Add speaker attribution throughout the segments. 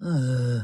Speaker 1: Uh,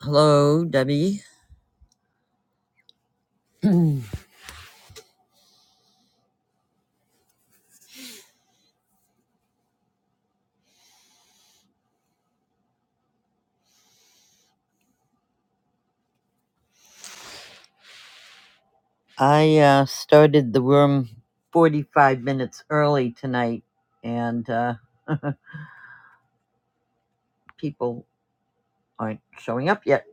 Speaker 1: Hello, Debbie. I uh, started the room 45 minutes early tonight, and uh, people aren't showing up yet.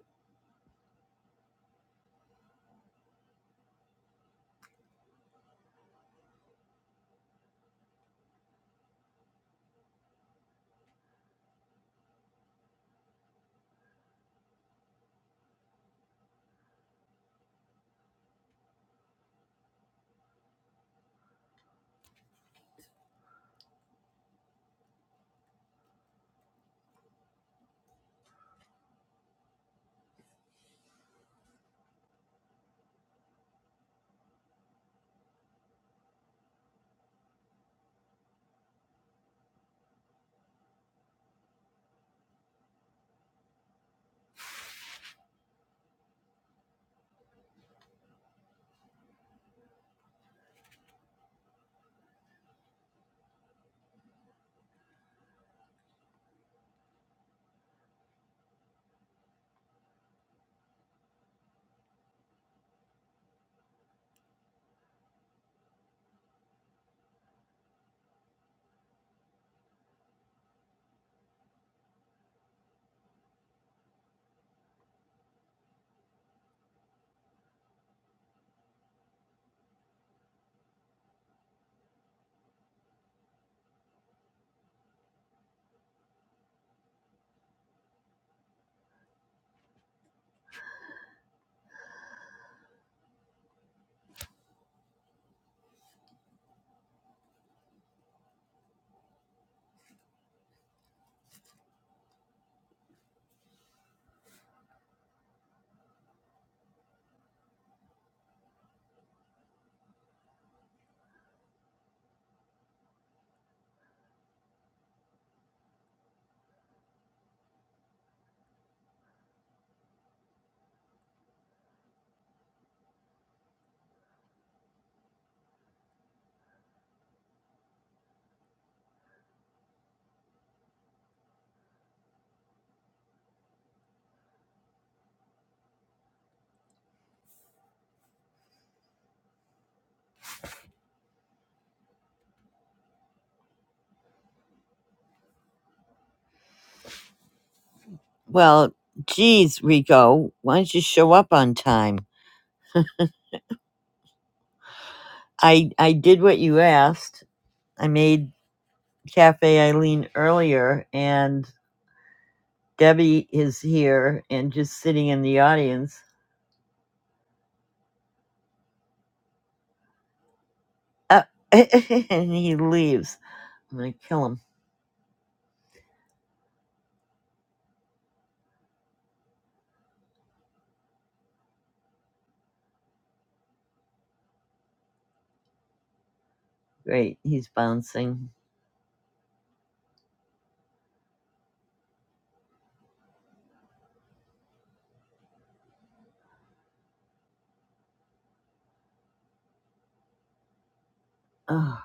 Speaker 1: Well, geez, Rico, why don't you show up on time? I, I did what you asked. I made Cafe Eileen earlier, and Debbie is here and just sitting in the audience. Uh, and he leaves. I'm going to kill him. Great, he's bouncing. Ugh,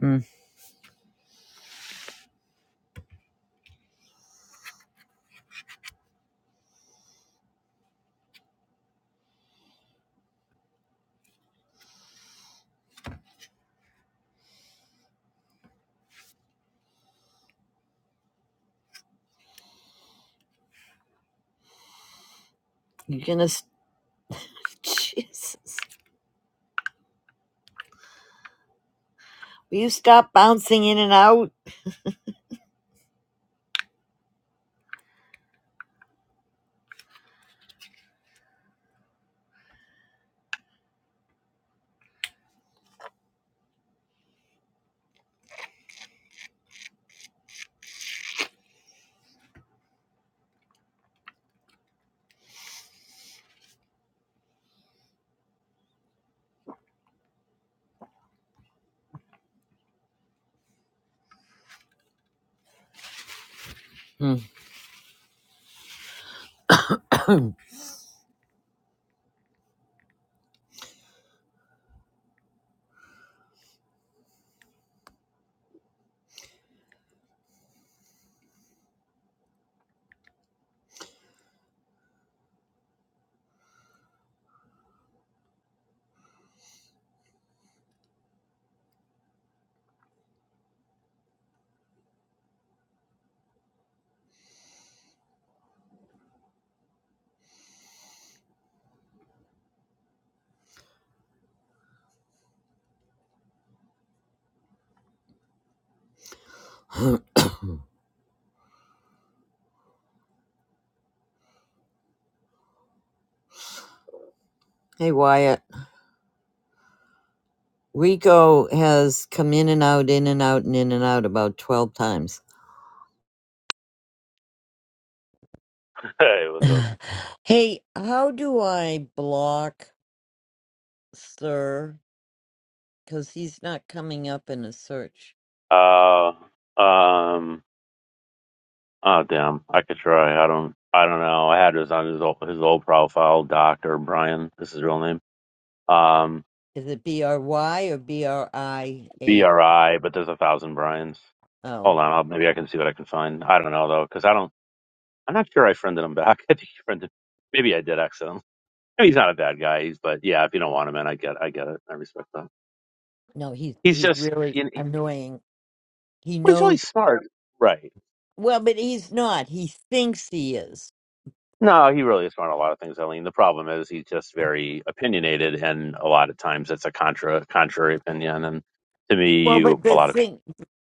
Speaker 1: Mm. you're gonna. Jesus. Will you stop bouncing in and out? Mm. hey, Wyatt. Rico has come in and out, in and out, and in and out about 12 times.
Speaker 2: Hey, what's up?
Speaker 1: Hey, how do I block? Sir, because he's not coming up in a search.
Speaker 2: Uh, um, oh damn, I could try. I don't, I don't know. I had this on his old, his old profile, Doctor Brian. This is his real name. Um,
Speaker 1: Is it B R Y or B R I
Speaker 2: B
Speaker 1: A?
Speaker 2: R I, but there's a thousand Brians.
Speaker 1: Oh
Speaker 2: Hold on, I'll, maybe I can see what I can find. I don't know though, because I don't, I'm not sure I friended him back. I think he friended, maybe I did accidentally. I mean, he's not a bad guy. He's, but yeah, if you don't want him in, I get, I get it. I respect that.
Speaker 1: No, he's
Speaker 2: He's
Speaker 1: he's
Speaker 2: just,
Speaker 1: really
Speaker 2: you know, he,
Speaker 1: annoying. He
Speaker 2: well, he's really
Speaker 1: knows
Speaker 2: smart, right?
Speaker 1: well, but he's not. He thinks he is.
Speaker 2: No, he really is smart on a lot of things, Eileen. The problem is he's just very opinionated, and a lot of times it's a contra contrary opinion. And to me,
Speaker 1: Well,
Speaker 2: you
Speaker 1: but
Speaker 2: a
Speaker 1: the
Speaker 2: lot of
Speaker 1: thing,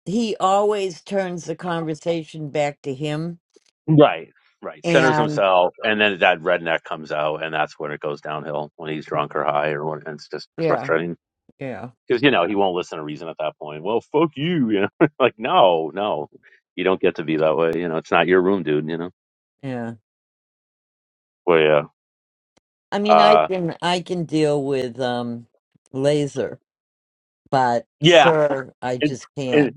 Speaker 1: he always turns the conversation back to him.
Speaker 2: right, right centers
Speaker 1: And
Speaker 2: himself, and then that redneck comes out, and that's when it goes downhill when he's drunk or high, or when and it's just
Speaker 1: yeah,
Speaker 2: frustrating
Speaker 1: yeah,
Speaker 2: because you know he won't listen to reason at that point. Well, fuck you, you know, like no, no, you don't get to be that way. You know, it's not your room, dude. You know,
Speaker 1: yeah.
Speaker 2: well,
Speaker 1: I
Speaker 2: yeah,
Speaker 1: mean, I
Speaker 2: uh,
Speaker 1: can, I can deal with, um, laser, but
Speaker 2: yeah,
Speaker 1: sir, I just can't,
Speaker 2: and,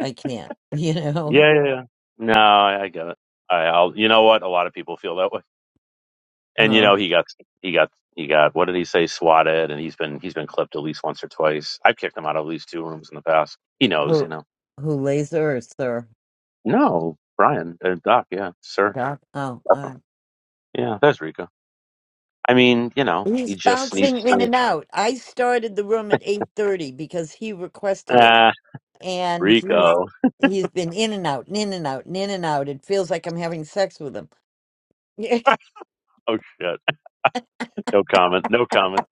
Speaker 1: I can't, you know,
Speaker 2: Yeah, yeah, yeah. No, I I get it. All right, I'll. You know what? A lot of people feel that way, and you
Speaker 1: um,
Speaker 2: know he got he got he got what did he say? Swatted, and he's been he's been clipped at least once or twice. I've kicked him out of at least two rooms in the past. He knows, you
Speaker 1: who,
Speaker 2: know.
Speaker 1: who laser or sir?
Speaker 2: No, Brian, uh, Doc, yeah, sir,
Speaker 1: Doc? Oh, uh,
Speaker 2: definitely. yeah, that's Rico. I mean, you know,
Speaker 1: he's
Speaker 2: he just needs
Speaker 1: bouncing in
Speaker 2: to.
Speaker 1: and out. I started the room at 8.30 because he requested it.
Speaker 2: Ah,
Speaker 1: and he's
Speaker 2: Rico.
Speaker 1: he's been in and out and in and out and in and out. It feels like I'm having sex with him.
Speaker 2: Oh shit. No comment. No comment.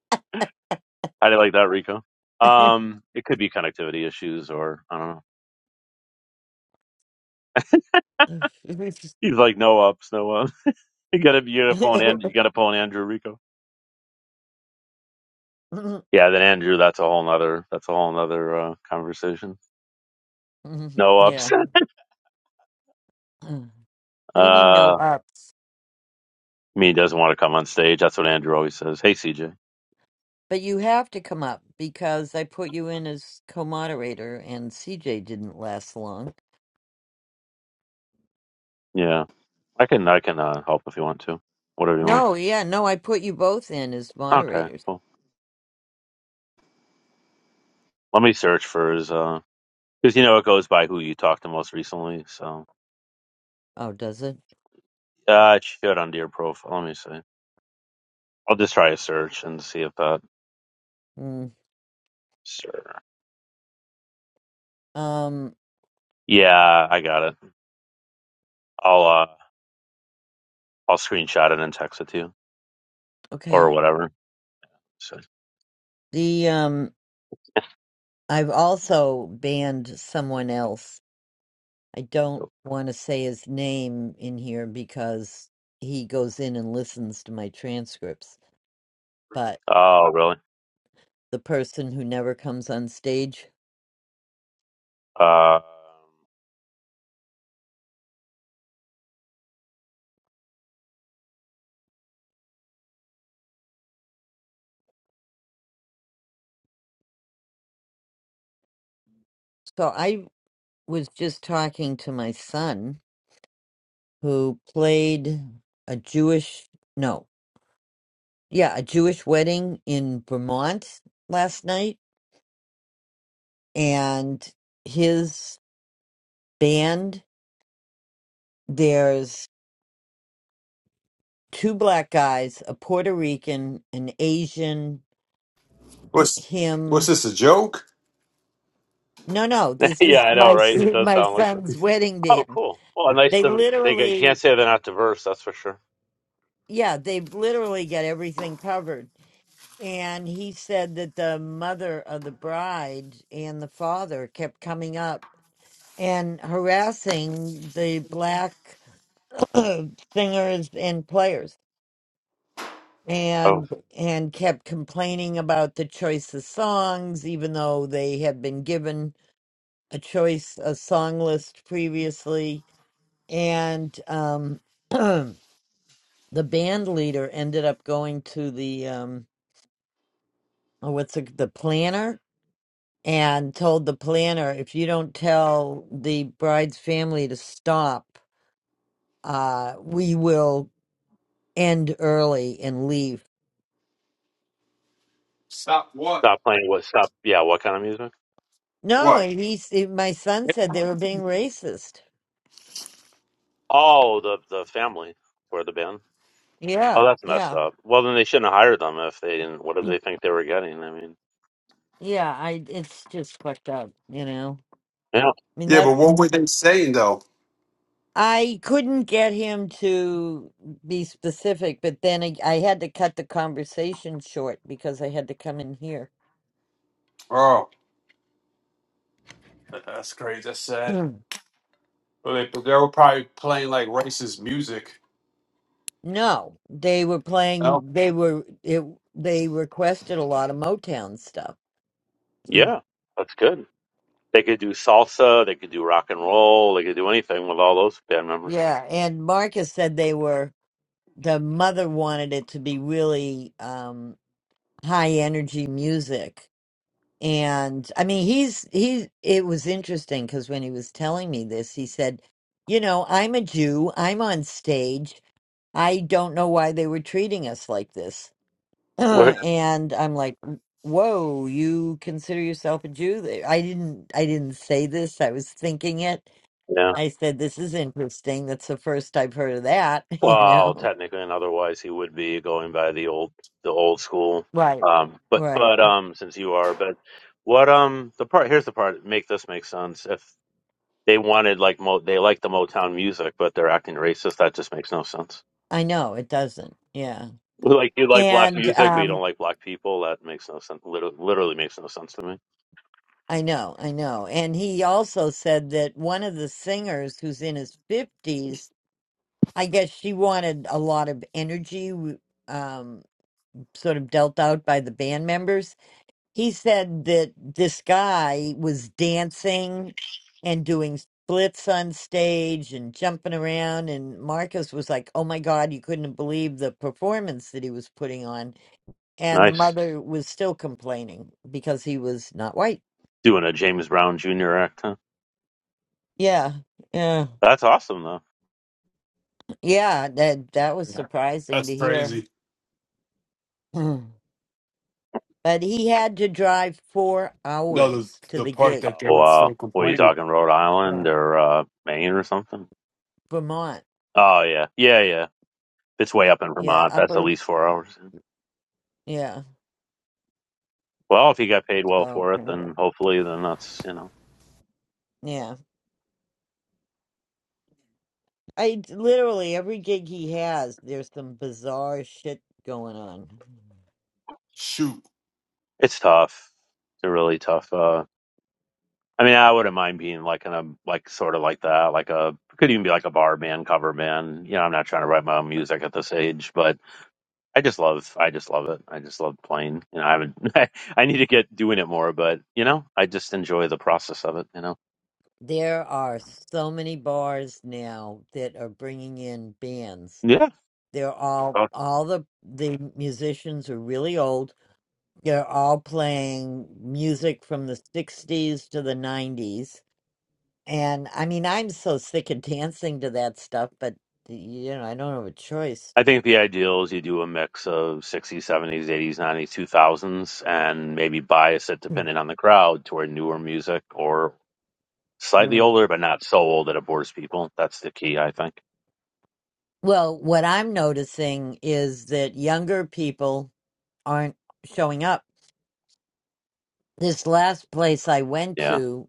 Speaker 2: How do you like that, Rico? Um, it could be connectivity issues, or I don't know.
Speaker 1: Yeah.
Speaker 2: He's like no ups, no ups. You got to you got to pull an Andrew, you got to pull an Andrew Rico. Yeah, then Andrew, that's a whole nother that's a whole nother uh, conversation. No ups.
Speaker 1: yeah. What do you mean no
Speaker 2: Uh,
Speaker 1: ups?
Speaker 2: me doesn't want to come on stage. That's what Andrew always says. Hey, CJ.
Speaker 1: But you have to come up because I put you in as co-moderator and CJ didn't last long.
Speaker 2: Yeah, I can I can uh, help if you want to. Whatever you want.
Speaker 1: No, yeah, no, I put you both in as
Speaker 2: Okay,
Speaker 1: moderators.
Speaker 2: cool. Let me search for his uh, because you know it goes by who you talked to most recently. So
Speaker 1: Oh, does it?
Speaker 2: yeah, it should on your profile. Let me see. I'll just try a search and see if that.
Speaker 1: Mm.
Speaker 2: Sure.
Speaker 1: Um,
Speaker 2: Yeah, I got it. I'll uh, I'll screenshot it and text it to you or
Speaker 1: okay.
Speaker 2: whatever. So
Speaker 1: The um I've also banned someone else I don't want to say his name in here because he goes in and listens to my transcripts, but
Speaker 2: Oh, really?
Speaker 1: the person who never comes on stage.
Speaker 2: Uh,
Speaker 1: So I was just talking to my son who played a Jewish, no, yeah, a Jewish wedding in Vermont last night. And his band, there's two black guys, a Puerto Rican, an Asian,
Speaker 3: What's
Speaker 1: him,
Speaker 3: what's this a joke?
Speaker 1: No, no, this
Speaker 2: yeah,
Speaker 1: is
Speaker 2: I
Speaker 1: my
Speaker 2: know,
Speaker 1: s-
Speaker 2: right? It does
Speaker 1: my
Speaker 2: sound like that.
Speaker 1: son's wedding
Speaker 2: Oh,
Speaker 1: band.
Speaker 2: cool. Well, nice
Speaker 1: They
Speaker 2: to they get, you
Speaker 1: literally,
Speaker 2: can't say they're not diverse. That's for sure.
Speaker 1: yeah, they literally get everything covered. And he said that the mother of the bride and the father kept coming up and harassing the black singers and players
Speaker 2: Oh,
Speaker 1: and and kept complaining about the choice of songs even though they had been given a choice a song list previously and um the band leader ended up going to the um oh, what's the, the planner and told the planner if you don't tell the bride's family to stop uh we will end early and leave
Speaker 3: Stop what?
Speaker 2: stop playing what? Stop. Yeah, what kind of music?
Speaker 1: no
Speaker 3: What?
Speaker 1: and he s- my son said they were being racist
Speaker 2: Oh, the the family or the band.
Speaker 1: yeah
Speaker 2: Oh, that's messed
Speaker 1: yeah
Speaker 2: up. Well, then they shouldn't have hired them if they didn't. What did they think they were getting? I mean,
Speaker 1: yeah i it's just fucked up you know
Speaker 2: yeah,
Speaker 1: i mean
Speaker 3: Yeah,
Speaker 1: that's
Speaker 3: but what were they saying though?
Speaker 1: I couldn't get him to be specific, but then I, I had to cut the conversation short because I had to come in here.
Speaker 3: Oh, that's crazy. That's sad. Well, they, they were probably playing like racist music.
Speaker 1: no, they were
Speaker 3: No,
Speaker 1: playing. They were it, they requested a lot of Motown stuff. Mm.
Speaker 2: yeah, that's good. They could do salsa. They could do rock and roll. They could do anything with all those band members.
Speaker 1: Yeah, and Marcus said they were. The mother wanted it to be really um, high energy music, And I mean, he's he. It was interesting because when he was telling me this, he said, "You know, I'm a Jew. I'm on stage. I don't know why they were treating us like this."
Speaker 2: What?
Speaker 1: and I'm like, "Whoa, you consider yourself a Jew?" They- I didn't. I didn't say this. I was thinking it.
Speaker 2: yeah.
Speaker 1: I said, "This is interesting. That's the first I've heard of that." You
Speaker 2: Well,
Speaker 1: know,
Speaker 2: technically and otherwise, he would be going by the old the old school.
Speaker 1: right?
Speaker 2: Um, but
Speaker 1: Right.
Speaker 2: but um, since you are, but what um the part here's the part that make this make sense. If they wanted like mo they like the Motown music, but they're acting racist, that just makes no sense.
Speaker 1: I know it doesn't. Yeah.
Speaker 2: Like you like black
Speaker 1: And
Speaker 2: music, but you
Speaker 1: um
Speaker 2: don't like black people. That makes no sense. Literally, literally makes no sense to me.
Speaker 1: I know, I know. And he also said that one of the singers who's in his 50s, I guess she wanted a lot of energy w- um, sort of dealt out by the band members. He said that this guy was dancing and doing splits on stage and jumping around. And Marcus was like, oh my God, you couldn't believe the performance that he was putting on. And the
Speaker 2: Nice
Speaker 1: mother was still complaining because he was not white.
Speaker 2: doing a James Brown Jr. act. Huh?
Speaker 1: Yeah. Yeah.
Speaker 2: That's awesome though.
Speaker 1: Yeah, that that was surprising
Speaker 3: that's
Speaker 1: to hear.
Speaker 3: crazy.
Speaker 1: But he had to drive four
Speaker 3: No, the
Speaker 1: hours to
Speaker 3: the
Speaker 1: the
Speaker 3: part
Speaker 1: gig.
Speaker 3: that
Speaker 2: Oh
Speaker 3: they were still
Speaker 2: wow, what are you
Speaker 3: complaining.
Speaker 2: talking? Rhode
Speaker 1: Yeah.
Speaker 2: Island or uh, Maine or something?
Speaker 1: Vermont.
Speaker 2: Oh yeah, yeah, yeah. it's way up in
Speaker 1: Yeah,
Speaker 2: Vermont, that's at
Speaker 1: upper
Speaker 2: least four hours.
Speaker 1: yeah.
Speaker 2: Well, if he got paid well
Speaker 1: So
Speaker 2: for it,
Speaker 1: anyway.
Speaker 2: then hopefully, then that's you know,
Speaker 1: Yeah. I literally every gig he has, there's some bizarre shit going on.
Speaker 3: Shoot,
Speaker 2: it's tough. It's a really tough. uh I mean, I wouldn't mind being like in a like sort of like that, like a could even be like a bar band, cover band. You know, I'm not trying to write my own music at this age, but I just love, I just love it. I just love playing. You know, I haven't, I, I need to get doing it more, but you know, I just enjoy the process of it. You know,
Speaker 1: There are so many bars now that are bringing in bands.
Speaker 2: yeah.
Speaker 1: They're all all the the musicians are really old They're all playing music from the 60s to the 90s. And I mean, I'm so sick of dancing to that stuff, but you know, I don't have a choice.
Speaker 2: I think the ideal is you do a mix of 60s, 70s, 80s, 90s, 2000s, and maybe bias it depending on the crowd toward newer music or slightly
Speaker 1: Mm.
Speaker 2: older, but not so old that it bores people. That's the key, I think.
Speaker 1: Well, what I'm noticing is that younger people aren't showing up. This last place I went
Speaker 2: Yeah.
Speaker 1: to,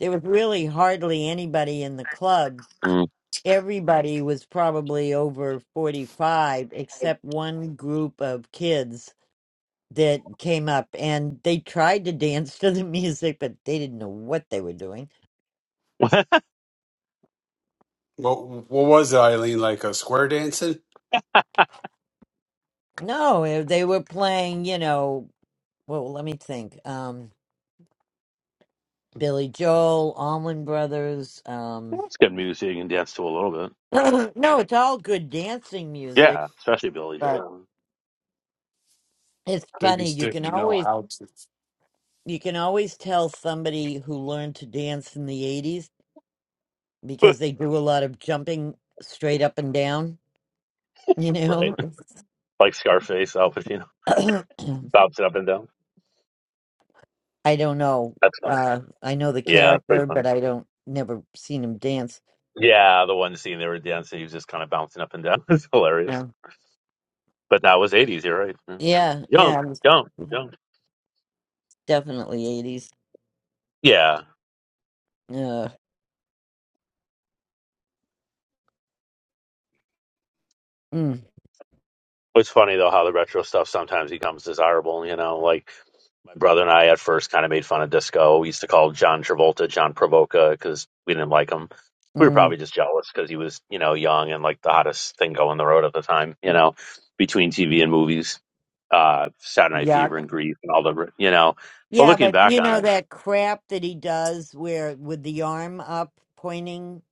Speaker 1: there was really hardly anybody in the club.
Speaker 2: Mm.
Speaker 1: Everybody was probably over 45, except one group of kids that came up and they tried to dance to the music, but they didn't know what they were doing.
Speaker 2: That's
Speaker 3: what what was it, Eileen? Like a square dancing?
Speaker 1: No, eh, they were playing, you know, well, let me think. Um, Billy Joel, Allman Brothers. Um,
Speaker 2: good music you can dance to a little bit.
Speaker 1: no, it's all good dancing music,
Speaker 2: Yeah, especially Billy
Speaker 1: but
Speaker 2: Joel.
Speaker 1: it's
Speaker 3: They
Speaker 1: funny.
Speaker 3: just
Speaker 1: You can
Speaker 3: didn't know
Speaker 1: always
Speaker 3: how to.
Speaker 1: you can always tell somebody who learned to dance in the '80s because they do a lot of jumping straight up and down. You know,
Speaker 2: right. Like Scarface, Al Pacino. Bouncing up and down.
Speaker 1: I don't know.
Speaker 2: That's funny.
Speaker 1: Uh, I know the
Speaker 2: Yeah, that's pretty
Speaker 1: character, but
Speaker 2: funny.
Speaker 1: I don't never seen him dance.
Speaker 2: Yeah, the one scene they were dancing, he was just kind of bouncing up and down. It's hilarious.
Speaker 1: Yeah,
Speaker 2: But that was 80s, you're right. Yeah.
Speaker 1: yeah,
Speaker 2: Young,
Speaker 1: yeah. it was
Speaker 2: young, young.
Speaker 1: definitely eighties.
Speaker 2: Yeah.
Speaker 1: Uh, mm,
Speaker 2: It's funny, though, how the retro stuff sometimes becomes desirable, you know? Like, my brother and I at first kind of made fun of disco. We used to call John Travolta John Provoca because we didn't like him. We were
Speaker 1: mm,
Speaker 2: probably just jealous because he was, you know, young and like the hottest thing going the road at the time, you know, between TV and movies, uh, Saturday Night Fever
Speaker 1: yuck.
Speaker 2: and Grief and all the, you know. But
Speaker 1: Yeah,
Speaker 2: looking
Speaker 1: but
Speaker 2: back
Speaker 1: you
Speaker 2: on
Speaker 1: know
Speaker 2: it,
Speaker 1: that crap that he does, where with the arm up pointing.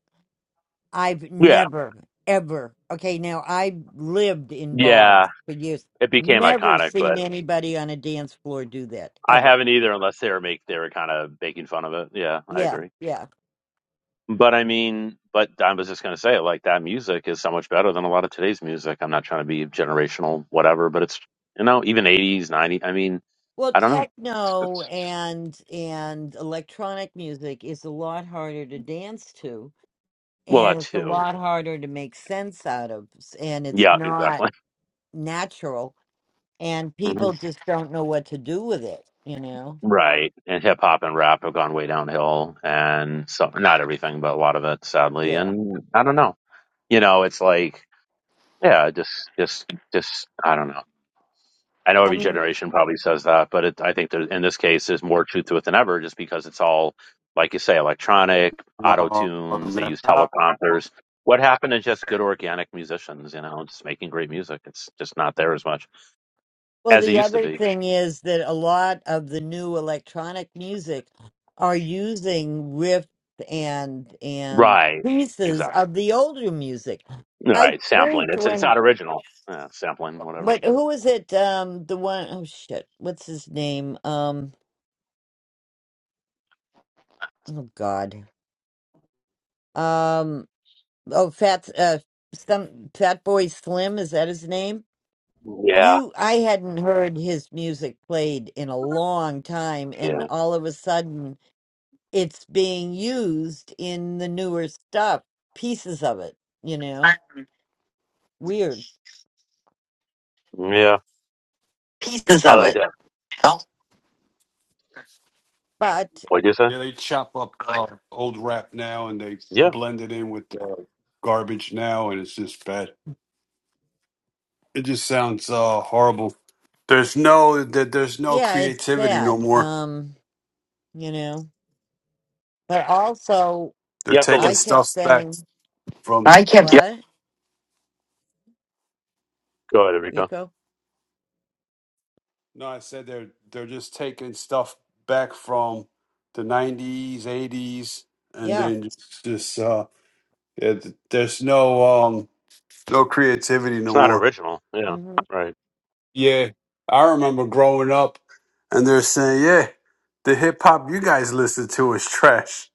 Speaker 1: I've
Speaker 2: yeah,
Speaker 1: never ever. Okay, now I've lived in
Speaker 2: yeah,
Speaker 1: bars for years.
Speaker 2: it became
Speaker 1: Never
Speaker 2: iconic. but.
Speaker 1: seen anybody on a dance floor do that
Speaker 2: I
Speaker 1: ever.
Speaker 2: haven't either, unless they were make they were kind of making fun of it. Yeah, I
Speaker 1: Yeah,
Speaker 2: agree.
Speaker 1: yeah.
Speaker 2: But I mean, but I was just gonna say, like that music is so much better than a lot of today's music. I'm not trying to be generational, whatever, but it's you know even 80s, 90s. I mean,
Speaker 1: Well,
Speaker 2: I don't know.
Speaker 1: techno
Speaker 2: It's,
Speaker 1: and and electronic music is a lot harder to dance to,
Speaker 2: well,
Speaker 1: and
Speaker 2: that
Speaker 1: it's a
Speaker 2: too.
Speaker 1: lot harder to make sense out of, s- and it's
Speaker 2: Yeah,
Speaker 1: not
Speaker 2: exactly.
Speaker 1: natural, and people
Speaker 2: Mhm.
Speaker 1: just don't know what to do with it, you know?
Speaker 2: Right, and hip hop and rap have gone way downhill, and so not everything, but a lot of it, sadly.
Speaker 1: Yeah.
Speaker 2: And I don't know. You know, it's like yeah, just just just I don't know. I know
Speaker 1: I
Speaker 2: every
Speaker 1: mean,
Speaker 2: generation probably says that, but it, I think there, in this case, there's more truth to it than ever, just because it's all, like you say, electronic, auto
Speaker 3: No,
Speaker 2: tunes. They
Speaker 3: they're
Speaker 2: use
Speaker 3: not.
Speaker 2: teleprompters. What happened to just good organic musicians? You know, just making great music. It's just not there as much
Speaker 1: well,
Speaker 2: as it
Speaker 1: the
Speaker 2: used to
Speaker 1: other
Speaker 2: be.
Speaker 1: thing is that a lot of the new electronic music are using riffs and and
Speaker 2: Right.
Speaker 1: pieces
Speaker 2: Exactly.
Speaker 1: of the older music. I
Speaker 2: Right. Sampling.
Speaker 1: freaked
Speaker 2: It's it's
Speaker 1: when
Speaker 2: not original. Yeah, sampling, whatever.
Speaker 1: But who is it? Um, the one oh shit, what's his name? Um, oh god, um, oh fat, uh, some Fat Boy Slim is that his name?
Speaker 2: Yeah.
Speaker 1: You, I hadn't heard his music played in a long time, and
Speaker 2: Yeah.
Speaker 1: all of a sudden, it's being used in the newer stuff, pieces of it. You know, weird,
Speaker 2: Yeah. I like that.
Speaker 1: but
Speaker 2: what do you say?
Speaker 3: yeah, they chop up uh, old rap now and they
Speaker 2: Yeah.
Speaker 3: blend it in with uh, garbage now, and it's just bad. It just sounds uh, horrible. There's no that there's no
Speaker 1: yeah, it's
Speaker 3: creativity no
Speaker 1: sad.
Speaker 3: more.
Speaker 1: Um, you know, but also,
Speaker 3: They're
Speaker 2: You have to
Speaker 3: taking
Speaker 1: I
Speaker 2: look.
Speaker 1: kept
Speaker 3: stuff back
Speaker 1: saying
Speaker 3: from Yep.
Speaker 1: what.
Speaker 2: Go ahead, Rico.
Speaker 1: Rico.
Speaker 3: No, I said they're they're just taking stuff back from the '90s, '80s, and
Speaker 1: Yeah.
Speaker 3: then just, just uh, yeah, th- there's no um, no creativity no
Speaker 2: It's not
Speaker 3: more.
Speaker 2: original. Yeah.
Speaker 1: hmm
Speaker 2: Right.
Speaker 3: Yeah, I remember growing up, and they're saying, "Yeah, the hip hop you guys listen to is trash."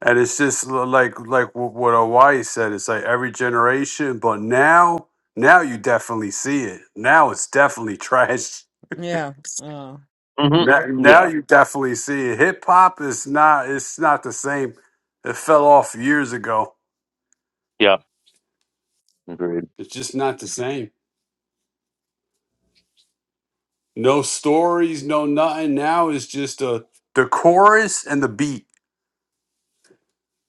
Speaker 3: And it's just l- like like wh- what Hawaii said. It's like every generation, but now now you definitely see it. Now it's definitely trash.
Speaker 1: Yeah. Uh,
Speaker 2: hmm
Speaker 3: Now, now
Speaker 2: Yeah.
Speaker 3: you definitely see it. Hip hop is not it's not the same. It fell off years ago.
Speaker 2: Yeah. Agreed.
Speaker 3: It's just not the same. No stories, no nothing. Now it's just a the chorus and the beat.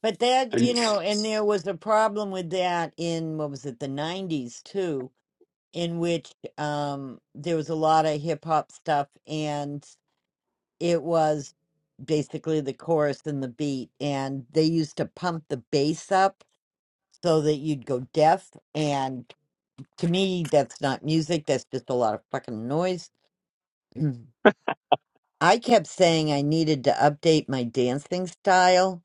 Speaker 1: but that,
Speaker 3: And
Speaker 1: you
Speaker 3: it's
Speaker 1: know, and there was a problem with that in what was it, the 90s too, in which um there was a lot of hip hop stuff and it was basically the chorus and the beat and they used to pump the bass up so that you'd go deaf and to me that's not music, that's just a lot of fucking noise. I kept saying I needed to update my dancing style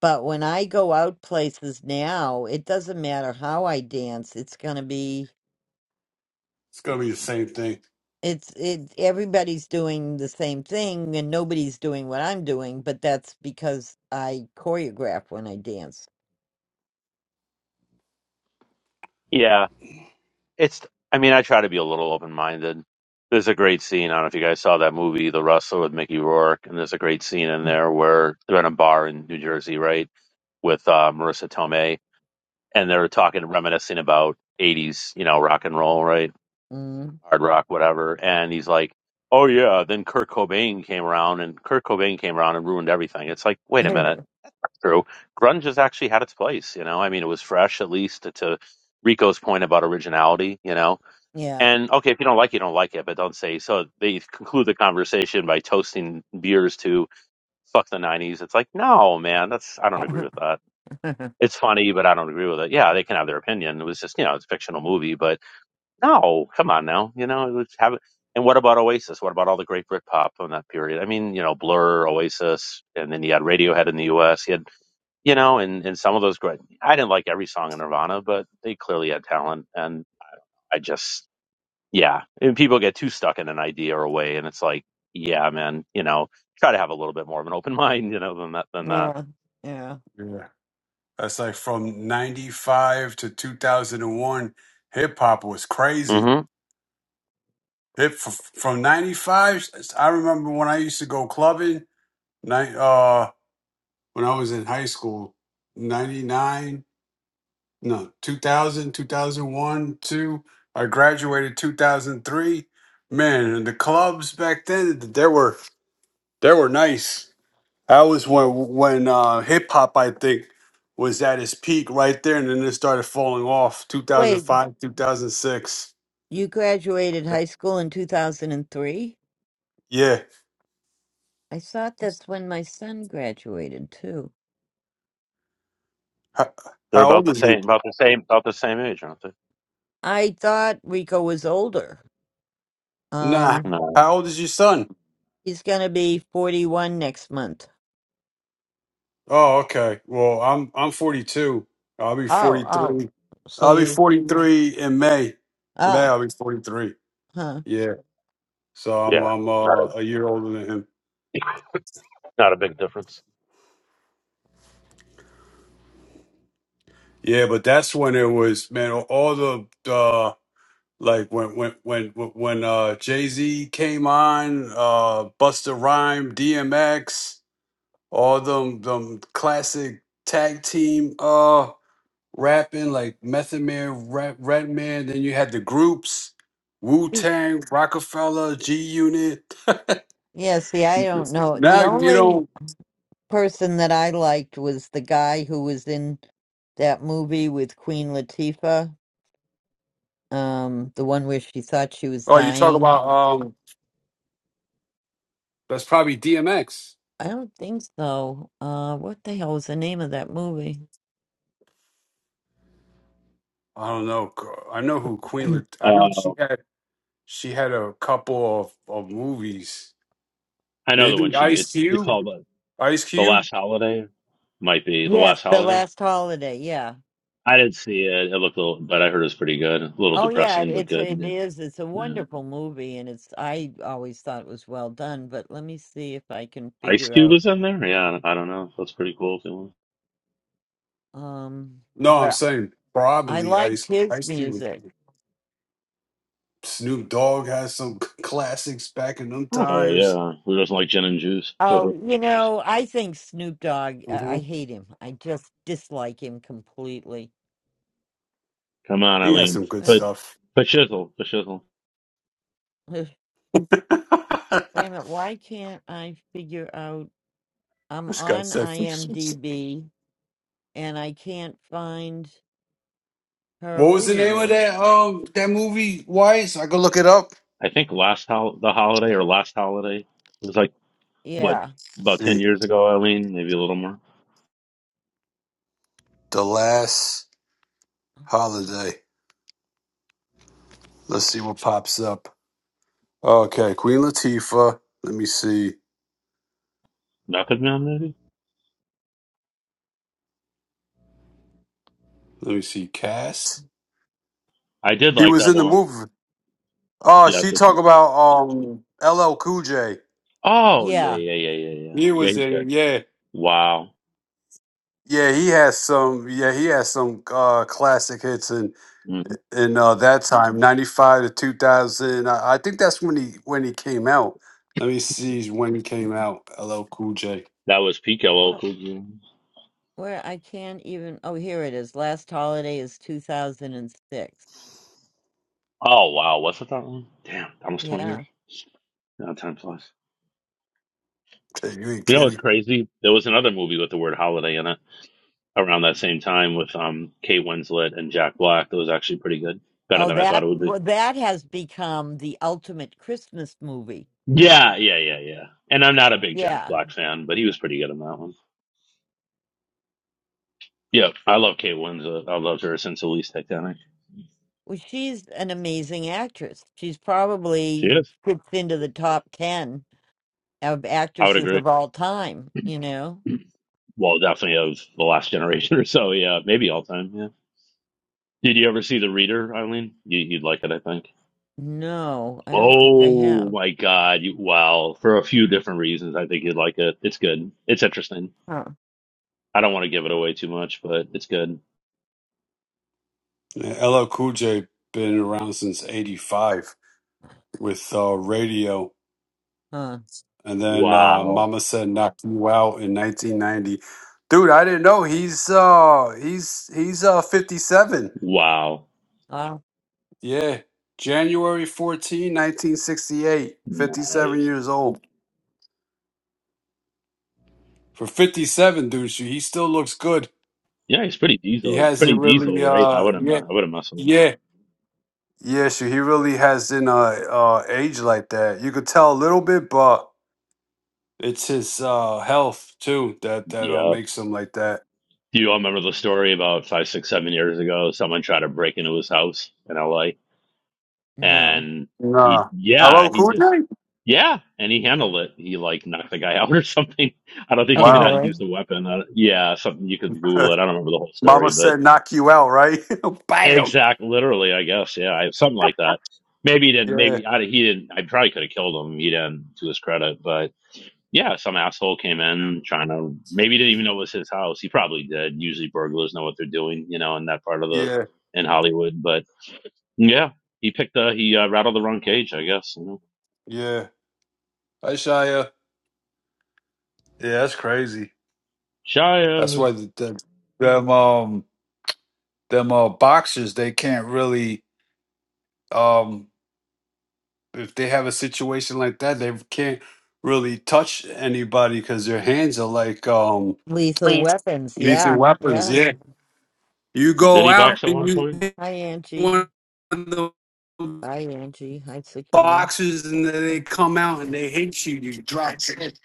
Speaker 1: But when I go out places now, it doesn't matter how I dance. It's gonna be
Speaker 3: it's gonna be the same thing.
Speaker 1: it's it everybody's doing the same thing and nobody's doing what I'm doing, but that's because I choreograph when I dance.
Speaker 2: Yeah, it's. I mean, I try to be a little open minded. There's a great scene. I don't know if you guys saw that movie, The Wrestler, with Mickey Rourke, and there's a great scene in there where they're in a bar in New Jersey, right, with uh, Marissa Tomei, and they're talking, reminiscing about '80s, you know, rock and roll, right,
Speaker 1: Mm.
Speaker 2: hard rock, whatever. And he's like, "Oh yeah." Then Kurt Cobain came around, and Kurt Cobain came around and ruined everything. It's like, wait a minute, true. Grunge has actually had its place, you know. I mean, it was fresh, at least to Rico's point about originality, you know
Speaker 1: yeah.
Speaker 2: and okay, if you don't like it, you don't like it, but don't say so. They conclude the conversation by toasting beers to fuck the 90s. It's like, no, man, that's, I don't agree with that. It's funny, but I don't agree with it. Yeah, they can have their opinion. It was just, you know, it's a fictional movie, but no, come on now. You know, let's have it. And what about Oasis? What about all the great Britpop in that period? I mean, you know, Blur, Oasis, and then you had Radiohead in the US. You had, you know, and, and some of those great, I didn't like every song in Nirvana, but they clearly had talent. And I just yeah and people get too stuck in an idea or a way and it's like yeah man you know try to have a little bit more of an open mind you know than that than that
Speaker 1: yeah. Yeah.
Speaker 3: Yeah. That's like from ninety five to two thousand and one, hip hop was crazy
Speaker 2: hmm
Speaker 3: It f- from '95. I remember when I used to go clubbing. Night, uh, when I was in high school, '99, no, 2000, 2001, two. thousand one, two. I graduated 2003. Man, and the clubs back then, they were they were nice. That was when when uh, hip hop, I think, was at its peak right there, and then it started falling off.
Speaker 1: Wait,
Speaker 3: 2005, 2006.
Speaker 1: you graduated high school in 2003?
Speaker 3: Yeah.
Speaker 1: I thought that's when my son graduated too.
Speaker 3: How,
Speaker 2: they're
Speaker 3: how
Speaker 2: about
Speaker 3: old
Speaker 2: the
Speaker 3: is he?
Speaker 2: same about the same about the same age aren't they
Speaker 1: I thought Rico was older.
Speaker 3: Nah.
Speaker 1: Um.
Speaker 2: no
Speaker 3: How old is your son?
Speaker 1: He's gonna be 41 next month.
Speaker 3: Oh, okay. Well, I'm I'm 42. I'll be
Speaker 1: Oh, oh.
Speaker 3: 43.
Speaker 1: So
Speaker 3: I'll be
Speaker 1: you.
Speaker 3: 43 in May. May
Speaker 1: Ah,
Speaker 3: I'll be 43.
Speaker 1: huh.
Speaker 3: Yeah. So I'm
Speaker 2: yeah
Speaker 3: I'm
Speaker 2: not
Speaker 3: uh, a year older than him.
Speaker 2: a not a big difference
Speaker 3: Yeah, but that's when it was man. All the uh, like when when when when uh, Jay Z came on, uh, Busta Rhyme, DMX, all them them classic tag team. uh rapping like Method Man, Rap, Rat Man. Then you had the groups, Wu Tang, Rockefeller, G Unit.
Speaker 1: Yeah, see, I don't know.
Speaker 3: now
Speaker 1: The
Speaker 3: you
Speaker 1: only
Speaker 3: don't.
Speaker 1: person that I liked was the guy who was in that movie with Queen Latifah, um, the one where she thought she was
Speaker 3: Oh, you talk
Speaker 1: dying.
Speaker 3: about um. That's probably DMX.
Speaker 1: I don't think so. Uh, what the hell was the name of that movie?
Speaker 3: I don't know. I know who Queen. Lat- I know
Speaker 2: uh,
Speaker 3: she had. She had a couple of, of movies.
Speaker 2: i know the
Speaker 3: Maybe
Speaker 2: one she
Speaker 3: Ice
Speaker 2: it's it
Speaker 3: Cube.
Speaker 2: called uh,
Speaker 3: Ice
Speaker 2: the
Speaker 3: Cube.
Speaker 2: last holiday might be the
Speaker 1: Yes,
Speaker 2: last
Speaker 1: The
Speaker 2: holiday
Speaker 1: Last Holiday. Yeah.
Speaker 2: i didn't see it it looked a little but i heard it was pretty good a little
Speaker 1: Oh yeah,
Speaker 2: depressing but
Speaker 1: it's
Speaker 2: good
Speaker 1: it
Speaker 2: yeah.
Speaker 1: is. It's a
Speaker 2: Yeah.
Speaker 1: wonderful movie, and it's I always thought it was well done. But let me see if I can
Speaker 2: ice
Speaker 1: figure
Speaker 2: cube
Speaker 1: out.
Speaker 2: was in there yeah i don't know that's pretty cool feeling.
Speaker 1: Um,
Speaker 3: No, I'm
Speaker 1: but
Speaker 3: saying
Speaker 1: I
Speaker 3: probably
Speaker 1: liked
Speaker 3: Ice
Speaker 1: his
Speaker 3: Ice Cube. was-
Speaker 1: music.
Speaker 3: Snoop Dogg has some classics back in them
Speaker 2: oh
Speaker 3: times.
Speaker 2: yeah who doesn't like gin and juice
Speaker 1: Oh, you know, I think Snoop Dogg. I, I hate him. I just dislike him completely.
Speaker 2: Come on,
Speaker 3: He has
Speaker 2: Eileen.
Speaker 3: some good
Speaker 1: Wait,
Speaker 2: But
Speaker 3: stuff.
Speaker 2: but shizzle, but shizzle.
Speaker 1: wait a minute. Why can't I figure out? I'm
Speaker 3: this guy
Speaker 1: on
Speaker 3: said some shit.
Speaker 1: IMDb, and I can't find her
Speaker 3: What was the
Speaker 1: movie
Speaker 3: name of
Speaker 1: list.
Speaker 3: that um that movie? Wise, I could look it up.
Speaker 2: I think last hol- the holiday or last holiday it was like what
Speaker 1: Yeah,
Speaker 2: about ten
Speaker 3: see,
Speaker 2: years ago, Eileen? Maybe a little more.
Speaker 3: the last holiday. Let's see what pops up. Okay, Queen Latifah. Let me see.
Speaker 2: Method Man, maybe.
Speaker 3: Let me see. Cass.
Speaker 2: I did
Speaker 3: He
Speaker 2: like
Speaker 3: was
Speaker 2: that
Speaker 3: in the
Speaker 2: one.
Speaker 3: movie. Oh,
Speaker 2: Yeah,
Speaker 3: she
Speaker 2: that's what
Speaker 3: talk
Speaker 2: she.
Speaker 3: about um LL Cool J.
Speaker 2: Oh yeah,
Speaker 1: yeah.
Speaker 2: yeah, yeah, yeah, yeah.
Speaker 3: He
Speaker 2: Yeah,
Speaker 3: was
Speaker 2: he's
Speaker 3: in
Speaker 2: good.
Speaker 3: it. Yeah,
Speaker 2: Wow.
Speaker 3: yeah. He has some. Yeah, he has some uh classic hits. in
Speaker 2: hmm
Speaker 3: in uh, that time, ninety five to two thousand. I, I think that's when he when he came out. Let me see when he came out. L. L. Cool J.
Speaker 2: That was peak LL Cool J.
Speaker 1: Where I can't even. Oh, here it is. Last holiday is 2006.
Speaker 2: Oh wow, was it that long? Damn, almost twenty
Speaker 1: Yeah.
Speaker 2: years. No, time flies.
Speaker 3: You ain't
Speaker 2: You know what's
Speaker 3: kidding.
Speaker 2: crazy? There was another movie with the word holiday in it. around that same time with um Kate Winslet and Jack Black. That was actually pretty good, better
Speaker 1: Oh,
Speaker 2: than I thought
Speaker 1: that
Speaker 2: it would be.
Speaker 1: well, that has become the ultimate Christmas movie.
Speaker 2: Yeah, yeah, yeah, yeah. And I'm not a big Jack
Speaker 1: Yeah.
Speaker 2: Black fan, but he was pretty good in that one. Yeah, I love Kate Winslet. I loved her since at least Titanic.
Speaker 1: Well, she's an amazing actress. She's
Speaker 2: She
Speaker 1: probably
Speaker 2: is.
Speaker 1: fits into the top 10 of
Speaker 2: I would
Speaker 1: actresses
Speaker 2: agree.
Speaker 1: of all time, you know?
Speaker 2: Well, definitely of the last generation or so. Yeah, maybe all time. Yeah. Did you ever see The Reader, Eileen? You, you'd like it, I think.
Speaker 1: No, I don't think I
Speaker 2: Oh
Speaker 1: have.
Speaker 2: my God! You, well, for a few different reasons, I think you'd like it. It's good. It's interesting.
Speaker 1: Huh.
Speaker 2: I don't want to give it away too much, but it's good.
Speaker 3: Yeah, L. L Cool J been around since eighty five with uh, radio,
Speaker 1: Huh.
Speaker 3: and then uh,
Speaker 2: Wow.
Speaker 3: Mama said knock you out in nineteen ninety. Dude, I didn't know he's uh he's he's uh fifty seven.
Speaker 2: Wow.
Speaker 1: Oh,
Speaker 3: Yeah, January 14, 1968. 57
Speaker 2: Nice.
Speaker 3: years old. For 57, dude, he still looks good.
Speaker 2: Yeah, he's pretty
Speaker 3: He
Speaker 2: diesel. He's
Speaker 1: hmm.
Speaker 3: hasn't
Speaker 2: pretty
Speaker 3: really
Speaker 2: diesel, right? I
Speaker 3: uh
Speaker 2: wouldn't
Speaker 3: yeah
Speaker 2: I wouldn't mess with him.
Speaker 3: yeah. Yeah, so he really hasn't uh uh aged like that. You could tell a little bit, but it's his uh health too that that uh,
Speaker 2: Yeah.
Speaker 3: makes him like that.
Speaker 2: Do you all remember the story about five, six, seven years ago? Someone tried to break into his house in LA
Speaker 1: no.
Speaker 2: and he
Speaker 3: Nah.
Speaker 2: yeah,
Speaker 3: Hello,
Speaker 2: he
Speaker 3: Cool J?
Speaker 2: just yeah, and he handled it. He like knocked the guy out or something. I don't think he
Speaker 1: Oh,
Speaker 2: even had to
Speaker 3: Wow.
Speaker 1: really?
Speaker 2: use the weapon. Uh, yeah, something you could Google it. I don't remember the whole
Speaker 3: Mama
Speaker 2: story,
Speaker 3: said knock you out, right? Bam.
Speaker 2: Exact, literally, I guess. Yeah, I, something like that. Maybe he didn't.
Speaker 3: Yeah,
Speaker 2: Maybe I, he didn't. I probably could have killed him. He didn't, to his credit. But yeah, some asshole came in trying to. Maybe he didn't even know it was his house. He probably did. Usually, burglars know what they're doing, you know, in that part of the
Speaker 3: yeah,
Speaker 2: in Hollywood. But yeah, he picked the he uh, rattled the wrong cage, I guess. You know,
Speaker 3: yeah. Hi Shia. Yeah, that's crazy. That's
Speaker 2: Shia
Speaker 3: why the, the, them um them uh boxers they can't really um if they have a situation like that, they can't really touch anybody because their hands are like um
Speaker 1: Lethal Weapons.
Speaker 3: lethal
Speaker 1: Yeah.
Speaker 3: weapons.
Speaker 1: Yeah.
Speaker 3: Yeah, you
Speaker 2: did
Speaker 3: go
Speaker 2: he
Speaker 3: out
Speaker 2: box at
Speaker 3: and
Speaker 2: one
Speaker 3: you
Speaker 2: point?
Speaker 3: hit
Speaker 1: Hi, Angie.
Speaker 3: one of the
Speaker 1: Hi, Angie. Hi, Sakina.
Speaker 3: boxes, and then they come out and they hit you. You drop. it.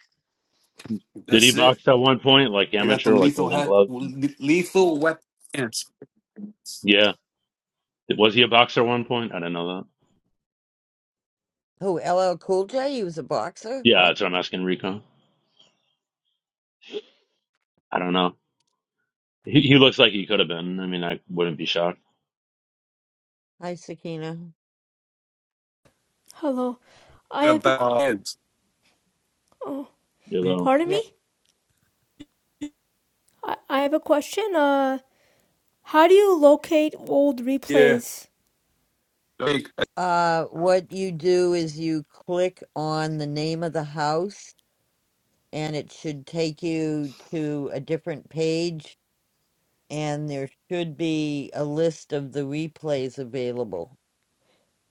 Speaker 2: Did he
Speaker 3: That's it.
Speaker 2: box at one point, like
Speaker 3: They got
Speaker 2: amateur,
Speaker 3: them
Speaker 2: like
Speaker 3: lethal
Speaker 2: Golden
Speaker 3: ha-
Speaker 2: Gloves?
Speaker 3: lethal weapons.
Speaker 2: Yeah, was he a boxer at one point? I don't know that.
Speaker 1: Who? LL Cool J? He was a boxer?
Speaker 2: Yeah,
Speaker 1: What?
Speaker 2: that's what I'm asking Rico. I don't know. He, he looks like he could have been. I mean, I wouldn't be shocked.
Speaker 1: Hi, Sakina.
Speaker 4: Hello. I have a.
Speaker 3: About hands.
Speaker 4: Oh,
Speaker 2: You know,
Speaker 4: pardon
Speaker 1: Yeah.
Speaker 4: me? I, I have a question. Uh, how do you locate old
Speaker 3: Yeah,
Speaker 4: replays?
Speaker 3: like,
Speaker 1: Uh, what you do is you click on the name of the house, and it should take you to a different page, and there should be a list of the replays available.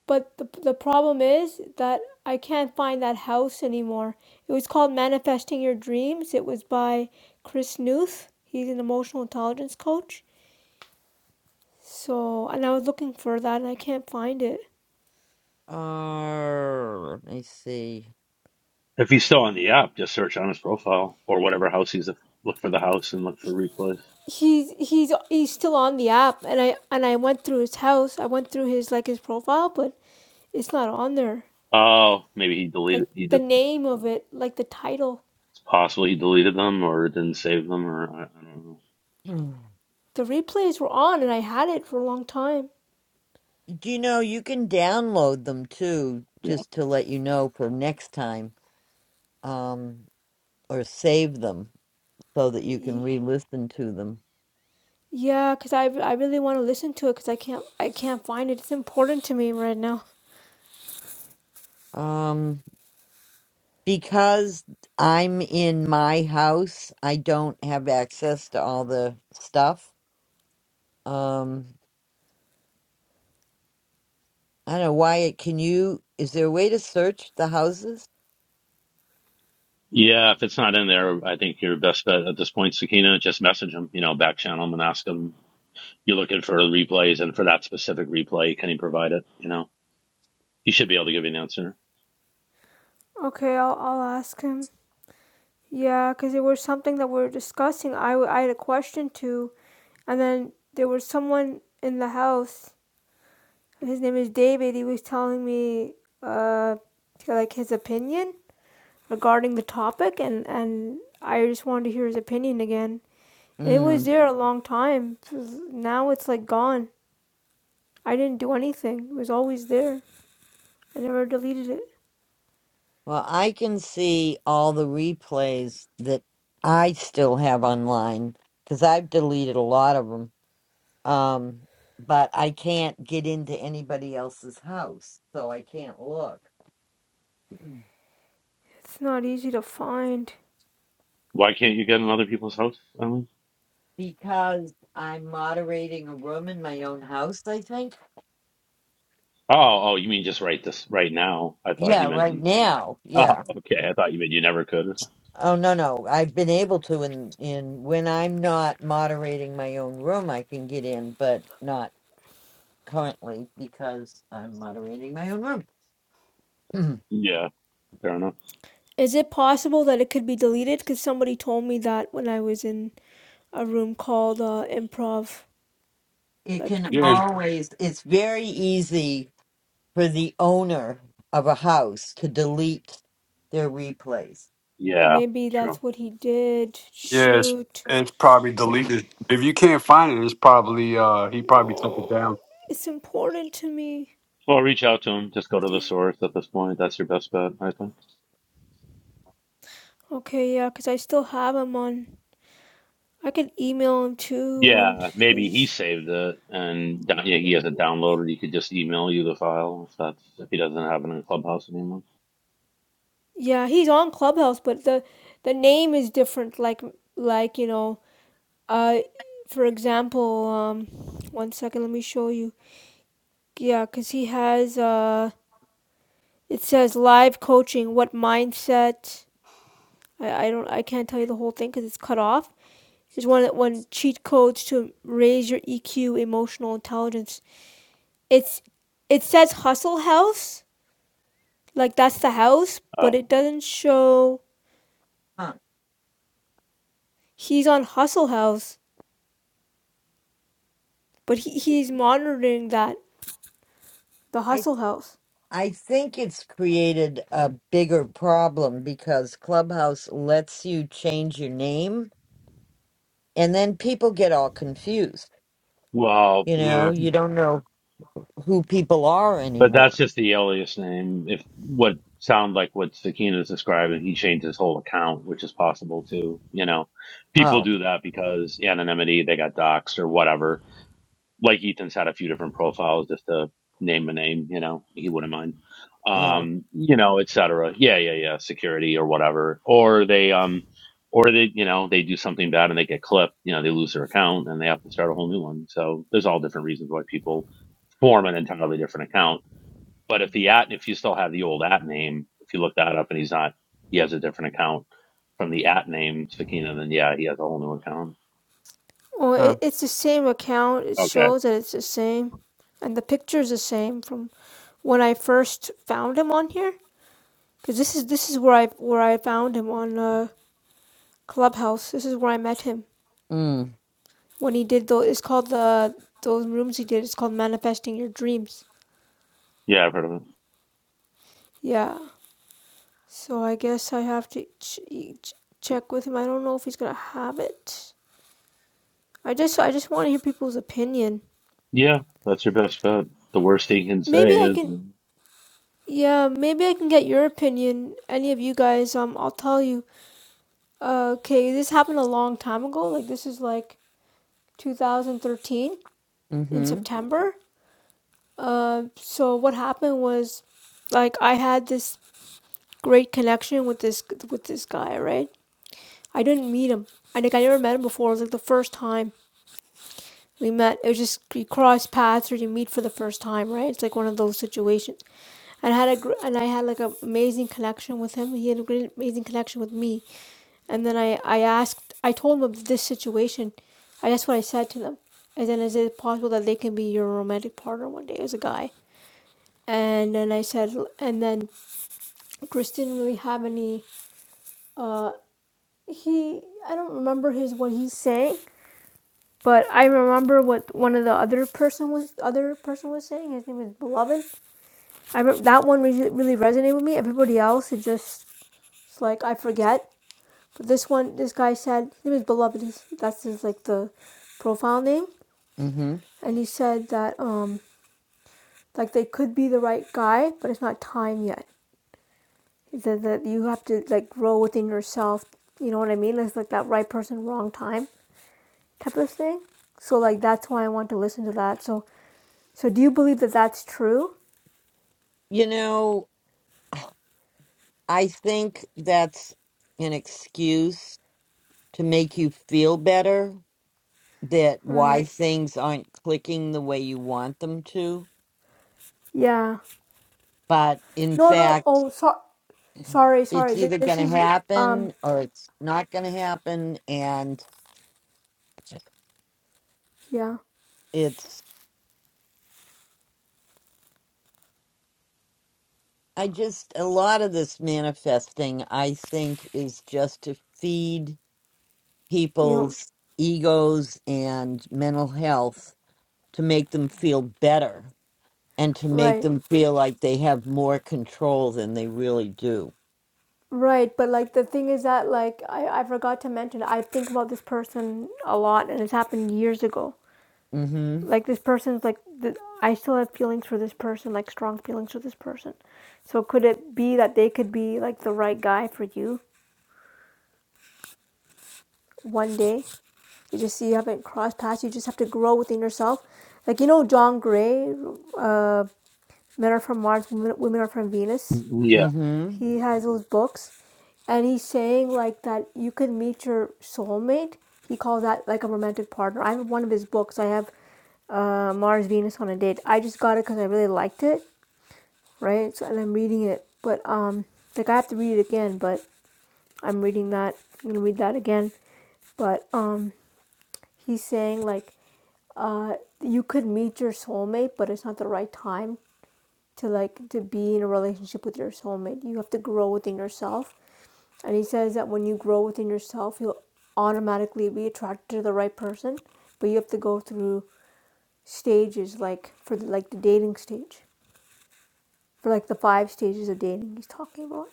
Speaker 4: But the, the problem is that I can't find that house anymore. It was called Manifesting Your Dreams. It was by Chris Newth. He's an emotional intelligence coach. So, and I was looking for that and I can't find it.
Speaker 1: Uh, let me see.
Speaker 2: if he's still on the app, just search on his profile or whatever house he's. at. Look for the house and look for replays.
Speaker 4: He's he's he's still on the app and I and I went through his house. I went through his like his profile, but it's not on there.
Speaker 2: Oh, maybe he
Speaker 4: like
Speaker 2: deleted. He
Speaker 4: the
Speaker 2: did,
Speaker 4: name of it, like the title.
Speaker 2: it's possible he deleted them or didn't save them or I, I don't know.
Speaker 1: Hmm.
Speaker 4: The replays were on, and I had it for a long time.
Speaker 1: Do you know you can download them too,
Speaker 2: Yeah,
Speaker 1: just to let you know for next time, um, or save them. so that you can re-listen to them.
Speaker 4: Yeah, cause I, I really want to listen to it, cause I can't I can't find it. It's important to me right now.
Speaker 1: Um, because I'm in my house, I don't have access to all the stuff. Um, I don't know why. Can you? Is there a way to search the houses?
Speaker 2: yeah. If it's not in there, I think your best bet at this point, Sakina, just message him. You know, back channel him and ask him. You're looking for replays, and for that specific replay, can he provide it? You know, he should be able to give you an answer.
Speaker 4: Okay, I'll I'll ask him. Yeah, cause it was something that we were discussing. I I had a question too, and then there was someone in the house. His name is David. He was telling me uh like his opinion regarding the topic, and and I just wanted to hear his opinion again. It was
Speaker 1: Mm.
Speaker 4: there a long time. Now it's like gone. I didn't do anything. It was always there. I never deleted it.
Speaker 1: Well, I can see all the replays that I still have online because I've deleted a lot of them. Um, but I can't get into anybody else's house, so I can't look.
Speaker 4: It's not easy to find.
Speaker 2: Why can't you get in other people's house? I mean,
Speaker 1: because I'm moderating a room in my own house, I think.
Speaker 2: oh, oh, you mean just right this right now? I thought
Speaker 1: Yeah,
Speaker 2: you meant
Speaker 1: right
Speaker 2: you.
Speaker 1: now.
Speaker 2: Oh,
Speaker 1: Yeah.
Speaker 2: okay. I thought you meant you never could. Or something.
Speaker 1: Oh no, no. I've been able to in in when I'm not moderating my own room, I can get in, but not currently because I'm moderating my own room.
Speaker 2: Yeah, fair enough.
Speaker 4: Is it possible that it could be deleted? Because somebody told me that when I was in a room called uh, improv.
Speaker 1: it
Speaker 4: Like,
Speaker 1: can
Speaker 3: yeah,
Speaker 4: imp-
Speaker 1: always it's very easy for the owner of a house to delete their replays.
Speaker 2: Yeah,
Speaker 4: maybe
Speaker 2: true.
Speaker 4: that's what he did.
Speaker 3: yeah. It's,
Speaker 4: Shoot.
Speaker 3: it's probably deleted. If you can't find it, it's probably uh he probably took it
Speaker 4: No.
Speaker 3: down.
Speaker 4: It's important to me.
Speaker 2: Well, reach out to him. Just go to the source at this point. That's your best bet, I think.
Speaker 4: Okay, yeah, because I still have him on. I could email him too on
Speaker 2: Yeah, maybe he
Speaker 4: his
Speaker 2: saved it and down- yeah, he has it downloaded. He could just email you the file if that's if he doesn't have it in Clubhouse anymore.
Speaker 4: Yeah, he's on Clubhouse, but the the name is different. Like like you know, uh, for example, um, one second, let me show you. Yeah, cause he has uh, it says live coaching. What mindset? I, I don't I can't tell you the whole thing because it's cut off. Here's one one cheat codes to raise your EQ, emotional intelligence. It's it says Hustle House, like that's the house,
Speaker 2: Uh,
Speaker 4: but it doesn't show
Speaker 1: Huh.
Speaker 4: he's on Hustle House. but he, he's monitoring that the hustle health.
Speaker 1: I think it's created a bigger problem because Clubhouse lets you change your name and then people get all confused.
Speaker 2: well,
Speaker 1: You
Speaker 3: Yeah.
Speaker 1: know, you don't know who people are
Speaker 2: But that's
Speaker 1: anymore.
Speaker 2: just the alias name. If what sounds like what Sakina is describing, he changed his whole account, which is possible too. You know, people
Speaker 1: Oh,
Speaker 2: do that because anonymity, they got doxxed or whatever. Like Ethan's had a few different profiles just to name a name, you know, he wouldn't mind.
Speaker 1: yeah.
Speaker 2: Um, you know, et cetera. Yeah, yeah, yeah. Security or whatever. Or they, um, or they, you know, they do something bad and they get clipped, you know, they lose their account and they have to start a whole new one. So there's all different reasons why people form an entirely different account but if the at if you still have the old at name, if you look that up and he's not he has a different account from the at name Sakina, then yeah, he has a whole new account.
Speaker 4: Well,
Speaker 1: Huh.
Speaker 4: it, it's the same account. It
Speaker 2: Okay.
Speaker 4: shows that it's the same, and the picture is the same from when I first found him on here. Because this is this is where I where I found him on uh, Clubhouse. This is where I met him
Speaker 1: Mm,
Speaker 4: when he did those. It's called the those rooms he did. It's called manifesting your dreams.
Speaker 2: Yeah, I've heard of it.
Speaker 4: Yeah. So I guess I have to ch- ch- check with him. I don't know if he's gonna have it. I just I just want to hear people's opinion.
Speaker 2: Yeah, that's your best bet. The worst he can
Speaker 4: Maybe
Speaker 2: say
Speaker 4: I
Speaker 2: is
Speaker 4: can Yeah, maybe I can get your opinion. Any of you guys, um, I'll tell you. Uh, okay, this happened a long time ago. Like this is like 2013 in
Speaker 1: mm-hmm.
Speaker 4: September. Uh, so what happened was, like, I had this great connection with this with this guy, right? I didn't meet him. I think I never met him before. It was like the first time we met. It was just you cross paths or you meet for the first time, right? It's like one of those situations. and had a gr- and I had like an amazing connection with him. He had a great amazing connection with me. And then I I asked I told them of this situation. I that's what I said to them. And then is it possible that they can be your romantic partner one day as a guy? And then I said and then Chris didn't really have any uh he I don't remember his what he's saying. But I remember what one of the other person was other person was saying. His name was Beloved. I remember that one really, really resonated with me. Everybody else, it just It's like I forget. But this one, this guy said his name is Beloved. He's, that's his like the profile name,
Speaker 1: Mm-hmm.
Speaker 4: and he said that um like they could be the right guy, but it's not time yet. He said that you have to like grow within yourself. You know what I mean? It's like that right person, wrong time type of thing. So like that's why I want to listen to that. So so do you believe that that's true?
Speaker 1: You know, I think that's an excuse to make you feel better that why
Speaker 4: Right.
Speaker 1: things aren't clicking the way you want them to.
Speaker 4: Yeah.
Speaker 1: But in
Speaker 4: No, no.
Speaker 1: fact,
Speaker 4: Oh, so, sorry,
Speaker 1: it's
Speaker 4: sorry. This,
Speaker 1: either going to
Speaker 4: is um.
Speaker 1: happen or it's not going to happen and
Speaker 4: Yeah.
Speaker 1: it's i just a lot of this manifesting i think is just to feed
Speaker 4: You know.
Speaker 1: people's egos and mental health to make them feel better and to make
Speaker 4: Right.
Speaker 1: them feel like they have more control than they really do
Speaker 4: Right, but like the thing is that like I, I forgot to mention I think about this person a lot and it's happened years ago.
Speaker 1: mhm
Speaker 4: Like this person's like the, I still have feelings for this person, like strong feelings for this person. So could it be that they could be like the right guy for you one day? You just see you haven't crossed paths. You just have to grow within yourself. Like you know John Gray, uh, Men Are From Mars, Women Women Are From Venus.
Speaker 2: Yeah.
Speaker 1: mhm
Speaker 4: he has those books and he's saying like that you could meet your soulmate he calls that like a romantic partner i have one of his books i have uh, mars venus on a date i just got it because i really liked it right so and i'm reading it but um like i have to read it again but i'm reading that i'm gonna read that again but um he's saying like uh you could meet your soulmate but it's not the right time to like to be in a relationship with your soulmate you have to grow within yourself and he says that when you grow within yourself, you'll automatically be attracted to the right person, but you have to go through stages like for the, like the dating stage, for like the five stages of dating he's talking about.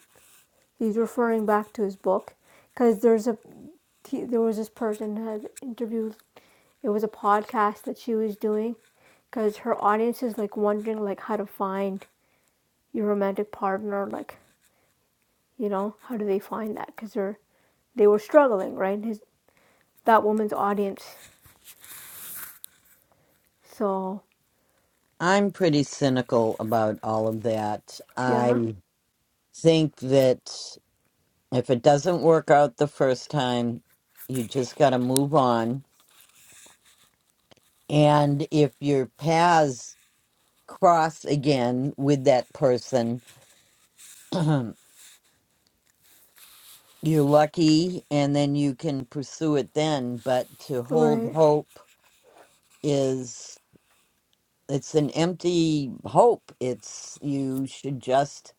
Speaker 4: He's referring back to his book because there's a he, there was this person who had interviewed. It was a podcast that she was doing because her audience is like wondering like how to find your romantic partner like you know how do they find that because they're they were struggling right his that woman's audience. So
Speaker 1: i'm pretty cynical about all of that
Speaker 4: yeah,
Speaker 1: i think that If it doesn't work out the first time, you just got to move on. And if your paths cross again with that person, you're lucky and then you can pursue it then. But to hold
Speaker 4: Right,
Speaker 1: hope is, it's an empty hope. It's, you should just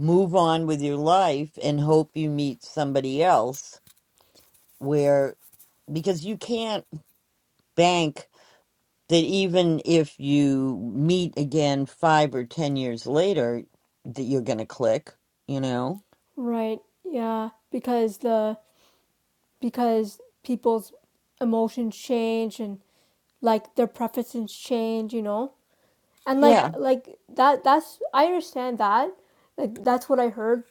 Speaker 1: move on with your life and hope you meet somebody else where, because you can't bank that even if you meet again five or ten years later, that you're going to click, you know?
Speaker 4: right, yeah, because the because people's emotions change and like their preferences change, you know, and like
Speaker 1: Yeah.
Speaker 4: like that that's I understand that, like that's what I heard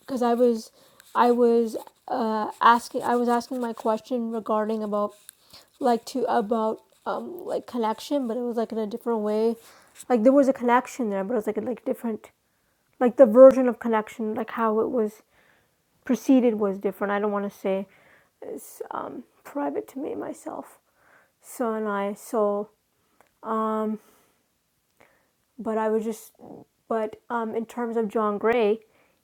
Speaker 4: because I was I was uh asking I was asking my question regarding about like to about um like connection, but it was like in a different way, like there was a connection there, but it was like a like different like the version of connection, like how it was preceded was different. I don't want to say it's um, private to me myself, so and I. So, but I was just, but um, in terms of John Gray,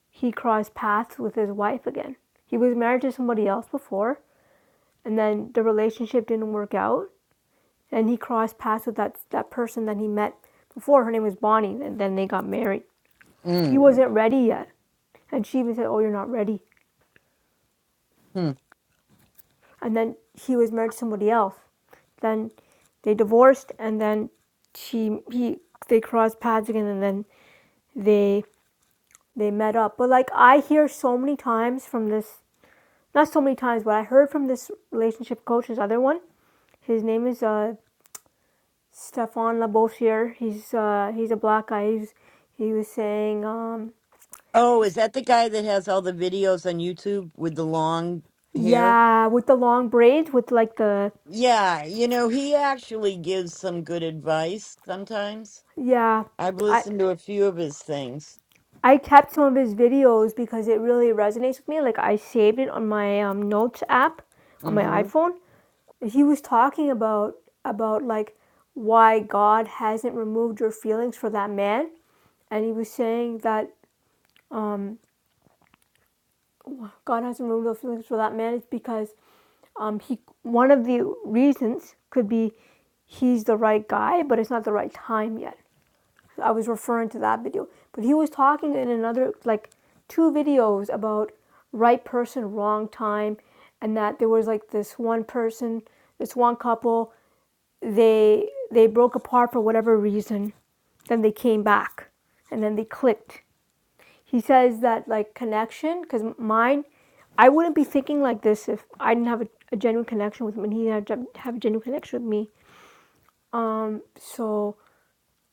Speaker 4: he crossed paths with his wife again. He was married to somebody else before, and then the relationship didn't work out, and he crossed paths with that that person that he met before. Her name was Bonnie, and then they got married. He
Speaker 1: Mm.
Speaker 4: wasn't ready yet, and she even said, "Oh, you're not ready."
Speaker 1: Hmm.
Speaker 4: and then he was married to somebody else. Then they divorced, and then she he they crossed paths again, and then they they met up. But like I hear so many times from this, not so many times, but I heard from this relationship coach, his other one. His name is uh, Stefan Labossier. He's uh, he's a black guy. He's, he was saying, um,
Speaker 1: Oh, is that the guy that has all the videos on YouTube with the long hair?
Speaker 4: yeah, with the long braids, with like the
Speaker 1: Yeah, you know, he actually gives some good advice sometimes.
Speaker 4: yeah,
Speaker 1: I've
Speaker 4: I
Speaker 1: listened to a few of his things.
Speaker 4: I kept some of his videos because it really resonates with me. Like I saved it on my um, notes app on my
Speaker 1: hmm
Speaker 4: iPhone. He was talking about about like why God hasn't removed your feelings for that man, and he was saying that um, God hasn't removed those feelings for that man is because um, he one of the reasons could be he's the right guy, but it's not the right time yet. I was referring to that video, but he was talking in another like two videos about right person, wrong time, and that there was like this one person, this one couple, they they broke apart for whatever reason, then they came back, and then they clicked. He says that like connection, because mine, I wouldn't be thinking like this if I didn't have a, a genuine connection with him, and he didn't have, have a genuine connection with me. Um, so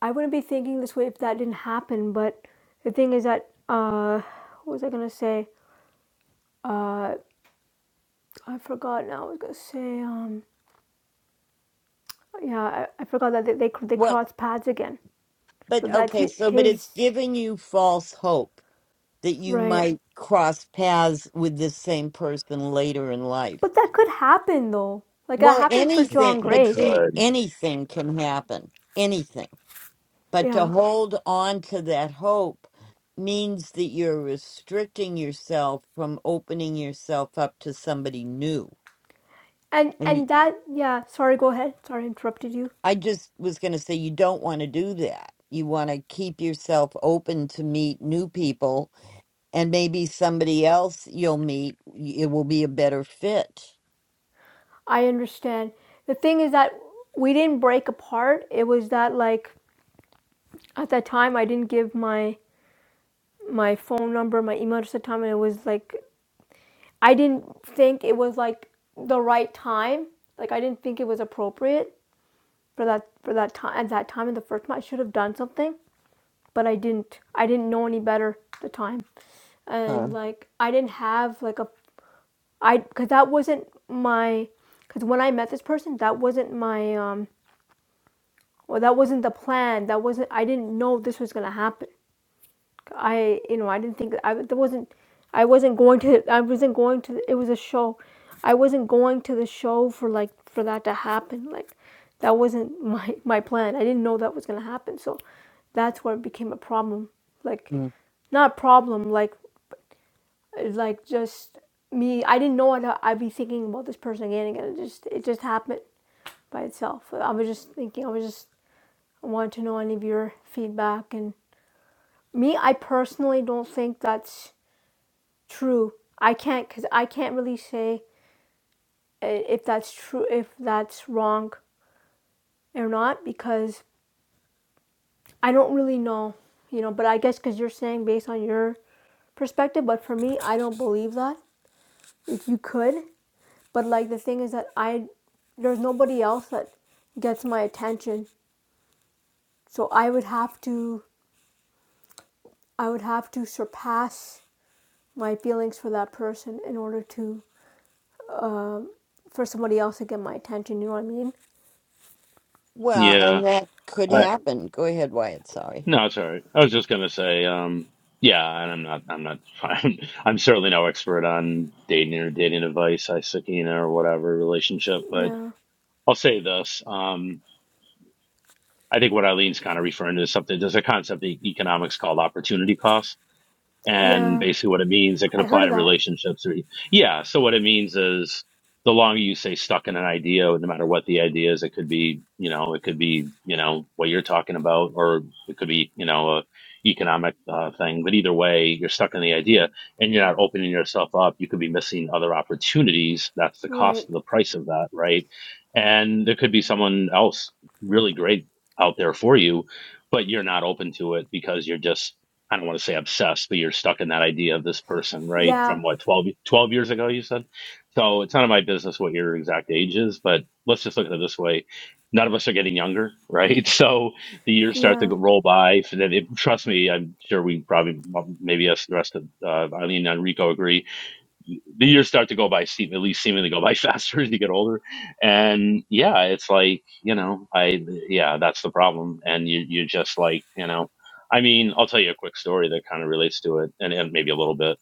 Speaker 4: I wouldn't be thinking this way if that didn't happen. But the thing is that uh, what was I gonna say? Uh, I forgot now. I was gonna say um, yeah, I, I forgot that they they, they
Speaker 1: Well,
Speaker 4: crossed paths again. But
Speaker 1: but
Speaker 4: that
Speaker 1: okay,
Speaker 4: he,
Speaker 1: so, but
Speaker 4: his
Speaker 1: it's giving you false hope that you
Speaker 4: right.
Speaker 1: might cross paths with this same person later in life.
Speaker 4: But that could happen though. Like that
Speaker 1: Well,
Speaker 4: happened for
Speaker 1: anything,
Speaker 4: John
Speaker 2: It
Speaker 1: but
Speaker 4: Gray.
Speaker 1: see,
Speaker 2: could.
Speaker 1: anything can happen. Anything. But to
Speaker 4: Yeah.
Speaker 1: hold on to that hope means that you're restricting yourself from opening yourself up to somebody new.
Speaker 4: And
Speaker 1: And you,
Speaker 4: and that yeah. Sorry, go ahead. Sorry, I interrupted you.
Speaker 1: I just was going to say, you don't want to do that. You want to keep yourself open to meet new people, and maybe somebody else you'll meet, it will be a better fit.
Speaker 4: I understand. The thing is that we didn't break apart. It was that like at that time I didn't give my my phone number, my email address at the time, and it was like I didn't think it was like the right time. Like I didn't think it was appropriate for that for that time at that time in the first time. I should have done something, but I didn't. I didn't know any better at the time,
Speaker 1: Huh.
Speaker 4: and like I didn't have like a I because that wasn't my because when I met this person, that wasn't my um well that wasn't the plan. That wasn't I didn't know this was gonna happen. I you know I didn't think I there wasn't I wasn't going to I wasn't going to it was a show I wasn't going to the show for like for that to happen like that wasn't my my plan I didn't know that was gonna happen so that's where it became a problem like
Speaker 1: Mm.
Speaker 4: not problem like like just me I didn't know I'd, I'd be thinking about this person again and again it just it just happened by itself I was just thinking I was just I wanted to know any of your feedback and me I personally don't think that's true. I can't because I can't really say uh, if that's true, if that's wrong or not, because I don't really know, you know. But I guess because you're saying based on your perspective, but for me, I don't believe that if you could. But like the thing is that I, there's nobody else that gets my attention, so I would have to, I would have to surpass my feelings for that person in order to for somebody else to get my attention. You know what I mean?
Speaker 1: Well, and
Speaker 2: Yeah.
Speaker 1: that could
Speaker 2: I
Speaker 4: But
Speaker 1: happen. Go ahead, Wyatt. Sorry.
Speaker 2: no, it's all right. I was just gonna say, um yeah, and I'm not I'm not I'm, I'm certainly no expert on dating or dating advice, I Sakina or whatever relationship, but
Speaker 4: yeah,
Speaker 2: I'll say this. um. I think what Eileen's kind of referring to is something. There's a concept in economics called opportunity cost, and
Speaker 4: yeah.
Speaker 2: basically what it means it could
Speaker 4: I heard
Speaker 2: apply
Speaker 4: of
Speaker 2: to
Speaker 4: that.
Speaker 2: relationships or yeah so what it means is the longer you stay stuck in an idea no matter what the idea is it could be you know it could be you know what you're talking about or it could be you know a economic uh, thing but either way you're stuck in the idea and you're not opening yourself up you could be missing other opportunities that's the
Speaker 4: Right.
Speaker 2: cost of the price of that right and there could be someone else really great out there for you but you're not open to it because you're just I don't want to say obsessed, but you're stuck in that idea of this person, right?
Speaker 4: Yeah.
Speaker 2: From what, 12, 12 years ago, you said? So it's none of my business what your exact age is, but let's just look at it this way. None of us are getting younger, right? So the years start to
Speaker 4: Yeah.
Speaker 2: go- roll by. So that it, trust me, I'm sure we probably, maybe us, the rest of uh, Eileen and Enrico agree the years start to go by seem at least seemingly go by faster as you get older and yeah it's like you know i yeah that's the problem and you you just like you know i mean i'll tell you a quick story that kind of relates to it and, and maybe a little bit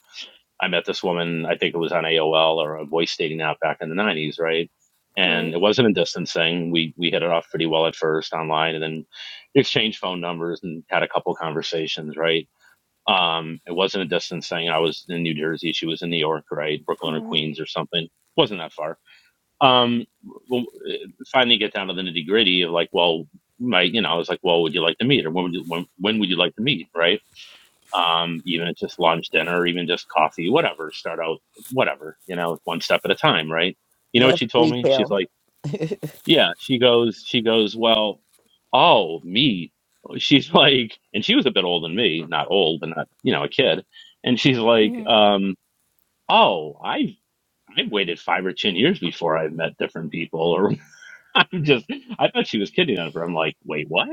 Speaker 2: i met this woman i think it was on aol or a voice dating app back in the 90s right and
Speaker 4: Right.
Speaker 2: it wasn't a distance thing we we hit it off pretty well at first online and then exchanged phone numbers and had a couple conversations right um, it wasn't a distance thing. I was in New Jersey. She was in New York, right? Brooklyn or
Speaker 4: Oh.
Speaker 2: Queens or something. Wasn't that far. Um, well, uh, finally get down to the nitty gritty of like, well, my, you know, I was like, well, would you like to meet or when would you, when, when would you like to meet? Right. Um, even if just lunch, dinner, or even just coffee, whatever, start out, whatever, you know, one step at a time. Right. You know what
Speaker 1: Left
Speaker 2: she told me? She's
Speaker 1: retail.
Speaker 2: like yeah she goes she goes well oh me she's like and she was a bit older than me not old but not you know a kid and she's like
Speaker 4: Mm.
Speaker 2: um oh i've i've waited five or ten years before i've met different people or i'm just i thought she was kidding on her i'm like wait what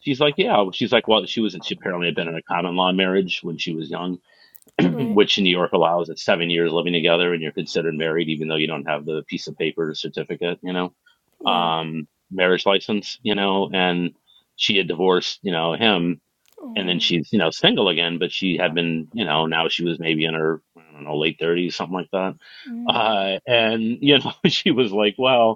Speaker 2: she's like yeah she's like well she was she apparently had been in a common law marriage when she was young
Speaker 4: Right.
Speaker 2: which in New York allows it? seven years living together and you're considered married, even though you don't have the piece of paper certificate, you know,
Speaker 4: Yeah.
Speaker 2: um, marriage license, you know, and she had divorced, you know, him and then
Speaker 4: Oh.
Speaker 2: she's, you know, single again, but she had been, you know, now she was maybe in her, I don't know, late 30s, something like that.
Speaker 4: Mm.
Speaker 2: Uh, and, you know, she was like, well,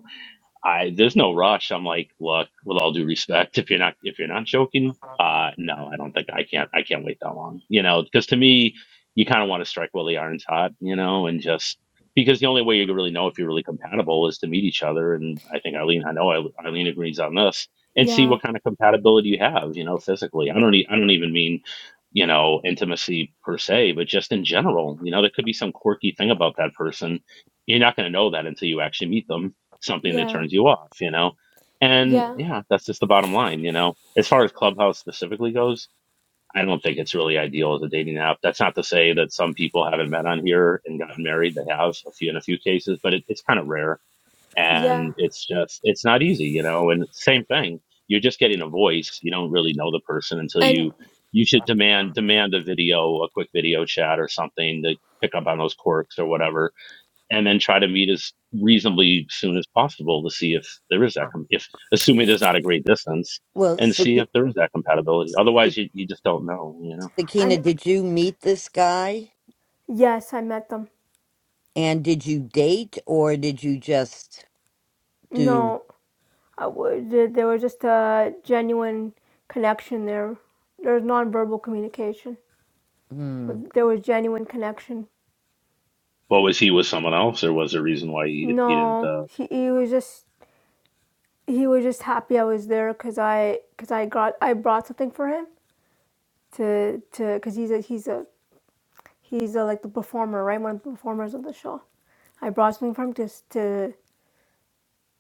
Speaker 2: I there's no rush. I'm like, look, with all due respect, if you're not if you're not joking, uh, no, I don't think I can't I can't wait that long. You know, because to me, you kind of want to strike while the iron's hot. You know, and just because the only way you can really know if you're really compatible is to meet each other. And I think Eileen, I know Eile- Eileen agrees on this, and see
Speaker 4: Yeah.
Speaker 2: what kind of compatibility you have. You know, physically. I don't e- I don't even mean you know intimacy per se, but just in general. You know, there could be some quirky thing about that person. You're not going to know that until you actually meet them something that
Speaker 4: Yeah.
Speaker 2: turns you off, you know? And
Speaker 4: Yeah.
Speaker 2: yeah, that's just the bottom line, you know? As far as Clubhouse specifically goes, I don't think it's really ideal as a dating app. That's not to say that some people haven't met on here and gotten married. They have a few in a few cases, but it, it's kind of rare.
Speaker 4: Yeah.
Speaker 2: And it's just, it's not easy, you know? And same thing. You're just getting a voice. You don't really know the person until
Speaker 4: And
Speaker 2: you, you should demand, demand a video, a quick video chat or something to pick up on those quirks or whatever and then try to meet as reasonably soon as possible to see if there is that, com- if assuming there's not a great distance,
Speaker 1: Well,
Speaker 2: and see
Speaker 1: Saki-
Speaker 2: if there is that compatibility. Otherwise, you, you just don't know, you know.
Speaker 1: Sakina,
Speaker 4: and
Speaker 1: did you meet this guy?
Speaker 4: yes, I met them.
Speaker 1: And did you date or did you just do
Speaker 4: No, I would. there- was just a genuine connection there. There was nonverbal communication.
Speaker 1: hmm,
Speaker 4: There was genuine connection.
Speaker 2: Well, was he with someone else, or was there a reason why he he didn't?
Speaker 4: No,
Speaker 2: Uh,
Speaker 4: he, he was just he was just happy I was there because I because I got I brought something for him to to because he's a he's a He's uh, like the performer, right? One of the performers of the show. I brought something for him just to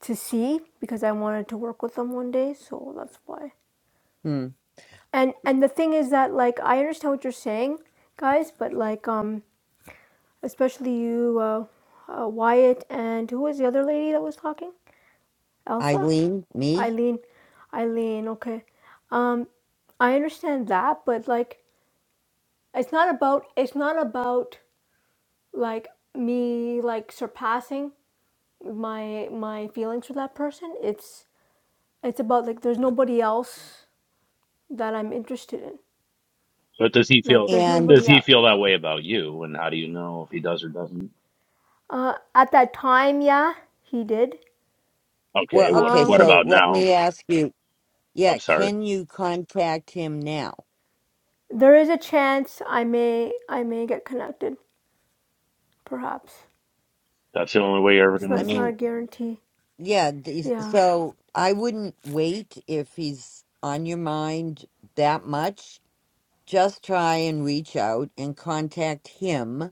Speaker 4: to see because I wanted to work with him one day, so that's why.
Speaker 1: hmm,
Speaker 4: And and the thing is that like I understand what you're saying, guys, but like um especially you, uh, uh, Wyatt, and who was the other lady that was talking? Elsa,
Speaker 1: Eileen, me?
Speaker 4: Eileen, Eileen. Okay, um, I understand that, but like it's not about it's not about like me like surpassing. my my feelings for that person it's it's about like there's nobody else that i'm interested in
Speaker 2: but does he
Speaker 4: like
Speaker 2: feel
Speaker 4: there's
Speaker 1: And
Speaker 2: does
Speaker 4: nobody
Speaker 2: he
Speaker 4: else
Speaker 2: feel that way about you, and how do you know if he does or doesn't?
Speaker 4: uh, at that time yeah he did
Speaker 2: Okay,
Speaker 1: well,
Speaker 2: what
Speaker 1: okay,
Speaker 4: um
Speaker 2: what
Speaker 1: so
Speaker 2: about
Speaker 1: let
Speaker 2: now?
Speaker 1: me ask you, yeah,
Speaker 2: I'm sorry,
Speaker 1: can you contact him now?
Speaker 4: there is a chance i may i may get connected perhaps
Speaker 2: that's the only way you're ever
Speaker 4: it's
Speaker 2: gonna
Speaker 4: not
Speaker 1: I
Speaker 4: it's not
Speaker 2: know.
Speaker 1: mean,
Speaker 4: a guarantee
Speaker 1: yeah, th-
Speaker 4: yeah
Speaker 1: so I wouldn't wait if he's on your mind that much. just try and reach out and contact him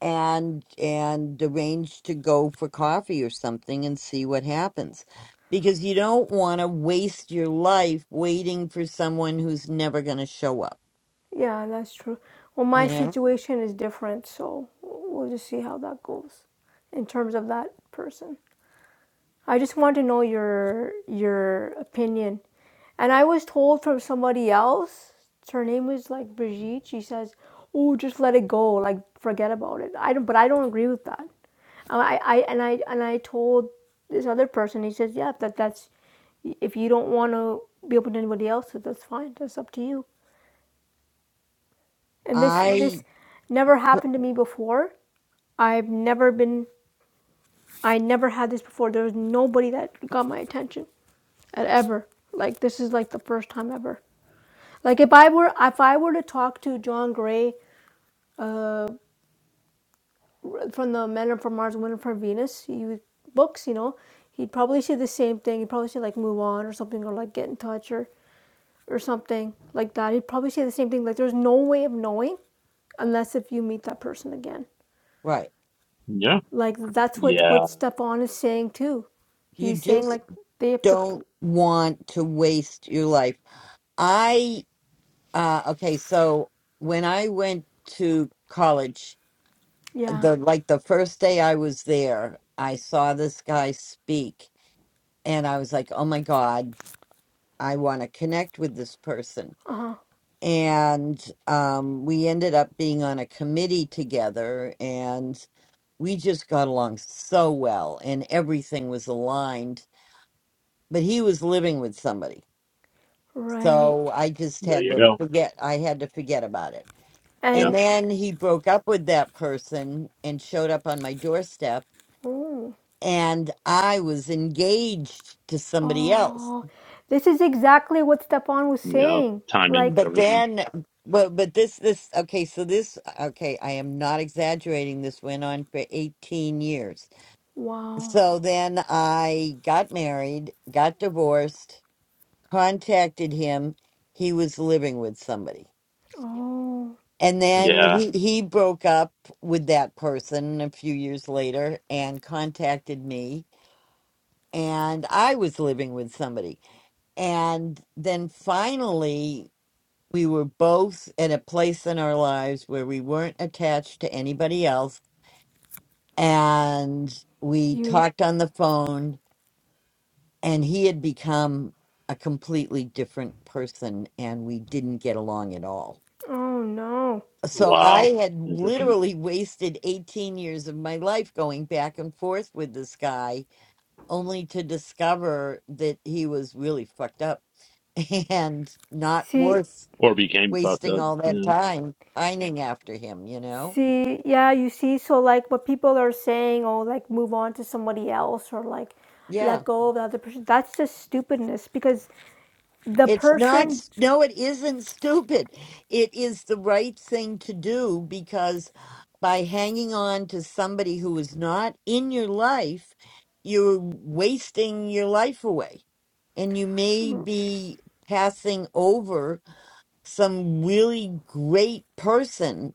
Speaker 1: and and arrange to go for coffee or something and see what happens because you don't want to waste your life waiting for someone who's never going to show up
Speaker 4: yeah that's true well
Speaker 1: you
Speaker 4: my
Speaker 1: know
Speaker 4: situation is different so we'll just see how that goes in terms of that person I just want to know your your opinion. And I was told from somebody else, her name was like Brigitte, she says, Oh, just let it go, like forget about it. I don't but I don't agree with that. Um, I, I and I and I told this other person, he says, Yeah, that that's if you don't wanna be open to anybody else, that's fine. That's up to you. And this
Speaker 1: i
Speaker 4: this never happened to me before. I've never been I never had this before. There was nobody that got my attention. at ever. Like this is like the first time ever. Like if I were if I were to talk to John Gray uh, from the Men Are from Mars, Women Are from Venus, you books, you know, he'd probably say the same thing. He'd probably say like move on or something or like get in touch or or something like that. He'd probably say the same thing. Like there's no way of knowing unless if you meet that person again.
Speaker 1: right
Speaker 2: Yeah,
Speaker 4: Like that's what
Speaker 2: yeah,
Speaker 4: what Stefan is saying too.
Speaker 1: you
Speaker 4: He's saying
Speaker 1: just
Speaker 4: like they have to,
Speaker 1: don't want to waste your life i uh okay so when i went to college
Speaker 4: yeah,
Speaker 1: the like the first day I was there, I saw this guy speak and I was like, "Oh my god, I want to connect with this person."
Speaker 4: uh huh,
Speaker 1: And um we ended up being on a committee together and we just got along so well and everything was aligned, but he was living with somebody. So
Speaker 4: right,
Speaker 1: I just
Speaker 2: there
Speaker 1: had
Speaker 2: you
Speaker 1: to
Speaker 2: go.
Speaker 1: forget I had to forget about it. And
Speaker 2: Yeah,
Speaker 4: and.
Speaker 1: then he broke up with that person and showed up on my doorstep
Speaker 4: oh.
Speaker 1: and I was engaged to somebody else.
Speaker 4: Oh, this is exactly what Stepan was
Speaker 2: yeah,
Speaker 4: saying.
Speaker 2: timings,
Speaker 4: Like,
Speaker 1: But
Speaker 2: everything.
Speaker 1: then, but but this this okay. So this okay. I am not exaggerating. This went on for eighteen years.
Speaker 4: wow.
Speaker 1: So then I got married, got divorced, contacted him. He was living with somebody.
Speaker 4: Oh,
Speaker 1: And then
Speaker 2: Yeah,
Speaker 1: he, he broke up with that person a few years later and contacted me. And I was living with somebody And then finally, we were both at a place in our lives where we weren't attached to anybody else. And we
Speaker 4: you.
Speaker 1: talked on the phone, and he had become a completely different person, and we didn't get along at all.
Speaker 4: Oh no.
Speaker 1: So
Speaker 2: wow,
Speaker 1: I had
Speaker 2: interesting.
Speaker 1: literally wasted 18 years of my life going back and forth with this guy, only to discover that he was really fucked up and not
Speaker 4: See,
Speaker 1: worth
Speaker 2: or became fucked
Speaker 1: wasting
Speaker 2: up.
Speaker 1: all that
Speaker 2: Yeah.
Speaker 1: time pining after him, you know?
Speaker 4: see. Yeah, you see. So like, what people are saying, oh, like, move on to somebody else, or like,
Speaker 1: Yeah.
Speaker 4: let go of the other person. That's just stupidness because the
Speaker 1: It's not,
Speaker 4: person
Speaker 1: s- no, it isn't stupid. It is the right thing to do because by hanging on to somebody who is not in your life, you're wasting your life away. And you may be passing over some really great person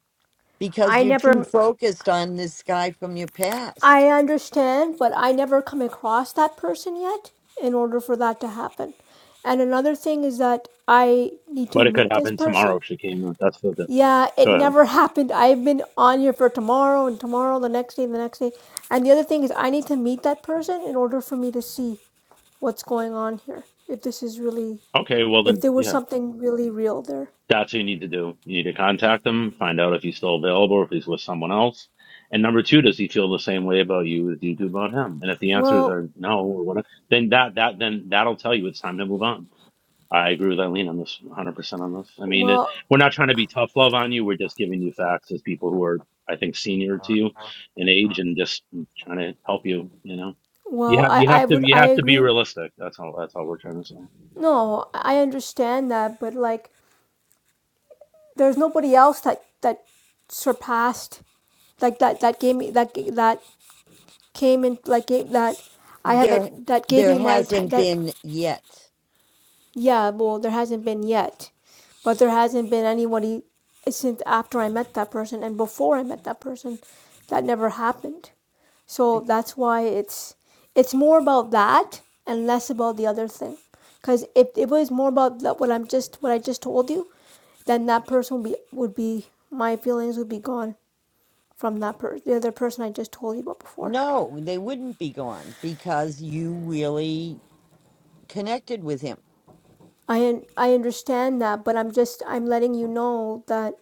Speaker 1: because
Speaker 4: I
Speaker 1: you're too
Speaker 4: never.
Speaker 1: focused on this guy from your past.
Speaker 4: I understand, but I never come across that person yet. In order for that to happen, and another thing is that I need to
Speaker 2: But it could
Speaker 4: meet this
Speaker 2: happen
Speaker 4: person
Speaker 2: tomorrow if she came up. That's what the difference.
Speaker 4: Yeah, it
Speaker 2: go ahead.
Speaker 4: never happened. I've been on here for tomorrow and tomorrow, the next day, and the next day. And the other thing is, I need to meet that person in order for me to see what's going on here. If this is really,
Speaker 2: Okay, well
Speaker 4: if
Speaker 2: then
Speaker 4: there was
Speaker 2: yeah.
Speaker 4: something really real there.
Speaker 2: That's what you need to do. You need to contact him, find out if he's still available if he's with someone else. And number two, does he feel the same way about you as you do about him? And if the answers
Speaker 4: Well,
Speaker 2: are no or whatever, then that that then that'll tell you it's time to move on. I agree with Eileen on this 100% on this. I mean, it,
Speaker 4: well,
Speaker 2: we're not trying to be tough love on you. We're just giving you facts as people who are, I think, senior to you in age and just trying to help you, you know.
Speaker 4: well,
Speaker 2: You have
Speaker 4: I,
Speaker 2: you
Speaker 4: I
Speaker 2: have to
Speaker 4: would,
Speaker 2: you
Speaker 4: I
Speaker 2: have to be
Speaker 4: agree.
Speaker 2: realistic. That's all that's all we're trying to say.
Speaker 4: No, I understand that, but like, there's nobody else that, that surpassed like that that gave me that that came in like gave, that I have
Speaker 1: There,
Speaker 4: it that gave
Speaker 1: there
Speaker 4: me my atten-
Speaker 1: hasn't
Speaker 4: that
Speaker 1: been yet.
Speaker 4: Yeah, well, there hasn't been yet, but there hasn't been anybody since after I met that person and before I met that person. That never happened.
Speaker 1: Uh,
Speaker 4: So that's why it's it's more about that and less about the other thing. Because if it was more about that, what I'm just what I just told you, then that person would be would be my feelings would be gone from that person, the other person I just told you about before.
Speaker 1: No, they wouldn't be gone because you really connected with him.
Speaker 4: I un- I understand that, but I'm just I'm letting you know that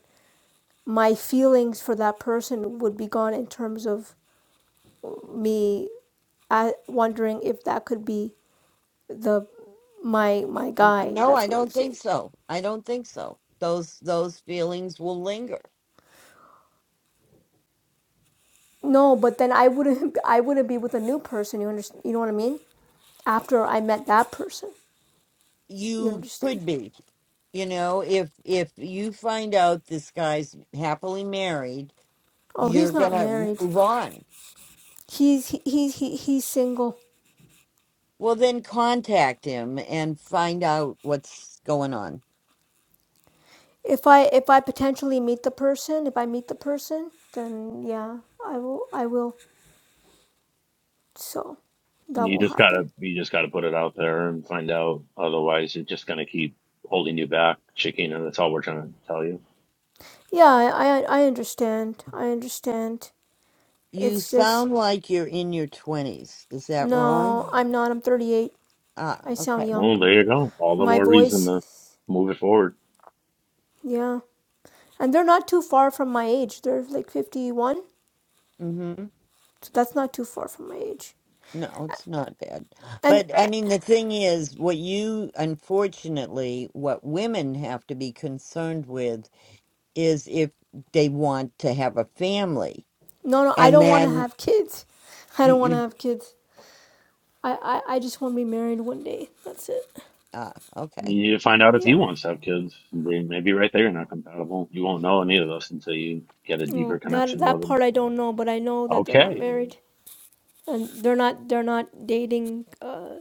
Speaker 4: my feelings for that person would be gone in terms of me uh, wondering if that could be the my my guy.
Speaker 1: No, I
Speaker 4: That's what I'm
Speaker 1: don't
Speaker 4: saying.
Speaker 1: think so. I don't think so. Those those feelings will linger.
Speaker 4: No, but then I wouldn't I wouldn't be with a new person. You understand? You know what I mean? After I met that person, you
Speaker 1: You
Speaker 4: understand?
Speaker 1: could be, you know, if if you find out this guy's happily married,
Speaker 4: Oh,
Speaker 1: you're
Speaker 4: he's not
Speaker 1: gonna
Speaker 4: married.
Speaker 1: move on.
Speaker 4: He's he, he, he he's single.
Speaker 1: Well, then contact him and find out what's going on.
Speaker 4: If I if I potentially meet the person, if I meet the person, then yeah, I will I will. So that
Speaker 2: You
Speaker 4: will
Speaker 2: just got
Speaker 4: happen.
Speaker 2: to you just got to put it out there and find out otherwise it's just going to keep holding you back, chicken, and that's all we're trying to tell you.
Speaker 4: Yeah, I, I I understand. I understand.
Speaker 1: You
Speaker 4: It's just
Speaker 1: sound like you're in your twenties. Is that
Speaker 4: no,
Speaker 1: wrong?
Speaker 4: I'm not. I'm 38.
Speaker 1: Ah,
Speaker 4: I sound
Speaker 1: okay.
Speaker 4: young.
Speaker 2: Well, there you go. All the
Speaker 4: My
Speaker 2: more reason
Speaker 4: voice,
Speaker 2: to
Speaker 4: is-
Speaker 2: move it forward.
Speaker 4: yeah. And they're not too far from my age. They're like 51.
Speaker 1: Mm-hmm.
Speaker 4: So that's not too far from my age.
Speaker 1: No, it's not bad.
Speaker 4: And
Speaker 1: But I mean, the thing is, what you, unfortunately, what women have to be concerned with is if they want to have a family.
Speaker 4: no, no, I
Speaker 1: And
Speaker 4: don't want to
Speaker 1: then,
Speaker 4: have kids. I
Speaker 1: you,
Speaker 4: don't want to
Speaker 1: you,
Speaker 4: have kids. I, I, I just want to be married one day. That's it.
Speaker 1: ah, okay.
Speaker 2: You need to find out if he
Speaker 4: Yeah.
Speaker 2: wants to have kids. They may be right there. You're not compatible. You won't know any of this until you get a deeper
Speaker 4: Well, that
Speaker 2: connection with
Speaker 4: that
Speaker 2: them.
Speaker 4: part I don't know, but I know that they're not
Speaker 2: Okay.
Speaker 4: married. and they're not they're not dating. Uh,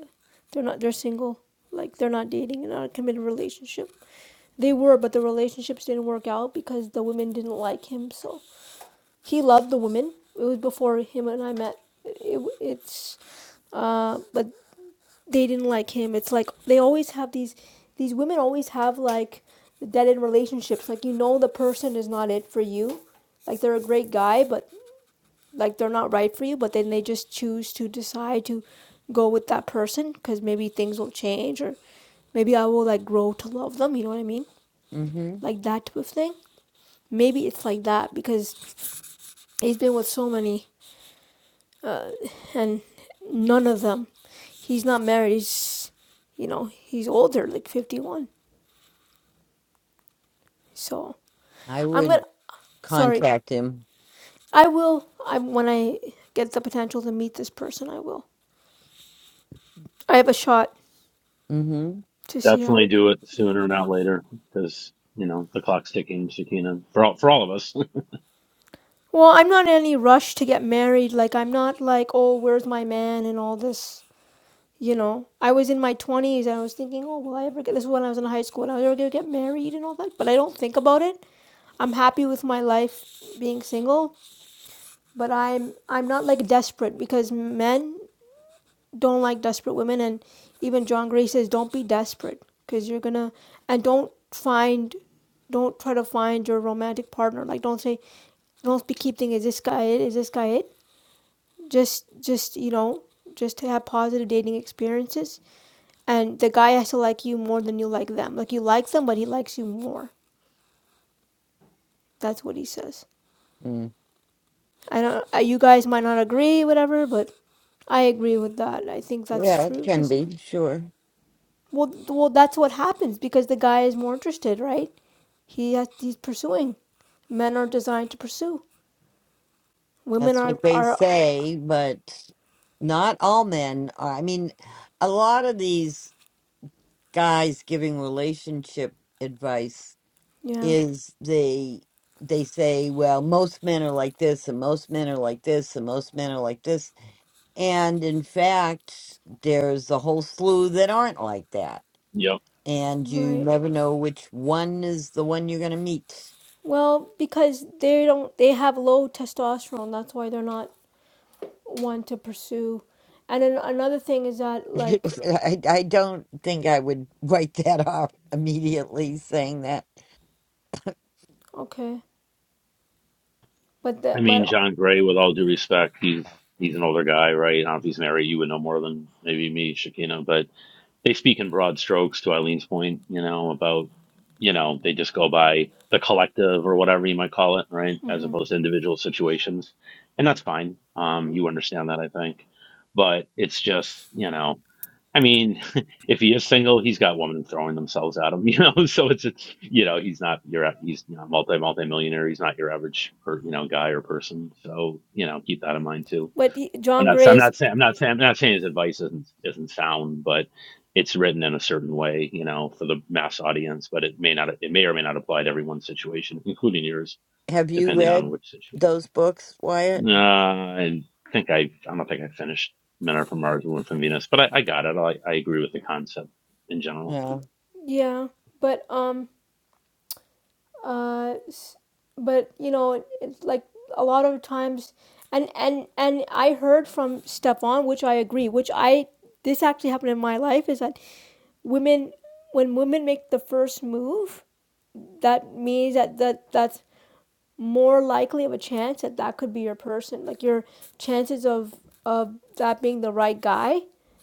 Speaker 4: they're not they're single. Like they're not dating and not a committed relationship. They were, but the relationships didn't work out because the women didn't like him. So he loved the women. It was before him and I met. It, it's uh, but they didn't like him. It's like they always have these these women always have like dead end relationships. Like you know the person is not it for you. Like they're a great guy, but like they're not right for you, but then they just choose to decide to go with that person because maybe things will change or maybe I will like grow to love them. You know what I mean?
Speaker 1: Mm-hmm.
Speaker 4: Like that type of thing. Maybe it's like that because he's been with so many uh, and none of them. He's not married. He's, you know, he's older, like 51. So
Speaker 1: I
Speaker 4: I'm
Speaker 1: would
Speaker 4: gonna. Sorry,
Speaker 1: contact him.
Speaker 4: I will. I when I get the potential to meet this person, I will. I have a shot
Speaker 1: Mm-hmm.
Speaker 4: to see how
Speaker 2: Definitely do it sooner, not later, because, you know, the clock's ticking, Shakina, for all, for all of us.
Speaker 4: Well, I'm not in any rush to get married. Like, I'm not like, oh, where's my man and all this. You know, I was in my 20s and I was thinking, oh, will I ever get this? Is when I was in high school and I was ever going to get married and all that. But I don't think about it. I'm happy with my life being single, but I'm I'm not like desperate because men don't like desperate women and even John Gray says don't be desperate because you're going to and don't find don't try to find your romantic partner. Like don't say don't be keep thinking is this guy it? Is this guy it? just just you know just to have positive dating experiences and the guy has to like you more than you like them like you like them but he likes you more that's what he says
Speaker 1: Mm.
Speaker 4: i don't uh, you guys might not agree whatever but i agree with that i think that's
Speaker 1: Yeah, it
Speaker 4: true
Speaker 1: can
Speaker 4: because
Speaker 1: be, sure.
Speaker 4: well, well that's what happens because the guy is more interested right he has he's pursuing men are designed to pursue women
Speaker 1: That's what
Speaker 4: are
Speaker 1: they
Speaker 4: are
Speaker 1: say, but not all men. Are, I mean, a lot of these. guys giving relationship advice
Speaker 4: yeah
Speaker 1: is they they say well most men are like this and most men are like this and most men are like this and in fact there's a whole slew that aren't like that
Speaker 2: yep.
Speaker 1: and you
Speaker 4: right
Speaker 1: never know which one is the one you're going to meet
Speaker 4: well because they don't they have low testosterone that's why they're not want to pursue. And then another thing is that like
Speaker 1: I, I don't think i would write that off immediately saying that
Speaker 4: okay, but
Speaker 2: I
Speaker 4: that
Speaker 2: mean,
Speaker 4: but
Speaker 2: John Gray, with all due respect, he's, he's an older guy, right? I don't know if he's married. You would know more than maybe me, Shakina, but. they speak in broad strokes to Eileen's point, you know, about, you know, they just go by the collective or whatever you might call it, right? As
Speaker 4: mhm.
Speaker 2: opposed to individual situations. And that's fine. Um, you understand that, I think. But it's just, you know, I mean, if he is single, he's got women throwing themselves at him, you know. So it's, it's you know, he's not your he's not multi multi millionaire. He's not your average per, you know guy or person. So you know, keep that in mind too.
Speaker 4: but he-
Speaker 2: I'm
Speaker 4: John
Speaker 2: not. I'm
Speaker 4: Gray's
Speaker 2: not saying. I'm not saying. I'm not saying his advice isn't isn't sound, but it's written in a certain way, you know, for the mass audience. But it may not. It may or may not apply to everyone's situation, including yours,
Speaker 1: have you
Speaker 2: depending on
Speaker 1: read
Speaker 2: which situation.
Speaker 1: those books wyatt
Speaker 2: Uh, I think I. I don't think I finished "Men Are From Mars, Women From Venus," but I, I got it. I, I agree with the concept in general.
Speaker 1: yeah
Speaker 4: yeah, but um uh but you know it's like a lot of times and and and I heard from Stephon, which I agree, which I this actually happened in my life is that women when women make the first move, that means that that that's more likely of a chance that that could be your person. Like your chances of of that being the right guy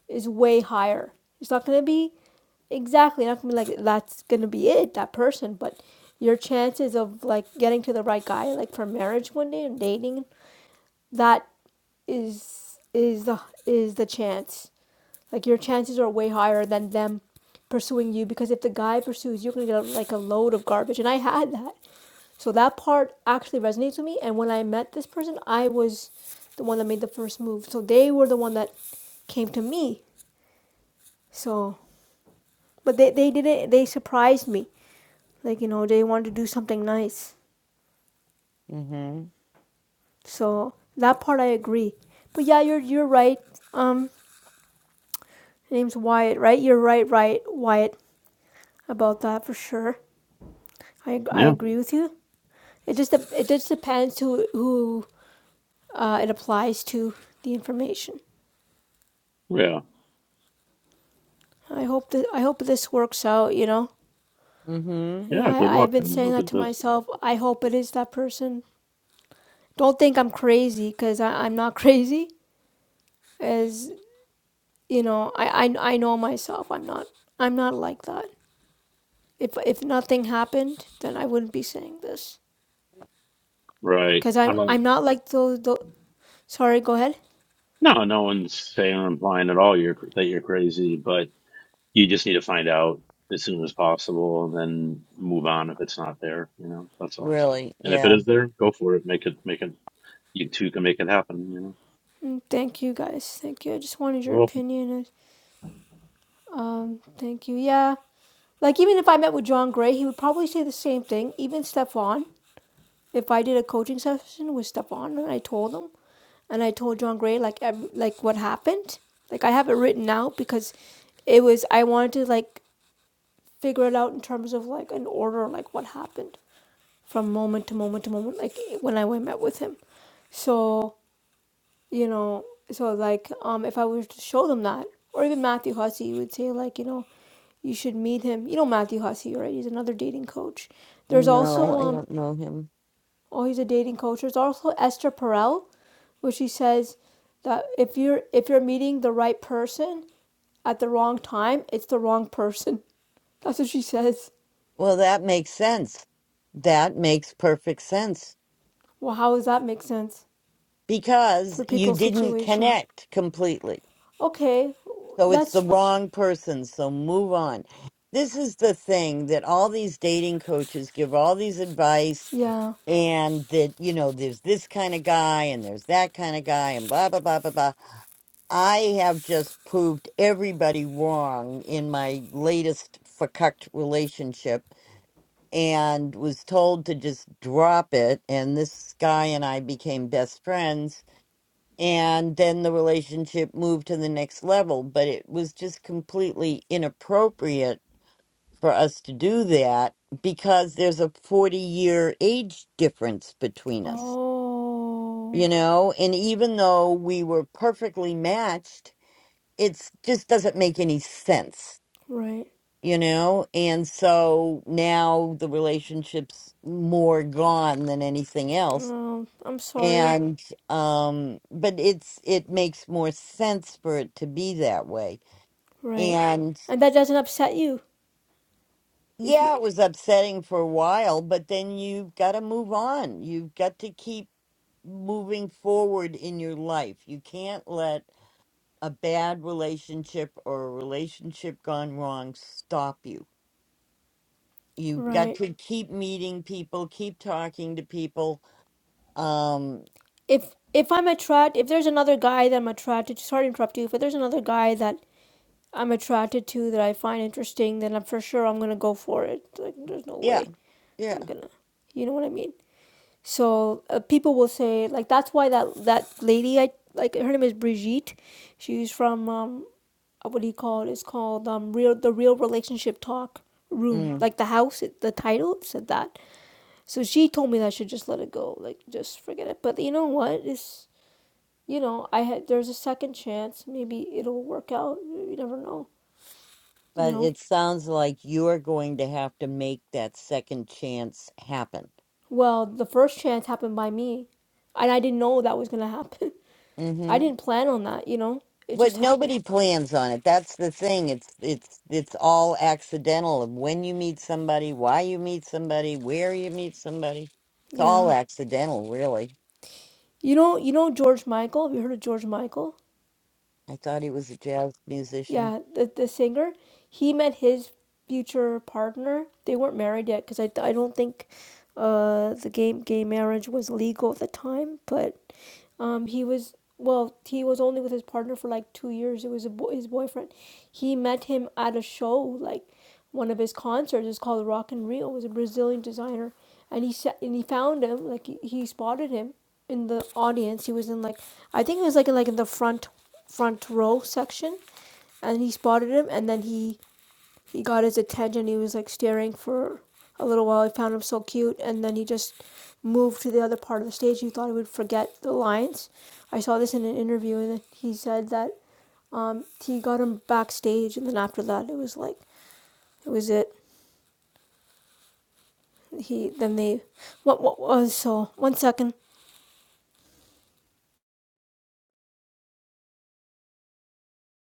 Speaker 4: is way higher. It's not gonna be exactly not gonna be like that's gonna be it that person, but your chances of like getting to the right guy like for marriage one day and dating that is is the is the chance. Like your chances are way higher than them pursuing you because if the guy pursues you, you're gonna get like a load of garbage. And I had that. So that part actually resonates with me. And when I met this person, I was the one that made the first move. So they were the one that came to me. So, but they, they did it, they surprised me. Like, you know, they wanted to do something nice.
Speaker 1: mm-hmm
Speaker 4: So that part I agree. But yeah, you're, you're right. Um, name's Wyatt, right? You're right, right, Wyatt, about that for sure. I, I
Speaker 2: Yeah.
Speaker 4: agree with you. It just, dep- it just depends who, who uh, it applies to the information.
Speaker 2: Yeah.
Speaker 4: I hope that I hope this works out. You know,
Speaker 1: mm-hmm
Speaker 4: yeah,
Speaker 2: Yeah. Good
Speaker 4: I, I've
Speaker 2: luck.
Speaker 4: been
Speaker 2: and
Speaker 4: saying
Speaker 2: hope
Speaker 4: that
Speaker 2: it
Speaker 4: to
Speaker 2: does.
Speaker 4: myself. I hope it is that person. Don't think I'm crazy because I'm not crazy. As you know, I, I I know myself. I'm not I'm not like that. If if nothing happened, then I wouldn't be saying this.
Speaker 2: Right.
Speaker 4: Cause
Speaker 2: I
Speaker 4: I'm
Speaker 2: don't.
Speaker 4: I'm not like those. those sorry, go ahead.
Speaker 2: No, no one's saying or implying at all you're that you're crazy, but you just need to find out as soon as possible and then move on if it's not there you know that's all
Speaker 1: really
Speaker 2: and if
Speaker 1: yeah
Speaker 2: it is there go for it make it make it you two can make it happen you know
Speaker 4: Mm, Thank you guys. Thank you. I just wanted your
Speaker 2: well
Speaker 4: opinion. Um, thank you. Yeah. Like even if I met with John Gray, he would probably say the same thing. Even Stefan if I did a coaching session with Stefan and I told him and I told John Gray like ev- like what happened, like I have it written out because it was I wanted to like figure it out in terms of like an order, like what happened from moment to moment to moment, like when I went met with him. So you know, so like um, if I was to show them that, or even Matthew Hussey would say like you know you should meet him. You know Matthew Hussey, right? He's another dating coach. There's also
Speaker 1: No, I
Speaker 4: um,
Speaker 1: don't know him.
Speaker 4: oh, he's a dating coach. There's also Esther Perel, where she says that if you're if you're meeting the right person at the wrong time, it's the wrong person. That's what she says.
Speaker 1: Well, that makes sense. That makes perfect sense
Speaker 4: Well, how does that make sense
Speaker 1: because
Speaker 4: for
Speaker 1: you
Speaker 4: people's
Speaker 1: didn't
Speaker 4: situation?
Speaker 1: connect completely.
Speaker 4: Okay,
Speaker 1: So it's the
Speaker 4: that's
Speaker 1: wrong person. So move on. This is the thing that all these dating coaches give all these advice,
Speaker 4: yeah.
Speaker 1: and that, you know, there's this kind of guy and there's that kind of guy, and blah, blah, blah, blah, blah. I have just proved everybody wrong in my latest fucked relationship and was told to just drop it. And this guy and I became best friends. And then the relationship moved to the next level. But it was just completely inappropriate for us to do that because there's a 40 year age difference between us, you
Speaker 4: Oh,
Speaker 1: know? And even though we were perfectly matched, it just doesn't make any sense
Speaker 4: right.
Speaker 1: you know and so now the relationship's more gone than anything else
Speaker 4: Um, I'm sorry.
Speaker 1: and um but it's it makes more sense for it to be that way
Speaker 4: Right,
Speaker 1: and
Speaker 4: and that doesn't upset you if you
Speaker 1: yeah it was upsetting for a while but then you've got to move on you've got to keep moving forward in your life you can't let a bad relationship or a relationship gone wrong stop you you've got
Speaker 4: right.
Speaker 1: to keep meeting people, keep talking to people. Um,
Speaker 4: If if I'm attracted, if there's another guy that I'm attracted, to, sorry to interrupt you. but there's another guy that I'm attracted to that I find interesting, then I'm for sure I'm gonna go for it. Like there's no
Speaker 1: yeah,
Speaker 4: way
Speaker 1: yeah.
Speaker 4: I'm gonna, you know what I mean? So uh, people will say like that's why that that lady I like her name is Brigitte. She's from um what do you call it? It's called um real the real relationship talk room
Speaker 1: Mm.
Speaker 4: like the house the title said that so she told me that i should just let it go like just forget it but you know what it's you know i had there's a second chance maybe it'll work out you never know you
Speaker 1: But
Speaker 4: know
Speaker 1: it sounds like you are going to have to make that second chance happen.
Speaker 4: Well, the first chance happened by me, and I didn't know that was gonna happen. I
Speaker 1: hmm
Speaker 4: didn't plan on that, you know. It
Speaker 1: But
Speaker 4: just happened.
Speaker 1: nobody plans on it. That's the thing. It's it's it's all accidental of when you meet somebody, why you meet somebody, where you meet somebody. It's all
Speaker 4: Yeah.
Speaker 1: accidental, really.
Speaker 4: You know, you know George Michael. Have you heard of George Michael?
Speaker 1: I thought he was a jazz musician.
Speaker 4: yeah, the the singer, he met his future partner. They weren't married yet because I, I don't think uh the gay gay marriage was legal at the time. But um he was well he was only with his partner for like two years. It was a boy, his boyfriend. He met him at a show like one of his concerts. It's called Rock and Rio. It was a Brazilian designer, and he sa- and he found him like he, he spotted him in the audience. He was in like I think it was like in like in the front front row section and he spotted him and then he he got his attention he was like staring for a little while he found him so cute and then he just moved to the other part of the stage he thought he would forget the lions i saw this in an interview and he said that um, he got him backstage and then after that it was like it was it he then they what what was so one second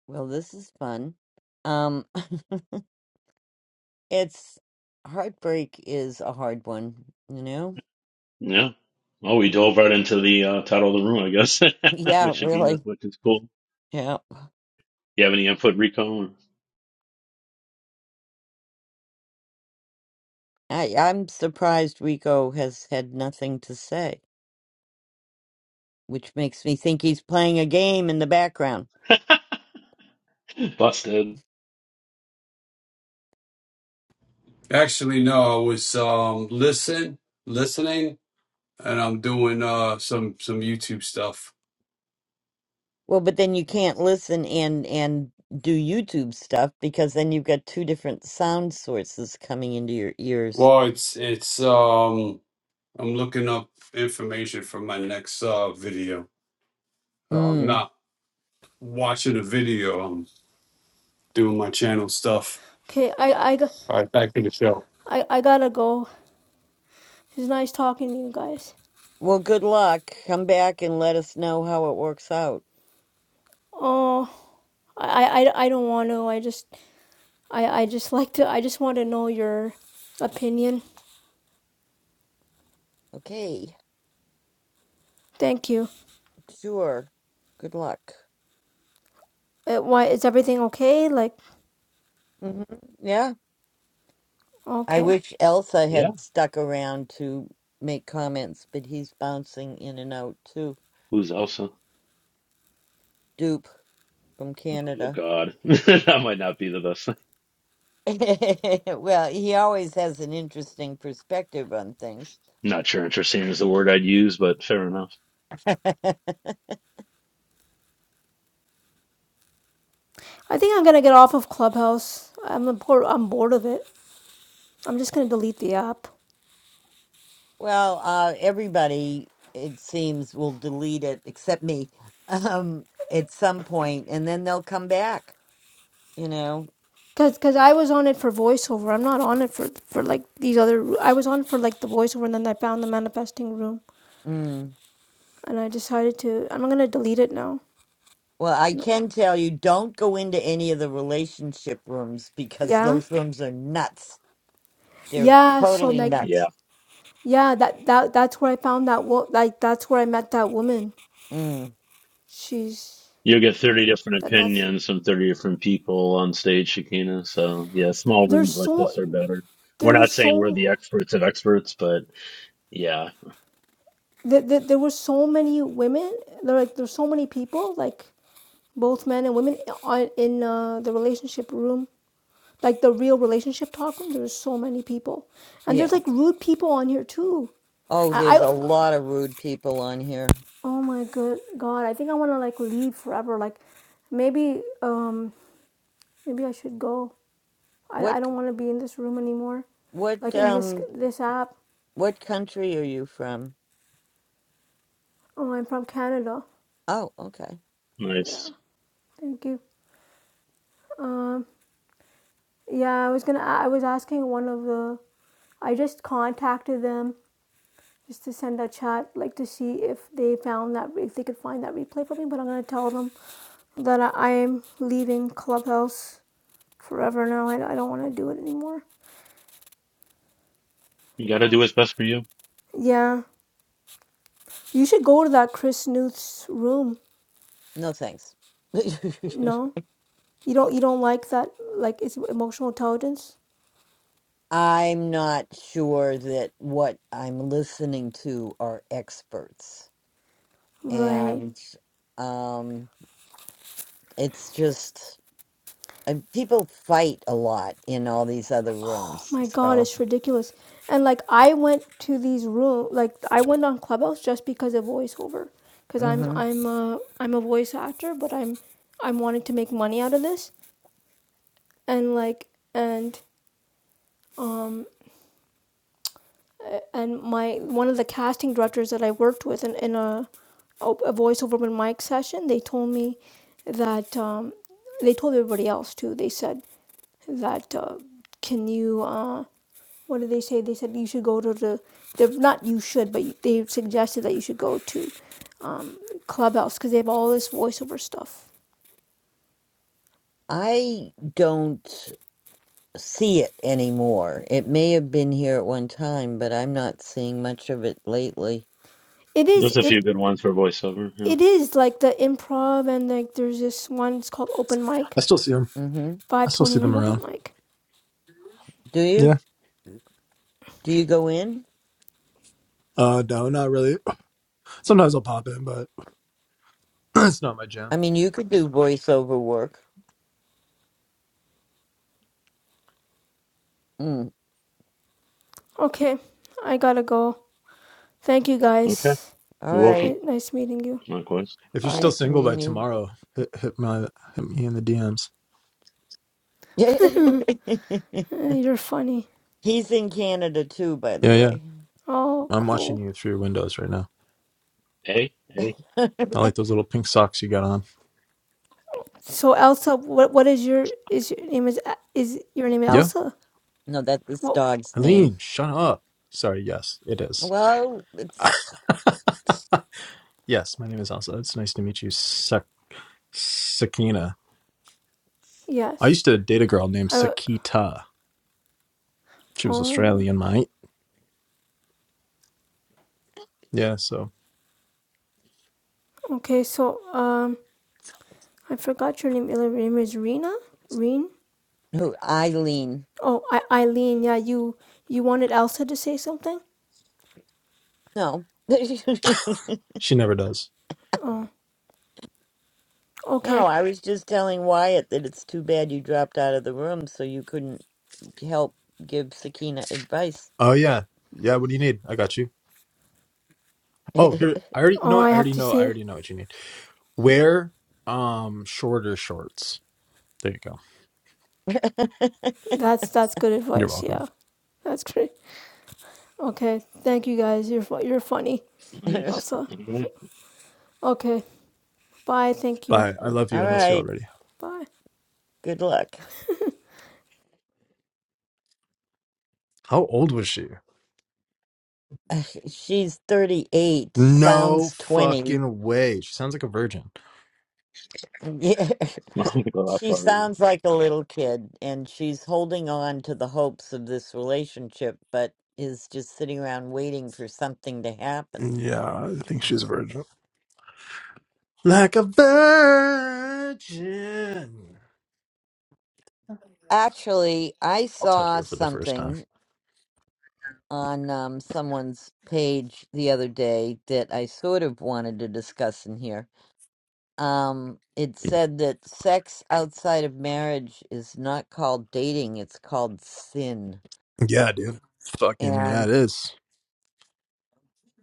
Speaker 1: Well, this is fun. Um, It's heartbreak is a hard one, you know?
Speaker 2: yeah well we dove right into the uh, title of the room i guess
Speaker 1: Yeah,
Speaker 2: with shagina
Speaker 1: really.
Speaker 2: which is cool
Speaker 1: Yeah.
Speaker 2: you have any input rico
Speaker 1: I, I'm surprised Rico has had nothing to say, which makes me think he's playing a game in the background.
Speaker 2: busted
Speaker 3: Actually, no, I was um listen listening and I'm doing uh some some YouTube stuff.
Speaker 1: Well, but then you can't listen and and do YouTube stuff because then you've got two different sound sources coming into your ears.
Speaker 3: Well, it's it's um I'm looking up information for my next uh video. So I'm
Speaker 1: Mm.
Speaker 3: not watching a video, I'm doing my channel stuff.
Speaker 4: okay i i
Speaker 3: All right, back to the show.
Speaker 4: I, I gotta go. It's nice talking to you guys.
Speaker 1: Well, good luck. Come back and let us know how it works out.
Speaker 4: Oh, I I, I don't want to. I just I, I just like to I just want to know your opinion.
Speaker 1: Okay.
Speaker 4: Thank you.
Speaker 1: Sure. Good luck.
Speaker 4: Uh why is everything okay? Like
Speaker 1: hmm Yeah. I
Speaker 4: okay.
Speaker 1: wish Elsa
Speaker 2: yeah
Speaker 1: had stuck around to make comments, but he's bouncing in and out too.
Speaker 2: who's elsa
Speaker 1: Dupe from
Speaker 2: oh
Speaker 1: Canada.
Speaker 2: god that might not be the best thing
Speaker 1: well, he always has an interesting perspective on things.
Speaker 2: not sure interesting is the word i'd use but fair enough
Speaker 4: I think I'm gonna get off of Clubhouse. I'm a I'm bored of it. I'm just gonna delete the app.
Speaker 1: well, uh, everybody, it seems, will delete it except me um, at some point, and then they'll come back, you know.
Speaker 4: Cause, Cause I was on it for voiceover. I'm not on it for for like these other. I was on for like the voiceover, and then I found the manifesting room,
Speaker 1: Mm.
Speaker 4: and I decided to. I'm gonna delete it now.
Speaker 1: Well, I
Speaker 4: No.
Speaker 1: can tell you, don't go into any of the relationship rooms because
Speaker 4: Yeah.
Speaker 1: those rooms are nuts They're
Speaker 4: Yeah. So
Speaker 1: totally
Speaker 4: like,
Speaker 1: nuts.
Speaker 4: yeah. That that that's where I found that. Wo- like that's where I met that woman.
Speaker 1: Mm,
Speaker 4: She's
Speaker 2: You'll get 30 different
Speaker 4: That that's
Speaker 2: opinions from 30 different people on stage, Shakina. So, yeah, small
Speaker 4: there's
Speaker 2: rooms like
Speaker 4: so
Speaker 2: this are better. We're
Speaker 4: there were
Speaker 2: not saying we're
Speaker 4: so
Speaker 2: the experts of experts, but yeah,
Speaker 4: that there, there were so many women. There like there's so many people like both men and women on- in uh, the relationship room, like the real relationship talk room. There's so many people, and
Speaker 1: yeah.
Speaker 4: there's like rude people on here too.
Speaker 1: Oh,
Speaker 4: I,
Speaker 1: there's
Speaker 4: I
Speaker 1: a lot of rude people on here.
Speaker 4: oh my good god, I think I want to like leave forever. Like maybe um maybe I should go. I
Speaker 1: What
Speaker 4: I don't want to be in this room anymore
Speaker 1: what
Speaker 4: like in this
Speaker 1: um
Speaker 4: this app.
Speaker 1: what country are you from?
Speaker 4: Oh, I'm from Canada.
Speaker 1: Oh, okay.
Speaker 2: nice.
Speaker 4: Yeah, thank you. Um, yeah, I was gonna. I was asking one of the. I just contacted them just to send a chat, like to see if they found that if they could find that replay for me. But I'm gonna tell them that I, I am leaving Clubhouse forever now. I, I don't want to do it anymore.
Speaker 2: You got to
Speaker 4: Yeah.
Speaker 2: do what's best for you.
Speaker 4: Yeah. You should go to that Chris Newth's room.
Speaker 1: No thanks.
Speaker 4: No, you don't. You don't like that. Like it's emotional intelligence,
Speaker 1: I'm not sure that what I'm listening to are experts.
Speaker 4: right?
Speaker 1: And um it's just and people fight a lot in all these other rooms.
Speaker 4: My God,
Speaker 1: So,
Speaker 4: it's ridiculous. And like I went to these room, like I went on Clubhouse just because of voiceover, because I'm
Speaker 1: mhm.
Speaker 4: I'm am i I'm a voice actor, but I'm I'm wanting to make money out of this, and like and um a- and my one of the casting directors that I worked with in in a a voiceover open mic session, they told me that um they told everybody else too. They said that uh, can you? um. what did they say? They said you should go to the, they not you should, but they suggested that you should go to um, Clubhouse because they have all this voiceover stuff.
Speaker 1: I don't. see it anymore. It may have been here at one time, but I'm not seeing much of it lately.
Speaker 4: It is
Speaker 2: There's a few
Speaker 4: it
Speaker 2: good ones for voiceover. Yeah.
Speaker 4: it is like the improv and like there's this one. It's called open
Speaker 5: I
Speaker 4: mic,
Speaker 5: still see them.
Speaker 1: hmm
Speaker 5: I
Speaker 4: five
Speaker 5: still
Speaker 4: twenty
Speaker 5: see
Speaker 4: nine
Speaker 5: them
Speaker 4: open
Speaker 5: around.
Speaker 4: mic.
Speaker 1: Do you?
Speaker 5: Yeah.
Speaker 1: Do you go in?
Speaker 5: Uh, no, not really. Sometimes I'll pop in, but it's not my
Speaker 1: I
Speaker 5: jam.
Speaker 1: mean, you could do voiceover work. Mm.
Speaker 4: Okay, I gotta go. Thank you
Speaker 2: Okay.
Speaker 4: guys.
Speaker 1: All
Speaker 2: You're welcome.
Speaker 1: right.
Speaker 4: Nice meeting you.
Speaker 2: Likewise.
Speaker 5: If you're still
Speaker 4: Bye.
Speaker 1: Nice
Speaker 5: single by
Speaker 1: meeting you.
Speaker 5: tomorrow, hit, hit my hit me in the DMs.
Speaker 4: Uh, You're funny.
Speaker 1: He's in Canada too, by the
Speaker 5: Yeah, yeah.
Speaker 1: way.
Speaker 4: Oh,
Speaker 5: I'm watching
Speaker 4: cool.
Speaker 5: you through your windows right now.
Speaker 2: Hey, hey.
Speaker 5: I like those little pink socks you got on.
Speaker 4: So Elsa, what what is your is your name is is your name
Speaker 5: Yeah.
Speaker 4: Elsa?
Speaker 1: no, that's this
Speaker 4: Well,
Speaker 1: dog's name.
Speaker 5: Eileen, shut up. Sorry. Yes, it is.
Speaker 1: Well, it's
Speaker 5: yes, my name is Elsa. It's nice to meet you, Sak- Sakina. I
Speaker 4: yes.
Speaker 5: used to date a girl named
Speaker 4: I
Speaker 5: Sakita. She was
Speaker 4: Oh,
Speaker 5: Australian, mate. Yeah, so
Speaker 4: okay. So, um, I forgot your name. Your name is Rena? Reen?
Speaker 1: who Eileen.
Speaker 4: Oh, I- Eileen. Yeah, you you wanted Elsa to say something?
Speaker 1: No.
Speaker 5: she never does.
Speaker 4: Oh,
Speaker 1: No,
Speaker 4: okay.
Speaker 1: I was just telling Wyatt that it's too bad you dropped out of the room so you couldn't help give Sakina advice.
Speaker 5: Oh yeah. Yeah, what do you need? I got you.
Speaker 1: All
Speaker 5: Oh, here I already you know
Speaker 4: Oh, I
Speaker 5: what? I
Speaker 4: have
Speaker 5: already
Speaker 4: to
Speaker 5: know I
Speaker 4: say
Speaker 5: already know what you need. Wear um shorter shorts. There you go.
Speaker 4: that's that's good
Speaker 5: You're
Speaker 4: advice.
Speaker 5: welcome.
Speaker 4: Yeah, that's great. Okay, thank you guys. You're fu- you're funny.
Speaker 2: Nice.
Speaker 4: Elsa.
Speaker 2: All right.
Speaker 4: Okay, bye. Thank you.
Speaker 5: Bye. I
Speaker 2: All right.
Speaker 5: love you. I
Speaker 2: Bye-bye.
Speaker 5: miss you
Speaker 1: right,
Speaker 5: already.
Speaker 4: Bye.
Speaker 1: good luck.
Speaker 5: How old was she?
Speaker 1: She's 38,
Speaker 5: No
Speaker 1: sounds 20.
Speaker 5: fucking way. She sounds like a virgin.
Speaker 1: Yeah.
Speaker 2: I'm gonna go
Speaker 1: She sounds like a little kid, and she's holding on to the hopes of this relationship, but is just sitting around waiting for something to happen.
Speaker 5: Yeah, I think she's a virgin. Like a virgin.
Speaker 1: Actually, I
Speaker 5: I'll touch
Speaker 1: saw
Speaker 5: her for the first time.
Speaker 1: something on um, someone's page the other day that I sort of wanted to discuss in here. Um, it said that sex outside of marriage is not called dating, it's called sin.
Speaker 5: Yeah, dude. Fucking yeah,
Speaker 1: And
Speaker 5: it is.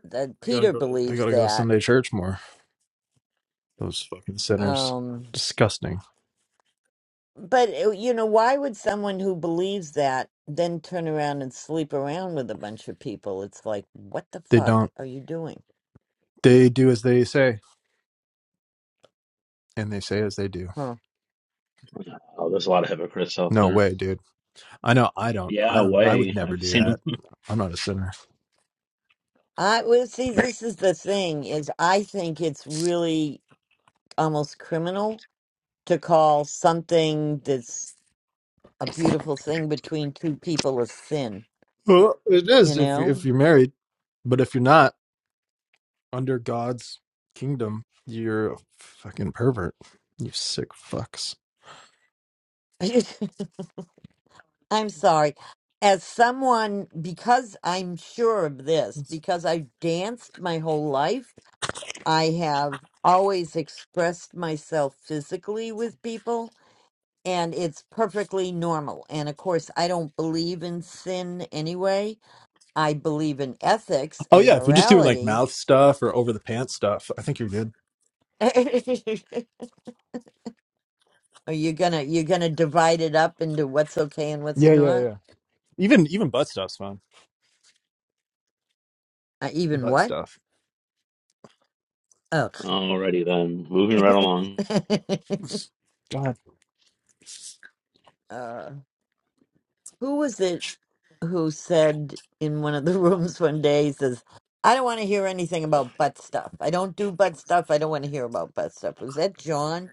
Speaker 1: that
Speaker 5: They gotta
Speaker 1: Peter
Speaker 5: go. They
Speaker 1: believes
Speaker 5: gotta go to
Speaker 1: that.
Speaker 5: Sunday church more. Those fucking sinners.
Speaker 1: Um,
Speaker 5: Disgusting.
Speaker 1: but, uh, you know, why would someone who believes that then turn around and sleep around with a bunch of people? It's like, what the
Speaker 5: They don't.
Speaker 1: fuck are you doing?
Speaker 5: They do as they say, and they say as they do.
Speaker 1: Huh.
Speaker 2: Oh, there's a lot of hypocrites out
Speaker 5: No
Speaker 2: there.
Speaker 5: way, dude. I know. I don't. I
Speaker 2: Yeah,
Speaker 5: don't. I would
Speaker 2: way.
Speaker 5: never
Speaker 2: I've
Speaker 5: do
Speaker 2: seen
Speaker 5: that.
Speaker 2: them.
Speaker 5: I'm not a sinner.
Speaker 1: I well, see. This is the thing: is I think it's really almost criminal to call something that's a beautiful thing between two people a sin,
Speaker 5: Well, it
Speaker 1: you
Speaker 5: is if
Speaker 1: know?
Speaker 5: if you're married, but if you're not under God's kingdom, you're a fucking pervert. You sick fucks.
Speaker 1: I'm sorry. As someone, because I'm sure of this, because I've danced my whole life, I have always expressed myself physically with people, and it's perfectly normal. And of course, I don't believe in sin anyway. I believe in ethics
Speaker 5: Oh
Speaker 1: and
Speaker 5: yeah, if you're just doing like
Speaker 1: morality.
Speaker 5: mouth stuff or over the pants stuff, I think you're good.
Speaker 1: Are you gonna you're gonna divide it up into what's okay and what's
Speaker 5: Yeah, yeah,
Speaker 1: not?
Speaker 5: yeah. Even even butt stuff's fine.
Speaker 1: Uh, even
Speaker 5: Butt
Speaker 1: what?
Speaker 5: stuff.
Speaker 1: Oh,
Speaker 2: Alrighty then. Moving right along.
Speaker 5: God,
Speaker 1: uh, who was it who said in one of the rooms one day? He says, "I don't want to hear anything about butt stuff. I don't do butt stuff. I don't want to hear about butt stuff." Was that John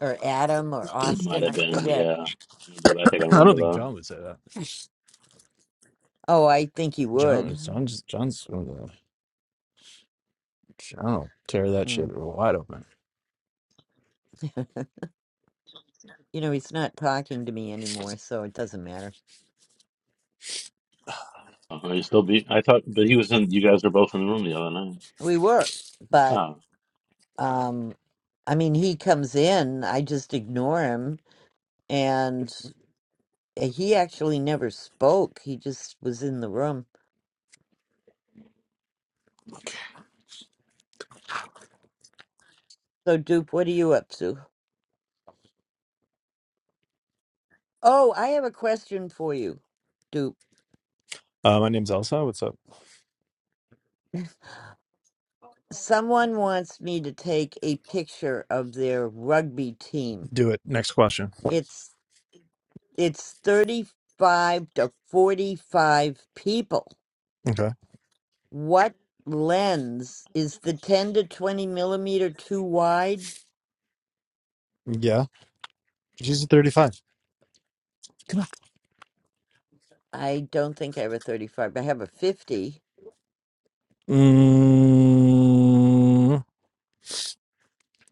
Speaker 1: or Adam or
Speaker 2: Might
Speaker 1: Austin?
Speaker 2: have
Speaker 1: I
Speaker 2: been.
Speaker 1: forget.
Speaker 2: Yeah. I remember that. I think I
Speaker 5: I don't
Speaker 2: remember
Speaker 5: think
Speaker 2: that.
Speaker 5: John would say that.
Speaker 1: Oh, I think he
Speaker 5: John,
Speaker 1: would.
Speaker 5: John's, John's. I don't tear that shit
Speaker 1: Mm.
Speaker 5: wide open.
Speaker 1: you know, he's not talking to me anymore, so it doesn't matter.
Speaker 2: Uh, he's still be. I thought, but he was in. You guys were both in the room the other night.
Speaker 1: We were, but
Speaker 2: Oh,
Speaker 1: um i mean he comes in i just ignore him and he actually never spoke he just was in the room so dupe what are you up to oh i have a question for you dupe
Speaker 5: Uh, my name's Elsa. What's up?
Speaker 1: someone wants me to take a picture of their rugby team
Speaker 5: Do it. Next question.
Speaker 1: it's it's 35 to 45 people
Speaker 5: Okay.
Speaker 1: what lens is the 10 to 20 millimeter too wide
Speaker 5: Yeah. She's a 35. Come on.
Speaker 1: I don't think I have a 35, but I have a 50.
Speaker 5: Mm,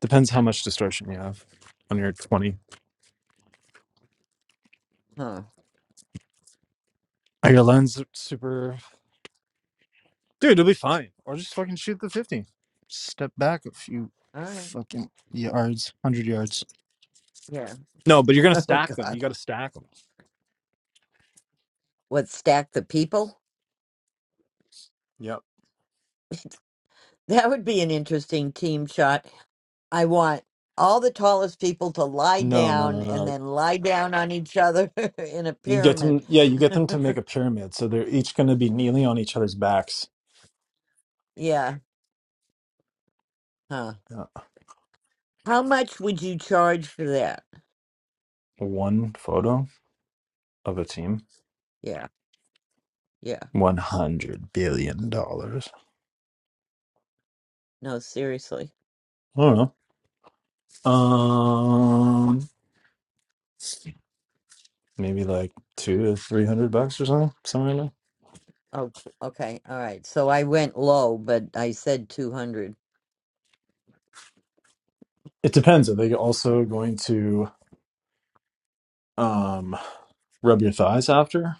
Speaker 5: depends how much distortion you have on your 20.
Speaker 1: Huh.
Speaker 5: Are your lens super. Dude, it'll be fine. Or just fucking shoot the 50. Step back a few
Speaker 1: All right.
Speaker 5: fucking yards, 100 yards.
Speaker 1: Yeah.
Speaker 5: No, but you're going to
Speaker 1: Oh,
Speaker 5: stack them. You
Speaker 1: God.
Speaker 5: got to stack them.
Speaker 1: What, stack the people?
Speaker 5: Yep.
Speaker 1: That would be an interesting team shot. I want all the tallest people to lie
Speaker 5: No, no,
Speaker 1: down
Speaker 5: no, no.
Speaker 1: and
Speaker 5: no.
Speaker 1: then lie down on each other in a
Speaker 5: You get
Speaker 1: pyramid.
Speaker 5: them, yeah, you get them to make a pyramid. So they're each going to be kneeling on each other's backs.
Speaker 1: yeah. Huh.
Speaker 5: Yeah.
Speaker 1: How much would you charge for that?
Speaker 5: One photo of a team.
Speaker 1: Yeah. Yeah.
Speaker 5: $100 billion. dollars.
Speaker 1: No, seriously.
Speaker 5: I don't know. Um, maybe like two to 300 bucks or something, somewhere in there.
Speaker 1: Oh, okay. All right. So I went low, but I said 200.
Speaker 5: It depends. Are they also going to um, rub your thighs after?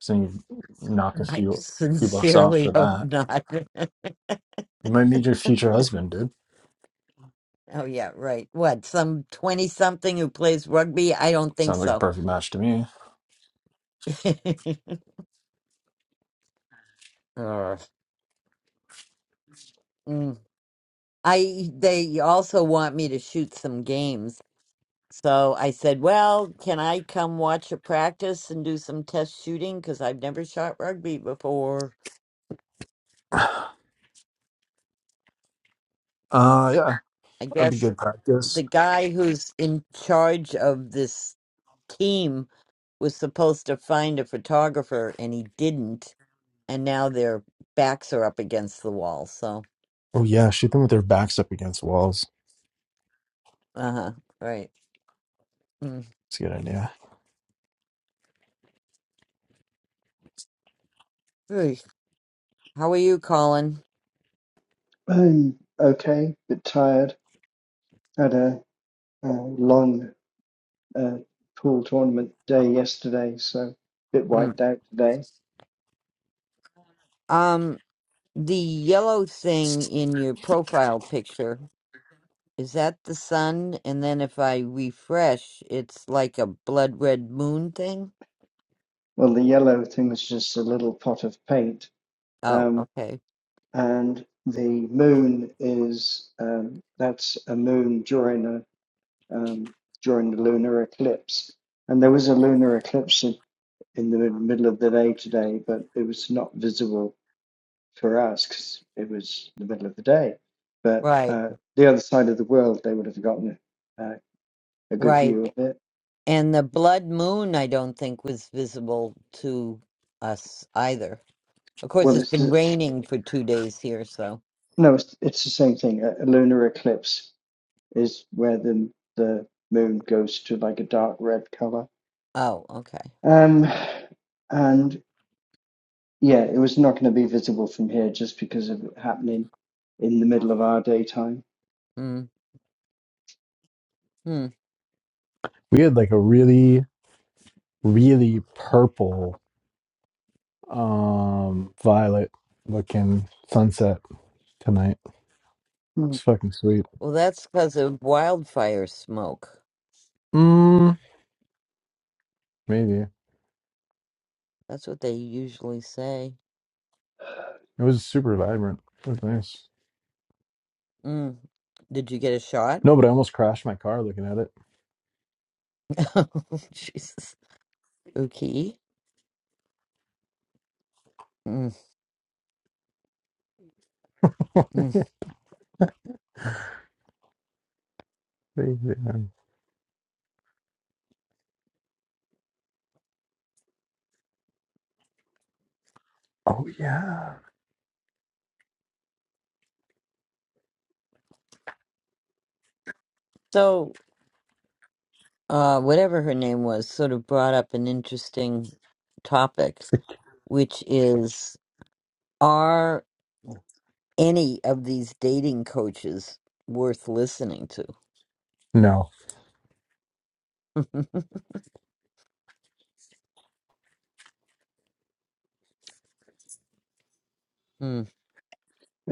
Speaker 5: So you knock a
Speaker 1: I
Speaker 5: few, few bucks off
Speaker 1: sincerely
Speaker 5: for
Speaker 1: hope
Speaker 5: that.
Speaker 1: not.
Speaker 5: You might meet your future husband, dude.
Speaker 1: Oh yeah, right. What, some 20 something who plays rugby? I don't think
Speaker 5: Sounds like a
Speaker 1: so.
Speaker 5: perfect match to me.
Speaker 1: Uh, mm. I they also want me to shoot some games. So I said, "Well, can I come watch a practice and do some test shooting because I've never shot rugby before."
Speaker 5: Uh, yeah,
Speaker 1: I
Speaker 5: that'd be
Speaker 1: guess
Speaker 5: good practice.
Speaker 1: the guy who's in charge of this team was supposed to find a photographer and he didn't, and now their backs are up against the wall. So
Speaker 5: Oh yeah, shoot them with their backs up against walls.
Speaker 1: Uh-huh. Right. Mm.
Speaker 5: It's a good idea.
Speaker 1: Hey, How are you, Colin?
Speaker 6: Um, okay, bit tired. Had a, a long uh, pool tournament day yesterday, so a bit
Speaker 1: Mm.
Speaker 6: wiped out today.
Speaker 1: Um, the yellow thing in your profile picture, is that the sun? And then if I refresh, it's like a blood red moon thing?
Speaker 6: Well, the yellow thing was just a little pot of paint,
Speaker 1: Oh,
Speaker 6: um,
Speaker 1: okay.
Speaker 6: and the moon is um, that's a moon during a um, during the lunar eclipse, and there was a lunar eclipse in, in the mid- middle of the day today, but it was not visible for us because it was the middle of the day. But
Speaker 1: Right.
Speaker 6: uh, the other side of the world, they would have gotten uh, a good
Speaker 1: Right.
Speaker 6: view of it.
Speaker 1: And the blood moon, I don't think was visible to us either. Of course,
Speaker 6: Well,
Speaker 1: it's
Speaker 6: it's
Speaker 1: been
Speaker 6: the,
Speaker 1: raining for two days here, so.
Speaker 6: no, it's, it's the same thing. A, a lunar eclipse is where the the moon goes to like a dark red color.
Speaker 1: Oh, okay.
Speaker 6: Um, and yeah, it was not going to be visible from here just because of it happening in the middle of our daytime.
Speaker 1: Mm. Hmm.
Speaker 5: We had like a really, really purple, um, violet looking sunset tonight.
Speaker 6: Hmm.
Speaker 5: It's fucking sweet.
Speaker 1: Well, that's because of wildfire smoke.
Speaker 5: Mm, maybe
Speaker 1: That's what they usually say.
Speaker 5: it was super vibrant. It was nice.
Speaker 1: Mm. Did you get a shot?
Speaker 5: No, but I almost crashed my car looking at it.
Speaker 1: Oh, Jesus. Okay. Mm, mm.
Speaker 5: Crazy, man. Oh yeah.
Speaker 1: So, uh, whatever her name was, sort of brought up an interesting topic,
Speaker 5: It's like-
Speaker 1: which is are any of these dating coaches worth listening to?
Speaker 5: no.
Speaker 1: mm.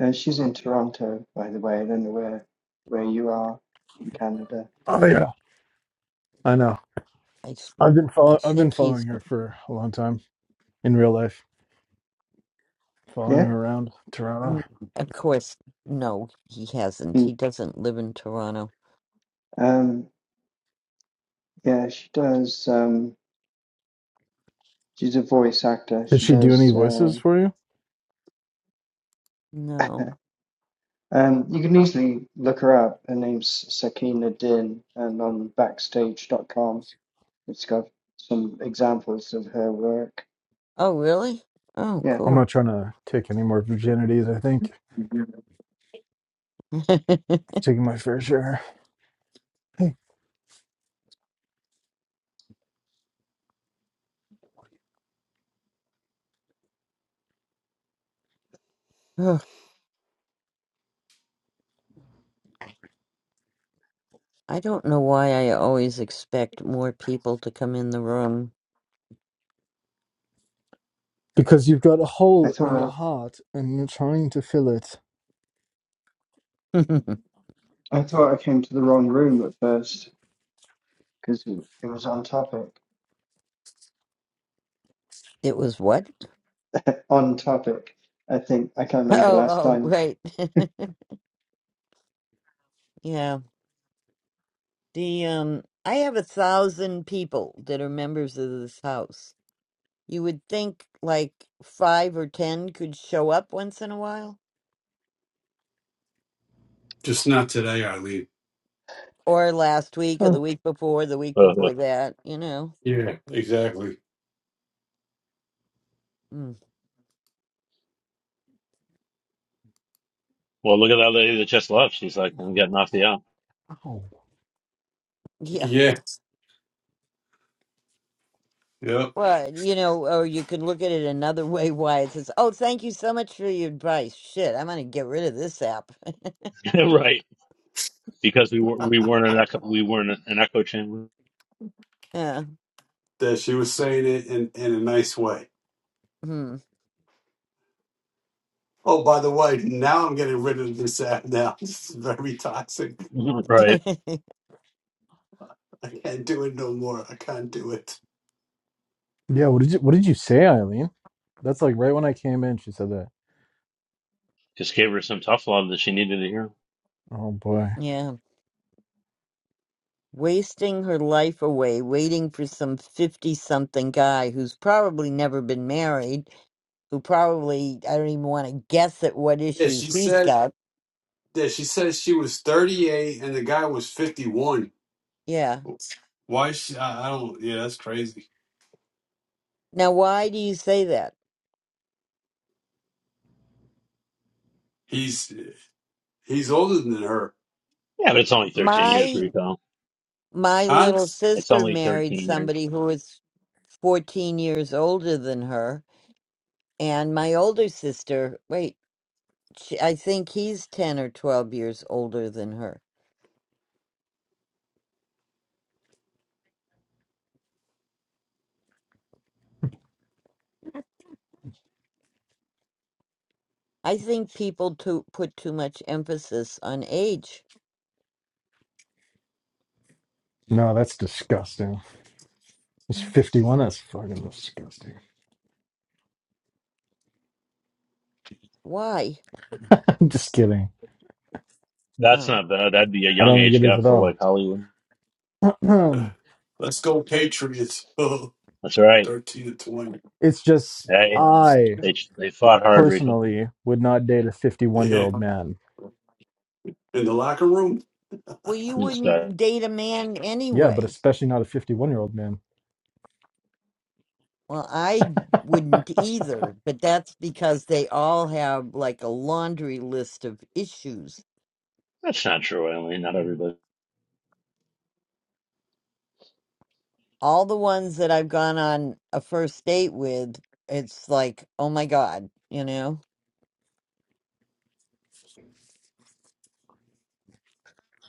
Speaker 6: Uh, she's in Toronto, by the way. I don't know where where you are in Canada.
Speaker 5: Oh yeah. I know.
Speaker 1: I, s-
Speaker 5: I've been
Speaker 1: I
Speaker 5: following. I've been
Speaker 1: think he's,
Speaker 5: following her for a long time in real life. Following
Speaker 6: Yeah.
Speaker 5: her around
Speaker 1: mm,
Speaker 5: Toronto.
Speaker 1: of course, no, he
Speaker 6: Hmm.
Speaker 1: hasn't. He doesn't live in Toronto.
Speaker 6: Um, yeah, she does. Um, she's a voice actor.
Speaker 5: Did
Speaker 6: She
Speaker 5: she do any
Speaker 6: does.
Speaker 5: voices
Speaker 6: Um,
Speaker 5: for you?
Speaker 1: No.
Speaker 6: um, you can easily look her up. Her name's Sakina Din, and on Backstage dot com, it's got some examples of her work.
Speaker 1: Oh, really? Oh,
Speaker 6: Yeah,
Speaker 1: cool.
Speaker 5: I'm not trying to take any more virginities. I think I've taken my fair share. Hey,
Speaker 1: Ugh, I don't know why I always expect more people to come in the room.
Speaker 5: because you've got a
Speaker 6: I
Speaker 5: hole in your
Speaker 6: thought
Speaker 5: heart and you're trying to fill it.
Speaker 1: it
Speaker 6: I, I thought I came to the wrong room at first because it it was on topic.
Speaker 1: was what?
Speaker 6: On topic, I think I can't
Speaker 1: Oh,
Speaker 6: remember the last
Speaker 1: oh,
Speaker 6: time.
Speaker 1: right. yeah. The um I have a thousand people that are members of this house. You would think like five or ten could show up once in a while.
Speaker 3: Just not today, Eileen.
Speaker 1: Or last week or the
Speaker 6: Oh,
Speaker 1: week before, the week
Speaker 2: Uh, uh,
Speaker 1: before that, you know.
Speaker 3: Yeah, exactly.
Speaker 1: Mm.
Speaker 2: well, look at that lady that just left. She's like, I'm getting off the app,
Speaker 5: Oh,
Speaker 1: Yeah.
Speaker 3: Yeah. Yep.
Speaker 1: Well, you know, or you can look at it another way why it says, Oh, thank you so much for your advice. Shit, I'm gonna get rid of this app.
Speaker 2: right? Because we were we weren't an echo, we weren't an echo chamber,
Speaker 1: yeah.
Speaker 3: that she was saying it in, in a nice way.
Speaker 1: Hmm.
Speaker 3: Oh, by the way, now I'm getting rid of this app now. This is very toxic.
Speaker 2: right?
Speaker 3: I can't do it no more. I can't do it.
Speaker 5: Yeah. What did you What did you say, Eileen? That's like right when I came in. She said that.
Speaker 2: Just gave her some tough love that she needed to hear.
Speaker 5: Oh boy.
Speaker 1: yeah. Wasting her life away waiting for some 50 something guy who's probably never been married, who probably, I don't even want to guess at what
Speaker 3: Yeah,
Speaker 1: issues
Speaker 3: she
Speaker 1: he's
Speaker 3: said
Speaker 1: got.
Speaker 3: that she said she was 38 and the guy was 51.
Speaker 1: Yeah.
Speaker 3: Why she, I, I don't yeah, that's crazy.
Speaker 1: Now, why do you say that?
Speaker 3: He's he's older than her.
Speaker 2: Yeah, but it's only 13 years,
Speaker 1: My
Speaker 2: Rico.
Speaker 1: my
Speaker 3: Huh?
Speaker 1: little
Speaker 2: It's
Speaker 1: sister
Speaker 2: only
Speaker 1: married
Speaker 2: 13 years.
Speaker 1: somebody who was 14 years older than her And my older sister, wait, she, I think he's 10 or 12 years older than her. I think people to put too much emphasis on age.
Speaker 5: No, that's disgusting. It's 51. That's fucking disgusting.
Speaker 1: Why?
Speaker 5: I'm just kidding.
Speaker 2: That's
Speaker 1: Oh.
Speaker 2: not bad. That'd be a
Speaker 5: I
Speaker 2: young
Speaker 5: don't think
Speaker 2: age
Speaker 5: it is
Speaker 2: gap
Speaker 5: at
Speaker 2: for
Speaker 5: all.
Speaker 2: like Hollywood.
Speaker 3: Let's go Patriots. 13
Speaker 2: That's right.
Speaker 3: to 20.
Speaker 5: it's just
Speaker 2: Hey,
Speaker 3: Bombs.
Speaker 5: I.
Speaker 2: they they fought hard, Rico.
Speaker 5: personally would not date a 51 year
Speaker 3: Yeah.
Speaker 5: old man.
Speaker 3: In the locker room?
Speaker 1: Well, you
Speaker 2: It's good.
Speaker 1: wouldn't date a man
Speaker 5: Yeah, but
Speaker 1: anyway.
Speaker 5: especially not a 51 year old man.
Speaker 1: Well, I wouldn't either, but that's because they all have like a laundry list of issues.
Speaker 2: That's not true, Eileen. Not everybody.
Speaker 1: All the ones that I've gone on a first date with, it's like, oh my God, you know?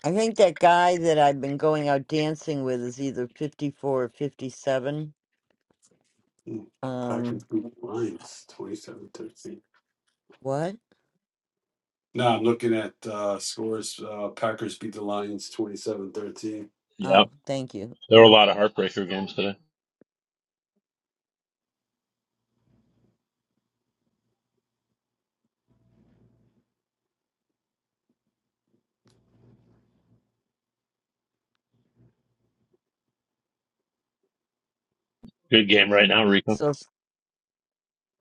Speaker 1: I think that guy that I've been going out dancing with is either 54 or 57.
Speaker 3: Hmm, Packers
Speaker 1: Um,
Speaker 3: beat the Lions twenty seven thirteen.
Speaker 1: what?
Speaker 3: 13 No, I'm looking at uh, scores. Uh, Packers beat the Lions twenty seven thirteen.
Speaker 2: Yeah,
Speaker 1: Oh, thank you.
Speaker 2: there were a
Speaker 1: Uh,
Speaker 2: lot of heartbreaker games today. Good game right now, Rico.
Speaker 1: so, s-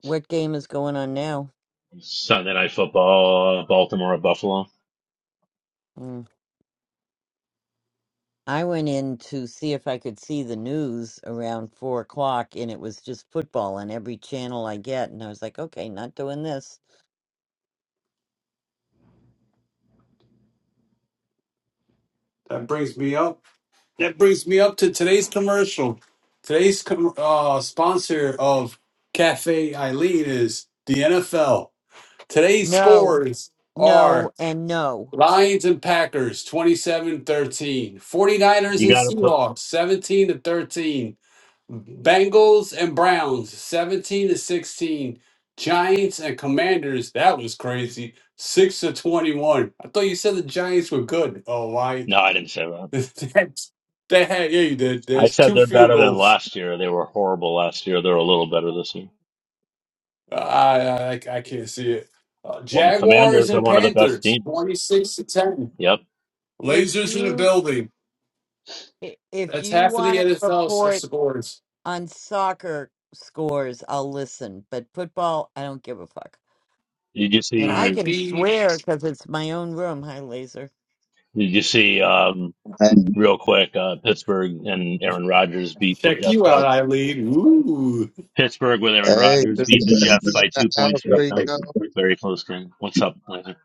Speaker 1: what game is going on now?
Speaker 2: Sunday night football, uh, Baltimore at Buffalo.
Speaker 1: Mm. I went in to see if I could see the news around four o'clock, and it was just football on every channel I get. And I was like, okay, not doing this.
Speaker 3: That brings me up. That brings me up to today's commercial. Today's com- uh, sponsor of Cafe Eileen is the NFL. Today's
Speaker 1: No,
Speaker 3: scores are
Speaker 1: no, and no.
Speaker 3: Lions and Packers 27 13. 49ers
Speaker 2: You got to
Speaker 3: and
Speaker 2: put.
Speaker 3: Seahawks 17 to 13. Bengals and Browns 17 to 16. Giants and Commanders, that was crazy. 6 to 21. I thought you said the Giants were good. Oh, why?
Speaker 2: No, I didn't say that.
Speaker 3: That's- they had, yeah, you did.
Speaker 2: I
Speaker 3: There's
Speaker 2: said
Speaker 3: two
Speaker 2: they're
Speaker 3: field
Speaker 2: better than
Speaker 3: goals.
Speaker 2: last year. They were horrible last year. They're a little better this year.
Speaker 3: Uh, I, I, I I can't see it. Uh,
Speaker 2: Well, the
Speaker 3: Jaguars
Speaker 2: Commanders are
Speaker 3: and
Speaker 2: one of the best
Speaker 3: Panthers
Speaker 2: teams.
Speaker 3: 26 to 10.
Speaker 2: Yep.
Speaker 1: If
Speaker 3: Lasers in the
Speaker 1: you
Speaker 3: building.
Speaker 1: i- if
Speaker 3: That's
Speaker 1: you
Speaker 3: half of the
Speaker 1: want to
Speaker 3: NFL
Speaker 1: report
Speaker 3: scores.
Speaker 1: on soccer scores, I'll listen, but football, I don't give a fuck.
Speaker 2: Did you
Speaker 1: And
Speaker 3: All
Speaker 1: I
Speaker 2: see?
Speaker 3: right,
Speaker 1: can
Speaker 3: B,
Speaker 1: swear because it's my own room. Hi, Laser.
Speaker 2: Did you see? Um,
Speaker 7: And
Speaker 2: real quick, uh, Pittsburgh and Aaron Rodgers beat the
Speaker 3: check
Speaker 2: Jets
Speaker 3: you out,
Speaker 2: by
Speaker 3: Eileen. Ooh,
Speaker 2: Pittsburgh with Aaron
Speaker 7: hey,
Speaker 2: Rodgers
Speaker 7: just
Speaker 2: beat the Jets by two
Speaker 7: how
Speaker 2: points,
Speaker 7: free
Speaker 2: Rico.
Speaker 7: go.
Speaker 2: Very close game. What's up, Laser?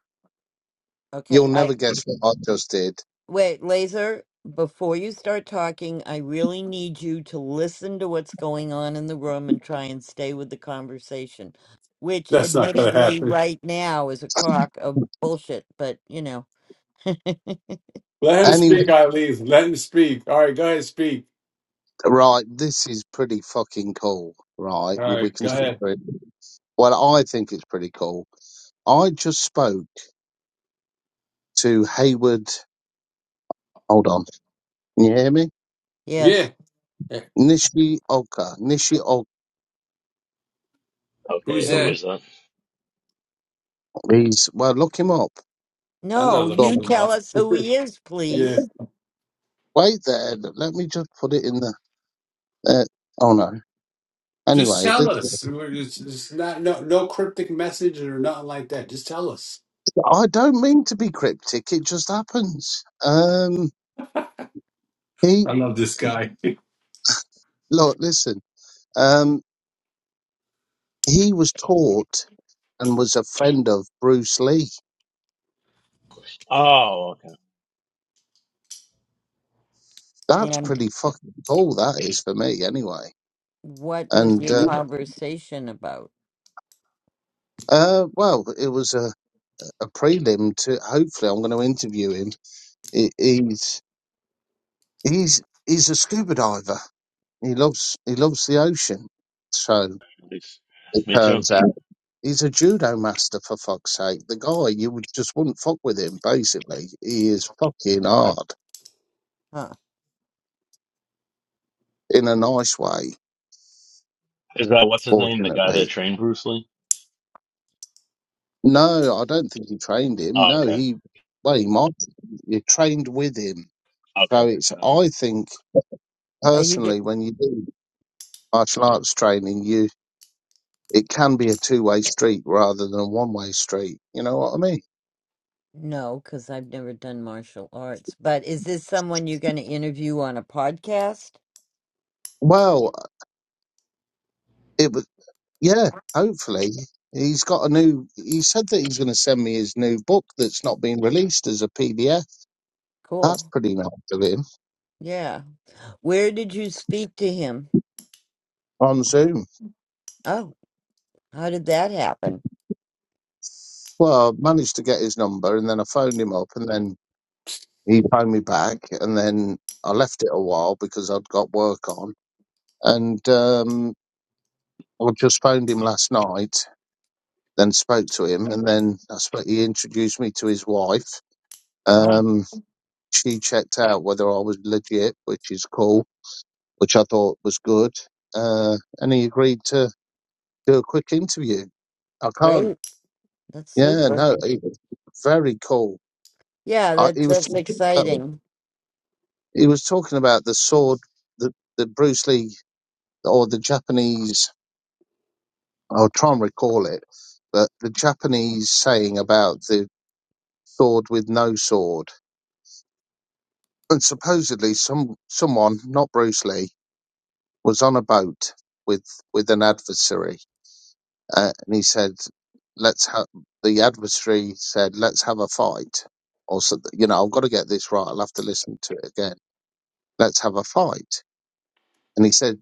Speaker 1: Okay,
Speaker 7: You'll never
Speaker 1: I
Speaker 7: guess what I just did.
Speaker 1: wait, Laser. Before you start talking, I really need you to listen to what's going on in the room and try and stay with the conversation, which
Speaker 3: that's not going to
Speaker 1: admittedly
Speaker 3: happen.
Speaker 1: right now is a crock of bullshit, but you know,
Speaker 3: Let him
Speaker 7: Anyway,
Speaker 3: speak, Eileen. Let him speak. All right, go ahead, speak.
Speaker 7: right, this is pretty fucking cool, right?
Speaker 3: All
Speaker 7: We
Speaker 3: right, go
Speaker 7: can.
Speaker 3: ahead.
Speaker 7: Well, I think it's pretty cool. I just spoke to Hayward. Hold on, can you hear me?
Speaker 3: Yeah.
Speaker 1: yes.
Speaker 3: Eh,
Speaker 7: Nishioka. Nishioka.
Speaker 3: Who's
Speaker 2: Okay, who
Speaker 1: And
Speaker 3: that?
Speaker 2: is that?
Speaker 7: He's well. Look him up.
Speaker 3: I'm
Speaker 1: no,
Speaker 3: not
Speaker 7: Go
Speaker 1: you
Speaker 3: looking
Speaker 7: on.
Speaker 3: him up.
Speaker 1: tell us who he is,
Speaker 3: yeah.
Speaker 1: please.
Speaker 7: Wait there. Let me just put it in the. Uh, oh no.
Speaker 3: Just
Speaker 7: Anyway,
Speaker 3: tell
Speaker 7: this,
Speaker 3: us. We're just, just not no no cryptic message or nothing like that. Just tell us.
Speaker 7: I don't mean to be cryptic. It just happens. Um, He.
Speaker 3: I love this guy.
Speaker 7: Look, listen. Um, he was taught and was a friend of Bruce Lee.
Speaker 2: Oh,
Speaker 7: That's
Speaker 1: and.
Speaker 7: pretty fucking cool. That is for me, anyway.
Speaker 1: What was
Speaker 7: And
Speaker 1: your
Speaker 7: uh,
Speaker 1: conversation about?
Speaker 7: uh, well, it was a, a prelim to. Hopefully, I'm going to interview him. He, he's he's he's a scuba diver. He loves he loves the ocean. So
Speaker 2: okay.
Speaker 7: it
Speaker 2: Me too.
Speaker 7: turns out he's a judo master. For fuck's sake, the guy you would just wouldn't fuck with him. Basically, he is fucking hard
Speaker 1: Huh?
Speaker 7: in a nice way
Speaker 2: Is that what's his name? The guy that
Speaker 7: fortunately.
Speaker 2: trained Bruce Lee?
Speaker 7: No, I don't think he trained him.
Speaker 2: Oh,
Speaker 7: No,
Speaker 2: okay.
Speaker 7: he, well, he might. You trained with him. So
Speaker 2: Okay.
Speaker 7: it's,
Speaker 2: Got
Speaker 7: I think,
Speaker 1: Are you go-
Speaker 7: personally, when you do martial arts training, you, it can be a two way street rather than a one way street. You know what I mean?
Speaker 1: no, because I've never done martial arts. But is this someone you're going to interview on a podcast?
Speaker 7: Well, it was, yeah, hopefully. He's got a new, he said that he's going to send me his new book that's not been released as a PDF. That's
Speaker 1: Cool.
Speaker 7: pretty nice of him
Speaker 1: Yeah. Where did you speak to him?
Speaker 7: on Zoom.
Speaker 1: Oh, how did that happen?
Speaker 7: Well, I managed to get his number and then I phoned him up and then he phoned me back and then I left it a while because I'd got work on and um I just phoned him last night then spoke to him and then I suppose he introduced me to his wife
Speaker 1: Wow,
Speaker 7: um she checked out whether I was legit which is cool which I thought was good uh and he agreed to do a quick interview I can't
Speaker 1: great. That's
Speaker 7: yeah
Speaker 1: super.
Speaker 7: no he, very cool
Speaker 1: Yeah,
Speaker 7: I,
Speaker 1: that's
Speaker 7: he was
Speaker 1: that's
Speaker 7: talking about,
Speaker 1: exciting.
Speaker 7: he was talking about the sword the the Bruce Lee or the Japanese I'll try and recall it, but the Japanese saying about the sword with no sword. And supposedly some someone, not Bruce Lee, was on a boat with with an adversary, uh, and he said, "Let's have." The adversary said, "Let's have a fight." Or so, you know, I've got to get this right. I'll have to listen to it again. Let's have a fight. And he said,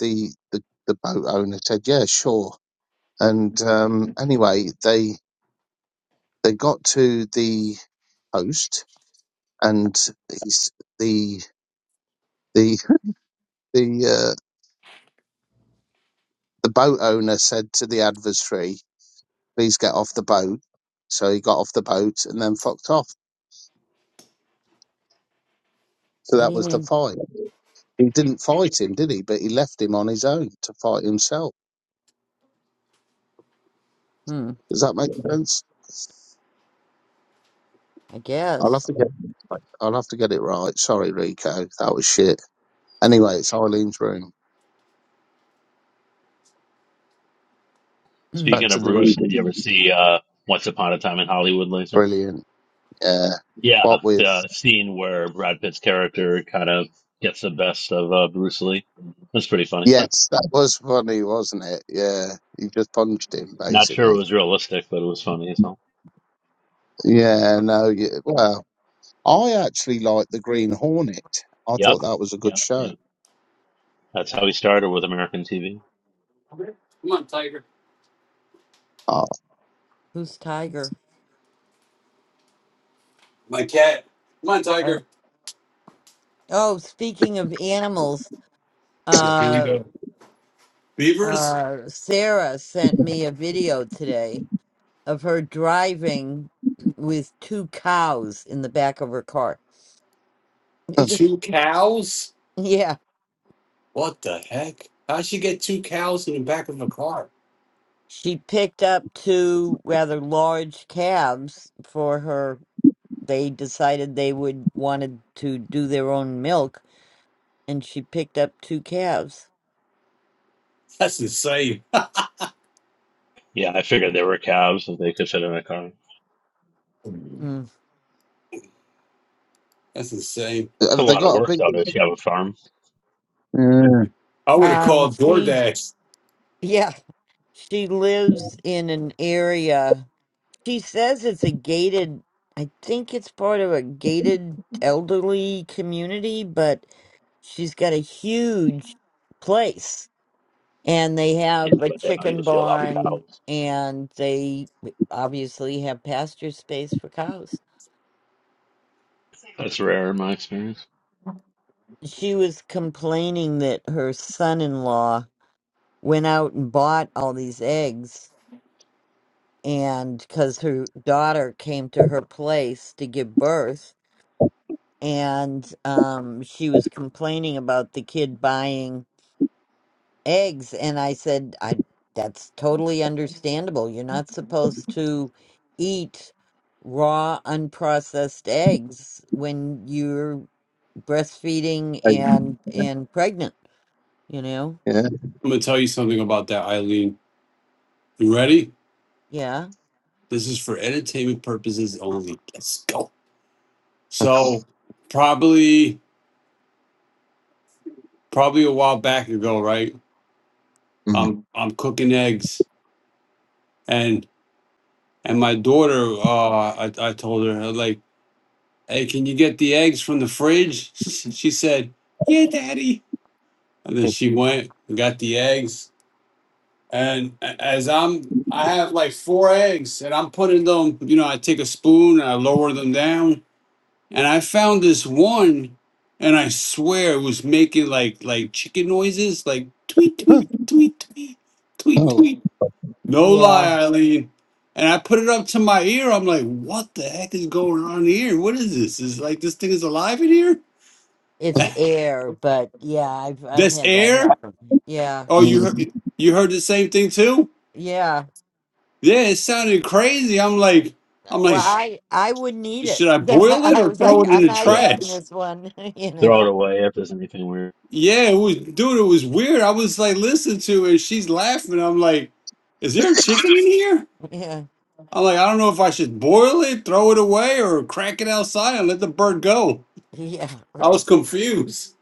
Speaker 7: the the the boat owner said, "Yeah, sure." And um, anyway, they they got to the coast and he's, the the the uh, the boat owner said to the adversary, "Please get off the boat." So he got off the boat and then fucked off. So
Speaker 1: What do
Speaker 7: that
Speaker 1: you
Speaker 7: was the
Speaker 1: mean?
Speaker 7: fight. He didn't fight him, did he? But he left him on his own to fight himself.
Speaker 1: Hmm.
Speaker 7: Does that make sense?
Speaker 1: I
Speaker 7: I'll have
Speaker 1: guess.
Speaker 7: to get I'll have to get it right. Sorry, Rico, that was shit. Anyway, it's Eileen's room.
Speaker 1: Hmm.
Speaker 7: Back
Speaker 2: Speaking
Speaker 7: to
Speaker 2: of
Speaker 7: the
Speaker 2: Bruce, did you ever
Speaker 7: room.
Speaker 2: see uh Once Upon a Time in Hollywood Laser?
Speaker 7: Brilliant. Yeah.
Speaker 2: Yeah,
Speaker 7: What with?
Speaker 2: the scene where Brad Pitt's character kind of gets the best of uh, Bruce Lee. That's pretty funny.
Speaker 7: Yes, that was funny, wasn't it? Yeah, you just punched him
Speaker 2: Not sure it
Speaker 7: basically.
Speaker 2: was realistic, but it was funny as hell.
Speaker 7: Yeah, no, yeah, well, I actually liked the Green Hornet. I
Speaker 2: Yep.
Speaker 7: thought that was a good
Speaker 2: Yep.
Speaker 7: show.
Speaker 2: Yep. That's how he started with American TV.
Speaker 3: Come on, Tiger.
Speaker 7: Oh,
Speaker 1: Who's Tiger?
Speaker 3: My cat. Come on,
Speaker 1: Oh,
Speaker 3: Tiger.
Speaker 1: oh. Speaking of animals,
Speaker 3: Yeah. Here we
Speaker 1: uh.
Speaker 3: go. Beavers?
Speaker 1: uh, Sarah sent me a video today of her driving with two cows in the back of her car.
Speaker 7: have
Speaker 3: Two cows?
Speaker 1: yeah,
Speaker 3: What the heck? How'd she get two cows in the back of a car?
Speaker 1: she picked up two rather large calves for her. They decided they would wanted to do their own milk, and she picked up two calves.
Speaker 3: That's insane.
Speaker 2: Yeah, I figured there were calves that they could fit in a car.
Speaker 1: Mm.
Speaker 3: That's insane.
Speaker 2: It's a
Speaker 7: they
Speaker 2: lot of
Speaker 7: got a
Speaker 2: work
Speaker 7: big?
Speaker 2: though if you have a farm.
Speaker 7: Yeah,
Speaker 3: I would have
Speaker 1: Um,
Speaker 3: called
Speaker 1: she
Speaker 3: DoorDash.
Speaker 1: yeah, she lives in an area She says it's a gated, I think it's part of a gated elderly community, but she's got a huge place and they
Speaker 2: Yeah,
Speaker 1: have a
Speaker 2: but they don't
Speaker 1: chicken
Speaker 2: usually allow
Speaker 1: barn
Speaker 2: cows.
Speaker 1: and they obviously have pasture space for cows.
Speaker 2: That's rare in my experience.
Speaker 1: She was complaining that her son-in-law went out and bought all these eggs and because her daughter came to her place to give birth and um she was complaining about the kid buying eggs and I said I that's totally understandable. You're not supposed to eat raw unprocessed eggs when you're breastfeeding and and pregnant, you know?
Speaker 7: yeah.
Speaker 3: I'm gonna tell you something about that, Eileen. You ready?
Speaker 1: Yeah.
Speaker 3: This is for entertainment purposes only. Let's go. So probably probably a while back ago, right?
Speaker 7: Mm.
Speaker 3: I'm I'm cooking eggs and and my daughter, uh, I, I told her like Hey, can you get the eggs from the fridge? She said, Yeah, daddy. And then she went and got the eggs. And as I'm, I have like four eggs and I'm putting them, you know, I take a spoon and I lower them down. And I found this one and I swear it was making like, like chicken noises, like tweet, tweet, tweet, tweet, tweet,
Speaker 7: Oh,
Speaker 3: tweet. No
Speaker 1: Yeah.
Speaker 3: lie, Eileen. And I put it up to my ear. I'm like, what the heck is going on here? What is this? Is like this thing is alive in here?
Speaker 1: It's air, but yeah, I've I've
Speaker 3: This
Speaker 1: had that
Speaker 3: air?
Speaker 1: happen. Yeah.
Speaker 3: Oh, you heard
Speaker 7: mm.
Speaker 3: you heard the same thing too?
Speaker 1: Yeah.
Speaker 3: Yeah, it sounded crazy. I'm like, I'm like,
Speaker 1: Well,
Speaker 3: "Sh-
Speaker 1: I I wouldn't eat it.
Speaker 3: should I boil it
Speaker 1: I
Speaker 3: or
Speaker 1: was like,
Speaker 3: throw it in
Speaker 1: I'm
Speaker 3: the
Speaker 1: not
Speaker 2: Yeah,
Speaker 1: eating
Speaker 3: trash?
Speaker 1: this one. you
Speaker 2: Throw it
Speaker 1: know?
Speaker 2: away if there's anything weird.
Speaker 3: Yeah, it was, dude. It was weird. I was like, listening to it. She's laughing. I'm like, is there a chicken in here?
Speaker 1: Yeah.
Speaker 3: I'm like, I don't know if I should boil it, throw it away, or crack it outside and let the bird go.
Speaker 1: Yeah.
Speaker 3: I was
Speaker 1: Right.
Speaker 3: confused.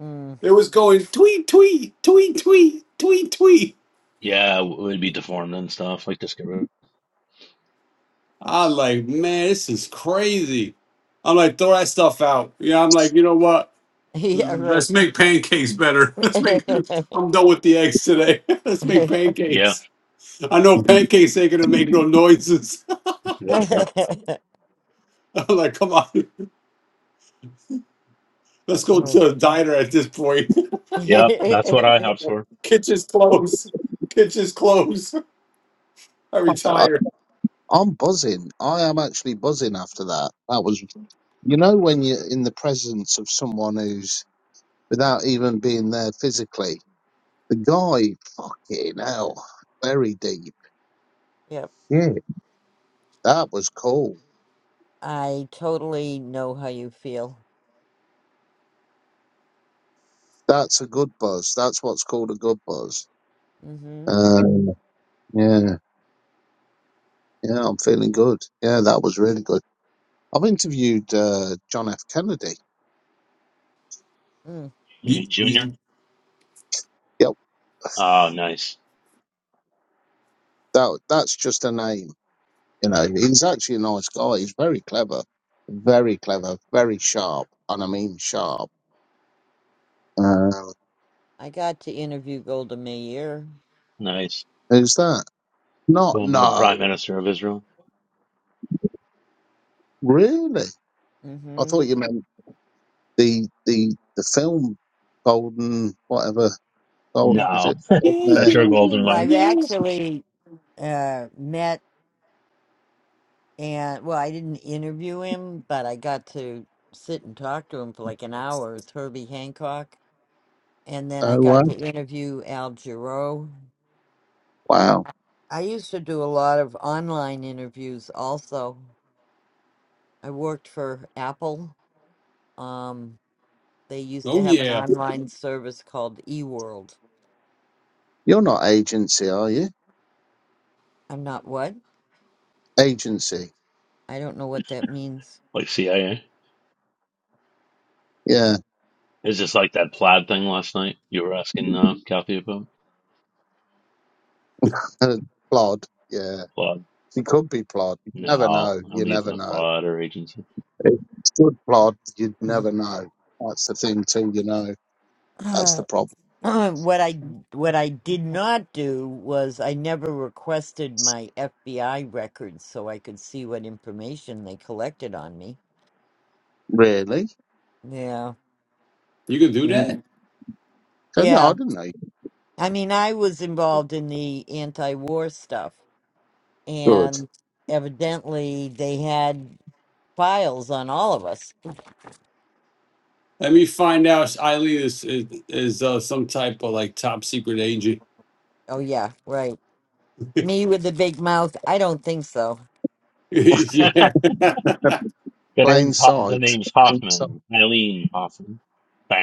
Speaker 1: Mm.
Speaker 3: It was going tweet, tweet, tweet, tweet, tweet, tweet.
Speaker 2: Yeah, it would be deformed and stuff. Like just get rid.
Speaker 3: I like, man, this is crazy. I'm like, throw that stuff out. Yeah, I'm like, you know what?
Speaker 1: Yeah.
Speaker 3: Let's
Speaker 1: Right.
Speaker 3: make pancakes better. Let's make. I'm done with the eggs today. Let's make
Speaker 2: Yeah,
Speaker 3: pancakes. I know pancakes ain't gonna make no noises.
Speaker 2: exactly.
Speaker 3: I'm like, come on, let's go
Speaker 1: Oh.
Speaker 3: to a diner at this point.
Speaker 2: Yeah, that's what I
Speaker 1: yep.
Speaker 2: hopes for.
Speaker 3: Kitchen's closed. Kitchen's closed. I
Speaker 7: I-
Speaker 3: retire.
Speaker 7: I'm buzzing. I am actually buzzing after that. That was, you know, when you're in the presence of someone who's without even being there physically. The guy, fucking hell, very deep. Yeah, that was cool.
Speaker 1: I totally know how you feel.
Speaker 7: That's a good buzz. That's what's called a good buzz.
Speaker 1: Mm-hmm.
Speaker 7: Um, yeah, yeah, I'm feeling good. Yeah, that was really good. I've interviewed uh, John F. Kennedy.
Speaker 1: Mm.
Speaker 2: You
Speaker 3: Ye-
Speaker 2: mean Junior?
Speaker 3: ye-
Speaker 7: Yep,
Speaker 2: Oh, nice,
Speaker 7: that that's just a name. You know, he's actually a nice guy. He's very clever, very clever, very sharp, and I mean sharp. Uh,
Speaker 1: I got to interview Golda Meir.
Speaker 2: nice.
Speaker 7: who's that? Not
Speaker 2: Former Prime
Speaker 7: no,
Speaker 2: Minister of Israel.
Speaker 7: really. I
Speaker 1: Mm-hmm.
Speaker 7: thought you meant the the the film Golden whatever. Gold,
Speaker 1: Well,
Speaker 7: is
Speaker 2: No,
Speaker 7: it
Speaker 3: Yeah,
Speaker 2: that's
Speaker 7: Golden
Speaker 3: yeah,
Speaker 2: your golden
Speaker 3: yeah,
Speaker 1: well,
Speaker 2: line.
Speaker 1: I've
Speaker 3: yeah.
Speaker 1: actually uh, met. And well, I didn't interview him, but I got to sit and talk to him for like an hour with Herbie Hancock. And then I
Speaker 7: Air?
Speaker 1: got to interview Al Giro.
Speaker 7: Wow.
Speaker 1: I used to do a lot of online interviews also. I worked for Apple. Um, they used to
Speaker 3: Oh
Speaker 1: have an
Speaker 3: yeah,
Speaker 1: online service called eWorld.
Speaker 7: You're not agency, are you?
Speaker 1: I'm not what?
Speaker 7: Agency.
Speaker 1: I don't know what that means.
Speaker 2: Like CIA.
Speaker 7: Yeah.
Speaker 2: It's just like that plaid thing last night. You were asking uh, Kathy about
Speaker 7: Uh, plod. Yeah.
Speaker 2: plaid.
Speaker 7: He could be plod. You never
Speaker 2: No,
Speaker 7: know.
Speaker 2: I
Speaker 7: You
Speaker 2: mean it's
Speaker 7: never
Speaker 2: not
Speaker 7: know.
Speaker 2: plaid or agency.
Speaker 7: It's good plod. You'd never know. That's the thing too, you know. That's the problem.
Speaker 1: what I what I did not do was I never requested my FBI records so I could see what information they collected on me.
Speaker 7: Really?
Speaker 1: Yeah.
Speaker 3: you can do
Speaker 7: Yeah.
Speaker 3: that.
Speaker 7: So, no, I
Speaker 1: Yeah.
Speaker 7: didn't know.
Speaker 1: I mean, I was involved in the anti-war stuff
Speaker 7: Good.
Speaker 1: and evidently they had files on all of us.
Speaker 3: Let me find out. Eileen is is, is uh, some type of like top secret agent.
Speaker 1: Oh yeah, right. Me with the big mouth. I don't think so.
Speaker 2: the
Speaker 3: yeah.
Speaker 7: Plain
Speaker 2: name's Ho- the
Speaker 7: sight.
Speaker 2: name's
Speaker 7: Plain sight.
Speaker 2: Hoffman. Eileen Hoffman. You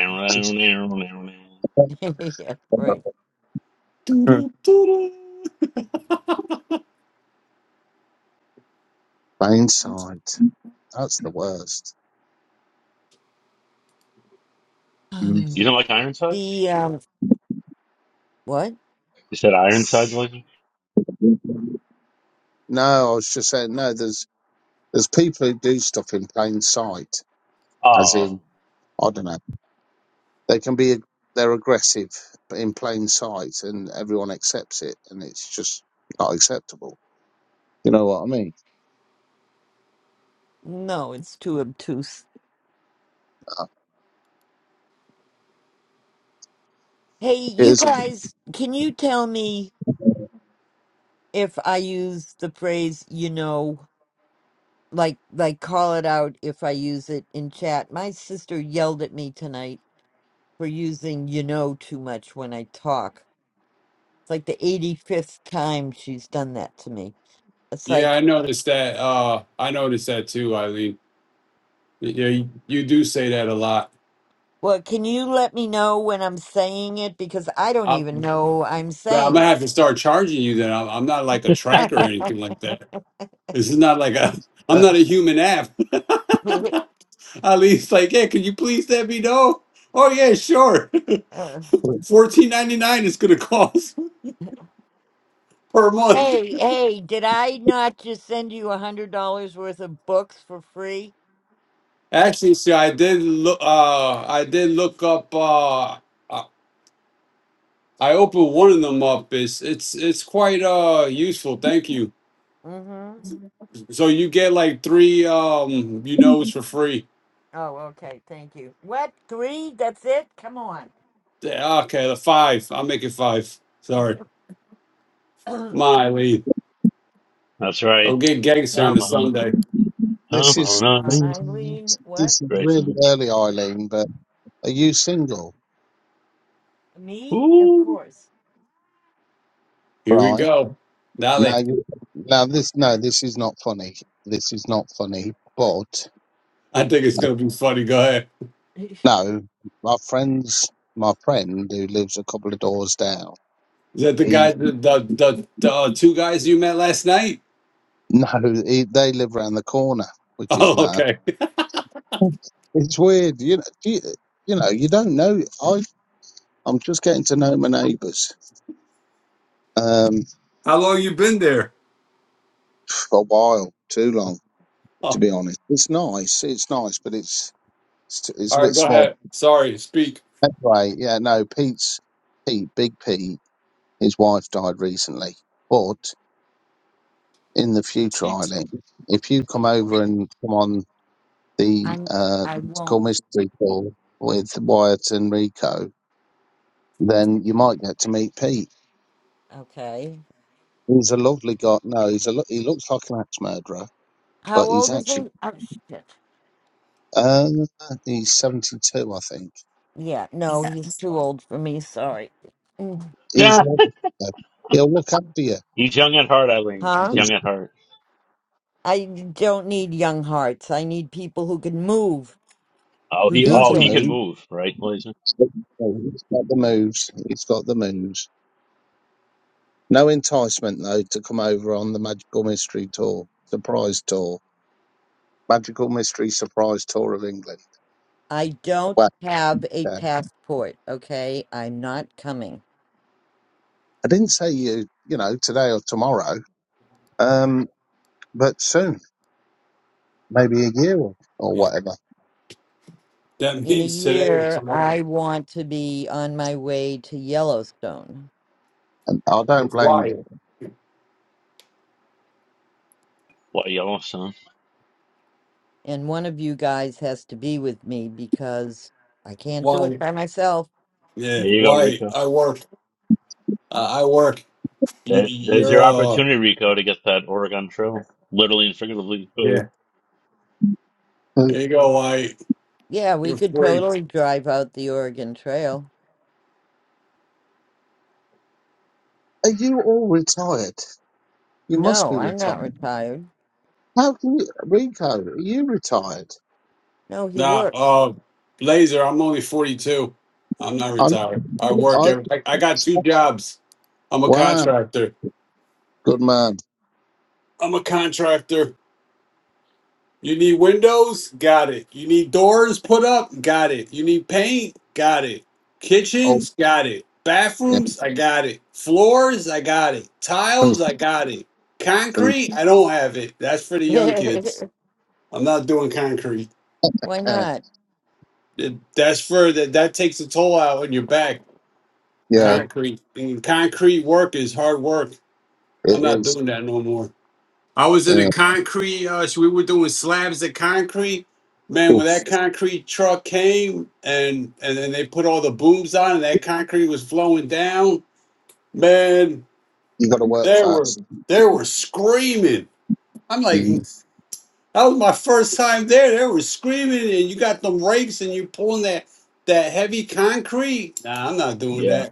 Speaker 1: yeah, right.
Speaker 3: Doo-doo, doo-doo.
Speaker 7: Plain sight. That's the worst. Mm.
Speaker 2: don't like Ironsides?
Speaker 1: The um what?
Speaker 2: You said Ironside's looking?
Speaker 7: No, I was just saying, no, there's, there's people who do stuff in plain sight, as
Speaker 2: Oh,
Speaker 7: in, I don't know. they can be they're aggressive in plain sight and everyone accepts it and it's just not acceptable you know what i mean
Speaker 1: No, it's too obtuse.
Speaker 7: Uh,
Speaker 1: Hey,
Speaker 7: it
Speaker 1: you
Speaker 7: is a,
Speaker 1: guys, can you tell me if I use the phrase you know, like like call it out if I use it in chat? My sister yelled at me tonight for using you know too much when I talk. It's like the 85th time she's done that to me. It's
Speaker 3: yeah, I
Speaker 1: like,
Speaker 3: noticed that. Uh, I noticed that too, Eileen. Yeah, you, you do say that a lot.
Speaker 1: well, can you let me know when I'm saying it because I don't even
Speaker 3: I'm,
Speaker 1: know I'm
Speaker 3: but I'm
Speaker 1: saying
Speaker 3: gonna have to start charging you. Then I'm, I'm not like a tracker or anything like that. This is not like a. I'm
Speaker 7: uh,
Speaker 3: not a human app.
Speaker 1: it.
Speaker 3: Eileen's like, yeah, could you please let me know? Oh yeah, sure. Fourteen ninety nine is gonna cost per month.
Speaker 1: Hey, hey, did I not just send you a hundred dollars worth of books for free?
Speaker 3: Actually, see, I did look. Uh, I did look up. Uh, I I opened one of them up. It's it's it's quite uh useful. Thank you.
Speaker 1: Mm-hmm.
Speaker 3: So you get like three um you know it's for free.
Speaker 1: Oh, okay, thank you. What? Three? That's it? Come on.
Speaker 3: Yeah, Okay, the five. I'll make it five. Sorry,
Speaker 1: Come
Speaker 3: my lead.
Speaker 2: that's right.
Speaker 3: Don't get gangster on
Speaker 2: Come
Speaker 3: the
Speaker 2: on,
Speaker 3: Sunday.
Speaker 2: come
Speaker 7: this is
Speaker 2: on,
Speaker 1: on,
Speaker 7: this
Speaker 2: Eileen.
Speaker 1: Eileen. What?
Speaker 7: is
Speaker 2: Great
Speaker 7: really
Speaker 2: song.
Speaker 7: early eileen but are you single
Speaker 1: Me? Of
Speaker 2: Ooh,
Speaker 1: course.
Speaker 3: Here we
Speaker 7: right
Speaker 3: go. Dale.
Speaker 7: now you now this no this is not funny this is not funny but
Speaker 3: I think it's gonna be funny. Go ahead.
Speaker 7: no my friends my friend who lives a couple of doors down
Speaker 3: Is that the guy?
Speaker 7: he
Speaker 3: The the the, the uh, two guys you met last night?
Speaker 7: no he, they live around the corner which is
Speaker 3: Oh,
Speaker 7: mad
Speaker 3: okay.
Speaker 7: It's weird, you know. You, you know, you don't know. I I'm just getting to know my neighbours um,
Speaker 3: How long you been there?
Speaker 7: for a while, too long, to be honest. It's nice, it's nice, but it's it's, it's a
Speaker 3: All right,
Speaker 7: bit
Speaker 3: go
Speaker 7: small.
Speaker 3: ahead. Sorry, speak.
Speaker 7: Anyway, yeah, no, Pete's Pete, Big Pete, his wife died recently, but in the future, Eileen, if you come over and come on the
Speaker 1: I'm
Speaker 7: uh,
Speaker 1: I
Speaker 7: mystical
Speaker 1: won't.
Speaker 7: mystery call with Wyatt and Rico, then you might get to meet Pete.
Speaker 1: Okay.
Speaker 7: He's a lovely guy. No, he's a lo- he looks like an axe murderer,
Speaker 1: How
Speaker 7: but he's
Speaker 1: old is he?
Speaker 7: actually
Speaker 1: Oh shit.
Speaker 7: uh, he's seventy two, I think.
Speaker 1: Yeah, no, he's too old for me, sorry. Mm.
Speaker 7: He's
Speaker 2: yeah.
Speaker 7: lovely. though. He'll look after you.
Speaker 2: He's young at heart, Eileen. He's
Speaker 1: Huh?
Speaker 2: young
Speaker 7: He's,
Speaker 2: at heart.
Speaker 1: I don't need young hearts. I need people who can move,
Speaker 2: Oh,
Speaker 1: who
Speaker 2: he,
Speaker 7: he
Speaker 1: do
Speaker 2: oh,
Speaker 7: can
Speaker 2: he
Speaker 1: things.
Speaker 2: can
Speaker 7: move.
Speaker 2: move, right, Blazer?
Speaker 7: He's got the moves. He's got the moves. No enticement though to come over on the Magical Mystery Tour surprise tour, Magical Mystery Surprise Tour of England.
Speaker 1: I don't
Speaker 7: Well,
Speaker 1: have a
Speaker 7: uh,
Speaker 1: passport, okay? I'm not coming.
Speaker 7: I didn't say you, you know, today or tomorrow, um, but soon, maybe a year or, or
Speaker 3: Yeah.
Speaker 7: whatever.
Speaker 3: That
Speaker 1: In a
Speaker 3: means today or
Speaker 1: year,
Speaker 3: tomorrow.
Speaker 1: I want to be on my way to Yellowstone.
Speaker 7: And I don't
Speaker 3: It's
Speaker 7: blame
Speaker 3: Wyatt.
Speaker 7: you.
Speaker 2: What a yellow son?
Speaker 1: And one of you guys has to be with me because I can't do it
Speaker 3: Wyatt.
Speaker 1: by myself.
Speaker 3: Yeah,
Speaker 2: There you go,
Speaker 3: Wyatt.
Speaker 2: Rico.
Speaker 3: I work. Uh, I work. You,
Speaker 2: There, there's
Speaker 3: you're
Speaker 2: your
Speaker 3: uh.
Speaker 2: opportunity, Rico, to get that Oregon Trail, literally and figuratively. Uh,
Speaker 3: Yeah. There you go, Wyatt.
Speaker 1: Yeah, we
Speaker 3: You're
Speaker 1: could
Speaker 3: free.
Speaker 1: totally drive out the Oregon Trail.
Speaker 7: Are you all retired? You must
Speaker 1: No,
Speaker 7: be
Speaker 1: I'm
Speaker 7: retired.
Speaker 1: not retired.
Speaker 7: How can you, Rico? Are you retired?
Speaker 1: No, he
Speaker 3: Nah,
Speaker 1: worked.
Speaker 3: uh, Laser. I'm only 42. I'm not
Speaker 7: i am
Speaker 3: retired. I work.
Speaker 7: I,
Speaker 3: Every, I, I got two jobs. I'm a
Speaker 7: wow,
Speaker 3: contractor.
Speaker 7: good man.
Speaker 3: I'm a contractor You need windows? Got it. You need doors put up? Got it. You need paint? Got it.
Speaker 7: Oh,
Speaker 3: Kitchens? Got it.
Speaker 7: yeah,
Speaker 3: Bathrooms? I got it. Floors? I got it.
Speaker 7: and,
Speaker 3: Tiles? I got it. Concrete? I don't have it. That's for the young kids.
Speaker 1: Why
Speaker 3: I'm not doing concrete.
Speaker 7: uh,
Speaker 1: not?
Speaker 3: It- That's for that. That takes a toll out on your back.
Speaker 7: yeah,
Speaker 1: Oh.
Speaker 3: Concrete and concrete work is hard work.
Speaker 7: it
Speaker 3: I'm not
Speaker 7: is.
Speaker 3: doing that no more. I was in
Speaker 7: Yeah,
Speaker 3: a concrete. Uh, so we were doing slabs of concrete. Man,
Speaker 7: oof.
Speaker 3: when that concrete truck came and and then they put all the booms on and that concrete was flowing down. Man,
Speaker 7: You got to work
Speaker 3: they were
Speaker 7: fast.
Speaker 3: they were screaming. I'm like, that
Speaker 7: Mm,
Speaker 3: was my first time there. They were screaming, and you got them rakes and you pulling that that heavy concrete. Nah, I'm not doing
Speaker 2: yeah,
Speaker 3: that.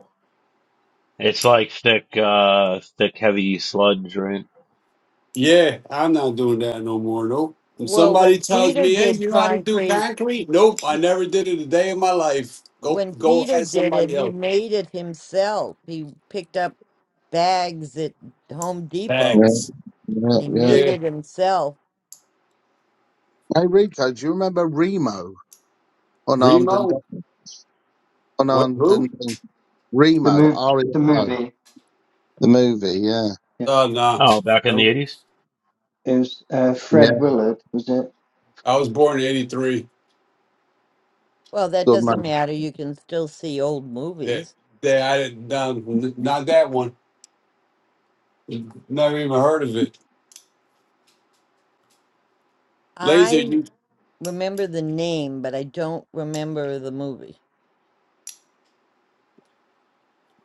Speaker 2: it's like thick, uh, thick, heavy sludge, right?
Speaker 3: Yeah, I'm not doing that no more. Nope. When
Speaker 1: Well,
Speaker 3: somebody
Speaker 1: when
Speaker 3: tells
Speaker 1: Peter
Speaker 3: me, "Hey,
Speaker 1: did
Speaker 3: you know how to do
Speaker 1: concrete.
Speaker 3: concrete?" Nope, I never did it a day in my life. Go,
Speaker 1: when
Speaker 3: go,
Speaker 1: Peter
Speaker 3: ask
Speaker 1: did it,
Speaker 3: somebody
Speaker 1: he
Speaker 3: else.
Speaker 1: made it himself. He picked up bags at Home
Speaker 7: Yeah,
Speaker 1: Depot
Speaker 3: Thanks.
Speaker 7: yeah,
Speaker 1: and he
Speaker 7: yeah.
Speaker 1: made
Speaker 3: Yeah,
Speaker 1: it himself.
Speaker 7: Hey, Rico, do you remember Remo? Unarmed and
Speaker 3: Remo.
Speaker 7: Dangerous?
Speaker 3: What?
Speaker 7: unarmed
Speaker 3: Who?
Speaker 7: and Dangerous.
Speaker 6: the
Speaker 7: Remo,
Speaker 6: move,
Speaker 7: R E M
Speaker 6: the
Speaker 7: O,
Speaker 6: movie.
Speaker 7: the movie. Yeah,
Speaker 6: Yeah,
Speaker 3: Uh, nah.
Speaker 2: Oh, back in the
Speaker 3: Nope.
Speaker 2: '80s.
Speaker 6: it was uh, Fred
Speaker 7: yeah,
Speaker 6: Willard, was it?
Speaker 3: I was born in '83.
Speaker 1: Well, that
Speaker 7: good man.
Speaker 1: doesn't matter. You can still see old
Speaker 3: That,
Speaker 1: movies.
Speaker 3: that I didn't. nah, n- not that one. Never even heard of it. Laser.
Speaker 1: I
Speaker 3: You.
Speaker 1: remember the name, but I don't remember the movie.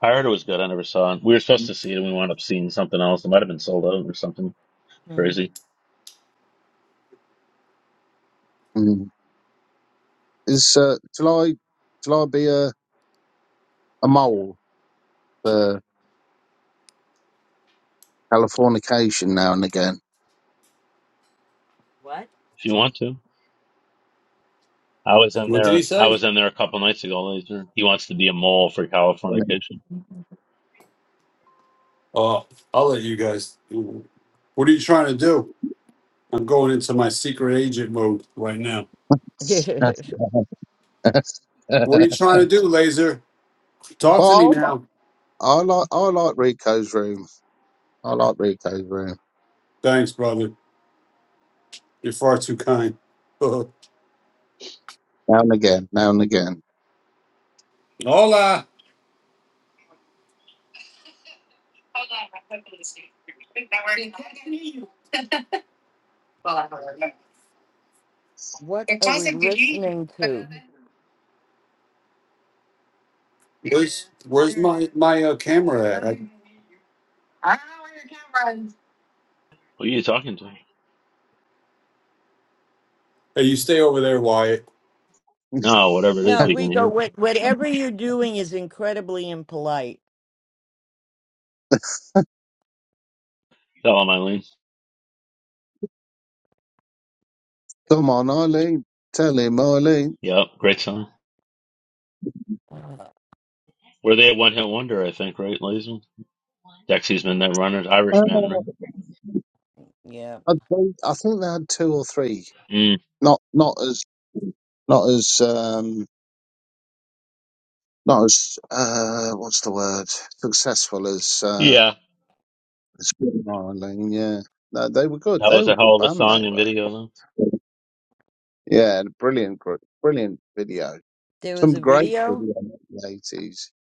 Speaker 2: I heard it was good. I never saw it. We were supposed to see it, and we wound up seeing something else. It might have been sold out or something
Speaker 1: Hmm.
Speaker 2: crazy.
Speaker 7: Mm. Is uh, shall I shall I be a, a mole for Californication now and again?
Speaker 1: What?
Speaker 2: If you want to, I was in
Speaker 3: What did he
Speaker 2: there. I
Speaker 3: say?
Speaker 2: was in there a couple nights ago. Later, he wants to be a mole for
Speaker 7: well,
Speaker 2: Californication.
Speaker 3: Oh, I'll let you guys. What are you trying to do? I'm going into my secret agent mode right now. What are you trying to do, Laser? Talk to me
Speaker 7: I, like,
Speaker 3: now.
Speaker 7: I like I like Rico's room. I like Rico's room
Speaker 3: Thanks, brother. You're far too kind. Hola.
Speaker 7: now and again, now and again.
Speaker 1: what are we listening to?
Speaker 3: Where's Where's my my uh, camera at? I-
Speaker 2: Who are you talking to?
Speaker 3: hey, you stay over there, Wyatt.
Speaker 2: No, whatever it is,
Speaker 1: No,
Speaker 2: we can
Speaker 1: Rico,
Speaker 2: hear.
Speaker 1: what, whatever you're doing is incredibly impolite.
Speaker 2: Tell him, Eileen.
Speaker 7: Come on, Eileen, tell him,
Speaker 2: Yep, great song. Were they a one hit wonder? I think, right, Laser? Dexy's been that runner,
Speaker 7: Um,
Speaker 2: Irishman, right?
Speaker 1: Yeah.
Speaker 7: I, they, I think they had two or three.
Speaker 2: Mm.
Speaker 7: Not not as not as um, not as uh, what's the word successful as uh,
Speaker 2: Yeah,
Speaker 7: as Green Island. Yeah, no, they were good.
Speaker 2: that
Speaker 7: They
Speaker 2: was
Speaker 7: were a
Speaker 2: a hell
Speaker 7: good
Speaker 2: of a
Speaker 7: band. They
Speaker 2: song and
Speaker 7: were.
Speaker 2: video, though.
Speaker 7: Yeah, and a brilliant group, brilliant video.
Speaker 1: There was
Speaker 7: Some
Speaker 1: a
Speaker 7: great
Speaker 1: video.
Speaker 7: video in the eighties.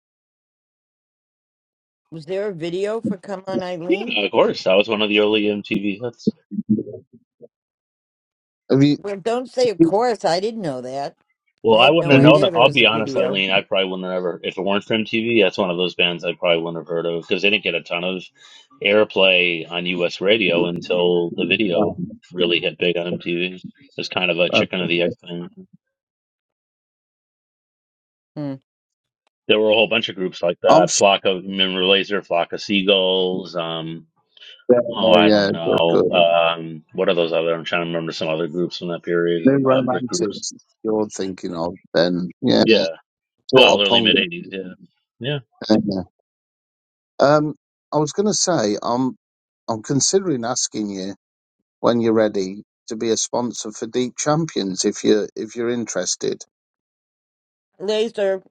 Speaker 1: Was there a video for Come On Eileen?
Speaker 2: Yeah, of course, that was one of the early MTV hits.
Speaker 7: Have you?
Speaker 1: Well, don't say of course. I didn't know that. I
Speaker 2: Well, I
Speaker 1: had
Speaker 2: wouldn't
Speaker 1: no
Speaker 2: have
Speaker 7: Have you?
Speaker 2: known
Speaker 1: idea
Speaker 2: it.
Speaker 1: there
Speaker 2: I'll
Speaker 1: was
Speaker 2: be
Speaker 1: a
Speaker 2: honest,
Speaker 1: video.
Speaker 2: Eileen. I probably wouldn't have ever, if it weren't for MTV, that's one of those bands I probably wouldn't have heard of because they didn't get a ton of airplay on US radio until the
Speaker 7: no,
Speaker 2: video really hit big on MTV. It's kind of a
Speaker 7: no.
Speaker 2: chicken of the egg thing.
Speaker 1: Hmm.
Speaker 2: There were a whole bunch of groups like
Speaker 7: I'm.
Speaker 2: that.
Speaker 7: s-
Speaker 2: Flock of, remember Laser, Flock of Seagulls. Um,
Speaker 7: Yeah,
Speaker 2: oh, I
Speaker 7: yeah,
Speaker 2: don't
Speaker 7: good,
Speaker 2: know.
Speaker 7: good.
Speaker 2: Um, what are those other? I'm trying to remember some other groups from that period.
Speaker 7: New
Speaker 2: Uh, brick groups.
Speaker 7: romantics. You're thinking of then? Yeah,
Speaker 2: Yeah.
Speaker 7: sort
Speaker 2: Well,
Speaker 7: of
Speaker 2: early
Speaker 7: punk.
Speaker 2: mid 80s. Yeah. Yeah.
Speaker 7: yeah. Um, I was going to say I'm I'm considering asking you when you're ready to be a sponsor for Deep Champions if you if you're interested.
Speaker 1: Laser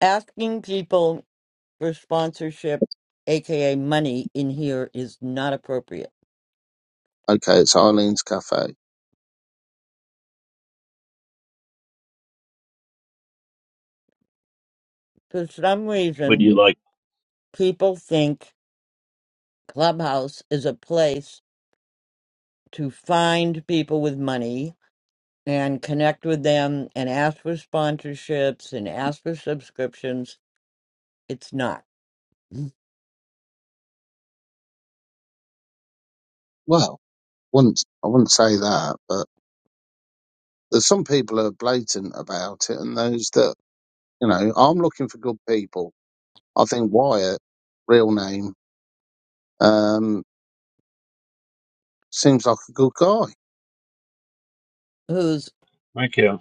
Speaker 1: asking people for sponsorship, aka money, in here is not appropriate.
Speaker 7: Okay, it's Eileen's Cafe.
Speaker 1: For some
Speaker 2: Would
Speaker 1: reason,
Speaker 2: you like?
Speaker 1: people think Clubhouse is a place to find people with money and connect with them and ask for sponsorships and ask for subscriptions. It's not.
Speaker 7: Well, wouldn't I wouldn't say that, but there's some people who are blatant about it, and those that you know I'm looking for good people. I think Wyatt, real name, um, seems like a good guy.
Speaker 1: Who's
Speaker 2: Thank you.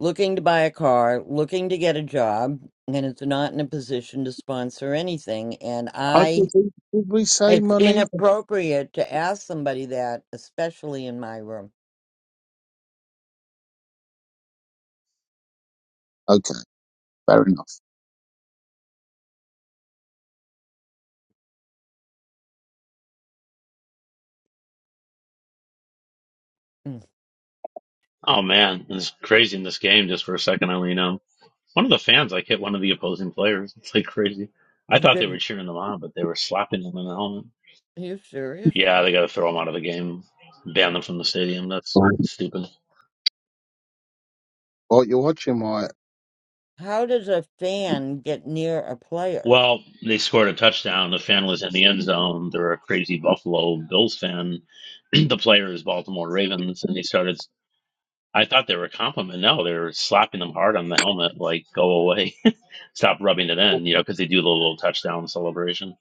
Speaker 1: looking to buy a car, looking to get a job, and it's not in a position to sponsor anything. And
Speaker 7: I
Speaker 1: I,
Speaker 7: did, did we say
Speaker 1: it's
Speaker 7: money?
Speaker 1: inappropriate to ask somebody that, especially in my room.
Speaker 7: Okay, fair enough.
Speaker 1: Mm.
Speaker 2: Oh man, it's crazy in this game. Just for a second, I lean on one of the fans. Like hit one of the opposing players. It's like crazy. I thought they
Speaker 1: Did-
Speaker 2: were cheering them on, but they were slapping them in the helmet.
Speaker 1: Are you serious?
Speaker 2: Yeah, they got to throw them out of the game, ban them from the stadium. That's stupid.
Speaker 7: What you're watching, Wyatt?
Speaker 1: How does a fan get near a player?
Speaker 2: Well, they scored a touchdown. The fan was in the end zone. They're a crazy Buffalo Bills fan. the player is Baltimore Ravens, and he started. I thought they were complimenting. No, they were slapping them hard on the helmet, like "Go away, stop rubbing it in," you know, because they do the little touchdown celebration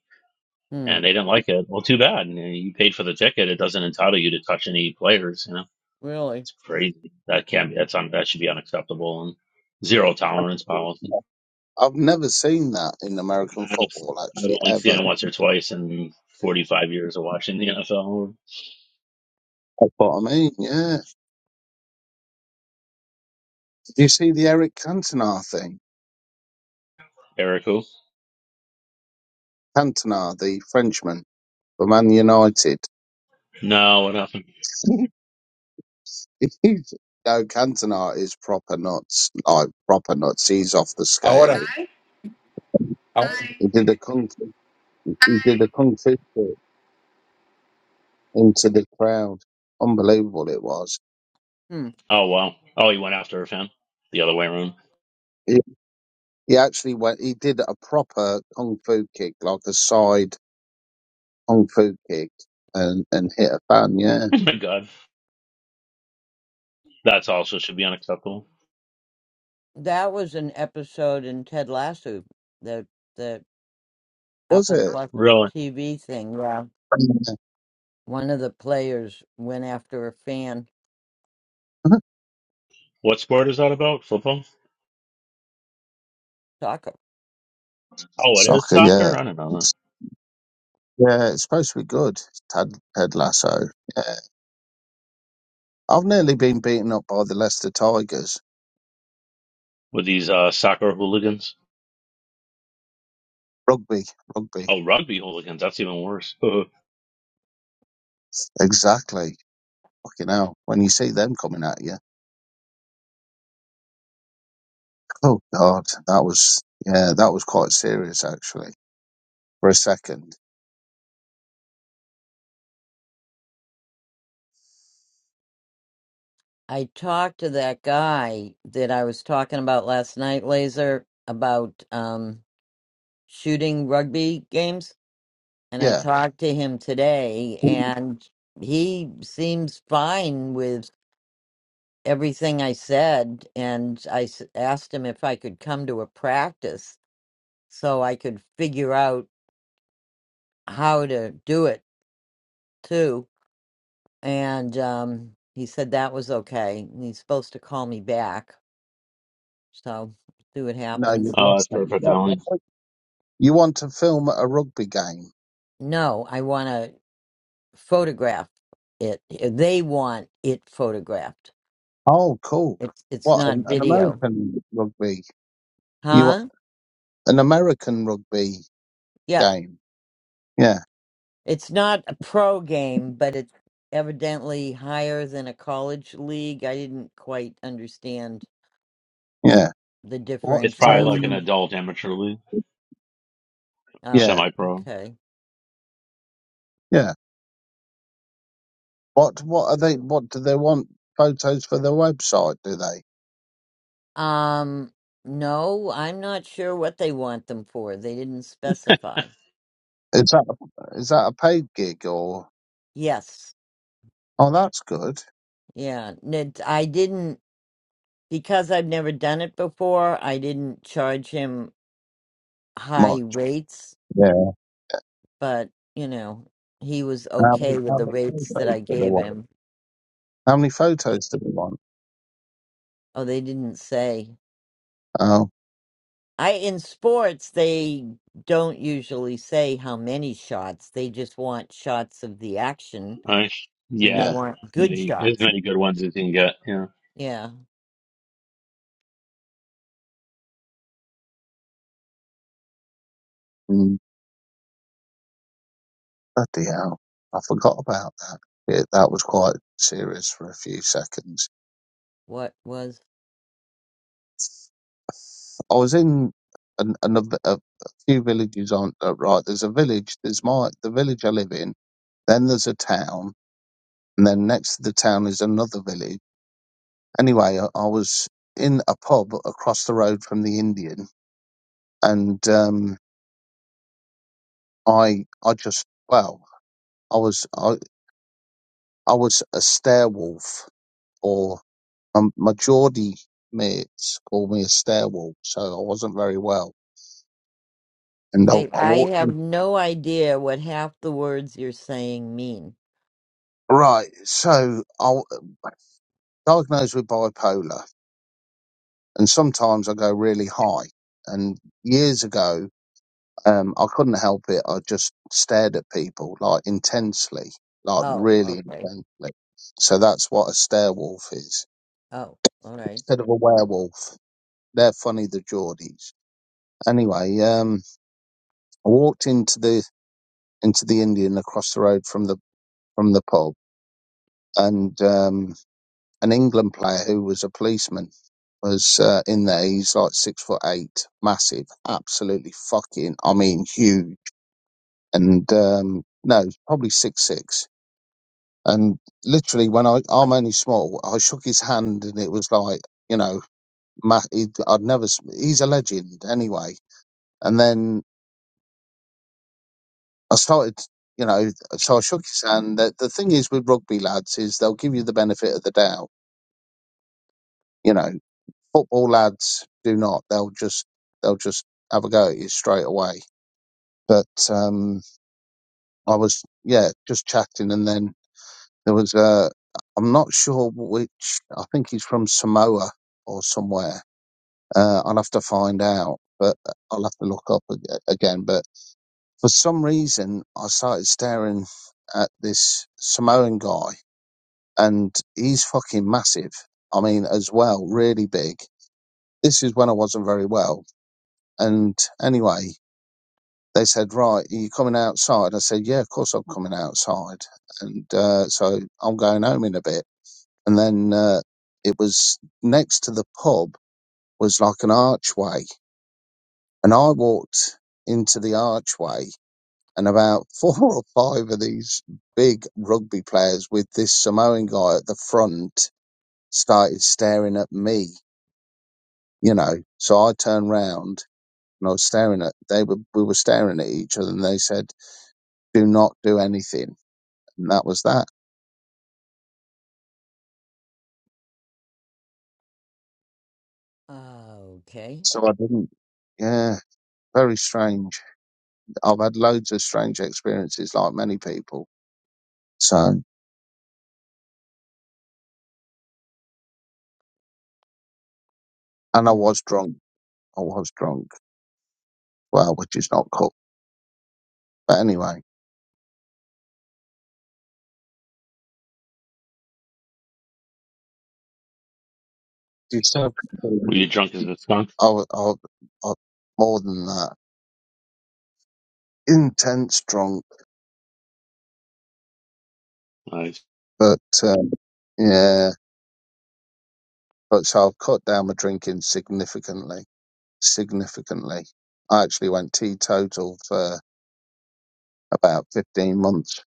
Speaker 1: Hmm,
Speaker 2: and they didn't like it. Well, too bad. You, know, you paid for the ticket. It doesn't entitle you to touch any players. You know,
Speaker 1: really?
Speaker 2: it's crazy. That can't be. That's un, that should be unacceptable and zero tolerance policy.
Speaker 7: I've never seen that in American
Speaker 2: I've,
Speaker 7: football,
Speaker 2: I've
Speaker 7: actually,
Speaker 2: only
Speaker 7: ever.
Speaker 2: seen it once or twice in 45 years of watching the NFL.
Speaker 7: That's what I mean, yeah. Did you see the Eric Cantona thing?
Speaker 2: Eric, who?
Speaker 7: Cantona, the Frenchman for Man United.
Speaker 2: No, what happened?
Speaker 7: He's- no, Cantona is proper nuts, like proper nuts. He's off the
Speaker 3: I
Speaker 7: scale.
Speaker 3: wanna.
Speaker 7: He
Speaker 3: I,
Speaker 7: he did a kung, he did a kung fu kick into the crowd. Unbelievable it was.
Speaker 1: Hmm.
Speaker 2: Oh wow. Oh, he went after a fan the other way around.
Speaker 7: He, he actually went. He did a proper kung fu kick, like a side kung fu kick, and and hit a fan. Yeah,
Speaker 2: Oh my God, that's also should be unacceptable.
Speaker 1: That was an episode in Ted Lasso, the the
Speaker 7: was
Speaker 1: Apple
Speaker 7: it?
Speaker 1: Plus
Speaker 2: Really?
Speaker 1: TV thing. Yeah,
Speaker 7: Mm-hmm.
Speaker 1: one of the players went after a fan.
Speaker 2: What sport is that about? Football?
Speaker 1: Soccer.
Speaker 2: Oh, it is
Speaker 7: Soccer, yeah.
Speaker 2: soccer. I don't know that.
Speaker 7: It's- Yeah, it's supposed to be good. Ted, Ted Lasso. Yeah. I've nearly been beaten up by the Leicester Tigers.
Speaker 2: With these uh, soccer hooligans.
Speaker 7: Rugby, rugby.
Speaker 2: Oh, rugby hooligans. That's even worse. oh,
Speaker 7: Exactly. Fucking hell. When you see them coming at you. Oh, God. That was, yeah, that was quite serious, actually, for a second.
Speaker 1: I talked to that guy that I was talking about last night, Laser, about um, shooting rugby games. And I
Speaker 7: Yeah.
Speaker 1: talked to him today, and he seems fine with everything I said. And I s- asked him if I could come to a practice so I could figure out how to do it too. And um, he said that was okay. And he's supposed to call me back. So see what
Speaker 7: No,
Speaker 1: happens.
Speaker 7: you've
Speaker 2: that's
Speaker 7: lost me.
Speaker 2: perfect,
Speaker 7: Yeah, what-
Speaker 2: Alan.
Speaker 7: what- You want to film a rugby game?
Speaker 1: No, I want to photograph it. They want it photographed.
Speaker 7: Oh, cool.
Speaker 1: It's it's
Speaker 7: What,
Speaker 1: not
Speaker 7: an, an
Speaker 1: video,
Speaker 7: American rugby? You want
Speaker 1: huh?
Speaker 7: an American rugby
Speaker 1: Yeah,
Speaker 7: game? Yeah.
Speaker 1: it's not a pro game, but it's evidently higher than a college league. I didn't quite understand
Speaker 7: Yeah.
Speaker 1: the
Speaker 7: What?
Speaker 2: It's probably like an
Speaker 7: Um,
Speaker 1: differentiation.
Speaker 2: adult amateur league,
Speaker 1: Oh,
Speaker 7: yeah.
Speaker 2: semi-pro.
Speaker 1: okay.
Speaker 7: Yeah. What? What are they? What do they want? Photos for their website? Do they?
Speaker 1: Um, no, I'm not sure what they want them for. They didn't specify.
Speaker 7: Is that is that a paid gig or?
Speaker 1: Yes,
Speaker 7: Oh, that's good.
Speaker 1: yeah. n- I didn't. because I've never done it before, I didn't charge him high
Speaker 7: Much.
Speaker 1: rates,
Speaker 7: Yeah.
Speaker 1: but you know, he was
Speaker 7: How
Speaker 1: okay
Speaker 7: many,
Speaker 1: with
Speaker 7: how
Speaker 1: the
Speaker 7: many
Speaker 1: rates that
Speaker 7: photos
Speaker 1: I
Speaker 7: do they
Speaker 1: gave
Speaker 7: want?
Speaker 1: him.
Speaker 7: How many photos do they want?
Speaker 1: Oh, they didn't say.
Speaker 7: Oh,
Speaker 1: I in sports they don't usually say how many shots. They just want shots of the action
Speaker 2: Nice.
Speaker 1: and they
Speaker 7: yeah.
Speaker 2: Yeah.
Speaker 1: want good
Speaker 2: Many, as
Speaker 1: shots.
Speaker 2: many good ones as you can get. Yeah.
Speaker 1: Yeah.
Speaker 7: Mm, bloody hell! I forgot about that. Yeah, that was quite serious for a few seconds.
Speaker 1: What was
Speaker 7: I was in an, another a, a few villages on uh, right. There's a village. There's my the village I live in. Then there's a town And then next to the town is another village. Anyway, I, I was in a pub across the road from the Indian, and um, I I just well, I was I I was a stairwolf, or um, my Geordie mates called me a stairwolf, so I wasn't very well. And I,
Speaker 1: Okay,
Speaker 7: I
Speaker 1: I
Speaker 7: walked
Speaker 1: have
Speaker 7: in.
Speaker 1: no idea what half the words you're saying mean.
Speaker 7: Right, so I diagnosed with bipolar, and sometimes I go really high. And years ago. Um, I couldn't help it. I just stared at people like intensely, like
Speaker 1: Oh,
Speaker 7: really
Speaker 1: okay.
Speaker 7: intensely. So that's what a stare wolf is
Speaker 1: Oh, all right.
Speaker 7: instead of a werewolf. They're funny, the Geordies. Anyway, um, I walked into the into the Indian across the road from the from the pub, and um, an England player who was a policeman was uh, in there. He's like six foot eight, massive, absolutely fucking, I mean, huge, and um, no, probably six six And literally, when I I'm only small, I shook his hand, and it was like you know, ma he, I'd never. s- He's a legend anyway. And then I started, you know, so I shook his hand. The, the thing is with rugby lads is they'll give you the benefit of the doubt. You know, football lads do not. They'll just they'll just have a go at you straight away. But um, I was yeah just chatting, and then there was a. I'm not sure which. I think he's from Samoa or somewhere Uh, I'll have to find out, but I'll have to look up ag- again. But for some reason, I started staring at this Samoan guy, and he's fucking massive. I mean, as well, really big. This is when I wasn't very well. And anyway, they said, Right, are you coming outside? I said, Yeah, of course I'm coming outside. And uh, so I'm going home in a bit. And then uh, it was next to the pub was like an archway And I walked into the archway, and about four or five of these big rugby players with this Samoan guy at the front started staring at me, you know. So I turned round and I was staring at they were we were staring at each other and they said, Do not do anything and that was that.
Speaker 1: Okay.
Speaker 7: So I didn't yeah, very strange. I've had loads of strange experiences like many people. So and I
Speaker 1: Mm,
Speaker 7: was drunk. I was drunk. Well, which is not cool. But anyway. You said I
Speaker 2: Were you
Speaker 7: was,
Speaker 2: drunk as a skunk?
Speaker 7: I was, I was more than that. Intense drunk,
Speaker 2: Nice.
Speaker 7: but um, yeah. But so I've cut down my drinking significantly. Significantly. I actually went teetotal for about 15 months.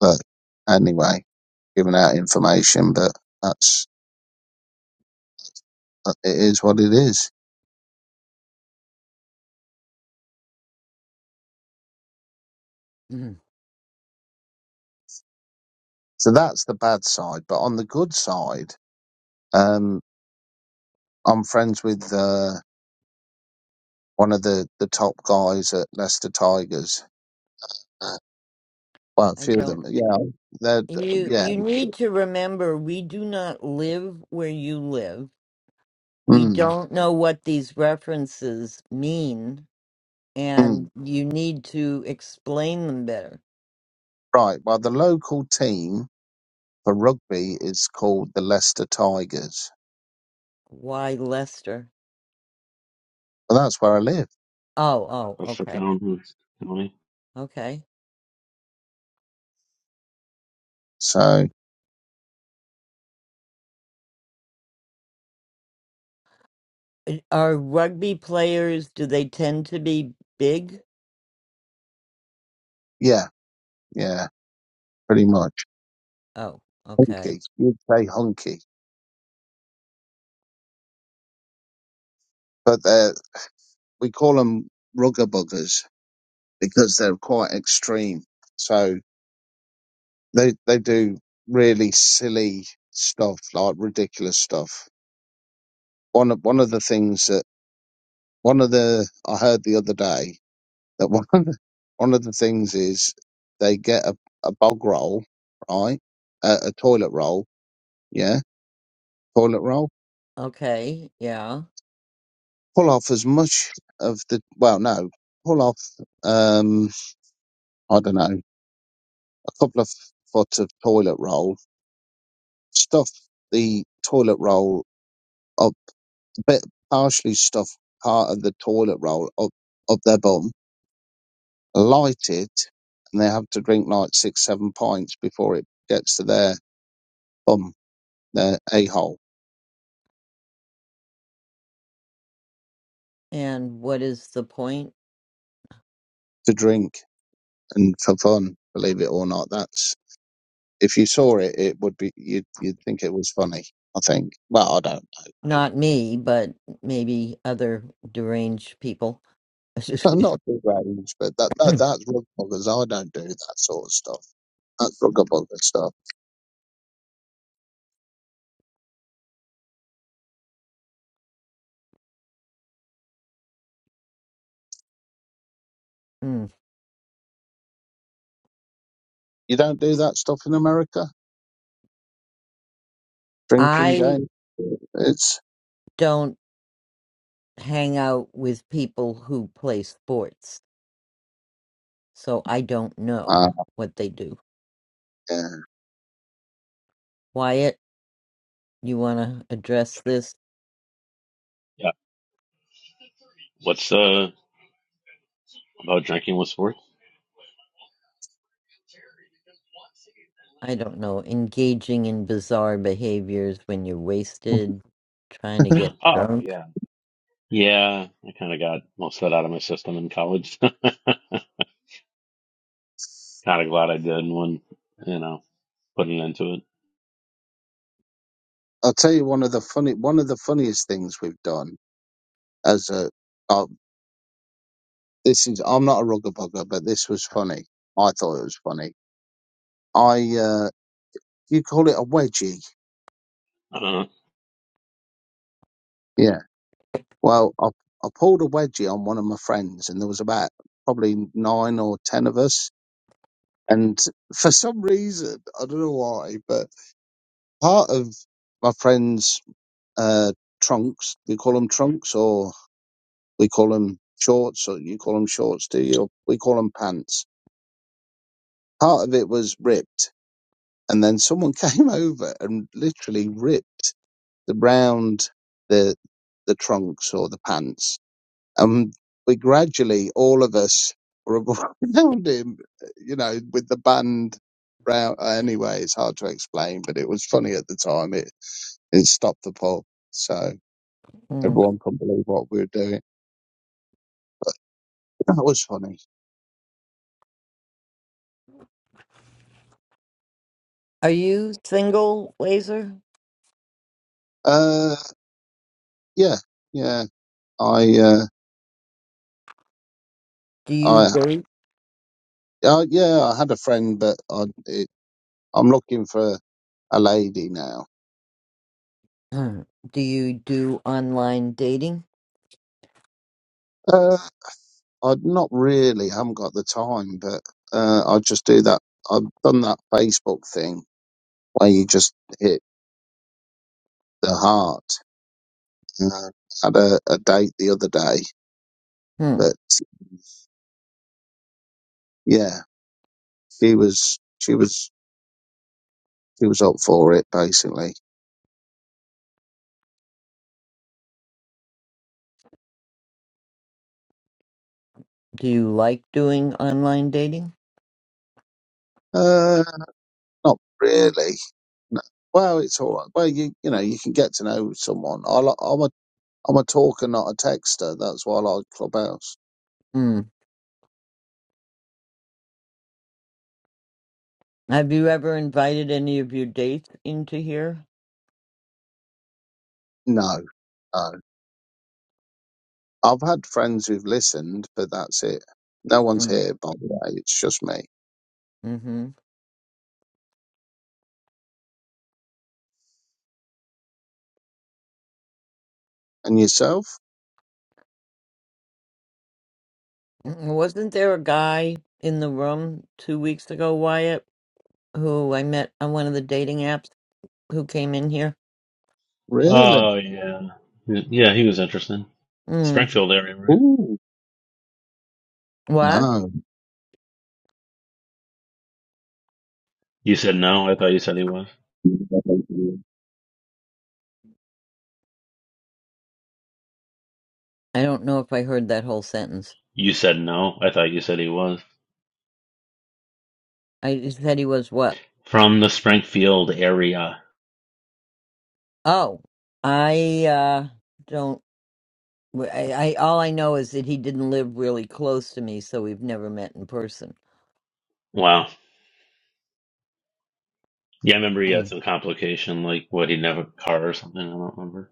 Speaker 7: But anyway, giving out information, but that's, it is what it is.
Speaker 1: mm.
Speaker 7: So that's the bad side. But on the good side, um, I'm friends with, uh, one of the, the top guys at Leicester Tigers Well, a
Speaker 1: I
Speaker 7: few of
Speaker 1: don't.
Speaker 7: them. Yeah, that.
Speaker 1: And You
Speaker 7: Yeah.
Speaker 1: you need to remember we do not live where you live. We
Speaker 7: Mm,
Speaker 1: don't know what these references mean, and
Speaker 7: mm.
Speaker 1: you need to explain them better.
Speaker 7: Right. Well, the local team for rugby is called the Leicester Tigers.
Speaker 1: Why Lester?
Speaker 7: Well, that's where I live.
Speaker 1: Oh, oh,
Speaker 2: Perfect,
Speaker 1: okay,
Speaker 2: Alan. Tony.
Speaker 1: okay.
Speaker 7: So
Speaker 1: Uh, Are rugby players? Do they tend to be big?
Speaker 7: yeah, yeah, pretty much.
Speaker 1: Oh, okay,
Speaker 7: Hunky. You'd say hunky, but they're- we call them rugger buggers because they're quite extreme. So they they do really silly stuff, like ridiculous stuff. One of one of the things that one of the I heard the other day that one of the, one of the things is they get a, a bog roll, right? A, a toilet roll, yeah, toilet roll.
Speaker 1: okay, yeah.
Speaker 7: Pull off as much of the well, no, pull off um, I don't know, a couple of foot of toilet roll. Stuff the toilet roll up, a bit partially stuff part of the toilet roll up up their bum, light it, and they have to drink like six, seven pints before it gets to their bum, their a hole
Speaker 1: And what is the point?
Speaker 7: to drink and for fun. Believe it or not, that's if you saw it, it would be you'd you'd think it was funny. I think. Well, I don't.
Speaker 1: Not me, but maybe other deranged people.
Speaker 7: know. I'm not big range, but that, that that's rug buggers. I don't do that sort of stuff. That's rug bugger stuff.
Speaker 1: Mm.
Speaker 7: You don't do that stuff in America. Drinking
Speaker 1: I
Speaker 7: game. It's
Speaker 1: don't hang out with people who play sports, so I don't know
Speaker 7: uh,
Speaker 1: what they do.
Speaker 7: yeah.
Speaker 1: Wyatt, you want to address this?
Speaker 2: Yeah. What's, uh, about drinking with sports?
Speaker 1: I don't know. Engaging in bizarre behaviors when you're wasted, trying to get
Speaker 2: Oh,
Speaker 1: drunk.
Speaker 2: yeah. Yeah. I kind of got most of that out of my system in college. kind of glad I did when, you know, putting into it.
Speaker 7: I'll tell you one of the funny one of the funniest things we've done as a uh, this is I'm not a rugger bugger, but this was funny. I thought it was funny. I uh, you call it a wedgie?
Speaker 2: Uh,
Speaker 7: Yeah. Well, I I pulled a wedgie on one of my friends, and there was about probably nine or ten of us. And for some reason, I don't know why, but part of my friend's uh, trunks, we call them trunks, or we call them shorts, or you call them shorts, do you? We call them pants part of it was ripped and then someone came over and literally ripped the round the the trunks or the pants and we gradually all of us were around him you know with the band round anyway it's hard to explain but it was funny at the time it it stopped the pub so
Speaker 1: Mm.
Speaker 7: everyone couldn't believe what we were doing that was funny
Speaker 1: Are you single, Laser?
Speaker 7: uh yeah yeah i uh
Speaker 1: Do you
Speaker 7: i
Speaker 1: date?
Speaker 7: uh, yeah, I had a friend, but I, I'm looking for a lady now.
Speaker 1: Mm. Do you do online dating?
Speaker 7: Uh, I'd not really, haven't got the time, but uh, I just do that. I've done that Facebook thing where you just hit the heart. And I had a, a date the other day,
Speaker 1: Mm.
Speaker 7: but yeah, she was, she was, she was up for it basically.
Speaker 1: Do you like doing online dating?
Speaker 7: Uh, not really. No. Well, it's all right. Well, you, you know, you can get to know someone. I, li- I'm a, I'm a talker, not a texter. That's why I like Clubhouse.
Speaker 1: Hmm. Have you ever invited any of your dates into here?
Speaker 7: No, no. I've had friends who've listened, but that's it. No one's
Speaker 1: Mm.
Speaker 7: here, by the way. It's just me.
Speaker 1: Mm-hmm.
Speaker 7: And yourself?
Speaker 1: Mm, Wasn't there a guy in the room two weeks ago, Wyatt, who I met on one of the dating apps who came in here?
Speaker 7: Really?
Speaker 2: Oh yeah, yeah. He was interesting.
Speaker 1: Mm.
Speaker 2: Springfield area, right?
Speaker 7: Ooh,
Speaker 1: What?
Speaker 7: no.
Speaker 2: You said no. I thought you said he was.
Speaker 1: I don't know if I heard that whole sentence.
Speaker 2: You said no. I thought you said he was
Speaker 1: I just said he was what?
Speaker 2: from the Springfield area.
Speaker 1: Oh, I uh don't. I, I all I know is that he didn't live really close to me, so we've never met in person.
Speaker 2: Wow. Yeah, I remember he had
Speaker 1: Mm.
Speaker 2: some complication, like what he never car or something. I don't remember.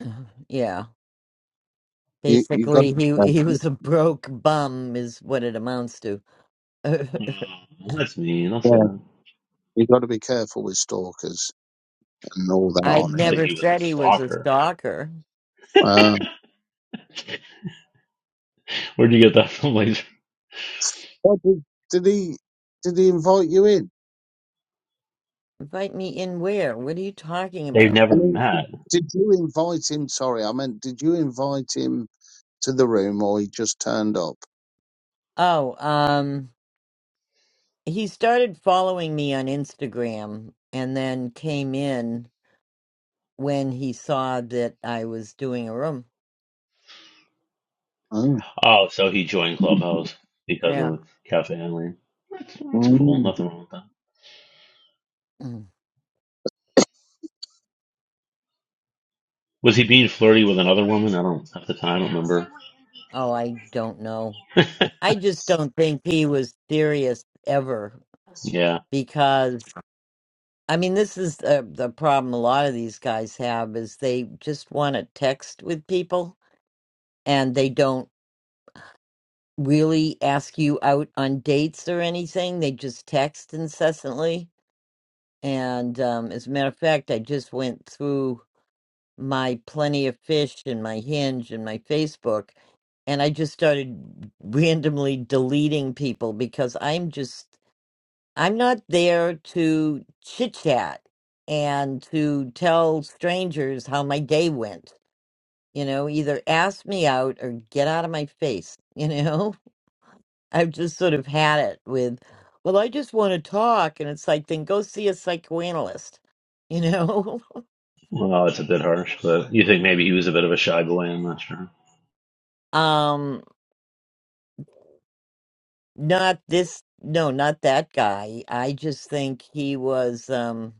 Speaker 1: Yeah.
Speaker 7: You you got
Speaker 1: Basically, he
Speaker 7: to
Speaker 1: he was a broke bum, is what it amounts to.
Speaker 2: Oh, that's mean. I'll say
Speaker 7: yeah,
Speaker 2: that.
Speaker 7: you got to be careful with stalkers and all that
Speaker 1: I
Speaker 2: I
Speaker 7: on
Speaker 2: didn't
Speaker 7: here.
Speaker 2: think
Speaker 1: never
Speaker 2: he was a
Speaker 1: said he was a
Speaker 2: stalker.
Speaker 1: stalker.
Speaker 7: Uh,
Speaker 2: Where'd you get that from, Laser?
Speaker 7: oh, did, did he did he invite you in?
Speaker 1: Invite me in where? What are you talking
Speaker 2: They've
Speaker 1: about?
Speaker 7: I
Speaker 2: never
Speaker 7: mean,
Speaker 2: met.
Speaker 7: did you invite him? Sorry, I meant did you invite him to the room or he just turned up?
Speaker 1: Oh, um, he started following me on Instagram and then came in when he saw that I was doing a room.
Speaker 7: Oh.
Speaker 2: Oh, so he joined Clubhouse because
Speaker 1: Yeah.
Speaker 2: of Cafe Eileen. That's, that's cool.
Speaker 7: Mm.
Speaker 2: Nothing wrong with that.
Speaker 1: Mm.
Speaker 2: Was he being flirty with another woman? I don't at the time. I don't remember.
Speaker 1: Oh, I don't know. I just don't think he was serious ever
Speaker 2: yeah.
Speaker 1: because I mean, this is the, the problem a lot of these guys have is they just want to text with people and they don't really ask you out on dates or anything. They just text incessantly. And um, as a matter of fact, I just went through my Plenty of Fish and my Hinge and my Facebook, and I just started randomly deleting people because I'm just I'm not there to chit chat and to tell strangers how my day went. You know, either ask me out or get out of my face. You know, I've just sort of had it with, well, I just want to talk. And it's like, then go see a psychoanalyst, you know?
Speaker 2: Well, it's a bit harsh, but you think maybe he was a bit of a shy boy. I'm not sure.
Speaker 1: um, not this, no, not that guy. I just think he was um,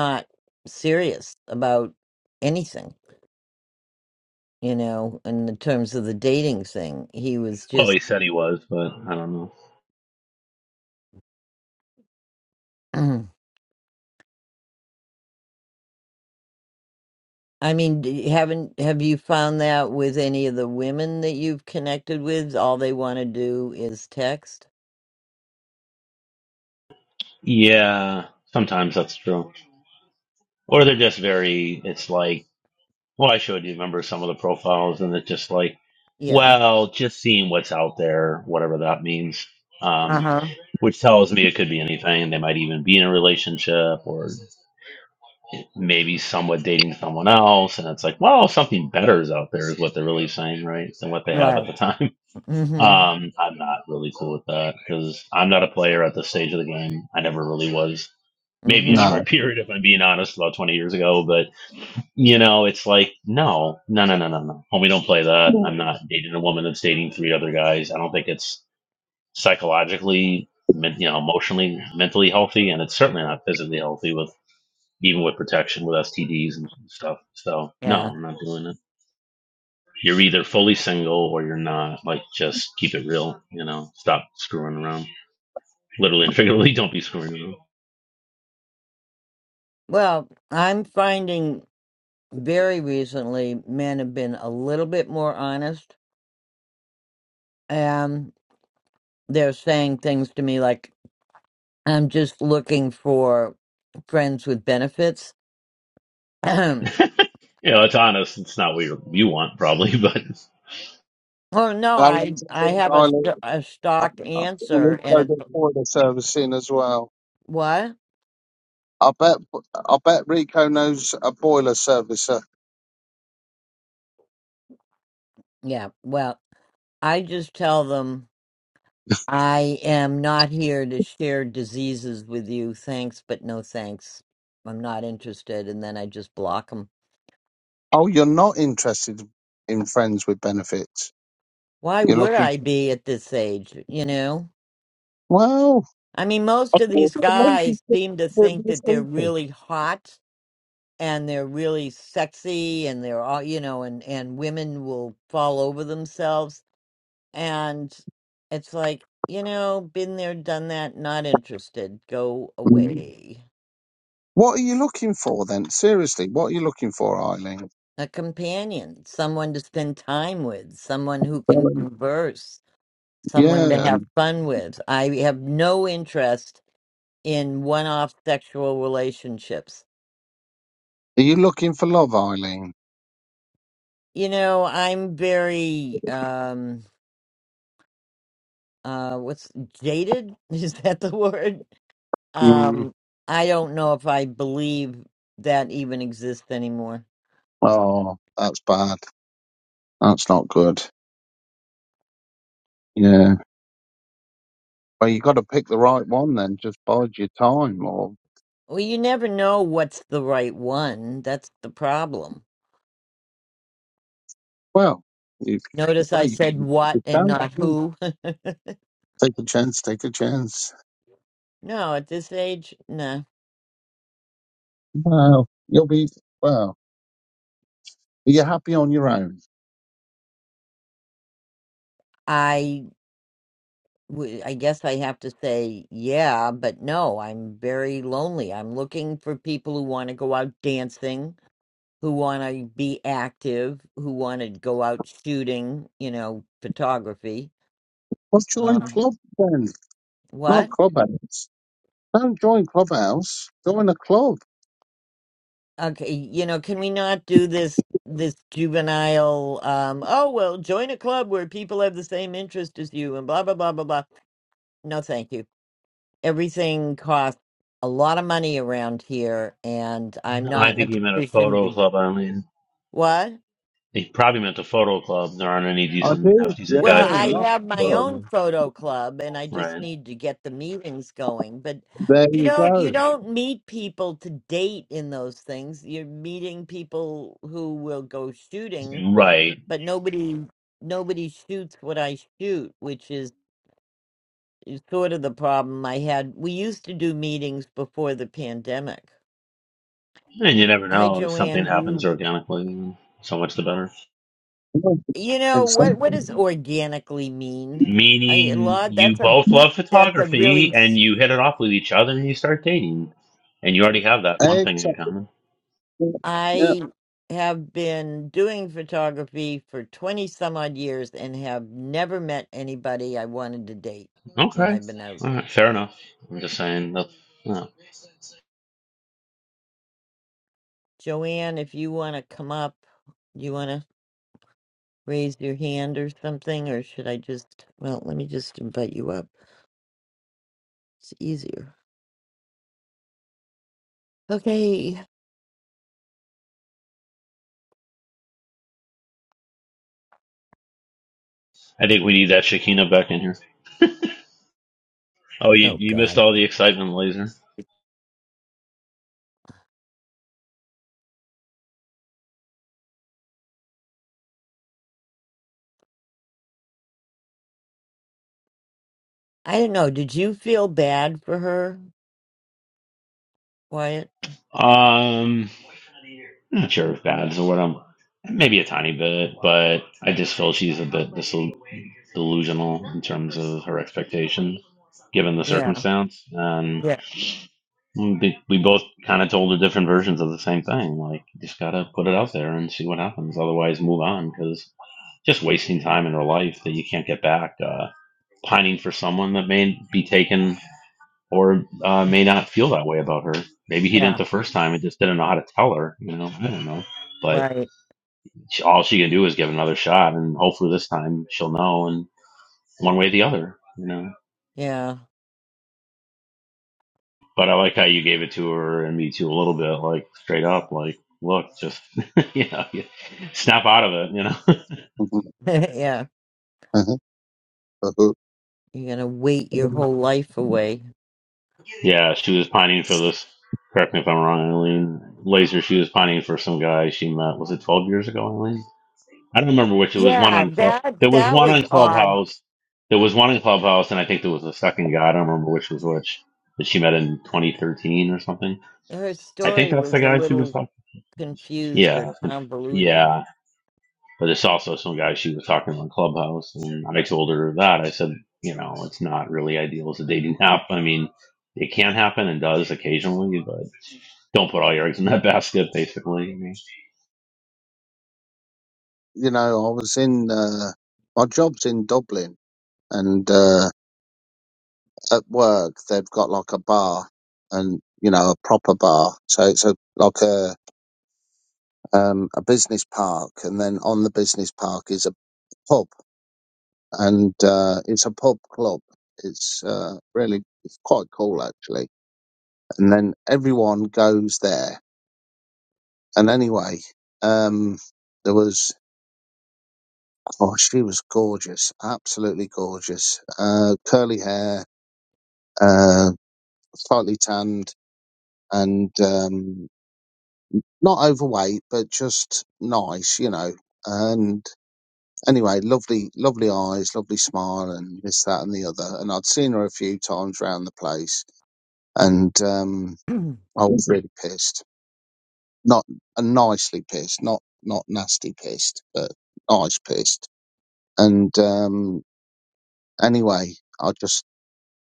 Speaker 1: not serious about anything you know, in the terms of the dating thing. He was
Speaker 2: Well,
Speaker 1: just,
Speaker 2: he said he was, but I don't know.
Speaker 1: I mean, d- haven't have you found that with any of the women that you've connected with? All they want to do is text.
Speaker 2: Yeah, sometimes that's true. Or they're just very. It's like, well, I showed you. Remember some of the profiles, and it's just like,
Speaker 1: Yeah.
Speaker 2: well, just seeing what's out there, whatever that means.
Speaker 1: Uh
Speaker 2: Um,
Speaker 1: huh.
Speaker 2: which tells me it could be anything. They might even be in a relationship, or maybe somewhat dating someone else and it's like well something better is out there is what they're really saying right than what they have at
Speaker 1: Right.
Speaker 2: the time
Speaker 1: Mm hmm.
Speaker 2: um i'm not really cool with that because i'm not a player at this stage of the game i never really was
Speaker 1: Mm
Speaker 2: maybe a
Speaker 1: hmm.
Speaker 7: No.
Speaker 2: short period if i'm being honest about 20 years ago but you know it's like no no no no no no homie don't play that i'm not dating a woman that's dating three other guys i don't think it's psychologically men- you know emotionally mentally healthy and it's certainly not physically healthy with even with protection with STDs and stuff. So
Speaker 1: Yeah.
Speaker 2: no, I'm not doing it. You're either fully single or you're not. Like just keep it real, you know. Stop screwing around. Literally and figuratively, don't be screwing
Speaker 1: Well, I'm finding very recently men have been a little bit more honest. Um, they're saying things to me like, "I'm just looking for friends with benefits."
Speaker 2: around. you know, it's honest. It's not what you you want probably, but
Speaker 1: Well, no,
Speaker 7: How
Speaker 1: I
Speaker 7: long's it
Speaker 1: I
Speaker 7: been,
Speaker 1: have a
Speaker 7: Darling?
Speaker 1: st- a
Speaker 7: I
Speaker 1: stock
Speaker 7: think
Speaker 1: answer, and
Speaker 7: Rico does
Speaker 1: it's
Speaker 7: boiler servicing as well.
Speaker 1: what?
Speaker 7: I bet I bet Rico knows a boiler servicer.
Speaker 1: Yeah. Well, I just tell them I am not here to share diseases with you. Thanks, but no thanks. I'm not interested, and then I just block them.
Speaker 7: Oh, you're not interested in friends with benefits.
Speaker 1: Why
Speaker 7: You're
Speaker 1: would
Speaker 7: looking
Speaker 1: I be at this age? You know,
Speaker 7: well.
Speaker 1: I mean, most of
Speaker 7: the
Speaker 1: these
Speaker 7: lady's
Speaker 1: guys
Speaker 7: just
Speaker 1: seem to
Speaker 7: a
Speaker 1: think that they're really hot and they're really sexy, and they're all you know, and and women will fall over themselves And it's like, you know, been there, done that, not interested, go
Speaker 7: Mm.
Speaker 1: away.
Speaker 7: What are you looking for then? Seriously, what are you looking for, Eileen?
Speaker 1: A companion, someone to spend time with, someone who can
Speaker 7: Um,
Speaker 1: converse, someone to
Speaker 7: Yeah,
Speaker 1: have fun with. I have no interest in one off sexual relationships.
Speaker 7: are you looking for love, Eileen?
Speaker 1: You know, I'm very, um, uh, what's jaded? Is that the word?
Speaker 7: Mm.
Speaker 1: Um, I don't know if I believe that even exists anymore.
Speaker 7: Oh, that's bad. That's not good. Yeah. Well, you got to pick the right one then. Just bide your time, or
Speaker 1: Well, you never know what's the right one. That's the problem.
Speaker 7: Well, if,
Speaker 1: Notice I
Speaker 7: well, you,
Speaker 1: said what
Speaker 7: if
Speaker 1: and
Speaker 7: don't,
Speaker 1: not who.
Speaker 7: take a chance, take a chance.
Speaker 1: no, at this age, no.
Speaker 7: Well, you'll be, well, are you happy on your own?
Speaker 1: I w- I guess I have to say yeah, but no, I'm very lonely. I'm looking for people who want to go out dancing, who want to be active, who want to go out shooting, you know, photography.
Speaker 7: Well, join
Speaker 1: Um,
Speaker 7: club then, not
Speaker 1: what?
Speaker 7: clubhouse. Don't join clubhouse, join a club.
Speaker 1: Okay, you know, can we not do this this juvenile um oh well, join a club where people have the same interest as you and blah blah blah blah blah. No, thank you. Everything costs a lot of money around here and I'm
Speaker 2: no, I
Speaker 1: not in a
Speaker 2: think he meant a
Speaker 1: position
Speaker 2: photo
Speaker 1: to
Speaker 2: club. I mean,
Speaker 1: what?
Speaker 2: he probably meant a photo club. There aren't any
Speaker 7: I
Speaker 2: decent,
Speaker 7: do,
Speaker 2: half decent
Speaker 1: Well,
Speaker 2: guys at
Speaker 7: yeah,
Speaker 1: I
Speaker 7: not
Speaker 2: those
Speaker 1: have my
Speaker 2: photo
Speaker 7: club.
Speaker 1: own
Speaker 2: clubs.
Speaker 1: photo club and I just
Speaker 2: Right.
Speaker 1: need to get the meetings going, but
Speaker 7: There
Speaker 1: you
Speaker 7: you
Speaker 1: don't you
Speaker 7: go.
Speaker 1: don't meet people to date in those things. You're meeting people who will go shooting
Speaker 2: Right.
Speaker 1: but nobody nobody shoots what I shoot, which is, is sort of the problem I had. We used to do meetings before the pandemic.
Speaker 2: And you never
Speaker 1: Hi,
Speaker 2: know if something
Speaker 1: Joanne.
Speaker 2: happens
Speaker 1: You
Speaker 2: organically. So much the better.
Speaker 7: Yeah,
Speaker 1: you know what what does
Speaker 7: Exactly.
Speaker 1: organically mean? I a
Speaker 2: meaning
Speaker 1: lot.
Speaker 2: you
Speaker 1: That's a
Speaker 2: both love
Speaker 1: that's a really.
Speaker 2: photography and
Speaker 1: s-
Speaker 2: you hit it off with each other and you start dating and you already have that one thing in
Speaker 7: Exactly.
Speaker 2: common
Speaker 7: Yeah.
Speaker 1: I have been doing photography for twenty some odd years and have never met anybody I wanted to date when
Speaker 2: okay
Speaker 1: I've been out.
Speaker 2: all right fair enough i'm just saying that no.
Speaker 1: Joanne, if you want to come up, you want to. raise your hand or something, or should I just? Well, let me just invite you up. It's easier. Okay.
Speaker 2: i think we need that shakina back in here oh you,
Speaker 1: Oh
Speaker 2: you missed
Speaker 1: God,
Speaker 2: all the excitement laser
Speaker 1: I don't know. Did you feel bad for her, Wyatt?
Speaker 2: um I'm not sure if bad's the word i'm maybe a tiny bit but i just feel she's a bit disil- delusional in terms of her expectation given the
Speaker 1: Yeah,
Speaker 2: circumstance
Speaker 1: yeah,
Speaker 2: Mm, be- We both kind of told the different versions of the same thing. Like, you just gotta put it out there and see what happens. Otherwise, move on because just wasting time in her life that you can't get back. Uh, pining for someone that may be taken or uh, may not feel that way about her. Maybe he didn't
Speaker 1: yeah.
Speaker 2: the first time and just didn't know how to tell her. You know, I don't know. But
Speaker 1: Right.
Speaker 2: she, all she can do is give it another shot, and hopefully this time she'll know. And one way or the other, you know.
Speaker 1: Yeah,
Speaker 2: But I like how you gave it to her and me too a little bit, like straight up, like look, just you know, you- snap out of it, you know.
Speaker 7: Mhm.
Speaker 1: yeah.
Speaker 7: Uh-huh. Uh-huh.
Speaker 1: You're gonna wait your whole life away.
Speaker 2: yeah, she was pining for this. Correct me if I'm wrong, Eileen. Laser, she was pining for some guy she met. Was it 12 years ago, Eileen? I don't remember which. It was one
Speaker 1: Yeah,
Speaker 2: on club. There
Speaker 1: that
Speaker 2: was
Speaker 1: that
Speaker 2: one
Speaker 1: was
Speaker 2: on
Speaker 1: odd.
Speaker 2: Clubhouse. There was one in Clubhouse, and I think there was a second guy. I don't remember which was which. That she met in 2013 or something.
Speaker 1: Her
Speaker 2: I think
Speaker 1: story
Speaker 2: that's
Speaker 1: was
Speaker 2: the
Speaker 1: a
Speaker 2: guy she was
Speaker 1: little
Speaker 2: talking.
Speaker 1: confused or
Speaker 2: Yeah,
Speaker 1: convoluted.
Speaker 2: yeah. But there's also some guy she was talking on Clubhouse, and I told her that. I said, you know, it's not really ideal as a dating app. I mean, it can happen and does occasionally, but don't put all your eggs in that basket, basically. I mean,
Speaker 7: You know, I was in, uh, my job's in Dublin and, uh, at work they've got like a bar and you know a proper bar so it's a like a um a business park and then on the business park is a pub and uh it's a pub club it's uh really it's quite cool actually and then everyone goes there and anyway um there was oh she was gorgeous absolutely gorgeous uh curly hair uh slightly tanned and um not overweight, but just nice, you know. And anyway, lovely, lovely eyes, lovely smile, and this, that, and the other. And I'd seen her a few times round the place, and um,
Speaker 1: but
Speaker 7: I was really pissed. Not uh, nicely pissed, not not nasty pissed, but nice pissed. And um, anyway, I just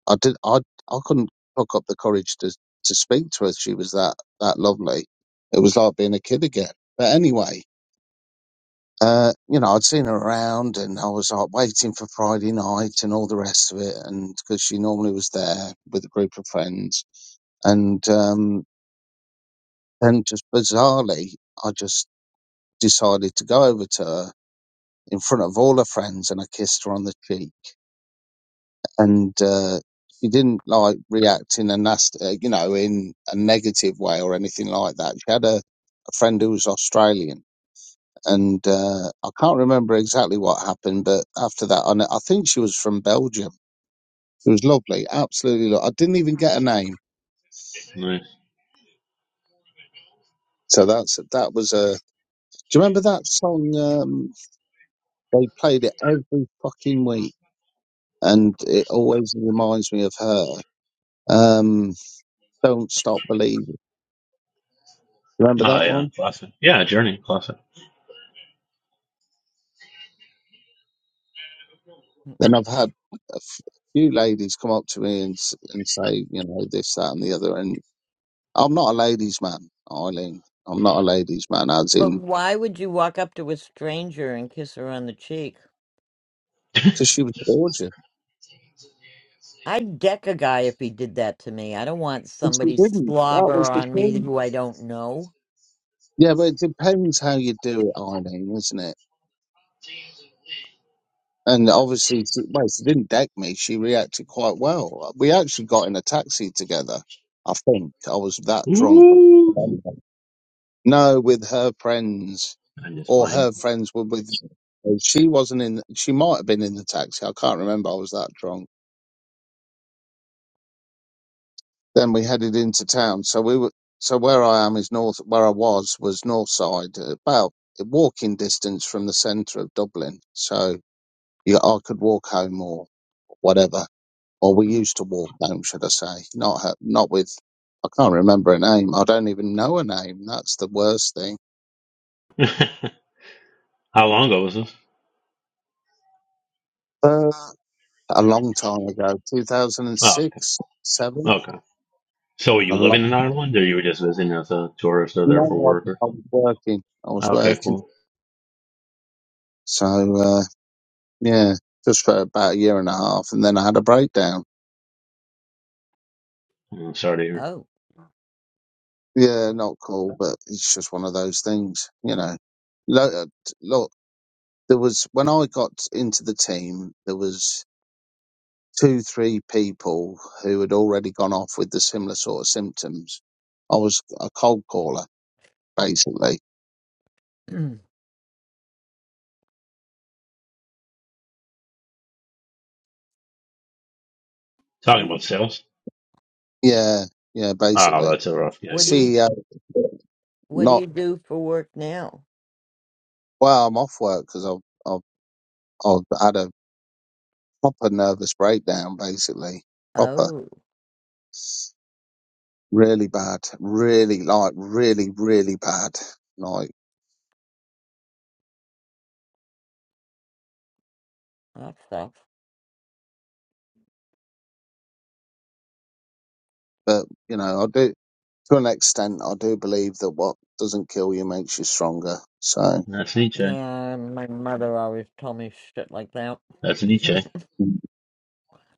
Speaker 7: I did I I couldn't pluck up the courage to to speak to her. She was that that lovely. It was like being a kid again. But anyway. Uh, you know, I'd seen her around and I was like waiting for Friday night and all the rest of it. And because she normally was there with a group of friends. And um, then just bizarrely, I just decided to go over to her in front of all her friends and I kissed her on the cheek. And uh, she didn't like react in a nasty, uh, you know, in a negative way or anything like that. She had a, a friend who was Australian and uh, I can't remember exactly what happened, but after that, and I think she was from Belgium. It was lovely, absolutely. Lo- I didn't even get a name,
Speaker 2: right.
Speaker 7: so that's that was a. Do you remember that song? Um, they played it every fucking week, and it always reminds me of her. Um, Don't stop believing. Remember
Speaker 2: Oh,
Speaker 7: that
Speaker 2: yeah,
Speaker 7: one?
Speaker 2: classic. Yeah, Journey, classic.
Speaker 7: Then I've had a f- few ladies come up to me and s- and say, you know, this, that, and the other, and I'm not a ladies' man, Eileen. I'm not a ladies' man, as in
Speaker 1: why would you walk up to a stranger and kiss her on the cheek?
Speaker 7: So she was gorgeous.
Speaker 1: I'd deck a guy if he did that to me. I don't want
Speaker 7: But she
Speaker 1: somebody
Speaker 7: didn't. That
Speaker 1: slobber
Speaker 7: was the
Speaker 1: on me
Speaker 7: thing.
Speaker 1: who I don't know.
Speaker 7: Yeah, but it depends how you do it, Eileen, isn't it? And obviously, she, well, she didn't deck me. She reacted quite well. We actually got in a taxi together. I think I was that drunk. I can't
Speaker 2: Ooh,
Speaker 7: remember. No, with her friends,
Speaker 2: I'm just
Speaker 7: or
Speaker 2: playing.
Speaker 7: her friends were with. She wasn't in. She might have been in the taxi. I can't remember. I was that drunk. Then we headed into town. So we were, so where I am is north, where I was was north side, about walking distance from the centre of Dublin. So you, I could walk home or whatever, or we used to walk home, should I say? Not her, not with. I can't remember her name. I don't even know her name. That's the worst thing.
Speaker 2: How long ago was this?
Speaker 7: Uh, a long time ago, two thousand and
Speaker 2: Oh, okay.
Speaker 7: six, seven.
Speaker 2: Okay. So were
Speaker 7: A
Speaker 2: you
Speaker 7: long,
Speaker 2: living in Ireland, or you were just visiting as a tourist or there for
Speaker 7: no,
Speaker 2: work or
Speaker 7: I, I was working. I was
Speaker 2: something? Okay,
Speaker 7: working.
Speaker 2: cool.
Speaker 7: So. Uh, Yeah, just for about a year and a half, and then I had a breakdown.
Speaker 2: Mm, sorry to hear.
Speaker 1: Oh,
Speaker 7: Yeah, not cool, but it's just one of those things, you know. Look, uh, t- look there was when I got into the team, there was two, three people who had already gone off with the similar sort of symptoms. I was a cold caller, basically.
Speaker 1: W-
Speaker 2: Talking about sales?
Speaker 7: Yeah, yeah,
Speaker 2: Oh,
Speaker 7: basically.
Speaker 2: that's a rough gig,
Speaker 1: what do
Speaker 2: yeah.
Speaker 1: you
Speaker 7: CEO,
Speaker 1: what do
Speaker 7: not
Speaker 1: you do for work now?
Speaker 7: well. I'm off work because I've, I've I've had a proper nervous breakdown, basically, proper.
Speaker 1: Oh,
Speaker 7: really bad, really like really really bad. Like,
Speaker 1: that sucks.
Speaker 7: but you know, I do to an extent. I do believe that what doesn't kill you makes you stronger. So
Speaker 2: That's Nietzsche.
Speaker 1: Yeah, my mother always told me shit like that.
Speaker 2: That's Nietzsche.
Speaker 7: I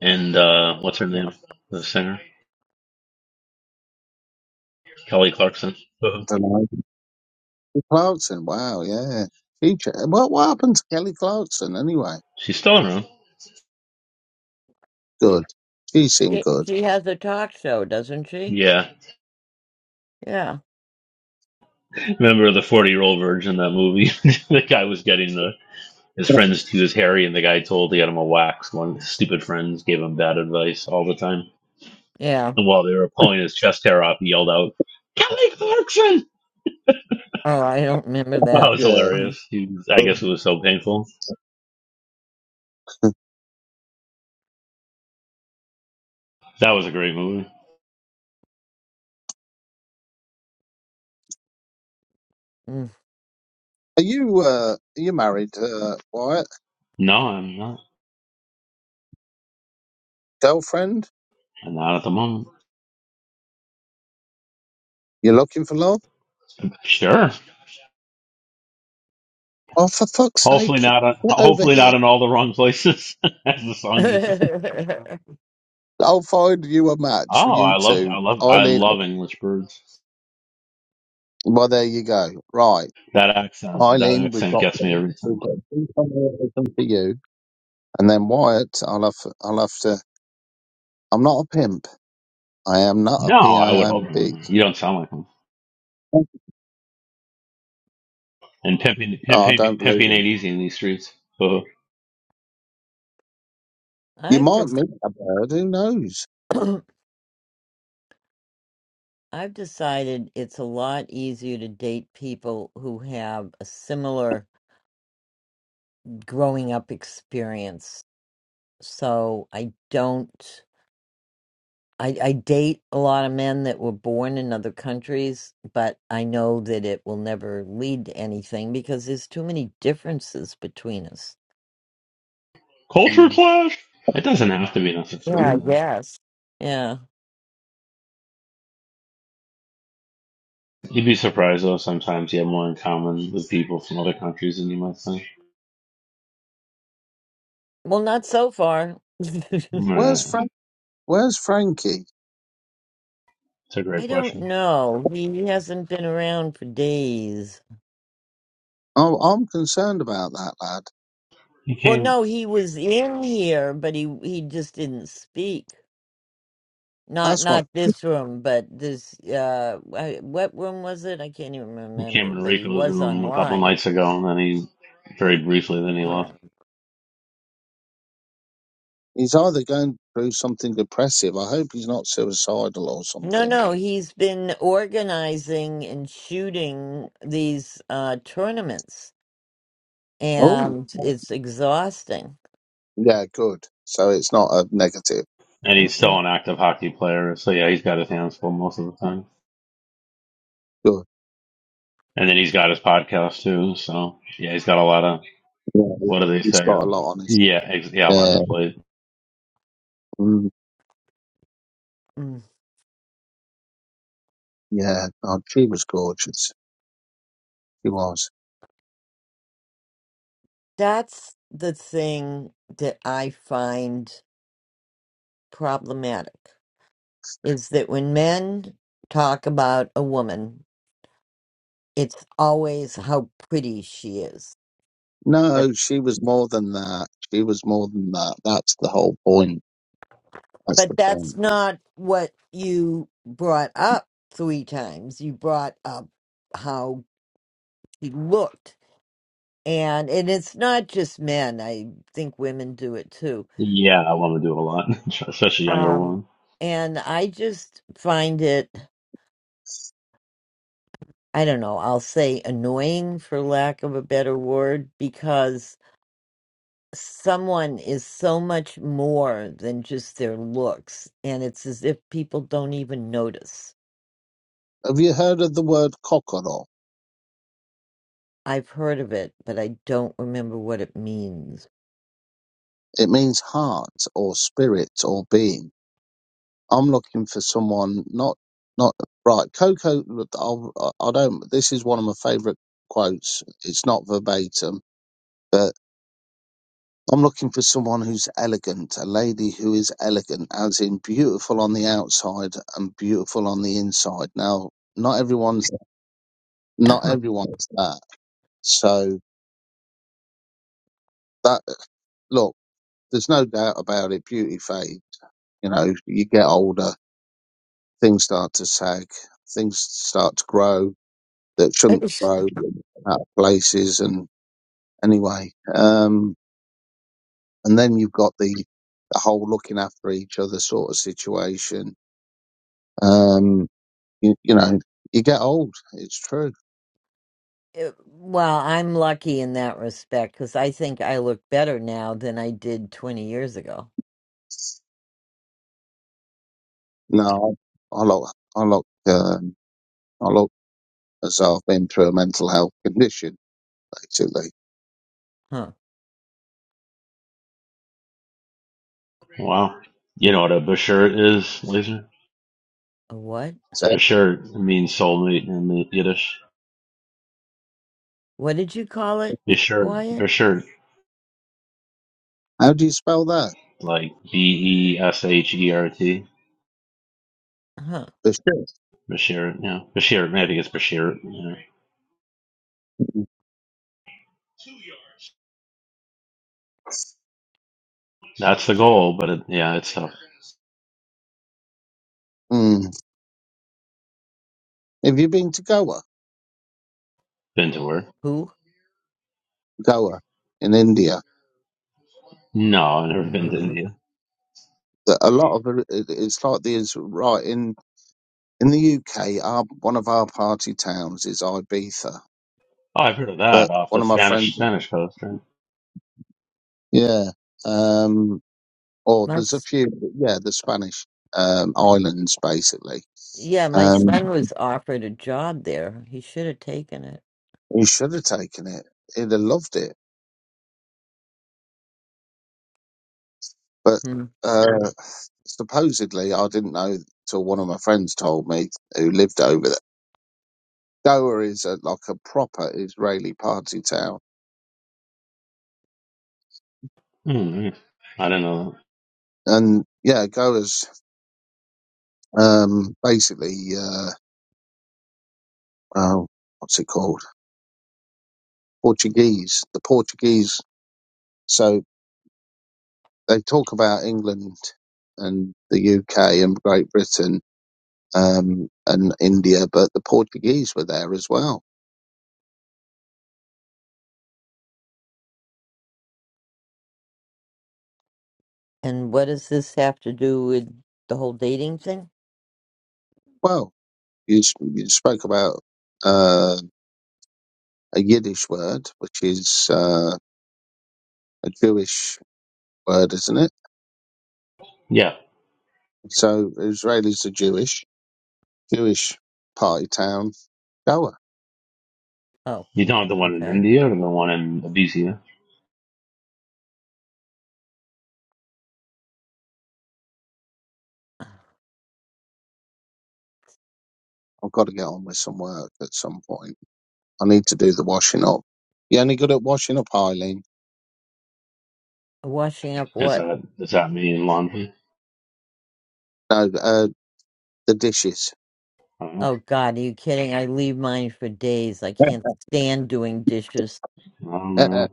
Speaker 2: And uh, what's her
Speaker 1: yeah,
Speaker 2: name? The singer? Kelly Clarkson. Uh-huh.
Speaker 7: don't know. Kelly Clarkson, wow, yeah. She, ch- what what happened to Kelly Clarkson anyway?
Speaker 2: She's still around.
Speaker 7: Good, she seemed
Speaker 1: she,
Speaker 7: good.
Speaker 1: she has a talk show, doesn't she?
Speaker 2: Yeah.
Speaker 1: Yeah,
Speaker 2: Remember the 40 year old virgin, that movie? the guy was getting the, his friends to his Harry, and the guy told he had him a wax. One of his stupid friends gave him bad advice all the time.
Speaker 1: yeah.
Speaker 2: And while they were pulling his chest hair off, he yelled out, Kelly Clarkson!
Speaker 1: Oh, I don't remember
Speaker 2: Oh, it
Speaker 1: that.
Speaker 2: was
Speaker 7: Yeah.
Speaker 1: Mm.
Speaker 2: hilarious. He was, I
Speaker 7: But
Speaker 2: guess it was so painful. That was a great movie.
Speaker 1: Mm.
Speaker 7: are you uh, are you married, uh, Wyatt?
Speaker 2: No, I'm not.
Speaker 7: Girlfriend?
Speaker 2: I'm not at the moment.
Speaker 7: You're looking for love?
Speaker 2: Sure.
Speaker 7: Oh, for fuck's
Speaker 2: Hopefully
Speaker 7: sake!
Speaker 2: not. On,
Speaker 7: Get over
Speaker 2: hopefully
Speaker 7: here.
Speaker 2: not in all the wrong places, as the song uses.
Speaker 7: I'll find you a match for
Speaker 2: Oh,
Speaker 7: you
Speaker 2: I love. I
Speaker 7: two,
Speaker 2: love. I
Speaker 7: Eileen
Speaker 2: love English birds.
Speaker 7: Well, there you go. Right.
Speaker 2: That accent. That
Speaker 7: Eileen, we've
Speaker 2: accent
Speaker 7: got,
Speaker 2: gets me every
Speaker 7: we've
Speaker 2: time.
Speaker 7: got two nominations for you. And then Wyatt, I'll have, I'll have to, I'm not a pimp. I am not a
Speaker 2: No, I would hope
Speaker 7: P-I-M-P.
Speaker 2: not. You don't sound like him. And pimping,
Speaker 7: No, I
Speaker 2: pimping,
Speaker 7: don't believe
Speaker 2: pimping
Speaker 7: him.
Speaker 2: ain't easy in these streets. Uh,
Speaker 7: You
Speaker 1: I've
Speaker 7: might
Speaker 1: just
Speaker 7: meet a bird. Who knows?
Speaker 1: I've decided it's a lot easier to date people who have a similar growing up experience. So I don't, I, I date a lot of men that were born in other countries, but I know that it will never lead to anything because there's too many differences between us.
Speaker 2: culture clash. It doesn't have to be
Speaker 1: Yeah,
Speaker 2: necessarily.
Speaker 1: I
Speaker 2: Though.
Speaker 1: guess. Yeah.
Speaker 2: You'd be surprised though. Sometimes you have more in common with people from other countries than you might think.
Speaker 1: Well, not so far.
Speaker 7: Where's
Speaker 2: Right.
Speaker 7: Frank? Where's Frankie?
Speaker 2: It's a great
Speaker 1: I don't
Speaker 2: question.
Speaker 1: know. He hasn't been around for days.
Speaker 7: Oh, I'm concerned about that lad.
Speaker 2: He
Speaker 1: Well,
Speaker 2: came.
Speaker 1: no, he was in here, but he he just didn't speak. Not
Speaker 7: That's what.
Speaker 1: not this room, but this uh I- what room was it? I can't even
Speaker 2: He came
Speaker 1: remember,
Speaker 2: in
Speaker 1: but he
Speaker 2: Rico's
Speaker 1: was
Speaker 2: room a couple
Speaker 1: online.
Speaker 2: nights ago, and then he very briefly, then he
Speaker 1: Yeah.
Speaker 2: left.
Speaker 7: he's either going through something depressive. I hope he's not suicidal or
Speaker 1: No,
Speaker 7: something.
Speaker 1: no, he's been organizing and shooting these uh tournaments
Speaker 7: Oh,
Speaker 1: and it's exhausting.
Speaker 7: yeah, good. So it's not a negative.
Speaker 2: And he's still
Speaker 1: Mm-mm.
Speaker 2: an active hockey player, so yeah, he's got his hands full most of the time.
Speaker 7: Good.
Speaker 2: And then he's got his podcast too, so yeah, he's got a lot of
Speaker 7: Yeah,
Speaker 2: what do they
Speaker 7: he's
Speaker 2: say?
Speaker 7: got a
Speaker 2: Uh,
Speaker 7: lot on his.
Speaker 2: yeah, ex- yeah, a lot on
Speaker 7: Yeah,
Speaker 2: his
Speaker 7: mm,
Speaker 1: mm.
Speaker 7: yeah. Oh, she was gorgeous. She was.
Speaker 1: That's the thing that I find problematic is that when men talk about a woman it's always how pretty she is.
Speaker 7: No, she was more than that. She was more than that. That's the whole point. That's
Speaker 1: But
Speaker 7: the
Speaker 1: that's
Speaker 7: point.
Speaker 1: not what you brought up three times. You brought up how she looked. And and it's not just men. I think women do it too.
Speaker 2: Yeah, I want to do a lot, especially younger
Speaker 1: Um
Speaker 2: one.
Speaker 1: and I just find it I don't know, I'll say annoying for lack of a better word because someone is so much more than just their looks and it's as if people don't even notice
Speaker 7: Have you heard of the word kokoro?
Speaker 1: I've heard of it, but I don't remember what it means.
Speaker 7: It means heart or spirit or being. I'm looking for someone not not right. Coco, look, I'll, I don't. This is one of my favourite quotes. It's not verbatim, but I'm looking for someone who's elegant, a lady who is elegant, as in beautiful on the outside and beautiful on the inside. Now, not everyone's not everyone's that. So that look, there's no doubt about it. Beauty fades. You know, you get older, things start to sag, things start to grow that shouldn't
Speaker 1: It's-
Speaker 7: grow out of places. And anyway, um, and then you've got the, the whole looking after each other sort of situation. Um, you, you know, you get old. It's true.
Speaker 1: It- well, I'm lucky in that respect because I think I look better now than I did 20 years ago.
Speaker 7: No, I look, I look, um, I look as I've been through a mental health condition, basically.
Speaker 1: Huh.
Speaker 2: Wow, you know what a bashert is, Laser?
Speaker 1: A what?
Speaker 7: So
Speaker 2: Bashert means soulmate in the Yiddish.
Speaker 1: What did you call it,
Speaker 2: Bashert,
Speaker 1: Wyatt?
Speaker 2: bashert,
Speaker 7: how do you spell that?
Speaker 2: like B E S H E R T.
Speaker 1: Huh.
Speaker 7: The shit.
Speaker 2: Bashir, yeah, Bashir. Maybe it's Bashir. Yeah. That's the goal, but it, yeah, it's tough.
Speaker 7: Mm. Have you been to Goa?
Speaker 2: Been to where?
Speaker 1: Who?
Speaker 7: Goa in India.
Speaker 2: No, I've never been to
Speaker 1: Mhm.
Speaker 2: India.
Speaker 7: That a lot of it, it's like the is right In the UK, our one of our party towns is Ibiza,
Speaker 2: Oh, I've heard of
Speaker 7: but
Speaker 2: that off
Speaker 7: one
Speaker 2: the
Speaker 7: of my friends,
Speaker 2: Spanish Spanish coast, right?
Speaker 7: yeah, um, or
Speaker 1: My,
Speaker 7: there's a
Speaker 1: s-
Speaker 7: few, but yeah, the Spanish um, islands basically.
Speaker 1: yeah, my son
Speaker 7: Um,
Speaker 1: was offered a job there. He should have taken it.
Speaker 7: he should have taken it; he'd have loved it. But
Speaker 1: Hmm.
Speaker 7: uh, supposedly, I didn't know till one of my friends told me who lived over there. Goa is a, like a proper Israeli party town,
Speaker 2: Mm, yeah. I don't know. That.
Speaker 7: and yeah, Goa's um, basically uh, oh, what's it called? Portuguese, the Portuguese. So they talk about England and the UK and Great Britain um, and India, but the Portuguese were there as well.
Speaker 1: And what does this have to do with the whole dating thing?
Speaker 7: Well, you, s- you spoke about uh, a Yiddish word, which is uh, a Jewish word, isn't it?
Speaker 2: Yeah,
Speaker 7: So Israelis are Jewish, Jewish party town, Goa.
Speaker 1: Oh,
Speaker 2: you don't have the one in
Speaker 1: okay.
Speaker 2: India or the one in Abyssinia.
Speaker 1: Uh,
Speaker 7: I've got to get on with some work at some point. I need to do the washing up. You only good at washing up, Eileen?
Speaker 1: Washing up
Speaker 2: Is
Speaker 1: what?
Speaker 2: that is that me in London?
Speaker 7: No, uh, The dishes.
Speaker 2: I don't know.
Speaker 1: Oh God, are you kidding? I leave mine for days. I can't stand doing dishes.
Speaker 2: I don't know.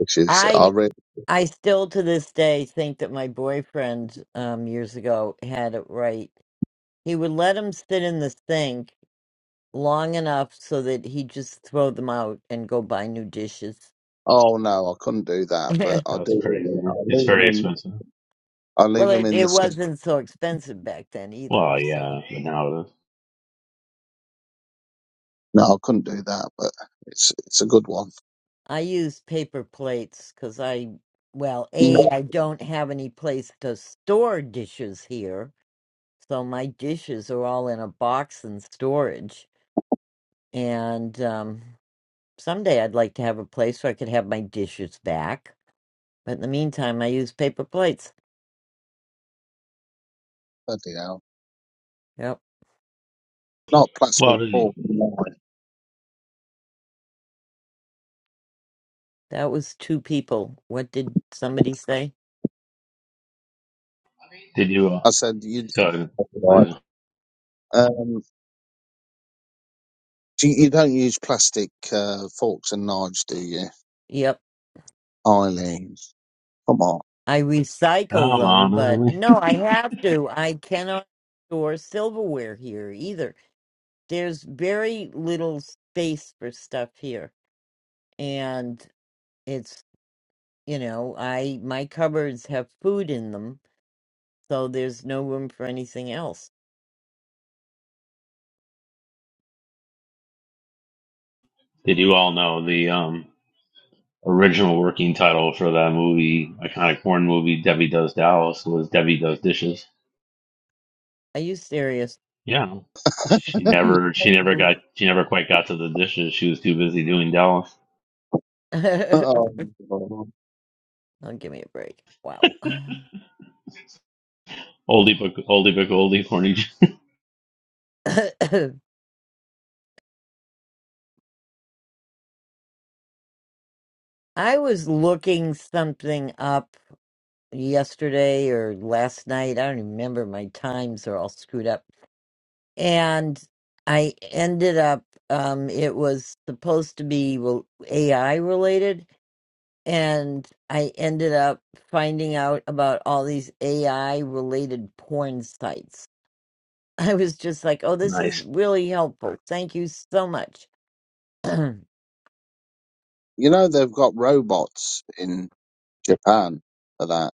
Speaker 7: dishes. I
Speaker 1: I
Speaker 7: re-
Speaker 1: I still to this day think that my boyfriend um years ago had it right. He would let them sit in the sink long enough so that he just throw them out and go buy new dishes.
Speaker 7: oh no, I couldn't do that, but I
Speaker 2: That's crazy.
Speaker 7: do. I
Speaker 2: It's
Speaker 7: leave them
Speaker 2: very
Speaker 7: in.
Speaker 2: expensive.
Speaker 7: I leave
Speaker 1: well,
Speaker 7: them
Speaker 1: it,
Speaker 7: in the
Speaker 1: it
Speaker 7: sink.
Speaker 1: wasn't so expensive back then either,
Speaker 2: Well,
Speaker 1: so
Speaker 2: yeah, but now it is.
Speaker 7: No, I couldn't do that, but it's it's a good one.
Speaker 1: I use paper plates because I well, A,
Speaker 7: No,
Speaker 1: I don't have any place to store dishes here So my dishes are all in a box in storage. And um, someday I'd like to have a place where I could have my dishes back. But in the meantime, I use paper plates.
Speaker 7: bloody hell.
Speaker 1: Yep.
Speaker 7: Not plastic
Speaker 2: Well, did you,
Speaker 7: fork. no.
Speaker 1: That was two people. What did somebody say?
Speaker 2: did you uh,
Speaker 7: I said you.
Speaker 2: go to,
Speaker 7: Right.
Speaker 2: like,
Speaker 7: Um, do you, you don't use plastic uh, forks and knives, do you,
Speaker 1: Yep.
Speaker 7: Eileen? Come on.
Speaker 1: I recycle
Speaker 2: come on,
Speaker 1: them, but
Speaker 2: really?
Speaker 1: no, I have to. I cannot store silverware here either. There's very little space for stuff here. And it's, you know, I my cupboards have food in them so there's no room for anything else.
Speaker 2: Did you all know the um? original working title for that movie, iconic porn movie, Debbie Does Dallas, was Debbie Does Dishes.
Speaker 1: Are you serious?
Speaker 2: Yeah, she
Speaker 7: No.
Speaker 2: never, she never got,
Speaker 1: oh,
Speaker 2: she never quite got to the dishes. She was too busy doing Dallas.
Speaker 7: Oh,
Speaker 1: give me a break. Wow.
Speaker 2: Oldie but oldie but oldie, corny. j-
Speaker 1: I was looking something up yesterday or last night. I don't even remember. My times are all screwed up. And I ended up, um, it was supposed to be rel- AI related. And I ended up finding out about all these AI related porn sites I was just like, oh, this is
Speaker 2: Nice.
Speaker 1: really helpful. Thank you so much. I
Speaker 7: you know they've got robots in Japan for that.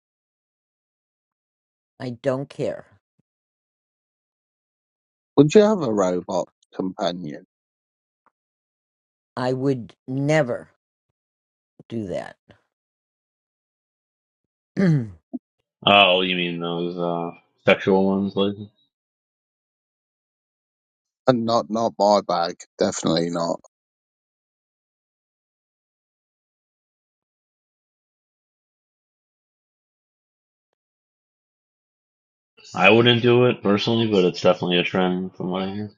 Speaker 1: don't care.
Speaker 7: Would you have a robot companion?
Speaker 1: I would never do that.
Speaker 2: Oh, you mean those uh, sexual ones? Like,
Speaker 7: And not not my bag, definitely not.
Speaker 2: I wouldn't do it personally, but it's definitely a trend from what I hear.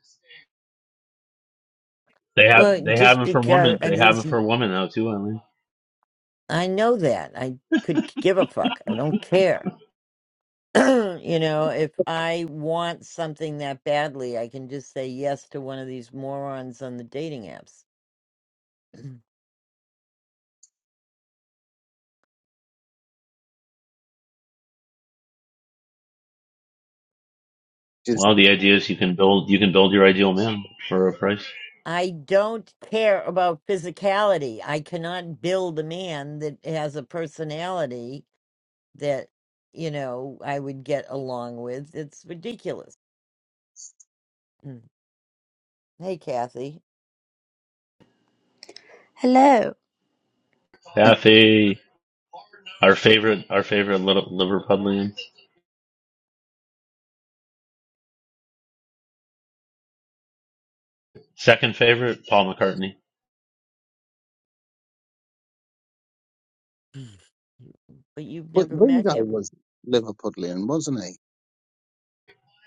Speaker 2: They have,
Speaker 1: well,
Speaker 2: they have
Speaker 1: just
Speaker 2: them for
Speaker 1: because
Speaker 2: women.
Speaker 1: I,
Speaker 2: They have them
Speaker 1: just,
Speaker 2: for women now too. I mean,
Speaker 1: I know that. I could give a fuck. I don't care. you know, if I want something that badly, I can just say yes to one of these morons on the dating apps.
Speaker 7: Just
Speaker 2: well, the idea is you can build, you can build your ideal man for a price.
Speaker 1: I don't care about physicality. I cannot build a man that has a personality that you know I would get along with. It's ridiculous. Mm. Hey, Kathy,
Speaker 8: Hello,
Speaker 7: uh,
Speaker 2: Kathy. Our favorite, our favorite little Liverpudlians. Second favorite, Paul McCartney.
Speaker 1: but you've
Speaker 7: but
Speaker 1: never met
Speaker 7: Ringo
Speaker 1: him.
Speaker 7: was Liverpudlian, wasn't he?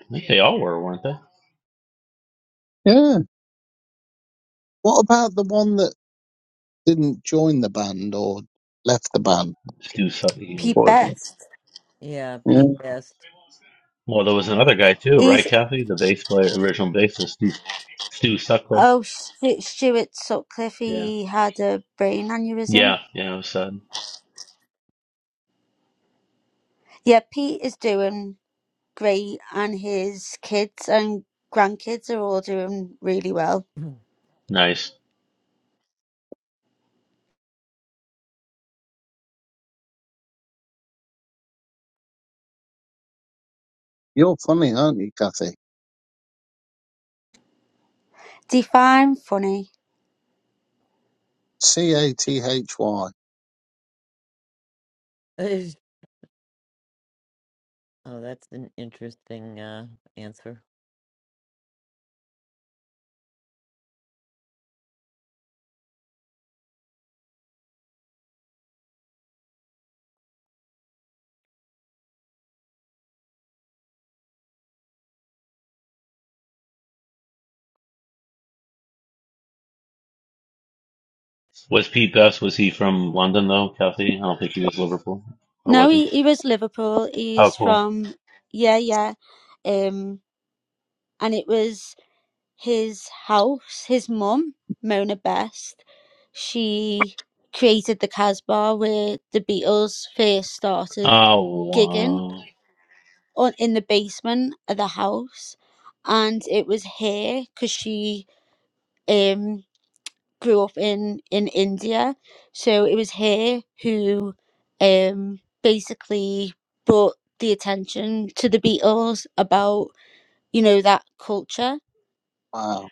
Speaker 2: I think they all were, weren't they?
Speaker 7: Yeah. What about the one that didn't join the band or left the band?
Speaker 2: Stu Sutcliffe.
Speaker 8: Pete
Speaker 7: before it went?
Speaker 8: Best.
Speaker 1: Yeah, Pete
Speaker 7: Yeah.
Speaker 1: Best.
Speaker 2: Well, there was another guy too, right,
Speaker 8: He's
Speaker 2: Kathy? The bass player, original bassist, Stu, Stu Sutcliffe.
Speaker 8: oh Stu- Stuart Sutcliffe.
Speaker 2: Yeah,
Speaker 8: He had a brain aneurysm.
Speaker 2: yeah, yeah. It was sad.
Speaker 8: Yeah, Pete is doing great, and his kids and grandkids are all doing really well.
Speaker 1: Mm.
Speaker 2: Nice.
Speaker 7: You're funny, aren't you, Cathy?
Speaker 8: Define funny.
Speaker 7: C A T H Y.
Speaker 1: oh, that's an interesting uh, answer.
Speaker 2: Was Pete Best? Was he from London though, Kathy? I don't think he was Liverpool, or
Speaker 8: No,
Speaker 2: was he?
Speaker 8: he he was Liverpool.
Speaker 2: How
Speaker 8: He's
Speaker 2: cool!
Speaker 8: from yeah yeah, um, and it was his house. His mum Mona Best. She created the Casbah where the Beatles first started
Speaker 2: Oh
Speaker 8: gigging
Speaker 2: wow,
Speaker 8: on in the basement of the house, and it was her because she um grew up in in India, so it was her who um basically brought the attention to the Beatles about you know that culture
Speaker 7: Wow.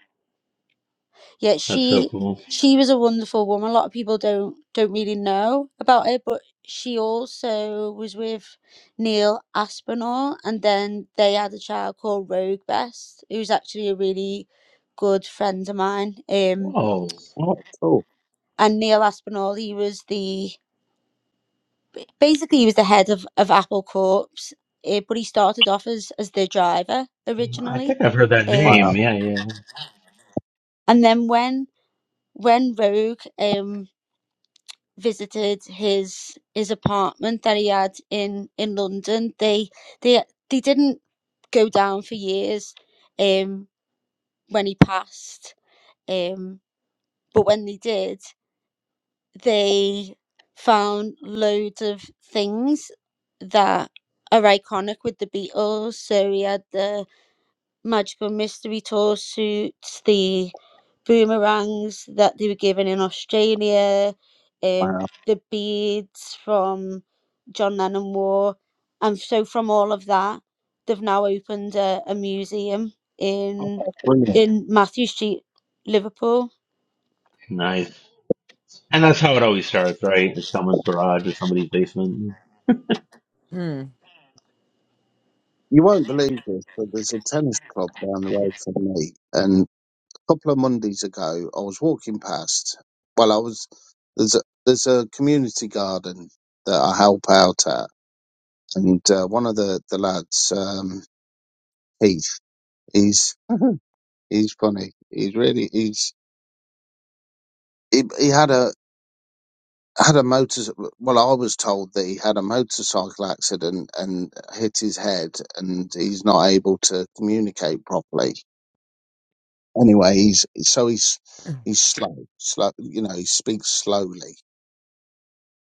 Speaker 8: Yeah,
Speaker 2: that's so
Speaker 8: she
Speaker 2: cool.
Speaker 8: she was a wonderful woman. A lot of people don't don't really know about her, but she also was with Neil Aspinall, and then they had a child called Rogue Best, who's actually a really good friend of mine. Um,
Speaker 2: Oh,
Speaker 7: What? Cool.
Speaker 8: and Neil Aspinall, he was the basically he was the head of of Apple Corps, eh, but he started off as as the driver
Speaker 2: I
Speaker 8: originally,
Speaker 2: think I've heard that
Speaker 8: um,
Speaker 7: Wow.
Speaker 2: name. Yeah, yeah.
Speaker 8: and then when when Rogue um visited his his apartment that he had in in London. They they they didn't go down for years um when he passed. Um but when they did, they found loads of things that are iconic with the Beatles. So he had the Magical Mystery Tour suits, the boomerangs that they were given in Australia, um,
Speaker 7: Wow.
Speaker 8: the beads from John Lennon War. And so from all of that, they've now opened a, a museum in
Speaker 7: Brilliant.
Speaker 8: in Matthew Street, Liverpool.
Speaker 2: Nice. And that's how it always starts, right? It's someone's garage or somebody's basement.
Speaker 1: Hmm.
Speaker 7: You won't believe this, but there's a tennis club down the road from me. And a couple of Mondays ago, I was walking past. Well, I was there's a there's a community garden that I help out at, and uh, one of the the lads, um, Heath, he's he's funny. He's really he's he, he had a had a motor. Well, I was told that he had a motorcycle accident and hit his head, and he's not able to communicate properly anyway, he's so he's he's slow, slow. You know, he speaks slowly.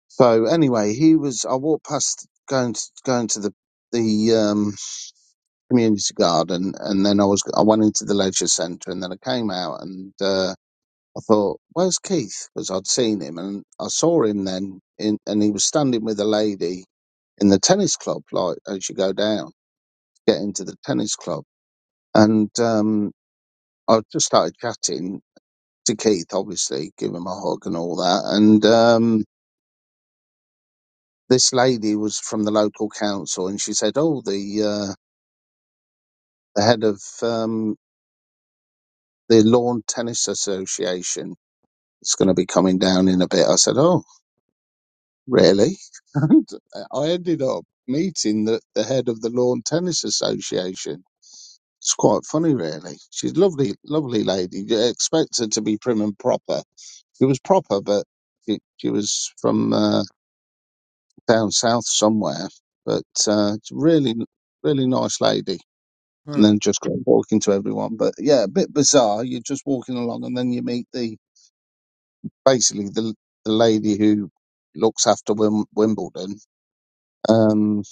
Speaker 7: So anyway, he was. I walked past going to, going to the the um, community garden, and then I was I went into the leisure centre, and then I came out, and uh, I thought, "Where's Keith?" Because I'd seen him, and I saw him then, in, and he was standing with a lady in the tennis club, like as you go down, get into the tennis club, and um, I just started chatting, to Keith, obviously, give him a hug and all that. And um, this lady was from the local council, and she said, "Oh, the uh, the head of um, the lawn tennis association is going to be coming down in a bit." I said, "Oh, really?" And I ended up meeting the, the head of the lawn tennis association. It's quite funny, really. She's a lovely, lovely lady. You expect her to be prim and proper. She was proper, but she, she was from. Uh, down south somewhere. But uh, really, really nice lady. And
Speaker 1: Huh.
Speaker 7: then just great walking to everyone. But yeah, a bit bizarre. You're just walking along, and then you meet the basically the the lady who looks after Wim- Wimbledon. Um,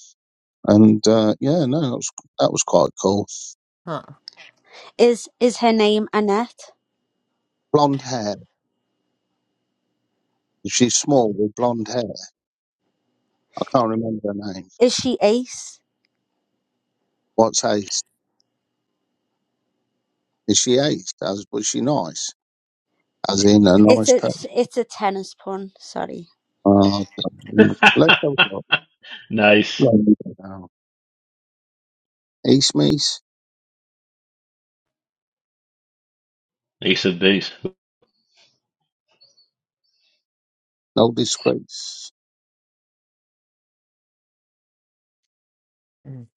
Speaker 7: and uh, yeah, no, that was that was quite cool.
Speaker 1: Huh.
Speaker 8: Is is her name Annette?
Speaker 7: Blonde hair. She's small with blonde hair. I can't remember her name.
Speaker 8: Is she Ace?
Speaker 7: What's Ace? Is she Ace? As was she nice? As in a
Speaker 8: It's
Speaker 7: nice
Speaker 8: a
Speaker 7: person?
Speaker 8: it's a tennis pun, sorry.
Speaker 7: Uh, let's have a
Speaker 2: nice.
Speaker 7: look. East Meath,
Speaker 2: Ace of base.
Speaker 7: no disgrace.
Speaker 1: Mm.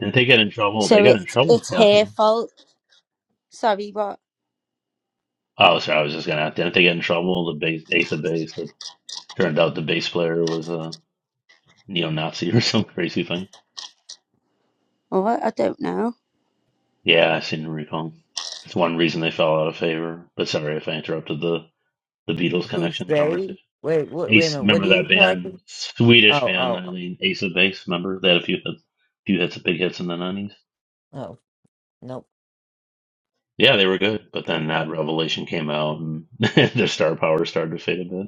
Speaker 2: Didn't they get in trouble? They
Speaker 8: So
Speaker 2: got in
Speaker 8: it's
Speaker 2: trouble with
Speaker 8: it's her
Speaker 2: Kathy.
Speaker 8: fault. Sorry, what?
Speaker 2: Oh, sorry. I was just going to ask. Didn't they get in trouble? The base, Ace of base. That turned out the bass player was a neo Nazi or some crazy thing.
Speaker 8: Oh, I I don't know.
Speaker 2: Yeah, I seem to recall. That's one reason they fell out of favor. But sorry if I interrupted the, the Beatles
Speaker 1: Who's
Speaker 2: connection
Speaker 1: they?
Speaker 2: conversation.
Speaker 1: Wait. What? Wait a
Speaker 2: Ace,
Speaker 1: minute. What are
Speaker 2: remember
Speaker 1: you
Speaker 2: that
Speaker 1: talking?
Speaker 2: band? Swedish
Speaker 1: Oh.
Speaker 2: band,
Speaker 1: Oh.
Speaker 2: Eileen. Ace of Base, remember? They had a few hits, few hits, big hits in the 90s.
Speaker 1: Oh. Nope.
Speaker 2: Yeah, they were good, but then that revelation came out, and their star power started to fade a bit.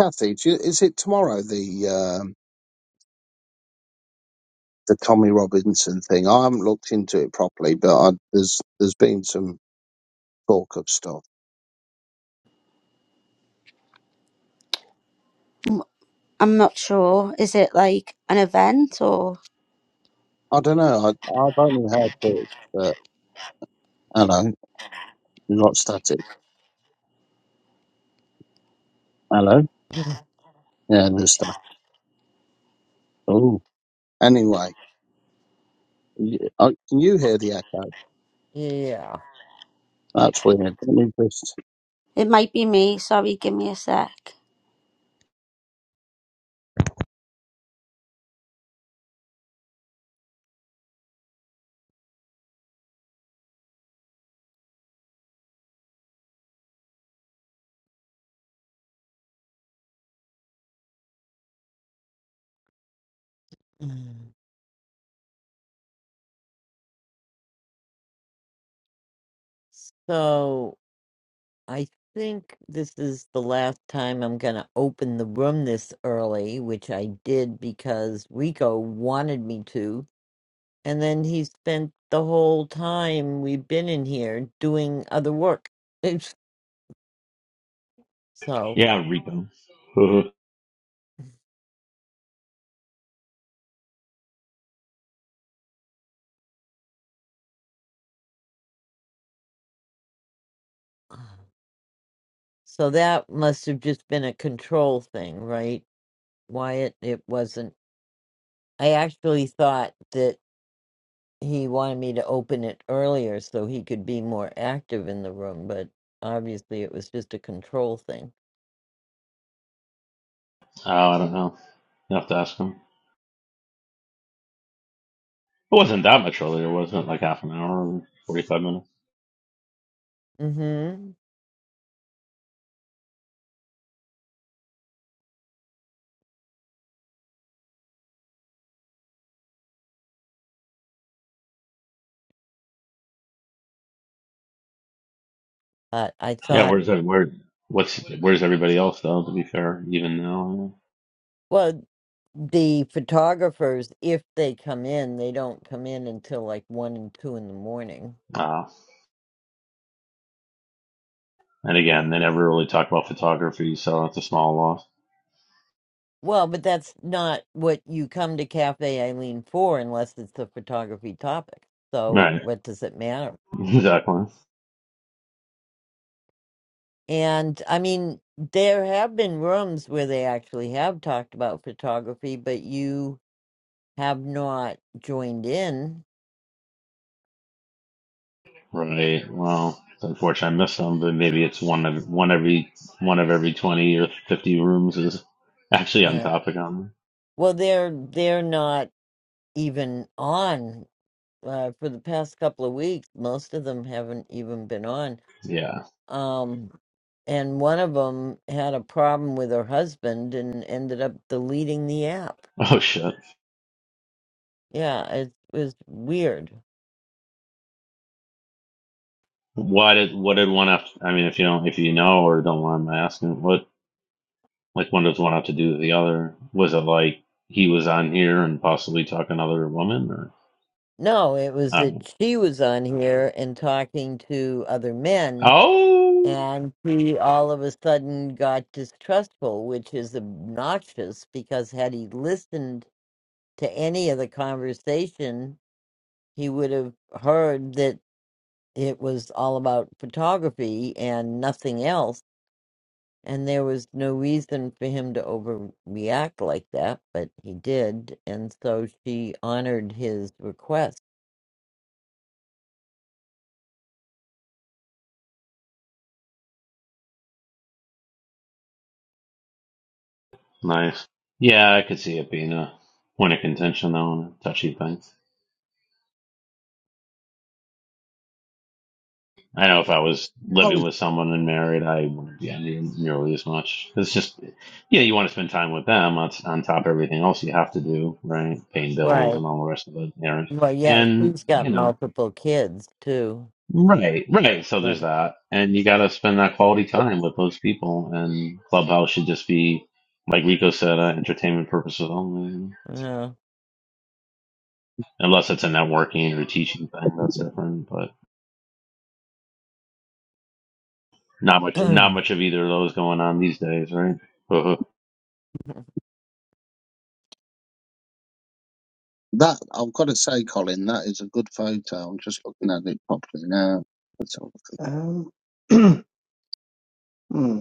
Speaker 7: Kathy, do you, is it tomorrow the um the Tommy Robinson thing? I haven't looked into it properly, but I, there's there's been some talk of stuff.
Speaker 8: I'm not sure. Is it like an event or?
Speaker 7: I don't know. I, I've only heard it, but hello, you're not static. Hello,
Speaker 1: Mm.
Speaker 7: yeah, there's stuff. Oh, anyway, y- I, can you hear the echo?
Speaker 1: yeah.
Speaker 7: That's weird. Let me just.
Speaker 8: It might be me. Sorry, give me a sec.
Speaker 1: Mm. So. I think this is the last time I'm going to open the room this early, which I did because Rico wanted me to. And then he spent the whole time we've been in here doing other work. It's- So,
Speaker 2: Yeah, Rico. oh,
Speaker 1: so that must have just been a control thing, right, Wyatt? It wasn't. I actually thought that he wanted me to open it earlier so he could be more active in the room, but obviously it was just a control thing.
Speaker 2: I don't know. You have to ask him. It wasn't that much earlier, wasn't it? Like half an hour, or forty-five minutes.
Speaker 1: Mm-hmm. But I
Speaker 2: Yeah,
Speaker 1: thought,
Speaker 2: where's every- where? What's where's everybody else though? To be fair, even now.
Speaker 1: well, the photographers, if they come in, they don't come in until like one and two in the morning.
Speaker 2: Uh, and again, they never really talk about photography, so it's a small loss.
Speaker 1: Well, but that's not what you come to Cafe Eileen for unless it's a photography topic. So
Speaker 2: Right,
Speaker 1: what does it matter?
Speaker 2: exactly.
Speaker 1: And I mean, there have been rooms where they actually have talked about photography, but you have not joined in.
Speaker 2: Right. Well, it's unfortunate I missed some, but maybe it's one of one every one of every twenty or fifty rooms is actually on
Speaker 1: Yeah.
Speaker 2: topic on.
Speaker 1: Well, they're they're not even on. uh, for the past couple of weeks. Most of them haven't even been on.
Speaker 2: Yeah.
Speaker 1: Um, and one of them had a problem with her husband and ended up deleting the app.
Speaker 2: Oh shit.
Speaker 1: Yeah, it was weird.
Speaker 2: Why did what did one have? I mean, if you don't, if you know or don't mind my asking, what like one does one have to do with the other? Was it like he was on here and possibly talking to another woman or?
Speaker 1: No, it was that
Speaker 2: Um,
Speaker 1: she was on here and talking to other men,
Speaker 2: oh,
Speaker 1: and he all of a sudden got distrustful, which is obnoxious because had he listened to any of the conversation, he would have heard that it was all about photography and nothing else. And there was no reason for him to overreact like that, but he did. And so she honored his request.
Speaker 2: nice. Yeah, I could see it being a point of contention though, and a touchy thing. I know if I was living
Speaker 7: Colin,
Speaker 2: with someone and married, I wouldn't be envying nearly as much. It's just, yeah, you want to spend time with them on, on top of everything else you have to do, right? Paying bills
Speaker 1: Right.
Speaker 2: and all the rest of it, errands.
Speaker 1: Well, yeah,
Speaker 2: And,
Speaker 1: she's
Speaker 2: you
Speaker 1: got
Speaker 2: know,
Speaker 1: multiple kids too.
Speaker 2: right, right. So
Speaker 1: Yeah.
Speaker 2: there's that. And you got to spend that quality time with those people. And Clubhouse should just be, like Rico said, uh, entertainment purposes only.
Speaker 1: Yeah.
Speaker 2: Unless it's a networking or teaching thing, that's different. But not much, not much of either of those going on these days, right?
Speaker 7: that I've got to say, Colin, that is a good photo. I'm just looking at it properly now. Let's have a look
Speaker 6: Um, hmm.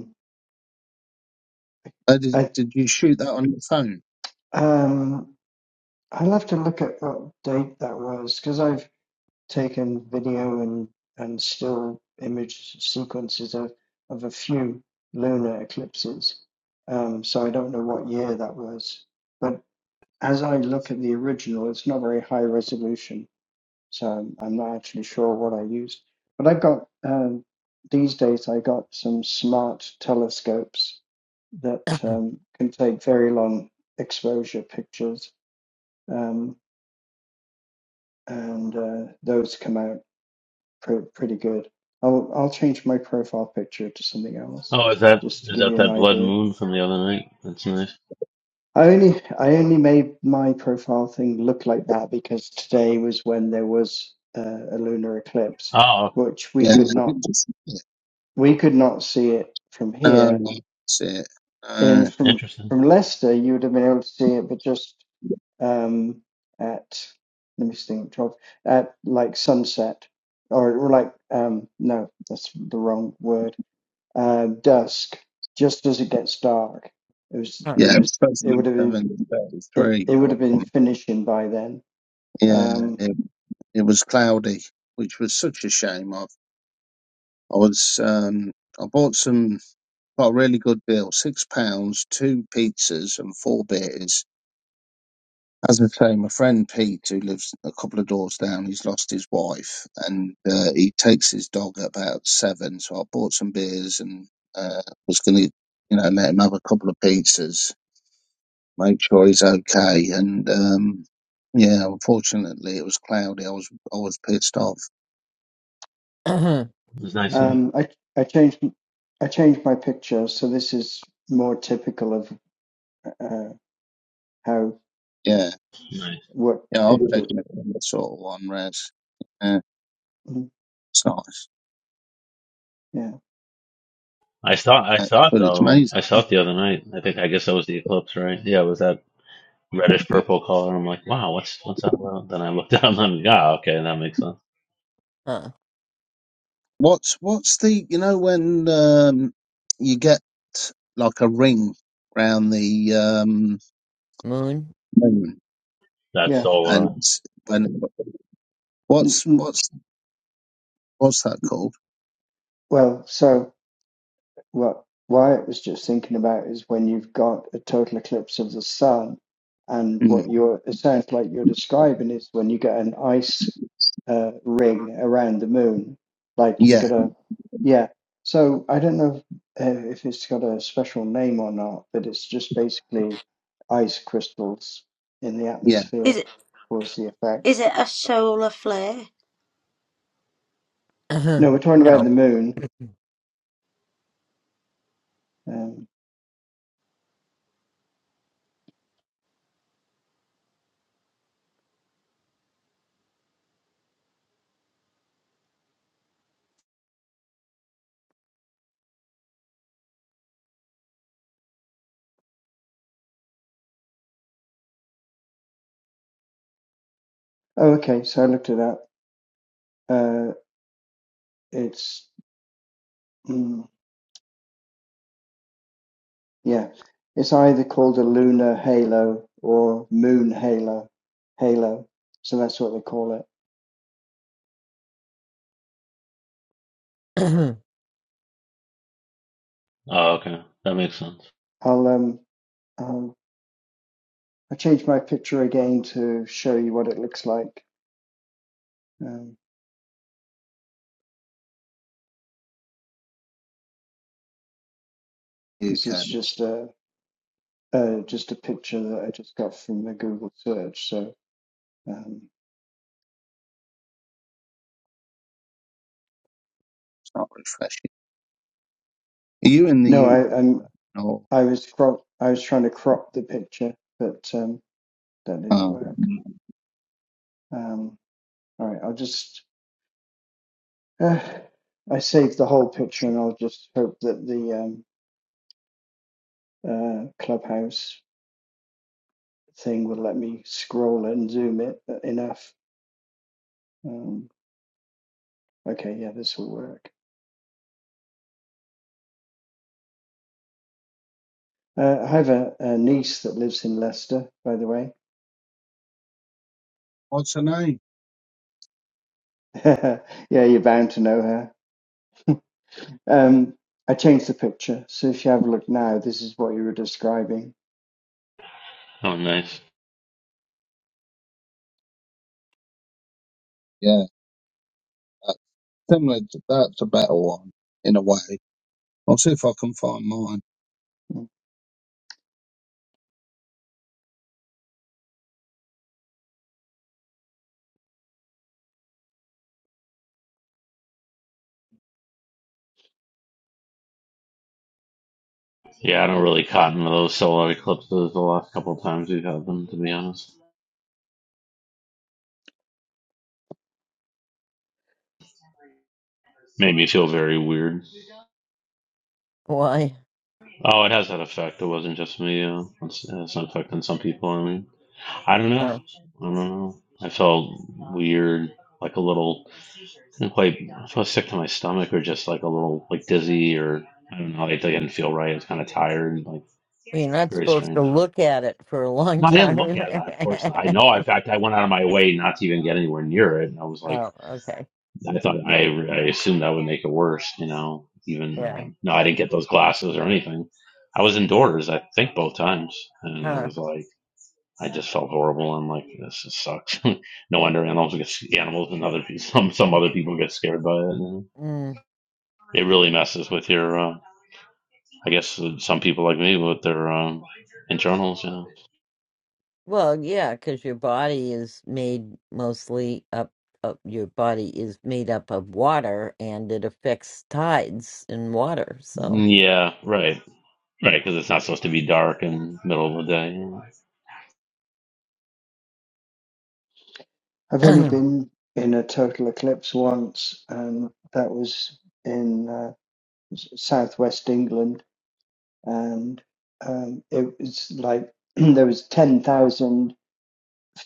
Speaker 7: Uh, did,
Speaker 6: I
Speaker 7: did you shoot that on your phone?
Speaker 6: um I'll have to look at what date that was because I've taken video and and still image sequences of of a few lunar eclipses. Um, so I don't know what year that was. But as I look at the original, it's not very high resolution, so I'm, I'm not actually sure what I used. But I've got um, these days I got some smart telescopes that um, can take very long exposure pictures um, and uh, those come out pr- pretty good. I'll I'll change my profile picture to something else
Speaker 2: Oh, is that
Speaker 6: just to
Speaker 2: is
Speaker 6: give
Speaker 2: that
Speaker 6: you an
Speaker 2: that blood
Speaker 6: idea.
Speaker 2: moon from the other night? That's nice.
Speaker 6: I only I only made my profile thing look like that because today was when there was uh, a lunar eclipse,
Speaker 2: Oh, okay.
Speaker 6: which we
Speaker 7: Yeah.
Speaker 6: could not we could not see it from
Speaker 7: Uh,
Speaker 6: here.
Speaker 7: that's it.
Speaker 6: And
Speaker 7: Uh,
Speaker 6: from
Speaker 2: interesting.
Speaker 6: from Leicester, you would have been able to see it, but just um, at let me think twelve at like sunset or, or like um, no that's the wrong word uh, dusk just as it gets dark it was
Speaker 1: Huh.
Speaker 6: it
Speaker 7: yeah, it was
Speaker 6: was
Speaker 7: supposed to
Speaker 6: it
Speaker 7: be
Speaker 6: would have been it, it
Speaker 7: 733
Speaker 6: would
Speaker 7: or
Speaker 6: have been
Speaker 7: something.
Speaker 6: finishing by then
Speaker 7: Yeah,
Speaker 6: um,
Speaker 7: it, it was cloudy, which was such a shame. I, I was, um, I bought some Got a really good deal. Six pounds, two pizzas and four beers. As I say, my friend Pete, who lives a couple of doors down, he's lost his wife and uh, he takes his dog at about seven. So I bought some beers and uh, was going to, you know, let him have a couple of pizzas, make sure he's okay. And um, yeah, unfortunately, it was cloudy. I was I was pissed off.
Speaker 2: It's nice to
Speaker 1: Hmm.
Speaker 2: see.
Speaker 6: um, I I changed I changed my picture so this is more typical of uh, how
Speaker 7: Yeah,
Speaker 2: Nice.
Speaker 6: what
Speaker 7: yeah, I'll take
Speaker 6: picture
Speaker 7: it. That sort of one, Res. Yeah,
Speaker 6: Mhm.
Speaker 7: it's nice.
Speaker 6: yeah
Speaker 2: I saw I
Speaker 7: That's
Speaker 2: saw it
Speaker 7: good. It's
Speaker 2: though.
Speaker 7: amazing.
Speaker 2: I saw it the other night. I think I guess that was the eclipse, right? Yeah, it was that reddish purple color. I'm like, wow, what's what's that about? Then I looked down and yeah, okay, that makes sense.
Speaker 1: Huh.
Speaker 7: What's what's the you know when um, you get like a ring round the um,
Speaker 1: Moon?
Speaker 7: moon
Speaker 2: That's
Speaker 6: yeah
Speaker 2: solar.
Speaker 7: and when
Speaker 6: N-
Speaker 7: what's
Speaker 6: n-
Speaker 7: what's what's that called?
Speaker 6: well so. What Wyatt was just thinking about is when you've got a total eclipse of the sun, and
Speaker 7: Mm.
Speaker 6: what you're it sounds like you're describing is when you get an ice uh, ring around the moon, like you
Speaker 7: Yeah,
Speaker 6: got a yeah. So I don't know if, uh, if it's got a special name or not, but it's just basically ice crystals in the
Speaker 7: yeah,
Speaker 8: Is
Speaker 6: atmosphere
Speaker 8: it
Speaker 6: cause the effect.
Speaker 8: is it a solar flare?
Speaker 6: No, we're talking about
Speaker 1: no.
Speaker 6: the moon. Um, oh, okay. So I looked it up. Uh, it's hmm, Yeah, it's either called a lunar halo or moon halo, halo. So that's what they call it.
Speaker 2: Oh, okay, that makes sense.
Speaker 6: I'll um, I'll, I change my picture again to show you what it looks like. Um, this
Speaker 7: UK.
Speaker 6: is
Speaker 7: It's
Speaker 6: just a uh, just a picture that I just got from the Google search. So um,
Speaker 7: not refreshing. Are you in the
Speaker 6: no, I I'm,
Speaker 7: UK or
Speaker 6: I was crop I was trying to crop the picture, but um, that didn't
Speaker 7: oh,
Speaker 6: work. Um, all right, I'll just. Uh, I saved the whole picture, and I'll just hope that the um, uh, Clubhouse thing will let me scroll and zoom it enough. Um, okay, yeah, this will work. Uh, I have a, a niece that lives in Leicester, by the way.
Speaker 7: what's her name?
Speaker 6: yeah, you're bound to know her. Um, I changed the picture, so if you have a look now, this is what you were describing.
Speaker 2: Oh, nice.
Speaker 7: Yeah, that- similar. To, that's a better one in a way. I'll see if I can find mine.
Speaker 2: Yeah, I don't really cotton to those solar eclipses the last couple of times we've had them, to be honest. Made me feel very weird.
Speaker 1: Why?
Speaker 2: Oh, it has that effect. It wasn't just me. Uh, it's, it's an effect on some people. I mean, I don't know.
Speaker 1: Oh. Well,
Speaker 2: I don't know. I felt weird, like a little, didn't quite, I felt sick to my stomach or just like a little, like dizzy or I don't know. Like I didn't feel right. I was kind of tired. Like
Speaker 1: you're not
Speaker 2: very
Speaker 1: supposed to
Speaker 2: strange.
Speaker 1: look at it for a long
Speaker 2: No, I didn't look
Speaker 1: time.
Speaker 2: at that. Of course, not. I know. In fact, I went out of my way not to even get anywhere near it, and I was like.
Speaker 1: oh, okay.
Speaker 2: I thought I I assumed that would make it worse. You know, even
Speaker 1: Yeah.
Speaker 2: um, no, I didn't get those glasses or anything. I was indoors, I think, both times, and I was like, I just felt horrible. I'm like, this just sucks. no wonder animals get animals and other people, some some other people get scared by it. You know?
Speaker 1: Mm.
Speaker 2: It really messes with your. Uh, I guess uh, some people like me with their um, internals. You know.
Speaker 1: Well, yeah, because your body is made mostly up, up. Your body is made up of water, and it affects tides in water. So,
Speaker 2: Yeah, right, right, because it's not supposed to be dark in the middle of the day. you know.
Speaker 6: I've only
Speaker 1: mm,
Speaker 6: been in a total eclipse once, and that was in uh, s- southwest England, and um, it was like there was 10,000.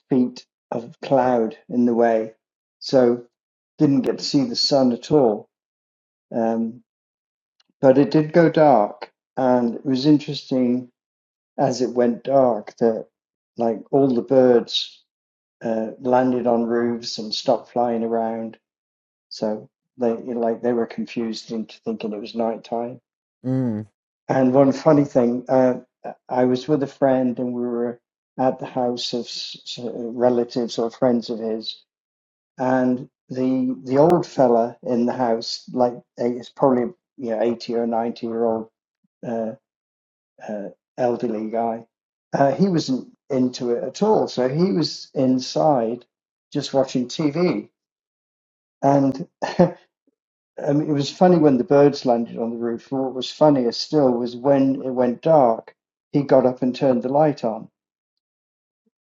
Speaker 6: feet of cloud in the way, so didn't get to see the sun at all. Um, but it did go dark, and it was interesting as it went dark that like all the birds uh, landed on roofs and stopped flying around. So they like they were confused into thinking it was nighttime.
Speaker 1: mm,
Speaker 6: And one funny thing, uh, I was with a friend and we were at the house of relatives or friends of his, and the the old fella in the house, like it's probably you know eighty or ninety year old uh, uh, elderly guy, uh, he wasn't into it at all. So he was inside just watching TV, and I mean, it was funny when the birds landed on the roof. What was funnier still was when it went dark, he got up and turned the light on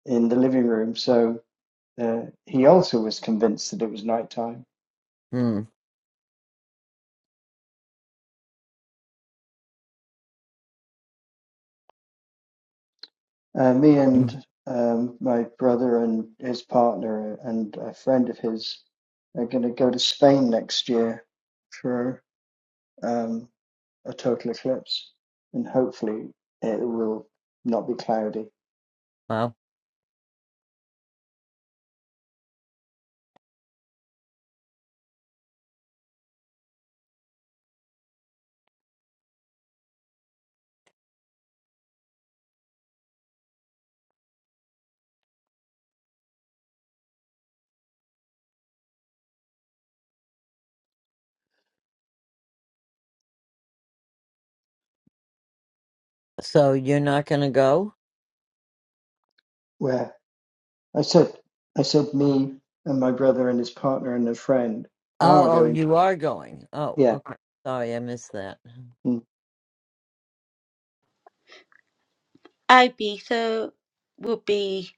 Speaker 6: in the living room. So uh, he also was convinced that it was nighttime
Speaker 1: mm.
Speaker 6: Uh, me and um, my brother and his partner and a friend of his are going to go to Spain next year for um, a total eclipse, and hopefully it will not be cloudy.
Speaker 1: wow. So you're not gonna go?
Speaker 6: Where I said, I said, me and my brother and his partner and a friend are
Speaker 1: Oh, oh,
Speaker 6: going. To,
Speaker 1: you are going. Oh,
Speaker 6: yeah.
Speaker 1: okay. Sorry, I missed that.
Speaker 6: mm.
Speaker 8: Ibiza would be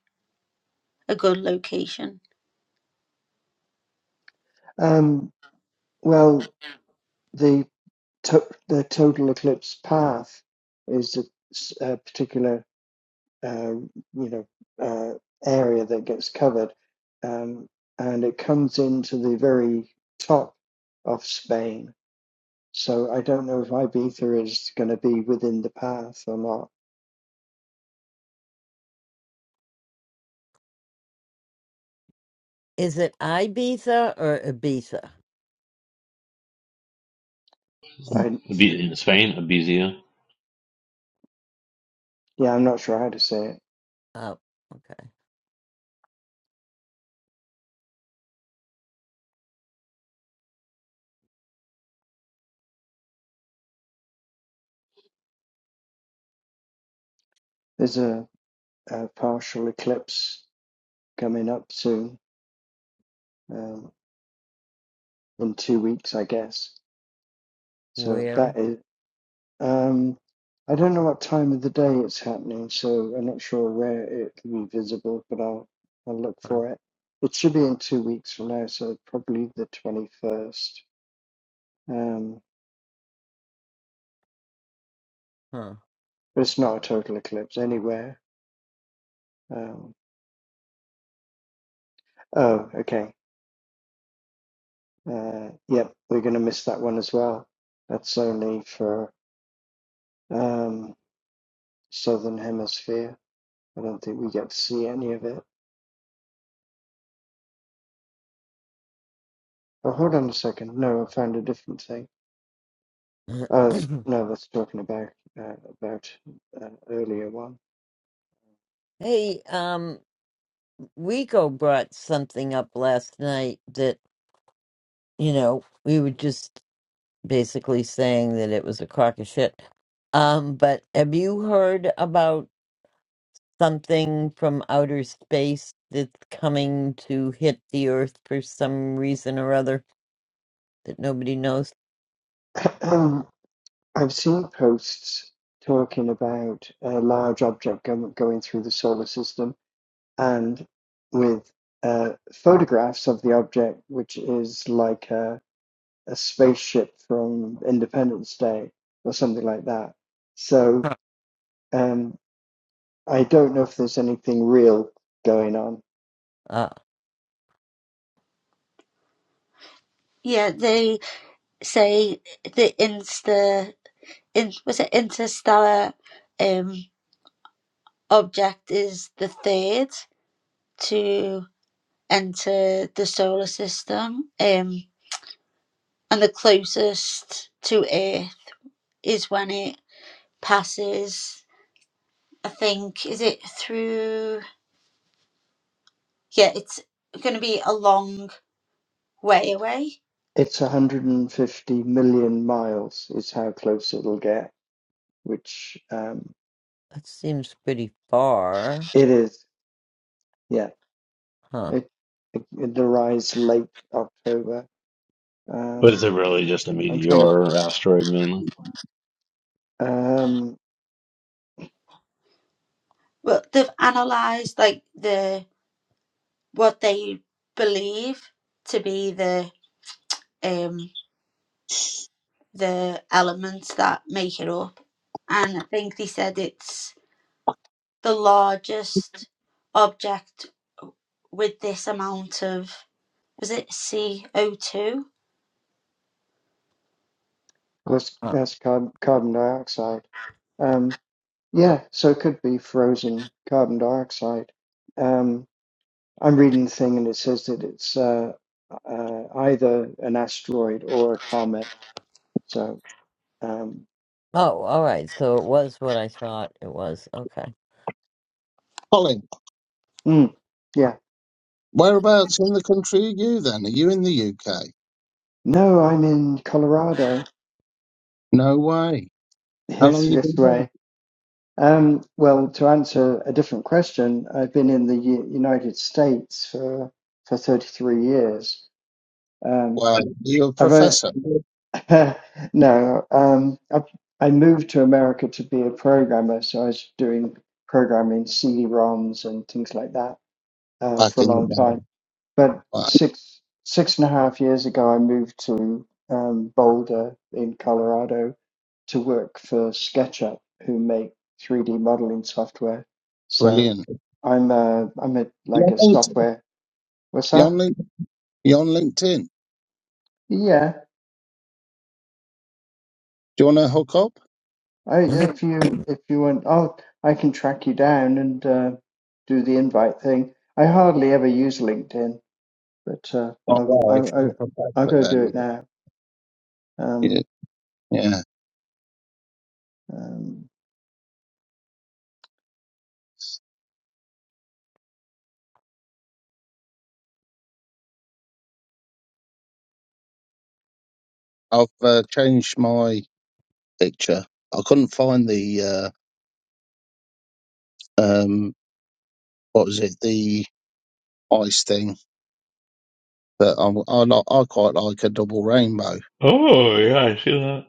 Speaker 8: a good location.
Speaker 6: Um. Well, the to- the total eclipse path is a, s- a particular uh, you know uh, area that gets covered, um, and it comes into the very top of Spain. So I don't know if Ibiza is going to be within the path or not.
Speaker 1: Is it Ibiza or Ibiza?
Speaker 6: I
Speaker 2: Abi- In Spain, Ibiza.
Speaker 6: yeah, I'm not sure how to say it.
Speaker 1: Oh, okay.
Speaker 6: There's a, a partial eclipse coming up soon, um, in two weeks, I guess. So
Speaker 1: Where?
Speaker 6: that is. Um, I don't know what time of the day it's happening, so I'm not sure where it can be visible, but I'll I'll look
Speaker 1: Huh.
Speaker 6: for it. It should be in two weeks from now, so probably the 21st. Um,
Speaker 1: huh.
Speaker 6: but it's not a total eclipse anywhere. Um, oh, okay. Uh, yep, we're going to miss that one as well. That's only for um, Southern Hemisphere. I don't think we get to see any of it. Oh, hold on a second. No, I found a different thing. I was, no, I was talking about uh, about an earlier one.
Speaker 1: hey, um. Rico brought something up last night that, you know, we were just basically saying that it was a crock of shit. Um, but have you heard about something from outer space that's coming to hit the Earth for some reason or other that nobody knows?
Speaker 6: I've seen posts talking about a large object go, going through the solar system, and with uh, photographs of the object, which is like a, a spaceship from Independence Day or something like that. So um, I don't know if there's anything real going on.
Speaker 1: Uh,
Speaker 8: Yeah, they say the insta in, was it interstellar um object is the third to enter the solar system. Um and the closest to Earth is when it passes I think is it through yeah, it's going to be a long way away.
Speaker 6: It's 150 million miles is how close it'll get which um,
Speaker 1: that seems pretty far.
Speaker 6: it is. Yeah,
Speaker 1: Huh.
Speaker 6: it, it, it arrives late October.
Speaker 2: But is it
Speaker 6: Um,
Speaker 2: really just a
Speaker 6: I'm
Speaker 2: meteor
Speaker 6: trying to.
Speaker 2: or asteroid mainly?
Speaker 6: Um,
Speaker 8: But they've analysed like the what they believe to be the um the elements that make it up, and I think they said it's the largest object with this amount of was it CO two?
Speaker 6: that's
Speaker 1: Huh.
Speaker 6: that's carb, carbon dioxide. Um, yeah, so it could be frozen carbon dioxide. Um, I'm reading the thing and it says that it's uh, uh, either an asteroid or a comet. So, um,
Speaker 1: Oh, all right. So it was what I thought it was. Okay.
Speaker 7: Colin,
Speaker 6: mm, yeah.
Speaker 7: whereabouts in the country are you then? Are you in the UK?
Speaker 6: No, I'm in Colorado.
Speaker 7: No way. How long
Speaker 6: Yes,
Speaker 7: have you
Speaker 6: this
Speaker 7: been here?
Speaker 6: way. Um, well, to answer a different question, I've been in the U- United States for for 33 years. Um,
Speaker 7: Well, you're a
Speaker 6: I've only,
Speaker 7: professor
Speaker 6: no, um, I, I moved to America to be a programmer, so I was doing programming CD-ROMs and things like that uh,
Speaker 7: back
Speaker 6: for a
Speaker 7: in the
Speaker 6: long time.
Speaker 7: day.
Speaker 6: But
Speaker 7: Wow,
Speaker 6: six six and a half years ago, I moved to um, Boulder in Colorado to work for SketchUp, who make 3D modeling software. So
Speaker 7: brilliant.
Speaker 6: I'm a, I'm a
Speaker 7: You're
Speaker 6: like a
Speaker 7: on LinkedIn.
Speaker 6: software. What's
Speaker 7: You're
Speaker 6: that?
Speaker 7: on, Link- you're on LinkedIn. Do
Speaker 6: Yeah.
Speaker 7: you want to hook up?
Speaker 6: I
Speaker 1: oh,
Speaker 6: if you if you want, oh, I can track you down and uh, do the invite thing. I hardly ever use LinkedIn, but uh,
Speaker 7: Oh,
Speaker 6: I'll,
Speaker 7: well,
Speaker 6: I'll
Speaker 7: if you're a
Speaker 6: I'll I'll
Speaker 7: professor,
Speaker 6: go do
Speaker 7: then
Speaker 6: it now. Um,
Speaker 7: yeah. yeah.
Speaker 6: um,
Speaker 7: I've uh, changed my picture. I couldn't find the uh, um, what was it? The ice thing. But I'm, I, like I quite like a double rainbow.
Speaker 2: Oh yeah, I see that.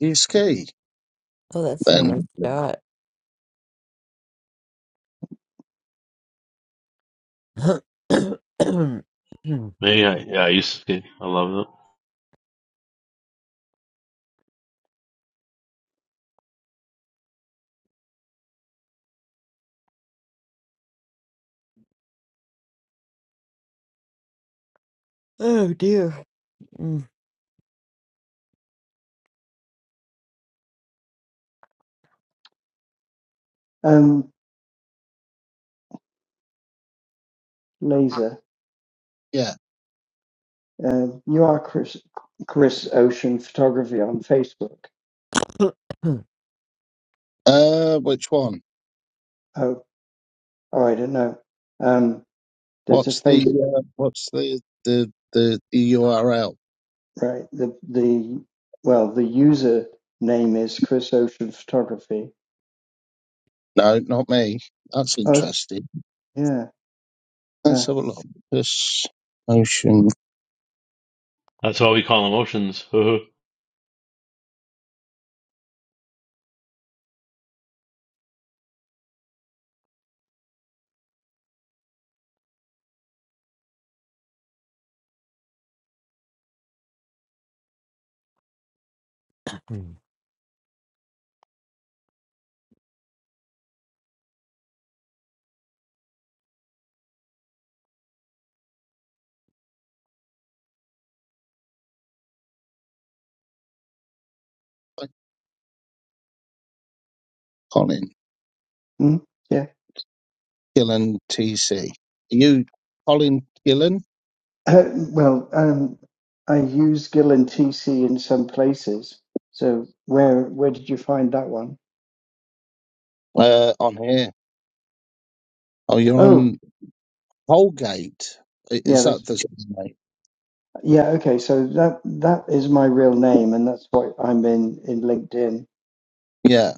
Speaker 7: Do you ski?
Speaker 1: that's a nice
Speaker 7: Then
Speaker 1: shot.
Speaker 2: Maybe I yeah, I used to I love it.
Speaker 1: Oh dear. Mm.
Speaker 6: um, laser.
Speaker 7: yeah.
Speaker 6: Uh, you are Chris, Chris Ocean Photography on Facebook.
Speaker 7: Uh, which one?
Speaker 6: Oh, oh, I don't know. Um, there's a
Speaker 7: What's the
Speaker 6: face,
Speaker 7: uh, what's the the the, the URL?
Speaker 6: right? The the well, the user name is Chris Ocean Photography.
Speaker 7: No, not me. That's
Speaker 6: Oh, it's-
Speaker 7: interesting.
Speaker 6: yeah, uh,
Speaker 7: Let's have a look. This motion
Speaker 2: That's why we call them oceans. mm,
Speaker 1: Mm.
Speaker 7: by Colin
Speaker 6: mm, yeah.
Speaker 7: Gillen TC. Are you Colin Gillen?
Speaker 6: well, um, I use Gill and TC in some places. So where where did you find that one?
Speaker 7: Uh, on here. Oh, you're
Speaker 6: Oh,
Speaker 7: on Holgate. I-
Speaker 6: yeah,
Speaker 7: Is
Speaker 6: that's
Speaker 7: that the name?
Speaker 6: yeah. Okay, so that that is my real name, and that's why I'm in in LinkedIn
Speaker 7: Yeah.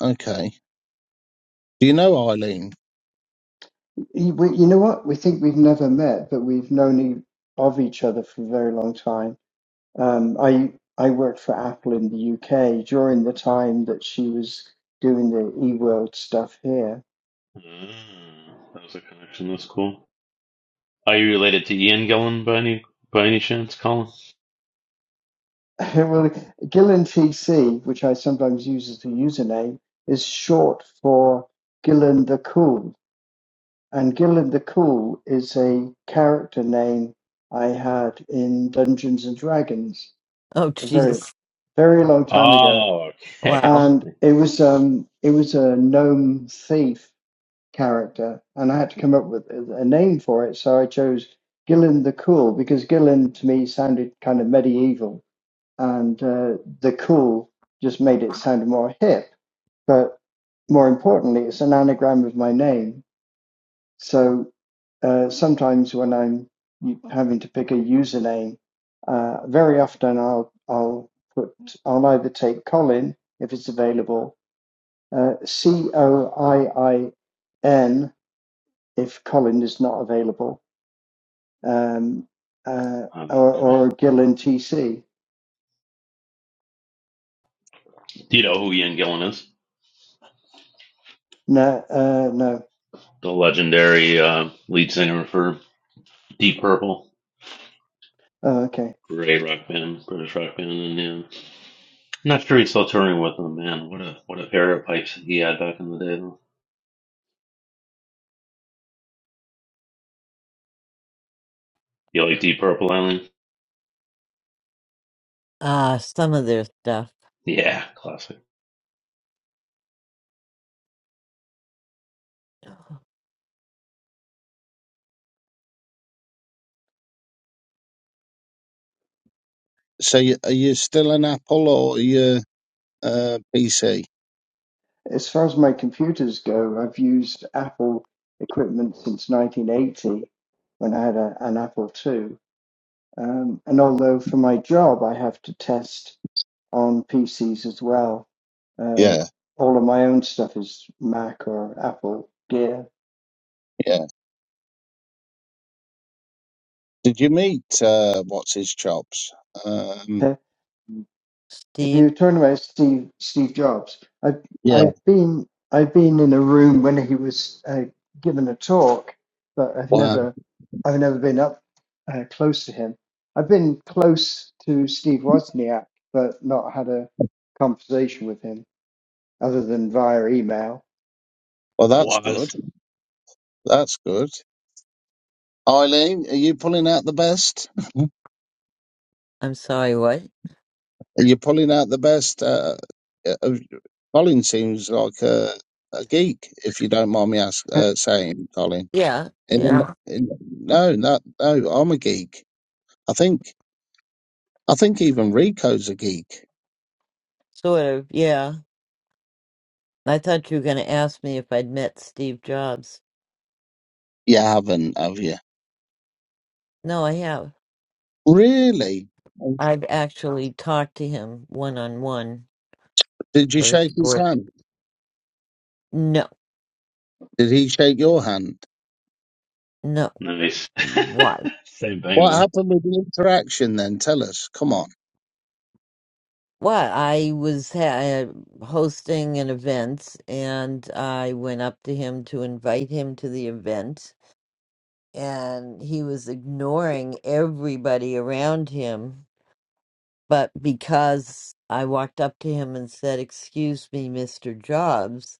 Speaker 7: Okay. Do you know Eileen?
Speaker 6: You, we, you know what? We think we've never met, but we've known e- of each other for a very long time. Um, I I worked for Apple in the UK during the time that she was doing the eWorld stuff here.
Speaker 2: that was a connection. That's cool. Are you related to Ian Gillan by any by any chance, Colin?
Speaker 6: well, Gillen TC, which I sometimes use as the username, is short for Gillen the Cool, and Gillen the Cool is a character name I had in Dungeons and Dragons
Speaker 1: oh
Speaker 6: a very
Speaker 1: Jesus.
Speaker 6: very long time ago
Speaker 2: Oh, okay. That's
Speaker 1: Wow.
Speaker 6: and
Speaker 2: funny.
Speaker 6: it was um it was a gnome thief character and i had to come up with a a name for it so i chose gillen the cool because gillen to me sounded kind of medieval and uh, the cool just made it sound more hip but more importantly it's an anagram of my name so uh, sometimes when i'm having to pick a username uh, very often i'll i'll put i'll either take colin if it's available uh, C O I I N if Colin is not available, um, uh,
Speaker 2: Um,
Speaker 6: or,
Speaker 2: okay.
Speaker 6: or Gillen TC.
Speaker 2: Do you know who Ian Gillan is?
Speaker 6: No, uh, no.
Speaker 2: The legendary uh, lead singer for Deep Purple,
Speaker 6: Oh, okay.
Speaker 2: great rock band, British rock band, and yeah. Not sure he's still touring with them, man. What a what a pair of pipes he had back in the day. though. You like Deep Purple Island?
Speaker 1: Ah, some of their stuff.
Speaker 2: Yeah, classic.
Speaker 7: So you, are you still an Apple or are you uh, PC?
Speaker 6: As far as my computers go, I've used Apple equipment since 1980 when I had a, an Apple II. Um, and although for my job I have to test on PCs as well, uh,
Speaker 7: Yeah.
Speaker 6: all of my own stuff is Mac or Apple gear.
Speaker 7: Yeah. Did you meet uh, what's his chops? Um,
Speaker 6: if
Speaker 1: Steve,
Speaker 6: you turn about Steve Steve Jobs, I've
Speaker 7: yeah.
Speaker 6: I've been I've been in a room when he was uh, given a talk, but I've
Speaker 7: Wow.
Speaker 6: never I've never been up uh, close to him. I've been close to Steve Wozniak, but not had a conversation with him other than via email.
Speaker 7: Well,
Speaker 2: The
Speaker 7: that's good.
Speaker 2: Waz,
Speaker 7: That's good. Eileen, are you pulling out the best?
Speaker 1: I'm sorry, what?
Speaker 7: Are you pulling out the best? Uh, uh, Colin seems like a, a geek, if you don't mind me ask, uh, saying, Colin.
Speaker 1: Yeah,
Speaker 7: In,
Speaker 1: yeah.
Speaker 7: in, no, no, no, I'm a geek. I think, I think even Rico's a geek.
Speaker 1: Sort of, yeah. I thought you were gonna ask me if I'd met Steve Jobs.
Speaker 7: You haven't, have you?
Speaker 1: No, I have.
Speaker 7: Really?
Speaker 1: I've actually talked to him one on one
Speaker 7: Did you
Speaker 1: for
Speaker 7: shake his
Speaker 1: short.
Speaker 7: hand?
Speaker 1: No,
Speaker 7: Did he shake your hand?
Speaker 1: no.
Speaker 2: nice.
Speaker 1: Why?
Speaker 2: Same thing.
Speaker 7: What
Speaker 2: Then.
Speaker 7: happened with the interaction then? Tell us. Come on.
Speaker 1: Well, I was ha- uh, hosting an event and I went up to him to invite him to the event and he was ignoring everybody around him. But because I walked up to him and said, Excuse me, Mr. Jobs,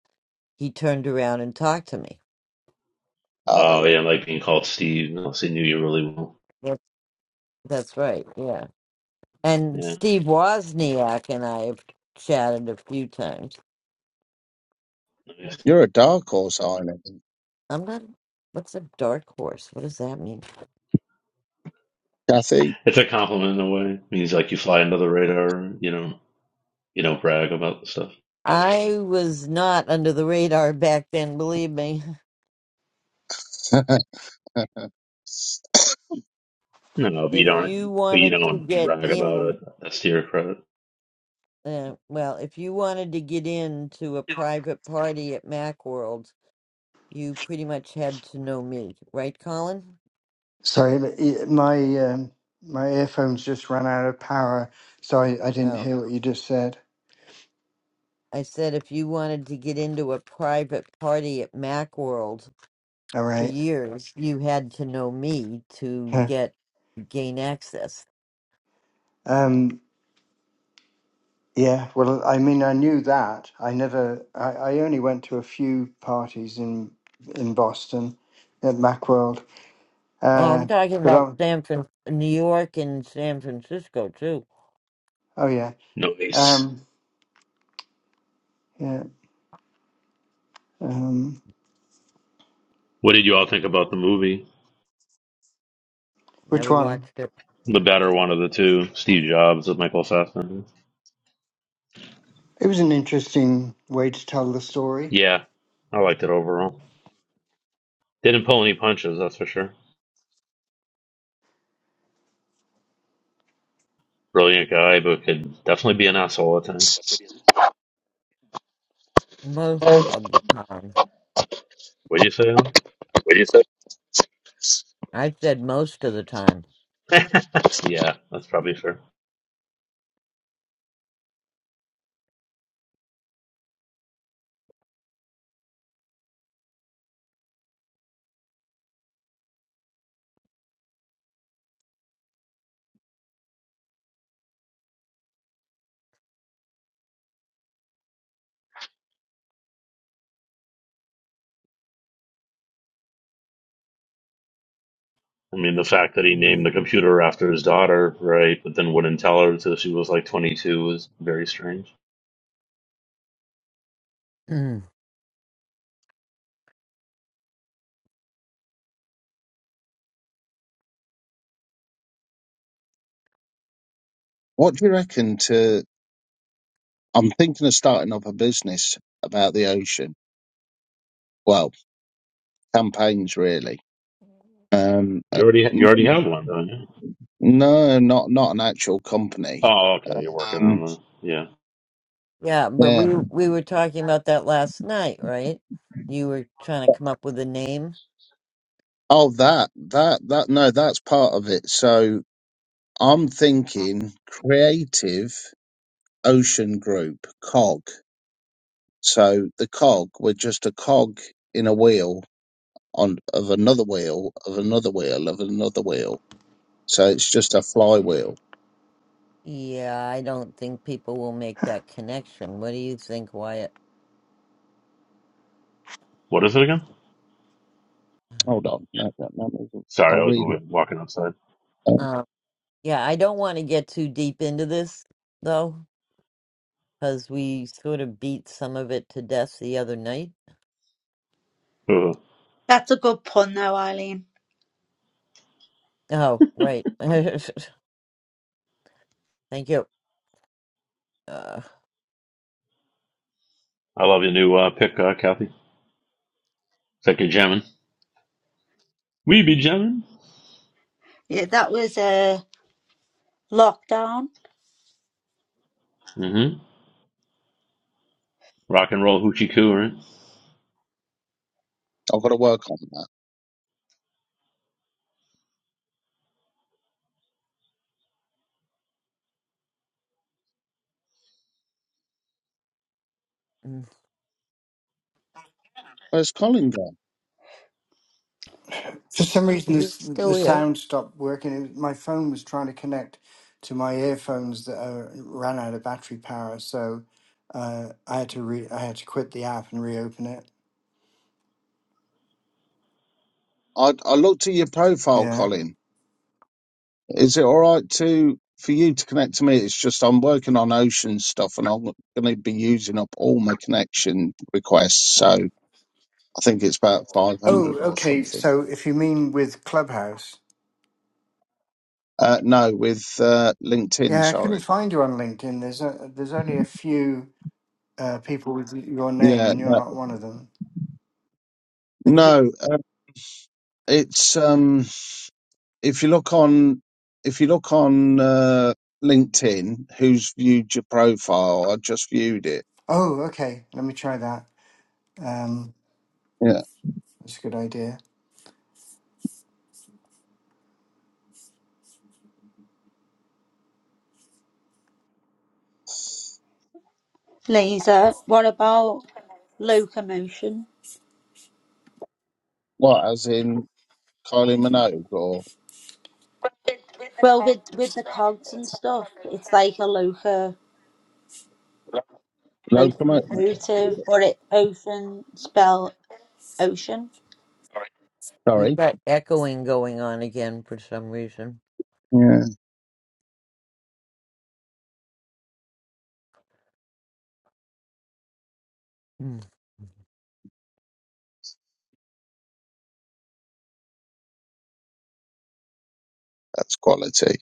Speaker 1: he turned around and talked to me.
Speaker 7: Oh,
Speaker 2: Oh yeah, I like being called Steve. Unless he knew you really well.
Speaker 1: That's, that's right, yeah. And
Speaker 2: Yeah,
Speaker 1: Steve Wozniak and I have chatted a few times.
Speaker 2: nice.
Speaker 7: you're a dark horse, Eileen.
Speaker 1: I'm not, what's a dark horse? What does that mean?
Speaker 7: Kathy.
Speaker 2: it's a compliment in a way. It means like you fly under the radar. You know, you don't brag about the stuff.
Speaker 1: I was not under the radar back then, believe me.
Speaker 2: No, no, but you
Speaker 1: If you
Speaker 2: don't. But you
Speaker 1: wanted to
Speaker 2: don't
Speaker 1: get
Speaker 2: brag about
Speaker 1: in
Speaker 2: it. That's to your credit.
Speaker 1: Uh, well, if you wanted to get into a private party at Macworld, you pretty much had to know me, right, Colin?
Speaker 6: Sorry, but y- my um, my earphones just ran out of power, so I, I didn't
Speaker 1: Oh,
Speaker 6: hear what you just said.
Speaker 1: I said if you wanted to get into a private party at Macworld
Speaker 6: All
Speaker 1: for
Speaker 6: right.
Speaker 1: years, you had to know me to get gain access.
Speaker 6: Um. Yeah, well, I mean, I knew that. I never, I, I only went to a few parties in in Boston at Macworld.
Speaker 1: Oh, I'm
Speaker 6: Uh,
Speaker 1: talking
Speaker 6: but
Speaker 1: about
Speaker 6: I,
Speaker 1: San Fran, New York, and San Francisco too.
Speaker 6: oh yeah,
Speaker 2: Nice.
Speaker 6: um, yeah. Um,
Speaker 2: What did you all think about the movie?
Speaker 6: which
Speaker 1: Never
Speaker 6: one?
Speaker 1: watched it
Speaker 2: The better one of the two, Steve Jobs with Michael Fassbender.
Speaker 6: It was an interesting way to tell the story.
Speaker 2: Yeah, I liked it overall. Didn't pull any punches, that's for sure. Brilliant guy, but could definitely be an asshole at times.
Speaker 1: most of the time.
Speaker 2: What'd you say, Alan?
Speaker 6: What do you say?
Speaker 1: I said most of the time.
Speaker 2: yeah, that's probably fair. I mean, the fact that he
Speaker 1: Mm,
Speaker 2: named the computer after his daughter, right, but then wouldn't tell her until she was like 22 was very strange.
Speaker 1: mm.
Speaker 7: What do you reckon to? I'm thinking of starting up a business about the ocean. Well, campaigns really. Um,
Speaker 2: You
Speaker 7: uh,
Speaker 2: already
Speaker 7: n-
Speaker 2: you already have one, don't you?
Speaker 7: no, not not an actual company.
Speaker 2: Oh, okay, you're working on
Speaker 7: Um,
Speaker 2: the yeah.
Speaker 1: Yeah, but
Speaker 7: yeah.
Speaker 1: we we were talking about that last night, right? You were trying to come up with a name.
Speaker 7: Oh, that that that no, that's part of it. So I'm thinking creative ocean group cog. So the cog, we're just a cog in a wheel on of another wheel of another wheel of another wheel. So it's just a flywheel
Speaker 1: Yeah, I don't think people will make that connection. What do you think, Wyatt?
Speaker 2: What is it again?
Speaker 7: Hold on. No, no, no, no,
Speaker 2: Sorry,
Speaker 7: I'll
Speaker 2: I was
Speaker 7: read it.
Speaker 2: moving, walking outside.
Speaker 7: Oh,
Speaker 1: Yeah, I don't want to get too deep into this though, because we sort of beat some of it to death the other night.
Speaker 2: Ooh,
Speaker 8: That's a good pun though, Eileen.
Speaker 1: Oh, right. Thank you. Uh,
Speaker 2: I love your new uh, pick, uh, Kathy. It's like you're jamming. We be jamming.
Speaker 8: Yeah, that was a lockdown
Speaker 2: Mm-hmm. Rock and roll hoochie coo, right?
Speaker 7: I've got to work on that.
Speaker 1: mm,
Speaker 7: Where's Colin gone?
Speaker 6: For some reason,
Speaker 1: he's
Speaker 6: this
Speaker 1: still
Speaker 6: the
Speaker 1: here.
Speaker 6: sound stopped working. It my phone was trying to connect to my earphones that uh, ran out of battery power, so uh, I had to re- I had to quit the app and reopen it.
Speaker 7: I, I looked at your profile,
Speaker 6: Yeah.
Speaker 7: Colin. Is it all right to for you to connect to me? It's just I'm working on ocean stuff and I'm going to be using up all my connection requests. So I think it's about 500
Speaker 6: Oh,
Speaker 7: or
Speaker 6: okay.
Speaker 7: something.
Speaker 6: So if you mean with Clubhouse,
Speaker 7: Uh, no, with uh, LinkedIn,
Speaker 6: yeah, I couldn't
Speaker 7: sorry.
Speaker 6: find you on LinkedIn. There's a, there's only a few uh, people with your name,
Speaker 7: Yeah,
Speaker 6: and you're
Speaker 7: no,
Speaker 6: not one of them.
Speaker 7: no uh, it's. um if you look on if you look on uh, LinkedIn, who's viewed your profile? I just viewed it.
Speaker 6: Oh, okay. Let me try that. Um,
Speaker 7: Yeah.
Speaker 6: that's a good idea.
Speaker 8: laser. What about locomotion?
Speaker 7: What, as in Kylie Minogue or
Speaker 8: Well, with with the cogs and stuff, it's like a loca
Speaker 7: Locomotive?
Speaker 8: locomotive, or it ocean spell ocean.
Speaker 1: We've
Speaker 7: Sorry.
Speaker 1: got echoing going on again for some reason.
Speaker 7: Yeah,
Speaker 1: Mm,
Speaker 7: that's quality.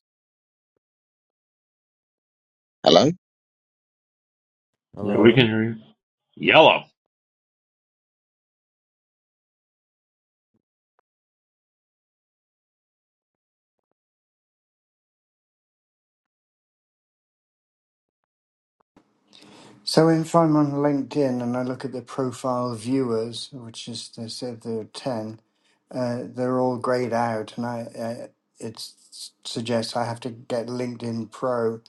Speaker 7: Hello.
Speaker 2: Yeah, we
Speaker 1: Hello.
Speaker 2: can hear you. Yellow.
Speaker 6: So if I'm on LinkedIn and I look at the profile viewers, which is they said there are ten, uh, they're all grayed out, and I uh, it s- suggests I have to get LinkedIn Pro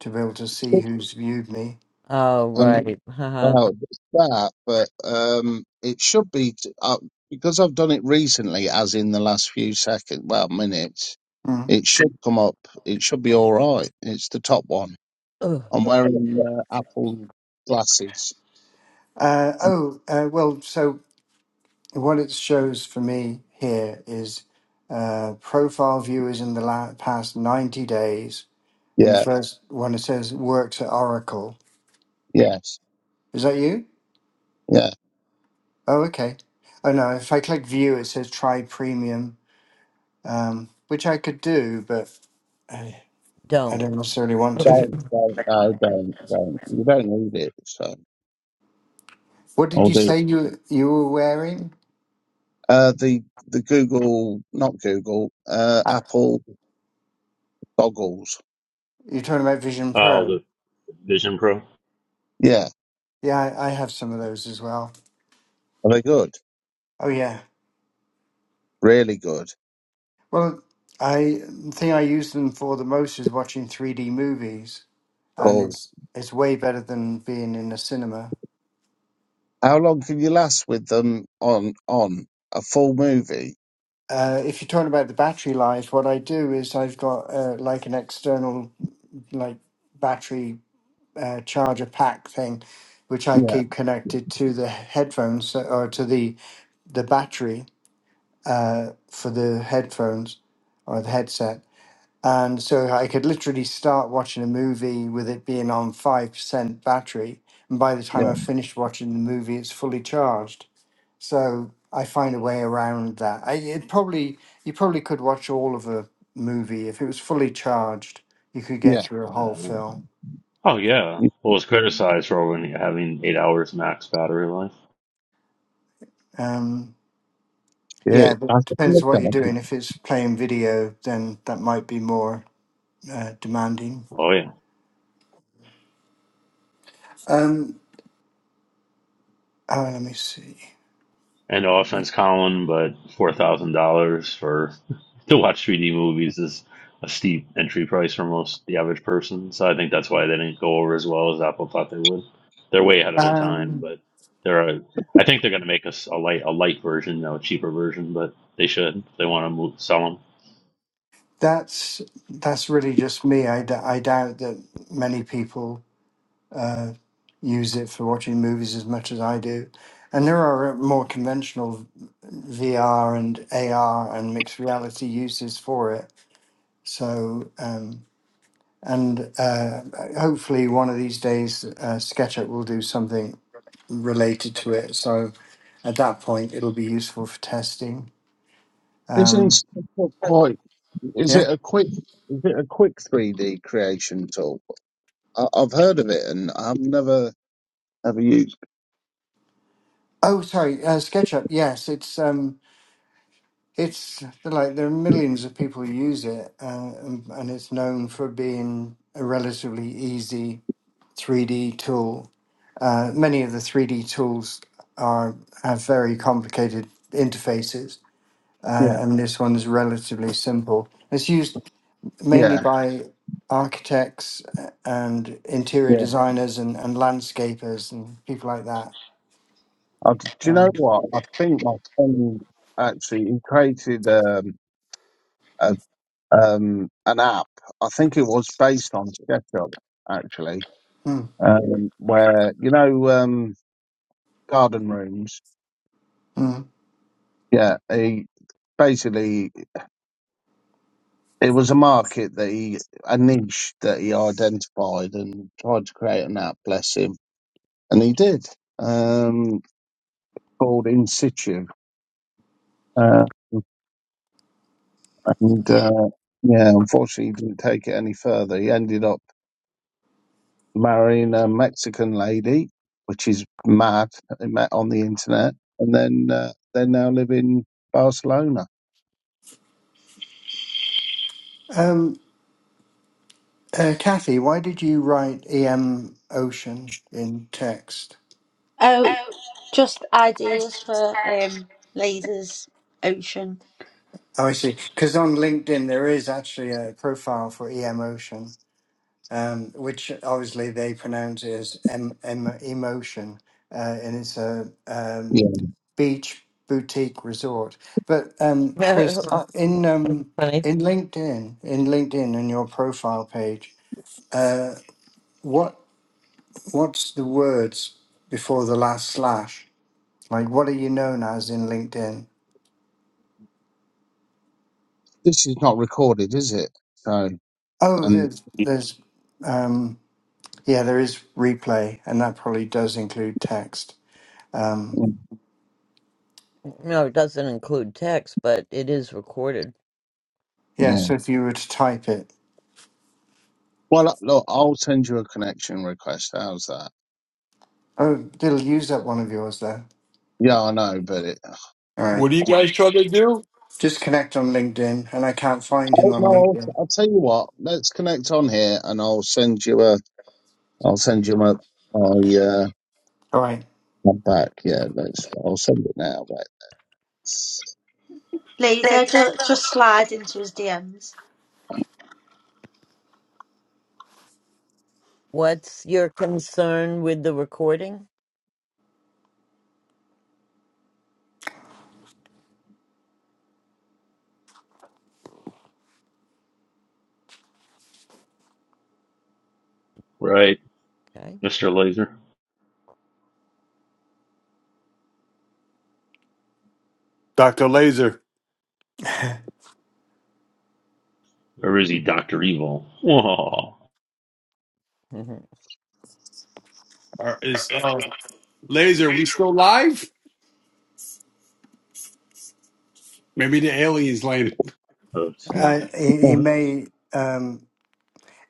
Speaker 6: to be able to see who's viewed me.
Speaker 1: Oh,
Speaker 7: Um,
Speaker 1: right. Haha.
Speaker 7: well, it's that, but um, it should be t- uh, because I've done it recently, as in the last few seconds, well, minutes.
Speaker 6: Hmm.
Speaker 7: It should come up. It should be all right. It's the top one.
Speaker 1: Ugh,
Speaker 7: I'm wearing uh, Apple glasses.
Speaker 6: Uh, oh, uh, well, so what it shows for me here is uh, profile viewers in the la- past 90 days. And the
Speaker 7: Yeah.
Speaker 6: first one it says works at Oracle.
Speaker 7: Yes.
Speaker 6: Is that you?
Speaker 7: Yeah.
Speaker 6: Oh, okay. Oh, no. If I click view, it says try premium, um, which I could do, but I, I
Speaker 1: don't.
Speaker 6: don't necessarily want to.
Speaker 7: Don't, don't, no, don't, don't. You don't need it. So
Speaker 6: What did
Speaker 7: I'll
Speaker 6: you
Speaker 7: do
Speaker 6: say
Speaker 7: it.
Speaker 6: you, you were wearing?
Speaker 7: Uh, the, the Google, not Google, uh,
Speaker 6: Ah,
Speaker 7: Apple goggles.
Speaker 6: you're talking about Vision
Speaker 2: Oh,
Speaker 6: Pro.
Speaker 2: the Vision Pro.
Speaker 7: Yeah.
Speaker 6: Yeah, I, I have some of those as well.
Speaker 7: Are they good?
Speaker 6: Oh, yeah.
Speaker 7: Really good.
Speaker 6: Well, I the thing I use them for the most is watching 3D movies, and
Speaker 7: Cool.
Speaker 6: it's it's way better than being in a cinema.
Speaker 7: How long can you last with them on, on a full movie?
Speaker 6: Uh, if you're talking about the battery life, what I do is I've got uh, like an external like battery uh, charger pack thing, which I
Speaker 7: Yeah.
Speaker 6: keep connected to the headphones uh, or to the the battery uh, for the headphones or the headset. And so I could literally start watching a movie with it being on 5% battery. And by the
Speaker 7: Yeah.
Speaker 6: time I finished watching the movie, it's fully charged. So I find a way around that. I, it probably, you probably could watch all of a movie. If it was fully charged, you could get
Speaker 7: Yeah.
Speaker 6: through a whole
Speaker 2: No.
Speaker 6: film.
Speaker 2: Oh yeah.
Speaker 7: You-
Speaker 2: Well, it's criticized for only having eight hours max battery life.
Speaker 6: Um,
Speaker 7: Yeah.
Speaker 6: yeah, but
Speaker 7: That's a
Speaker 6: depends
Speaker 7: good
Speaker 6: on what you're
Speaker 7: idea.
Speaker 6: doing. If it's playing video, then that might be more uh, demanding.
Speaker 2: Oh yeah.
Speaker 6: Um, oh, let me see.
Speaker 2: And no offense, Colin, but four thousand dollars for to watch 3D movies is a steep entry price for most the average person. So I think that's why they didn't go over as well as Apple thought they would. They're way ahead of their time,
Speaker 6: Um.
Speaker 2: but they're. A, I think they're going to make us a light a light version, no, a cheaper version, but they should. If they want to move, sell them.
Speaker 6: That's that's really just me. I, d- I doubt that many people uh, use it for watching movies as much as I do. And there are uh, more conventional VR and AR and mixed reality uses for it. So, um, and uh, hopefully one of these days, uh, SketchUp will do something related to it. So at that point, it'll be useful for testing.
Speaker 7: Isn't
Speaker 6: Um,
Speaker 7: Snapchat quite, is
Speaker 6: yeah.
Speaker 7: it a quick, is it a quick 3D creation tool? I, I've heard of it and I've never, ever used
Speaker 6: Oh, sorry, uh, SketchUp. Yes, it's. Um, It's like there are millions of people who use it, uh, and, and it's known for being a relatively easy 3D tool. Uh, many of the 3D tools are have very complicated interfaces, uh,
Speaker 7: Yeah,
Speaker 6: and this one's relatively simple. It's used mainly
Speaker 7: yeah,
Speaker 6: by architects uh, and interior
Speaker 7: yeah.
Speaker 6: designers and, and landscapers and people like that.
Speaker 7: I, do you know
Speaker 6: Um,
Speaker 7: what? I think my friend actually he created um, a, um, an app. I think it was based on SketchUp actually,
Speaker 6: mm,
Speaker 7: um, where you know um, garden rooms.
Speaker 6: mm.
Speaker 7: Yeah, he basically It was a market that he, a niche that he identified and tried to create an app, bless him. And he did, um, called In Situ. Uh, and, uh, yeah, unfortunately, he didn't take it any further. He ended up marrying a Mexican lady, which is mad. They met on the internet. And then, uh, they now live in Barcelona.
Speaker 6: Um, Uh, Kathy, why did you write EM Ocean in text?
Speaker 8: Oh, just ideas for um lasers ocean
Speaker 6: Oh, I see. Because on LinkedIn, there is actually a profile for EM Ocean, um, which obviously they pronounce it as M M Emotion. Uh, and it's a
Speaker 7: Yeah.
Speaker 6: um, beach boutique resort. But um, Chris, uh, in um,
Speaker 1: Funny.
Speaker 6: in LinkedIn, in LinkedIn, in your profile page, what what's the words before the last slash? Like, what are you known as in LinkedIn?
Speaker 7: This is not recorded, is it? So,
Speaker 6: Oh,
Speaker 7: and,
Speaker 6: there's, there's, um, yeah, there is replay, and that probably does include text. Um,
Speaker 1: No, it doesn't include text, but it is recorded.
Speaker 6: yeah,
Speaker 7: yeah.
Speaker 6: so if you were to type it,
Speaker 7: Well, look, I'll send you a connection request. How's that?
Speaker 6: oh, it'll use up one of yours there.
Speaker 7: Yeah, I know, but it,
Speaker 6: All right.
Speaker 3: what are you
Speaker 6: What do
Speaker 3: guys
Speaker 6: you-
Speaker 3: trying to do,
Speaker 6: Just connect on LinkedIn, and I can't find him
Speaker 7: oh, no,
Speaker 6: on
Speaker 7: I'll,
Speaker 6: LinkedIn.
Speaker 7: I'll tell you what. Let's connect on here, and I'll send you a. I'll send you my my uh
Speaker 6: All right.
Speaker 7: my back. Yeah, let's. I'll send it now. But
Speaker 8: laser. Just, just slide into his DMs.
Speaker 1: What's your concern with the recording?
Speaker 2: Right,
Speaker 1: Okay.
Speaker 2: Mister Laser.
Speaker 3: Doctor Laser?
Speaker 2: Or is he Doctor Evil? Whoa.
Speaker 3: Are- Is uh, Laser? We still live? Maybe the aliens landed.
Speaker 2: Oh snap!
Speaker 6: Uh, he, he may, um,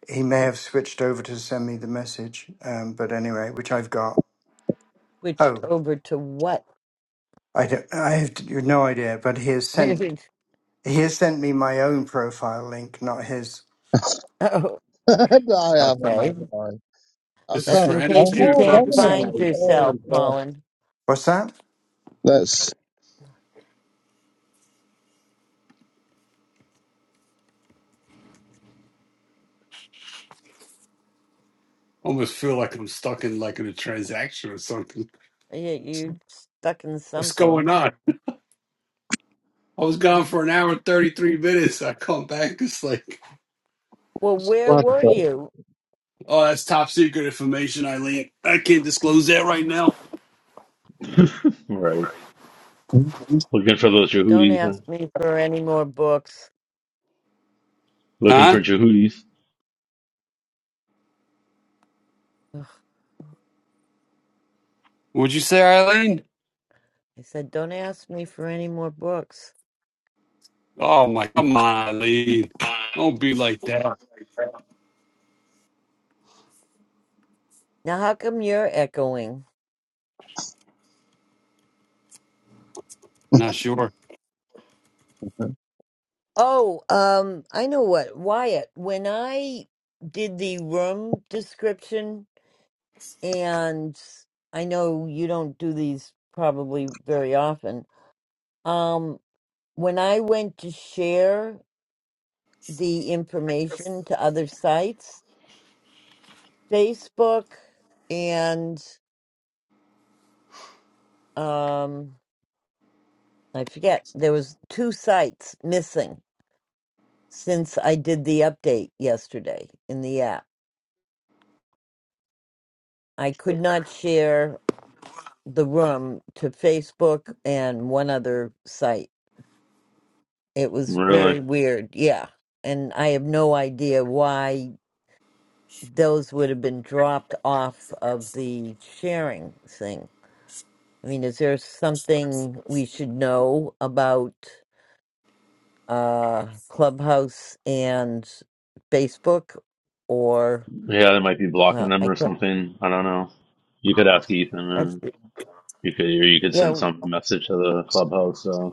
Speaker 6: he may have switched over to send me the message, um, but anyway, which I've got.
Speaker 1: switched
Speaker 6: Oh,
Speaker 1: over to what?
Speaker 6: I don't, I have no idea, but he has sent. He has sent me my own profile link, not his.
Speaker 1: oh,
Speaker 7: I haven't.
Speaker 1: okay.
Speaker 7: Have I? I
Speaker 3: This is
Speaker 1: That's
Speaker 3: for
Speaker 7: can't.
Speaker 1: in
Speaker 7: I
Speaker 1: case you
Speaker 3: entertainment
Speaker 7: have,
Speaker 1: can't
Speaker 7: haven't
Speaker 3: purposes
Speaker 1: find
Speaker 7: I?
Speaker 3: only. I
Speaker 7: Oh
Speaker 1: yourself,
Speaker 7: God.
Speaker 1: Colin.
Speaker 6: What's that?
Speaker 7: Let's.
Speaker 3: almost feel like I'm stuck in like in a transaction or something.
Speaker 1: You, you stuck in
Speaker 3: What's
Speaker 1: something.
Speaker 3: going on? I was gone
Speaker 1: Um,
Speaker 3: for an hour and 33 minutes. I come back. It's like,
Speaker 1: Well, where were you?
Speaker 3: oh, that's top secret information, Eileen. I can't disclose that right now.
Speaker 2: right, looking for those
Speaker 1: Don't
Speaker 2: Jehudis. Huh?
Speaker 1: ask me for any more books.
Speaker 2: Looking
Speaker 3: Huh?
Speaker 2: for Jehudis.
Speaker 1: Ugh,
Speaker 3: Would you say, Eileen?
Speaker 1: I said, don't ask me for any more books.
Speaker 3: Oh, my. Come on, Eileen. Don't be like that.
Speaker 1: Now, how come you're echoing?
Speaker 3: Not sure.
Speaker 1: Oh, um, I know what, Wyatt. When I did the room description, and I know you don't do these probably very often, Um, when I went to share the information to other sites, Facebook and um, I forget, there was two sites missing since I did the update yesterday in the app. I could not share the room to Facebook and one other site. It was
Speaker 2: Really?
Speaker 1: very weird, yeah. And I have no idea why those would have been dropped off of the sharing thing. I mean, is there something we should know about uh, Clubhouse and Facebook? Or,
Speaker 2: Yeah, they might be blocking
Speaker 1: well,
Speaker 2: them
Speaker 1: I
Speaker 2: or
Speaker 1: can't.
Speaker 2: something. I don't know. You could ask Ethan,
Speaker 1: I,
Speaker 2: or you could, or you could send
Speaker 1: yeah,
Speaker 2: some message to the clubhouse uh,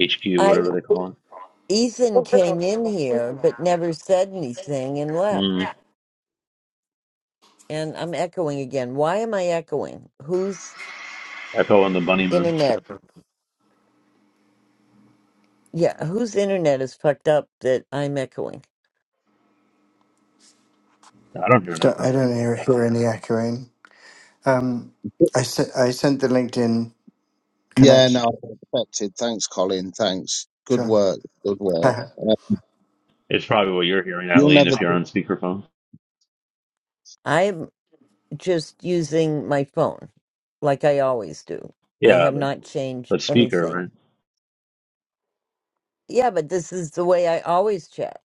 Speaker 2: HQ, whatever
Speaker 1: I,
Speaker 2: they call it.
Speaker 1: Ethan came in here but never said anything and
Speaker 2: Mm.
Speaker 1: left. And I'm echoing again. Why am I echoing? Whose
Speaker 2: Echo and the Bunnyman.
Speaker 1: internet? Yeah, whose internet is fucked up that I'm echoing?
Speaker 2: I don't hear an
Speaker 6: Don't,
Speaker 2: echo.
Speaker 6: I don't hear, hear any echoing. Um, I, se- I sent the LinkedIn
Speaker 7: Yeah,
Speaker 6: connection.
Speaker 7: no, I accepted. Thanks, Colin. Thanks. Good
Speaker 6: Sure.
Speaker 7: work. Good work. Uh,
Speaker 2: It's probably what you're hearing,
Speaker 7: you'll
Speaker 2: Eileen,
Speaker 7: never.
Speaker 2: if you're on speakerphone.
Speaker 1: I'm. just using my phone like I always do. I
Speaker 2: Yeah,
Speaker 1: have
Speaker 2: but
Speaker 1: not changed
Speaker 2: but speaker,
Speaker 1: anything.
Speaker 2: right?
Speaker 1: Yeah, but this is the way I always chat.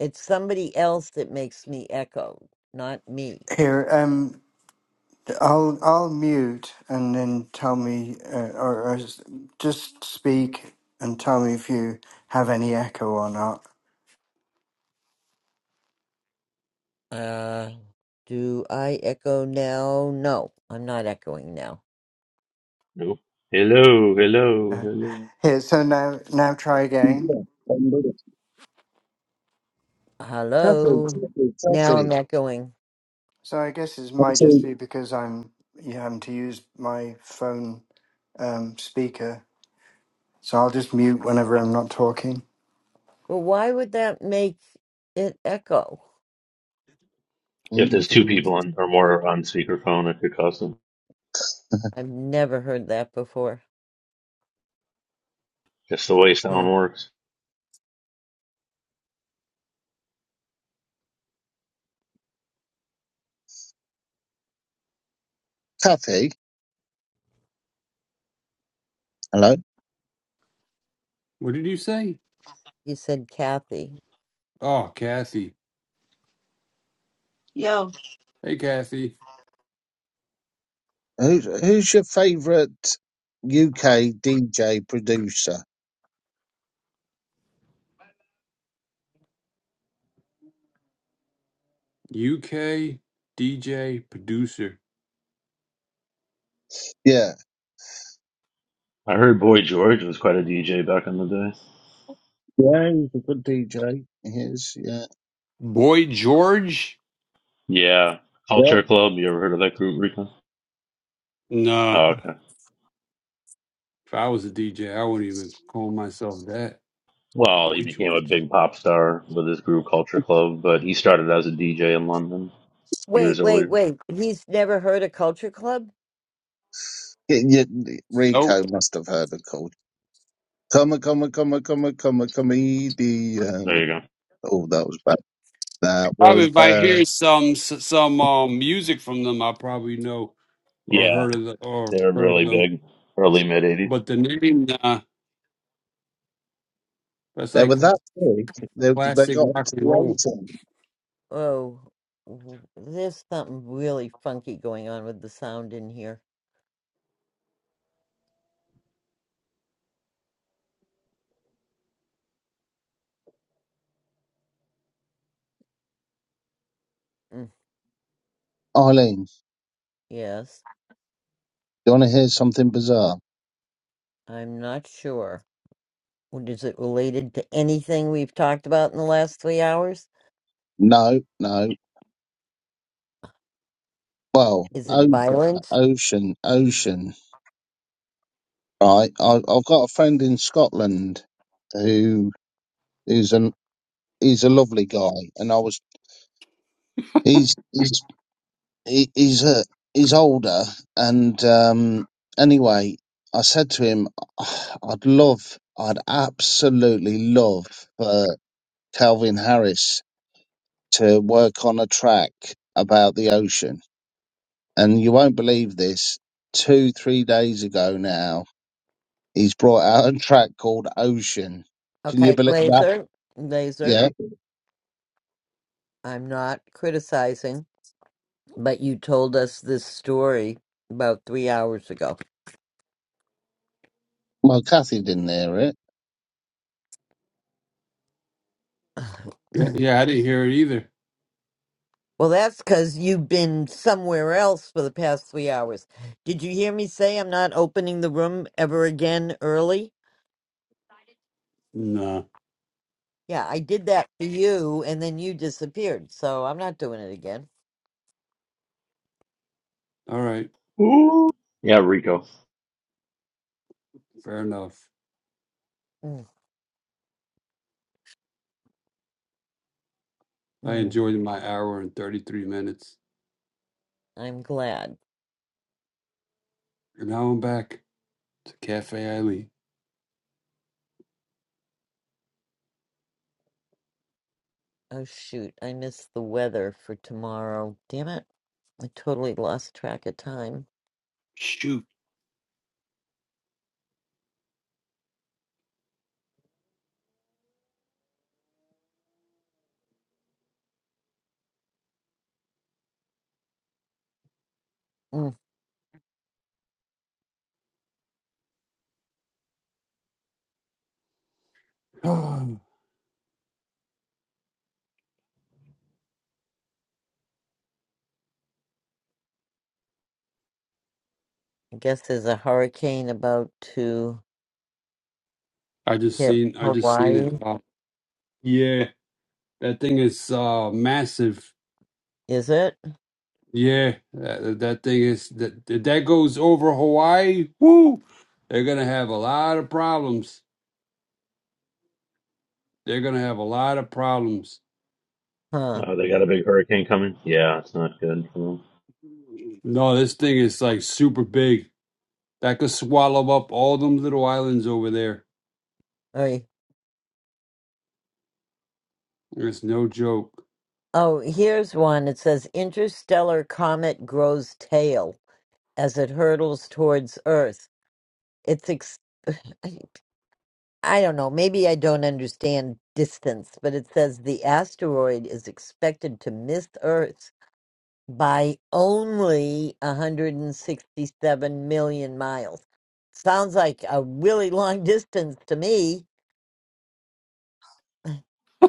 Speaker 1: It's somebody else that makes me echo, not me.
Speaker 6: Here, um, I'll I'll mute and then tell me, uh, or, or s- just speak and tell me if you have any echo or not.
Speaker 1: Uh, do I echo now? No, I'm not echoing now.
Speaker 2: No. Hello, hello,
Speaker 6: Uh,
Speaker 2: hello.
Speaker 6: Here, so now now try again.
Speaker 7: Taffy,
Speaker 1: Hello?
Speaker 7: Taffy,
Speaker 1: Now I'm
Speaker 7: Taffy.
Speaker 1: echoing.
Speaker 6: So I guess it might just
Speaker 7: Taffy.
Speaker 6: be because I'm you having to use my phone um, speaker. So I'll just mute whenever I'm not talking.
Speaker 1: Well, why would that make it echo?
Speaker 2: If
Speaker 7: Mm.
Speaker 2: there's
Speaker 3: So,
Speaker 2: two people on, or more on speakerphone, it could cost them.
Speaker 1: I've never heard that before.
Speaker 2: Just the way
Speaker 1: Hmm.
Speaker 2: sound works.
Speaker 7: Kathy, hello.
Speaker 3: What did you say?
Speaker 1: You said Kathy.
Speaker 3: Oh, Kathy.
Speaker 8: Yo,
Speaker 3: Hey, Kathy.
Speaker 7: Who's who's your favourite UK DJ producer?
Speaker 3: UK DJ producer.
Speaker 7: Yeah,
Speaker 2: I heard Boy George was quite a DJ back in the day.
Speaker 7: yeah, he's a good DJ. He is. Yeah.
Speaker 3: Boy George?
Speaker 2: Yeah. Culture
Speaker 7: Well,
Speaker 2: Club. You ever heard of that group, Rico?
Speaker 3: Nah.
Speaker 2: Oh, okay.
Speaker 3: If I was a DJ, I wouldn't even call myself that.
Speaker 2: Well, he
Speaker 3: Boy
Speaker 2: became a
Speaker 3: George.
Speaker 2: big pop star with his group Culture Club, but he started as a DJ in London years
Speaker 1: Wait, wait,
Speaker 2: earlier.
Speaker 1: wait. He's never heard a culture club?
Speaker 7: y y-
Speaker 3: Nope.
Speaker 7: Rico must have heard a call. Come, a come, a come, a come, a come, a
Speaker 2: There
Speaker 7: comedian.
Speaker 2: you go.
Speaker 7: Oh, that was bad. That was
Speaker 3: Probably if I
Speaker 7: bad.
Speaker 3: hear some s- some um music from them, I probably know or
Speaker 2: Yeah.
Speaker 3: heard of the,
Speaker 2: They
Speaker 3: or
Speaker 2: were
Speaker 3: heard of
Speaker 2: really
Speaker 3: them.
Speaker 2: big. Early mid 80s.
Speaker 3: But the name, nah, that's
Speaker 7: They
Speaker 3: like
Speaker 7: were that big. They they
Speaker 3: classic
Speaker 7: got
Speaker 3: rock
Speaker 7: into
Speaker 3: and
Speaker 7: the
Speaker 3: roll.
Speaker 7: eighteen.
Speaker 1: Oh, w- there's something really funky going on with the sound in here. Mm,
Speaker 7: Eileen,
Speaker 1: Yes,
Speaker 7: you want to hear something bizarre?
Speaker 1: I'm not sure. What is it related to anything we've talked about in the last three hours?
Speaker 7: No, no. Well,
Speaker 1: Is it
Speaker 7: ocean,
Speaker 1: violent?
Speaker 7: ocean, ocean. right? I, I've got a friend in Scotland who is an he's a lovely guy, and I was he's he's he, he's a he's older, and um, anyway, I said to him, I'd love, I'd absolutely love for Calvin Harris to work on a track about the ocean, and you won't believe this. Two three days ago now, he's brought out a track called Ocean. Can you
Speaker 1: Okay,
Speaker 7: believe that?
Speaker 1: Laser,
Speaker 7: Yeah
Speaker 1: Laser, I'm not criticizing, but you told us this story about three hours ago.
Speaker 7: Well, Kathy didn't hear it.
Speaker 3: Yeah, yeah, I didn't hear it either.
Speaker 1: Well, that's because you've been somewhere else for the past three hours. Did you hear me say I'm not opening the room ever again early?
Speaker 3: Nah.
Speaker 1: Yeah, I did that for you, and then you disappeared. So I'm not doing it again.
Speaker 3: All right,
Speaker 2: Ooh. Yeah, Rico.
Speaker 3: fair enough.
Speaker 1: Mm,
Speaker 3: I
Speaker 1: mm,
Speaker 3: enjoyed my hour and thirty three minutes,
Speaker 1: I'm glad.
Speaker 3: and now I'm back to Cafe Eileen.
Speaker 1: Oh, shoot. I missed the weather for tomorrow. Damn it. I totally lost track of time.
Speaker 3: Shoot,
Speaker 1: Mm,
Speaker 3: I
Speaker 1: I guess there's a hurricane about to
Speaker 3: just
Speaker 1: hit
Speaker 3: seen I just seen
Speaker 1: Hawaii.
Speaker 3: it. Wow. Yeah, that thing is uh massive.
Speaker 1: Is it?
Speaker 3: Yeah, that, that thing is that if that goes over Hawaii. Woo! They're gonna have a lot of problems. They're gonna have a lot of problems.
Speaker 1: Huh.
Speaker 2: Oh, they got a big hurricane coming? Yeah, it's not good for them.
Speaker 3: No, this thing is like super big. That could swallow up all them little islands over there.
Speaker 1: Oy.
Speaker 3: It's no joke.
Speaker 1: Oh, here's one. It says interstellar comet grows tail as it hurtles towards Earth. It's ex- I I don't know, maybe I don't understand distance, but it says the asteroid is expected to miss Earth by only 167 million miles. Sounds like a really long distance to me.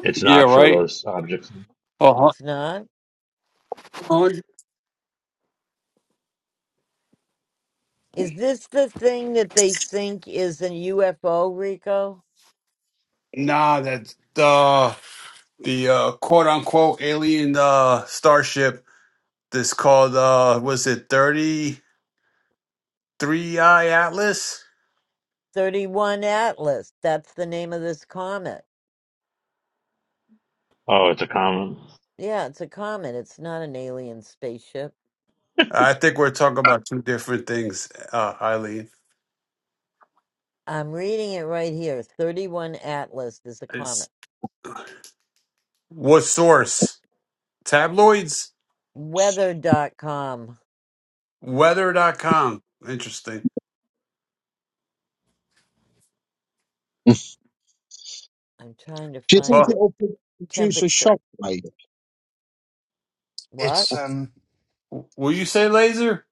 Speaker 2: It's
Speaker 3: Yeah,
Speaker 2: not for
Speaker 3: right.
Speaker 2: those objects.
Speaker 3: Uh
Speaker 1: It's not.
Speaker 3: huh.
Speaker 1: Is this the thing that they think is a UFO, Rico?
Speaker 3: Nah, that's the the uh, quote unquote alien uh, starship. This called uh, was it thirty three I Atlas?
Speaker 1: 31 Atlas. That's the name of this comet.
Speaker 2: Oh, it's a comet.
Speaker 1: Yeah, it's a comet. It's not an alien spaceship.
Speaker 3: I think we're talking about two different things, uh, Eileen.
Speaker 1: I'm reading it right here. 31 Atlas is a
Speaker 3: It's
Speaker 1: comet.
Speaker 3: what source? Tabloids?
Speaker 1: Weather.com.
Speaker 3: Weather. dot com. Interesting.
Speaker 1: I'm trying to
Speaker 7: Do you
Speaker 1: find
Speaker 7: think
Speaker 3: Oh,
Speaker 1: the
Speaker 7: it'll produce a
Speaker 1: temperature.
Speaker 7: shockwave?
Speaker 1: What?
Speaker 6: It's um
Speaker 3: will you say laser?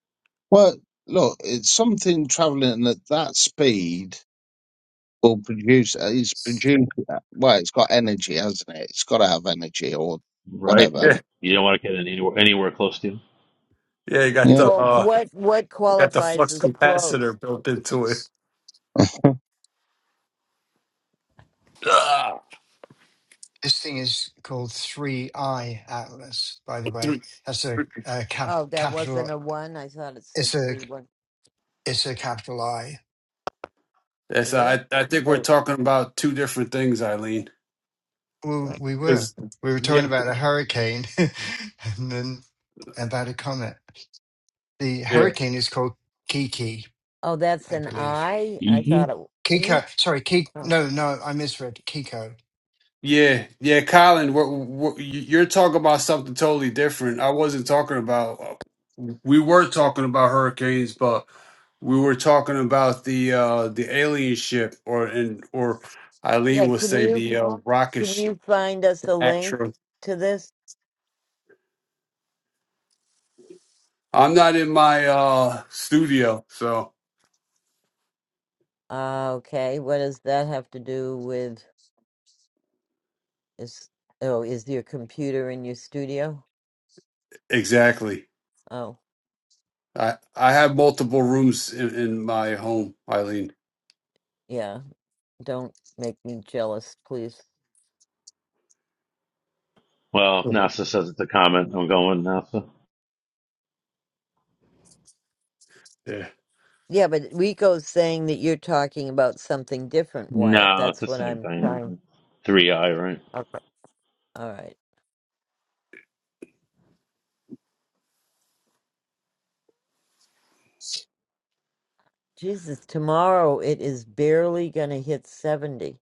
Speaker 7: Well, look, it's something travelling at that speed will produce. uh, It's produced. uh, Well, it's got energy, hasn't it? It's got to have energy or
Speaker 2: Right.
Speaker 7: whatever.
Speaker 3: Yeah.
Speaker 2: You don't want to get it anywhere anywhere close to.
Speaker 3: Yeah, you got
Speaker 7: Yeah.
Speaker 3: the
Speaker 1: Well,
Speaker 3: uh
Speaker 1: what what
Speaker 3: you got the
Speaker 1: qualifies
Speaker 3: flux
Speaker 1: as close?
Speaker 3: capacitor built into it. Ah,
Speaker 6: this thing is called Three Eye Atlas, by the way.
Speaker 3: dude.
Speaker 6: That's a, a cap,
Speaker 1: Oh, that
Speaker 6: capital.
Speaker 1: wasn't a one. I thought it said
Speaker 6: It's a
Speaker 1: three one.
Speaker 6: it's a capital I.
Speaker 3: Yes,
Speaker 1: It is.
Speaker 3: I I think we're
Speaker 1: Wait.
Speaker 3: talking about two different things, Eileen.
Speaker 6: Well,
Speaker 1: what?
Speaker 6: we were
Speaker 3: 'Cause-
Speaker 6: we were talking
Speaker 3: yeah,
Speaker 6: about a hurricane, and then about a comet. The
Speaker 3: yeah.
Speaker 6: hurricane is called Kiki,
Speaker 1: Oh, that's
Speaker 6: I
Speaker 1: an
Speaker 6: believe
Speaker 1: I. I
Speaker 2: you.
Speaker 1: thought
Speaker 2: Iggy?
Speaker 1: it. Are you?
Speaker 6: Kiko. Sorry, Kiko.
Speaker 1: Oh.
Speaker 6: No, no, I misread. Kiko.
Speaker 3: Yeah, yeah, Colin, what, what, you- you're talking about something totally different. I wasn't talking about. We were talking about hurricanes, but we were talking about the uh the alien ship, or and or Eileen
Speaker 1: Yeah.
Speaker 3: will
Speaker 1: Can
Speaker 3: say
Speaker 1: you
Speaker 3: the uh, rocket
Speaker 1: can
Speaker 3: sh-
Speaker 1: you find us a link
Speaker 3: Astro.
Speaker 1: to this?
Speaker 3: I'm not in my uh studio, so
Speaker 1: Uh, okay, what does that have to do with is oh, is your computer in your studio?
Speaker 3: exactly.
Speaker 1: Oh,
Speaker 3: I I have multiple rooms in, in my home, Eileen.
Speaker 1: yeah, don't make me jealous, please.
Speaker 2: Well,
Speaker 3: Mhm.
Speaker 2: NASA says it's a comet. I'm going with NASA.
Speaker 3: Yeah,
Speaker 1: Yeah, but Rico's saying that you're talking about something different, Wyatt.
Speaker 2: No, it's
Speaker 1: That's
Speaker 2: the
Speaker 1: what
Speaker 2: same
Speaker 1: I'm trying.
Speaker 2: thing. Three I, right?
Speaker 1: Okay. All right. Jesus, tomorrow it is barely gonna hit 70.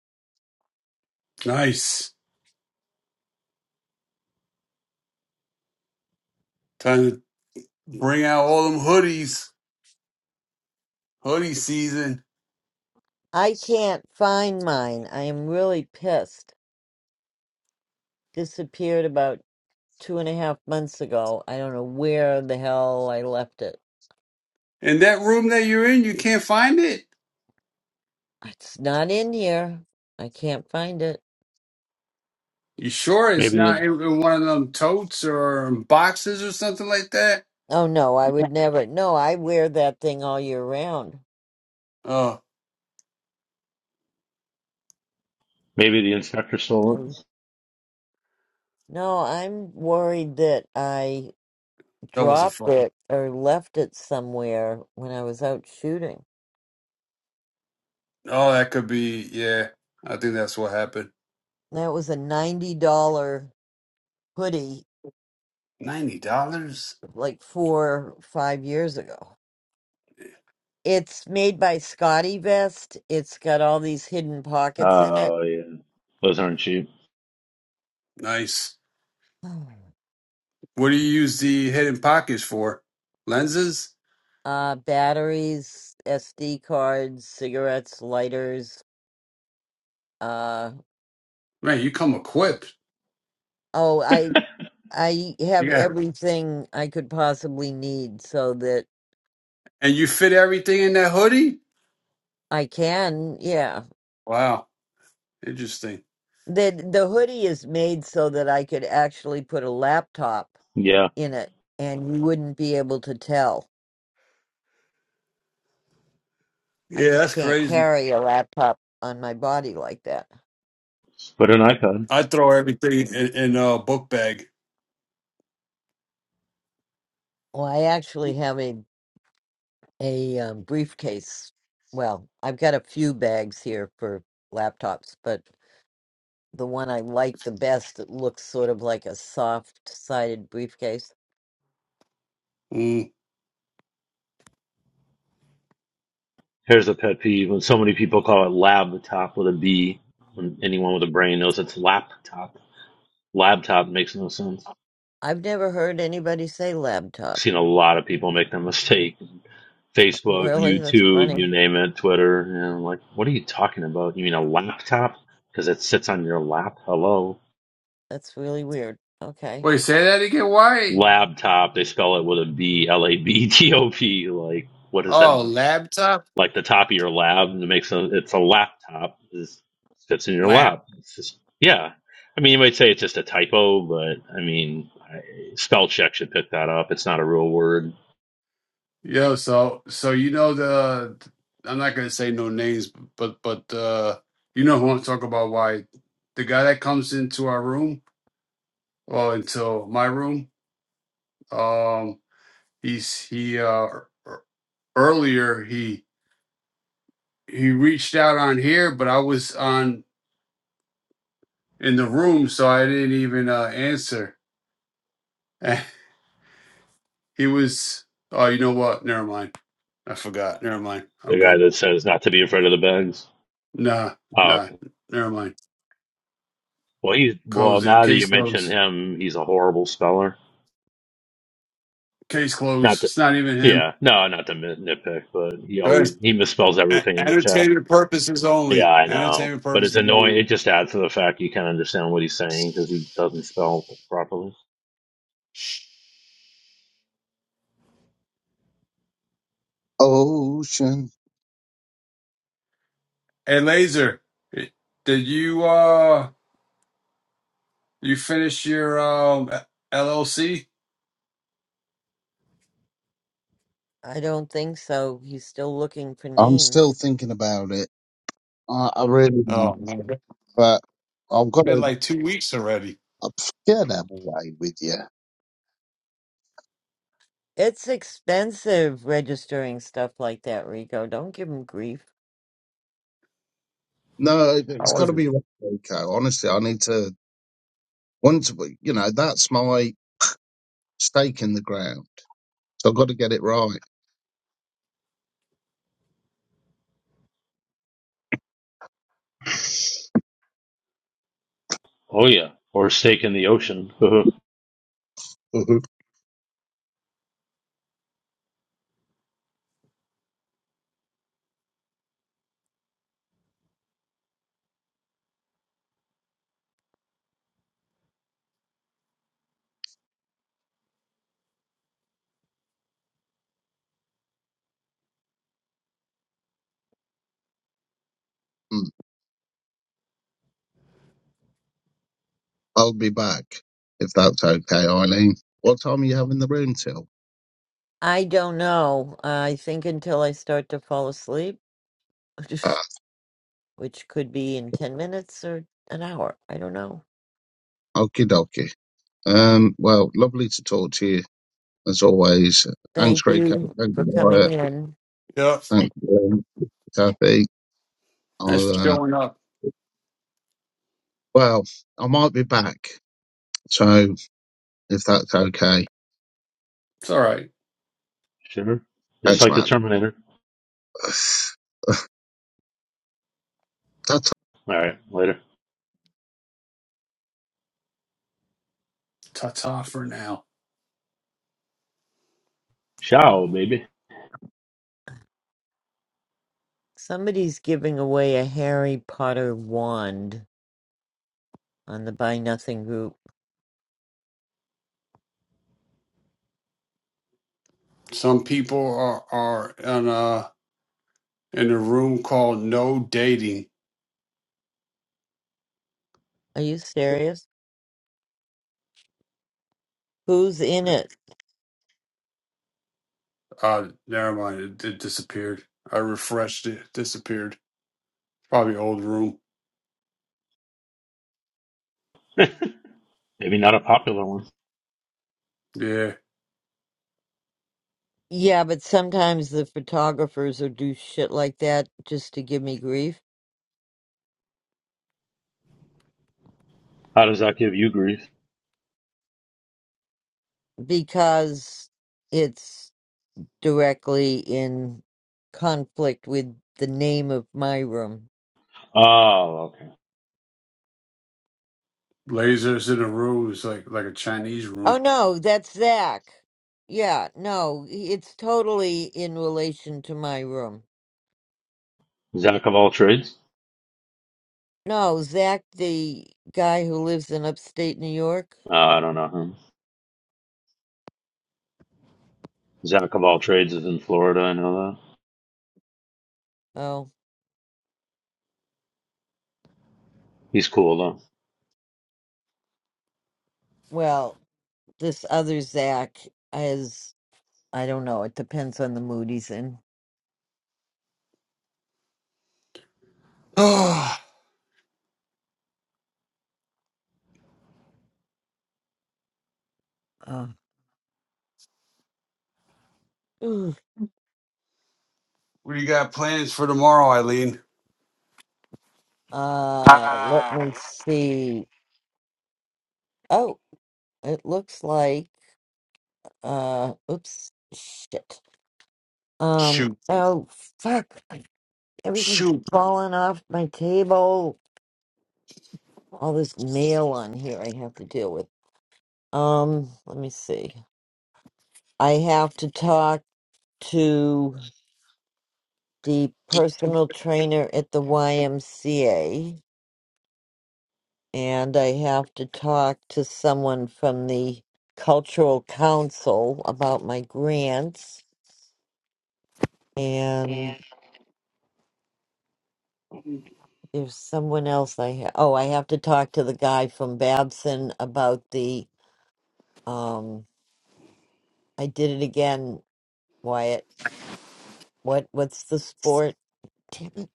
Speaker 3: nice. Time to bring out all them hoodies. Hoodie season.
Speaker 1: I can't find mine. I am really pissed. Disappeared about two and a half months ago. I don't know where the hell I left it.
Speaker 3: In that room that you're in, you can't find it?
Speaker 1: It's not in here. I can't find it.
Speaker 3: You sure it's
Speaker 2: Maybe the
Speaker 3: not in, in one of them totes or boxes or something like that?
Speaker 1: Oh no, I would never. No, I wear that thing all year round.
Speaker 3: Oh,
Speaker 2: maybe the inspector stole
Speaker 1: Um,
Speaker 2: it.
Speaker 1: no, I'm worried that I
Speaker 3: that wasn't
Speaker 1: dropped
Speaker 3: fun.
Speaker 1: it or left it somewhere when I was out shooting.
Speaker 3: Oh, that could be, yeah. I think that's what happened.
Speaker 1: That was a $90 hoodie
Speaker 3: $90?
Speaker 1: like four, five years ago. It's made by Scotty Vest. It's got all these hidden pockets in it.
Speaker 2: Oh yeah, those aren't cheap.
Speaker 3: Nice. What do you use the hidden pockets for? Lenses?
Speaker 1: Uh, batteries, SD cards, cigarettes, lighters, Uh,
Speaker 3: Man, you come equipped.
Speaker 1: oh, I I have
Speaker 3: Yeah.
Speaker 1: everything I could possibly need so that
Speaker 3: And you fit everything in that hoodie?
Speaker 1: I can, yeah.
Speaker 3: Wow. Interesting.
Speaker 1: The the hoodie is made so that I could actually put a laptop
Speaker 2: Yeah,
Speaker 1: in it and you wouldn't be able to tell. I
Speaker 3: Yeah,
Speaker 1: just
Speaker 3: that's
Speaker 1: can't
Speaker 3: crazy.
Speaker 1: carry a laptop on my body like that.
Speaker 2: but an iPad.
Speaker 3: I throw everything in, in a book bag.
Speaker 1: Well, I actually have a a um, briefcase. Well, I've got a few bags here for laptops, but the one I like the best that looks sort of like a soft-sided briefcase.
Speaker 3: Mm.
Speaker 2: Here's a pet peeve: when so many people call it laptop with a B, when anyone with a brain knows it's laptop. Laptop makes no sense.
Speaker 1: I've never heard anybody say laptop.
Speaker 2: Seen a lot of people make that mistake Facebook,
Speaker 1: Really? That's
Speaker 2: YouTube,
Speaker 1: funny.
Speaker 2: you name it, Twitter. And i like, what are you talking about? You mean a laptop? Because it sits on your lap. Hello.
Speaker 1: That's really weird. Okay.
Speaker 3: Wait, say that again? Why?
Speaker 2: Laptop, they spell it with a B, L A B T O P. Like, what does that
Speaker 3: Oh,
Speaker 2: mean?
Speaker 3: laptop?
Speaker 2: Like the top of your lab it makes a, it's a laptop. It sits in your
Speaker 3: Lap.
Speaker 2: lap. It's just, yeah. I mean, you might say it's just a typo, but I mean, I, spell check should pick that up. It's not a real word.
Speaker 3: Yo, so so you know the I'm not gonna say no names, but but uh you know who I'm talking about why the guy that comes into our room or into my room, um he's he uh ear- earlier he he reached out on here, but I was on in the room so I didn't even uh answer. Eh, He was oh you know what? Never mind. I forgot. Never mind. I'm
Speaker 2: The guy
Speaker 3: good.
Speaker 2: that says not to be afraid of the bugs.
Speaker 3: Nah,
Speaker 2: Oh,
Speaker 3: nah, never mind.
Speaker 2: Well, he's well.
Speaker 3: Close it.
Speaker 2: Now that
Speaker 3: Case
Speaker 2: you mention
Speaker 3: closed.
Speaker 2: him, he's a horrible speller.
Speaker 3: Case
Speaker 2: Not
Speaker 3: closed.
Speaker 2: to,
Speaker 3: It's not even him.
Speaker 2: yeah, no, not to nit- nitpick, but he
Speaker 3: Good.
Speaker 2: always he misspells
Speaker 3: A-
Speaker 2: everything in the chat.
Speaker 3: entertainment purposes
Speaker 2: Yeah,
Speaker 3: only.
Speaker 2: I know,
Speaker 3: Entertainment
Speaker 2: but it's
Speaker 3: purposes
Speaker 2: annoying.
Speaker 3: only.
Speaker 2: It just adds to the fact you can't understand what he's saying because he doesn't spell properly.
Speaker 7: Ocean.
Speaker 3: Hey, Laser, did you uh you finish your um LLC?
Speaker 1: I don't think so. He's still looking for
Speaker 7: I'm still
Speaker 1: names.
Speaker 7: thinking about it. I, I really am,
Speaker 3: Oh man, it's
Speaker 7: but I've got
Speaker 3: been
Speaker 7: to.
Speaker 3: like two weeks already.
Speaker 7: I'm scared out of the way with you.
Speaker 1: It's expensive registering stuff like that, Rico. Don't give him grief.
Speaker 7: No, it-
Speaker 3: I
Speaker 7: it's got to
Speaker 3: wasn't.
Speaker 7: be right, Rico. Honestly, I need to. Once we- you know, that's my stake in the ground. So I've got to get it right.
Speaker 2: Oh yeah, or steak in the ocean.
Speaker 7: Mhm. Mm. I'll be back if that's okay, Eileen. What time are you having the room till?
Speaker 1: I don't know. I think until I start to fall asleep,
Speaker 7: Ah,
Speaker 1: which could be in 10 minutes or an hour. I don't know.
Speaker 7: okie dokie. Um, well, lovely to talk to you as always.
Speaker 1: Thank
Speaker 7: Thanks, Rico.
Speaker 1: you
Speaker 7: Thank
Speaker 1: for
Speaker 7: you,
Speaker 1: coming
Speaker 7: Wyatt.
Speaker 1: in.
Speaker 3: Yep.
Speaker 7: Thank you, um, Kathy.
Speaker 3: Thanks for
Speaker 7: I'll, uh,
Speaker 3: showing up.
Speaker 7: well, I might be back. So if that's okay,
Speaker 3: It's all right.
Speaker 2: sure, just
Speaker 7: thanks,
Speaker 2: like the
Speaker 7: man.
Speaker 2: Terminator.
Speaker 7: That's
Speaker 2: All right, later.
Speaker 3: Ta ta for now.
Speaker 2: Ciao, baby.
Speaker 1: Somebody's giving away a Harry Potter wand on the Buy Nothing group.
Speaker 3: Some people are are in uh in a room called no dating.
Speaker 1: Are you serious? Who's in it?
Speaker 3: Uh, never mind. It, it disappeared. I refreshed it. Disappeared. Probably old room.
Speaker 2: Maybe not a popular one.
Speaker 3: Yeah.
Speaker 1: Yeah, but sometimes the photographers will do shit like that just to give me grief
Speaker 2: How does that give you grief?
Speaker 1: because it's directly in conflict with the name of my room.
Speaker 2: Oh, okay.
Speaker 3: Lasers in a room is like like a Chinese
Speaker 1: Oh
Speaker 3: room.
Speaker 1: no, that's Zach. Yeah, no, it's totally in relation to my room.
Speaker 2: Zach of all trades.
Speaker 1: No, Zach, the guy who lives in upstate New York.
Speaker 2: Uh, I don't know him. Jack of all trades is in Florida. I know that.
Speaker 1: Oh,
Speaker 2: He's cool though.
Speaker 1: well, this other Zach is, I don't know, it depends on the mood he's in.
Speaker 3: Ah,
Speaker 1: Uh, Ooh.
Speaker 3: what do you got plans for tomorrow, Eileen?
Speaker 1: uh, let me see. Oh, it looks like, uh, oops, shit. Um,
Speaker 3: Shoot,
Speaker 1: oh, fuck. Everything's
Speaker 3: shoot.
Speaker 1: falling off my table. All this mail on here I have to deal with. Um, let me see. I have to talk. to the personal trainer at the YMCA, and I have to talk to someone from the Cultural Council about my grants. And there's someone else I ha- oh, I have to talk to the guy from Babson about the um. I did it again, Wyatt. What what's the sport? Damn it.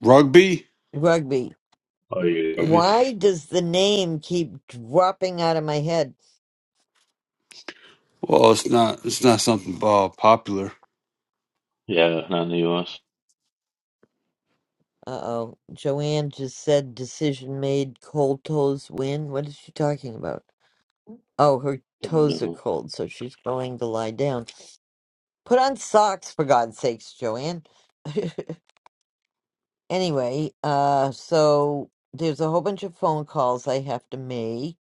Speaker 3: Rugby.
Speaker 1: Rugby.
Speaker 2: Oh, you
Speaker 3: Yeah.
Speaker 1: Why does the name keep dropping out of my head?
Speaker 3: Well, it's not. It's not something uh, popular.
Speaker 2: Yeah, not in the U.S.
Speaker 1: Uh-oh. Joanne just said decision made, cold toes win. What is she talking about? Oh, her
Speaker 2: Don't
Speaker 1: toes are
Speaker 2: know.
Speaker 1: cold, so she's going to lie down. Put on socks, for God's sakes, Joanne. anyway, uh, so there's a whole bunch of phone calls I have to make,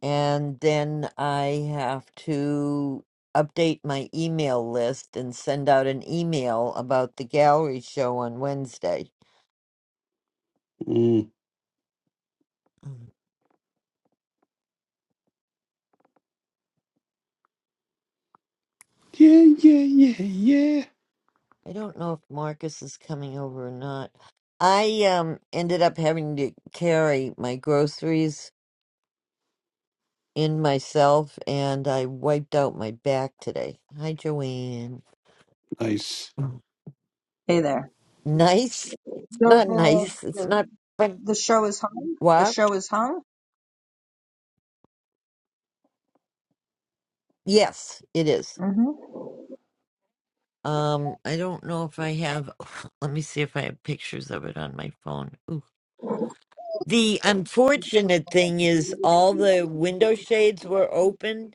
Speaker 1: and then I have to update my email list and send out an email about the gallery show on Wednesday.
Speaker 3: Mm. Yeah, yeah, yeah, yeah.
Speaker 1: I don't know if Marcus is coming over or not. I um ended up having to carry my groceries in myself and I wiped out my back today. Hi Joanne.
Speaker 3: Nice.
Speaker 9: Hey there.
Speaker 1: Nice. It's
Speaker 9: So
Speaker 1: not
Speaker 9: the
Speaker 1: nice. It's
Speaker 9: the,
Speaker 1: not fun.
Speaker 9: the show is hung. The
Speaker 1: What?
Speaker 9: show is hung.
Speaker 1: Yes, it is.
Speaker 9: hmm
Speaker 1: Um I don't know if I have let me see if I have pictures of it on my phone. Ooh. The unfortunate thing is all the window shades were open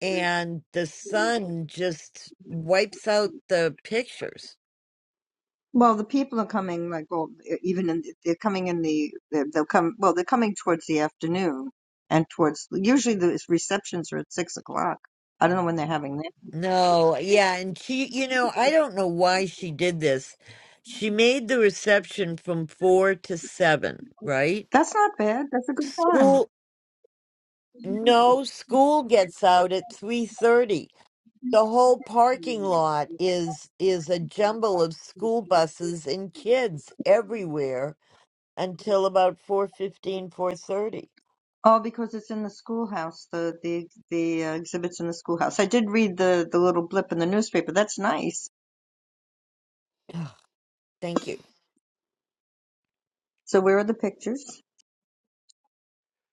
Speaker 1: and the sun just wipes out the pictures.
Speaker 9: Well, the people are coming like well, e, even in, they're coming in the they're- they'll come well they're coming towards the afternoon and towards usually the receptions are at six o'clock. I don't know when they're having that.
Speaker 1: No, yeah, and she, you know, I don't know why she did this. She made the reception from four to seven, right?
Speaker 9: That's not bad. That's a good time.
Speaker 1: School, no, school gets out at three thirty. The whole parking lot is is a jumble of school buses and kids everywhere until about four fifteen, four thirty.
Speaker 9: Oh, because it's in the schoolhouse. The the the uh, exhibits in the schoolhouse. I did read the the little blip in the newspaper. That's nice.
Speaker 1: Ugh, Thank you.
Speaker 9: So where are the pictures?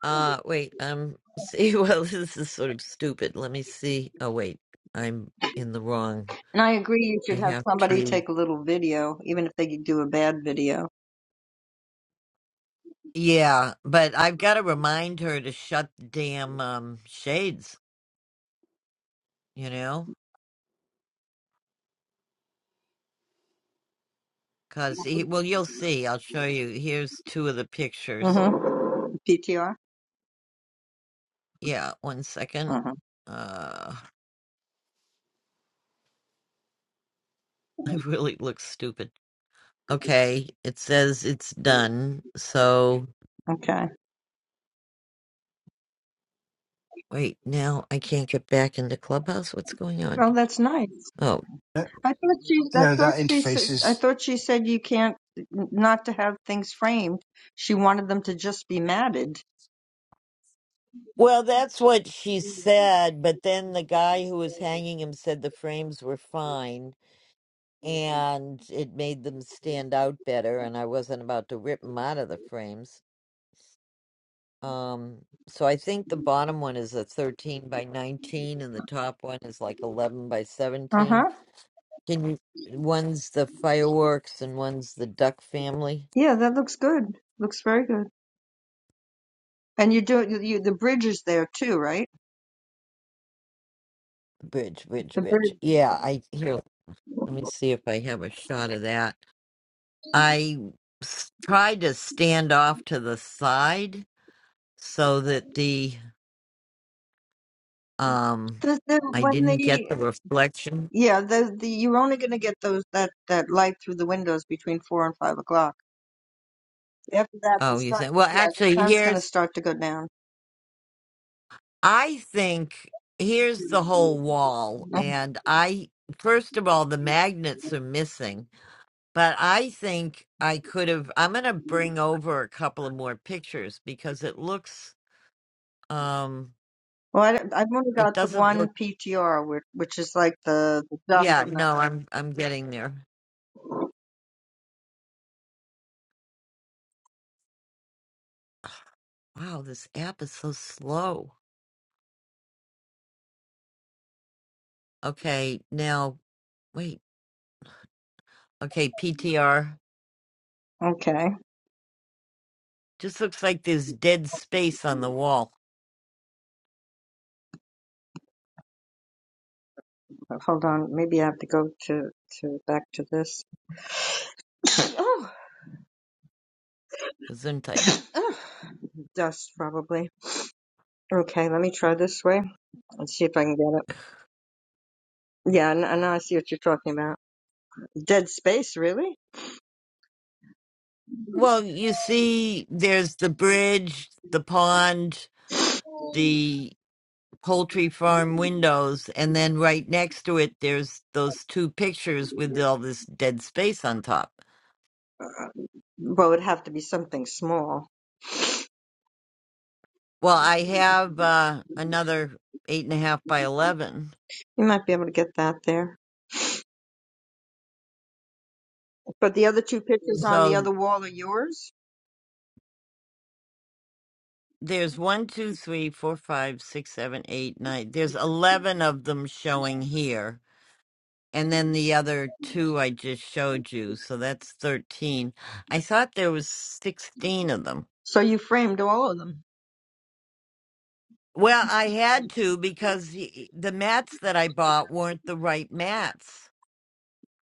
Speaker 1: Uh, wait, um, see, well, this is sort of stupid. Let me see. Oh, wait, I'm in the wrong.
Speaker 9: And I agree, you
Speaker 1: I
Speaker 9: should have
Speaker 1: have
Speaker 9: somebody
Speaker 1: to.
Speaker 9: take a little video, even if they do a bad video.
Speaker 1: Yeah, but I've got to remind her to shut the damn um shades, you know? Cause he, well, you'll see. I'll show you. Here's two of the pictures.
Speaker 9: Mm-hmm. PTR.
Speaker 1: Yeah, one second.
Speaker 9: Mm-hmm.
Speaker 1: Uh, it really looks stupid. Okay, it says it's done. So
Speaker 9: Okay.
Speaker 1: wait, now I can't get back into Clubhouse. What's going on?
Speaker 9: Oh, that's nice.
Speaker 1: Oh.
Speaker 6: No,
Speaker 9: I thought she. I
Speaker 6: no,
Speaker 9: thought
Speaker 6: that
Speaker 9: she
Speaker 6: interface
Speaker 9: said. I
Speaker 6: is
Speaker 9: thought she said you can't not to have things framed. She wanted them to just be matted.
Speaker 1: Well, that's what she said, but then the guy who was hanging him said the frames were fine and it made them stand out better and I wasn't about to rip them out of the frames. Um so I think the bottom one is a 13 by 19 and the top one is like 11 by
Speaker 9: Uh huh.
Speaker 1: 17. Can you one's the fireworks and one's the duck family
Speaker 9: Yeah, that looks good. Looks very good. And you do you, you the bridge is there too, right?
Speaker 1: bridge bridge
Speaker 9: The
Speaker 1: bridge.
Speaker 9: bridge.
Speaker 1: Yeah, I here let me see if I have a shot of that. I s- tried to stand off to the side so that the um
Speaker 9: The, the,
Speaker 1: I
Speaker 9: when
Speaker 1: didn't get
Speaker 9: they
Speaker 1: the reflection.
Speaker 9: yeah the, the you're only going to get those that that light through the windows between four and five o'clock. After that, the
Speaker 1: Oh, you
Speaker 9: sun,
Speaker 1: think? Well,
Speaker 9: yeah, the
Speaker 1: actually,
Speaker 9: sun's going to
Speaker 1: here's
Speaker 9: start to go down.
Speaker 1: I think here's the whole
Speaker 9: Mhm.
Speaker 1: wall, and I first of all the magnets are missing, but I think I could have. I'm going to bring over a couple of more pictures because it looks um
Speaker 9: Well, I, I've only
Speaker 1: it
Speaker 9: got the
Speaker 1: doesn't
Speaker 9: one
Speaker 1: look.
Speaker 9: PTR, which, which is like the, the duck
Speaker 1: Yeah,
Speaker 9: and
Speaker 1: no,
Speaker 9: the.
Speaker 1: I'm I'm getting there. Wow, this app is so slow. Okay, now wait. Okay, PTR.
Speaker 9: Okay,
Speaker 1: Just looks like there's dead space on the wall.
Speaker 9: hold on. Maybe I have to go to to back to this. Oh,
Speaker 1: Gesundheit.
Speaker 9: ugh, dust probably. Okay, let me try this way and see if I can get it. Yeah, and now I see what you're talking about. Dead space, really?
Speaker 1: Well, you see, there's the bridge, the pond, the poultry farm windows, and then right next to it, there's those two pictures with all this dead space on top.
Speaker 9: Well, it'd have to be something small.
Speaker 1: Well, I have uh, another eight and a half by eleven.
Speaker 9: You might be able to get that there. But the other two pictures on the
Speaker 1: so.
Speaker 9: other wall are yours?
Speaker 1: There's one, two, three, four, five, six, seven, eight, nine. There's 11 of them showing here. And then the other two I just showed you. So that's 13. I thought there was 16 of them.
Speaker 9: So you framed all of them.
Speaker 1: Well, I had to because the, the mats that I bought weren't the right mats.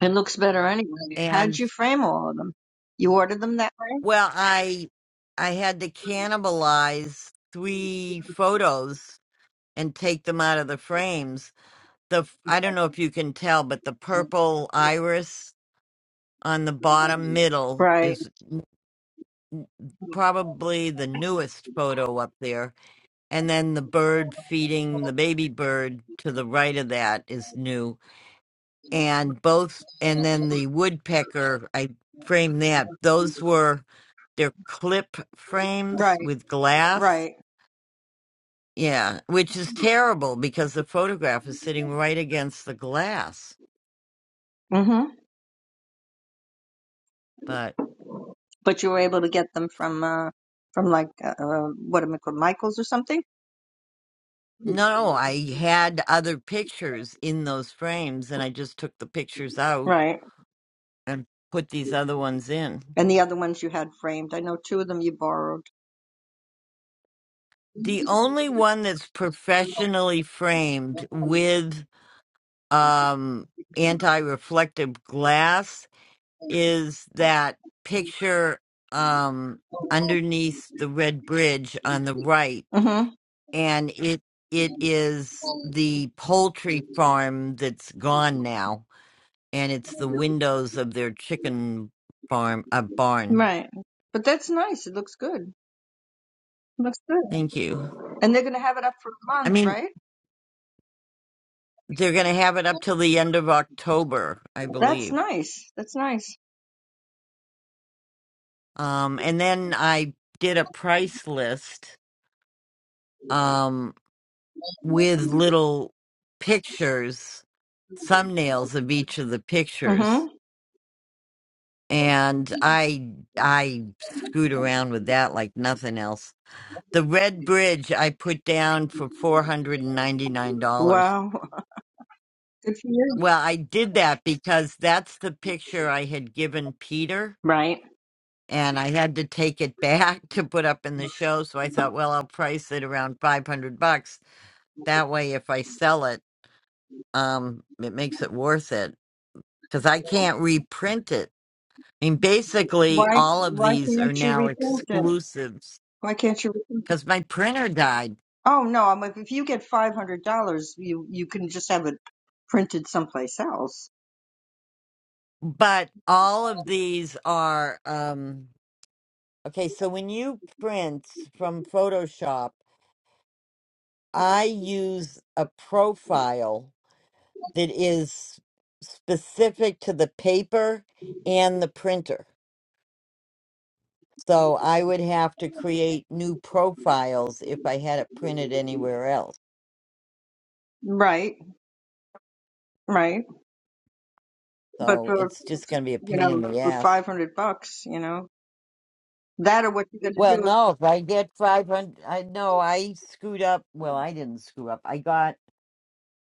Speaker 9: It looks better anyway. How'd
Speaker 1: And
Speaker 9: you frame all of them? You ordered them that way?
Speaker 1: well, I I had to cannibalize three photos and take them out of the frames the f- I don't know if you can tell, but the purple iris on the bottom middle
Speaker 9: Right,
Speaker 1: is probably the newest photo up there. And then the bird feeding the baby bird to the right of that is new. And both, and then the woodpecker, I framed that. Those were their clip frames
Speaker 9: right,
Speaker 1: with glass.
Speaker 9: right.
Speaker 1: Yeah, which is terrible because the photograph is sitting right against the glass.
Speaker 9: hmm
Speaker 1: But
Speaker 9: But you were able to get them from, uh, from like, uh, uh, what am I called, Michael's or something?
Speaker 1: No, I had other pictures in those frames and I just took the pictures out
Speaker 9: Right.
Speaker 1: and put these other ones in.
Speaker 9: And the other ones you had framed. I know two of them you borrowed.
Speaker 1: The only one that's professionally framed with um anti-reflective glass is that picture um underneath the red bridge on the right
Speaker 9: hmm
Speaker 1: and it it is the poultry farm that's gone now and it's the windows of their chicken farm uh, barn.
Speaker 9: Right. But that's nice. It looks good. Looks good.
Speaker 1: Thank you.
Speaker 9: And they're going to have it up for a
Speaker 1: I
Speaker 9: month,
Speaker 1: mean,
Speaker 9: right?
Speaker 1: they're going to have it up till the end of October, I
Speaker 9: That's
Speaker 1: believe.
Speaker 9: nice. That's nice.
Speaker 1: Um, and then I did a price list um, with little pictures, thumbnails of each of the pictures,
Speaker 9: hmm
Speaker 1: and I I screwed around with that like nothing else. The red bridge I put down for four hundred and ninety nine dollars
Speaker 9: Wow. Good for you.
Speaker 1: Well, I did that because that's the picture I had given Peter,
Speaker 9: Right.
Speaker 1: and I had to take it back to put up in the show. So I thought, well, I'll price it around 500 bucks. That way, if I sell it, um, it makes it worth it because I can't reprint it. I mean, basically,
Speaker 9: Why,
Speaker 1: all of
Speaker 9: why
Speaker 1: these are
Speaker 9: can't you
Speaker 1: now
Speaker 9: reprint it?
Speaker 1: exclusives
Speaker 9: Why can't you?
Speaker 1: because my printer died.
Speaker 9: Oh no, I'm like if you get five hundred dollars, you you can just have it printed someplace else.
Speaker 1: But all of these are, um, okay, so when you print from Photoshop, I use a profile that is specific to the paper and the printer. So I would have to create new profiles if I had it printed anywhere else.
Speaker 9: Right, right. But
Speaker 1: So
Speaker 9: for
Speaker 1: it's just going to be a
Speaker 9: you
Speaker 1: pain in
Speaker 9: know
Speaker 1: the
Speaker 9: for
Speaker 1: ass.
Speaker 9: five hundred bucks, you know that or what you're gonna
Speaker 1: Well,
Speaker 9: do.
Speaker 1: no, if I get 500, I no, I screwed up. Well, I didn't screw up. I got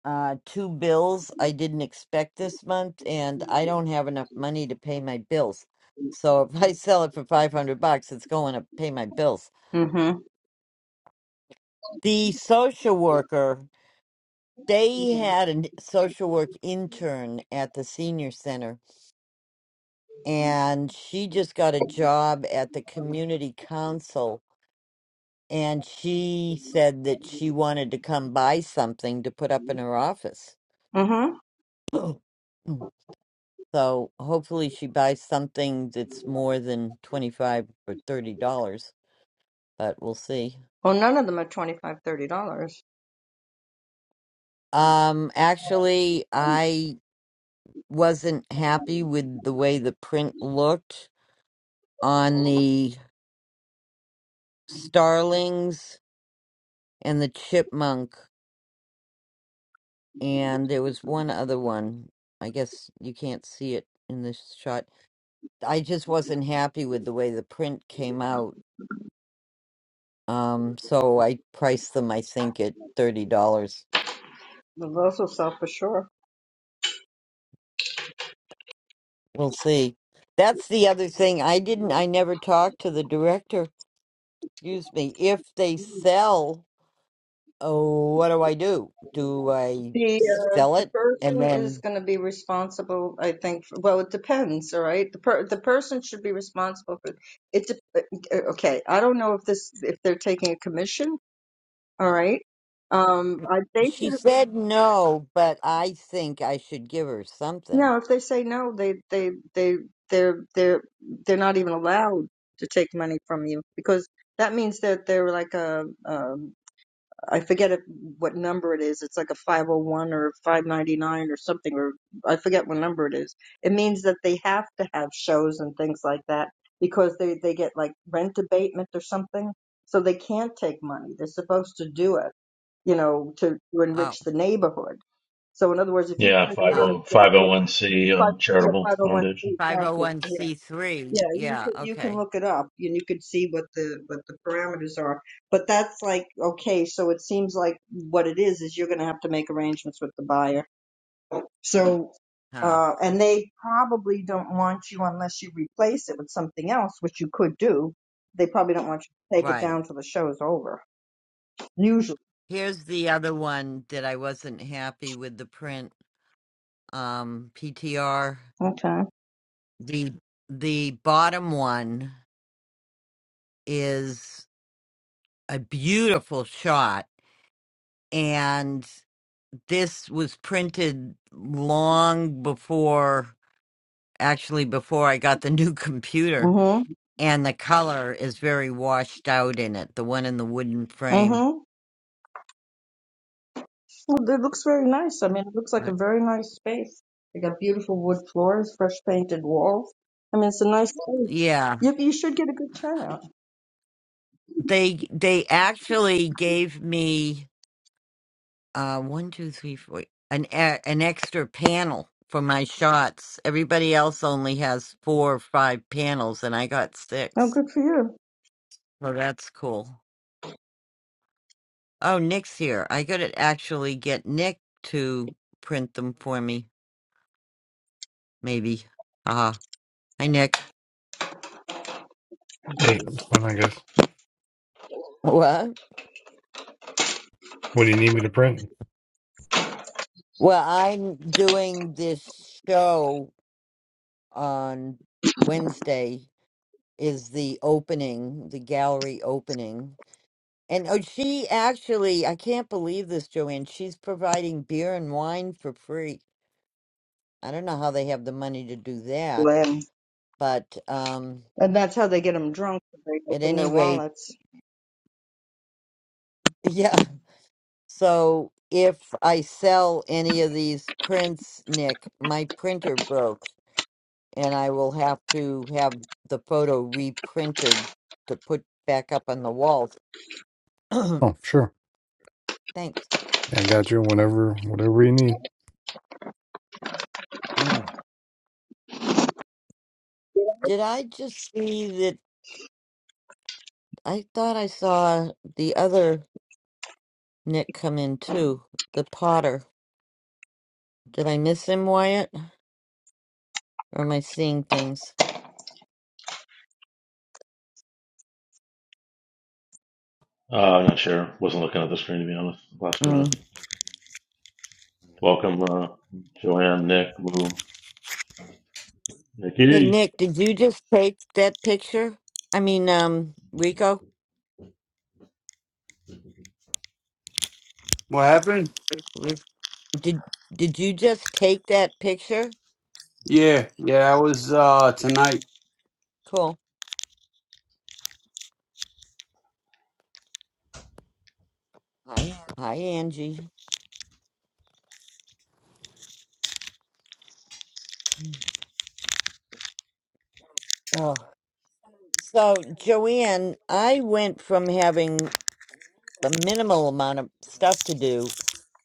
Speaker 1: uh two bills I didn't expect this month and I don't have enough money to pay my bills. So if I sell it for 500 bucks it's going to pay my bills.
Speaker 9: Mm-hmm.
Speaker 1: The social worker they had a n- social work intern at the senior center and she just got a job at the community council and she said that she wanted to come buy something to put up in her office.
Speaker 9: Mm-hmm.
Speaker 1: So hopefully she buys something that's more than 25 or 30 dollars, but we'll see.
Speaker 9: Well, none of them are twenty five, thirty dollars.
Speaker 1: Um actually I wasn't happy with the way the print looked on the starlings and the chipmunk and there was one other one. I guess you can't see it in this shot. I just wasn't happy with the way the print came out. Um so I priced them I think at $30.
Speaker 9: Those will sell for sure.
Speaker 1: We'll see. That's the other thing. I didn't, I never talked to the director. Excuse me. If they sell, oh, what do I do? Do I
Speaker 9: The uh,
Speaker 1: sell
Speaker 9: the
Speaker 1: it? And
Speaker 9: person is
Speaker 1: then
Speaker 9: going to be responsible, I think. For, well, it depends, all right. The per, the person should be responsible for it. dep- uh, uh, Okay, I don't know if this if they're taking a commission, all right. Um, I, they
Speaker 1: she
Speaker 9: should
Speaker 1: said no, but I think I should give her something.
Speaker 9: no. If they say no, they they they they're they're they're not even allowed to take money from you because that means that they're like a, um, I forget it, what number it is. It's like a 501 or 599 or something, or I forget what number it is. It means that they have to have shows and things like that because they, they get like rent abatement or something. So they can't take money. They're supposed to do it, you know, to, to
Speaker 1: Oh,
Speaker 9: enrich the neighborhood. So in other words, if you
Speaker 2: Yeah,
Speaker 9: turn
Speaker 2: 50
Speaker 9: around
Speaker 1: huh.
Speaker 9: and say, you know,
Speaker 2: 501c
Speaker 9: five,
Speaker 2: uh,
Speaker 9: yeah,
Speaker 2: charitable
Speaker 9: 501,
Speaker 2: foundation.
Speaker 9: thank you. yeah, yeah,
Speaker 1: 501c3.
Speaker 9: you
Speaker 1: Yeah,
Speaker 9: could you can
Speaker 1: okay.
Speaker 9: look it up and you could see what the what the parameters are. But that's like okay, so it seems like what it is is you're going to have to make arrangements with the buyer. So
Speaker 1: Huh.
Speaker 9: uh and they probably don't want you unless you replace it with something else, which you could do. They probably don't want you to take it
Speaker 1: Right.
Speaker 9: down till the show's over. Usually.
Speaker 1: Here's the other one that I wasn't happy with the print. Um, PTR.
Speaker 9: Okay.
Speaker 1: The the bottom one is a beautiful shot. And this was printed long before, actually, before I got the new computer.
Speaker 9: Mhm.
Speaker 1: And the color is very washed out in it, the one in the wooden frame.
Speaker 9: Mhm. Well, it looks very nice. I mean, it looks like a
Speaker 1: Right.
Speaker 9: very nice space. They got beautiful wood floors, fresh painted walls. I mean, it's a nice space.
Speaker 1: Yeah.
Speaker 9: You, you should get a good turnout.
Speaker 1: They they actually gave me uh one, two, three, four an e- an extra panel for my shots. Everybody else only has four or five panels and I got
Speaker 9: Oh,
Speaker 1: six.
Speaker 9: good for you.
Speaker 1: So that's cool. Oh, Nick's here. I gotta actually get Nick to print them for me, maybe. Ah, hi Nick.
Speaker 10: Hey, it's fine, I guess.
Speaker 1: What?
Speaker 10: What do you need me to print?
Speaker 1: Well, I'm doing this show on Wednesday is the opening, the gallery opening. And oh, she actually, I can't believe this, Joanne. She's providing beer and wine for free. I don't know how they have the money to do that,
Speaker 9: Glenn.
Speaker 1: but um
Speaker 9: And that's how they get them drunk. They
Speaker 1: at
Speaker 9: open
Speaker 1: any
Speaker 9: their
Speaker 1: rate,
Speaker 9: wallets.
Speaker 1: yeah. So if I sell any of these prints, Nick, my printer broke and I will have to have the photo reprinted to put back up on the walls.
Speaker 10: Oh, sure.
Speaker 1: Thanks.
Speaker 10: Yeah, I got you. Whenever, whatever you need.
Speaker 1: Mm. Did I just see that? I thought I saw the other Nick come in too, the potter. Did I miss him, Wyatt? Or am I seeing things?
Speaker 2: Uh, not sure. Wasn't looking at the screen to be honest. last two minutes.
Speaker 1: Mm.
Speaker 2: Welcome, uh, Joanne, Nick, Lou,
Speaker 1: Hey,
Speaker 2: Nikki.
Speaker 1: Nick, did you just take that picture? I mean, um, Rico?
Speaker 3: What happened?
Speaker 1: Did did you just take that picture?
Speaker 3: Yeah, yeah. I was uh tonight.
Speaker 1: Cool. Hi, Angie. Oh. So, Joanne, I went from having a minimal amount of stuff to do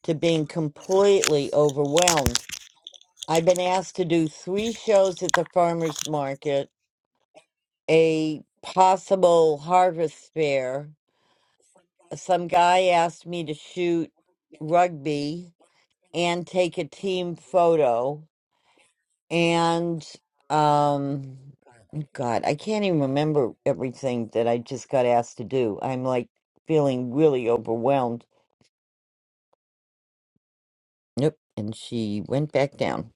Speaker 1: to being completely overwhelmed. I've been asked to do three shows at the farmer's market, a possible harvest fair. Some guy asked me to shoot rugby and take a team photo. And um God, I can't even remember everything that I just got asked to do. I'm like feeling really overwhelmed. Yep. And she went back down.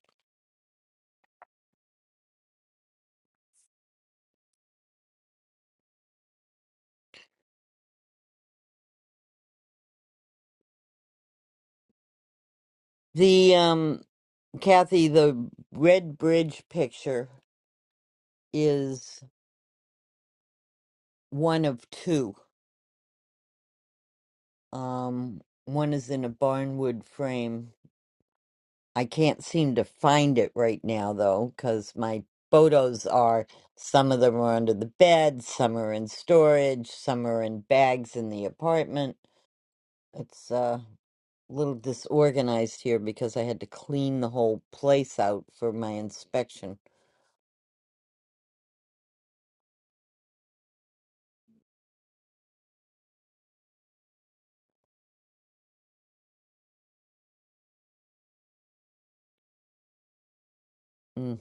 Speaker 1: The um Kathy, the Red Bridge picture is one of two. Um one is in a barnwood frame. I can't seem to find it right now though, because my photos are some of them are under the bed, some are in storage, some are in bags in the apartment. It's uh little disorganized here because I had to clean the whole place out for my inspection. Mm.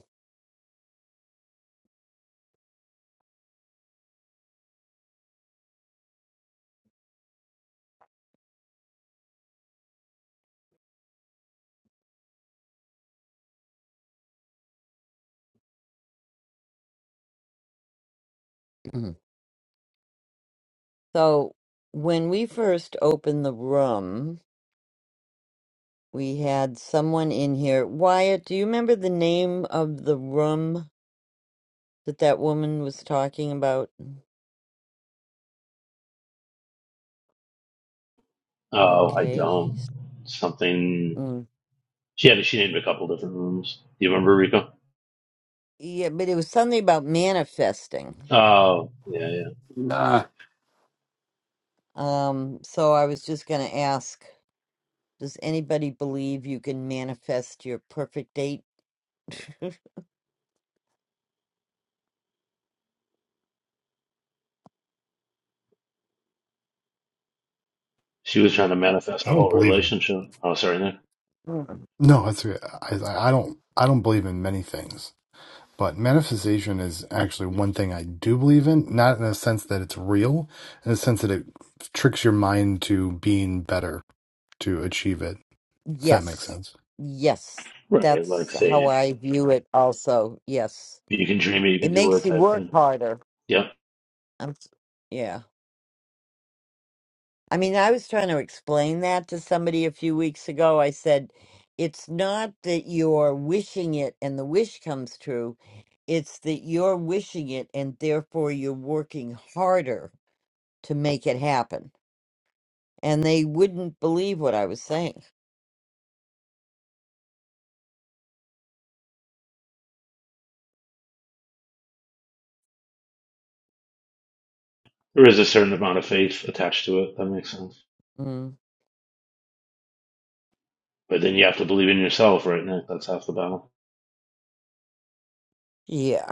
Speaker 1: So, when we first opened the room, we had someone in here. Wyatt, do you remember the name of the room that that woman was talking about? Mm,
Speaker 2: Oh, I
Speaker 1: Okay,
Speaker 2: don't.
Speaker 1: he's
Speaker 2: Something.
Speaker 1: mm.
Speaker 2: She had. She named a couple different rooms. Do you remember Rico?
Speaker 1: yeah, but it was something about manifesting.
Speaker 2: Oh, yeah, yeah.
Speaker 3: Uh,
Speaker 1: Um, so I was just going to ask, does anybody believe you can manifest your perfect date?
Speaker 2: She was trying to manifest
Speaker 10: I
Speaker 2: a
Speaker 10: don't
Speaker 2: whole
Speaker 10: believe in.
Speaker 2: relationship. Oh, sorry, Nick.
Speaker 10: No, that's I, I I don't. I don't believe in many things, but manifestation is actually one thing I do believe in. Not in the sense that it's real, in the sense that it tricks your mind to being better to achieve it. If that makes
Speaker 1: Yes.
Speaker 10: sense.
Speaker 1: Yes.
Speaker 2: Right, like
Speaker 1: That's how
Speaker 2: saying.
Speaker 1: I view it also. Yes.
Speaker 2: You can dream it, you can
Speaker 1: It
Speaker 2: do it
Speaker 1: makes you
Speaker 2: type
Speaker 1: work
Speaker 2: thing.
Speaker 1: harder.
Speaker 2: Yep.
Speaker 1: I'm, s- yeah. I mean, I was trying to explain that to somebody a few weeks ago. I said, it's not that you're wishing it and the wish comes true. It's that you're wishing it and therefore you're working harder to make it happen. And they wouldn't believe what I was saying.
Speaker 2: There is a certain amount of faith attached to it. That makes sense.
Speaker 1: Mm.
Speaker 2: But then you have to believe in yourself, right, Nick? That's half the battle.
Speaker 1: Yeah.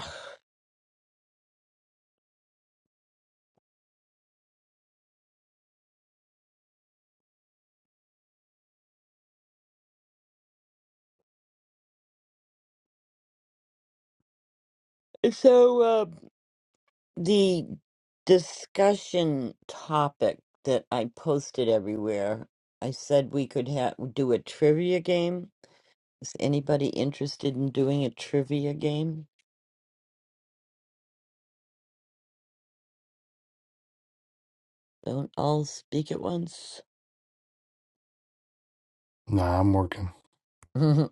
Speaker 1: So, the discussion topic that I posted everywhere, I said we could ha- do a trivia game. Is anybody interested in doing a trivia game? Don't all speak at once.
Speaker 10: Nah, I'm working.
Speaker 1: oh,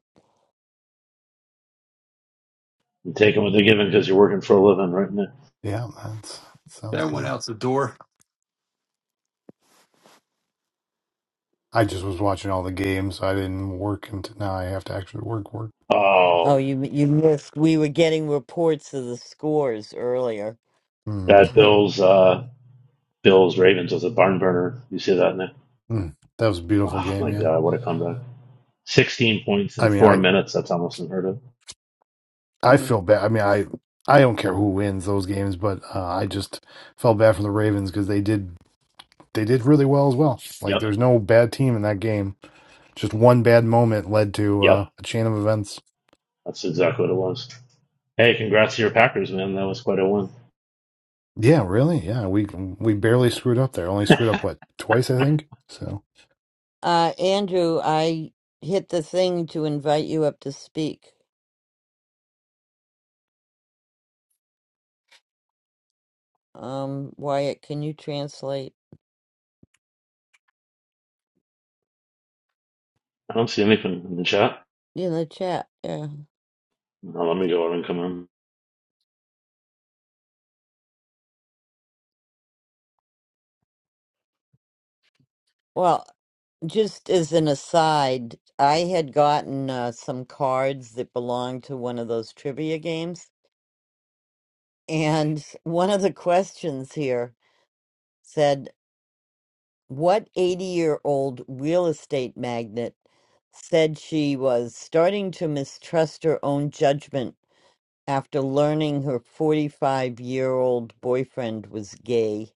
Speaker 2: And taking what they're given because you're working for a living, right, Nick?
Speaker 10: Yeah, that's that sounds
Speaker 3: that went
Speaker 10: good.
Speaker 3: out the door.
Speaker 10: I just was watching all the games. so I didn't work until now. I have to actually work. Work.
Speaker 2: Oh,
Speaker 1: you you missed. We were getting reports of the scores earlier.
Speaker 10: Hmm.
Speaker 2: that Bills, uh, Bills Ravens was a barn burner. You see that, Nick?
Speaker 10: Mm, that was a beautiful
Speaker 2: Oh
Speaker 10: game.
Speaker 2: my
Speaker 10: Yeah,
Speaker 2: God, what a comeback! 16 points
Speaker 10: I
Speaker 2: in
Speaker 10: mean,
Speaker 2: four
Speaker 10: I
Speaker 2: minutes. That's almost unheard of.
Speaker 10: I
Speaker 1: Mm.
Speaker 10: feel bad. I mean, I I don't care who wins those games, but uh, I just felt bad for the Ravens because they did they did really well as well. Like,
Speaker 2: Yep.
Speaker 10: there's no bad team in that game. Just one bad moment led to
Speaker 2: Yep.
Speaker 10: uh, a chain of events.
Speaker 2: That's exactly what it was. Hey, congrats to your Packers, man. That was quite a win.
Speaker 10: Yeah, really. Yeah, we we barely screwed up there. Only screwed up what twice, I think. So
Speaker 1: uh, Andrew, I hit the thing to invite you up to speak. Um, Wyatt, can you translate
Speaker 2: I don't see anything in the chat.
Speaker 1: in the chat? Yeah.
Speaker 2: Now let me go out and come in.
Speaker 1: Well. Just as an aside, I had gotten uh, some cards that belonged to one of those trivia games. And one of the questions here said, What 80 year old real estate magnate said she was starting to mistrust her own judgment after learning her 45 year old boyfriend was gay?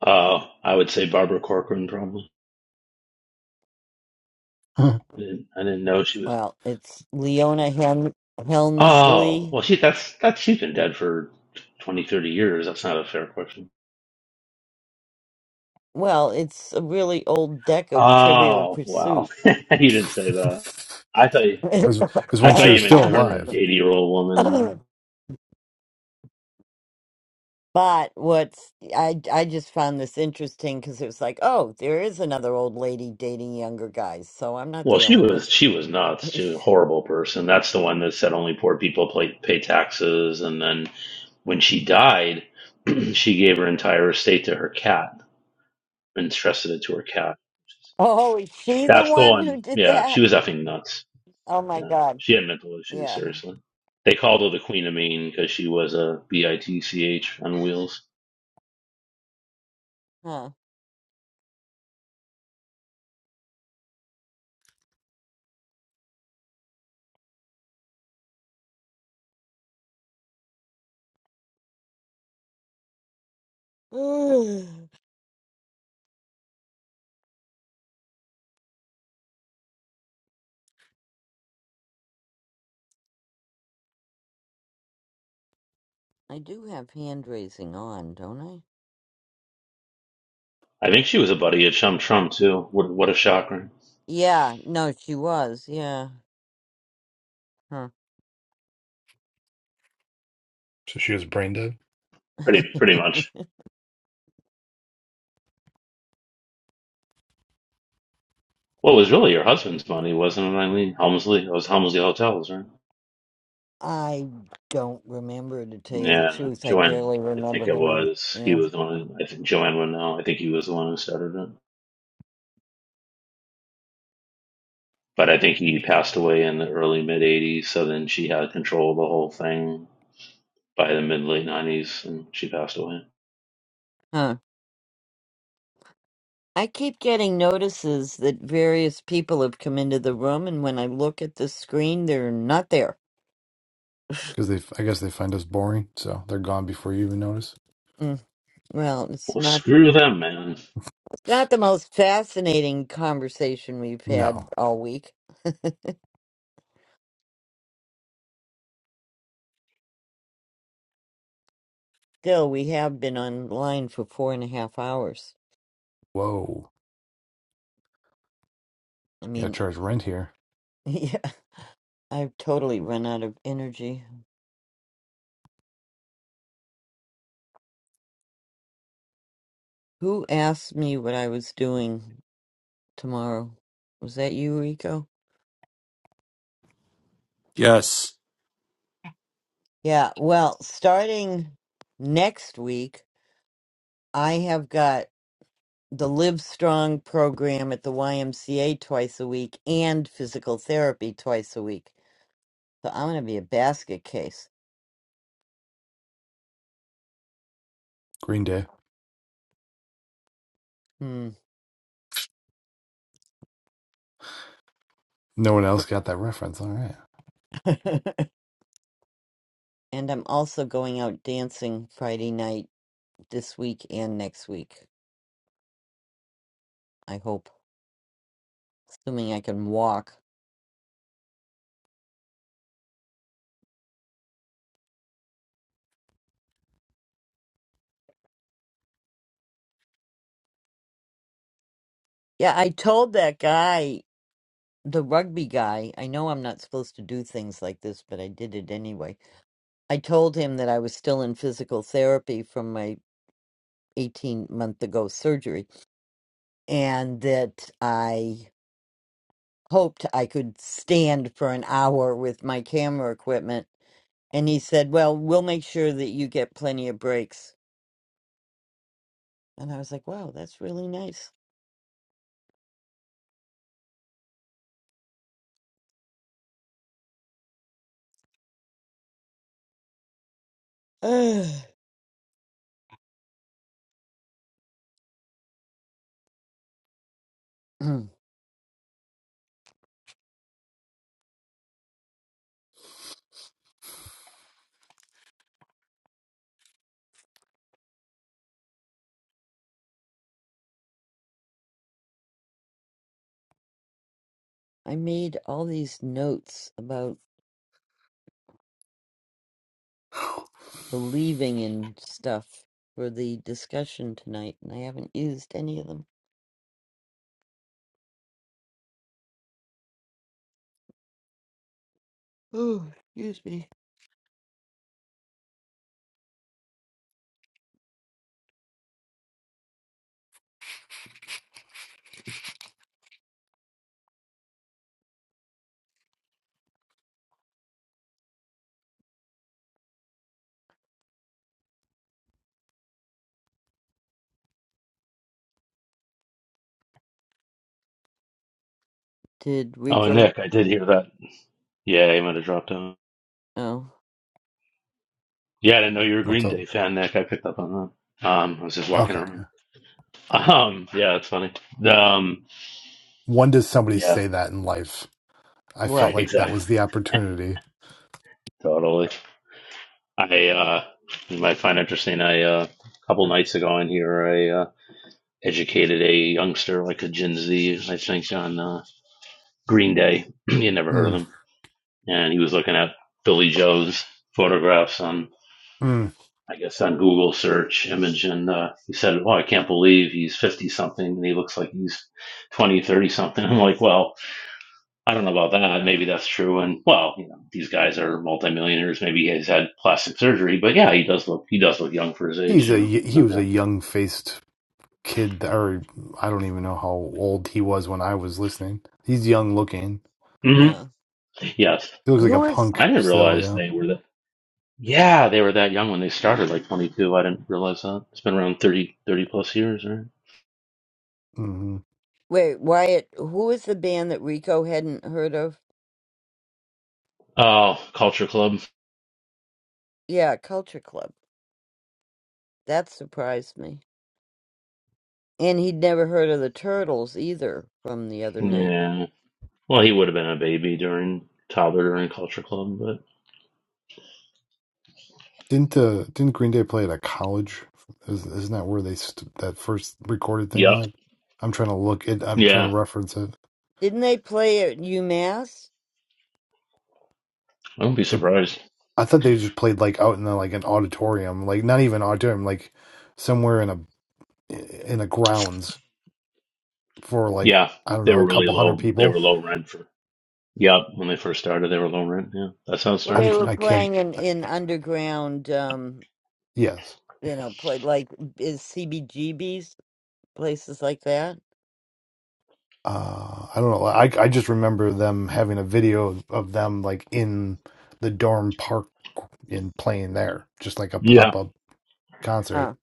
Speaker 2: Oh, I would say Barbara Corcoran probably.
Speaker 10: it
Speaker 2: I didn't, I didn't know she was.
Speaker 1: Well, it's Leona Hem-
Speaker 2: Oh,
Speaker 1: Helmsley
Speaker 2: well, she that's that she's been dead for 20, 30 years. That's not a fair question.
Speaker 1: Well, it's a really old deck of Trivial
Speaker 2: Oh, wow.
Speaker 1: Pursuit.
Speaker 2: you didn't say that. I thought you,
Speaker 10: was it was
Speaker 2: I
Speaker 10: when she
Speaker 2: thought
Speaker 10: was
Speaker 2: you
Speaker 10: still
Speaker 2: meant current
Speaker 10: alive.
Speaker 2: 80-year-old woman.
Speaker 1: but what's I I just found this interesting because it was like, oh, there is another old lady dating younger guys, so I'm not
Speaker 2: Well,
Speaker 1: the
Speaker 2: she
Speaker 1: only one.
Speaker 2: was she was nuts. She was a horrible person. That's the one that said only poor people pay, pay taxes. And then when she died, she gave her entire estate to her cat and entrusted it to her cat.
Speaker 1: oh, is she the
Speaker 2: That's the
Speaker 1: one
Speaker 2: one.
Speaker 1: who did
Speaker 2: Yeah, she
Speaker 1: that?
Speaker 2: was effing nuts.
Speaker 1: Oh my
Speaker 2: Yeah,
Speaker 1: God,
Speaker 2: she had mental issues.
Speaker 1: yeah,
Speaker 2: Seriously, they called her the Queen of Mean because she was a bitch on wheels.
Speaker 1: huh? I do have hand raising on, don't I?
Speaker 2: I think she was a buddy at Chum Trump too. What, what a shocker!
Speaker 1: Yeah, no, she was, yeah, huh.
Speaker 10: So she was brain dead
Speaker 2: Pretty pretty much. Well, it was really her husband's money, wasn't it, Eileen Helmsley? It was Helmsley Hotels, right?
Speaker 1: I don't remember to tell you the
Speaker 2: Yeah,
Speaker 1: truth. I
Speaker 2: Joanne.
Speaker 1: barely
Speaker 2: I think
Speaker 1: remember
Speaker 2: it
Speaker 1: her name.
Speaker 2: was. He
Speaker 1: Yeah.
Speaker 2: was the one. Who, I think Joanne would know. I think he was the one who started it. But I think he passed away in the early mid '80s. So then she had control of the whole thing by the mid late nineties, and she passed away.
Speaker 1: Huh. I keep getting notices that various people have come into the room, and when I look at the screen, they're not there.
Speaker 10: because they I guess they find us boring, so they're gone before you even notice.
Speaker 1: Mm. Well, it's
Speaker 2: Well,
Speaker 1: not
Speaker 2: screw them, man.
Speaker 1: not the most fascinating conversation we've
Speaker 10: No.
Speaker 1: had all week. Still, we have been online for four and a half hours.
Speaker 10: Whoa.
Speaker 1: I
Speaker 10: You gotta
Speaker 1: mean,
Speaker 10: charge rent here.
Speaker 1: yeah, I've totally run out of energy. Who asked me what I was doing? tomorrow. Was that you, Rico?
Speaker 3: Yes.
Speaker 1: Yeah, well, starting next week, I have got the Live Strong program at the YMCA twice a week and physical therapy twice a week. So I'm going to be a basket case.
Speaker 10: Green Day.
Speaker 1: Hmm.
Speaker 10: No one else got that reference. All right.
Speaker 1: and I'm also going out dancing Friday night this week and next week, I hope, assuming I can walk. Yeah, I told that guy the rugby guy, I know I'm not supposed to do things like this, but I did it anyway. I told him that I was still in physical therapy from my 18 month ago surgery and that I hoped I could stand for an hour with my camera equipment. And he said, Well, we'll make sure that you get plenty of breaks. And I was like, Wow, that's really nice. Ugh. I made all these notes about. believing in stuff for the discussion tonight, and I haven't used any of them. Oh, excuse me. Did
Speaker 2: Oh, and
Speaker 1: Rico?
Speaker 2: Nick, I did hear that. Yeah, he might have dropped out.
Speaker 1: Oh,
Speaker 2: Yeah, I didn't know you were a
Speaker 10: What's
Speaker 2: Green
Speaker 10: up?
Speaker 2: Day fan, Nick. I picked up on that. Um, I was just walking
Speaker 10: Okay.
Speaker 2: around. Um, yeah, that's funny. Um,
Speaker 10: When does somebody
Speaker 2: yeah,
Speaker 10: say that in life? I felt
Speaker 1: what?
Speaker 10: like that
Speaker 2: exactly,
Speaker 10: was the opportunity.
Speaker 2: totally. I uh, you might find interesting. I uh, a couple nights ago in here, I uh, educated a youngster, like a Gen Z, I think, on uh, Green Day. he had never heard of
Speaker 10: Mm,
Speaker 2: them, and he was looking at Billy Joe's photographs on
Speaker 10: mm.
Speaker 2: I guess on Google search image, and uh, he said, "Oh, I can't believe he's fifty something, and he looks like he's 20, 30 something." I'm like, "Well, I don't know about that. Maybe that's true." And well, you know, these guys are multimillionaires. Maybe he's had plastic surgery, but yeah, he does look he does look young for his age.
Speaker 10: He's a
Speaker 2: You know,
Speaker 10: y- he
Speaker 2: no
Speaker 10: was a
Speaker 2: doubt.
Speaker 10: young faced kid, or I don't even know how old he was when I was listening. He's young looking.
Speaker 2: hmm
Speaker 1: Huh?
Speaker 2: Yes,
Speaker 10: He looks like a
Speaker 1: Who is?
Speaker 10: punk
Speaker 2: I didn't
Speaker 10: still.
Speaker 2: realize
Speaker 10: Yeah.
Speaker 2: they were that. Yeah, they were that young when they started, like 22. I didn't realize that. It's been around thirty thirty plus years, right?
Speaker 10: hmm
Speaker 1: Wait, Wyatt. Who is the band that Rico hadn't heard of?
Speaker 2: Oh, Culture Club.
Speaker 1: Yeah, Culture Club. That surprised me. And he'd never heard of the Turtles either from the other night.
Speaker 2: Yeah. Well, he would have been a baby during toddler during Culture Club, but
Speaker 10: Didn't uh, didn't Green Day play at a college? Is- Isn't that where they st- that first recorded thing
Speaker 2: yep,
Speaker 10: went? I'm trying to look it. I'm trying to
Speaker 2: yeah,
Speaker 10: reference it.
Speaker 1: Didn't they play at UMass?
Speaker 2: I wouldn't be
Speaker 10: They.
Speaker 2: surprised.
Speaker 10: I thought they just played like out in the, like an auditorium, like not even auditorium, like somewhere in a in the grounds for like
Speaker 2: Yeah,
Speaker 10: I don't
Speaker 2: they
Speaker 10: know
Speaker 2: were
Speaker 10: a
Speaker 2: really
Speaker 10: couple hundred
Speaker 2: low. They
Speaker 10: people.
Speaker 2: were low rent for yep when they first started. They were low rent. Yeah, that's how it
Speaker 1: Well, they
Speaker 10: I'm
Speaker 2: starts.
Speaker 1: were
Speaker 2: Yeah,
Speaker 10: I can't.
Speaker 1: playing in
Speaker 10: I-
Speaker 1: in underground, um,
Speaker 10: Yes,
Speaker 1: you know, play like is CBGBs places like that.
Speaker 10: uh, I don't know. I I just remember them having a video of them like in the dorm park and playing there, just like a
Speaker 2: yeah,
Speaker 10: pop up concert.
Speaker 1: Huh.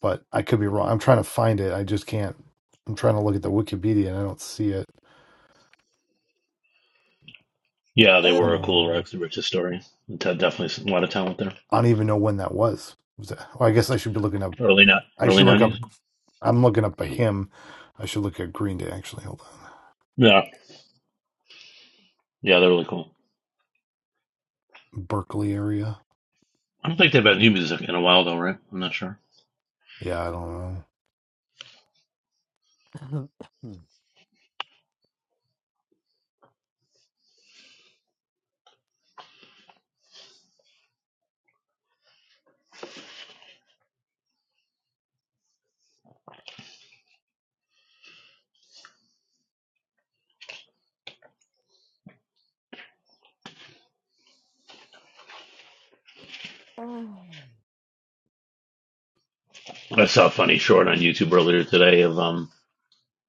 Speaker 10: But I could be wrong. I'm trying to find it. I just can't. I'm trying to look at the Wikipedia and I don't see it.
Speaker 2: yeah they were a
Speaker 1: Oh,
Speaker 2: cool
Speaker 10: Um,
Speaker 2: Rex the Richest story. Te- Definitely a lot of talent there.
Speaker 10: I don't even know when that was. was that, well, I guess I should be looking up.
Speaker 2: Early not
Speaker 10: I
Speaker 2: early
Speaker 10: should look up.
Speaker 2: nineties.
Speaker 10: I'm looking up a hymn. I should look at Green Day actually. Hold on,
Speaker 2: Yeah, yeah, they're really cool.
Speaker 10: Berkeley area.
Speaker 2: I don't think they've had new music in a while though, right? I'm not sure.
Speaker 10: Yeah, I don't know.
Speaker 1: Oh.
Speaker 2: I saw a funny short on YouTube earlier today of um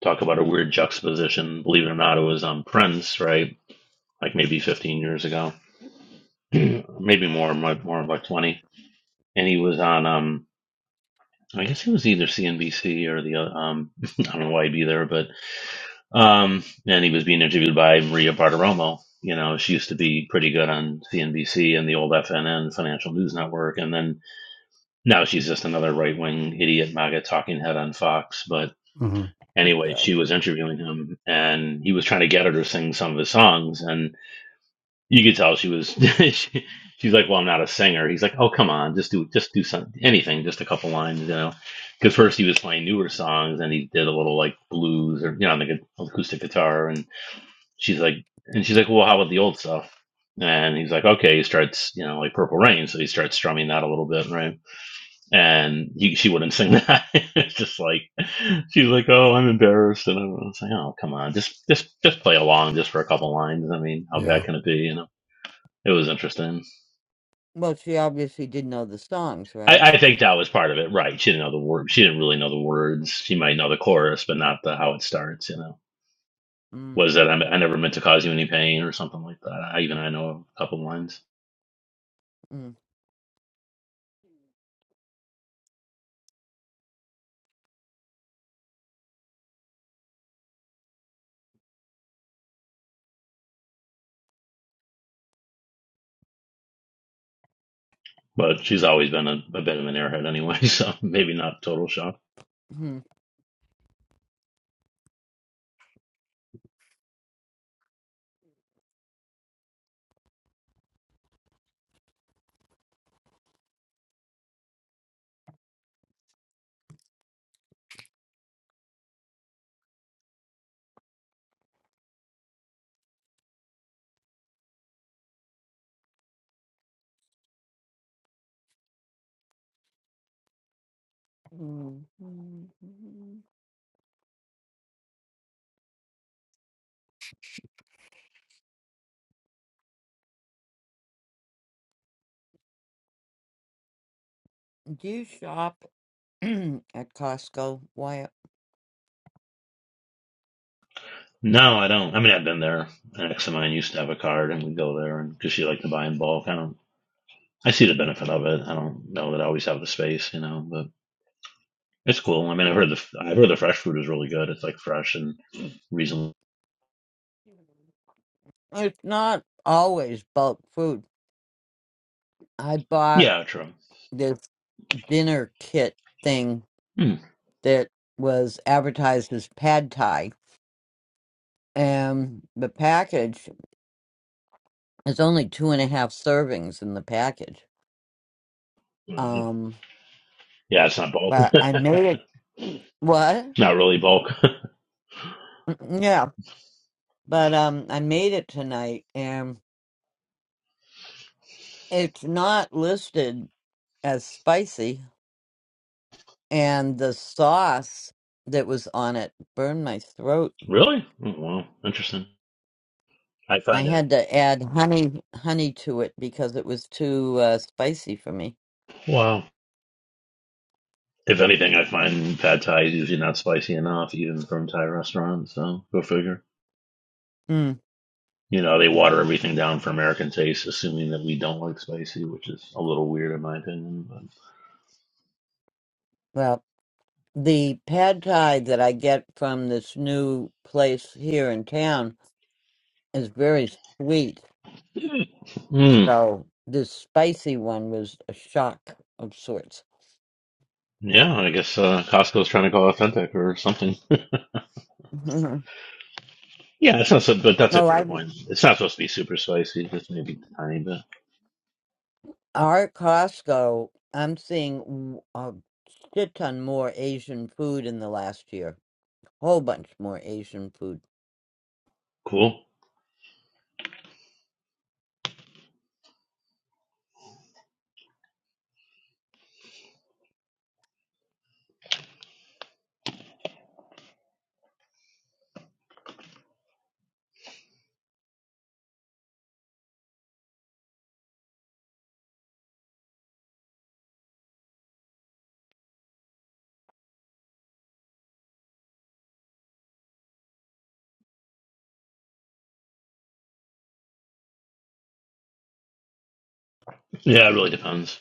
Speaker 2: talk about a weird juxtaposition. Believe it or not, it was on Prince, right? like maybe 15 years ago, maybe more, more, more like 20. And he was on, um, I guess he was either CNBC or the, uh, um, I don't know why he'd be there, but, um, and he was being interviewed by Maria Bartiromo. You know, she used to be pretty good on CNBC and the old FNN Financial News Network. And then now she's just another right wing idiot MAGA talking head on Fox. But
Speaker 10: hmm
Speaker 2: anyway, she
Speaker 1: God.
Speaker 2: was interviewing him and he was trying to get her to sing some of his songs. And You could tell she was. she, she's like, "Well, I'm not a singer." He's like, "Oh, come on, just do just do some anything, just a couple lines, you know." Because first he was playing newer songs, and he did a little like blues or you know, like an acoustic guitar. And she's like, and she's like, "Well, how about the old stuff?" And he's like, "Okay." He starts, you know, like Purple Rain, so he starts strumming that a little bit, right? And he, she wouldn't sing that. it's just like she's like, "Oh, I'm embarrassed," and I was like, "Oh, come on, just just just play along, just for a couple lines. I mean, how bad
Speaker 10: Yeah,
Speaker 2: can it be?" You know it was interesting.
Speaker 1: Well, she obviously did know the songs,
Speaker 2: I,
Speaker 1: right?
Speaker 2: I think that was part of it, right? She didn't know the word. She didn't really know the words. She might know the chorus, but not the how it starts. You know,
Speaker 1: mm
Speaker 2: was that I, I never meant to cause you any pain or something like that. I even I know a couple lines,
Speaker 1: mm
Speaker 2: but she's always been a, a bit of an airhead anyway, so maybe not total shock.
Speaker 1: mm. mm, mm, mm. Do you shop at Costco, Wyatt?
Speaker 2: No, I don't. I mean, I've been there. An ex of mine used to have a card, and we'd go there, and because she liked to buy in bulk, I don't. I see the benefit of it. I don't know that I always have the space, you know, but it's cool. I mean, I've heard the I've heard the fresh food is really good. It's like fresh and reasonably
Speaker 1: It's not always bulk food. I bought
Speaker 2: Yeah, true.
Speaker 1: this dinner kit thing
Speaker 2: Hmm.
Speaker 1: that was advertised as pad thai, and the package is only two and a half servings in the package.
Speaker 2: Mm,
Speaker 1: Um,
Speaker 2: Yeah, it's not bulk.
Speaker 1: but I made it. What?
Speaker 2: not really bulk.
Speaker 1: Mm, Yeah, but um, I made it tonight, and it's not listed as spicy. And the sauce that was on it burned my throat.
Speaker 2: really? Oh, wow. Interesting. I
Speaker 1: I
Speaker 2: find it.
Speaker 1: had to add honey, honey to it because it was too uh, spicy for me.
Speaker 2: Wow. If anything, I find pad thai is usually not spicy enough, even from Thai restaurants. So go figure.
Speaker 1: Mm.
Speaker 2: You know, they water everything down for American taste, assuming that we don't like spicy, which is a little weird in my opinion.
Speaker 1: Well, the pad thai that I get from this new place here in town is very sweet.
Speaker 2: But mm,
Speaker 1: So this spicy one was a shock of sorts.
Speaker 2: yeah, I guess uh, Costco's trying to go authentic or something.
Speaker 1: Mhm.
Speaker 2: yeah, it's not so, but that's a
Speaker 1: Oh,
Speaker 2: fair
Speaker 1: I
Speaker 2: point. It's not supposed to be super spicy, just maybe a tiny bit.
Speaker 1: our Costco. I'm seeing w- a shit ton more Asian food in the last year. Whole bunch more Asian food.
Speaker 2: Cool. Yeah, it really depends.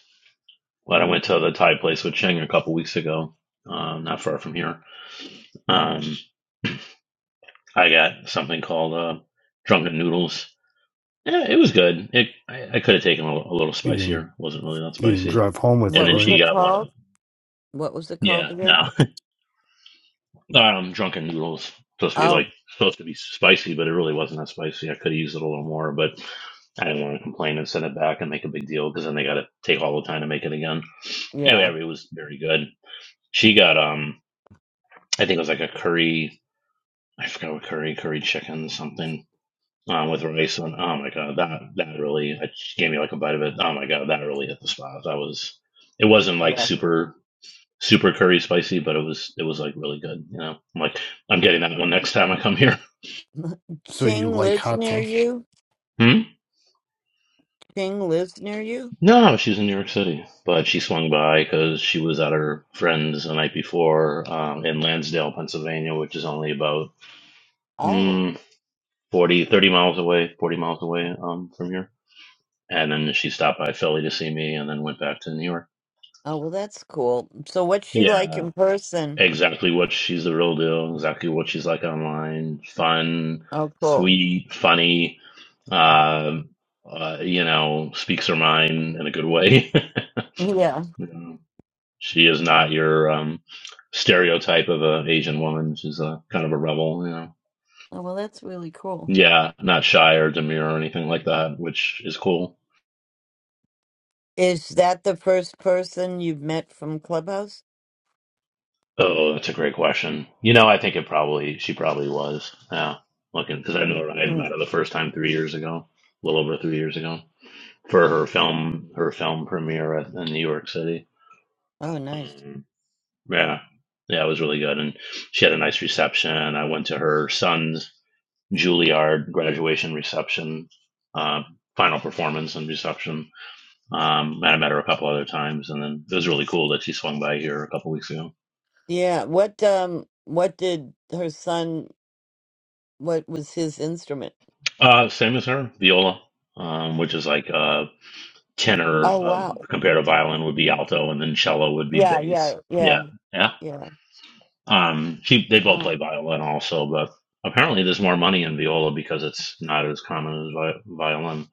Speaker 2: But I went to the Thai place with Cheng a couple weeks ago, um, not far from here. Um, I got something called uh, drunken noodles. Yeah, it was good. It I, I could have taken a, a little
Speaker 10: you
Speaker 2: spicier.
Speaker 10: didn't.
Speaker 2: It wasn't really that
Speaker 10: You didn't
Speaker 2: spicy.
Speaker 10: drive home with
Speaker 2: And
Speaker 10: it,
Speaker 1: What
Speaker 2: then
Speaker 1: was
Speaker 10: right?
Speaker 2: she
Speaker 1: it
Speaker 2: got one of
Speaker 1: called?
Speaker 2: them.
Speaker 1: What was it called
Speaker 2: Yeah,
Speaker 1: again?
Speaker 2: no, um, drunken noodles supposed to be like
Speaker 1: Oh,
Speaker 2: supposed to be spicy, but it really wasn't that spicy. I could have used it a little more, but I didn't want to complain and send it back and make a big deal because then they got to take all the time to make it again.
Speaker 1: yeah,
Speaker 2: Anyway, it was very good. She got um I think it was like a curry. I forgot what curry, curry chicken, something um, with rice. And oh my god, that that really it gave me like a bite of it. Oh my god, that really hit the spot. That was. It wasn't like
Speaker 1: yeah.
Speaker 2: super super curry spicy, but it was it was like really good. You know, I'm like I'm getting that one next time I come here.
Speaker 10: So you
Speaker 1: Ching
Speaker 10: like
Speaker 1: lives
Speaker 10: hot
Speaker 1: near
Speaker 10: sauce?
Speaker 1: you.
Speaker 2: Hmm?
Speaker 1: Ching lives near you.
Speaker 2: No, she's in New York City, but she swung by because she was at her friend's the night before um, in Lansdale, Pennsylvania, which is only about
Speaker 1: Oh,
Speaker 2: mm, 40, thirty miles away, 40 miles away um, from here. and then she stopped by Philly to see me, and then went back to New York.
Speaker 1: oh well, that's cool. So, what's she like
Speaker 2: Yeah.
Speaker 1: in person?
Speaker 2: Exactly what she's the real deal. Exactly what she's like online. Fun,
Speaker 1: Oh, cool.
Speaker 2: sweet, funny. Uh, uh, you know, speaks her mind in a good way.
Speaker 1: Yeah.
Speaker 2: You know, she is not your um, stereotype of an Asian woman. She's a kind of a rebel. You know.
Speaker 1: Oh, well, that's really cool.
Speaker 2: Yeah, not shy or demure or anything like that, which is cool.
Speaker 1: Is that the first person you've met from Clubhouse?
Speaker 2: Oh, that's a great question. You know, I think it probably she probably was. Yeah, looking because I know her, I had met her the first time three years ago, a little over three years ago, for her film her film premiere at, in New York City.
Speaker 1: Oh, nice.
Speaker 2: Um, yeah, yeah, it was really good, and she had a nice reception. I went to her son's Juilliard graduation reception, uh, final performance and reception. Um, and I met her a couple other times, and then it was really cool that she swung by here a couple weeks ago.
Speaker 1: Yeah. What um what did her son what was his instrument?
Speaker 2: Uh, same as her, viola, um, which is like uh, tenor
Speaker 1: Oh,
Speaker 2: um,
Speaker 1: wow.
Speaker 2: compared to violin would be alto, and then cello would be
Speaker 1: Yeah,
Speaker 2: bass.
Speaker 1: yeah, yeah,
Speaker 2: Yeah, yeah.
Speaker 1: yeah.
Speaker 2: Um, she they both
Speaker 1: Wow.
Speaker 2: play violin also, but apparently there's more money in viola because it's not as common as vi- violin.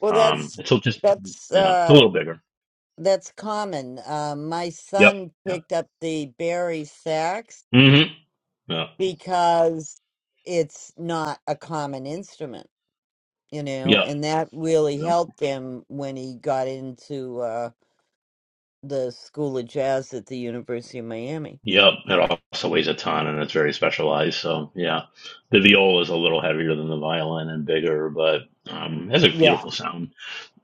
Speaker 1: Well,
Speaker 2: Um,
Speaker 1: that's
Speaker 2: it's a- just
Speaker 1: that's
Speaker 2: yeah, it's a
Speaker 1: uh
Speaker 2: little bigger.
Speaker 1: that's common. Uh, my
Speaker 2: Yep.
Speaker 1: son
Speaker 2: Yep.
Speaker 1: picked up the Barry sax
Speaker 2: Mm-hmm. Yeah.
Speaker 1: because it's not a common instrument, you know,
Speaker 2: Yep.
Speaker 1: and that really
Speaker 2: Yep.
Speaker 1: helped him when he got into uh the School of Jazz at the University of Miami.
Speaker 2: Yep. It also weighs a ton, and it's very specialized. So yeah, the viola is a little heavier than the violin and bigger, but um, it has a
Speaker 1: Yeah.
Speaker 2: beautiful sound.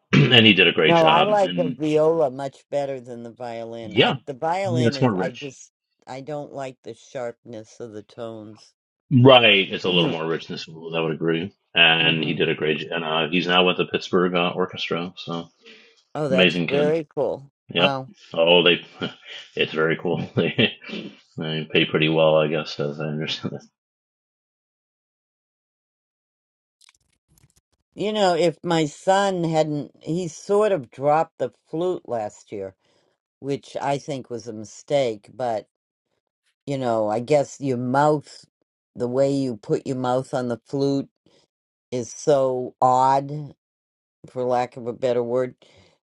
Speaker 2: and he did a great
Speaker 1: No, I
Speaker 2: job.
Speaker 1: like the
Speaker 2: And
Speaker 1: viola much better than the violin.
Speaker 2: yeah,
Speaker 1: I the
Speaker 2: yeah,
Speaker 1: violin
Speaker 2: it's
Speaker 1: is
Speaker 2: more
Speaker 1: I
Speaker 2: rich.
Speaker 1: just I don't like the sharpness of the tones.
Speaker 2: Right, it's a little
Speaker 1: hmm
Speaker 2: more richness. I would agree. And he did a great, job. and uh, he's now with the Pittsburgh uh, Orchestra. So
Speaker 1: Oh, that's
Speaker 2: amazing kid.
Speaker 1: very cool.
Speaker 2: Yep.
Speaker 1: Wow.
Speaker 2: Oh, they. It's very cool. They they pay pretty well, I guess, as I understand it.
Speaker 1: You know, if my son hadn't he sort of dropped the flute last year, which I think was a mistake, but you know, I guess your mouth the way you put your mouth on the flute is so odd for lack of a better word,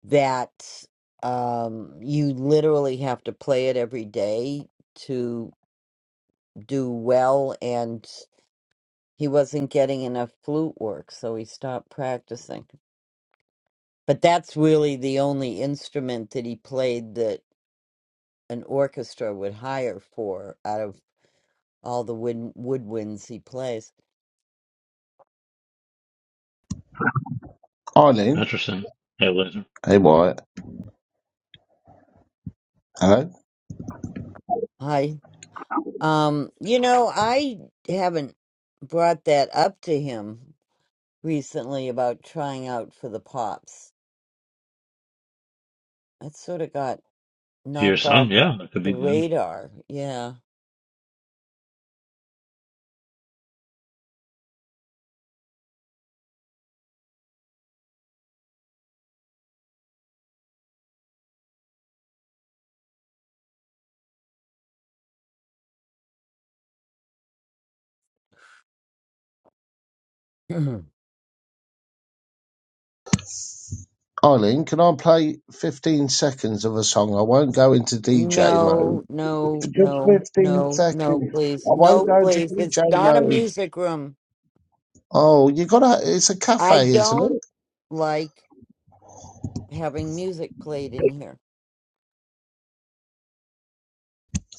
Speaker 1: that um, you literally have to play it every day to do well. And he wasn't getting enough flute work, so he stopped practicing. But that's really the only instrument that he played that an orchestra would hire for out of all the wood- woodwinds he plays.
Speaker 7: Eileen.
Speaker 2: Interesting. Hey, listen
Speaker 7: Hey, Wyatt. Hello.
Speaker 1: Hi. Um, you know, I haven't brought that up to him recently about trying out for the Pops. that sort of got
Speaker 2: to your
Speaker 1: knocked off
Speaker 2: son. Yeah, that could
Speaker 1: the
Speaker 2: be good.
Speaker 1: radar. Yeah. no,
Speaker 7: Eileen, can I play 15 seconds of a song? I won't go into DJ mode.
Speaker 1: no,
Speaker 7: Just
Speaker 1: no,
Speaker 7: 15
Speaker 1: no, no,
Speaker 7: seconds.
Speaker 1: please.
Speaker 7: I won't
Speaker 1: No,
Speaker 7: go into
Speaker 1: please. It's
Speaker 7: DJ
Speaker 1: not a
Speaker 7: mode.
Speaker 1: music room.
Speaker 7: Oh, you gotta, it's a
Speaker 1: I
Speaker 7: cafe, isn't
Speaker 1: don't
Speaker 7: it?
Speaker 1: like having music played in here.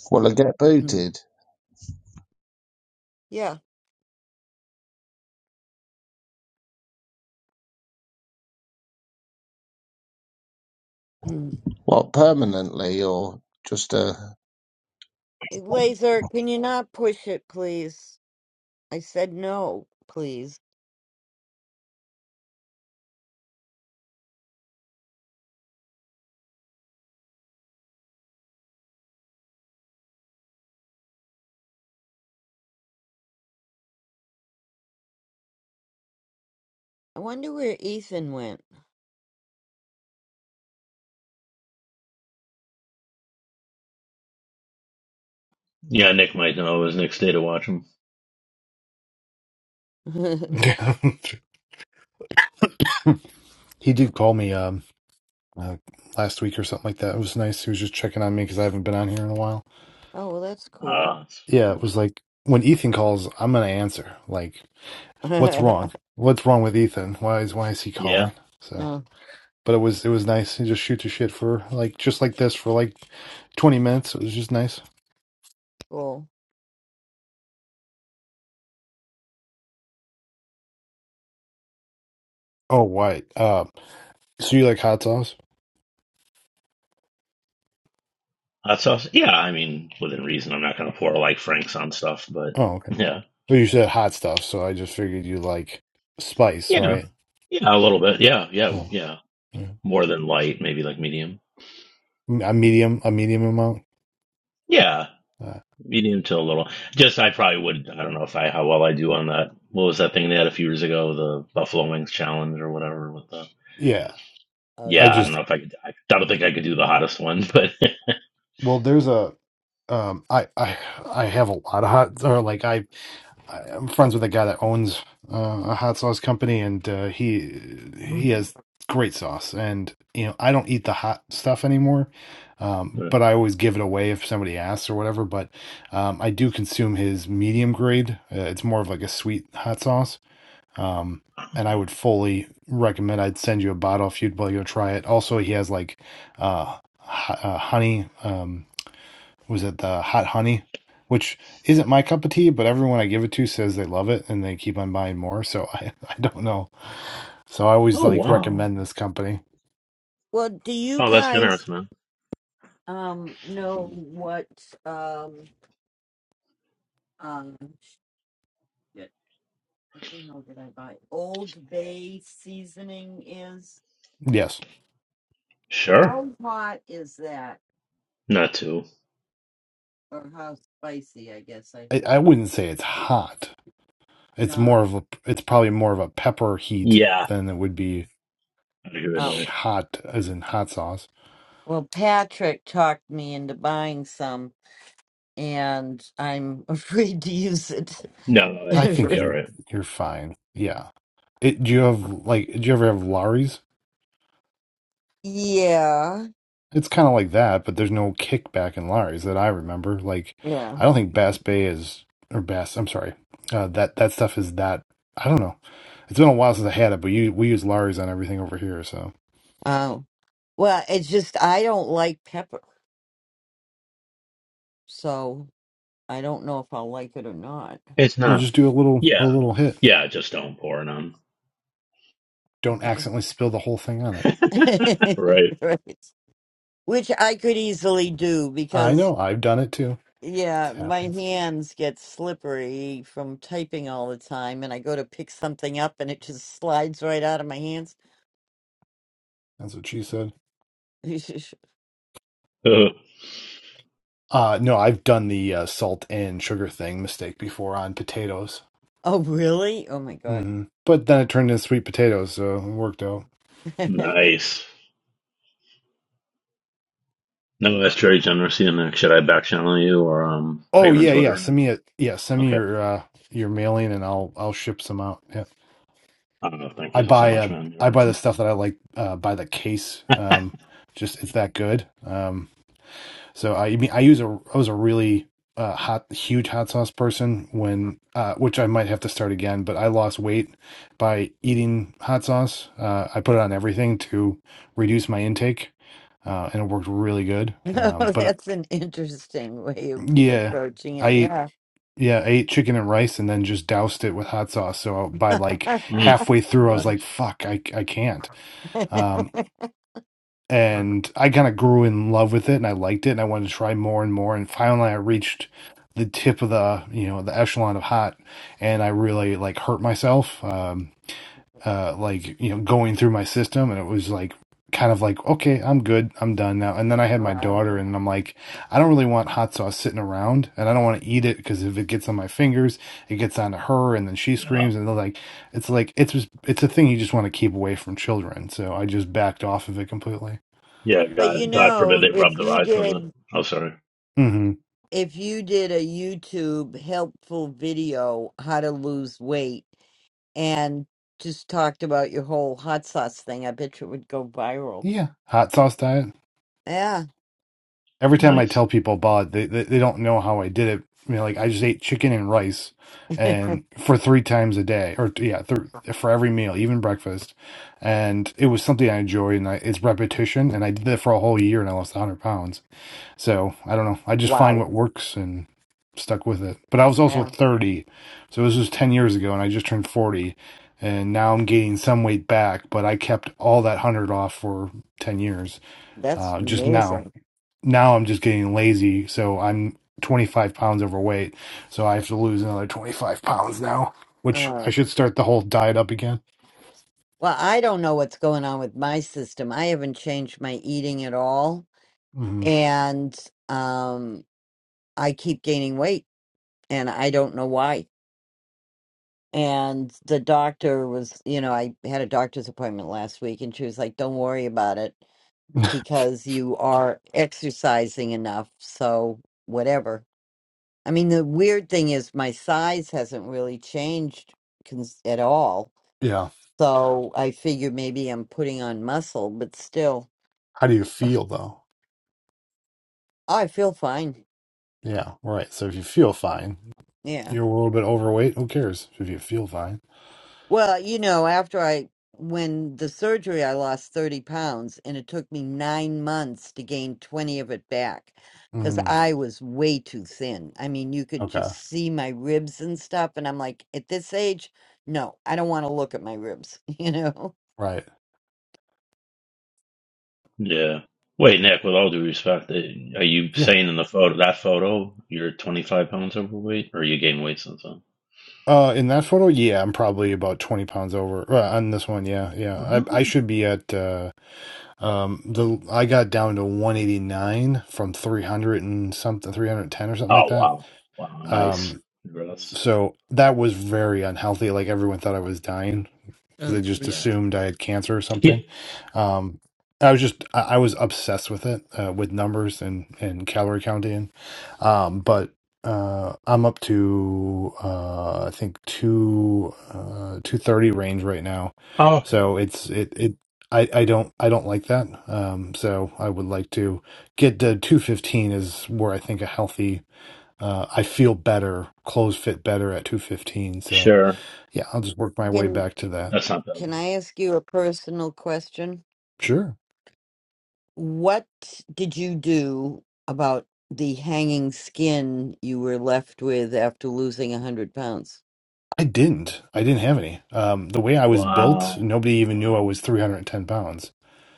Speaker 7: Well, I get
Speaker 1: Mm.
Speaker 7: booted?
Speaker 1: yeah. Mm.
Speaker 7: What, permanently or just a.
Speaker 1: Laser, can you not push it, please? I said no, please. I wonder where Ethan went.
Speaker 2: Yeah, Nick might know. It was Nick's day to watch him.
Speaker 1: oh,
Speaker 10: he did call me um uh, last week or something like that. It was nice. He was just checking on me because I haven't been on here in a while.
Speaker 1: well, that's cool.
Speaker 2: Uh, it's
Speaker 10: Yeah, it
Speaker 2: nice.
Speaker 10: was like when Ethan calls, I'm gonna answer. Like, what's wrong?
Speaker 1: uh
Speaker 10: What's wrong with Ethan? Why is why is he
Speaker 2: Yeah,
Speaker 10: calling? So. but it was it was nice. You just shoot the shit for like just like this for like twenty minutes. It was just nice.
Speaker 1: Cool.
Speaker 10: Oh, why? Uh, so you like hot sauce?
Speaker 2: hot sauce. Yeah, I mean, within reason. I'm not gonna pour like Frank's on stuff, but
Speaker 10: Oh, okay.
Speaker 2: yeah.
Speaker 10: Well, you said hot stuff, so I just figured you like spice,
Speaker 2: Yeah.
Speaker 10: right?
Speaker 2: Yeah, a little bit. Yeah, yeah,
Speaker 10: Oh,
Speaker 2: yeah.
Speaker 10: yeah.
Speaker 2: More than light, maybe like medium.
Speaker 10: a medium, a medium amount.
Speaker 2: Yeah,
Speaker 10: Uh,
Speaker 2: medium to a little. Just I probably would. I don't know if I how well I do on that. What was that thing they had a few years ago? The Buffalo Wings Challenge or whatever with the.
Speaker 10: yeah,
Speaker 1: Oh
Speaker 10: I
Speaker 2: Yeah,
Speaker 1: yeah.
Speaker 2: I don't
Speaker 10: just
Speaker 2: know if I could. I don't think I could do the hottest one, but.
Speaker 10: well, there's a um, I I I have a lot of hot or like I I, I'm friends with a guy that owns uh, a hot sauce company, and uh, he he
Speaker 2: oh,
Speaker 10: has great sauce. And you know, I don't eat the hot stuff anymore, um,
Speaker 2: but-
Speaker 10: but I always give it away if somebody asks or whatever. But um, I do consume his medium grade. Uh, it's more of like a sweet hot sauce. Um, and I
Speaker 2: oh,
Speaker 10: would fully recommend. I'd send you a bottle if you'd like to go try it. Also, he has like uh, ho- uh honey. Um, was it the hot honey, which isn't my cup of tea, but everyone I give it to says they love it and they keep on buying more. So I, I don't know. So I always
Speaker 2: oh,
Speaker 10: like
Speaker 2: wow.
Speaker 10: recommend this company.
Speaker 1: Well, do you
Speaker 2: Oh, that's
Speaker 1: guys
Speaker 2: generous, man.
Speaker 1: um know what um um shit, what the hell did I buy? Old Bay seasoning is?
Speaker 10: Yes,
Speaker 2: Sure.
Speaker 1: How hot is that?
Speaker 2: Not too.
Speaker 1: Or how spicy, I guess I
Speaker 10: I,
Speaker 1: should
Speaker 10: I wouldn't say it's hot. It's more
Speaker 1: not.
Speaker 10: of a, it's probably more of a pepper heat
Speaker 2: Yeah.
Speaker 10: than it would be
Speaker 2: I'd agree with
Speaker 1: Oh.
Speaker 2: Nick.
Speaker 10: hot, as in hot sauce.
Speaker 1: Well, Patrick talked me into buying some and I'm afraid to use it.
Speaker 2: No, no, I
Speaker 10: I
Speaker 2: think it'll
Speaker 10: think
Speaker 2: be all
Speaker 10: you're
Speaker 2: right.
Speaker 10: you're fine. Yeah. It, do you have like? Do you ever have Lowry's?
Speaker 1: yeah.
Speaker 10: It's kind of like that, but there's no kickback in Larry's that I remember. Like,
Speaker 1: Yeah.
Speaker 10: I don't think Bass Bay is or Bass. I'm sorry, uh, that that stuff is that. I don't know. It's been a while since I had it, but you, we use Larry's on everything over here, so
Speaker 1: Oh. Well, it's just I don't like pepper. So I don't know if I'll like it or not.
Speaker 2: It's
Speaker 10: we'll
Speaker 2: not.
Speaker 10: just do a little a
Speaker 2: Yeah.
Speaker 10: little hit.
Speaker 2: Yeah, just don't pour it on.
Speaker 10: Don't
Speaker 1: Okay.
Speaker 10: accidentally spill the whole thing on it.
Speaker 2: right.
Speaker 1: right. Which I could easily do
Speaker 10: I
Speaker 1: because,
Speaker 10: know I've done it too. It
Speaker 1: yeah, my
Speaker 10: happens.
Speaker 1: hands get slippery from typing all the time and I go to pick something up and it just slides right out of my hands.
Speaker 10: That's what she said.
Speaker 2: Oh,
Speaker 10: Uh, no, I've done the uh, salt and sugar thing mistake before on potatoes.
Speaker 1: oh, really? Oh, my God.
Speaker 10: hmm But then it turned into sweet potatoes, so it worked out.
Speaker 1: oh,
Speaker 2: nice. No, that's Jerry Generosity. And should I back channel you or um, are
Speaker 10: Oh
Speaker 2: you on
Speaker 10: yeah, yeah. Send
Speaker 2: Twitter?
Speaker 10: me a yeah. Send me
Speaker 2: Okay.
Speaker 10: your uh your mailing, and I'll I'll ship some out. Yeah,
Speaker 2: I don't know. Thank
Speaker 10: I
Speaker 2: you so
Speaker 10: buy uh
Speaker 2: much, man. You're
Speaker 10: I buy the
Speaker 2: awesome.
Speaker 10: stuff that I like uh by the case. Um, just it's that good. Um, so I, I mean I use a I was a really uh hot huge hot sauce person when uh which I might have to start again, but I lost weight by eating hot sauce. Uh, I put it on everything to reduce my intake, uh, and it worked really good. Um, but uh,
Speaker 1: that's an interesting way of
Speaker 10: yeah.
Speaker 1: approaching it.
Speaker 10: I
Speaker 1: Yeah.
Speaker 10: Yeah, I ate chicken and rice and then just doused it with hot sauce. So by like
Speaker 2: Mm.
Speaker 10: halfway through, I was
Speaker 2: Nice.
Speaker 10: like, fuck, I, I can't. Um, and I kind of grew in love with it and I liked it and I wanted to try more and more. And finally, I reached the tip of the, you know, the echelon of hot and I really like hurt myself. Um, uh, like you know going through my system, and it was like kind of like okay, I'm good, I'm done now. And then I had my
Speaker 1: wow.
Speaker 10: daughter, and I'm like, I don't really want hot sauce sitting around, and I don't want to eat it because if it gets on my fingers, it gets onto her, and then she
Speaker 2: Yeah.
Speaker 10: screams, and they're like, it's like it's just- it's a thing you just want to keep away from children. So I just backed off of it completely.
Speaker 2: Yeah.
Speaker 1: But you
Speaker 2: God, God forbid
Speaker 1: know,
Speaker 2: they
Speaker 1: if
Speaker 2: rub their
Speaker 1: you
Speaker 2: eyes with
Speaker 1: did.
Speaker 2: it. Oh, sorry.
Speaker 10: hmm
Speaker 1: if you did a YouTube helpful video, how to lose weight, and just talked about your whole hot sauce thing, I bet you it would go viral.
Speaker 10: Yeah, hot sauce diet.
Speaker 1: Yeah.
Speaker 10: every time I
Speaker 2: Nice.
Speaker 10: tell people about it, they, they they don't know how I did it. You know, like I just ate chicken and rice, and for three times a day, or yeah, th- for every meal, even breakfast, and it was something I enjoyed, and I, it's repetition, and I did that for a whole year, and I lost one hundred pounds. So I don't know, I just find
Speaker 1: wow.
Speaker 10: what works and stuck with it. But I was also
Speaker 1: Yeah.
Speaker 10: thirty, so this was ten years ago, and I just turned forty. And now I'm gaining some weight back, but I kept all that one hundred off for ten years.
Speaker 1: That's
Speaker 10: Uh, just now,
Speaker 1: amazing.
Speaker 10: now I'm just getting lazy. So I'm 25 pounds overweight. So I have to lose another 25 pounds now, which I
Speaker 1: Uh,
Speaker 10: should start the whole diet up again.
Speaker 1: well, I don't know what's going on with my system. I haven't changed my eating at all.
Speaker 10: hmm
Speaker 1: And um, I keep gaining weight, and I don't know why. And the doctor was, you know, I had a doctor's appointment last week, and she was like, don't worry about it because you are exercising enough. So, whatever. I mean, the weird thing is my size hasn't really changed cons- at all.
Speaker 10: Yeah.
Speaker 1: So, I figure maybe I'm putting on muscle, but still,
Speaker 10: How do you feel though?
Speaker 1: I feel fine.
Speaker 10: Yeah. Right. So if you feel fine,
Speaker 1: Yeah.
Speaker 10: you're a little bit overweight. Who cares if you feel fine?
Speaker 1: Well, you know, after I, when the surgery, I lost 30 pounds and it took me nine months to gain 20 of it back because
Speaker 10: Mm,
Speaker 1: I was way too thin. I mean, you could
Speaker 10: okay.
Speaker 1: just see my ribs and stuff. And I'm like, at this age, no, I don't want to look at my ribs, you know?
Speaker 10: Right.
Speaker 2: Yeah. Wait, Nick. With all due respect, eh, are you
Speaker 10: Yeah.
Speaker 2: saying in the photo that photo you're 25 pounds overweight, or you gained weight since then?
Speaker 10: Uh, in that photo, yeah, I'm probably about 20 pounds over. Uh, on this one, yeah, yeah. I I
Speaker 2: Really?
Speaker 10: should be at uh Um, the I got down to 189 from 300 and something, 310 or something like
Speaker 2: Oh,
Speaker 10: that.
Speaker 2: wow. Wow. Nice.
Speaker 10: Um,
Speaker 2: Congrats.
Speaker 10: so that was very unhealthy. Like everyone thought I was dying because
Speaker 1: Oh,
Speaker 10: they just
Speaker 1: geez.
Speaker 2: Yeah.
Speaker 10: assumed I had cancer or
Speaker 2: Yeah.
Speaker 10: something. Um, I was just I, I was obsessed with it, uh, with numbers and and calorie counting. Um, but uh, I'm up to uh, I think two uh, two thirty range right now,
Speaker 2: Oh, okay.
Speaker 10: so it's it it. I, I don't I don't like that. Um, so I would like to get to 215 is where I think a healthy uh, I feel better, clothes fit better at 215. So
Speaker 2: Sure.
Speaker 10: yeah, I'll just work my way
Speaker 1: Can,
Speaker 10: back to that.
Speaker 2: That's not bad.
Speaker 1: can I ask you a personal question?
Speaker 10: Sure.
Speaker 1: What did you do about the hanging skin you were left with after losing 100 pounds?
Speaker 10: I didn't. I didn't have any. Um, the way I was built,
Speaker 2: Wow.
Speaker 10: nobody even knew I was 310 pounds.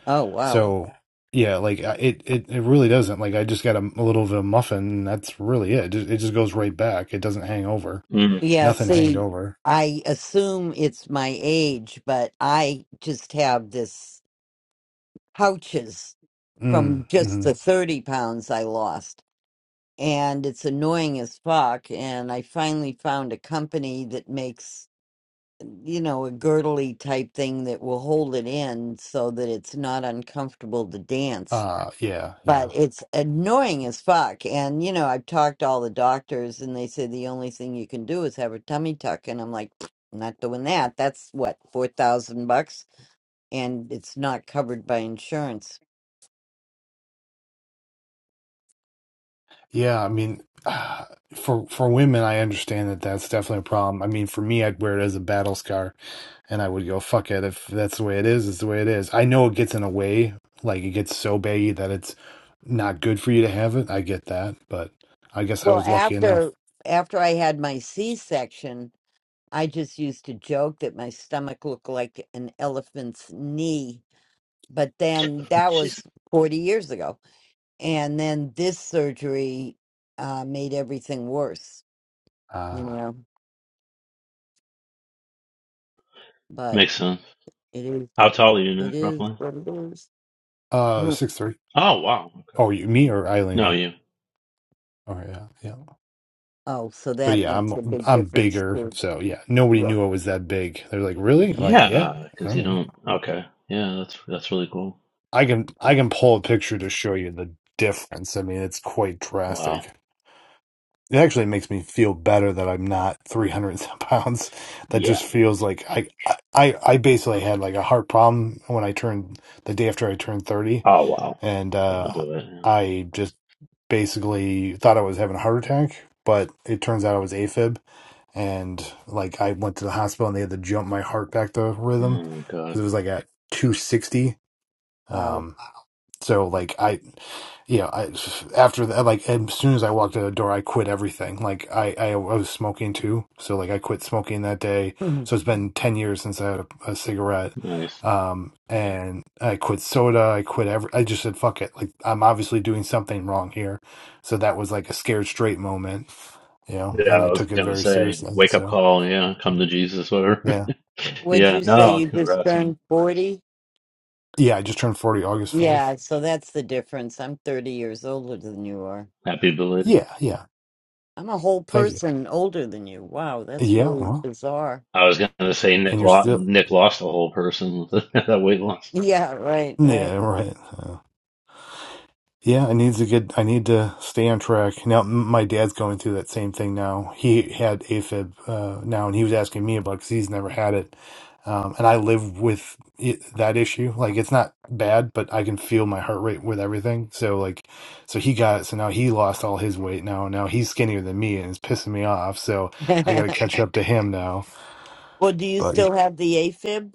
Speaker 1: Oh, wow.
Speaker 10: So yeah, like I- it, it, it really doesn't. Like I just got a, a little bit of muffin, and that's really it. It just, it just goes right back. It doesn't hang over.
Speaker 2: Mm.
Speaker 1: Yeah,
Speaker 10: Nothing hanged
Speaker 1: see,
Speaker 10: over.
Speaker 1: I assume it's my age, but I just have this pouches
Speaker 10: Mm,
Speaker 1: from just
Speaker 10: hmm
Speaker 1: the 30 pounds I lost. And it's annoying as fuck. And I finally found a company that makes, you know, a girdly type thing that will hold it in so that it's not uncomfortable to dance
Speaker 10: Uh, yeah,
Speaker 1: but
Speaker 10: yeah,
Speaker 1: it's annoying as fuck. And you know, I've talked to all the doctors, and they say the only thing you can do is have a tummy tuck. And I'm like, "Pfft, "I'm not doing that. That's what four thousand bucks, and it's not covered by insurance.
Speaker 10: yeah. I mean, ah, for for women, I understand that that's definitely a problem. I mean, for me, I'd wear it as a battle scar and I would go, fuck it. If that's the way it is, it's the way it is. I know it gets in a way, like it gets so baggy that it's not good for you to have it. I get that, but I guess I
Speaker 1: Well,
Speaker 10: was lucky enough.
Speaker 1: after after I had my C-section, I just used to joke that my stomach looked like an elephant's knee. But then that
Speaker 2: Jeez.
Speaker 1: was forty years ago, and then this surgery uh, made everything worse. You
Speaker 10: Uh
Speaker 1: know, but
Speaker 2: Makes sense.
Speaker 1: It is.
Speaker 2: How tall are you,
Speaker 1: It
Speaker 2: Nick,
Speaker 1: is
Speaker 2: roughly?
Speaker 1: what it is.
Speaker 10: uh
Speaker 1: Mm.
Speaker 10: six three.
Speaker 2: Oh, wow. Okay.
Speaker 10: Oh, you me or
Speaker 2: No,
Speaker 10: Eileen?
Speaker 2: you.
Speaker 10: Oh yeah, yeah.
Speaker 1: Oh, so
Speaker 10: So
Speaker 1: that
Speaker 10: yeah, I'm
Speaker 1: makes a big
Speaker 10: I'm
Speaker 1: difference
Speaker 10: bigger.
Speaker 1: too.
Speaker 10: So yeah, nobody
Speaker 1: Yeah.
Speaker 10: knew I was that big. They're like, really? I'm like, yeah.
Speaker 2: Yeah,
Speaker 10: I
Speaker 2: because you
Speaker 10: don't know.
Speaker 2: don't. Okay. Yeah, that's that's really cool.
Speaker 10: I can I can pull a picture to show you the difference. I mean, it's quite
Speaker 2: Wow.
Speaker 10: drastic. It actually makes me feel better that I'm not 300 and some pounds. That
Speaker 2: Yeah.
Speaker 10: just feels like I, I, I basically had like a heart problem when I turned the day after I turned 30,
Speaker 2: Oh, wow.
Speaker 10: and uh,
Speaker 2: That'll do it. Yeah.
Speaker 10: I just basically thought I was having a heart attack, but it turns out I was AFib, and like I went to the hospital and they had to jump my heart back to
Speaker 2: Oh
Speaker 10: rhythm
Speaker 2: my
Speaker 10: because
Speaker 2: God.
Speaker 10: it was like at 260.
Speaker 1: Wow.
Speaker 10: So like I, you know, I after that, like as soon as I walked out the door, I quit everything. Like I, I, I was smoking too, so like I quit smoking that day.
Speaker 1: Mhm.
Speaker 10: So it's been ten years since I had a, a cigarette,
Speaker 2: Nice.
Speaker 10: um, and I quit soda. I quit every. I just said fuck it. Like I'm obviously doing something wrong here. So that was like a scared straight moment, you know,
Speaker 2: Yeah,
Speaker 10: and I
Speaker 2: I was
Speaker 10: took it
Speaker 2: gonna
Speaker 10: very
Speaker 2: say,
Speaker 10: seriously.
Speaker 2: wake up
Speaker 10: So
Speaker 2: call. Yeah, come to Jesus, whatever.
Speaker 10: yeah,
Speaker 1: Would
Speaker 2: yeah.
Speaker 1: you say
Speaker 10: and,
Speaker 2: No,
Speaker 1: you just
Speaker 2: congrats, man.
Speaker 1: turned forty?
Speaker 10: yeah, I just turned forty August fourth.
Speaker 1: Yeah. So that's the difference. I'm thirty years older than you are.
Speaker 2: Happy belated.
Speaker 10: Yeah, yeah.
Speaker 1: I'm a whole
Speaker 10: Thank you.
Speaker 1: person older than you. Wow, that's
Speaker 10: Yeah,
Speaker 1: really
Speaker 10: well,
Speaker 1: bizarre.
Speaker 2: I was gonna say
Speaker 10: and
Speaker 2: Nick
Speaker 10: you're
Speaker 2: lost.
Speaker 10: still
Speaker 2: Nick lost a whole person with that weight loss.
Speaker 1: Yeah. Right. Right.
Speaker 10: Yeah, right. Uh, yeah, I need to get. I need to stay on track. Now, m- my dad's going through that same thing now. He had AFib uh, now, and he was asking me about because he's never had it. Um, and I live with it, that issue. Like, it's not bad, but I can feel my heart rate with everything. So, like, so he got it. So now he lost all his weight. Now, now he's skinnier than me, and it's pissing me off. So I got to catch up to him now.
Speaker 1: well, do you
Speaker 10: But.
Speaker 1: still have the AFib?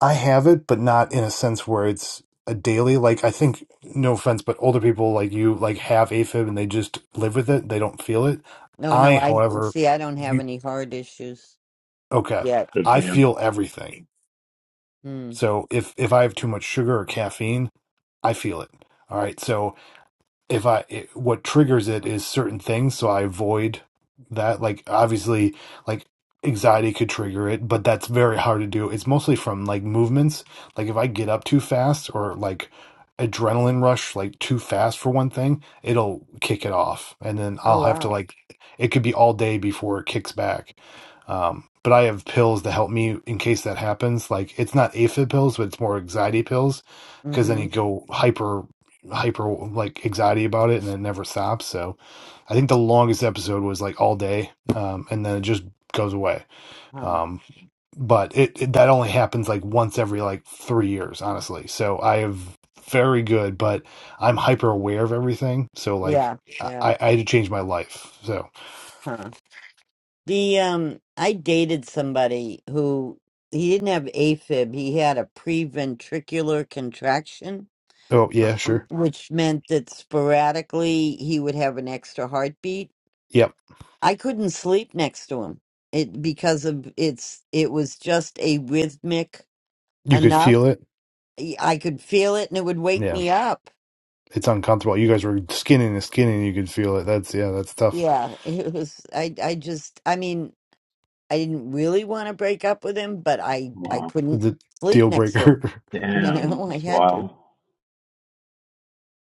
Speaker 10: I have it, but not in a sense where it's a daily. Like I think, no offense, but older people like you like have AFib and they just live with it. They don't feel it.
Speaker 1: No.
Speaker 10: I,
Speaker 1: No. I
Speaker 10: however,
Speaker 1: see. I don't have
Speaker 10: you
Speaker 1: any heart issues
Speaker 10: okay.
Speaker 1: yet.
Speaker 2: Good for
Speaker 10: I
Speaker 2: you.
Speaker 10: feel everything.
Speaker 1: Hmm.
Speaker 10: So if if I have too much sugar or caffeine, I feel it. All right. So if I it, what triggers it is certain things, so I avoid that. Like obviously, like anxiety could trigger it, but that's very hard to do. It's mostly from like movements. Like if I get up too fast or like adrenaline rush like too fast for one thing, it'll kick it off, and then
Speaker 1: Oh
Speaker 10: I'll have to
Speaker 1: wow.
Speaker 10: like it could be all day before it kicks back. Um, but I have pills to help me in case that happens. Like it's not aphid pills, but it's more anxiety pills because then you
Speaker 1: Mm-hmm.
Speaker 10: go hyper hyper like anxiety about it and it never stops so i think the longest episode was like all day um and then it just goes away
Speaker 1: Huh.
Speaker 10: um but it, it that only happens like once every like three years honestly so i have very good but i'm hyper aware of everything so like
Speaker 1: Yeah.
Speaker 10: i
Speaker 1: Yeah.
Speaker 10: i I had to change my life so
Speaker 1: Huh. The um I dated somebody who he didn't have AFib, he had a preventricular contraction,
Speaker 10: oh yeah sure
Speaker 1: which meant that sporadically he would have an extra heartbeat.
Speaker 10: yep
Speaker 1: I couldn't sleep next to him. It because of it's it was just a rhythmic
Speaker 10: you could
Speaker 1: enough.
Speaker 10: feel it
Speaker 1: I could feel it and it would wake
Speaker 10: yeah
Speaker 1: me up.
Speaker 10: it's uncomfortable you guys were skinning and skinning you could feel it that's yeah that's tough
Speaker 1: Yeah, it was I I just I mean, I didn't really want to break up with him, but I I
Speaker 2: Wow.
Speaker 1: couldn't
Speaker 10: the
Speaker 1: sleep
Speaker 10: deal
Speaker 1: next to him.
Speaker 10: breaker
Speaker 1: You
Speaker 2: Damn,
Speaker 1: know, I
Speaker 2: that's
Speaker 1: had to.
Speaker 2: wild.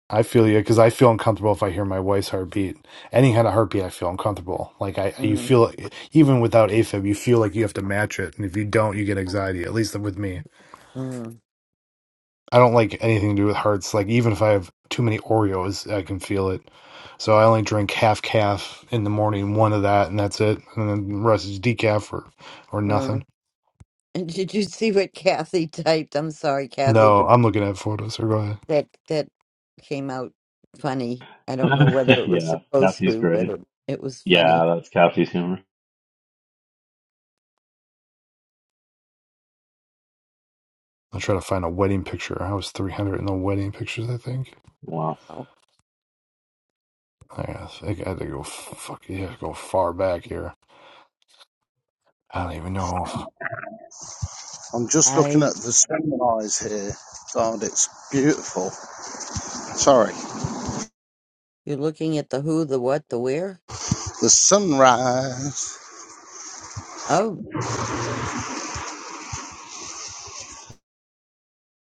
Speaker 10: I feel you because I feel uncomfortable if I hear my wife's heartbeat. Any kind of heartbeat, I feel uncomfortable. Like I, you
Speaker 1: Mm,
Speaker 10: feel even without AFib, you feel like you have to match it, and if you don't, you get anxiety. At least with me,
Speaker 1: mm,
Speaker 10: I don't like anything to do with hearts. Like even if I have too many Oreos, I can feel it. So I only drink half calf in the morning, one of that, and that's it. And then the rest is decaf or or nothing.
Speaker 1: mm. And did you see what Kathy typed? I'm sorry, Kathy,
Speaker 10: No,
Speaker 1: but
Speaker 10: I'm looking at photos. Or go ahead.
Speaker 1: that that came out funny. I don't know whether it was
Speaker 2: yeah,
Speaker 1: supposed
Speaker 2: Kathy's
Speaker 1: to, but
Speaker 2: great.
Speaker 1: it, it was funny.
Speaker 2: Yeah, that's Kathy's humor.
Speaker 10: I'll try to find a wedding picture. I was 300 in the wedding pictures, I think.
Speaker 2: Wow.
Speaker 1: Oh,
Speaker 10: I guess I had to go. Fuck yeah, go far back here. I don't even know. If...
Speaker 7: I'm just looking
Speaker 1: I
Speaker 7: at the sunrise here. God, it's beautiful. Sorry.
Speaker 1: you're looking at the who, the what, the where?
Speaker 7: The sunrise.
Speaker 1: Oh,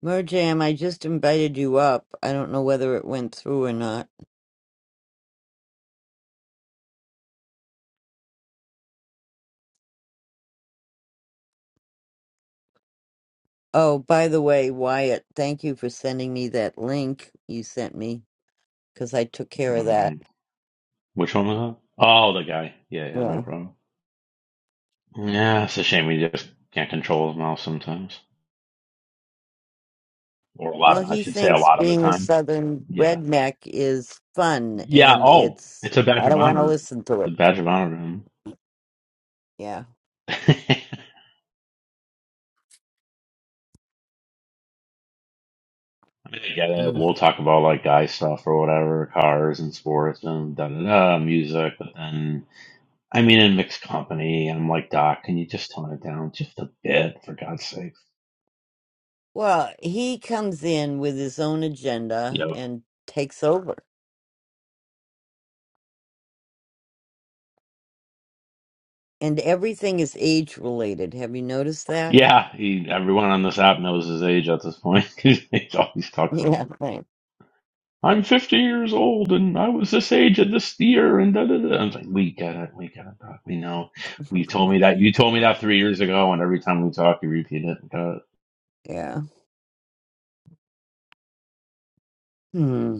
Speaker 1: Merjam, I just invited you up. I don't know whether it went through or not. Oh, by the way, Wyatt, thank you for sending me that link you sent me because I took care of that.
Speaker 2: Um, which one was that? Oh, the guy. Yeah, yeah, no problem. Yeah, it's a shame we just can't control his mouth sometimes. Or a lot
Speaker 1: Well,
Speaker 2: of, I
Speaker 1: he
Speaker 2: should say a
Speaker 1: thinks
Speaker 2: lot of the
Speaker 1: being a
Speaker 2: time.
Speaker 1: Southern
Speaker 2: Yeah.
Speaker 1: redneck is fun,
Speaker 2: Yeah,
Speaker 1: and
Speaker 2: oh,
Speaker 1: it's,
Speaker 2: it's a badge
Speaker 1: I
Speaker 2: of
Speaker 1: don't want to
Speaker 2: honor.
Speaker 1: listen to
Speaker 2: It's
Speaker 1: it.
Speaker 2: a badge of honor to him.
Speaker 1: Yeah.
Speaker 2: I mean, I get it.
Speaker 1: Mm.
Speaker 2: We'll talk about like guy stuff or whatever, cars and sports and da da da, music, but then I mean, in mixed company, I'm like, Doc, can you just tone it down just a bit, for God's sake?
Speaker 1: Well, he comes in with his own
Speaker 2: You
Speaker 1: agenda
Speaker 2: know,
Speaker 1: and takes over, and everything is age related. Have you noticed that?
Speaker 2: yeah, he, everyone on this app knows his age at this point. he always talks
Speaker 1: Yeah.
Speaker 2: about it.
Speaker 1: thanks.
Speaker 2: I'm 50 years old and I was this age at this year and da da da. I was like, we get it, we get it, Doc. We know. We told me that. You told me that three years ago, and every time we talk, you repeat it. Got it.
Speaker 1: yeah. Hmm.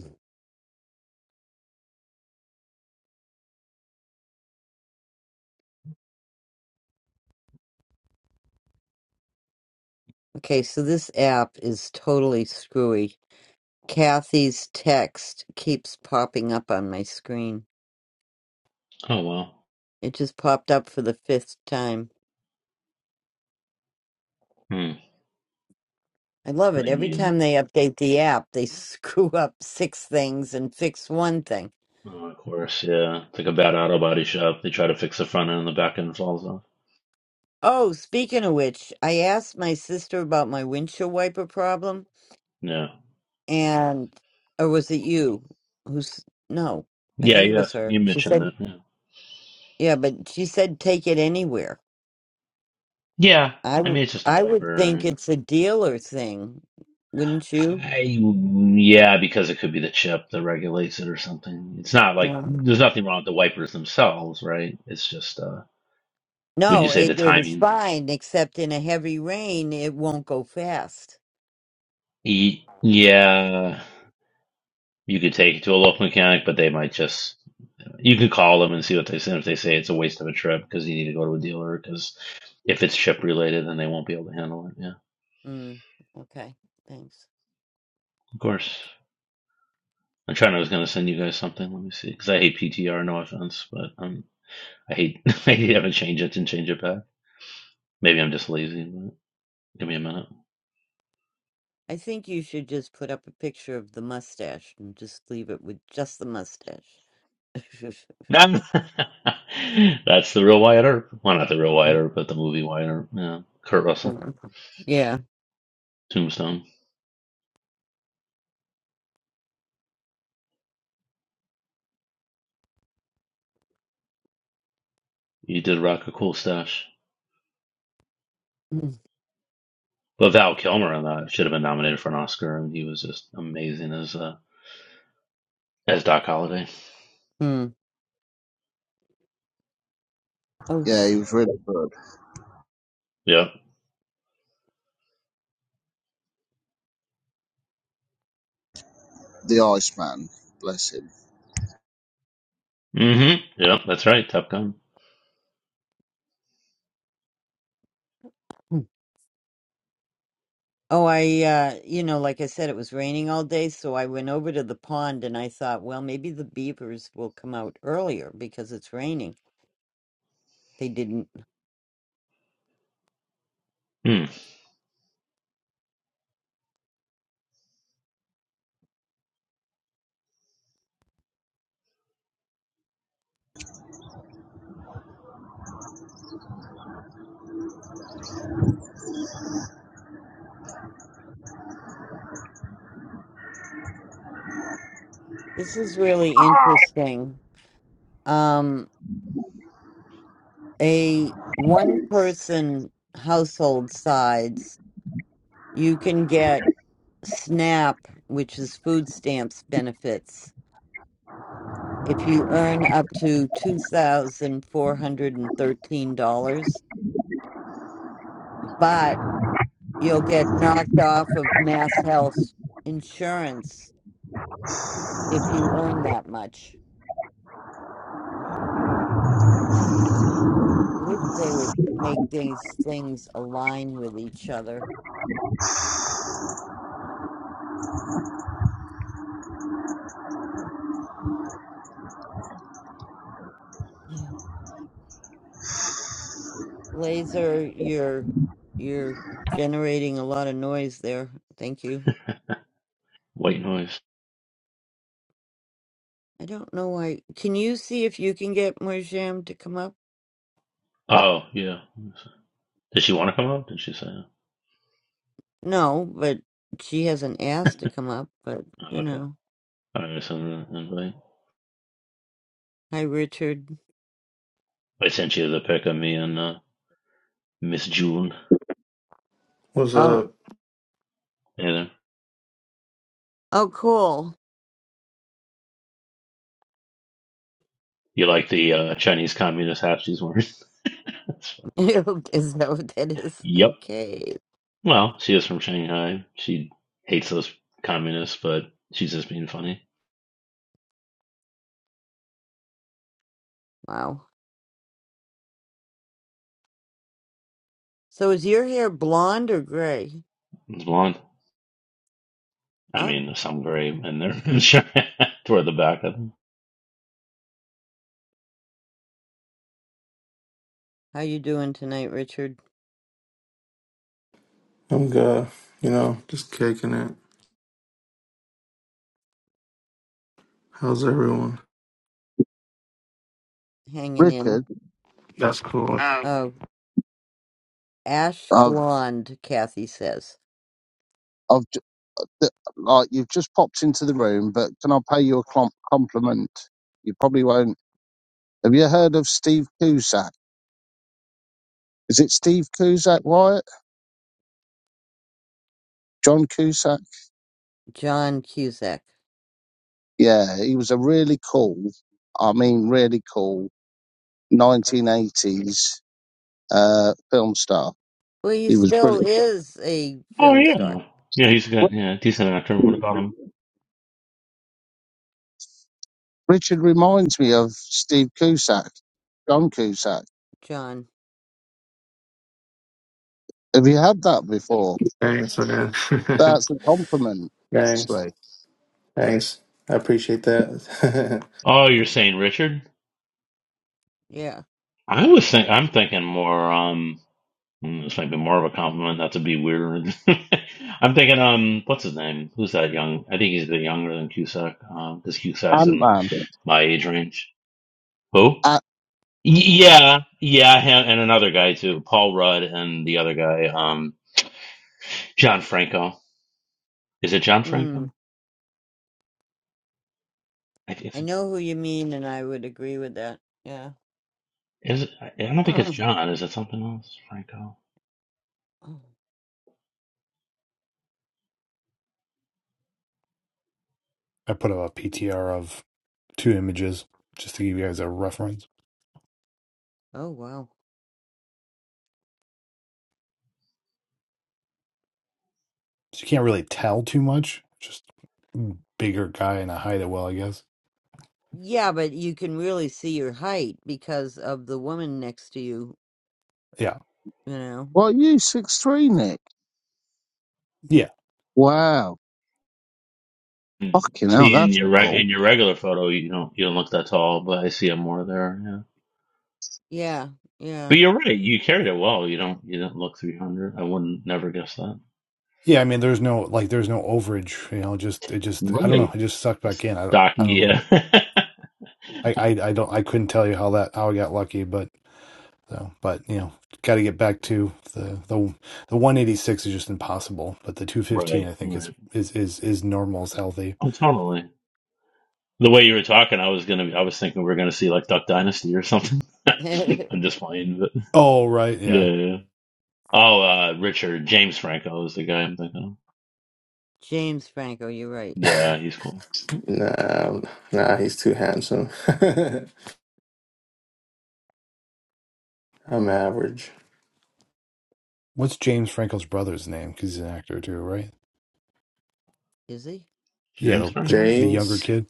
Speaker 1: Okay, so this app is totally screwy. Kathy's text keeps popping up on my screen.
Speaker 2: Oh, well.
Speaker 1: It just popped up for the fifth time.
Speaker 2: Hmm.
Speaker 1: I love
Speaker 2: What
Speaker 1: it.
Speaker 2: do you
Speaker 1: Every
Speaker 2: mean?
Speaker 1: time they update the app, they screw up six things and fix one thing.
Speaker 2: Oh, of course, yeah. It's like a bad auto body shop. They try to fix the front end and the back end falls off.
Speaker 1: Oh, speaking of which, I asked my sister about my windshield wiper problem,
Speaker 2: Yeah.
Speaker 1: and or was it you? Who's no? I
Speaker 2: Yeah,
Speaker 1: think it
Speaker 2: you
Speaker 1: was
Speaker 2: asked,
Speaker 1: her.
Speaker 2: you
Speaker 1: She
Speaker 2: mentioned
Speaker 1: said,
Speaker 2: that. Yeah.
Speaker 1: "Yeah, but she said take it anywhere."
Speaker 2: yeah,
Speaker 1: I
Speaker 2: I mean
Speaker 1: w-
Speaker 2: it's just a
Speaker 1: I would think
Speaker 2: wiper.
Speaker 1: it's a dealer thing, wouldn't you?
Speaker 2: I yeah, because it could be the chip that regulates it or something. It's not like
Speaker 1: Yeah.
Speaker 2: there's nothing wrong with the wipers themselves, right? It's just uh would you
Speaker 1: No,
Speaker 2: say the
Speaker 1: it it is
Speaker 2: timing?
Speaker 1: fine, except in a heavy rain, it won't go fast.
Speaker 2: E- yeah, you could take it to a local mechanic, but they might just you could call them and see what they say. If they say it's a waste of a trip because you need to go to a dealer, because if it's chip related, then they won't be able to handle it. Yeah,
Speaker 1: Mm, okay, thanks.
Speaker 2: of course. I'm trying. I was gonna send you guys something. Let me see, because I hate PTR. No offense, but um, I hate I hate having to change it and change it back. Maybe I'm just lazy, but give me a minute.
Speaker 1: I think you should just put up a picture of the mustache and just leave it with just the mustache.
Speaker 2: No, that's the real Wyatt Earp. Well, not the real Wyatt Earp, but the movie Wyatt Earp. Yeah, Kurt Russell,
Speaker 1: yeah.
Speaker 2: Tombstone. He did rock a cool stash. But Val Kilmer on that should have been nominated for an Oscar, and he was just amazing as uh, as Doc Holliday.
Speaker 1: Mm. Oh.
Speaker 7: Yeah,
Speaker 1: sh-
Speaker 7: he was really good.
Speaker 2: Yep.
Speaker 7: The Iceman. Bless him.
Speaker 2: Mm-hmm. Yep. That's right. Top Gun.
Speaker 1: mm. Oh, I, uh, you know, like I said, it was raining all day, so I went over to the pond and I thought, well, maybe the beavers will come out earlier because it's raining. They didn't.
Speaker 2: Hmm.
Speaker 1: This is really interesting. Um, a one person household sides, you can get. SNAP, which is food stamps benefits. If you earn up to $2,413, but you'll get knocked off of mass health insurance if you earn that much. I wish they would make these things align with each other. Mm. Laser, you're you're generating a lot of noise there. Thank you.
Speaker 2: White Noise.
Speaker 1: I don't know why. Can you see if you can get Moijam to come up?
Speaker 2: Oh yeah. Did she want to come on? Did she say? no?
Speaker 1: No, but she hasn't asked to come up, but
Speaker 2: Oh,
Speaker 1: you
Speaker 2: okay.
Speaker 1: know.
Speaker 2: I'm gonna send an invite.
Speaker 1: Hi, Richard.
Speaker 2: I sent you the pic of me and uh, Miss June.
Speaker 11: What's
Speaker 1: Oh,
Speaker 11: up?
Speaker 2: And
Speaker 1: oh, cool.
Speaker 2: you like the uh, Chinese communist hat she's wearing? That's funny.
Speaker 1: is that what that is?
Speaker 2: Yep.
Speaker 1: Okay.
Speaker 2: Well, she is from Shanghai. She hates those communists, but she's just being funny.
Speaker 1: Wow. So is your hair blonde or gray?
Speaker 2: It's blonde. I
Speaker 1: Oh,
Speaker 2: mean, some gray in there. Toward the back of them.
Speaker 1: how you doing tonight, Richard?
Speaker 11: I'm good. You know, just kicking it. How's everyone?
Speaker 1: Hanging in.
Speaker 7: Richard,
Speaker 11: That's cool. Um,
Speaker 1: Oh, ash
Speaker 7: I've,
Speaker 1: blonde, Kathy says.
Speaker 7: I've, ju- th- like, you've just popped into the room, but can I pay you a clom- compliment? You probably won't. Have you heard of Steve Cusack? Is it Steve Cusack, Wyatt? John Cusack?
Speaker 1: John Cusack.
Speaker 7: Yeah, he was a really cool, I mean, really cool 1980s uh, film star.
Speaker 1: Well, he
Speaker 7: He was
Speaker 1: still
Speaker 7: brilliant.
Speaker 1: is a
Speaker 2: Oh,
Speaker 1: film star,
Speaker 2: yeah. Yeah, he's a good, yeah, decent actor. What about him?
Speaker 7: Richard reminds me of Steve Cusack, John Cusack.
Speaker 1: John.
Speaker 7: Have you had that before?
Speaker 11: thanks, man.
Speaker 7: That's a compliment,
Speaker 11: thanks.
Speaker 7: Slee.
Speaker 11: Thanks. I appreciate that.
Speaker 2: Oh, you're saying Richard?
Speaker 1: Yeah.
Speaker 2: I was think I'm thinking more. um Mm, this might be more of a compliment, not to be weird. I'm thinking, um, what's his name? Who's that young? I think he's a bit younger than Cusack, um, because Cusack's
Speaker 7: Ant
Speaker 2: in
Speaker 7: Man.
Speaker 2: my age range. Who?
Speaker 7: Uh,
Speaker 2: Y- yeah, yeah, him, and another guy too, Paul Rudd, and the other guy, um, John Franco. Is it John
Speaker 1: Mm.
Speaker 2: Franco? I,
Speaker 1: I
Speaker 2: it's,
Speaker 1: know who you mean, and I would agree with that.
Speaker 2: is it, I I don't think it's
Speaker 1: Yeah.
Speaker 2: John. Is it something else, Franco?
Speaker 10: I put up a PTR of two images just to give you guys a reference.
Speaker 1: Oh, wow.
Speaker 10: So you can't really tell too much. Just bigger guy and I hide it well, I guess.
Speaker 1: Yeah, but you can really see your height because of the woman next to you,
Speaker 10: Yeah,
Speaker 1: you know?
Speaker 7: well, you six three, Nick.
Speaker 10: yeah,
Speaker 7: Wow.
Speaker 2: Mm,
Speaker 7: Fucking hell,
Speaker 2: See, in
Speaker 7: that's
Speaker 2: your re-
Speaker 7: cool.
Speaker 2: in your regular photo, you don't you don't look that tall, but I see him more there.
Speaker 1: Yeah, yeah.
Speaker 2: But you're right. You carried it well. You don't. You didn't look 300. I wouldn't never guess that.
Speaker 10: yeah. I mean, there's no like, there's no overage. You know, just it just I don't know.
Speaker 2: Right.
Speaker 10: It just sucked
Speaker 2: Just
Speaker 10: back in. I don't,
Speaker 2: stocky.
Speaker 10: I don't know.
Speaker 2: Yeah.
Speaker 10: I, I I don't I couldn't tell you how that how I got lucky, but So, but you know, got to get back to the the the 186 is just impossible, but the 215
Speaker 2: right.
Speaker 10: I think is
Speaker 2: Right.
Speaker 10: is is is normal is healthy.
Speaker 2: Oh, totally. The way you were talking, I was gonna. I was thinking we were gonna see like Duck Dynasty or something. I'm just playing. But
Speaker 10: Oh right,
Speaker 2: yeah.
Speaker 10: yeah.
Speaker 2: yeah. Oh, uh, Richard James Franco is the guy I'm thinking. of.
Speaker 1: James Franco, you're right. Yeah.
Speaker 2: Yeah, he's cool.
Speaker 11: nah, nah, he's too handsome. I'm average.
Speaker 10: What's James Franco's brother's name? Because he's an actor too, right?
Speaker 1: Is he?
Speaker 10: Yeah,
Speaker 2: James
Speaker 10: the, the
Speaker 2: Franco.
Speaker 10: the younger
Speaker 11: James,
Speaker 10: kid.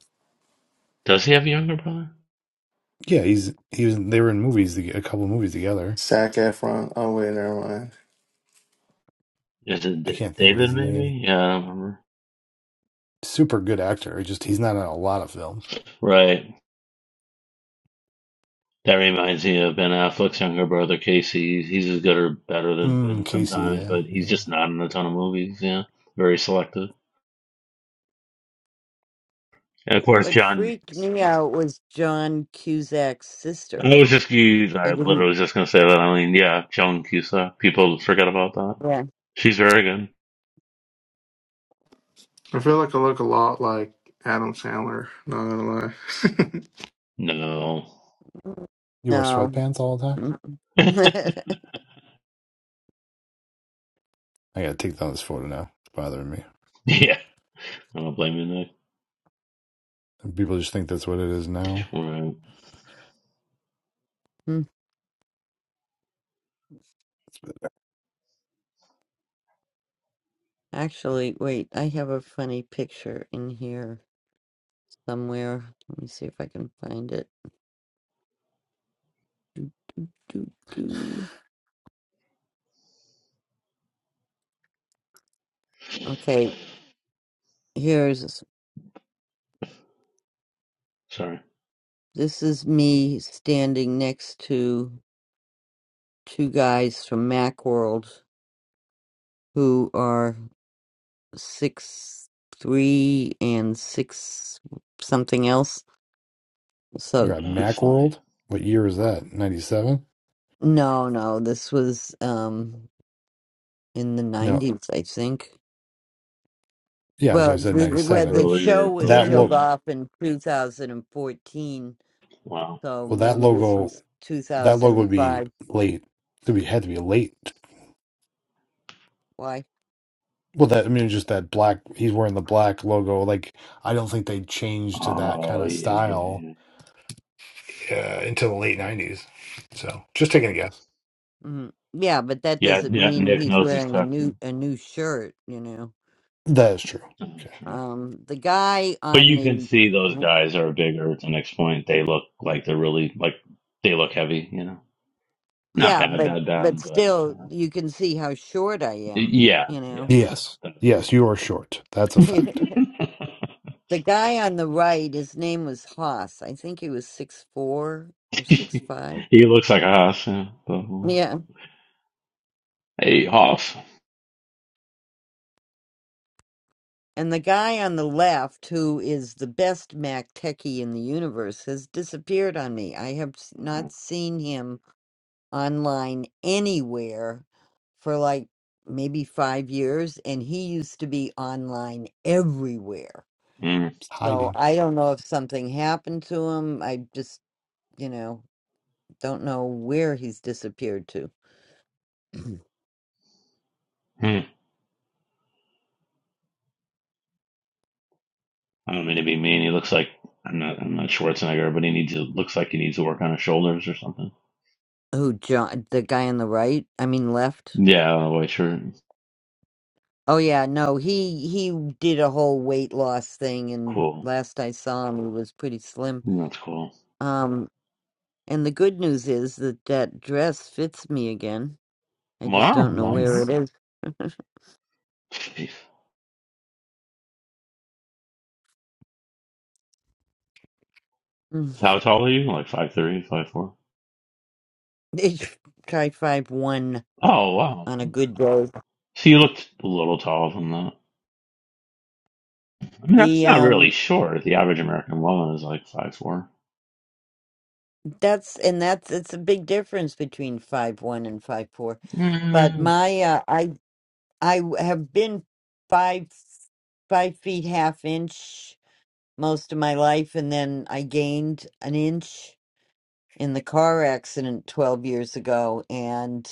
Speaker 2: Does he have a younger brother?
Speaker 10: Yeah, he's he was. They were in movies, to- a couple movies together.
Speaker 11: Zac Efron. Oh, wait, never mind.
Speaker 2: Is it
Speaker 10: I
Speaker 2: D-
Speaker 10: can't think of
Speaker 2: David?
Speaker 10: his name.
Speaker 2: Maybe. Yeah, I don't remember.
Speaker 10: Super good actor. it's Just he's not in a lot of films.
Speaker 2: Right. That reminds me of Ben Affleck's younger brother Casey. He's as good or better than
Speaker 10: Mm,
Speaker 2: Ben
Speaker 10: Casey.
Speaker 2: sometimes,
Speaker 10: Yeah,
Speaker 2: but he's
Speaker 10: yeah.
Speaker 2: just not in a ton of movies. Yeah, very selective. And of course,
Speaker 1: What
Speaker 2: John.
Speaker 1: freaked me out was John Cusack's
Speaker 2: I
Speaker 1: sister.
Speaker 2: was just you.
Speaker 1: I
Speaker 2: I
Speaker 1: didn't.
Speaker 2: literally was just gonna say that. I mean, yeah, Joan Cusack. People forget about that.
Speaker 1: Yeah.
Speaker 2: She's very good.
Speaker 11: I feel like I look a lot like Adam Sandler, not gonna lie.
Speaker 2: No.
Speaker 10: You wear
Speaker 1: No.
Speaker 10: sweatpants all the time.
Speaker 2: yeah,
Speaker 1: Mm.
Speaker 10: I gotta take down this photo now. It's bothering me.
Speaker 2: I don't blame you, Nick.
Speaker 10: People just think that's what it is now.
Speaker 2: Right.
Speaker 1: Hmm, Actually, wait, I have a funny picture in here somewhere. Let me see if I can find it. Doo, doo. Okay, here's
Speaker 2: Sorry,
Speaker 1: This is me standing next to two guys from Macworld who are six three and six something else.
Speaker 10: You're
Speaker 1: So
Speaker 10: at
Speaker 2: uh, it's funny.
Speaker 10: Macworld. What year is that? Ninety seven?
Speaker 1: no, no, this was um in the
Speaker 10: No,
Speaker 1: nineties, I think.
Speaker 10: yeah. So
Speaker 1: Well,
Speaker 10: I said
Speaker 1: the,
Speaker 10: ninety
Speaker 1: the- well, the
Speaker 10: seven.
Speaker 1: show
Speaker 2: earlier,
Speaker 1: was
Speaker 10: That
Speaker 2: earlier. In
Speaker 1: killed
Speaker 10: look.
Speaker 1: off
Speaker 2: the,
Speaker 1: in two thousand and fourteen,
Speaker 2: wow.
Speaker 1: so
Speaker 10: Well, that
Speaker 1: maybe this
Speaker 10: logo.
Speaker 1: was two
Speaker 10: That
Speaker 1: thousand
Speaker 10: logo
Speaker 1: and
Speaker 10: would be
Speaker 1: five.
Speaker 10: late. It would had to be late.
Speaker 1: Why?
Speaker 10: Well, that I mean, just that black. He's wearing the black logo. Like I don't think they changed to that kind
Speaker 2: Oh
Speaker 10: of
Speaker 2: yeah, yeah,
Speaker 10: style.
Speaker 2: yeah.
Speaker 10: Yeah, into the late nineties. So just taking a guess.
Speaker 1: Mm, yeah, but that
Speaker 2: Yeah,
Speaker 1: doesn't
Speaker 2: yeah.
Speaker 1: mean
Speaker 2: Nick
Speaker 1: he's
Speaker 2: knows his
Speaker 1: wearing a
Speaker 2: tactic.
Speaker 1: new a new shirt, you know.
Speaker 10: That is true.
Speaker 2: Oh, true.
Speaker 1: um the guy
Speaker 2: But
Speaker 1: on
Speaker 2: you can
Speaker 1: the
Speaker 2: see those guys are bigger At The next point. They look like they're really like they look heavy, you know. Not
Speaker 1: yeah
Speaker 2: bad,
Speaker 1: but
Speaker 2: bad,
Speaker 1: but
Speaker 2: bad, but you
Speaker 1: still
Speaker 2: know.
Speaker 1: you can see how short i am
Speaker 2: yeah,
Speaker 1: you
Speaker 2: yeah.
Speaker 1: know
Speaker 10: Yes. Yes,
Speaker 2: yeah.
Speaker 10: you are short. That's a fact.
Speaker 1: the guy on the right his name was haas i think he was six four or six five
Speaker 2: he looks like a hoss. Yeah. but-
Speaker 1: yeah
Speaker 2: Hey, Hoff.
Speaker 1: and the guy on the left who is the best mac techie in the universe has disappeared on me i have s- not seen him online anywhere for like maybe five years, and he used to be online everywhere.
Speaker 2: Mm,
Speaker 10: It's
Speaker 1: So
Speaker 10: hiding.
Speaker 1: I don't know if something happened to him. I just, you know, don't know where he's disappeared to.
Speaker 2: mm. I don't mean to be mean. He looks like I'm not. I'm not Schwarzenegger, but he needs to. Looks like he needs to work on his shoulders or something.
Speaker 1: Who John? The guy on the right? I mean, left.
Speaker 2: Yeah, the white shirt.
Speaker 1: Oh yeah, no, he he did a whole weight loss thing, and
Speaker 2: Cool.
Speaker 1: last I saw him, he was pretty slim.
Speaker 2: That's cool.
Speaker 1: Um, and the good news is that that dress fits me again. I just
Speaker 2: Wow.
Speaker 10: Oh,
Speaker 1: don't know where it
Speaker 10: nice.
Speaker 2: Mhm.
Speaker 1: is.
Speaker 2: Jeez.
Speaker 1: Mm.
Speaker 2: How tall are you? Like five three, five four?
Speaker 1: It's try five one
Speaker 2: Oh wow.
Speaker 1: on a
Speaker 2: Okay.
Speaker 1: good day.
Speaker 2: So you looked a little taller than that. I mean, that's
Speaker 1: The
Speaker 2: not really
Speaker 1: um
Speaker 2: short. The average American woman is like five four.
Speaker 1: that's and that's it's a big difference between five one and five four. But
Speaker 2: Mm.
Speaker 1: my uh, I I w- have been five five feet half inch most of my life, and then I gained an inch in the car accident twelve years ago, and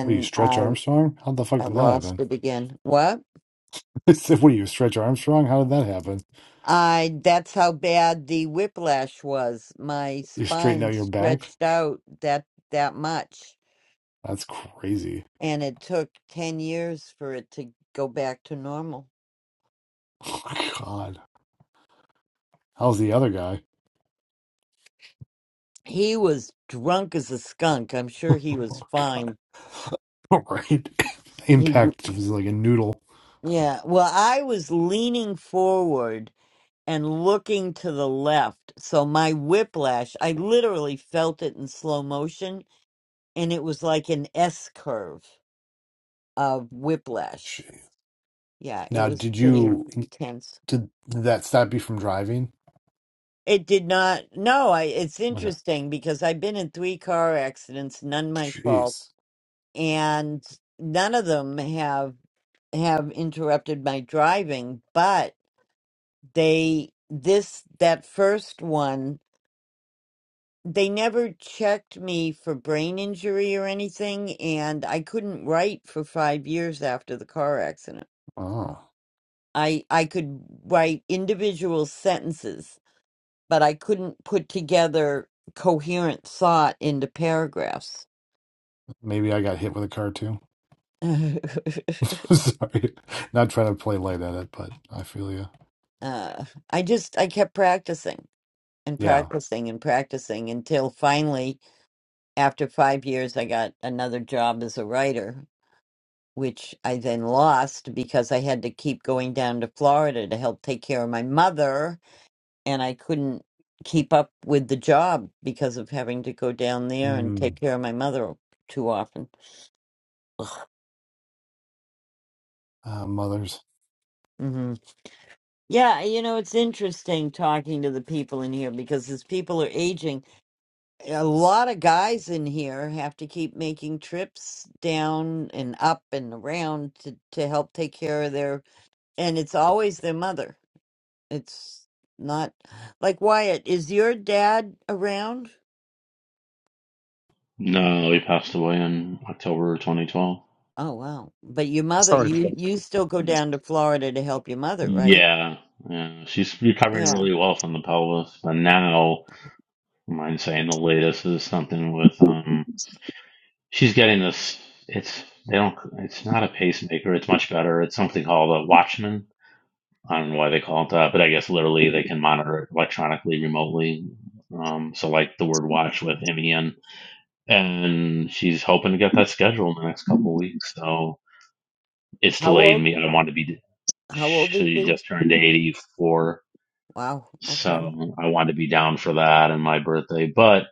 Speaker 10: What, are you stretch
Speaker 1: I
Speaker 10: Armstrong? How the fuck
Speaker 1: I
Speaker 10: did that
Speaker 1: lost
Speaker 10: happen?
Speaker 1: it again. What?
Speaker 10: I said, what, are you stretch Armstrong? How did that happen?
Speaker 1: I that's how bad the whiplash was. My
Speaker 10: You straighten
Speaker 1: spine
Speaker 10: out your back?
Speaker 1: stretched out that that much
Speaker 10: That's crazy.
Speaker 1: and it took 10 years for it to go back to normal.
Speaker 10: Oh, God. How's the other guy?
Speaker 1: He was drunk as a skunk. I'm sure he
Speaker 10: Oh,
Speaker 1: was
Speaker 10: God.
Speaker 1: fine.
Speaker 10: All right.
Speaker 1: He w-
Speaker 10: Impact was like a noodle.
Speaker 1: yeah, well I was leaning forward and looking to the left. So my whiplash, I literally felt it in slow motion and it was like an S curve of whiplash.
Speaker 10: Jeez.
Speaker 1: Yeah, it
Speaker 10: Now,
Speaker 1: was
Speaker 10: did
Speaker 1: pretty
Speaker 10: you
Speaker 1: intense.
Speaker 10: did, did that stop you from driving?
Speaker 1: It did not. No, I, it's
Speaker 10: Okay.
Speaker 1: interesting because I've been in three car accidents, none my fault,
Speaker 10: Jeez.
Speaker 1: and none of them have have interrupted my driving, but they this that first one, they never checked me for brain injury or anything, and I couldn't write for five years after the car accident.
Speaker 10: Oh,
Speaker 1: I I could write individual sentences but I couldn't put together coherent thought into paragraphs.
Speaker 10: maybe I got hit with a car too.
Speaker 1: uh,
Speaker 10: Sorry, not trying to play light at it, but I feel you.
Speaker 1: I just I kept practicing and
Speaker 10: Yeah.
Speaker 1: practicing and practicing until finally, after five years, I got another job as a writer, which I then lost because I had to keep going down to Florida to help take care of my mother, and I couldn't keep up with the job because of having to go down there and
Speaker 10: Mm.
Speaker 1: take care of my mother too often. Ugh.
Speaker 10: Uh, mothers.
Speaker 1: Yeah, you know, it's interesting talking to the people in here because as people are aging, a lot of guys in here have to keep making trips down and up and around to, to help take care of their, and it's always their mother. It's not like Wyatt, is your dad around?
Speaker 2: No, he passed away in October of 2012.
Speaker 1: Oh, wow. But your mother,
Speaker 7: Sorry.
Speaker 1: you you still go
Speaker 2: Mm.
Speaker 1: down to Florida to help your mother, right?
Speaker 2: Yeah, yeah. She's recovering
Speaker 1: Yeah.
Speaker 2: really well from the pelvis, but now, I mind saying the latest is something with um. She's getting this. It's they don't. It's not a pacemaker. It's much better. It's something called a Watchman. I don't know why they call it that, but I guess literally they can monitor it electronically remotely. Um, so like the word watch with M E N, and she's hoping to get that scheduled in the next couple of weeks. So it's
Speaker 1: How
Speaker 2: delayed
Speaker 1: old?
Speaker 2: me. I want to be.
Speaker 1: How old is
Speaker 2: She
Speaker 1: he?
Speaker 2: just turned eighty four,
Speaker 1: Wow. Okay.
Speaker 2: so I want to be down for that and my birthday. But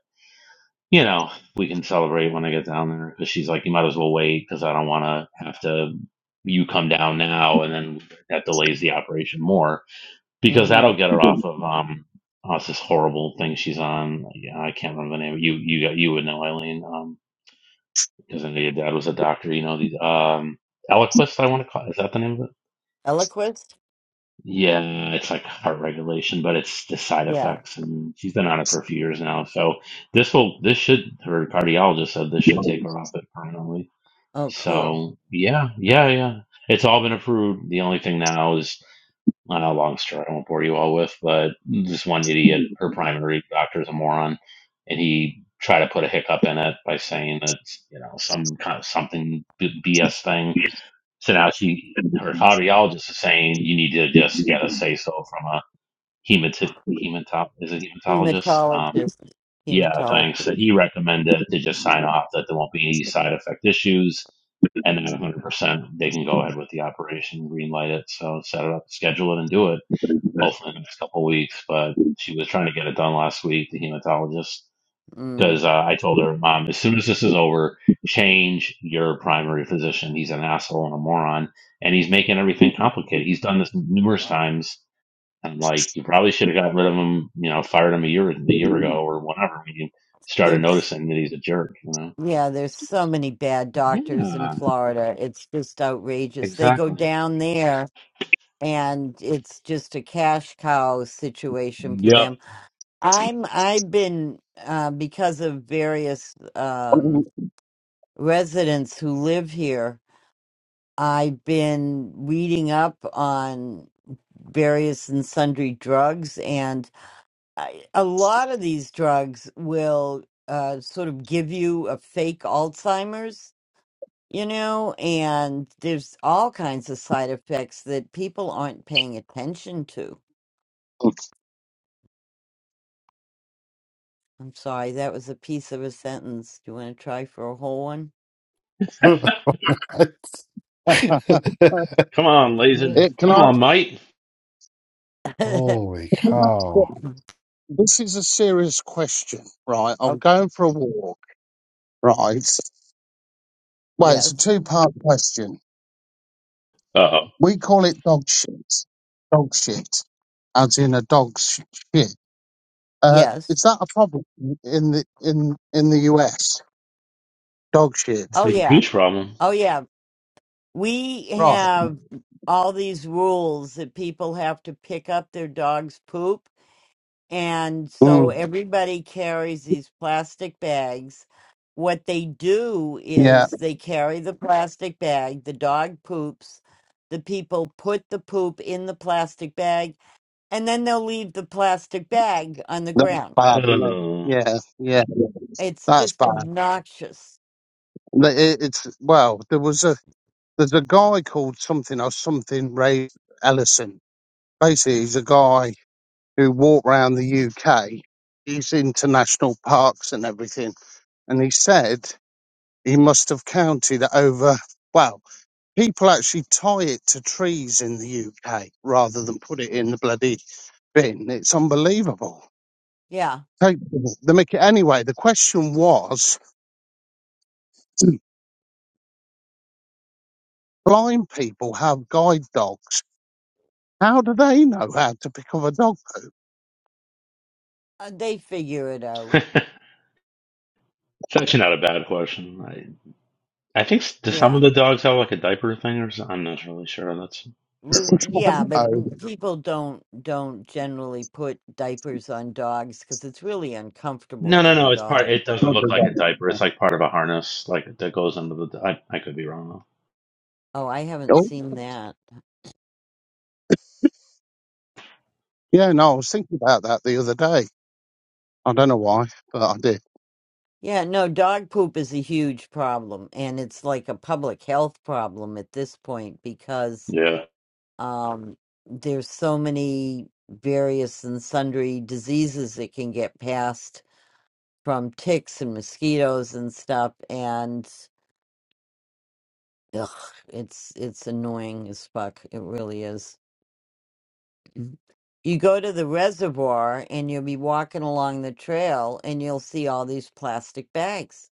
Speaker 2: you know, we can celebrate when I get down there because she's like, you might as well wait because I don't want to have to. You come down now, and then that delays the operation more because
Speaker 1: Mm-hmm.
Speaker 2: that'll get
Speaker 7: Yeah,
Speaker 2: her off of um oh, it's this horrible thing she's on. Like, Yeah, I can't remember the name. You you got you would know Eileen um because I know your dad was a doctor. You know these um Eliquis. I want to call is that the name of it?
Speaker 1: Eloquist?
Speaker 2: Yeah, it's like heart regulation, but it's the side
Speaker 1: Yeah.
Speaker 2: effects, and she's been on it for a few years now. So this will this should her cardiologist said this should take her off it permanently.
Speaker 1: Oh, cool.
Speaker 2: So yeah, yeah, yeah. It's all been approved. The only thing now is I know, long story I won't bore you all with, but this one idiot, her primary doctor's a moron, and he tried to put a hiccup in it by saying that you know some kind of something BS thing. So now she, her cardiologist is saying you need to just get a say so from a hematologist. Hematop is it hematologist? Um,
Speaker 1: Hematologist.
Speaker 2: yeah,
Speaker 1: Hematologist.
Speaker 2: thanks. That he recommended to just sign off that there won't be any side effect issues, and then 100% they can go ahead with the operation, green light it, so set it up, schedule it, and do it hopefully in the next couple of weeks. But she was trying to get it done last week, the hematologist,
Speaker 1: Mm.
Speaker 2: because uh, I told her, Mom, as soon as this is over, change your primary physician. He's an asshole and a moron, and he's making everything complicated. He's done this numerous times. And like, you probably should have gotten rid of him, you know, fired him a year, a year ago or whatever when you started
Speaker 1: There's
Speaker 2: noticing that he's a jerk, you know?
Speaker 1: yeah, there's so many bad doctors in
Speaker 2: Yeah,
Speaker 1: Florida. It's just outrageous. They go
Speaker 2: exactly.
Speaker 1: down there and it's just a cash cow situation for
Speaker 2: Yep.
Speaker 1: them. I'm I've been uh, because of various um, residents who live here. I've been reading up on various and sundry drugs and I- a lot of these drugs will uh, sort of give you a fake Alzheimer's, you know, and there's all kinds of side effects that people aren't paying attention to. I'm sorry, that was a piece of a sentence. Do you want to try for a whole one?
Speaker 10: what?
Speaker 2: Come on, Lazen.
Speaker 7: can
Speaker 2: Come
Speaker 7: I? can
Speaker 2: on, mate.
Speaker 10: Holy
Speaker 7: I ask-
Speaker 10: cow!
Speaker 7: This is a serious question, right? I'm
Speaker 1: oh,
Speaker 7: going for a walk, right? Well, it's a
Speaker 1: yes,
Speaker 7: two-part question.
Speaker 2: Uh oh.
Speaker 7: We call it dog shit. Dog shit, as in a dog's shit. Uh,
Speaker 1: yes.
Speaker 7: is that a problem in the in in the US? Dog
Speaker 2: It's
Speaker 7: shit,
Speaker 1: Oh,
Speaker 2: a
Speaker 1: yeah.
Speaker 2: huge problem.
Speaker 1: Oh, yeah. We
Speaker 7: right?
Speaker 1: have all these rules that people have to pick up their dog's poop And so everybody carries these plastic bags. What they do
Speaker 7: Yeah,
Speaker 1: is they carry the plastic bag, the dog poops, the people put the poop in the plastic bag, and then they'll leave the plastic bag on the
Speaker 7: that's
Speaker 1: ground.
Speaker 7: bad, isn't it?
Speaker 2: Oh.
Speaker 7: Yeah, yeah,
Speaker 1: It's
Speaker 7: that's
Speaker 1: just
Speaker 7: bad.
Speaker 1: obnoxious.
Speaker 7: But It, it's well, there was a there's a guy called something or something Ray Ellison. Basically, he's a guy who walked around the UK. He's into national parks and everything, and he said he must have counted over. Well, people actually tie it to trees in the UK rather than put it in the bloody bin. It's unbelievable.
Speaker 1: Yeah,
Speaker 7: Take the mickey. Anyway, the question was. blind people have guide dogs. How do they know how to pick up a dog?
Speaker 1: uh, they figure it out.
Speaker 2: It's actually not a bad question. I I think s- do some of
Speaker 1: Yeah.
Speaker 2: the dogs have like a diaper thing or something? I'm not really sure. That's a fair
Speaker 1: We-
Speaker 2: question.
Speaker 1: Yeah, but
Speaker 7: Oh,
Speaker 1: n- people don't don't generally put diapers on dogs because it's really uncomfortable
Speaker 2: No,
Speaker 1: for
Speaker 2: no,
Speaker 1: the
Speaker 2: no. It's part.
Speaker 1: dog.
Speaker 2: It doesn't
Speaker 7: not
Speaker 2: look
Speaker 7: the
Speaker 2: like
Speaker 7: dog.
Speaker 2: a diaper.
Speaker 7: Yeah.
Speaker 2: It's like part of a harness, like that goes under the. I I could be wrong though.
Speaker 1: Oh, I haven't
Speaker 7: Oh,
Speaker 1: seen that.
Speaker 7: yeah, no, I was thinking about that the other day. I don't know why, but I did.
Speaker 1: Yeah, no, dog poop is a huge problem, and it's like a public health problem at this point because
Speaker 2: Yeah.
Speaker 1: um, there's so many various and sundry diseases that can get passed from ticks and mosquitoes and stuff, and ugh, it's it's annoying as fuck. It really is. Mhm. You go to the reservoir and you'll be walking along the trail and you'll see all these plastic bags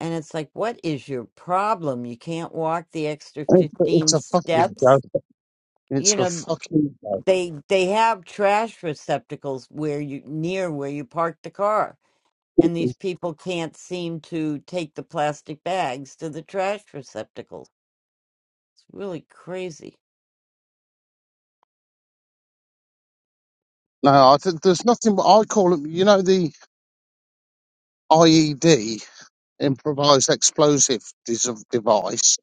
Speaker 1: And it's like, what is your problem? You can't walk the extra
Speaker 7: It's a it's
Speaker 1: 15
Speaker 7: a fucking
Speaker 1: steps.
Speaker 7: joke.
Speaker 1: You
Speaker 7: It's a
Speaker 1: know,
Speaker 7: fucking joke.
Speaker 1: they they have trash receptacles where you near where you park the car. And these people can't seem to take the plastic bags to the trash receptacles. It's really crazy.
Speaker 7: No, I th- there's nothing. I call them, you know, the IED, improvised explosive dis- device.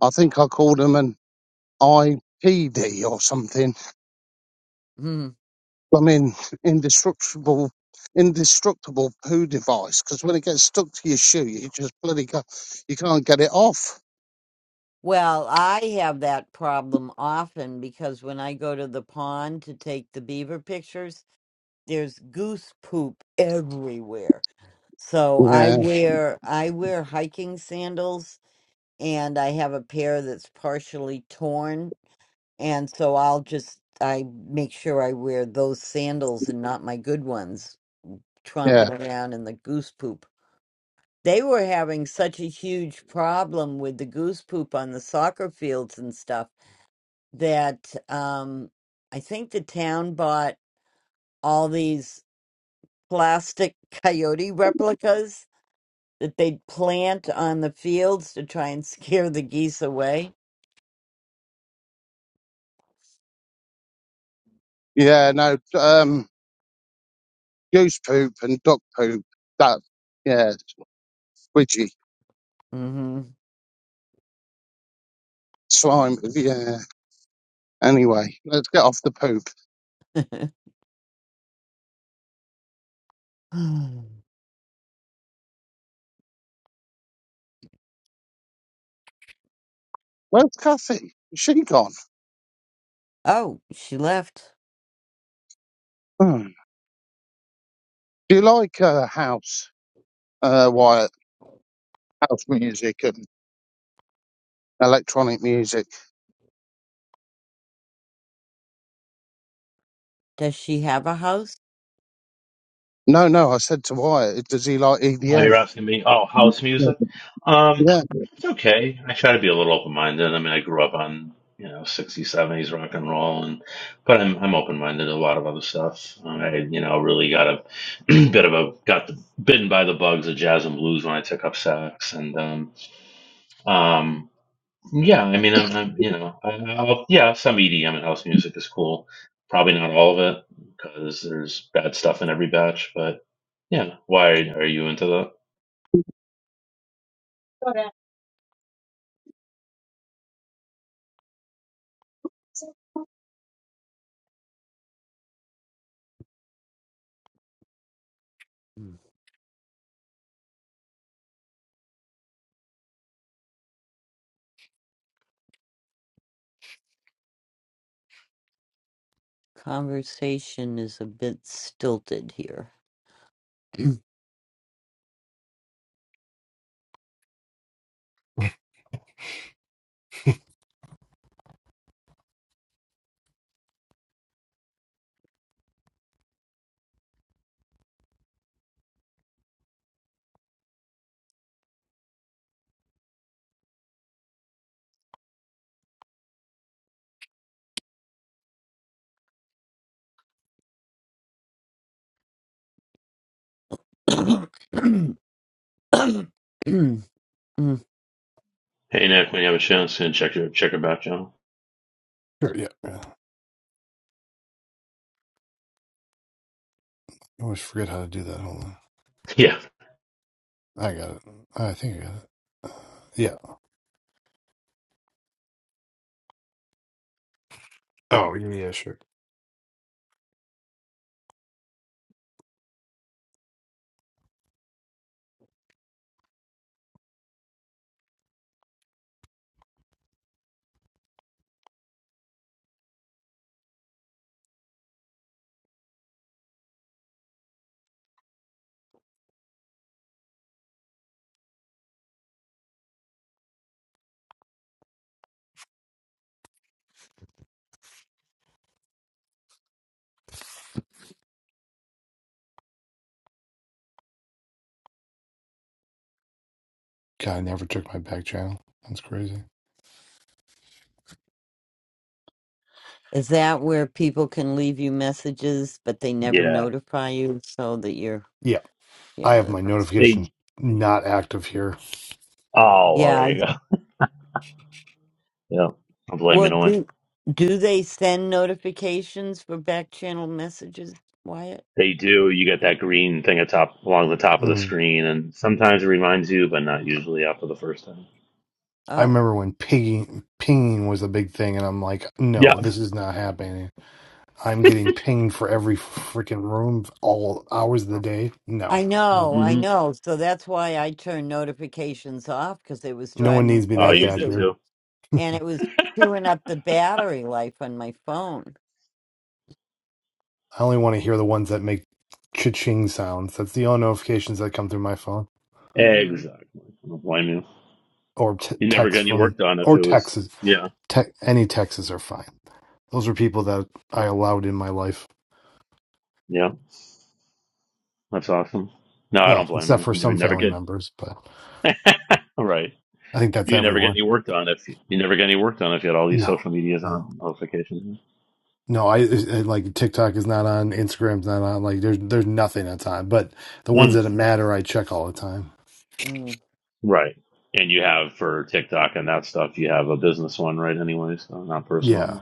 Speaker 7: I think I called them an IPD or something
Speaker 1: Hmm.
Speaker 7: I mean, indestructible, indestructible poo device. Because when it gets stuck to your shoe, you just bloody go, you can't get it off.
Speaker 1: Well, I have that problem often because when I go to the pond to take the beaver pictures, there's goose poop everywhere So I
Speaker 7: Yeah,
Speaker 1: wear I wear hiking sandals and I have a pair that's partially torn and so I'll just I make sure I wear those sandals and not my good ones
Speaker 7: yeah,
Speaker 1: tromping around in the goose poop. They were having such a huge problem with the goose poop on the soccer fields and stuff that um I think the town bought all these plastic coyote replicas that they'd plant on the fields to try and scare the geese away.
Speaker 7: yeah. No, um, goose poop and duck poop. That, yeah, squidgy
Speaker 1: hmm
Speaker 7: slime. Yeah. Anyway, let's get off the poop. Where's Kathy? Is she gone?
Speaker 1: oh, she left.
Speaker 7: Hmm. Do you like uh, house, uh, Wyatt? House music and electronic music.
Speaker 1: Does she have a house?
Speaker 7: No, no. I said to Wyatt, does he like
Speaker 2: Oh,
Speaker 7: EDM?
Speaker 2: you're asking me? Oh, house music? Um,
Speaker 7: Yeah.
Speaker 2: it's okay. I try to be a little open-minded. I mean, I grew up on, you know, 60s, 70s rock and roll, and but I'm I'm open-minded to a lot of other stuff. Um, I, you know, really got a bit of a got the, bitten by the bugs of jazz and blues when I took up sax, and um, um, yeah. I mean, I'm, I'm you know, I, I'll, yeah, some EDM and house music is cool. Probably not all of it because there's bad stuff in every batch, but yeah. Why are you into that?
Speaker 1: Mm. Conversation is a bit stilted here. is
Speaker 2: Hey, Nick, when you have a chance, and check your check your back channel.
Speaker 10: Sure, yeah. I always forget how to do that. Hold on.
Speaker 2: Yeah,
Speaker 10: I got it. I think I got it. Yeah. Oh, yeah, yeah, sure. God, I never took my back channel. That's crazy. Okay.
Speaker 1: that where people can leave you messages, but they never
Speaker 2: yeah.
Speaker 1: notify you so that you're,
Speaker 10: Yeah. I have
Speaker 1: yeah,
Speaker 10: my
Speaker 1: that's,
Speaker 10: notifications
Speaker 2: They
Speaker 10: not active here.
Speaker 2: oh well,
Speaker 1: yeah.
Speaker 2: there
Speaker 1: I,
Speaker 2: you go. Yeah, I'm
Speaker 1: well,
Speaker 2: blaming away.
Speaker 1: do, do they send notifications for back channel messages, Wyatt?
Speaker 2: They do. You get that green thing atop along the top of the
Speaker 10: Mm.
Speaker 2: screen, and sometimes it reminds you, but not usually after the first time.
Speaker 10: I
Speaker 1: Oh.
Speaker 10: remember when pinging, pinging was a big thing, and I'm like,
Speaker 2: Yeah.
Speaker 10: no, this is not happening. I'm getting pinged for every freaking room all hours of the day. No,
Speaker 1: I
Speaker 10: no,
Speaker 1: know, I
Speaker 2: hmm
Speaker 1: know. So that's why I turned notifications off because it was
Speaker 10: no one
Speaker 1: driving me
Speaker 10: needs me
Speaker 2: Oh,
Speaker 10: that
Speaker 2: you
Speaker 10: bad
Speaker 2: did
Speaker 1: crazy
Speaker 10: here.
Speaker 2: too.
Speaker 1: and it was chewing up the battery life on my phone.
Speaker 10: I only want to hear the ones that make cha-ching sounds. That's the only notifications that come through my phone
Speaker 1: Mm-hmm.
Speaker 2: Exactly. I don't blame you.
Speaker 10: or t-
Speaker 2: You never get
Speaker 10: text
Speaker 2: any
Speaker 10: from
Speaker 2: work done if
Speaker 10: or
Speaker 2: it was.
Speaker 10: texts.
Speaker 2: Yeah.
Speaker 10: Te- any Texas are fine. Those are people that I allowed in my life.
Speaker 2: Yeah. That's awesome. No, I don't
Speaker 10: Well,
Speaker 2: blame
Speaker 10: except for
Speaker 2: you. You
Speaker 10: some
Speaker 2: would never
Speaker 10: family
Speaker 2: get.
Speaker 10: members, but
Speaker 2: All right.
Speaker 10: I think that's
Speaker 2: You never get
Speaker 10: everyone.
Speaker 2: any work done if you, you never get any work done if you had all these
Speaker 10: No,
Speaker 2: social medias
Speaker 10: no,
Speaker 2: on notifications.
Speaker 10: no. I it- it- like TikTok is not on, Instagram's not on. Like there's there's nothing on time. But the
Speaker 2: Mm-hmm.
Speaker 10: ones that matter, I check all the time.
Speaker 1: Mm.
Speaker 2: Right. And you have for TikTok and that stuff, you have a business one, right? Anyways, so not
Speaker 10: Yeah,
Speaker 2: personal.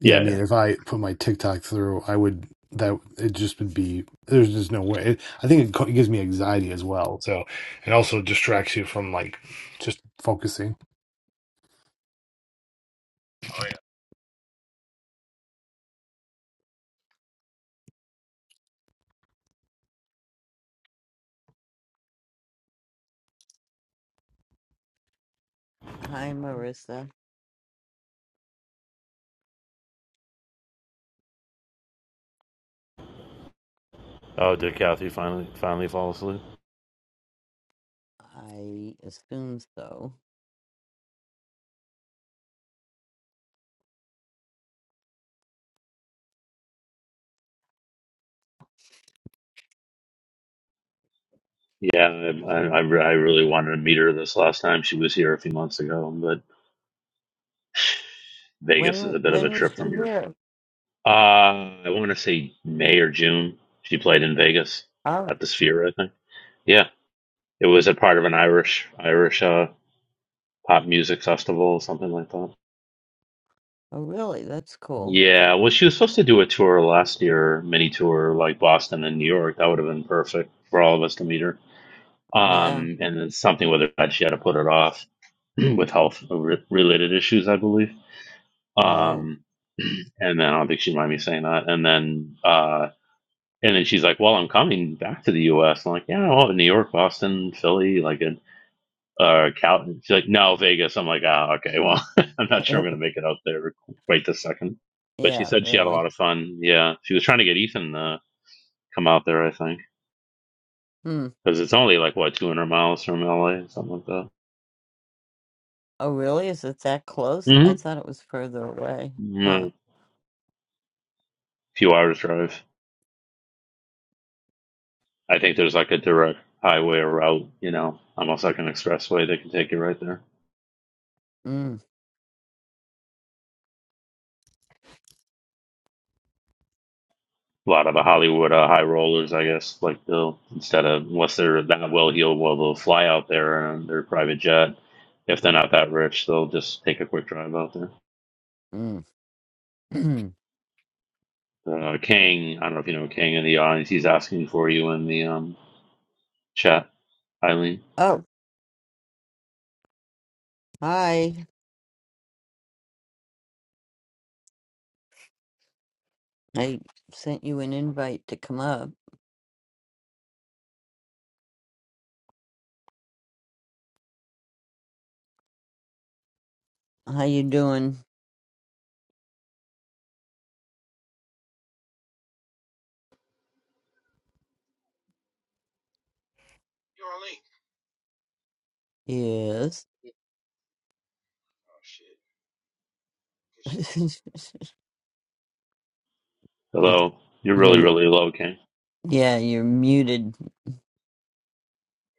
Speaker 10: yeah. I
Speaker 2: Yeah.
Speaker 10: mean,
Speaker 2: yeah.
Speaker 10: if I put my TikTok through, I would that it just would be there's just no way. It, I think it, co- it gives me anxiety as well. So it also distracts you from like just focusing.
Speaker 2: Oh
Speaker 1: Hi, Marissa.
Speaker 2: yeah. Oh, did Kathy finally finally fall asleep?
Speaker 1: I assume so.
Speaker 2: Yeah, I, I, I really wanted to meet her this last time she was here a few months ago, but Vegas is
Speaker 1: When
Speaker 2: a bit of a
Speaker 1: when was
Speaker 2: trip from
Speaker 1: she
Speaker 2: here.
Speaker 1: here?
Speaker 2: Uh, I want to say May or June. She played in Vegas
Speaker 1: Oh,
Speaker 2: at the Sphere, I think. Yeah, it was a part of an Irish Irish uh, pop music festival something like that.
Speaker 1: oh, really? That's cool.
Speaker 2: Yeah, well, she was supposed to do a tour last year, mini tour, like Boston and New York. That would have been perfect for all of us to meet her.
Speaker 1: Yeah.
Speaker 2: Um, and then something with her that she had to put it off with health re- related issues, I believe.
Speaker 1: Oh,
Speaker 2: Um, and then I don't think she'd mind me saying that. And then, uh, and then she's like, "Well, I'm coming back to the U.S." I'm like, "Yeah, well, New York, Boston, Philly, like it, or Cal. She's like, no, Vegas. I'm like, ah, okay. Well, I'm not sure I'm going to make it out there right this second. But she
Speaker 1: yeah.
Speaker 2: said she had a
Speaker 1: Really.
Speaker 2: lot of fun. Yeah, she was trying to get Ethan to come out there. I think
Speaker 1: Hmm.
Speaker 2: because it's only like what 200 miles from LA, something like that.
Speaker 1: Oh, really? Is it that close? I thought it was further away.
Speaker 2: Mm-hmm.
Speaker 1: Huh.
Speaker 2: A few hours drive. I think there's like a direct highway or route. You know, almost like an expressway that can take you right there.
Speaker 1: Mm.
Speaker 2: a lot of the Hollywood uh, high rollers, I guess, like they'll instead of unless they're that well heeled, well they'll fly out there on their private jet. If they're not that rich, they'll just take a quick drive out there.
Speaker 1: Mm.
Speaker 2: Uh, Kang, I don't know if you know Kang in the audience. He's asking for you in the um, chat, Eileen.
Speaker 1: oh, hi. I sent you an invite to come up. How you doing?
Speaker 12: Yo, Arlene.
Speaker 1: Yes.
Speaker 12: Oh shit. Guess you don't
Speaker 1: you
Speaker 2: Hello, you're really
Speaker 1: you're-
Speaker 2: really low, Kang.
Speaker 1: yeah, you're muted.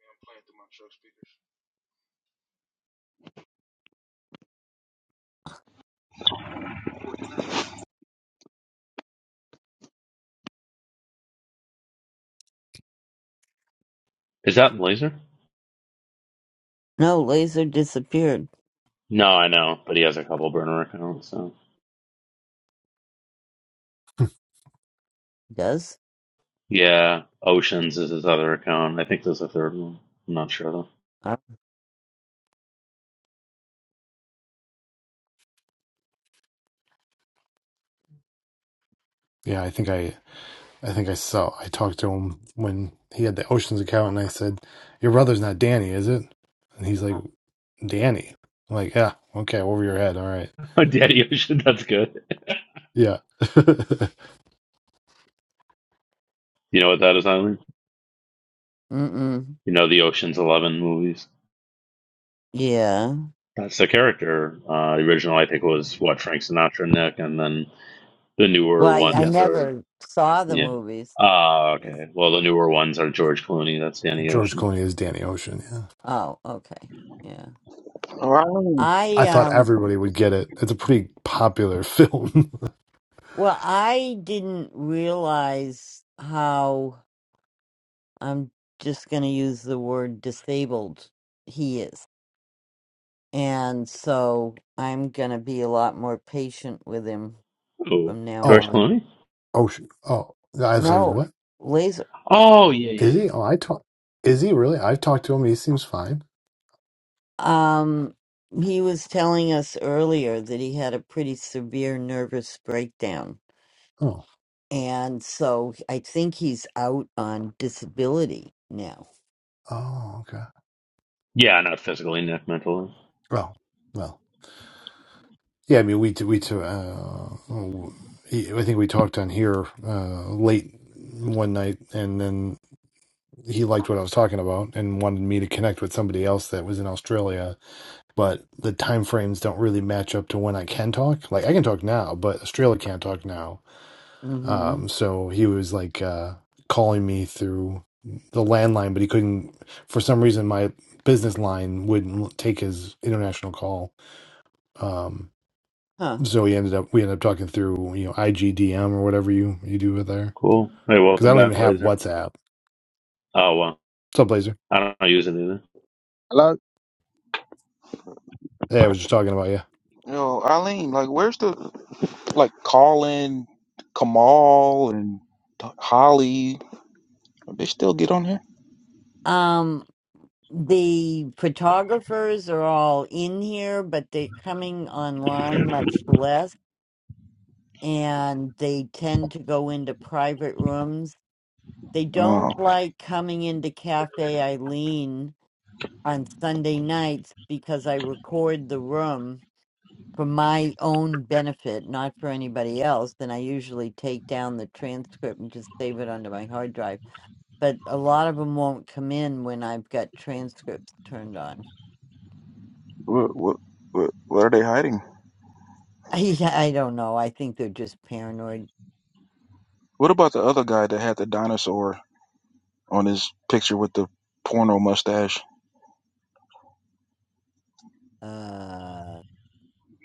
Speaker 12: remember me. I'm playing through my truck speakers.
Speaker 2: Is that Laser?
Speaker 1: No, laser disappeared.
Speaker 2: No, I know, but he has a couple burner accounts. So
Speaker 1: Does?
Speaker 2: yeah, Oceans is his other account. I think there's a third one. I'm not sure
Speaker 1: Uh,
Speaker 10: Yeah, I think I I think I saw I talked to him when he had the Oceans account, and I said, "Your brother's not Danny, is it?" And he's like, "Danny." I'm like, yeah, okay, over your head. All right,
Speaker 2: though. Daddy Ocean, that's good.
Speaker 10: yeah,
Speaker 2: You know what that is, Eileen?
Speaker 1: Mm-mm.
Speaker 2: You know, the Ocean's Eleven movies.
Speaker 1: Yeah.
Speaker 2: That's the character. Uh, the original, I think, was what Frank Sinatra, Nick, and then the
Speaker 1: Well,
Speaker 2: newer
Speaker 1: I, I
Speaker 2: ones
Speaker 10: yes.
Speaker 2: are
Speaker 1: never saw the
Speaker 2: yeah.
Speaker 1: movies.
Speaker 2: Ah, okay. Well, the newer ones are George Clooney. That's Danny
Speaker 10: George
Speaker 2: Ocean.
Speaker 10: Clooney is Danny Ocean. Yeah,
Speaker 1: Oh, okay. Yeah.
Speaker 10: I
Speaker 1: I
Speaker 10: thought
Speaker 1: um
Speaker 10: everybody would get it. It's a pretty popular film.
Speaker 1: well, I didn't realize how I'm just going to use the word disabled he is. And so I'm going to be a lot more patient with him
Speaker 2: Oh,
Speaker 1: from now
Speaker 10: oh,
Speaker 2: George
Speaker 1: on.
Speaker 2: Clooney.
Speaker 10: Ocean. Oh, I was like,
Speaker 1: No,
Speaker 10: what
Speaker 1: laser.
Speaker 2: Oh, yeah, yeah,
Speaker 10: is he?
Speaker 2: yeah.
Speaker 10: Oh, I talk. Is he really? I've talked to him. He seems fine.
Speaker 1: Um, he was telling us earlier that he had a pretty severe nervous breakdown.
Speaker 10: Oh,
Speaker 1: And so I think he's out on disability now.
Speaker 10: oh, okay.
Speaker 2: Yeah, not physically, Nick, mentally.
Speaker 10: Well, well. Yeah, I mean, we t- we t- uh, he, I think we talked on here uh, late one night, and then he liked what I was talking about and wanted me to connect with somebody else that was in Australia. But the time frames don't really match up to when I can talk. Like I can talk now, but Australia can't talk now.
Speaker 1: Mm-hmm.
Speaker 10: Um, so he was like uh, calling me through the landline, but he couldn't. For some reason, my business line wouldn't take his international call. Um,
Speaker 1: Huh.
Speaker 10: so we ended up we ended up talking through you know IGDM or whatever you you do with there
Speaker 2: Cool. Hey,
Speaker 10: because I
Speaker 2: welcome
Speaker 10: don't even
Speaker 2: back,
Speaker 10: have
Speaker 2: Laser.
Speaker 10: WhatsApp.
Speaker 2: Oh well,
Speaker 10: What's up, Blazer?
Speaker 2: I don't use it either.
Speaker 7: Hello?
Speaker 10: Hey, I was just talking about you.
Speaker 12: Yo, Eileen, like, where's the like Colin, Kamal, and T- Holly? Are they still get on here?
Speaker 1: Um, the photographers are all in here, but they're coming online much less, and they tend to go into private rooms They
Speaker 12: Oh,
Speaker 1: don't like coming into Cafe Eileen on Sunday nights because I record the room for my own benefit, not for anybody else. Then I usually take down the transcript and just save it onto my hard drive. But a lot of them won't come in when I've got transcripts turned on.
Speaker 12: what, what, what, what are they hiding?
Speaker 1: I, I don't know. I think they're just paranoid.
Speaker 12: What about the other guy that had the dinosaur on his picture with the porno mustache?
Speaker 1: Uh,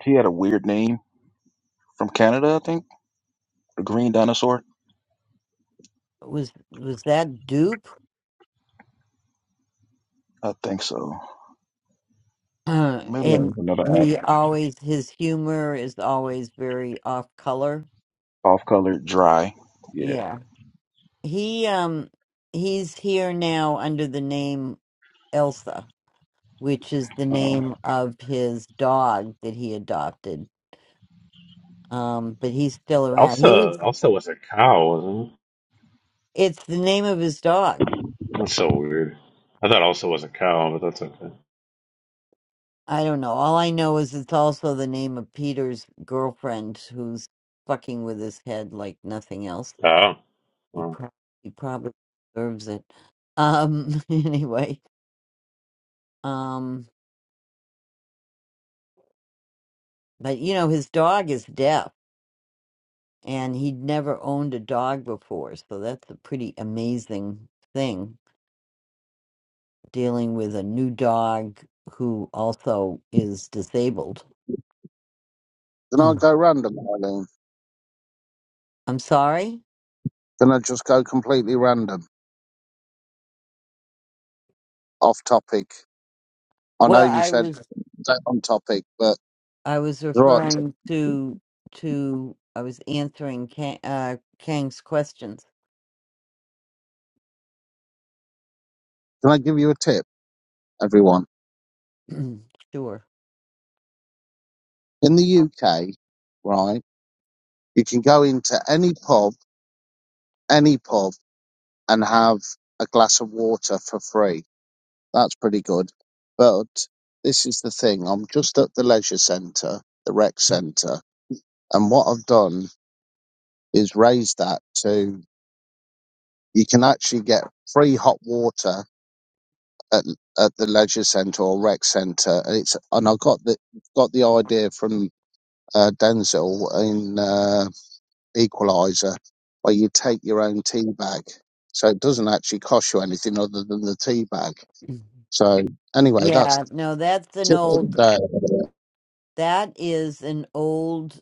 Speaker 12: He had a weird name from Canada, I think. A green dinosaur.
Speaker 1: was was that dupe?
Speaker 12: I think so. Maybe that
Speaker 1: and
Speaker 12: was another app.
Speaker 1: he always his humor is always very off color.
Speaker 12: Off color, dry. Yeah.
Speaker 1: Yeah. He um he's here now under the name Elsa, which is the
Speaker 12: Um,
Speaker 1: name of his dog that he adopted. Um but he's still around. He was
Speaker 2: Elsa, Elsa was a cow, wasn't it?
Speaker 1: it's the name of his dog.
Speaker 2: That's so weird. I thought Elsa was a cow, but that's okay.
Speaker 1: I don't know. All I know is it's also the name of Peter's girlfriend who's fucking with his head like nothing else.
Speaker 2: Oh,
Speaker 1: He,
Speaker 2: well,
Speaker 1: pro- he probably deserves it. Um, anyway, um, but you know, his dog is deaf and he'd never owned a dog before. So that's a pretty amazing thing dealing with a new dog who also is disabled.
Speaker 7: Can I
Speaker 1: Mm.
Speaker 7: go random, Eileen?
Speaker 1: I'm sorry?
Speaker 7: Can I just go completely random, off topic? I know
Speaker 1: Well,
Speaker 7: you
Speaker 1: I
Speaker 7: said
Speaker 1: was,
Speaker 7: don't on topic, but it's
Speaker 1: I was
Speaker 7: all right.
Speaker 1: referring to, to, I was answering Kang, uh, Kang's questions.
Speaker 7: Can I give you a tip, everyone?
Speaker 1: sure.
Speaker 7: In the UK, right, you can go into any pub, any pub, and have a glass of water for free. That's pretty good. But this is the thing. I'm just at the leisure centre, the rec centre, and what I've done is raised that to you can actually get free hot water at, at the leisure centre or rec centre. And it's and I got the got the idea from uh, Denzel in uh, Equalizer, where you take your own tea bag, so it doesn't actually cost you anything other than the tea bag.
Speaker 1: Mhm.
Speaker 7: So anyway, that's
Speaker 1: Yeah, no, that's an
Speaker 7: the tip of
Speaker 1: old
Speaker 7: the day.
Speaker 1: That is an old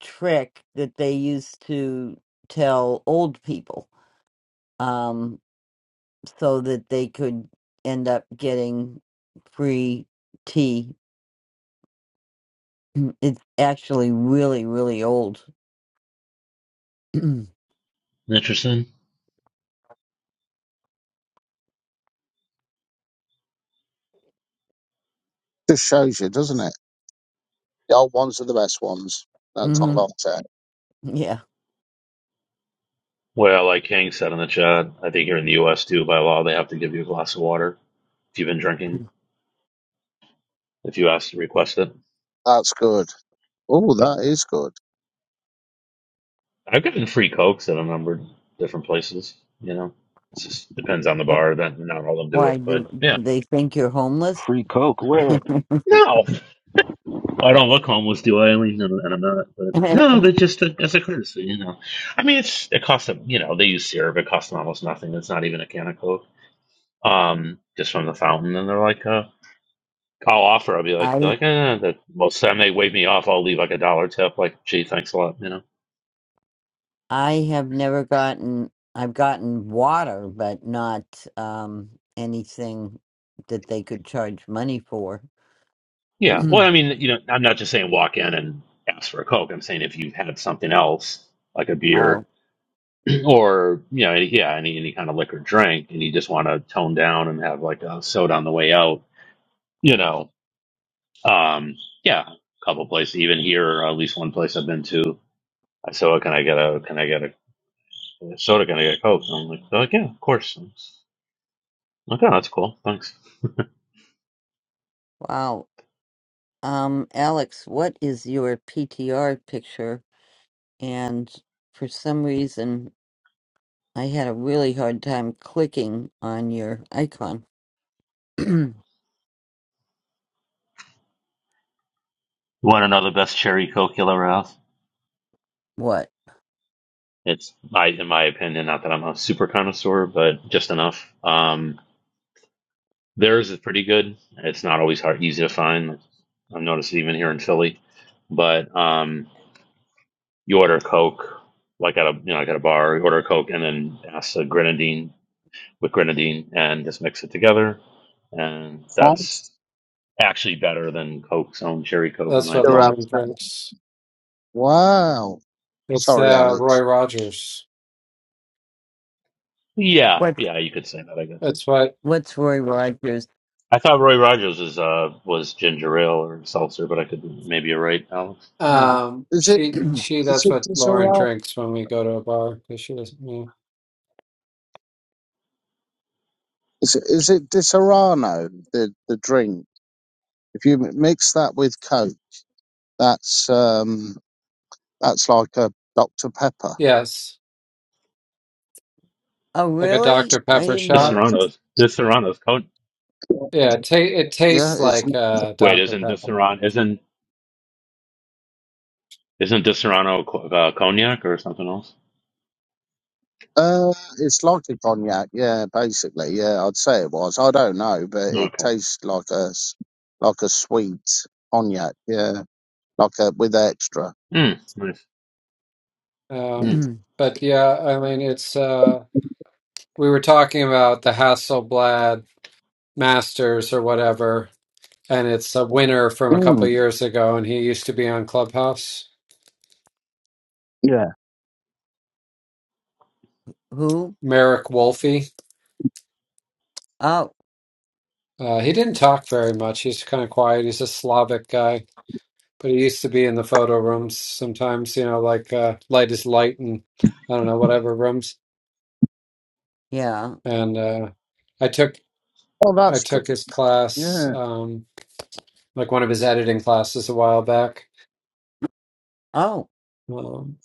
Speaker 1: trick that they used to tell old people um, so that they could end up getting free tea. It's actually really, really old. hmm
Speaker 2: interesting.
Speaker 7: Just shows you, doesn't it? The old ones are the best ones. That's not long term.
Speaker 1: Yeah.
Speaker 2: Well, like Hank said in the chat, I think here in the U.S. too, by law, they have to give you a glass of water if you've been drinking, if you ask to request it.
Speaker 7: That's good. Oh, that is good.
Speaker 2: I've gotten free cokes at a number of different places. You know, it just depends on the bar. That not all of them do
Speaker 1: Why
Speaker 2: it, but
Speaker 1: do, do
Speaker 2: yeah.
Speaker 1: they think you're homeless?
Speaker 12: free Coke. Where?
Speaker 2: No, well, I don't look homeless, do I, Eileen? And, and I'm not. But
Speaker 1: I
Speaker 2: no, that's just as a courtesy, you know. I mean, it's it costs them. You know, they use syrup. It costs them almost nothing. It's not even a can of coke. Um, just from the fountain, and they're like, uh, I'll offer. I'll be like, they're like,
Speaker 1: I
Speaker 2: eh, that most of the time they wave me off, I'll leave like a dollar tip. Like, gee, thanks a lot. You know?
Speaker 1: have never gotten I've gotten water, but not um anything that they could charge money for.
Speaker 2: Yeah. Well, I mean, you know, I'm not just saying walk in and ask for a coke. I'm saying if you've had something else, like a beer
Speaker 1: wow.
Speaker 2: or you know, any, yeah, any any kind of liquor drink, and you just want to tone down and have like a soda on the way out. You know, um, yeah, a couple places, even here, or at least one place I've been to. I said, oh, can I get a, can I get a soda? Can I get a coke? And I'm like, "Oh, yeah, of course. I'm like, oh, that's cool. Thanks.
Speaker 1: Wow. Um, Alex, what is your PTR picture? And for some reason, I had a really hard time clicking on your icon.
Speaker 2: You want to know the best cherry Coke you'll ever have?
Speaker 1: what?
Speaker 2: It's, I, in my opinion, not that I'm a super connoisseur, but just enough. Um, theirs is pretty good. It's not always hard, easy to find. I've noticed it even here in Philly. But um, you order a Coke, like at a you know like at a bar, you order a Coke and then ask a grenadine with grenadine and just mix it together, and
Speaker 7: Five.
Speaker 2: that's actually better than Coke's own cherry Coke, in
Speaker 13: That's
Speaker 2: my
Speaker 13: what
Speaker 2: opinion.
Speaker 13: Lauren drinks.
Speaker 7: Wow.
Speaker 13: It's
Speaker 7: Sorry,
Speaker 13: uh, Roy
Speaker 7: Alex.
Speaker 13: Rogers.
Speaker 2: Yeah,
Speaker 1: What?
Speaker 2: yeah, you could say that, I guess.
Speaker 13: That's what
Speaker 1: What's Roy Rogers?
Speaker 2: I thought Roy Rogers was uh was ginger ale or seltzer, but I could maybe you're right, Alex.
Speaker 1: Huh?
Speaker 13: um
Speaker 7: Is it?
Speaker 13: she she.
Speaker 7: Is
Speaker 13: That's
Speaker 7: it?
Speaker 13: what
Speaker 7: Is
Speaker 13: Lauren drinks when we go to a bar because she doesn't know.
Speaker 7: Is it, is it Disaronno, the, the drink? If you m- mix that with Coke, that's um, that's like a Dr Pepper.
Speaker 13: Yes,
Speaker 1: Oh,
Speaker 13: like a
Speaker 1: really?
Speaker 13: Dr
Speaker 1: I
Speaker 13: Pepper
Speaker 1: didn't
Speaker 13: shot.
Speaker 1: know
Speaker 2: Disaronno's Disaronno's con-
Speaker 13: Yeah, it, ta it
Speaker 7: Yeah,
Speaker 13: tastes
Speaker 7: it's
Speaker 13: like uh,
Speaker 2: wait,
Speaker 13: Dr
Speaker 2: isn't
Speaker 13: Pepper.
Speaker 2: Disaron isn't isn't Disaronno co- uh, cognac or something else?
Speaker 7: uh, it's like a cognac. Yeah, basically. Yeah, I'd say it was. I don't know, but it
Speaker 2: Okay.
Speaker 7: tastes like a s- like a sweet cognac. Yeah, like a with extra.
Speaker 2: Mm, nice.
Speaker 13: Um,
Speaker 2: Mm,
Speaker 1: that.
Speaker 13: but yeah, I mean, it's uh, we were talking about the Hasselblad Masters or whatever, and it's a winner from a couple
Speaker 7: Mm,
Speaker 13: years ago, and he used to be on Clubhouse.
Speaker 7: yeah.
Speaker 1: Who?
Speaker 13: Merrick Wolfe.
Speaker 1: Oh,
Speaker 13: Uh, he didn't talk very much. He's kind of quiet. He's a Slavic guy, but he used to be in the photo rooms sometimes, you know, like uh, Light is Light and I don't know, whatever rooms.
Speaker 1: yeah.
Speaker 13: And uh, I took
Speaker 7: Oh,
Speaker 13: I
Speaker 7: that's good.
Speaker 13: took his class,
Speaker 7: Yeah.
Speaker 13: um, like one of his editing classes a while back.
Speaker 1: Oh,
Speaker 13: Um,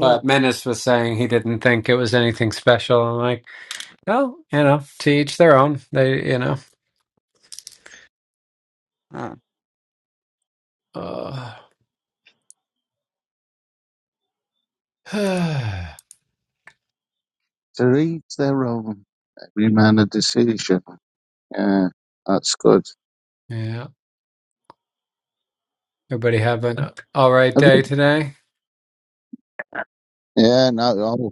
Speaker 13: but Menace was saying he didn't think it was anything special. I'm like, oh, you know, to each their own. They, you know,
Speaker 1: Huh.
Speaker 13: uh, yeah.
Speaker 7: To each their own. Every man a decision. Yeah, that's good.
Speaker 13: Everybody have an uh, all right
Speaker 7: Have
Speaker 13: day
Speaker 7: you?
Speaker 13: today.
Speaker 7: Yeah, no.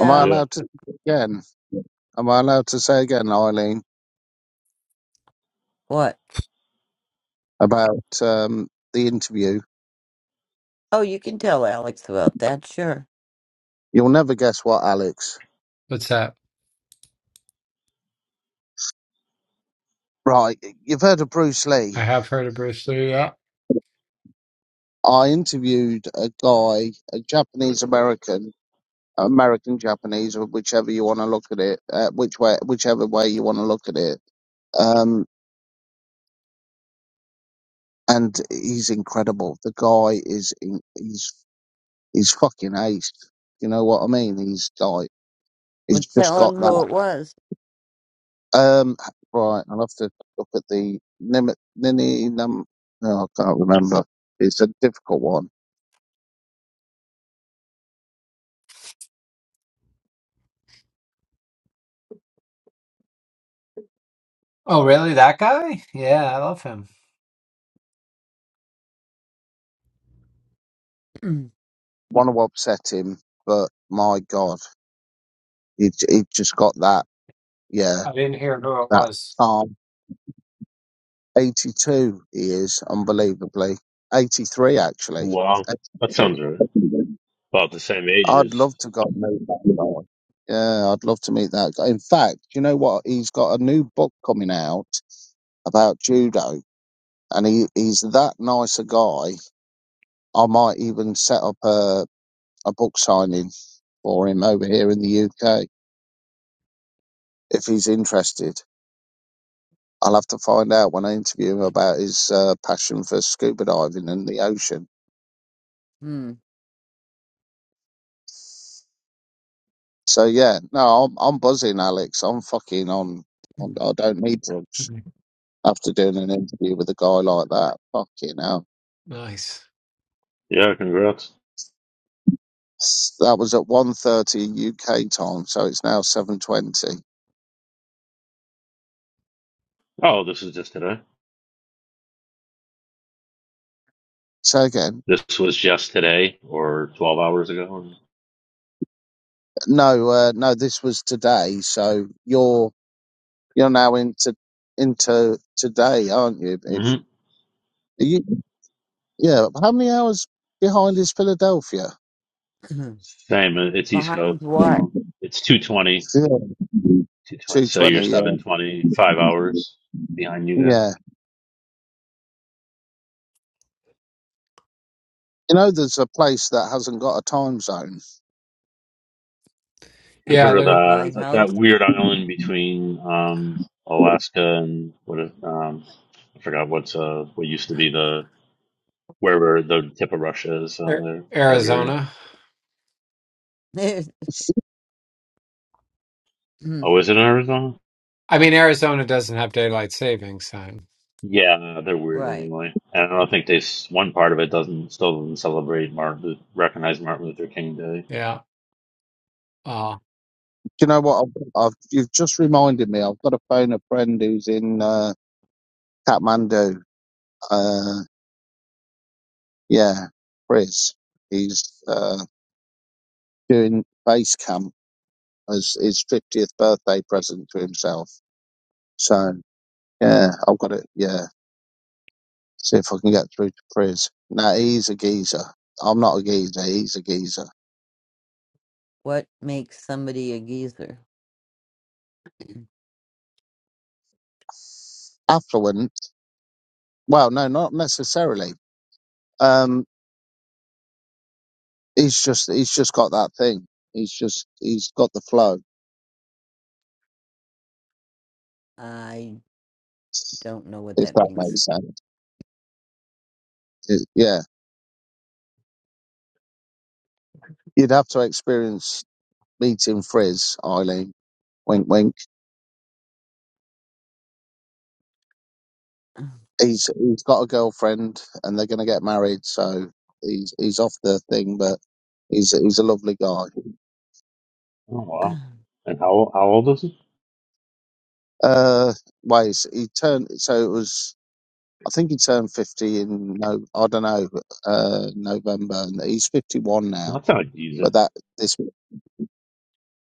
Speaker 7: Am I
Speaker 2: yeah.
Speaker 7: allowed to again? Am I allowed to say again, Eileen,
Speaker 1: What?
Speaker 7: about um, the interview?
Speaker 1: Oh, you can tell Alex about that, sure.
Speaker 7: You'll never guess what, Alex.
Speaker 13: What's that?
Speaker 7: Right, you've heard of Bruce
Speaker 13: I
Speaker 7: Lee.
Speaker 13: have heard of Bruce Lee. Yeah,
Speaker 7: I interviewed a guy, a Japanese American, American Japanese, or whichever you want to look at it, uh, which way, whichever way you want to look at it. Um, and he's incredible. The guy is, in, he's, he's fucking ace. You know what I mean? He's like,
Speaker 1: Well,
Speaker 7: he's just
Speaker 1: tell
Speaker 7: got
Speaker 1: him
Speaker 7: that.
Speaker 1: who it was.
Speaker 7: Um, right, I'll have to look at the Nini. Nini num, no, I can't remember. It's a difficult one.
Speaker 13: Oh, really? That guy? Yeah, I love him.
Speaker 7: Want to upset him, but my God, he j- he just got that. Yeah,
Speaker 13: I didn't hear who it
Speaker 7: that
Speaker 13: was.
Speaker 7: calm. Eighty-two, he is unbelievably. Eighty-three, actually.
Speaker 2: Wow. That
Speaker 7: Eighty-three.
Speaker 2: sounds right. About the same age
Speaker 7: I'd
Speaker 2: as
Speaker 7: love to go and meet that guy. Yeah, I'd love to meet that guy. In fact, you know what? He's got a new book coming out about judo, and he, he's that nice a guy I might even set up a, a book signing for him over here in the UK if he's interested. I'll have to find out when I interview him about his uh, passion for scuba diving and the ocean.
Speaker 1: hmm.
Speaker 7: So yeah, no, I'm, I'm buzzing, Alex. I'm fucking on, on. I don't need drugs after doing an interview with a guy like that. Fucking hell.
Speaker 13: Nice.
Speaker 2: yeah. Congrats.
Speaker 7: S- That was at one thirty UK time, so it's now 7.20.
Speaker 2: Oh, this is just today.
Speaker 7: So again,
Speaker 2: This was just today or twelve hours ago.
Speaker 7: no, uh, no, this was today. So you're You're now into into today, aren't you? If
Speaker 2: hmm
Speaker 7: you, are you yeah, how many hours behind is Philadelphia?
Speaker 2: Same. uh, It's East
Speaker 1: Behind
Speaker 2: Coast,
Speaker 1: what?
Speaker 2: so it's two twenty
Speaker 7: Yeah.
Speaker 2: 220.
Speaker 7: Two
Speaker 2: So you're
Speaker 7: twenty. Yeah,
Speaker 2: seven twenty five hours behind you guys.
Speaker 7: yeah. You know, there's a place that hasn't got a time zone.
Speaker 2: I've
Speaker 13: Yeah,
Speaker 2: heard of
Speaker 13: they're,
Speaker 2: that.
Speaker 1: My
Speaker 2: Is that,
Speaker 1: house?
Speaker 2: that weird island between um,
Speaker 7: Do
Speaker 2: Alaska and what? it- Um, I forgot what's uh, what used to be the wherever the tip of Russia is on
Speaker 13: they're
Speaker 2: there, Siberia.
Speaker 13: Arizona.
Speaker 1: There's-
Speaker 2: Oh, is it in Arizona?
Speaker 13: I mean, Arizona doesn't have daylight savings time.
Speaker 2: Yeah, they're weird
Speaker 1: right.
Speaker 2: anyway. And I don't think they s- one part of it doesn't still doesn't celebrate Martin Lu- recognize Martin Luther King Day.
Speaker 13: Yeah. Uh,
Speaker 7: you know what? I've, I've you've just reminded me. I've got to phone a friend who's in uh, Kathmandu. Uh, yeah, Chris. He's uh, doing base camp as his fiftieth birthday present to himself. So yeah, I've got it. Yeah, see if I can get through to Priz. No, he's a geezer. I'm not a geezer. He's a geezer.
Speaker 1: What makes somebody a geezer?
Speaker 7: Affluent? Well, no, not necessarily. Um, he's just he's just got that thing. He's just he's got the flow.
Speaker 1: I don't know what
Speaker 7: If
Speaker 1: that
Speaker 7: that
Speaker 1: means.
Speaker 7: makes sense. It- yeah, you'd have to experience meeting Frizz, Eileen. Wink, wink. He's he's got a girlfriend, and they're going to get married. So he's he's off the thing, but he's he's a lovely guy.
Speaker 2: Oh wow! And how how old is he?
Speaker 7: Uh, ways he turned. So it was. I think he turned fifty in no. I don't know. Uh, November, and he's fifty-one
Speaker 2: Well,
Speaker 7: now.
Speaker 2: that's not a geezer.
Speaker 7: But that this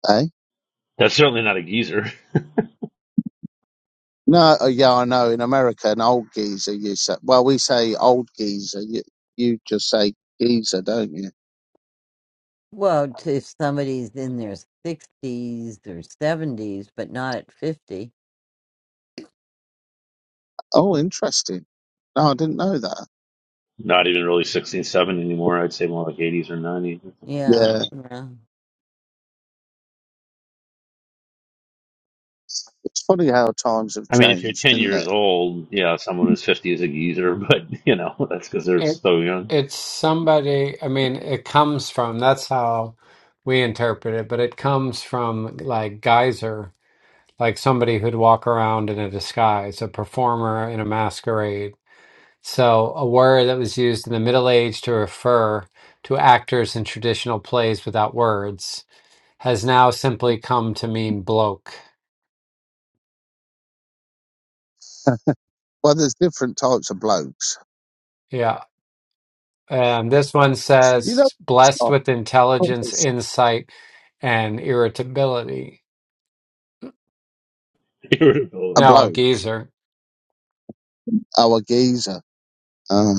Speaker 7: eh?
Speaker 2: That's certainly not a geezer.
Speaker 7: No, uh, yeah, I know. In America, an old geezer, you say. Well, we say old geezer. You you just say geezer, don't you?
Speaker 1: Well, t- if somebody's in their 60s or 70s, but not at 50.
Speaker 7: Oh, interesting. No, I didn't know that.
Speaker 2: Not even really 16, seventeen anymore. I'd say more like 80s or 90s.
Speaker 1: Yeah,
Speaker 7: Yeah,
Speaker 1: yeah.
Speaker 7: it's funny how times have
Speaker 2: I mean, if you're
Speaker 7: changed,
Speaker 2: 10
Speaker 7: isn't
Speaker 2: years
Speaker 7: it?
Speaker 2: old, yeah, someone who's 50 is a geezer, but, you know, that's because they're
Speaker 13: it
Speaker 2: so young.
Speaker 13: it's somebody. I mean, it comes from. That's how we interpret it. But it comes from like geyser, like somebody who'd walk around in a disguise, a performer in a masquerade. So, a word that was used in the Middle Age to refer to actors in traditional plays without words has now simply come to mean bloke.
Speaker 7: Well, there's different types of blokes.
Speaker 13: Yeah. And this one
Speaker 7: You know,
Speaker 13: says,
Speaker 7: it's
Speaker 13: blessed
Speaker 7: not-
Speaker 13: with intelligence, insight, and irritability.
Speaker 7: a
Speaker 2: Irritability.
Speaker 13: No, a
Speaker 7: bloke,
Speaker 13: geezer.
Speaker 7: oh, a geezer. uh,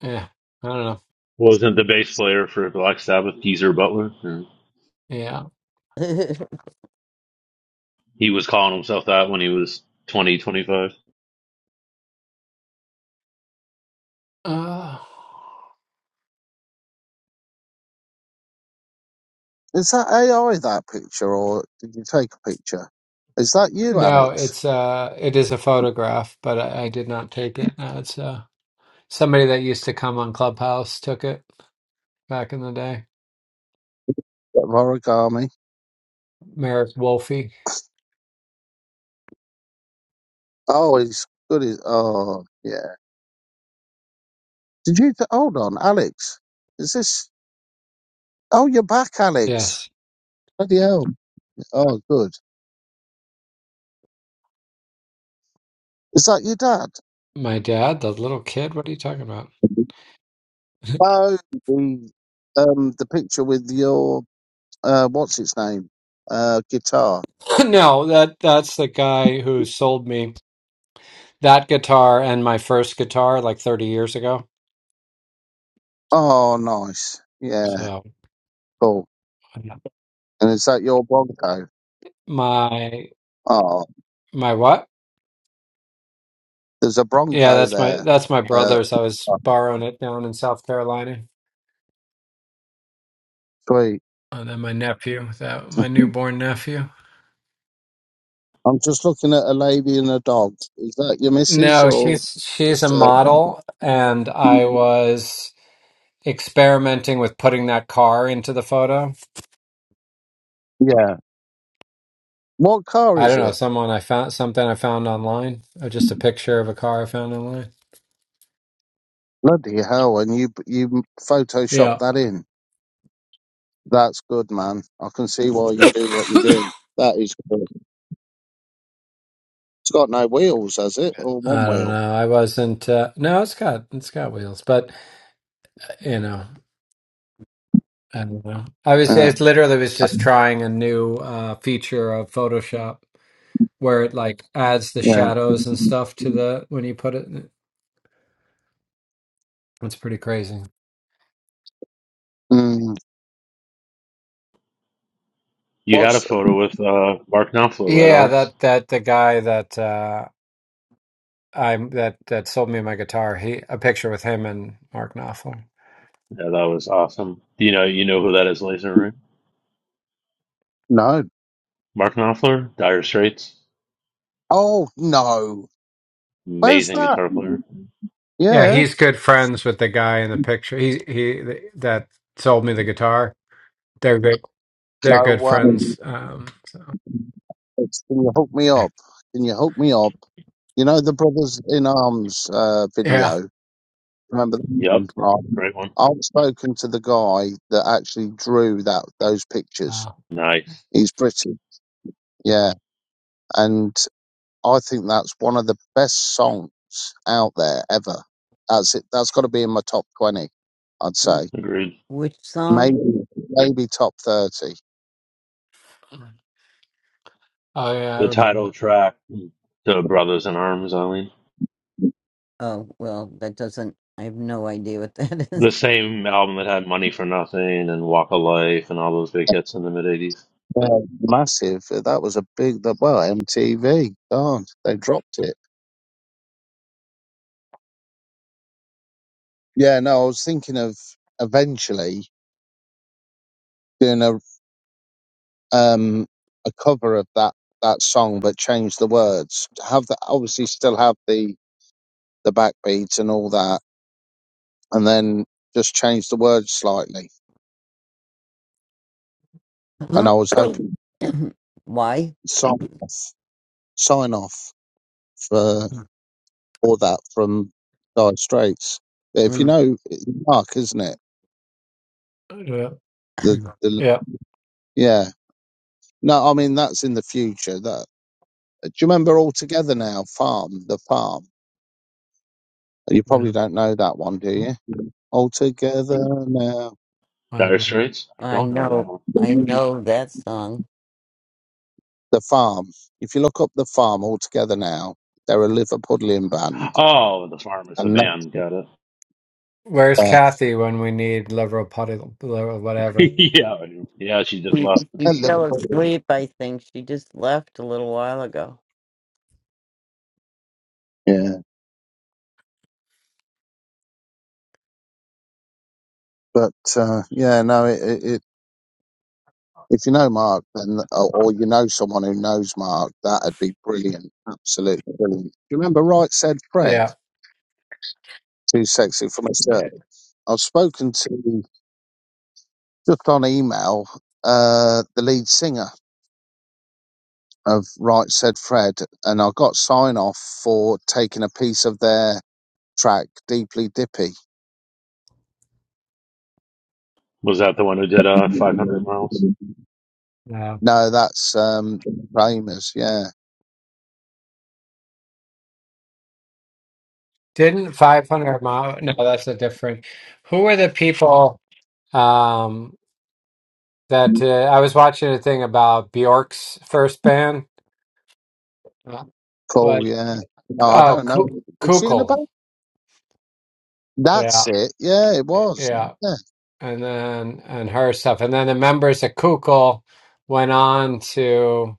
Speaker 13: Yeah. I don't know.
Speaker 2: Wasn't the bass player for Black Sabbath, Geezer Butler? Yeah.
Speaker 13: Yeah.
Speaker 2: He was calling himself that when he was twenty, twenty-five.
Speaker 13: Uh,
Speaker 7: Is that AI that picture, or did you take a picture? Is that you,
Speaker 13: no,
Speaker 7: Alex?
Speaker 13: it's uh it is a photograph, but I, I did not take it. No, it's uh somebody that used to come on Clubhouse took it back in the day.
Speaker 7: Bit Of origami.
Speaker 13: Merrick Wolfe.
Speaker 7: Oh, he's good. As, oh, yeah. Did you t- hold on, Alex? Is this? Oh, you're back, Alex.
Speaker 13: Yes.
Speaker 7: Bloody hell. Oh, good. Is that your dad?
Speaker 13: My dad, the little kid, what are you talking about?
Speaker 7: Oh, the um the picture with your uh what's its name uh guitar.
Speaker 13: no, that that's the guy who sold me that guitar and my first guitar like 30 years ago.
Speaker 7: Oh, nice. Yeah,
Speaker 13: So,
Speaker 7: cool. And is that your Bronco?
Speaker 13: my
Speaker 7: Oh,
Speaker 13: my what?
Speaker 7: there's a
Speaker 13: Yeah,
Speaker 7: Bronco
Speaker 13: that's my
Speaker 7: there.
Speaker 13: that's my
Speaker 7: Uh,
Speaker 13: brother's. I was borrowing it down in South Carolina.
Speaker 7: sweet.
Speaker 13: Oh, then my nephew, that my newborn nephew.
Speaker 7: I'm just looking at a lady and a dog. Is that your missus
Speaker 13: No,
Speaker 7: or
Speaker 13: she's she's a
Speaker 7: just a?
Speaker 13: model, and I was experimenting with putting that car into the photo.
Speaker 7: Yeah. What car
Speaker 13: I
Speaker 7: is
Speaker 13: don't know,
Speaker 7: it?
Speaker 13: someone I found something I found online, or just a picture of a car I found online.
Speaker 7: Bloody hell! And you you Photoshop
Speaker 13: Yeah.
Speaker 7: that in. That's good, man. I can see why you
Speaker 13: I
Speaker 7: do what you do. That is good. It's got no wheels, has it? Or one
Speaker 13: don't
Speaker 7: wheel?
Speaker 13: know. I wasn't. Uh, no, it's got it's got wheels, but you know, I don't know. I was.
Speaker 7: Uh,
Speaker 13: It literally was just trying a new uh, feature of Photoshop. where it like adds the
Speaker 7: yeah.
Speaker 13: shadows and stuff to the when you put it. It's pretty crazy.
Speaker 7: Mm,
Speaker 2: You had a
Speaker 7: what's
Speaker 2: photo with uh, Mark Knopfler, right,
Speaker 13: Yeah,
Speaker 2: Alex?
Speaker 13: that that the guy that uh I'm that that sold me my guitar. He a picture with him and Mark Knopfler.
Speaker 2: Yeah, that was awesome. You know, you know who that is, Laser, right?
Speaker 7: no?
Speaker 2: Mark Knopfler, Dire Straits.
Speaker 7: Oh no! Where's
Speaker 2: Amazing
Speaker 7: that?
Speaker 2: guitar player.
Speaker 13: Yeah,
Speaker 7: Yeah.
Speaker 13: he's good friends with the guy in the picture. He he that sold me the guitar. They're good. They're
Speaker 7: No
Speaker 13: good
Speaker 7: way.
Speaker 13: friends. Um,
Speaker 7: It's, can you hook me up? Can you hook me up? You know the Brothers in Arms uh,
Speaker 13: yeah.
Speaker 7: video. Remember that
Speaker 2: Yep.
Speaker 7: one? Right.
Speaker 2: Great one.
Speaker 7: I've spoken to the guy that actually drew that those pictures.
Speaker 13: Uh,
Speaker 2: Nice.
Speaker 7: He's British, yeah, and I think that's one of the best songs out there ever. That's it. That's got to be in my top twenty, I'd
Speaker 1: W-
Speaker 7: say.
Speaker 2: Agreed.
Speaker 1: Which
Speaker 7: Maybe
Speaker 1: song?
Speaker 7: maybe top thirty.
Speaker 13: oh yeah, I
Speaker 2: the
Speaker 13: remember.
Speaker 2: title track to Brothers in Arms, I mean.
Speaker 1: Oh, well, that doesn't, I have no idea what that is.
Speaker 2: The same album that had Money for Nothing and Walk of Life and all those big hits in the mid 80s.
Speaker 7: Yeah, massive. That was a big. Well, MTV. God, they dropped it. Yeah, no, I was thinking of eventually doing a um a cover of that that song, but change the words. Have the obviously still have the the backbeats and all that, and then just change the words slightly. And I was hoping
Speaker 1: Why?
Speaker 7: sign off, sign off for all that from Dire Straits. But if you
Speaker 1: Mm.
Speaker 7: know it's Mark, isn't it?
Speaker 13: Yeah,
Speaker 7: The the
Speaker 13: yeah.
Speaker 7: yeah. No, I mean that's in the future. That do you remember all together now? Farm the farm. You
Speaker 13: yeah.
Speaker 7: probably don't know that one, do you? All together now.
Speaker 13: I
Speaker 2: Dire
Speaker 13: do.
Speaker 2: Straits? I
Speaker 1: I
Speaker 2: don't know that
Speaker 1: know,
Speaker 2: one.
Speaker 1: I know that song.
Speaker 7: The farm. If you look up the farm all together now, they're a Liverpudlian band,
Speaker 2: Oh, The Farmers, the
Speaker 7: and that,
Speaker 2: band, got it.
Speaker 13: Where's
Speaker 7: uh,
Speaker 13: Kathy when we need liberal party, liberal whatever?
Speaker 2: yeah, I knew. yeah, she just
Speaker 1: She,
Speaker 2: left.
Speaker 7: a
Speaker 1: she fell
Speaker 7: Liverpudlian.
Speaker 1: asleep, I think. She just left a little while ago.
Speaker 7: Yeah, but uh, yeah, no. It, it, it if you know Mark, then or, or you know someone who knows Mark, that'd be brilliant. Absolutely brilliant. Do you remember Right Said Fred?
Speaker 13: Yeah.
Speaker 7: Too sexy for my shirt.
Speaker 13: Yeah,
Speaker 7: I've spoken to just on email uh, the lead singer of Right Said Fred, and I got sign off for taking a piece of their track, Deeply Dippy.
Speaker 2: Was that the one who did uh, 500 Miles?
Speaker 13: No,
Speaker 7: No, that's um Framers, yeah.
Speaker 13: didn't 500 mile. No, that's a different. Who were the people um that uh, I was watching a thing about Bjork's first band? Uh,
Speaker 7: Cool,
Speaker 13: Like
Speaker 7: yeah. No, I
Speaker 13: oh,
Speaker 7: don't know.
Speaker 13: Ku
Speaker 7: Was she in the
Speaker 13: Kukl.
Speaker 7: boat?
Speaker 13: Yeah,
Speaker 7: That's it. Yeah, it was.
Speaker 13: yeah,
Speaker 7: Yeah.
Speaker 13: and then and her stuff, and then the members of Kukul went on to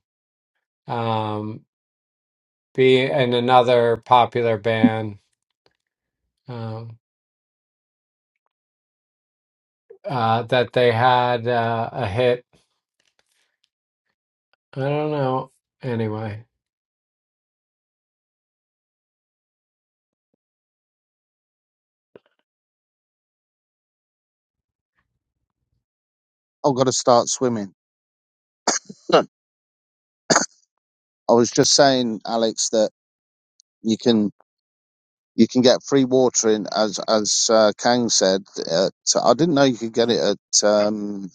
Speaker 13: um be in another popular band um uh that they had uh, a hit. I don't know. Anyway,
Speaker 7: I've got to start swimming. Huh. I was just saying, Alex, that you can. You can get free water in, as as uh, Kang said. At, I didn't know you could get it at um,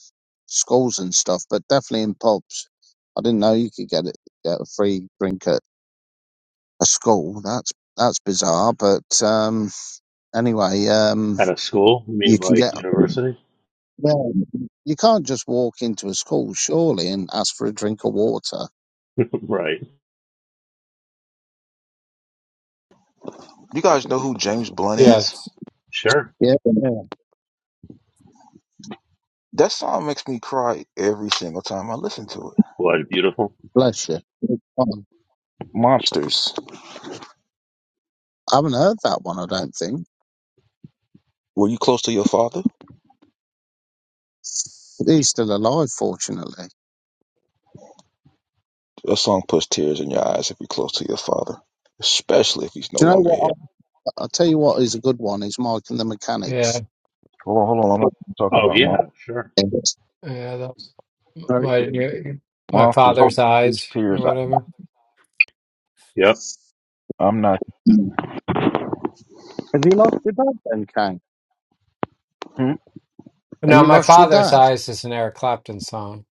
Speaker 7: schools and stuff, but definitely in pubs. I didn't know you could get it get a free drink at a school. That's that's bizarre, but um, anyway, um,
Speaker 2: At a school? You
Speaker 7: you
Speaker 2: mean
Speaker 7: can
Speaker 2: like
Speaker 7: get.
Speaker 2: university?
Speaker 7: Well, you can't just walk into a school, surely, and ask for a drink of water.
Speaker 2: right.
Speaker 12: You guys know who James Blunt is?
Speaker 13: yes.
Speaker 2: Sure.
Speaker 7: Yeah, yeah.
Speaker 12: That song makes me cry every single time I listen to it.
Speaker 2: What, beautiful?
Speaker 7: bless you.
Speaker 12: Monsters.
Speaker 7: I haven't heard that one. I don't think.
Speaker 12: Were you close to your father?
Speaker 7: But he's still alive, fortunately.
Speaker 12: That song puts tears in your eyes if you're close to your father, especially if he's no
Speaker 7: Do you know
Speaker 12: longer
Speaker 7: what?
Speaker 12: here.
Speaker 7: I'll tell you what is a good one is Mike and the
Speaker 13: Yeah,
Speaker 7: Mechanics.
Speaker 12: Hold on, hold on. I'm not talking
Speaker 2: Oh,
Speaker 12: about
Speaker 13: yeah,
Speaker 12: mon-
Speaker 2: yeah, sure.
Speaker 7: Yes.
Speaker 13: that was
Speaker 7: Very
Speaker 13: my
Speaker 7: good.
Speaker 13: my
Speaker 12: monsters.
Speaker 13: father's
Speaker 12: Whose
Speaker 13: eyes or
Speaker 12: tears? I,
Speaker 13: whatever.
Speaker 2: Yep.
Speaker 12: I'm not.
Speaker 7: Mm. Have you lost your dad then, Kang?
Speaker 12: Hmm?
Speaker 7: Have
Speaker 13: No,
Speaker 7: you
Speaker 13: my
Speaker 7: lost your
Speaker 13: father's
Speaker 7: dad?
Speaker 13: eyes is an Eric Clapton song.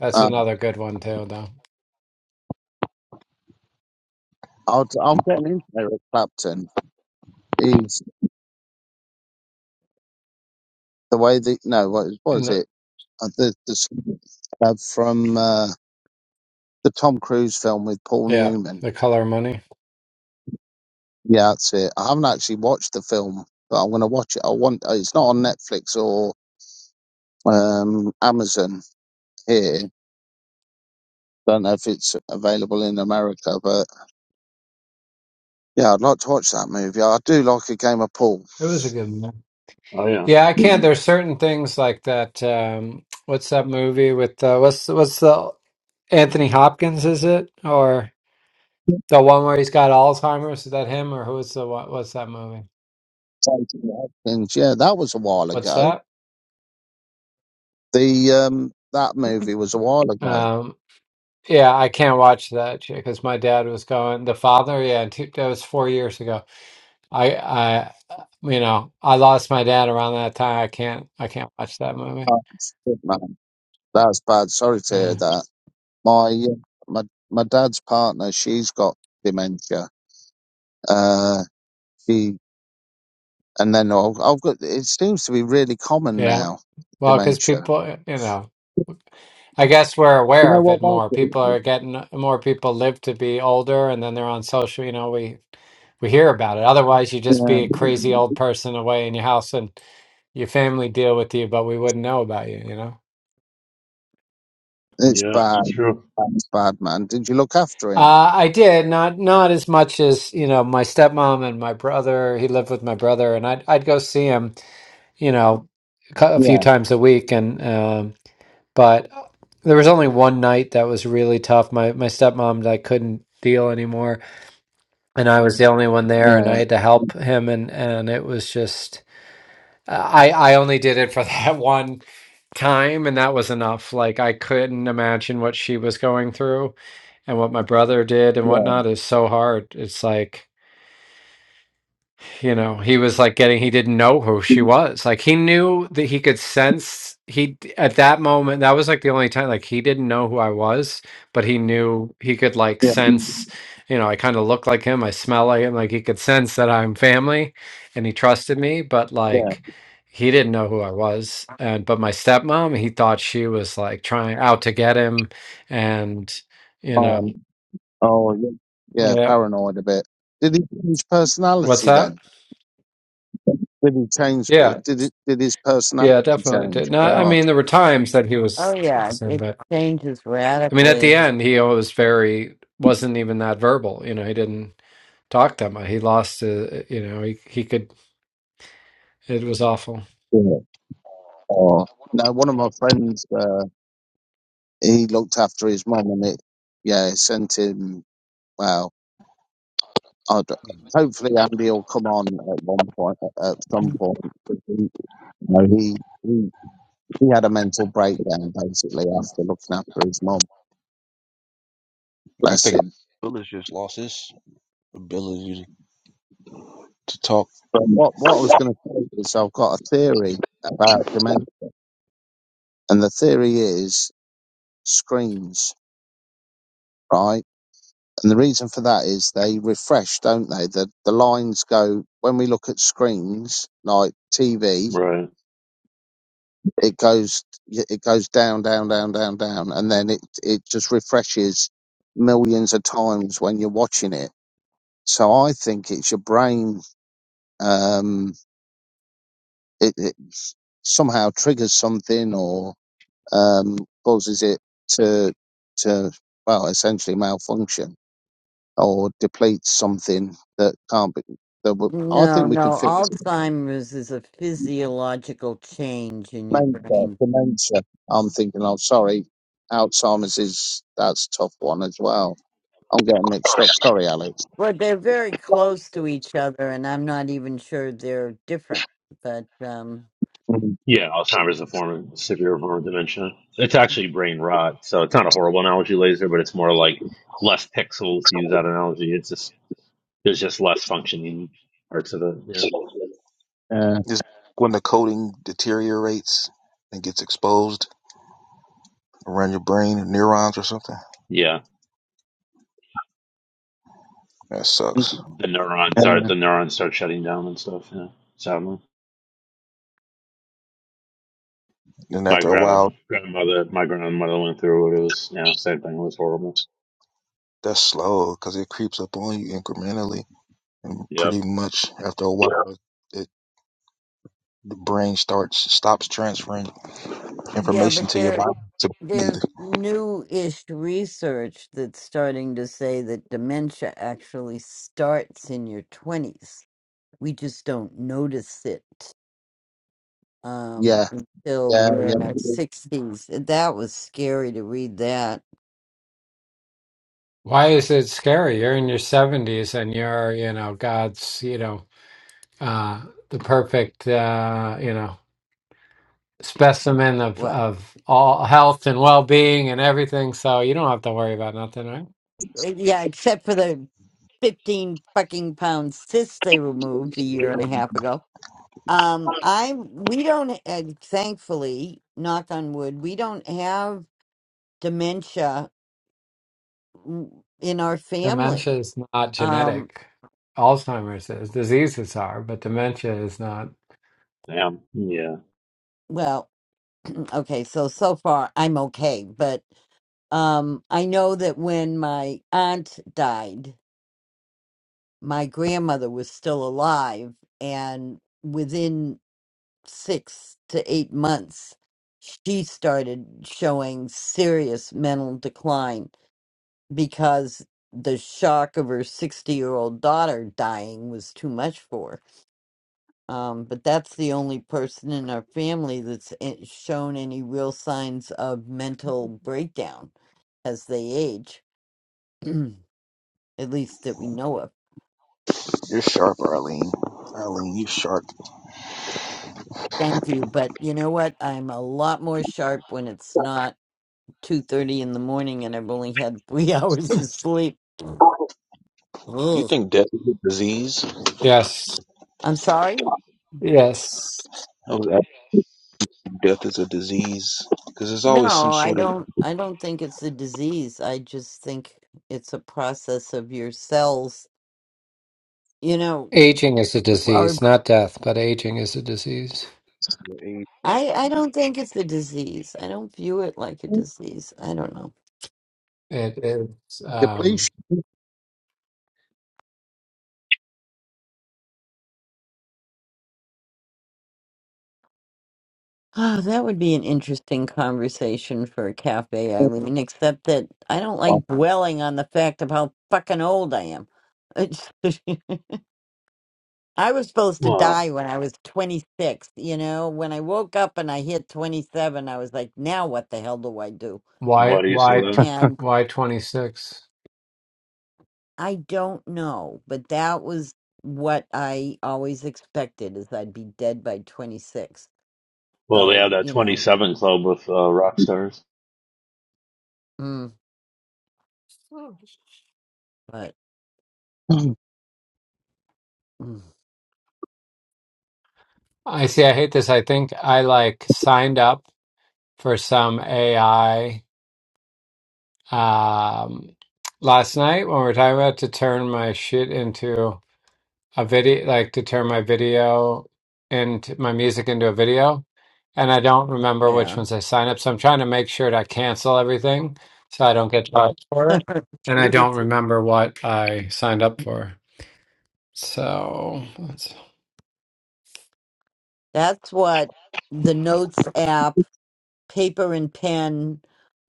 Speaker 13: That's
Speaker 7: Uh,
Speaker 13: another good one too, though.
Speaker 7: I'll, I'm getting into Eric Clapton. He's the way that, no, what
Speaker 13: And
Speaker 7: was
Speaker 13: the,
Speaker 7: it? Uh, the, the uh, from uh, the Tom Cruise film with Paul
Speaker 13: yeah,
Speaker 7: Newman.
Speaker 13: the color money.
Speaker 7: Yeah, that's it. I haven't actually watched the film, but I'm going to watch it. I want. It's not on Netflix or um, Amazon here. Don't know if it's available in America, but Yeah, I'd like to watch that movie. I do like a game of pool.
Speaker 13: It was a good one.
Speaker 2: Oh, yeah.
Speaker 13: Yeah, I can't. There's certain things like that. Um, what's that movie with uh, what's what's the Anthony Hopkins? Is it or the one where he's got Alzheimer's? Is that him or who is the what? What's that movie?
Speaker 7: Taking Yeah, that was a while
Speaker 13: What's
Speaker 7: ago.
Speaker 13: that?
Speaker 7: The um, that movie was a while ago.
Speaker 13: Um, yeah, I can't watch that because my dad was going. The father, yeah, two, that was four years ago. I, I, you know, I lost my dad around that time. I can't, I can't watch that movie.
Speaker 7: Oh, shit, man. That's bad. Sorry to hear
Speaker 13: Yeah,
Speaker 7: that. My uh, my my dad's partner, she's got dementia. Uh, she and then I've, I've got. It seems to be really common
Speaker 13: yeah.
Speaker 7: now,
Speaker 13: Well, because
Speaker 7: dementia.
Speaker 13: people, uh, you know, I guess we're
Speaker 7: Do you
Speaker 13: aware
Speaker 7: know
Speaker 13: of it
Speaker 7: what,
Speaker 13: more. People are getting more people live to be older, and then they're on social. You know, we we hear about it. Otherwise, you just
Speaker 7: Mike?
Speaker 13: be a crazy
Speaker 7: Yeah.
Speaker 13: old person away in your house, and your family deal with you, but we wouldn't know about you. You know.
Speaker 7: It's
Speaker 2: Yeah,
Speaker 7: bad.
Speaker 2: true.
Speaker 7: It's bad, man. Did you look after him?
Speaker 13: Uh, I did not not as much as you know my stepmom and my brother. He lived with my brother, and I'd I'd go see him. You know, a cou- a few
Speaker 7: Yeah.
Speaker 13: times a week, and. um But uh, there was only one night that was really tough. My my stepmom, I couldn't deal anymore, and I was the only one there, and I
Speaker 7: Yeah.
Speaker 13: had to help him, and and it was just I I only did it for that one time, and that was enough. Like I couldn't imagine what she was going through, and what my brother did, and
Speaker 7: Yeah,
Speaker 13: whatnot is so hard. It's like. you know he was like getting he didn't know who she was like he knew that he could sense he d- at that moment that was like the only time like he didn't know who i was but he knew he could like
Speaker 7: yeah,
Speaker 13: sense you know i kind of look like him i smell like him like he could sense that i'm family and he trusted me but
Speaker 7: yeah.
Speaker 13: like he didn't know who i was and but my stepmom he thought she was like trying out to get him and you know
Speaker 7: Um, oh, yeah, yeah,
Speaker 13: yeah
Speaker 7: paranoid a bit. Did he change
Speaker 13: what's
Speaker 7: personality
Speaker 13: that
Speaker 7: then? Did he change?
Speaker 13: Yeah.
Speaker 7: Did it? Did his personality
Speaker 13: Yeah, definitely did.
Speaker 7: change?
Speaker 13: No, I
Speaker 7: God.
Speaker 13: mean, there were times that he
Speaker 1: Oh,
Speaker 13: was the
Speaker 1: yeah,
Speaker 13: same,
Speaker 1: it
Speaker 13: but
Speaker 1: changes
Speaker 13: I mean, at the
Speaker 1: radically.
Speaker 13: end, he was very wasn't even that verbal. You know, he didn't talk that much. He lost, uh, you know, he he could. It was awful.
Speaker 7: Yeah. Oh, no. One of my friends, uh, he looked after his mum, and it, yeah, it sent him. Well, I'd, hopefully Andy will come on at one point. At some point, He- you know, he he he had a mental breakdown basically after looking after his mum.
Speaker 12: I
Speaker 7: Bless
Speaker 12: think
Speaker 7: him.
Speaker 12: Bill has just lost his ability to talk.
Speaker 7: But what, what I was going to say is I've got a theory about dementia, and the theory is screens, right? And the reason for that is they refresh, don't they? The the lines go when we look at screens like TV,
Speaker 2: Right.
Speaker 7: it goes it goes down, down, down, down, down, and then it it just refreshes millions of times when you're watching it. So I think it's your brain. Um, it, it somehow triggers something, or. um, causes it to to well essentially malfunction or depletes something that can't be. That will, I
Speaker 1: No,
Speaker 7: think we can
Speaker 1: no,
Speaker 7: fix it.
Speaker 1: Alzheimer's is a physiological change in your
Speaker 7: dementia.
Speaker 1: brain.
Speaker 7: Dementia. I'm thinking. Oh, sorry, Alzheimer's is that's a tough one as well. I'm getting mixed up. Sorry, Alex.
Speaker 1: Well, they're very close to each other, and I'm not even sure they're different. But um,
Speaker 7: Mhm.
Speaker 2: Yeah, Alzheimer's is a form of severe form of dementia. It's actually brain rot, so it's not a horrible analogy, laser, but it's more like less pixels to use that analogy. It's just there's just less functioning parts of it. Yeah,
Speaker 7: Uh,
Speaker 12: Just when the coding deteriorates and gets exposed around your brain, neurons or something,
Speaker 2: yeah.
Speaker 12: that sucks.
Speaker 2: The
Speaker 7: uh,
Speaker 2: neurons are the neurons start shutting down and stuff. Yeah, sadly,
Speaker 12: Then
Speaker 2: my
Speaker 12: after a while,
Speaker 2: grandmother, grandmother, my grandmother went through it. It was yeah, same thing. It was horrible.
Speaker 12: that's slow because it creeps up on you incrementally, and
Speaker 2: Yep.
Speaker 12: pretty much after a while, it the brain starts stops transferring
Speaker 1: yeah,
Speaker 12: information
Speaker 1: but
Speaker 12: to your
Speaker 1: there
Speaker 12: body to breathe.
Speaker 1: there's new-ish research that's starting to say that dementia actually starts in your 20s. we just don't notice it um,
Speaker 7: yeah,
Speaker 1: until
Speaker 7: yeah,
Speaker 1: we're
Speaker 7: yeah.
Speaker 1: in our 60s. That was scary to read that.
Speaker 13: Why is it scary? You're in your seventies, and you're, you know, God's, you know, uh, the perfect, uh, you know, specimen of
Speaker 1: What?
Speaker 13: of all health and well being and everything. So you don't have to worry about nothing, right?
Speaker 1: eh, Yeah, except for the 15 fucking pound cyst they removed a year and a half ago. Um, I we don't uh, thankfully knock on wood we don't have dementia w- in our
Speaker 13: Dementia
Speaker 1: family.
Speaker 13: is not
Speaker 1: Um,
Speaker 13: genetic. Alzheimer's is. Diseases are, but dementia is not.
Speaker 2: Damn. Yeah.
Speaker 1: well, okay, so so far I'm okay, but Um, I know that when my aunt died, my grandmother was still alive, and within six to eight months, she started showing serious mental decline because the shock of her 60 year old daughter dying was too much for her. Um, but that's the only person in our family that's eh, shown any real signs of mental breakdown as they age. at least that we know of.
Speaker 12: You're sharp, Arlene. Arlene, you're sharp.
Speaker 1: Thank you, but you know what? I'm a lot more sharp when it's not two thirty in the morning and I've only had three hours of sleep.
Speaker 12: Do you
Speaker 1: Ugh.
Speaker 12: think death is a disease?
Speaker 13: Yes.
Speaker 1: I'm sorry.
Speaker 13: Yes.
Speaker 12: I was asking death is a disease because there's
Speaker 1: No,
Speaker 12: always some
Speaker 1: I
Speaker 12: sort of
Speaker 1: don't. I don't think it's a disease. I just think it's a process of your cells. You know,
Speaker 13: Aging is a
Speaker 1: or
Speaker 13: disease, not death, but aging is a disease.
Speaker 1: I. I don't think it's a disease. I don't view it like a disease. I don't know.
Speaker 13: It is um,
Speaker 7: Depletion.
Speaker 1: Oh, that would be an interesting conversation for a cafe, Eileen, except that I don't like dwelling on the fact of how fucking old I am. It's- I was supposed to
Speaker 2: Wow.
Speaker 1: die when I was 26, you know? When I woke up and I hit 27, I was like, now what the hell do I do?
Speaker 13: why
Speaker 2: Why do you say
Speaker 13: why
Speaker 2: that?
Speaker 1: And
Speaker 13: why twenty six.
Speaker 1: I don't know, but that was what I always expected is I'd be dead by 26.
Speaker 2: Well, they
Speaker 1: So,
Speaker 2: have that
Speaker 1: you know,
Speaker 2: 27 club with uh, rock stars.
Speaker 1: mm, but mm,
Speaker 13: I see. I hate this. I think I like signed up for some AI um, last night when we were talking about to turn my shit into. a video, like to turn my video into my music into a video. And I don't remember which
Speaker 1: yeah.
Speaker 13: ones I sign up. So I'm trying to make sure to cancel everything so I don't get charged for it. And I don't
Speaker 1: Jesus.
Speaker 13: remember what I signed up for. So that's
Speaker 1: That's what the Notes app, paper and pen,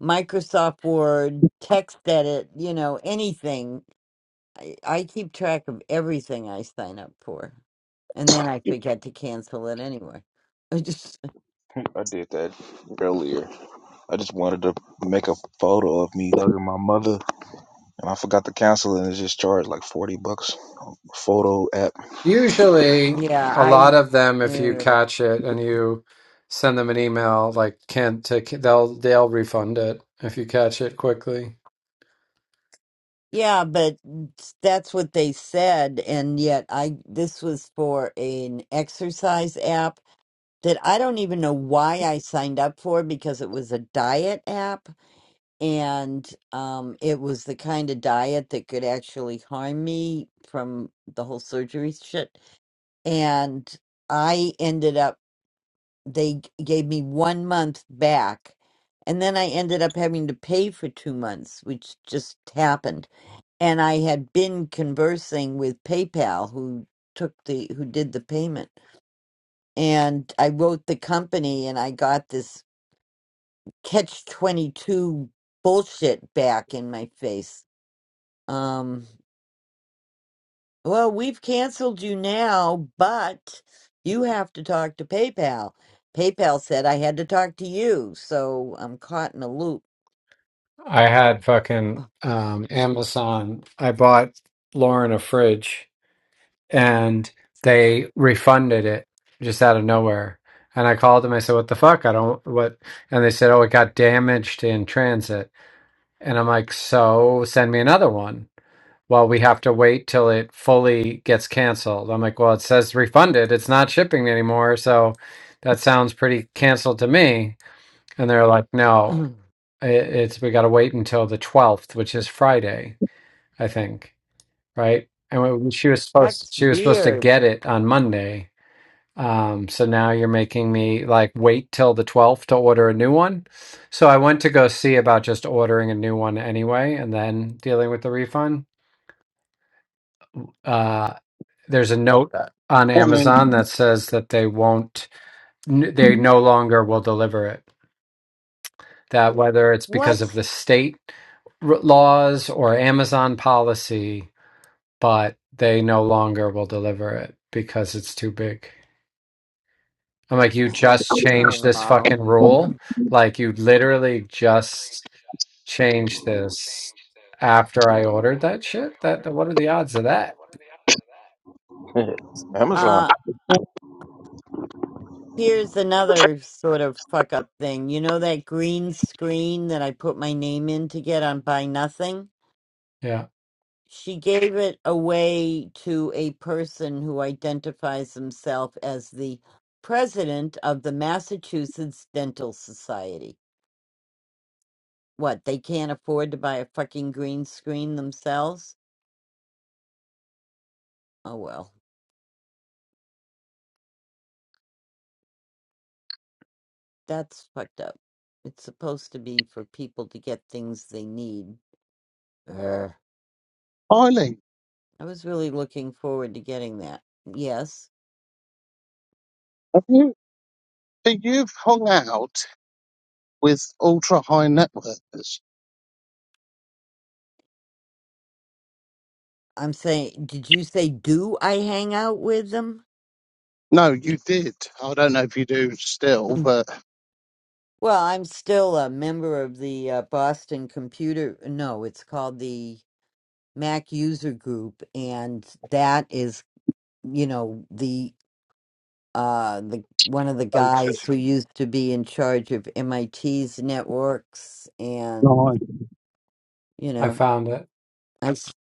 Speaker 1: Microsoft Word, text edit, you know, anything. I, I keep track of everything I sign up for. And then I
Speaker 7: Good
Speaker 1: forget to cancel it anyway. I just,
Speaker 12: I did that earlier. I just wanted to make a photo of me hugging my mother, and I forgot to cancel it, and it just charged like 40 bucks. Photo app.
Speaker 13: usually
Speaker 1: yeah,
Speaker 13: a
Speaker 1: I,
Speaker 13: lot of them, if you
Speaker 1: uh,
Speaker 13: catch it and you send them an email, like can't take, they'll, they'll refund it if you catch it quickly.
Speaker 1: yeah, but that's what they said. And yet I, this was for an exercise app that I don't even know why I signed up for because it was a diet app and um, it was the kind of diet that could actually harm me from the whole surgery shit. And I ended up, they g- gave me one month back. And then I ended up having to pay for two months, which just happened. And I had been conversing with PayPal, who took the, who did the payment. And I wrote the company and I got this catch 22 bullshit back in my face Um, well, we've canceled you now, but you have to talk to PayPal. PayPal said I had to talk to you, so I'm caught in a loop.
Speaker 13: I had fucking um, Amazon. I bought Lauren a fridge and they refunded it just out of nowhere. And I called them. I said, What the fuck? I don't, what? And they said, Oh, it got damaged in transit. And I'm like, So send me another one. Well, we have to wait till it fully gets canceled. I'm like, Well, it says refunded. It's not shipping anymore. So that sounds pretty canceled to me. And they're like, No. I- It's we got to wait until the 12th, which is Friday, I think, right? And we- she was supposed
Speaker 1: That's
Speaker 13: she was supposed to
Speaker 1: weird.
Speaker 13: get it on Monday. Um, so now you're making me like wait till the 12th to order a new one. So I went to go see about just ordering a new one anyway and then dealing with the refund. Uh, there's a note on Amazon that
Speaker 7: Morning,
Speaker 13: says that they won't, n- they no longer will deliver it. that whether it's because
Speaker 1: What?
Speaker 13: of the state r- laws or Amazon policy, but they no longer will deliver it because it's too big. I'm like, you just changed
Speaker 1: Oh,
Speaker 13: this
Speaker 1: wow.
Speaker 13: fucking rule. Like, you literally just changed this after I ordered that shit. That what are the odds of that?
Speaker 12: Amazon,
Speaker 1: Uh, here's another sort of fuck up thing. You know that green screen that I put my name in to get on Buy Nothing?
Speaker 13: Yeah,
Speaker 1: she gave it away to a person who identifies himself as the president of the Massachusetts Dental Society. What, they can't afford to buy a fucking green screen themselves? Oh well, that's fucked up. It's supposed to be for people to get things they need. Ugh.
Speaker 7: Eileen.
Speaker 1: I was really looking forward to getting that. Yes.
Speaker 7: Have you? So You've hung out with ultra high networks.
Speaker 1: I'm saying, did you say do I hang out with them?
Speaker 7: No, you did. I don't know if you do still, but
Speaker 1: Well, I'm still a member of the uh, Boston Computer. No, it's called the Mac User Group, and that is, you know, the uh the one of the
Speaker 7: go to.
Speaker 1: guys who used to be in charge of MIT's networks, and
Speaker 7: No,
Speaker 1: you
Speaker 13: I
Speaker 1: know,
Speaker 13: found it.
Speaker 1: I s-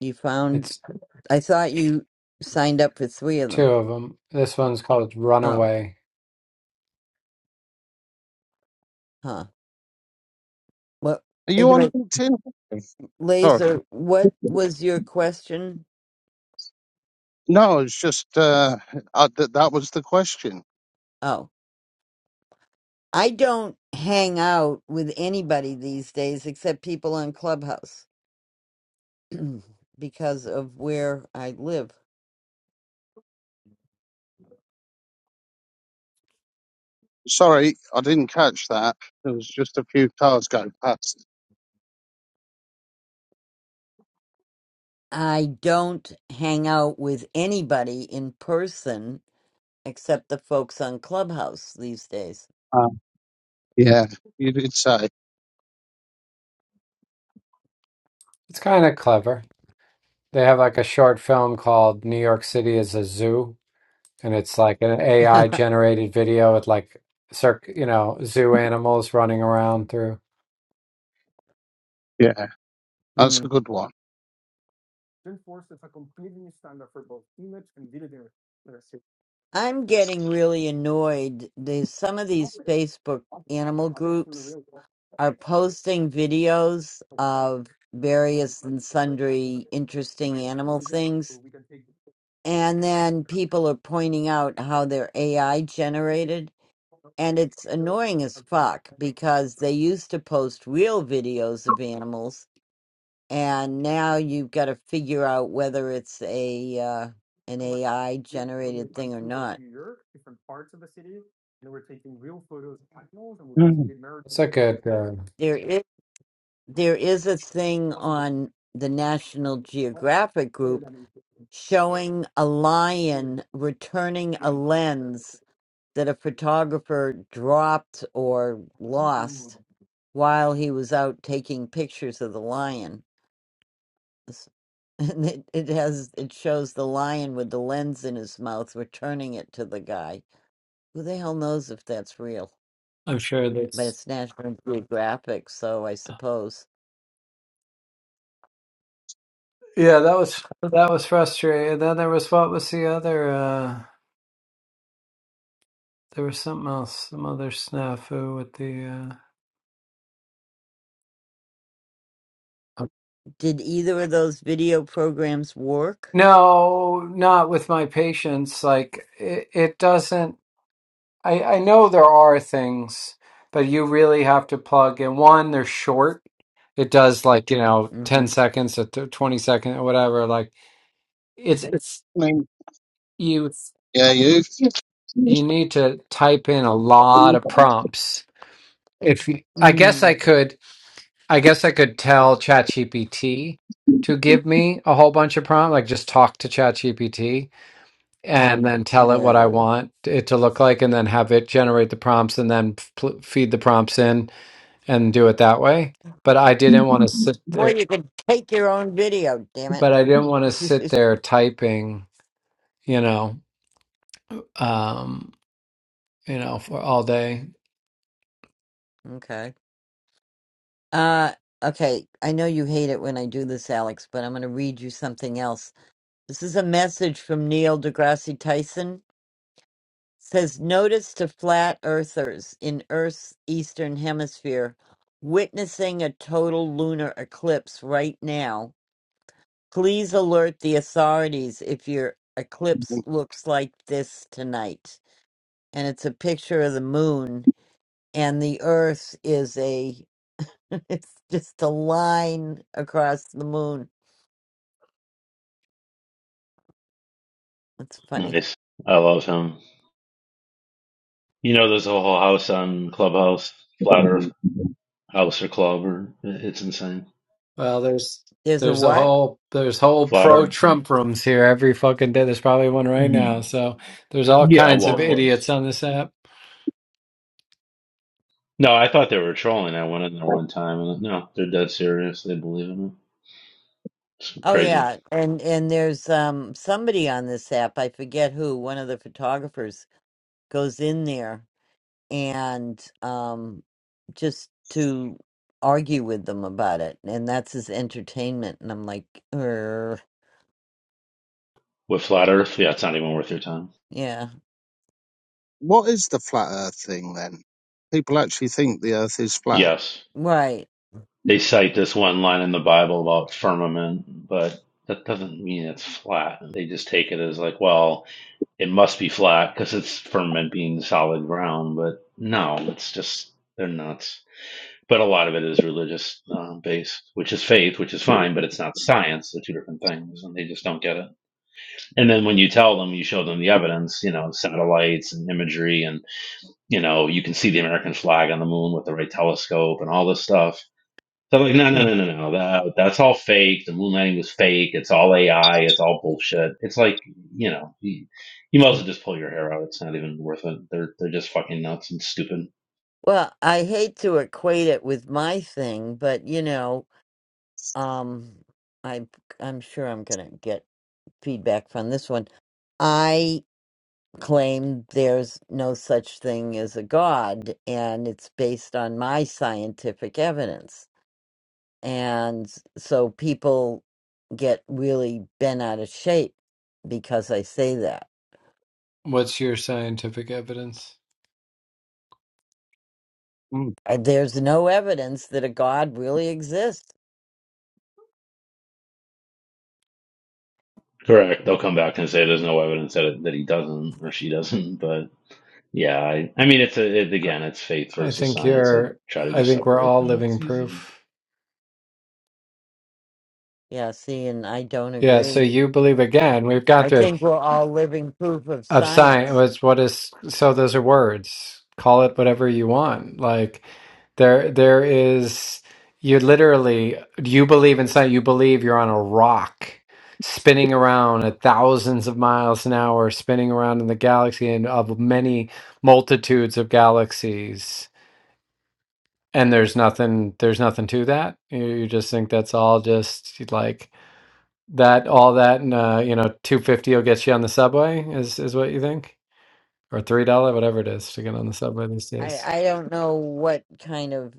Speaker 1: you found
Speaker 13: It's
Speaker 1: I thought you signed up for three of
Speaker 13: two
Speaker 1: them.
Speaker 13: of them. This one's called
Speaker 1: Oh,
Speaker 13: Runaway.
Speaker 1: huh. Well,
Speaker 7: Are you on
Speaker 1: anyway,
Speaker 7: LinkedIn? Sorry.
Speaker 1: Laser, what was your question?
Speaker 7: No, it's just uh, I, th- that was the question.
Speaker 1: Oh. I don't hang out with anybody these days except people on Clubhouse because of where I live.
Speaker 7: Sorry, I didn't catch that. There was just a few cars going past.
Speaker 1: I don't hang out with anybody in person except the folks on Clubhouse these days.
Speaker 7: Uh, yeah, you did say.
Speaker 13: It's kind of clever. They have like a short film called New York City is a Zoo and it's like an AI generated video with like circ, you know, zoo animals running around through.
Speaker 7: Yeah, that's
Speaker 1: Hmm.
Speaker 7: a good one.
Speaker 1: I'm getting really annoyed. There's some of these Facebook animal groups are posting videos of various and sundry interesting animal things And then people are pointing out how they're AI generated. And it's annoying as fuck because they used to post real videos of animals. And now you've got to figure out whether it's a uh, an AI generated thing or not.
Speaker 7: Mm.
Speaker 13: It's a good. Uh,
Speaker 1: There is there is a thing on the National Geographic group showing a lion returning a lens that a photographer dropped or lost while he was out taking pictures of the lion. S- And it, it has it shows the lion with the lens in his mouth returning it to the guy. Who the hell knows if that's real?
Speaker 13: I'm sure that's.
Speaker 1: But it's National Geographic, so I suppose.
Speaker 13: Yeah, that was that was frustrating. And then there was what was the other? uh There was something else, some other snafu with the. uh
Speaker 1: Did either of those video programs work?
Speaker 13: No, not with my patients. Like it, it doesn't. I, I know there are things, but you really have to plug in. One, they're short. It does like, you know, 10
Speaker 1: Mm-hmm.
Speaker 13: seconds or th- 20 second or whatever. Like it's, it's,
Speaker 7: I mean,
Speaker 13: you,
Speaker 7: yeah, you.
Speaker 13: you need to type in a lot of prompts. If you, I guess I
Speaker 1: Mm.
Speaker 13: could, I guess I could tell ChatGPT to give me a whole bunch of prompts. like just talk to ChatGPT and then tell it what I
Speaker 1: Oh.
Speaker 13: want it to look like and then have it generate the prompts and then f- pl- feed the prompts in and do it that way. But I didn't want to sit
Speaker 1: Or
Speaker 13: there.
Speaker 1: you could take your own video, damn it.
Speaker 13: But I didn't want to sit there typing, you know, um, you know, for all day.
Speaker 1: okay. Uh okay. I know you hate it when I do this, Alex, but I'm gonna read you something else This is a message from Neil deGrasse Tyson. Says notice to flat earthers in Earth's eastern hemisphere witnessing a total lunar eclipse right now. Please alert the authorities if your eclipse looks like this tonight. And it's a picture of the moon and the earth is a it's just a line across the moon. That's funny.
Speaker 2: Nice. I love him. You know, there's a whole house on Clubhouse, Flat Earth House or Club, or it's insane.
Speaker 13: Well, there's
Speaker 1: There's a
Speaker 13: there's a
Speaker 1: what?
Speaker 13: whole there's whole
Speaker 2: Flat
Speaker 13: pro
Speaker 2: Earth. Yeah,
Speaker 13: Trump rooms here every fucking day. There's probably one right now.
Speaker 2: Mm.
Speaker 13: So there's all
Speaker 2: Yeah,
Speaker 13: kinds
Speaker 2: well,
Speaker 13: of
Speaker 2: of
Speaker 1: Hmm.
Speaker 13: idiots
Speaker 2: course.
Speaker 13: on this app.
Speaker 2: No, I thought they were trolling. I went in there one time, and no, they're dead serious. They believe in it. It's
Speaker 1: Oh
Speaker 2: crazy.
Speaker 1: yeah, and and there's um somebody on this app, I forget who, one of the photographers goes in there and um just to argue with them about it, and that's his entertainment. And I'm like, er,
Speaker 2: With Flat Earth, yeah, it's not even worth your time.
Speaker 1: yeah,
Speaker 7: What is the flat Earth thing then? People actually think the Earth is flat.
Speaker 2: Yes,
Speaker 1: right.
Speaker 2: they cite this one line in the Bible about firmament, but that doesn't mean it's flat. They just take it as like, well. it must be flat because it's ferment being solid ground, but no, it's just they're nuts. But a lot of it is religious uh, based, which is faith, which is fine, but it's not science. They're two different things, and they just don't get it. And then when you tell them, you show them the evidence, you know, satellites and imagery, and you know, you can see the American flag on the moon with the right telescope and all this stuff. So I'm like, no, no, no,
Speaker 1: Mm.
Speaker 2: no, no. That, that's all fake. The moon landing was fake. It's all AI. It's all bullshit. It's like, you know, you, you might as well just pull your hair out. It's not even worth it. They're they're just fucking nuts and stupid.
Speaker 1: Well, I hate to equate it with my thing, but you know, um, I I'm sure I'm gonna get feedback from this one. I. claim there's no such thing as a God, and it's based on my scientific evidence. And so people get really bent out of shape because I say that.
Speaker 13: What's your scientific evidence?
Speaker 1: Uh, There's no evidence that a God really exists.
Speaker 2: Correct. They'll come back and say there's no evidence that it, that he doesn't or she doesn't. But yeah, I, I mean, it's a, it,
Speaker 13: I
Speaker 2: again, it's faith
Speaker 13: I
Speaker 2: versus
Speaker 13: think
Speaker 2: science. I
Speaker 13: you're,
Speaker 2: try to
Speaker 13: I
Speaker 2: just
Speaker 13: think we're
Speaker 2: separate
Speaker 13: all
Speaker 2: them.
Speaker 13: living
Speaker 2: It's easier.
Speaker 13: proof.
Speaker 1: Yeah, see, and I don't
Speaker 13: Yeah, so
Speaker 1: agree.
Speaker 13: you believe again. We've got
Speaker 1: I
Speaker 13: to.
Speaker 1: think we're all living proof of
Speaker 13: Abstain
Speaker 1: science.
Speaker 13: was what is so those are words. Call it whatever you want. Like there there is you literally you believe in something, you believe you're on a rock spinning around at thousands of miles an hour, spinning around in the galaxy and of many multitudes of galaxies. And there's nothing there's nothing to that. You, you just think that's all just like that all that and uh, you know, two fifty will get you on the subway is is what you think? or three dollar, whatever it is, to get on the subway these
Speaker 1: I,
Speaker 13: days.
Speaker 1: I don't know what kind of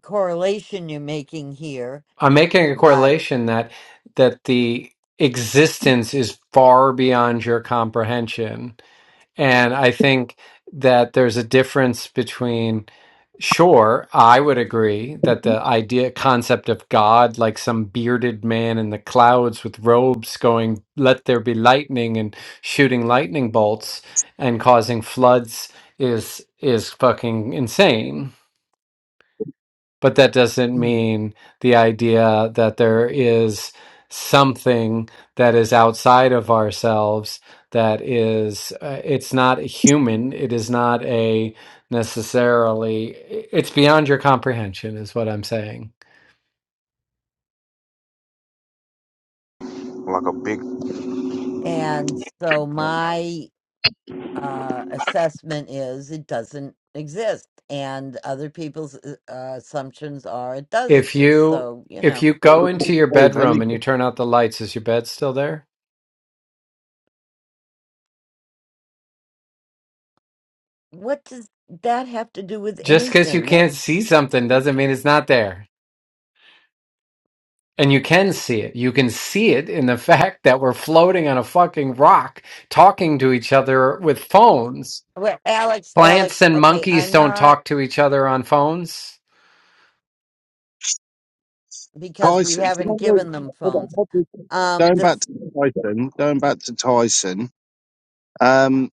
Speaker 1: correlation you're making here,
Speaker 13: I'm making a
Speaker 1: but
Speaker 13: correlation that that the existence is far beyond your comprehension, and I think that there's a difference between. Sure, I would agree that the idea concept of God, like some bearded man in the clouds with robes going, let there be lightning and shooting lightning bolts and causing floods is is fucking insane but that doesn't mean the idea that there is something that is outside of ourselves that is uh, it's not human it is not a necessarily it's beyond your comprehension is what i'm saying
Speaker 12: like a big.
Speaker 1: and so my uh, assessment is it doesn't exist, and other people's uh, uh, assumptions are it does
Speaker 13: If
Speaker 1: exist.
Speaker 13: you
Speaker 1: So you
Speaker 13: if
Speaker 1: know,
Speaker 13: you go into your
Speaker 7: Grove, hasn't
Speaker 13: bedroom
Speaker 7: he?
Speaker 13: and you turn out the lights, is your bed still there?
Speaker 1: what does that have to do with
Speaker 13: Just because you
Speaker 1: anything?
Speaker 13: can't see
Speaker 1: That's
Speaker 13: something doesn't mean it's not there. And you can see it. You can see it in the fact that we're floating on a fucking rock talking to each other with phones.
Speaker 1: well, Alex,
Speaker 13: Plants
Speaker 1: Alex.
Speaker 13: and
Speaker 1: Okay,
Speaker 13: monkeys
Speaker 1: I'm
Speaker 13: don't
Speaker 1: not
Speaker 13: talk to each other on phones.
Speaker 1: because we
Speaker 7: Tyson. Do you
Speaker 1: haven't
Speaker 7: remember
Speaker 1: given them
Speaker 7: hold on,
Speaker 1: phones.
Speaker 7: hold on.
Speaker 1: Um,
Speaker 7: going
Speaker 1: the
Speaker 7: back to Tyson? Going back to Tyson. Um,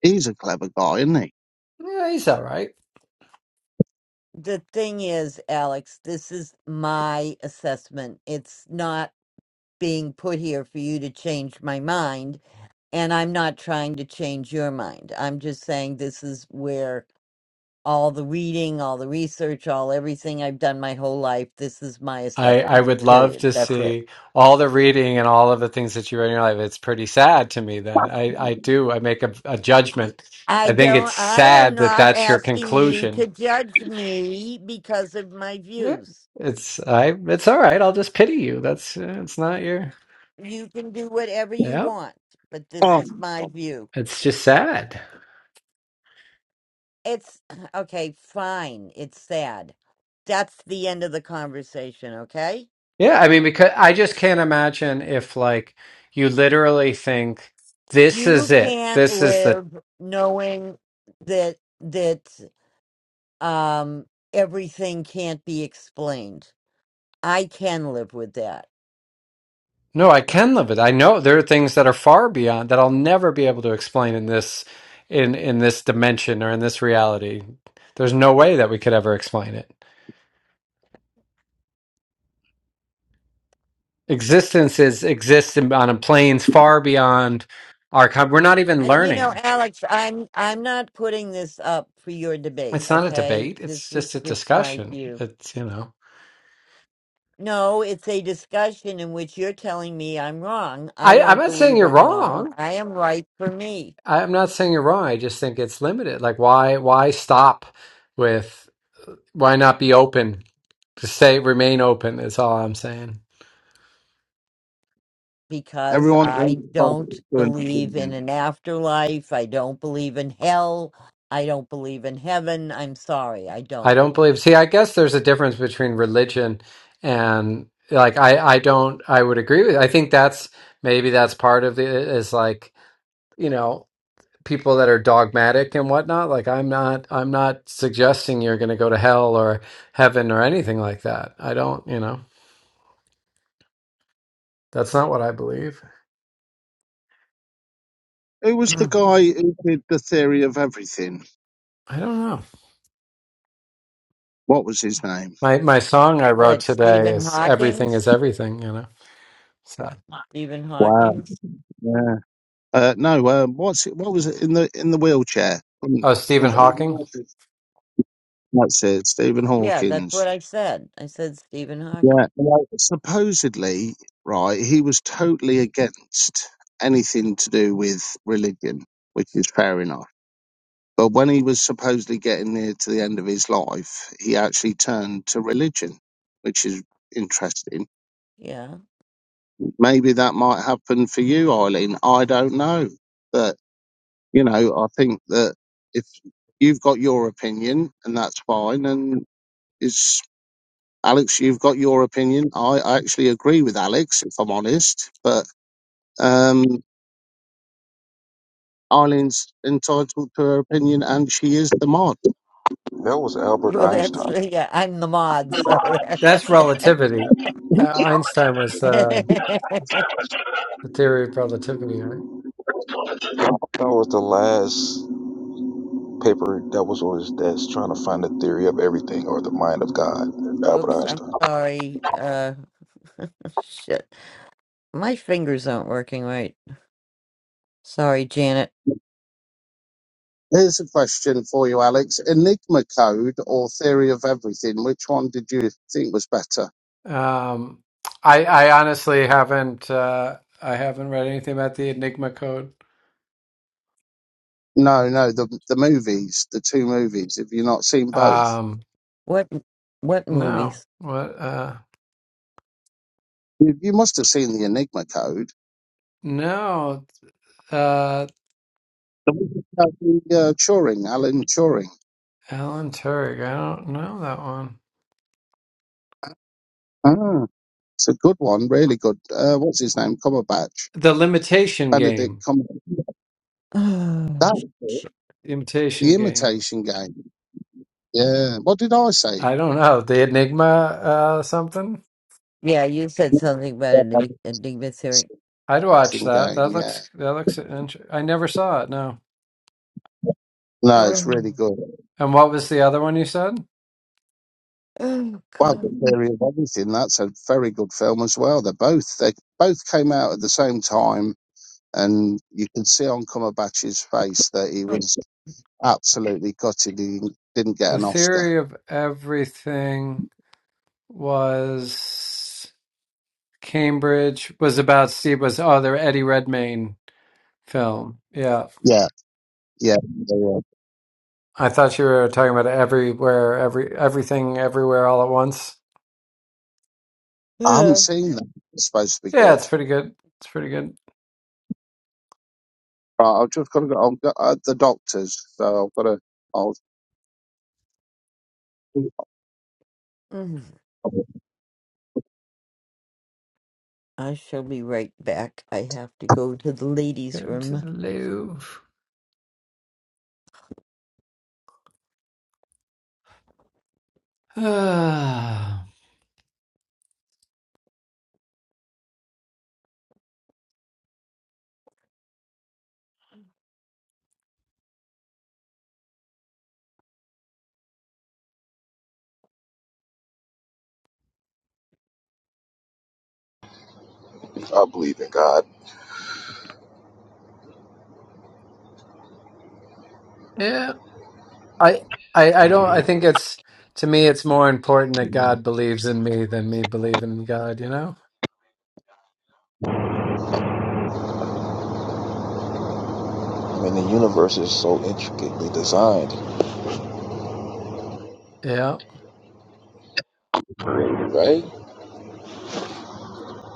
Speaker 7: he's a clever guy, isn't he?
Speaker 13: Yeah, he's all right.
Speaker 1: the thing is, Alex, this is my assessment. It's not being put here for you to change my mind and I'm not trying to change your mind. I'm just saying this is where all the reading, all the research, all everything I've done my whole life. This is my
Speaker 13: I I
Speaker 1: assessment,
Speaker 13: would love
Speaker 1: period.
Speaker 13: to
Speaker 1: That's it.
Speaker 13: see all the reading and all of the things that you read in your life. It's pretty sad to me. Then I I do I make a, a judgment.
Speaker 1: I
Speaker 13: I think it's
Speaker 1: don't, I am
Speaker 13: sad that
Speaker 1: not
Speaker 13: that's your
Speaker 1: asking you to
Speaker 13: conclusion.
Speaker 1: judge me because of my
Speaker 13: Eh,
Speaker 1: views.
Speaker 13: It's I it's all right. I'll just pity you. That's eh, it's not your
Speaker 1: You can do whatever you
Speaker 13: yeah.
Speaker 1: want, but this
Speaker 7: Oh,
Speaker 1: is my view.
Speaker 13: It's just sad.
Speaker 1: It's okay, fine. It's sad. That's the end of the conversation, okay?
Speaker 13: Yeah, I mean because I just can't imagine if like you literally think this
Speaker 1: You
Speaker 13: is it.
Speaker 1: can't
Speaker 13: This is the
Speaker 1: live knowing that that um everything can't be explained i can live with that
Speaker 13: No, I can live it. I know there are things that are far beyond that I'll never be able to explain in this in in this dimension or in this reality. There's no way that we could ever explain it. Existence is exists in- on planes far beyond our com- we're not even
Speaker 1: And, you know
Speaker 13: learning.
Speaker 1: alex i'm i'm not putting this up for your debate
Speaker 13: It's not a
Speaker 1: okay
Speaker 13: debate.
Speaker 1: this
Speaker 13: It's
Speaker 1: was
Speaker 13: just a
Speaker 1: just my
Speaker 13: discussion.
Speaker 1: view
Speaker 13: It's you know.
Speaker 1: no it's a discussion in which you're telling me i'm wrong i
Speaker 13: I, I'm
Speaker 1: don't
Speaker 13: not saying
Speaker 1: believe
Speaker 13: you're
Speaker 1: i'm wrong
Speaker 13: wrong.
Speaker 1: i am right for me
Speaker 13: I, am not saying you're wrong. I just think it's limited. Like why why stop with why not be open? Just say remain open is all I'm saying.
Speaker 1: because
Speaker 7: everyone turns
Speaker 1: i
Speaker 7: to Tyson
Speaker 1: don't
Speaker 7: to an
Speaker 1: believe in
Speaker 7: opinion.
Speaker 1: an afterlife i don't believe in hell i don't believe in heaven i'm sorry i
Speaker 13: I
Speaker 1: don't
Speaker 13: don't believe. See, I guess there's a difference between religion and like I I don't I would agree with. I think that's maybe that's part of it is like, you know, people that are dogmatic and whatnot. Like I'm not I'm not suggesting you're going to go to hell or heaven or anything like that. I don't, you know. That's not what I believe.
Speaker 7: Who was the guy who did the theory of everything?
Speaker 13: I don't know.
Speaker 7: What was his name?
Speaker 13: My my song I wrote
Speaker 1: what
Speaker 13: today
Speaker 1: stephen
Speaker 13: is everything
Speaker 1: hawking's
Speaker 13: is everything, you know. So,
Speaker 1: Stephen
Speaker 7: Wow.
Speaker 1: Hawking?
Speaker 7: Yeah. Uh, no. Uh, what's it? What was it in the in the wheelchair? Couldn't-
Speaker 13: oh, Stephen
Speaker 7: couldn't-
Speaker 13: Hawking.
Speaker 7: That's it. Stephen
Speaker 1: Yeah, that's
Speaker 7: Hawkins.
Speaker 1: what I said. I said Stephen Hawking.
Speaker 7: Yeah. Well, supposedly, right, he was totally against anything to do with religion, which is fair enough. But when he was supposedly getting near to the end of his life, he actually turned to religion, which is interesting.
Speaker 1: Yeah.
Speaker 7: Maybe that might happen for you, Eileen. I don't know. But, you know, I think that if you've got your opinion, and that's fine, and it's Alex, you've got your opinion. I I actually agree with Alex, if I'm honest, but Um, Arlene's entitled to her opinion, and she is the mod.
Speaker 12: That was Albert
Speaker 1: Well,
Speaker 12: Einstein.
Speaker 1: that's yeah. I'm the mod, so that.
Speaker 13: That's relativity. Uh, Einstein was uh, the theory of relativity, right?
Speaker 12: That was the last. paper that was on his desk trying to find the theory of everything or the mind of God,
Speaker 1: Oops,
Speaker 12: Albert
Speaker 1: I'm
Speaker 12: Einstein.
Speaker 1: sorry. Uh, shit, my fingers aren't working right. Sorry, Janet.
Speaker 7: Here's a question for you, Alex. Enigma Code or Theory of Everything, which one did you think was better?
Speaker 13: Um, I, I honestly haven't. Uh, I haven't read anything about the Enigma code.
Speaker 7: No, no, the the movies, the two movies. Have you not seen both?
Speaker 13: Um,
Speaker 1: What? What
Speaker 13: no.
Speaker 1: movies?
Speaker 13: What? Uh,
Speaker 7: You, you must have seen the Enigma Code.
Speaker 13: no. Uh,
Speaker 7: The one about the, uh, Turing, Alan Turing.
Speaker 13: Alan Turing. I don't know that one.
Speaker 7: Ah, it's a good one, really good. Uh, what's his name? Cumberbatch,
Speaker 13: The Limitation
Speaker 7: Benedict
Speaker 13: Game.
Speaker 7: Cumberbatch.
Speaker 1: Oh,
Speaker 7: That was it.
Speaker 1: shit.
Speaker 13: Imitation
Speaker 7: the
Speaker 13: Game.
Speaker 7: Imitation Game. Yeah. What did I say?
Speaker 13: I don't know the Enigma uh, something.
Speaker 1: Yeah, you said something about a
Speaker 7: Boxing
Speaker 1: Enigma theory.
Speaker 13: I'd watch that.
Speaker 7: game,
Speaker 13: That
Speaker 7: yeah.
Speaker 13: looks that looks. Inter- I never saw it. No.
Speaker 7: No, it's really
Speaker 1: Oh,
Speaker 7: good.
Speaker 13: And what was the other one you said?
Speaker 1: oh
Speaker 7: Well,
Speaker 1: God.
Speaker 7: the theory of everything. That's a very good film as well. They're both they both came out at the same time, and you could see on Cumberbatch's face that he was absolutely gutted. He didn't get
Speaker 13: The
Speaker 7: an Oscar.
Speaker 13: theory of everything was Cambridge was about Steve was oh the Eddie Redmayne film. Yeah.
Speaker 7: Yeah, yeah. they were.
Speaker 13: I thought you were talking about everywhere, every everything everywhere all at once.
Speaker 7: I haven't
Speaker 1: Yeah.
Speaker 7: seen that. It's supposed to be
Speaker 13: Yeah,
Speaker 7: good.
Speaker 13: it's pretty good. It's pretty good.
Speaker 7: Right, I've just got to go. I've got uh, the doctors, so I've got to. I'll,
Speaker 1: Mm. I shall be right back. I have to go to the ladies'
Speaker 13: Go to
Speaker 1: room.
Speaker 13: the Louvre. Ah,
Speaker 12: I believe in God.
Speaker 13: yeah. I, I I don't I think it's to me it's more important that God believes in me than me believing in God, you know?
Speaker 12: I mean, the universe is so intricately designed,
Speaker 13: Yeah.
Speaker 12: right?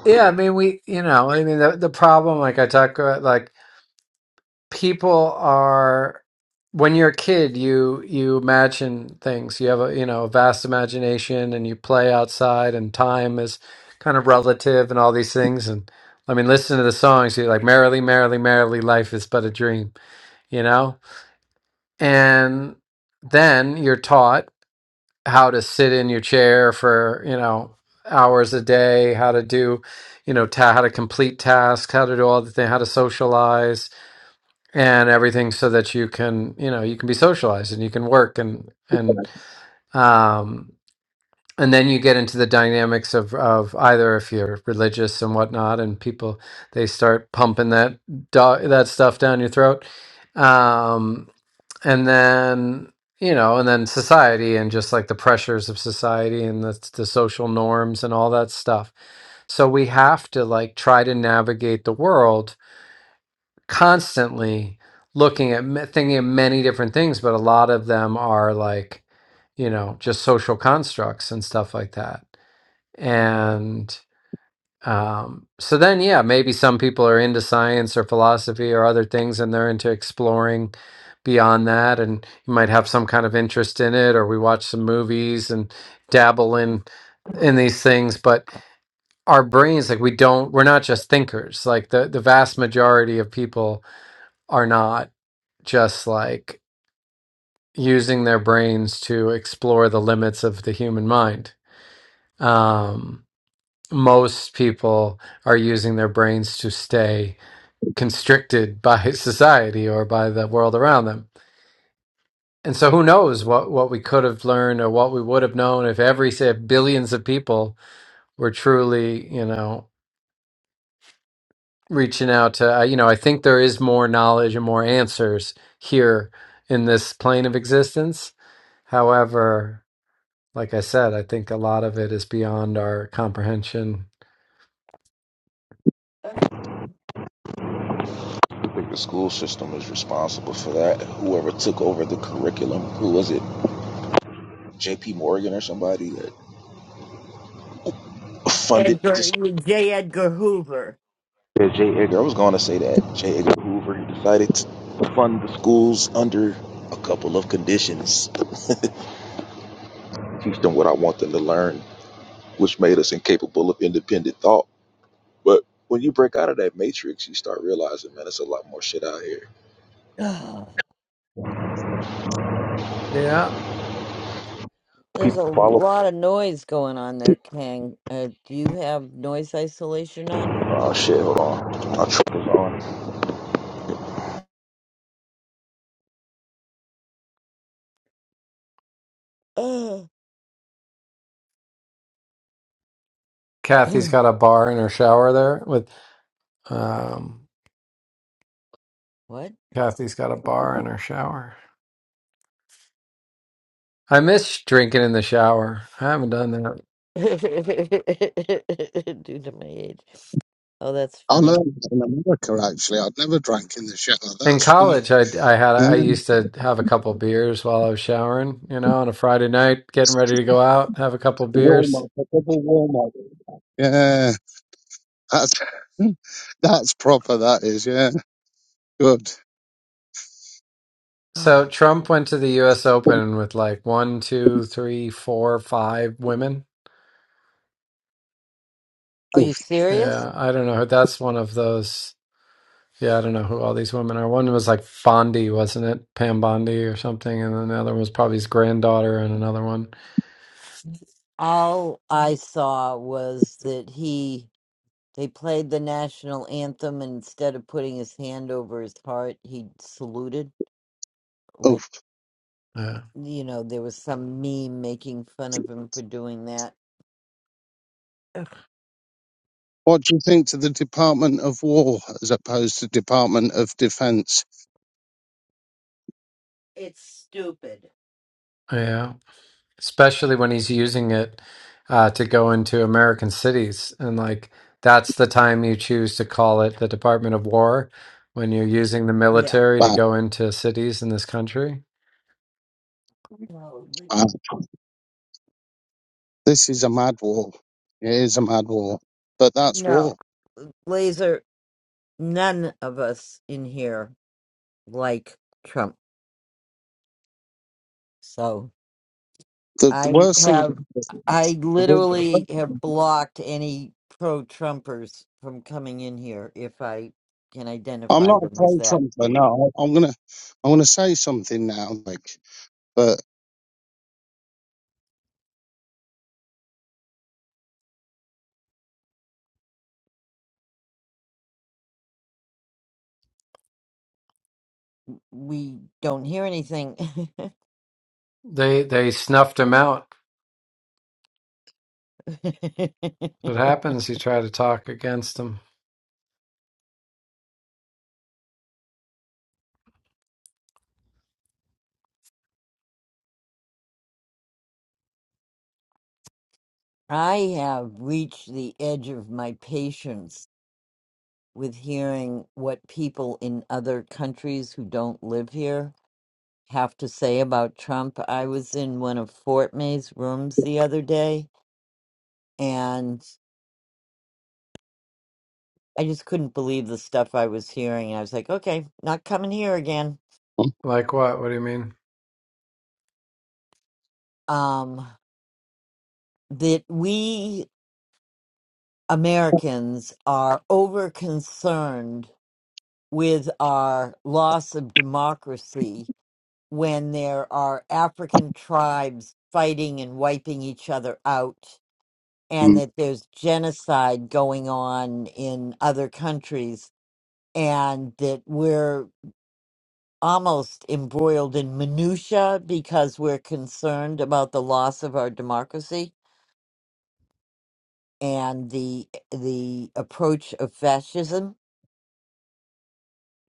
Speaker 13: Yeah. I mean, we, you know, I mean, the, the problem, like I talk about, like people are, when you're a kid, you, you imagine things. You have a, you know, a vast imagination and you play outside and time is kind of relative and all these things. And I mean, listen to the songs. You're like, merrily, merrily, merrily, life is but a dream, you know? And then you're taught. how to sit in your chair for you know hours a day how to do you know ta- how to complete tasks how to do all the things how to socialize and everything so that you can you know you can be socialized and you can work and and um and then you get into the dynamics of of either if you're religious and whatnot and people they start pumping that do- that stuff down your throat um and then you know and then society and just like the pressures of society and the, the social norms and all that stuff so we have to like try to navigate the world constantly looking at ma- thinking of many different things but a lot of them are like you know just social constructs and stuff like that and. Um, so then, yeah, maybe some people are into science or philosophy or other things and they're into exploring beyond that. And you might have some kind of interest in it, or we watch some movies and dabble in in these things but our brains like we don't we're not just thinkers like the the vast majority of people are not just like using their brains to explore the limits of the human mind um most people are using their brains to stay constricted by society or by the world around them. And so who knows what, what we could have learned or what we would have known if every say billions of people were truly, you know, reaching out to, I- you know, I think there is more knowledge and more answers here in this plane of existence. However, Like I said, I think a lot of it is beyond our comprehension.
Speaker 12: I think the school system is responsible for that. Whoever took over the curriculum, who was it? J.P. Morgan or somebody that funded the
Speaker 1: Edgar,
Speaker 12: school.
Speaker 1: J. Edgar Hoover.
Speaker 12: Yeah, J. Edgar. I was going to say that. J. Edgar Hoover he decided to fund the schools under a couple of conditions. Teach them what I want them to learn, which made us incapable of independent thought But when you break out of that matrix, you start realizing, man, it's a lot more shit out here.
Speaker 1: Ugh,
Speaker 13: Yeah.
Speaker 1: There's a
Speaker 12: Follow.
Speaker 1: lot of noise going on there, Kang. Uh, do you have noise isolation on?
Speaker 12: Oh shit! Hold on. My trip is on.
Speaker 1: Ugh.
Speaker 13: Kathy's got a bar in her shower there with um
Speaker 1: what?
Speaker 13: Kathy's got a bar in her shower. I miss drinking in the shower. I haven't done that.
Speaker 1: Due to my age. Oh, that's
Speaker 7: I
Speaker 1: funny.
Speaker 7: learned that in America actually. I'd never drank in the shower.
Speaker 13: In
Speaker 7: That's funny.
Speaker 13: college, I I had I
Speaker 7: Yeah.
Speaker 13: used to have a couple beers while I was showering, you know, on a Friday night, getting ready to go out, have a couple beers.
Speaker 7: Walmart, a double Walmart. Yeah, that's that's proper. That is, yeah, good.
Speaker 1: Ugh.
Speaker 13: So Trump went to the U.S. Open with like one, two, three, four, five women.
Speaker 1: Are you
Speaker 7: Oof,
Speaker 1: serious?
Speaker 13: Yeah, I don't know That's one of those. Yeah, I don't know who all these women are. One was like Bondi, wasn't it? Pam Bondi or something, and then the other one was probably his granddaughter, and another one.
Speaker 1: All I saw was that he they played the national anthem and instead of putting his hand over his heart, he saluted.
Speaker 7: oof.
Speaker 13: Yeah,
Speaker 1: you know, there was some meme making fun of him for doing that. Ugh.
Speaker 7: What do you think to the Department of War as opposed to Department of Defence?
Speaker 1: It's stupid.
Speaker 13: yeah. especially when he's using it uh, to go into American cities. And like that's the time you choose to call it the Department of War when you're using the
Speaker 1: Yeah.
Speaker 13: military to
Speaker 7: Wow,
Speaker 13: go into cities in this country.
Speaker 1: No, li-
Speaker 7: wow. this is a mad war. It is a mad war, but that's
Speaker 1: No,
Speaker 7: war.
Speaker 1: Laser, none of us in here like Trump. So
Speaker 7: The, the
Speaker 1: I
Speaker 7: worst thing about
Speaker 1: have,
Speaker 7: this,
Speaker 1: I
Speaker 7: the wor-
Speaker 1: literally have blocked any pro Trumpers from coming in here if I can
Speaker 7: I'm
Speaker 1: identify
Speaker 7: not a
Speaker 1: them as
Speaker 7: pro
Speaker 1: that.
Speaker 7: Trumper. No, I- I'm gonna I'm gonna say something now, like, but
Speaker 1: We don't hear anything.
Speaker 13: They they snuffed him out. What happens? You try to talk against him.
Speaker 1: I have reached the edge of my patience with hearing what people in other countries who don't live here have to say about Trump. I was in one of Fort May's rooms the other day and I just couldn't believe the stuff I was hearing. I was like, okay, not coming here again.
Speaker 7: mm,
Speaker 13: Like what? What do you mean?
Speaker 1: Um, that we Americans are over concerned with our loss of democracy when there are African tribes fighting and wiping each other out, and
Speaker 7: when
Speaker 1: that there's genocide going on in other countries, and that we're almost embroiled in minutia because we're concerned about the loss of our democracy and the the approach of fascism.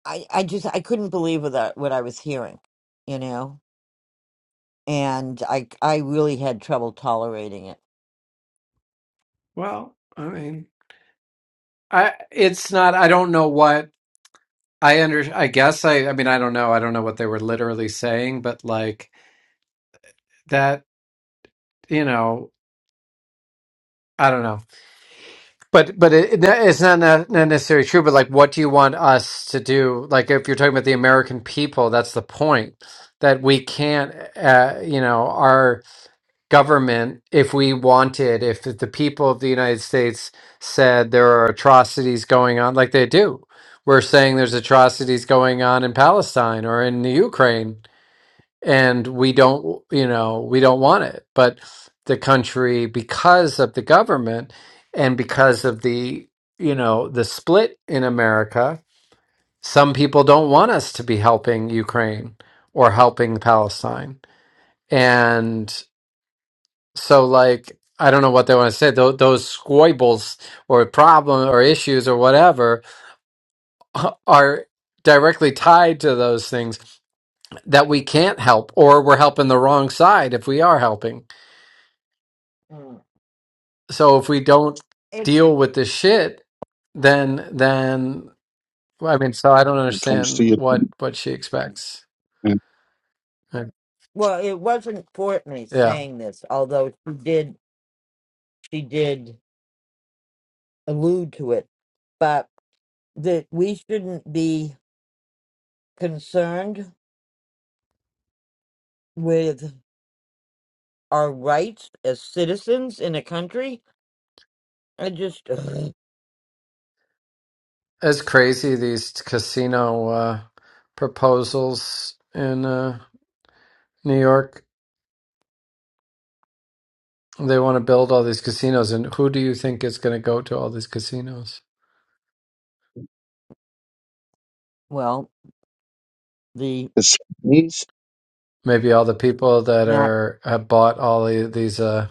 Speaker 1: I, I just I couldn't believe what I, what I was hearing, you know, and I I really had trouble tolerating it.
Speaker 13: Well, I mean, I it's not. I don't know what I under. I guess I. I mean, I don't know. I don't know what they were literally saying, but like that. You know, I don't know But but it, it- that- it's not ne- not necessarily true. But like, what do you want us to do? Like, if you're talking about the American people, that's the point that we can't. Uh, you know, our government, if we wanted, if the people of the United States said there are atrocities going on, like they do, we're saying there's atrocities going on in Palestine or in the Ukraine and we don't you know we don't want it but the country because of the government and because of the you know the split in america some people don't want us to be helping ukraine or helping palestine and so like i don't know what they want to say those, those squibbles or problem or issues or whatever uh, are directly tied to those things that we can't help or we're helping the wrong side if we are helping
Speaker 1: Mm.
Speaker 13: so if we don't
Speaker 1: It's
Speaker 13: deal with this shit, then then I mean, so I don't
Speaker 7: it comes
Speaker 13: understand
Speaker 7: to
Speaker 13: what what she expects. Like,
Speaker 1: Well, it wasn't Courtney
Speaker 13: Yeah,
Speaker 1: saying this, although she did she did allude to it, but that we shouldn't be concerned with our rights as citizens in a country. I just
Speaker 13: it's crazy these casino uh, proposals in uh, New York. They want to build all these casinos, and who do you think is going to go to all these casinos?
Speaker 1: well, the
Speaker 7: you,
Speaker 13: Maybe all the people that
Speaker 1: not
Speaker 13: are have bought all the, these uh,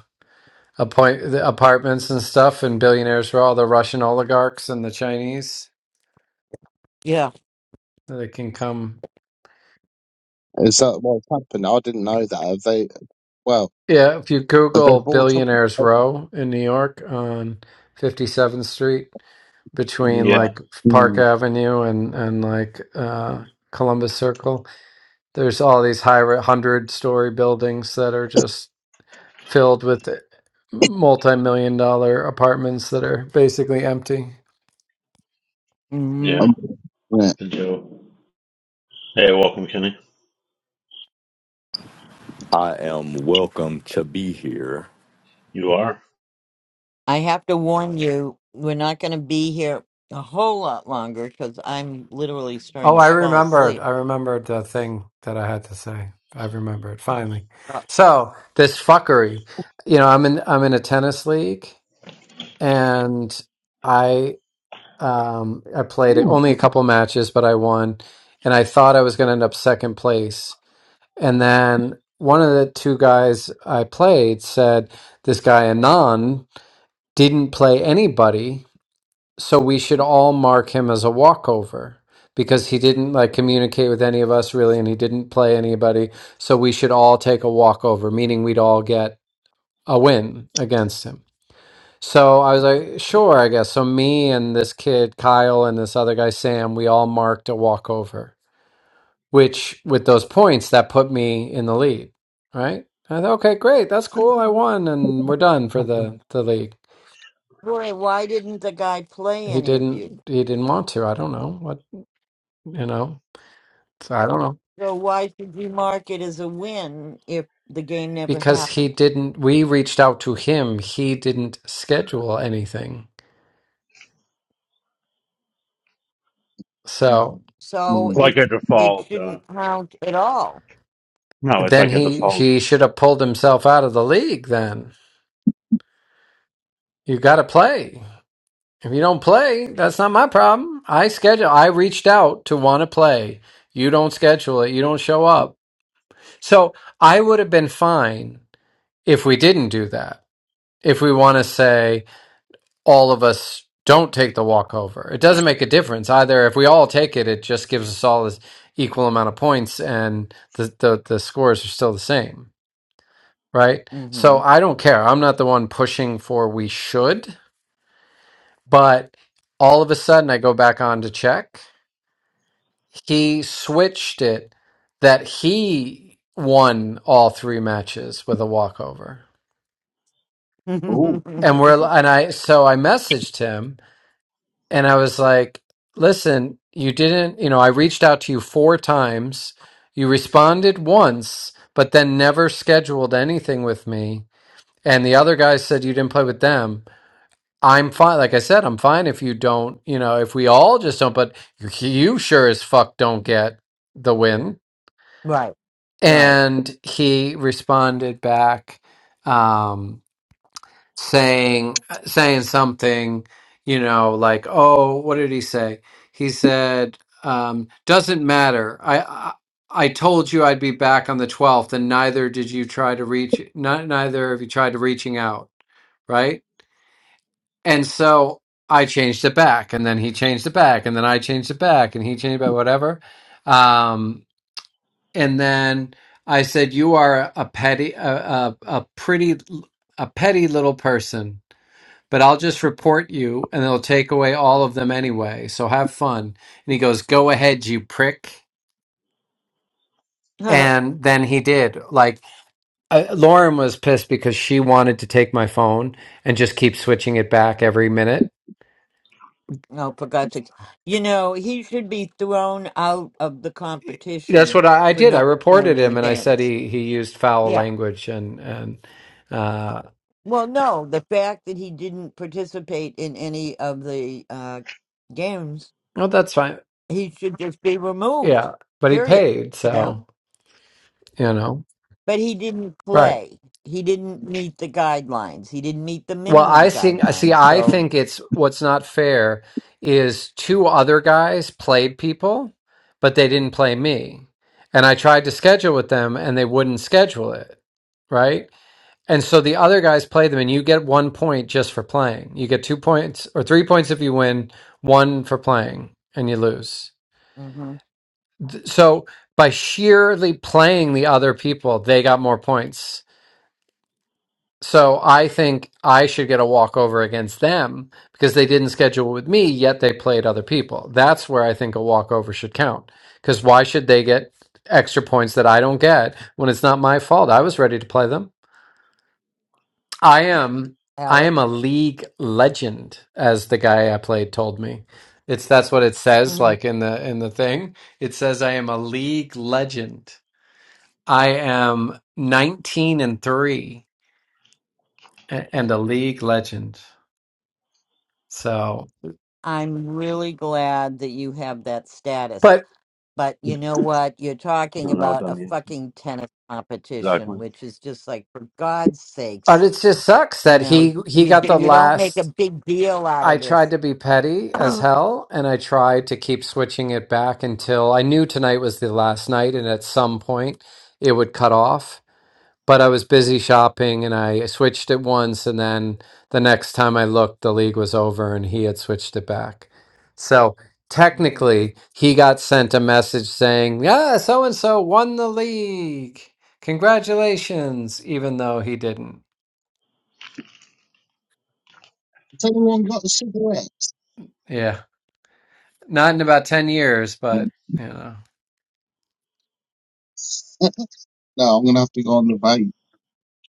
Speaker 13: appoint the apartments and stuff, and billionaires for all the Russian oligarchs and the Chinese
Speaker 1: yeah.
Speaker 13: that can come
Speaker 7: Is that what's happened? I didn't know that. Have they? Well,
Speaker 13: Yeah, if you
Speaker 7: have they
Speaker 13: Google
Speaker 7: brought up?
Speaker 13: Billionaires Row in New York on 57th Street between
Speaker 2: Yeah,
Speaker 13: like Park
Speaker 7: Mm.
Speaker 13: Avenue and and like uh Columbus Circle, there's all these high 100-story buildings that are just filled with eh, multi-million dollar apartments that are basically empty.
Speaker 1: hmm
Speaker 2: yeah.
Speaker 7: Um, yeah.
Speaker 2: The Joe. Hey, welcome, Kenny.
Speaker 14: I am welcome to be here.
Speaker 2: You are.
Speaker 1: I have to warn you, we're not going to be here a whole lot longer because I'm literally starting
Speaker 13: Oh,
Speaker 1: to
Speaker 13: I
Speaker 1: fall
Speaker 13: remembered.
Speaker 1: asleep.
Speaker 13: I remembered the thing that I had to say. I remembered finally.
Speaker 1: Uh,
Speaker 13: So this fuckery, you know, I'm in I'm in a tennis league, and I um I played
Speaker 2: Ooh,
Speaker 13: only a couple matches, but I won, and I thought I was going to end up second place, and then one of the two guys I played said this guy Anand didn't play anybody so we should all mark him as a walkover because he didn't like communicate with any of us really and he didn't play anybody. So we should all take a walkover, meaning we'd all get a win against him. So I was like, sure, I guess. So me and this kid, Kyle, and this other guy, Sam, we all marked a walkover, which with those points, that put me in the lead, right? I thought, okay, great, that's cool. I won and we're done for the, the league.
Speaker 1: Boy, why didn't the guy play
Speaker 13: He
Speaker 1: any of you?
Speaker 13: didn't he didn't want to. I don't know what you know. So I don't know.
Speaker 1: So why should you mark it as a win if the game never
Speaker 13: Because he
Speaker 1: happened?
Speaker 13: didn't, we reached out to him. He didn't schedule anything. So
Speaker 1: So
Speaker 7: Mm.
Speaker 2: like
Speaker 1: it
Speaker 2: a
Speaker 1: it
Speaker 2: default. Uh,
Speaker 1: shouldn't count at all.
Speaker 2: no, it's
Speaker 13: then
Speaker 2: like a
Speaker 13: he,
Speaker 2: default.
Speaker 13: he should have pulled himself out of the league then. You got to play. If you don't play, that's not my problem. I schedule, I reached out to want to play. You don't schedule it. You don't show up. So I would have been fine if we didn't do that. If we want to say, all of us don't take the walkover. It doesn't make a difference either. If we all take it, it just gives us all this equal amount of points, and the the, the scores are still the same, right?
Speaker 1: hmm
Speaker 13: So I don't care. I'm not the one pushing for we should, but all of a sudden I go back on to check. He switched it that he won all three matches with a walkover.
Speaker 7: Oh,
Speaker 13: And we're and I so I messaged him And I was like, listen, you didn't, you know, I reached out to you four times. You responded once, but then never scheduled anything with me. And the other guy said you didn't play with them. I'm fine. Like I said, I'm fine if you don't, you know, if we all just don't, but you sure as fuck don't get the win.
Speaker 1: right, right.
Speaker 13: And he responded back. um, saying saying something you know like oh what did he say he said um doesn't matter i i, I told you i'd be back on the 12th and neither did you try to reach not neither of you tried to reaching out right and so i changed it back and then he changed it back and then i changed it back and he changed it back, whatever um and then i said you are a petty a, a, a pretty a petty little person but I'll just report you and they'll take away all of them anyway. So have fun. And he goes, Go ahead, you prick.
Speaker 1: oh,
Speaker 13: And then he did. Like, uh, Lauren was pissed because she wanted to take my phone and just keep switching it back every minute.
Speaker 1: for God's sake! You know he should be thrown out of the
Speaker 13: That's
Speaker 1: competition
Speaker 13: what I, I
Speaker 1: for
Speaker 13: did. I
Speaker 1: not playing
Speaker 13: reported
Speaker 1: any
Speaker 13: him and I said
Speaker 1: games.
Speaker 13: he, he used foul
Speaker 1: Yeah.
Speaker 13: language and, and, uh,
Speaker 1: Well, no, the fact that he didn't participate in any of the uh, games,
Speaker 13: well, that's fine.
Speaker 1: he should just be removed.
Speaker 13: Yeah. But he
Speaker 1: Period.
Speaker 13: paid.
Speaker 1: You know.
Speaker 13: So, you know,
Speaker 1: But he didn't
Speaker 13: right.
Speaker 1: play. He didn't meet the guidelines. He didn't meet the
Speaker 13: Well,
Speaker 1: minimum
Speaker 13: I think, see,
Speaker 1: guidelines.
Speaker 13: I
Speaker 1: So,
Speaker 13: think it's what's not fair is two other guys played people, but they didn't play me. And I tried to schedule with them and they wouldn't schedule it. Right. And so the other guys play them and you get one point just for playing. You get two points or three points if you win, one for playing and you lose.
Speaker 1: hmm
Speaker 13: So by sheerly playing the other people, they got more points. So I think I should get a walkover against them because they didn't schedule with me, yet they played other people. That's where I think a walkover should count. Because why should they get extra points that I don't get when it's not my fault? I was ready to play them. I am I
Speaker 1: Alex,
Speaker 13: am a league legend, as the guy I played told me. It's that's what it says,
Speaker 1: mhm,
Speaker 13: like in the in the thing. It says I am a league legend. I am nineteen and three a- and a league legend. So,
Speaker 1: I'm really glad that you have that status.
Speaker 13: but
Speaker 1: But you know what? You're
Speaker 2: I
Speaker 1: talking
Speaker 2: don't know what
Speaker 1: about
Speaker 2: that
Speaker 1: a
Speaker 2: means.
Speaker 1: fucking tennis competition,
Speaker 2: Exactly.
Speaker 1: which is just like, for God's
Speaker 13: but
Speaker 1: sakes,
Speaker 13: it just sucks
Speaker 1: you
Speaker 13: that
Speaker 1: know,
Speaker 13: he he
Speaker 1: you
Speaker 13: got
Speaker 1: d-
Speaker 13: the
Speaker 1: you don't make a
Speaker 13: last.
Speaker 1: big deal out
Speaker 13: I
Speaker 1: of
Speaker 13: tried
Speaker 1: this.
Speaker 13: to be petty as hell, and I tried to keep switching it back until I knew tonight was the last night, and at some point it would cut off. but I was busy shopping and I switched it once and then the next time I looked the league was over and he had switched it back. So
Speaker 1: Mhm.
Speaker 13: technically he got sent a message saying, "Yeah, so and so won the league. Congratulations," even though he didn't.
Speaker 7: has anyone got a cigarette?
Speaker 13: Yeah. Not in about 10 years, but
Speaker 7: Mm.
Speaker 13: you know,
Speaker 7: no, I'm gonna have to go on the vape.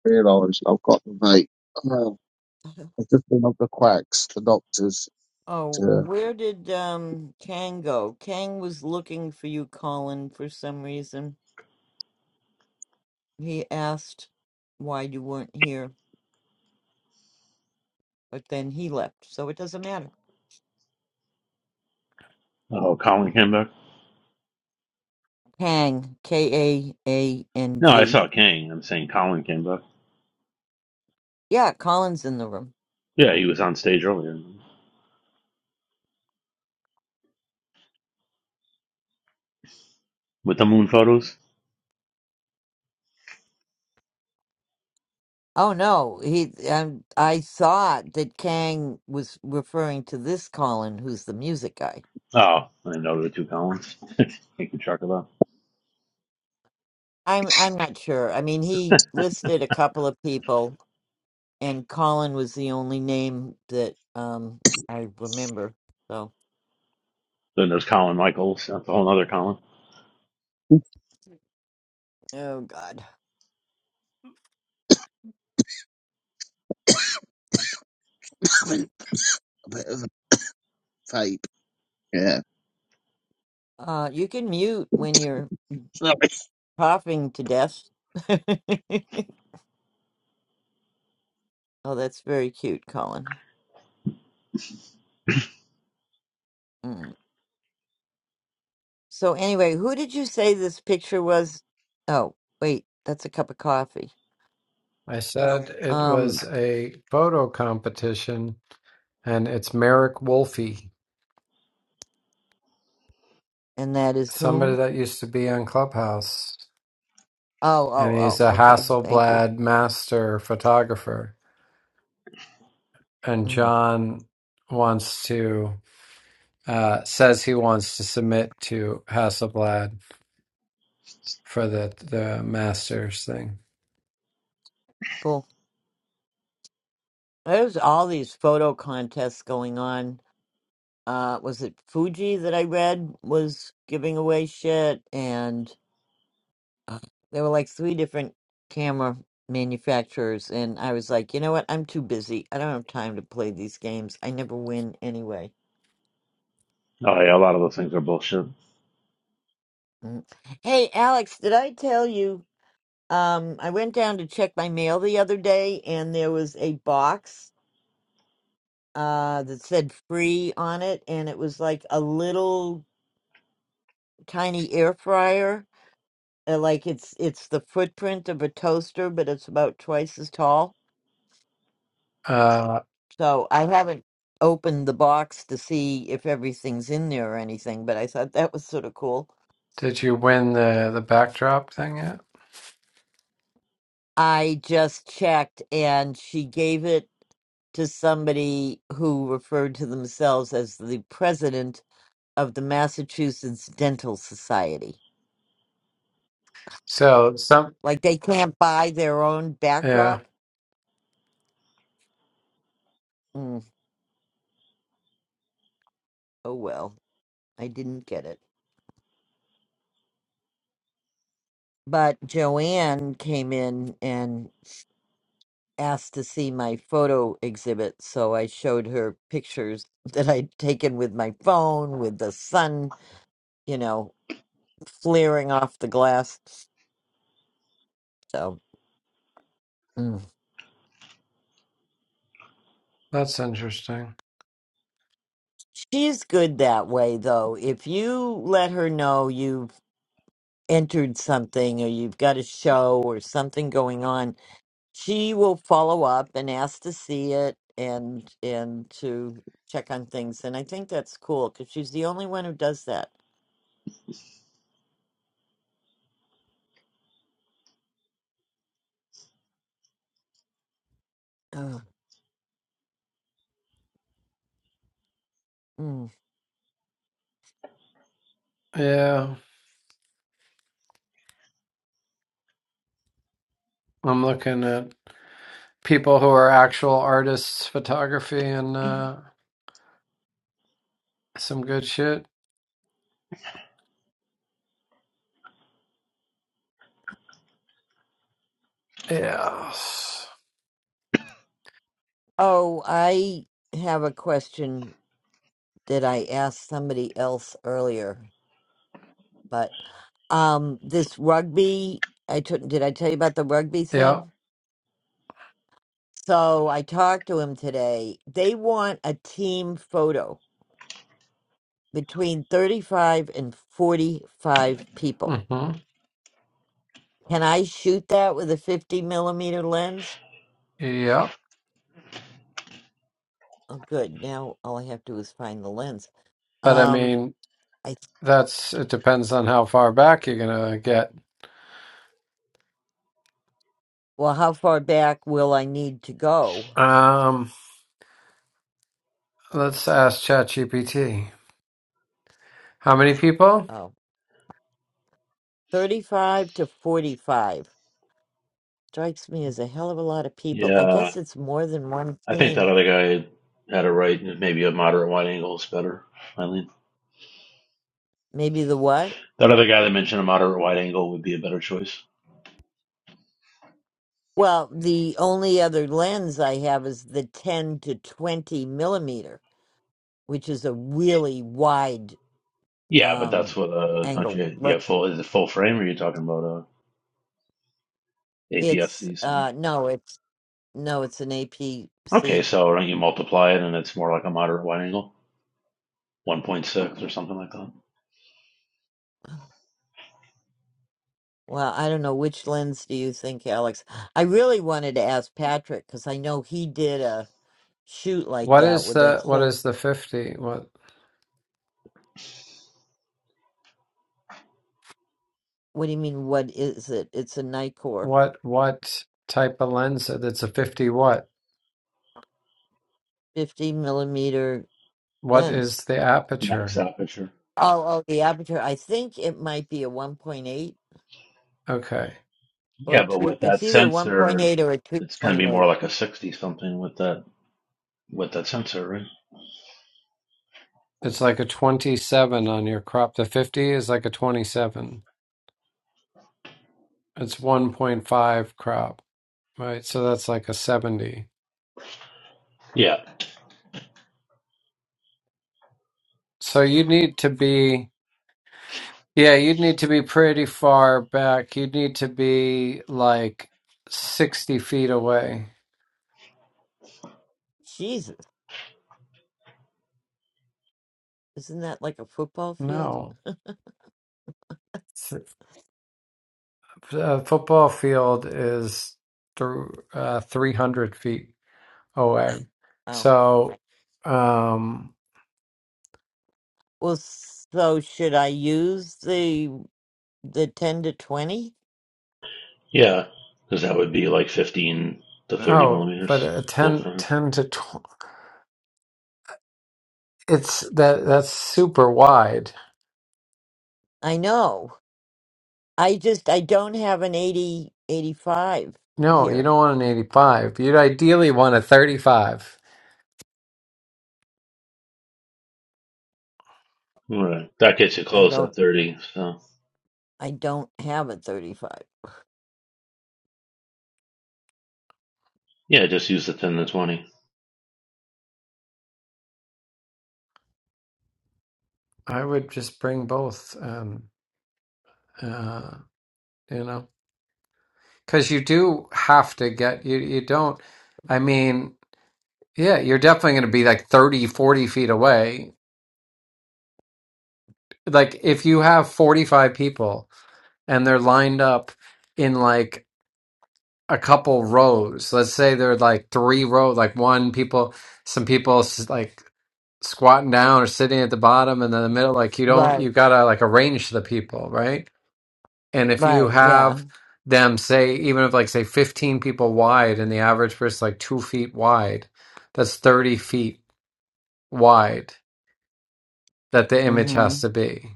Speaker 7: Realise I've got the vape. Oh,
Speaker 1: Uh-huh.
Speaker 7: I've just been up the quacks, the doctors,
Speaker 1: Oh,
Speaker 7: to
Speaker 1: where did um Kang go? Kang was looking for you, Colin, for some reason. He asked why you weren't here, but then he left, so it doesn't matter.
Speaker 2: Oh, Colin Kimber.
Speaker 1: Kang, K A A N
Speaker 2: No, I
Speaker 1: G.
Speaker 2: saw Kang. I'm saying Colin Kimber.
Speaker 1: Yeah, Colin's in the room.
Speaker 2: Yeah, he was on stage earlier with the moon photos.
Speaker 1: Oh no, he. Um, I thought that Kang was referring to this Colin, who's the music guy.
Speaker 2: Oh, I know there were two Collins. Making track of that.
Speaker 1: I'm. I'm not sure. I mean, he listed a couple of people, and Colin was the only name that um I remember. So,
Speaker 2: Then there's Colin Michaels. That's a whole other Colin.
Speaker 1: oh God.
Speaker 7: have a a bit of a vape. Yeah.
Speaker 1: Uh, you can mute when you're
Speaker 7: Sorry. I'm
Speaker 1: coughing to death. oh, that's very cute, Colin. Mm. So anyway, who did you say this picture was? Oh, wait, that's a cup of coffee.
Speaker 13: I said it
Speaker 1: Um.
Speaker 13: was a photo competition and it's Merrick Wolfe,
Speaker 1: And that is
Speaker 13: somebody
Speaker 1: whom?
Speaker 13: that used to be on Clubhouse.
Speaker 1: Oh,
Speaker 13: and
Speaker 1: oh,
Speaker 13: he's a
Speaker 1: oh. Okay. Thank you.
Speaker 13: Hasselblad master photographer. And
Speaker 1: Mhm.
Speaker 13: John wants to uh, says he wants to submit to Hasselblad for the the masters thing.
Speaker 1: Cool. There's all these photo contests going on. Uh, was it Fuji that I read was giving away shit? And uh, there were like three different camera manufacturers. And I was like, you know what? I'm too busy. I don't have time to play these games. I never win anyway.
Speaker 2: Oh yeah, a lot of those things are bullshit.
Speaker 1: Mm. Hey, Alex, did I tell you? Um, I went down to check my mail the other day and there was a box uh, that said free on it, and it was like a little tiny air fryer. Uh, like it's it's the footprint of a toaster, but it's about twice as tall.
Speaker 13: Uh,
Speaker 1: So I haven't opened the box to see if everything's in there or anything, but I thought that was sort of cool.
Speaker 13: did you win the the backdrop thing yet?
Speaker 1: I just checked, and she gave it to somebody who referred to themselves as the president of the Massachusetts Dental Society.
Speaker 13: So some
Speaker 1: Like they can't buy their own
Speaker 13: yeah,
Speaker 1: backdrop? Mm, oh well, I didn't get it. But Joanne came in and asked to see my photo exhibit, so I showed her pictures that I'd taken with my phone, with the sun, you know, flaring off the glass. So mm.
Speaker 13: that's interesting.
Speaker 1: she's good that way, though. If you let her know you've entered something or you've got a show or something going on, she will follow up and ask to see it and and to check on things and i think that's cool because she's the only one who does that Ugh. Mm.
Speaker 13: Yeah, I'm looking at people who are actual artists, photography, and uh, some good shit. Yeah,
Speaker 1: oh i have a question that i asked somebody else earlier but um this rugby i took did i tell you about the rugby
Speaker 13: yeah,
Speaker 1: thing so i talked to him today they want a team photo between 35 and 45 people
Speaker 13: mm-hmm.
Speaker 1: Can I shoot that with a 50 millimeter lens?
Speaker 13: Yep.
Speaker 1: Oh, good. Now all I have to do is find the lens.
Speaker 13: But I
Speaker 1: Um,
Speaker 13: mean,
Speaker 1: I
Speaker 13: that's it depends on how far back you're gonna get.
Speaker 1: well, how far back will I need to go?
Speaker 13: Um, let's ask ChatGPT. How many people?
Speaker 1: Oh, 35 to 45 strikes me as a hell of a lot of people. I
Speaker 2: Yeah,
Speaker 1: guess it's more than one
Speaker 2: I think that
Speaker 1: team.
Speaker 2: other guy had it right. Maybe a moderate wide angle is better. Eileen,
Speaker 1: Maybe the what?
Speaker 2: that other guy that mentioned a moderate wide angle would be a better choice.
Speaker 1: Well, the only other lens I have is the 10 to 20 millimeter, which is a really wide
Speaker 2: Yeah, but that's
Speaker 1: um
Speaker 2: what uh, don't
Speaker 1: angle.
Speaker 2: you? Yeah,
Speaker 1: le-
Speaker 2: full is it full frame? Or are you talking about uh,
Speaker 1: It's
Speaker 2: APS-C?
Speaker 1: uh no, it's No, it's an
Speaker 2: Okay,
Speaker 1: APC.
Speaker 2: so don't you multiply it and it's more like a moderate wide angle, 1.6 or something like that.
Speaker 1: Well, I don't know which lens do you think, Alex? I really wanted to ask Patrick because I know he did a shoot like
Speaker 13: What
Speaker 1: that
Speaker 13: is
Speaker 1: with that
Speaker 13: the what
Speaker 1: whole.
Speaker 13: is the fifty? What
Speaker 1: What do you mean? What is it? It's a Nikkor
Speaker 13: what what type of lens? That's a fifty. What
Speaker 1: 50 millimeter
Speaker 13: what
Speaker 1: lens.
Speaker 13: is the
Speaker 2: Max
Speaker 13: aperture?
Speaker 2: aperture.
Speaker 1: Oh, oh, the aperture. I think it might be a 1.8
Speaker 13: Okay,
Speaker 1: or a
Speaker 2: Yeah, but
Speaker 1: two.
Speaker 2: with that
Speaker 1: It's either
Speaker 2: sensor,
Speaker 1: 1.8 or a
Speaker 2: it's going to be more
Speaker 1: 2.8.
Speaker 2: like a 60 something with that with that sensor, right?
Speaker 13: it's like a twenty-seven on your crop. The fifty is like a twenty-seven. It's one point five crop, right? So that's like a seventy.
Speaker 2: Yeah,
Speaker 13: So you need to be. Yeah, you'd need to be pretty far back. You'd need to be like 60 feet away.
Speaker 1: Jesus, isn't that like a football field?
Speaker 13: No. Th- A football field is through uh, 300 feet away.
Speaker 1: Oh, okay.
Speaker 13: So, um,
Speaker 1: well, so should I use the the 10 to 20?
Speaker 2: yeah, because that would be like 15 to 30
Speaker 13: oh, but
Speaker 2: millimeters
Speaker 13: a
Speaker 2: full
Speaker 13: ten,
Speaker 2: frame.
Speaker 13: ten to 20, it's that that's super wide.
Speaker 1: I know. I just I don't have an 80 85
Speaker 13: No, you
Speaker 1: here.
Speaker 13: don't want an 85. You'd ideally want a 35.
Speaker 2: Right, that gets you
Speaker 1: I
Speaker 2: close
Speaker 1: don't
Speaker 2: at 30. So
Speaker 1: I don't have a 35.
Speaker 2: yeah, just use the 10 to 20.
Speaker 13: I would just bring both. Um, uh, you know. Because you do have to get you you don't I mean, yeah, you're definitely going to be like 30, 40 feet away. Like if you have 45 people and they're lined up in like a couple rows, let's say they're like three row, like one people, some people s- like squatting down or sitting at the bottom and then the middle, like you don't,
Speaker 1: Right.
Speaker 13: you gotta like arrange the people, right? And if you
Speaker 1: Right. Yeah.
Speaker 13: have them say, even if like say 15 people wide and the average person's like two feet wide, that's 30 feet wide that the image has
Speaker 1: Mhm.
Speaker 13: to be.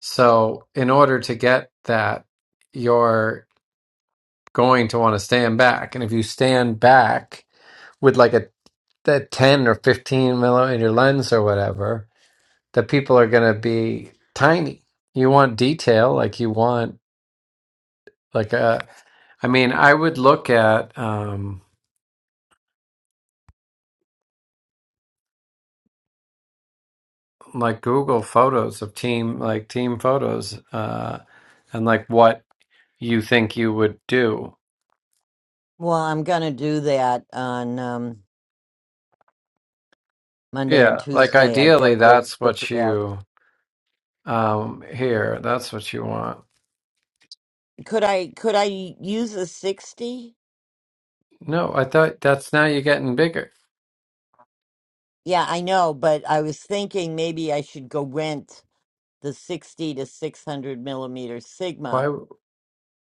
Speaker 13: So in order to get that, you're going to want to stand back. And if you stand back with like a that 10 or 15 millimeter lens or whatever, the people are going to be tiny. You want detail, like you want, like a, I mean, I would look at, Um, like Google photos of team like team photos uh and like what you think you would do.
Speaker 1: Well, I'm going to do that on um Monday and
Speaker 13: Yeah, like
Speaker 1: Tuesday. I've got
Speaker 13: ideally
Speaker 1: to go
Speaker 13: that's
Speaker 1: look
Speaker 13: what
Speaker 1: at that.
Speaker 13: you um here, that's what you want.
Speaker 1: Could I could I use a 60?
Speaker 13: No, I thought that's now you're getting bigger.
Speaker 1: Yeah, I know, but I was thinking maybe I should go rent the 60 to 600 millimeter
Speaker 13: Why
Speaker 1: Sigma
Speaker 13: w-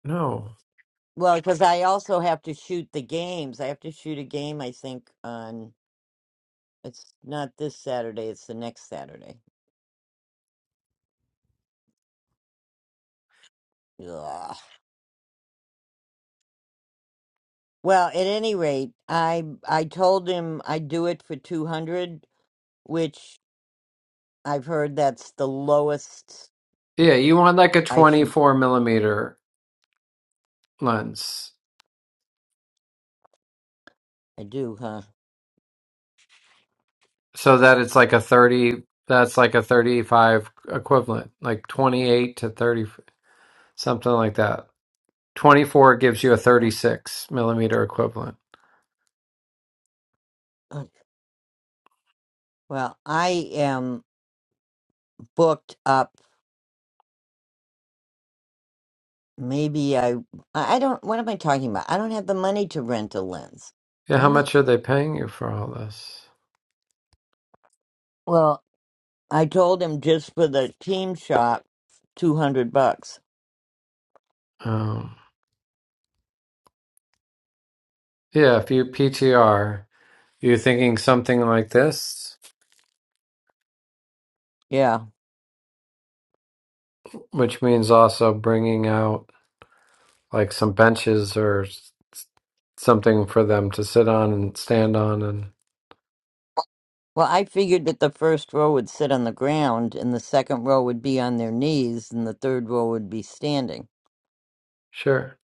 Speaker 13: no.
Speaker 1: Well, because I also have to shoot the games. I have to shoot a game, I think, on it's not this Saturday, it's the next Saturday. Ugh. Well, at any rate, I I told him I'd do it for 200, which I've heard that's the lowest
Speaker 13: Yeah, you want like a
Speaker 1: I should
Speaker 13: 24 millimeter lens
Speaker 1: I do, huh?
Speaker 13: so that it's like a 30 that's like a 35 equivalent, like 28 to 30 something like that. 24 gives you a
Speaker 1: Uh,
Speaker 13: 36 millimeter equivalent.
Speaker 1: uh, Well, I am booked up. Maybe I I I don't what am I talking about? I don't have the money to rent a lens.
Speaker 13: Yeah, how
Speaker 1: Damn it.
Speaker 13: much are they paying you for all this?
Speaker 1: Well. I told him just for the team shop, two hundred bucks.
Speaker 13: Um, yeah, if you PTR, you're thinking something like this,
Speaker 1: Yeah.
Speaker 13: which means also bringing out like some benches or s- something for them to sit on and stand on and
Speaker 1: Well, I figured that the first row would sit on the ground, and the second row would be on their knees, and the third row would be standing.
Speaker 13: sure.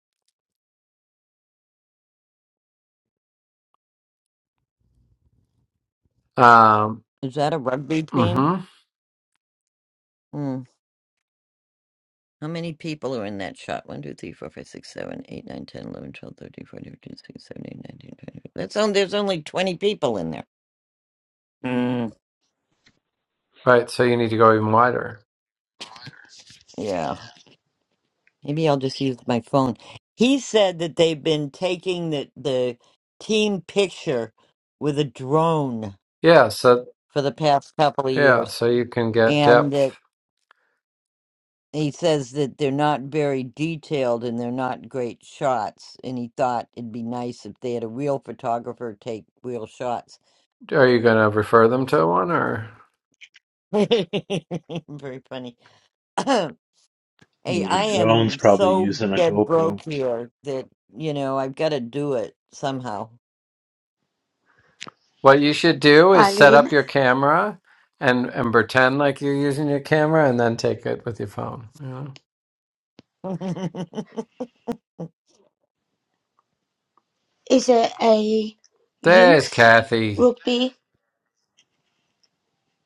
Speaker 13: Um,
Speaker 1: Is that a rugby team?
Speaker 13: mm-hmm.
Speaker 1: Hmm. How many people are in that shot? One, 2, 3, 4, 5, 6, 7, 8, 9, 10, 11, 12, 13, 14, 15, 16, 17, 18, 19, 20. That's on, there's only 20 people in there. Mm,
Speaker 13: Right, so you need to go even wider.
Speaker 1: yeah. Maybe I'll just use my phone. He said that they've been taking the, the team picture with a drone
Speaker 13: Yeah. So.
Speaker 1: for the past couple of
Speaker 13: Yeah,
Speaker 1: years.
Speaker 13: so you can get
Speaker 1: And that
Speaker 13: depth.
Speaker 1: he says that they're not very detailed and they're not great shots. And he thought it'd be nice if they had a real photographer take real shots.
Speaker 13: Are you going to refer them to one or
Speaker 1: very funny. hey,
Speaker 2: Well,
Speaker 1: I
Speaker 2: Jones
Speaker 1: am
Speaker 2: probably
Speaker 1: so
Speaker 2: using a
Speaker 1: dead
Speaker 2: GoPro.
Speaker 1: broke here that, you know, I've got to do it somehow.
Speaker 13: what you should do is set
Speaker 8: Eileen,
Speaker 13: up your camera and and pretend like you're using your camera and then take it with your phone. You know?
Speaker 8: is it a
Speaker 13: There's
Speaker 8: youth
Speaker 13: Kathy.
Speaker 8: rugby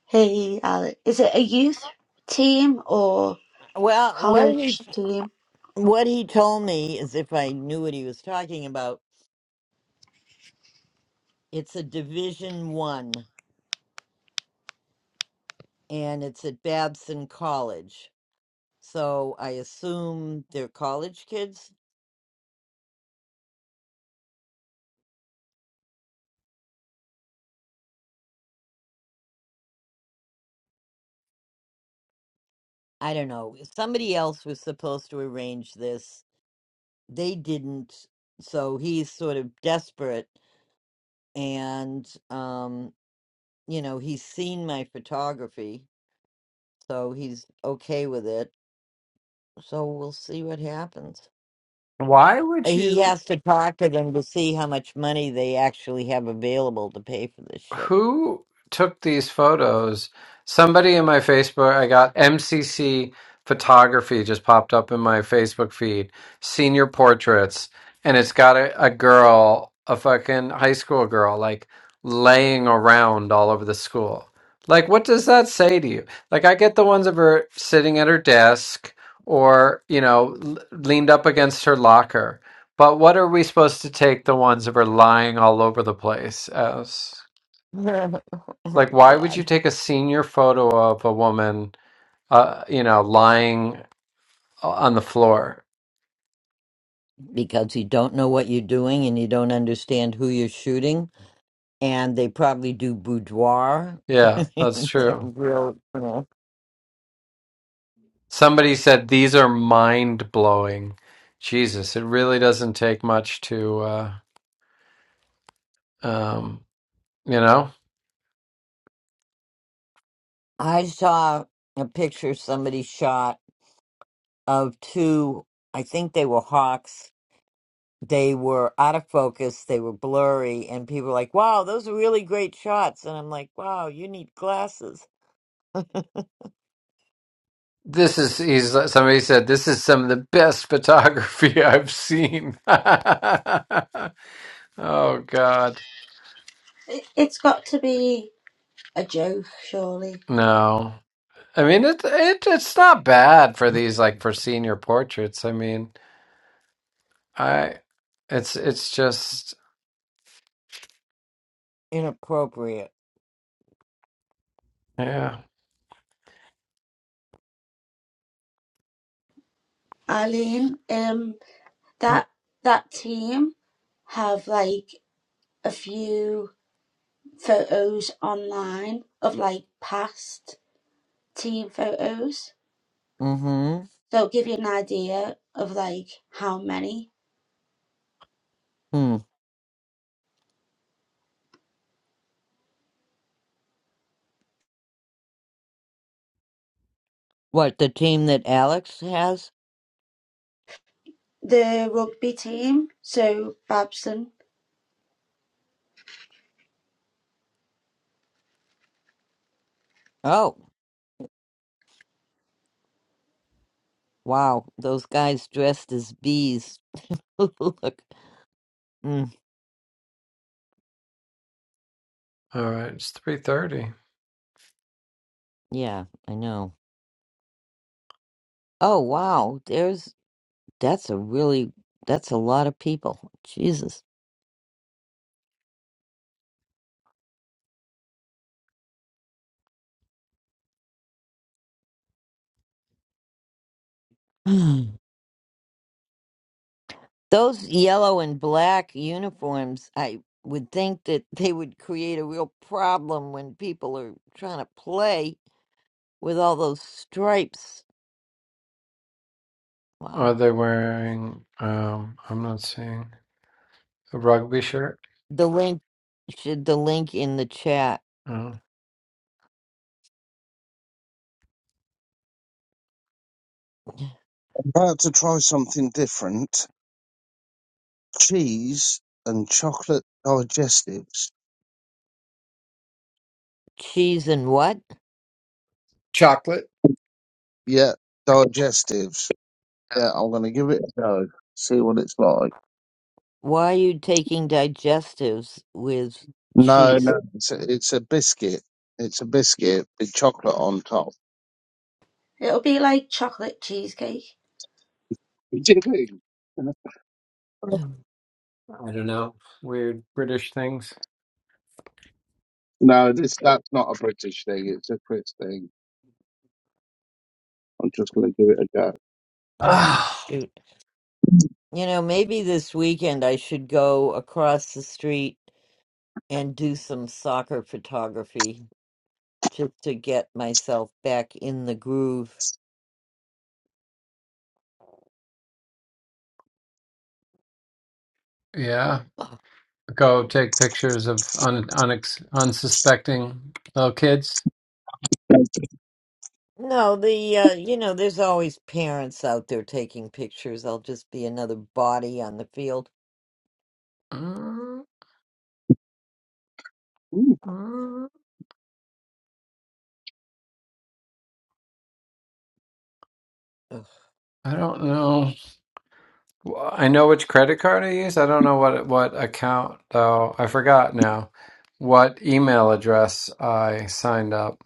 Speaker 8: Hey, Alec, is it a youth team or
Speaker 1: Well, what he
Speaker 8: college team?
Speaker 1: what he told me is if I knew what he was talking about, it's a Division One, and it's at Babson College. So I assume they're college kids. I don't know. Somebody else was supposed to arrange this. They didn't. So he's sort of desperate, and um, you know, he's seen my photography, so he's okay with it. So we'll see what happens.
Speaker 13: Why would
Speaker 1: He
Speaker 13: you?
Speaker 1: has to talk to them to see how much money they actually have available to pay for this shit.
Speaker 13: who took these photos? Somebody in my Facebook, I got MCC photography just popped up in my Facebook feed, senior portraits, and it's got a, a girl, a fucking high school girl, like laying around all over the school. Like, what does that say to you? Like, I get the ones of her sitting at her desk or, you know, l- leaned up against her locker. But what are we supposed to take the ones of her lying all over the place as? Like, why would you
Speaker 1: God.
Speaker 13: take a senior photo of a woman, uh, you know, lying on the floor?
Speaker 1: Because you don't know what you're doing and you don't understand who you're shooting. And they probably do boudoir.
Speaker 13: Yeah, that's
Speaker 1: They're
Speaker 13: true.
Speaker 1: real, you know.
Speaker 13: Somebody said these are mind blowing. Jesus, it really doesn't take much to, uh, um, you know,
Speaker 1: I saw a picture somebody shot of two, I think they were hawks. They were out of focus, they were blurry, and people were like, wow, those are really great shots. And I'm like, wow, you need glasses.
Speaker 13: this is, he's, somebody said, this is some of the best photography I've seen. oh, God.
Speaker 8: It- It's got to be a joke, surely.
Speaker 13: No. I mean, it, it, it's not bad for these, like, for senior portraits. I mean, I it's it's just
Speaker 1: Inappropriate.
Speaker 13: yeah.
Speaker 8: Eileen, um, that that team have like a few photos online of like past team photos.
Speaker 1: Mm-hmm.
Speaker 8: They'll give you an idea of like how many.
Speaker 1: Hmm. What, the team that Alex has?
Speaker 8: The rugby team, so Babson.
Speaker 1: Oh, wow. Those guys dressed as bees. Look. Mm,
Speaker 13: All right, it's three thirty.
Speaker 1: yeah, I know. Oh, wow. There's, that's a really, that's a lot of people. Jesus. Those yellow and black uniforms, I would think that they would create a real problem when people are trying to play with all those stripes. Wow.
Speaker 13: Are they wearing um I'm not seeing a rugby shirt?
Speaker 1: The link should the link in the chat.
Speaker 13: Oh,
Speaker 7: about to try something different. Cheese and chocolate digestives.
Speaker 1: Cheese and what?
Speaker 7: Yeah, digestives. Yeah, I'm gonna give it a go. See what it's like.
Speaker 1: Why are you taking digestives with
Speaker 7: No,
Speaker 1: cheese?
Speaker 7: no, it's a, it's a biscuit. It's a biscuit with chocolate on top.
Speaker 8: It'll be like chocolate cheesecake.
Speaker 7: Really?
Speaker 1: Oh,
Speaker 13: I don't know. Weird British things.
Speaker 7: No, this that's not a British thing. It's a Chris thing. I'm just going to give it a
Speaker 1: oh,
Speaker 13: Ah,
Speaker 1: shoot. You know, maybe this weekend I should go across the street and do some soccer photography just to get myself back in the groove.
Speaker 13: yeah. Go take pictures of un, unex, unsuspecting little kids.
Speaker 7: go.
Speaker 1: No, the uh, you know, there's always parents out there taking pictures. I'll just be another body on the field.
Speaker 13: Mm,
Speaker 7: Mm,
Speaker 13: mm, I don't know. Well, I know which credit card I use. I don't know what what account though. I forgot now what email address I signed up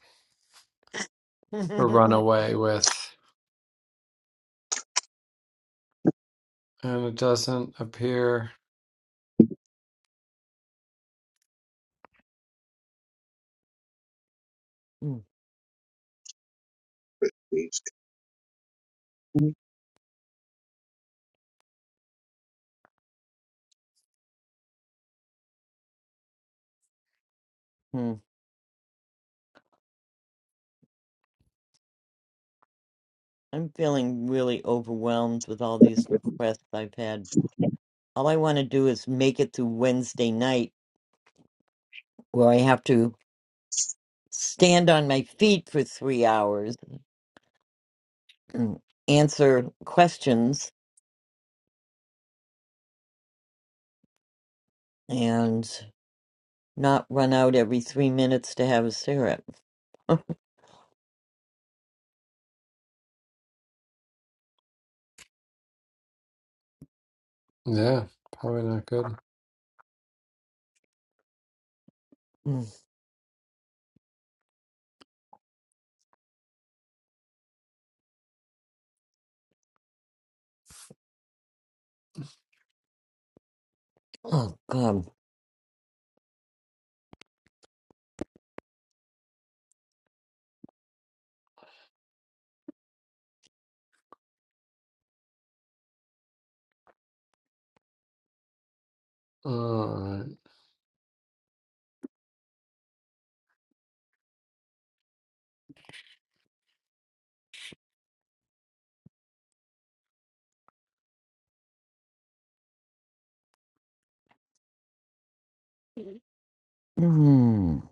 Speaker 13: for
Speaker 1: Ugh.
Speaker 13: Runaway with, and it doesn't appear.
Speaker 7: please.
Speaker 1: I'm feeling really overwhelmed with all these requests I've had. All I want to do is make it through Wednesday night, where I have to stand on my feet for three hours, answer questions, and not run out every three minutes to have a cigarette.
Speaker 13: Yeah, probably not good.
Speaker 1: Mm. Oh, God.
Speaker 13: Alright.
Speaker 1: Mm.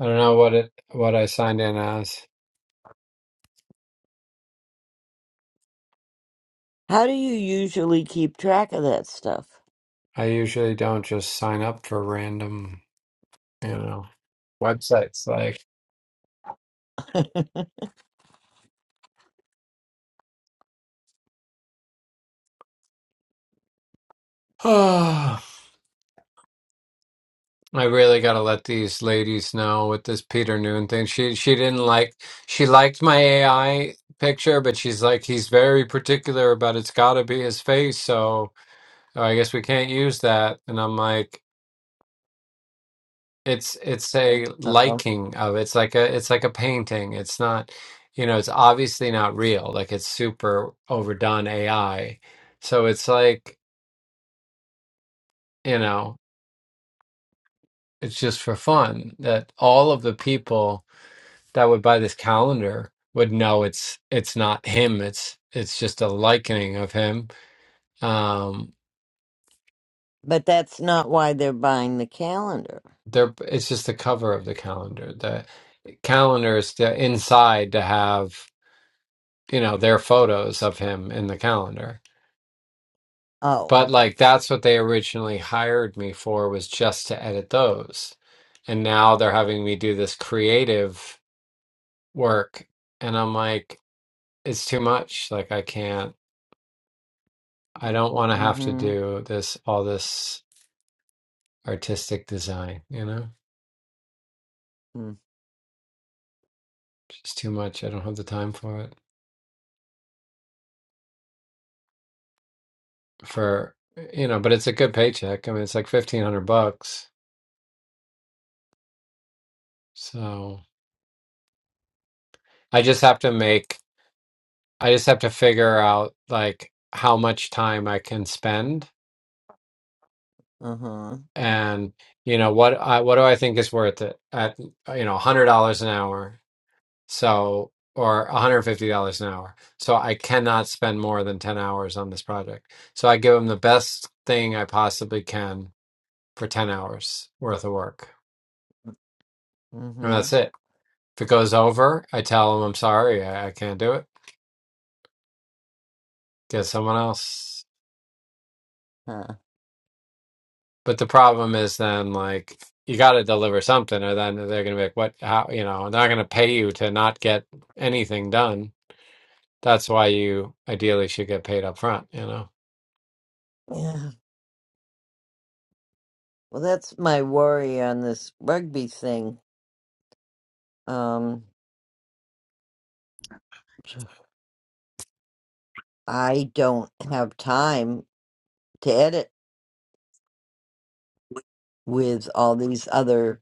Speaker 13: I don't know what it what I signed in as.
Speaker 1: How do you usually keep track of that stuff?
Speaker 13: I usually don't just sign up for random, you know, websites like I really gotta let these ladies know with this Peter Noon thing. She she didn't like she liked my AI picture, but she's like he's very particular about it's gotta be his face, so I guess we can't use that. And I'm like, it's it's a
Speaker 1: Uh oh.
Speaker 13: liking of it's like a it's like a painting. It's not you know, it's obviously not real. Like it's super overdone AI. So it's like, you know, it's just for fun that all of the people that would buy this calendar would know it's it's not him it's it's just a likening of him um
Speaker 1: But that's not why they're buying the calendar.
Speaker 13: there it's just the cover of the calendar the calendar is the inside to have you know their photos of him in the calendar
Speaker 1: Oh,
Speaker 13: but
Speaker 1: okay.
Speaker 13: like that's what they originally hired me for was just to edit those and now they're having me do this creative work and i'm like it's too much like i can't I don't want to have to
Speaker 1: Mm
Speaker 13: do this all this artistic design, you know?
Speaker 1: hmm.
Speaker 13: Just too much. I don't have the time for it. For, you know, but it's a good paycheck. I mean, it's like 1500 bucks. So I just have to make, I just have to figure out like how much time I can spend
Speaker 1: Uh-huh.
Speaker 13: and, you know, what I, what do I think is worth it at, you know, $100 an hour. So, or $150 an hour. So I cannot spend more than 10 hours on this project. So I give them the best thing I possibly can for 10 hours worth of work. And
Speaker 1: Mm-hmm.
Speaker 13: that's it. If it goes over, I tell them I'm sorry, I, I can't do it. Get someone else.
Speaker 1: Huh.
Speaker 13: But the problem is then, like, you got to deliver something, or then they're going to be like, what, how, you know, they're not going to pay you to not get anything done. That's why you ideally should get paid up front, you know?
Speaker 1: Yeah. Well, that's my worry on this rugby thing. Um, I don't have time to edit with all these other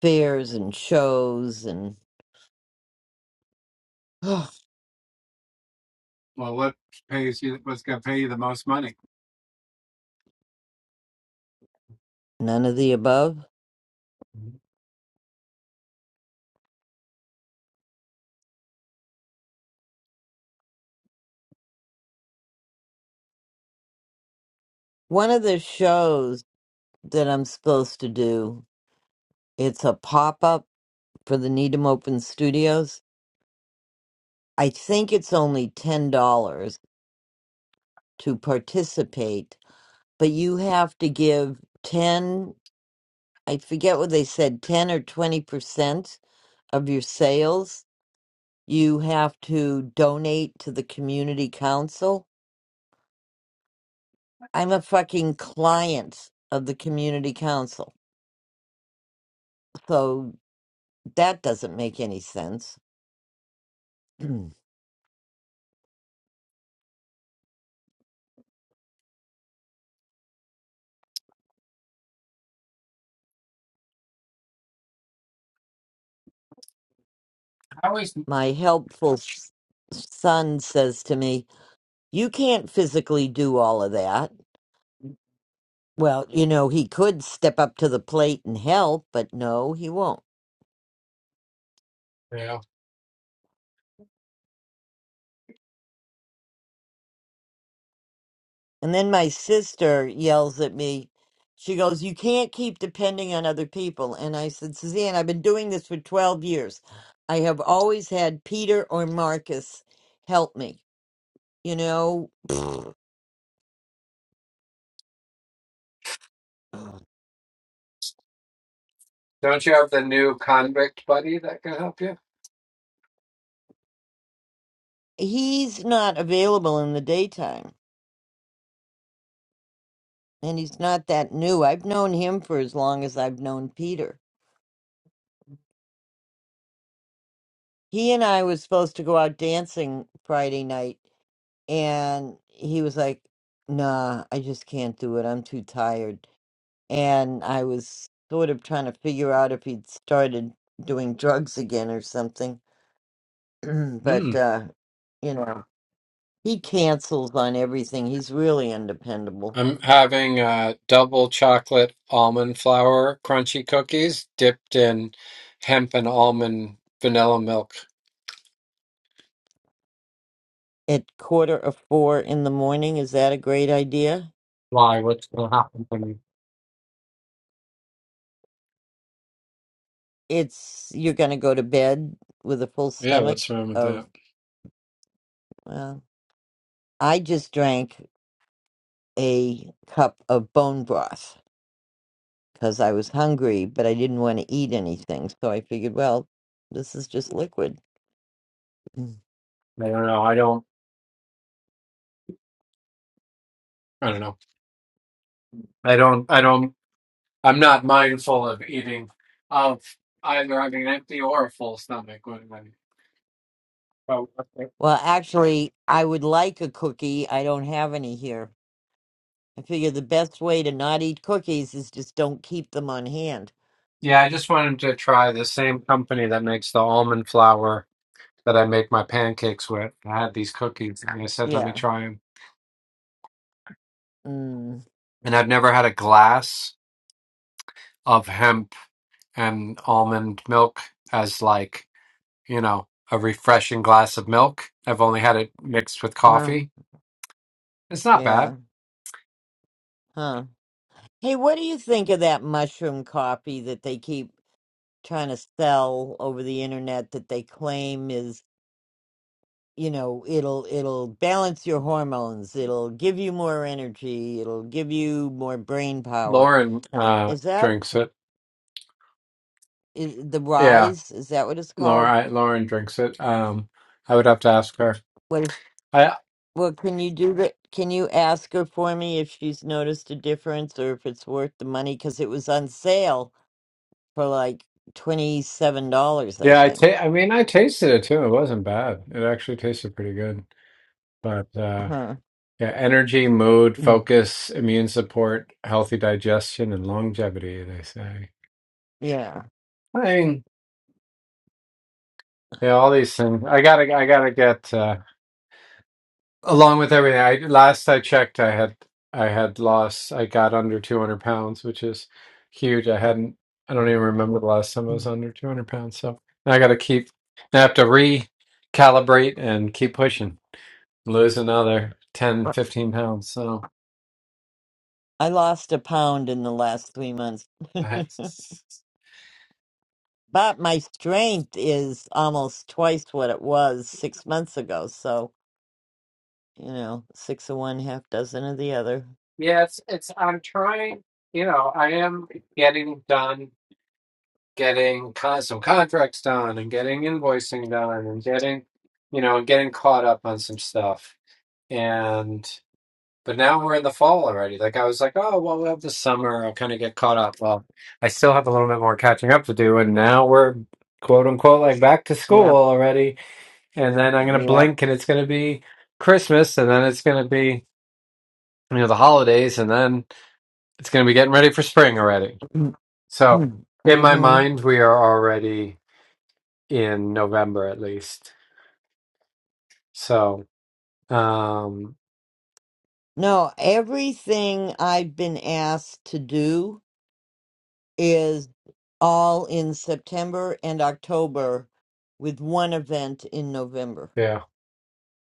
Speaker 1: fairs and shows and none of the above. One of the shows that I'm supposed to do, it's a pop-up for the Needham Open Studios. I think it's only $10 to participate but you have to give 10 i forget what they said 10 or 20% of your sales you have to donate to the community council i'm a fucking client of the community council so that doesn't make any sense my helpful s- son says to me you can't physically do all of that well you know he could step up to the plate and help but no he won't
Speaker 13: Yeah.
Speaker 1: And then my sister yells at me. She goes, You can't keep depending on other people. And I said, Suzanne, I've been doing this for 12 years. I have always had Peter or Marcus help me. You know,
Speaker 13: Don't you have the new convict buddy that can help
Speaker 1: he's not available in the daytime and he's not that new. I've known him for as long as I've known Peter. He and I was supposed to go out dancing Friday night and he was like, 'Nah, I just can't do it. I'm too tired. and I was sort of trying to figure out if he'd started doing drugs again or something.
Speaker 13: you?
Speaker 1: but uh, you know, he cancels on everything. He's really undependable.
Speaker 13: I'm having uh, double chocolate almond flour crunchy cookies dipped in hemp and almond vanilla milk.
Speaker 1: At quarter of four in the morning, is that a great idea?
Speaker 13: Why? What's going to happen to me?
Speaker 1: It's you're going to go to bed with a full
Speaker 13: Yeah,
Speaker 1: stomach
Speaker 13: what's wrong with
Speaker 1: of.
Speaker 13: that?
Speaker 1: Well, I just drank a cup of bone broth because I was hungry, but I didn't want to eat anything. So I figured, well, this is just liquid.
Speaker 13: I don't know. I don't. I don't know. I don't. I don't. I'm not mindful of eating of either having an empty or a full stomach. When I, oh, okay.
Speaker 1: Well, actually, I would like a cookie. I don't have any here. I figure the best way to not eat cookies is just don't keep them on hand.
Speaker 13: Yeah, I just wanted to try the same company that makes the almond flour that I make my pancakes with. I had these cookies, and I said, "Let me
Speaker 1: Yeah.
Speaker 13: try them."
Speaker 1: Mm.
Speaker 13: and I've never had a glass of hemp and almond milk as like, you know, a refreshing glass of milk. I've only had it mixed with
Speaker 1: Huh.
Speaker 13: coffee. It's not bad.
Speaker 1: Yeah. Huh. Hey, what do you think of that mushroom coffee that they keep trying to sell over the internet that they claim is, you know, it'll it'll balance your hormones, it'll give you more energy, it'll give you more brain power.
Speaker 13: Lauren uh
Speaker 1: Is that
Speaker 13: drinks it.
Speaker 1: is the
Speaker 13: Yeah,
Speaker 1: rise? Is that what it's called?
Speaker 13: Lauren Lauren drinks it. Um I would have to ask her.
Speaker 1: What
Speaker 13: I
Speaker 1: Well, can you do that? Can you ask her for me if she's noticed a difference or if it's worth the money? Because it was on sale for like $27, I
Speaker 13: yeah, I
Speaker 1: think.
Speaker 13: ta- I mean I tasted it too. It wasn't bad. It actually tasted pretty good. But uh
Speaker 1: Huh.
Speaker 13: Yeah, energy, mood,
Speaker 1: Mm.
Speaker 13: focus, immune support, healthy digestion, and longevity, they say.
Speaker 1: Yeah.
Speaker 13: I mean, yeah, all these things. I gotta, I gotta get uh, along with everything. I last I checked, I had, I had lost, I got under 200 pounds, which is huge. I hadn't, I don't even remember the last time I was
Speaker 1: Mm.
Speaker 13: under 200 pounds. So I gotta keep, I have to recalibrate and keep pushing, lose another ten, fifteen pounds. So.
Speaker 1: I lost a pound in the last three months,
Speaker 13: that's
Speaker 1: but my strength is almost twice what it was six months ago. So, you know, six of one, half dozen of the other.
Speaker 13: Yeah, it's, it's I'm trying, you know, I am getting done getting con some contracts done and getting invoicing done and getting, you know, getting caught up on some stuff. And but now we're in the fall already. Like I was like, oh, well, we'll have the summer. I'll kind of get caught up. Well, I still have a little bit more catching up to do, and now we're quote unquote like back to school
Speaker 1: Yep.
Speaker 13: already. And then I'm gonna
Speaker 1: Yep.
Speaker 13: blink and it's gonna be Christmas, and then it's gonna be, you know, the holidays, and then It's going to be getting ready for spring already. So,
Speaker 1: mm-hmm.
Speaker 13: in my mind, we are already in November at least. So, um,
Speaker 1: No, everything I've been asked to do is all in September and October with one event in November.
Speaker 13: yeah,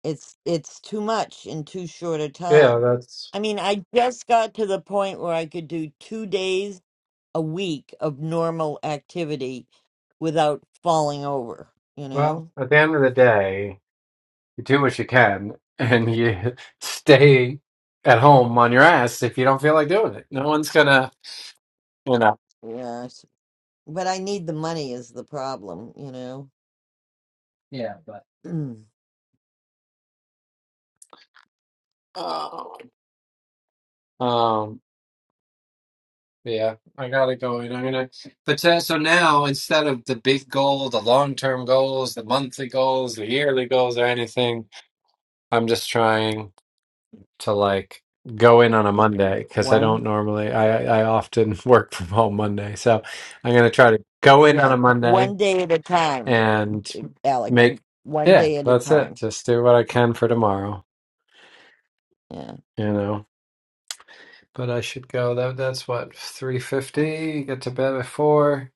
Speaker 1: It's it's too much in too short a
Speaker 13: yeah,
Speaker 1: time.
Speaker 13: that's
Speaker 1: I mean, I just got to the point where I could do 2 days a week of normal activity without falling over, you
Speaker 13: well,
Speaker 1: know?
Speaker 13: at the end of the day, you do what you can and you stay at home on your ass if you don't feel like doing it. No one's gonna, you know.
Speaker 1: Yes. But I need the money is the problem, you know.
Speaker 13: Yeah, but. Um, Yeah, I got it going. I'm gonna, but so so now instead of the big goal, the long-term goals, the monthly goals, the yearly goals, or anything, I'm just trying to like go in on a Monday because I
Speaker 1: One.
Speaker 13: don't normally, I I often work from home Monday, so I'm gonna try to go in on
Speaker 1: Yeah,
Speaker 13: a Monday
Speaker 1: one day at a time,
Speaker 13: and
Speaker 1: J- Alex.
Speaker 13: make,
Speaker 1: One
Speaker 13: yeah,
Speaker 1: day at a
Speaker 13: that's it.
Speaker 1: time.
Speaker 13: Just do what I can for tomorrow,
Speaker 1: Yeah.
Speaker 13: you know. But I should go. That that's what, 3:50, get to bed at 4.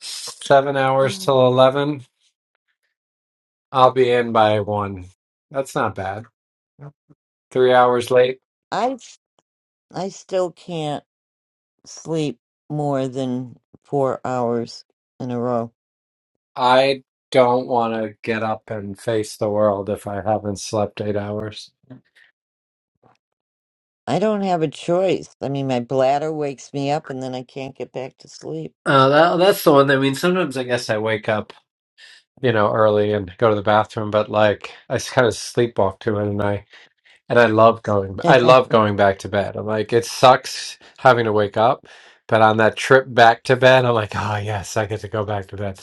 Speaker 13: Seven hours till 11. I'll be in by one. That's not bad. Three hours late.
Speaker 1: I s- I still can't sleep more than 4 hours in a row.
Speaker 13: I don't want to get up and face the world if I haven't slept eight hours.
Speaker 1: I don't have a choice. I mean, my bladder wakes me up and then I can't get back to sleep.
Speaker 13: Uh, that, that's the one. I mean, sometimes I guess I wake up, you know, early and go to the bathroom, but like I kind of sleepwalk to it, and I and I love going. I
Speaker 1: mhm.
Speaker 13: love going back to bed. I'm like, it sucks having to wake up, but on that trip back to bed, I'm like, oh yes, I get to go back to bed.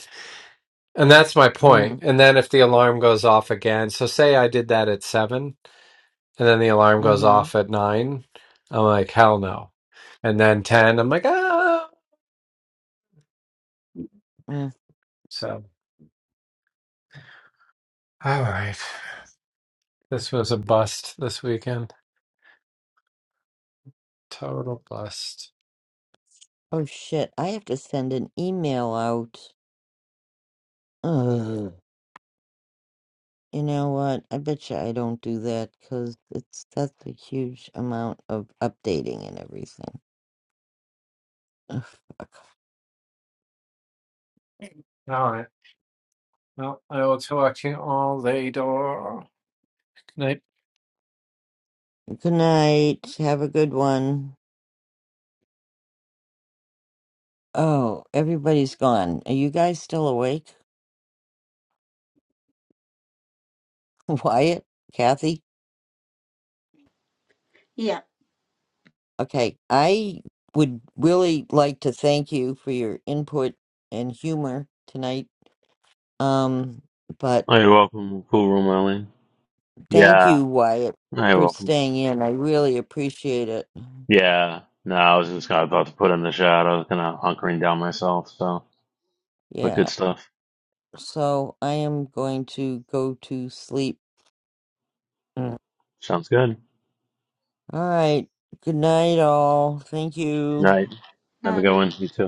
Speaker 13: And that's my point. And then if the alarm goes off again, so say I did that at seven, and then the alarm goes
Speaker 1: Mhm.
Speaker 13: off at nine, I'm like, hell no. And then 10, I'm like, ah.
Speaker 1: Mm.
Speaker 13: So, all right. This was a bust this weekend. Total bust.
Speaker 1: Oh shit, I have to send an email out. Ugh. You know what? I bet you I don't do that because it's that's a huge amount of updating and everything. Ugh.
Speaker 13: All right. Well, I will talk to you all later. Good night.
Speaker 1: Good night. Have a good one. Oh, everybody's gone. Are you guys still awake? Wyatt, Kathy.
Speaker 8: Yeah,
Speaker 1: Okay, I would really like to thank you for your input and humor tonight. Um, but
Speaker 2: Oh, you're welcome, cool room, Eileen.
Speaker 1: thank
Speaker 2: Yeah,
Speaker 1: you, Wyatt,
Speaker 2: oh, you're
Speaker 1: for
Speaker 2: welcome.
Speaker 1: staying in. I really appreciate it.
Speaker 2: Yeah. No, I was just kind of about to put in the shot. I was kind of hunkering down myself. So, but
Speaker 1: Yeah.
Speaker 2: good stuff.
Speaker 1: So I am going to go to sleep. Mm.
Speaker 2: Sounds good.
Speaker 1: All right. Good night, all. Thank you.
Speaker 2: Night. Have
Speaker 8: no,
Speaker 2: a good
Speaker 8: no. no.
Speaker 2: one. You too.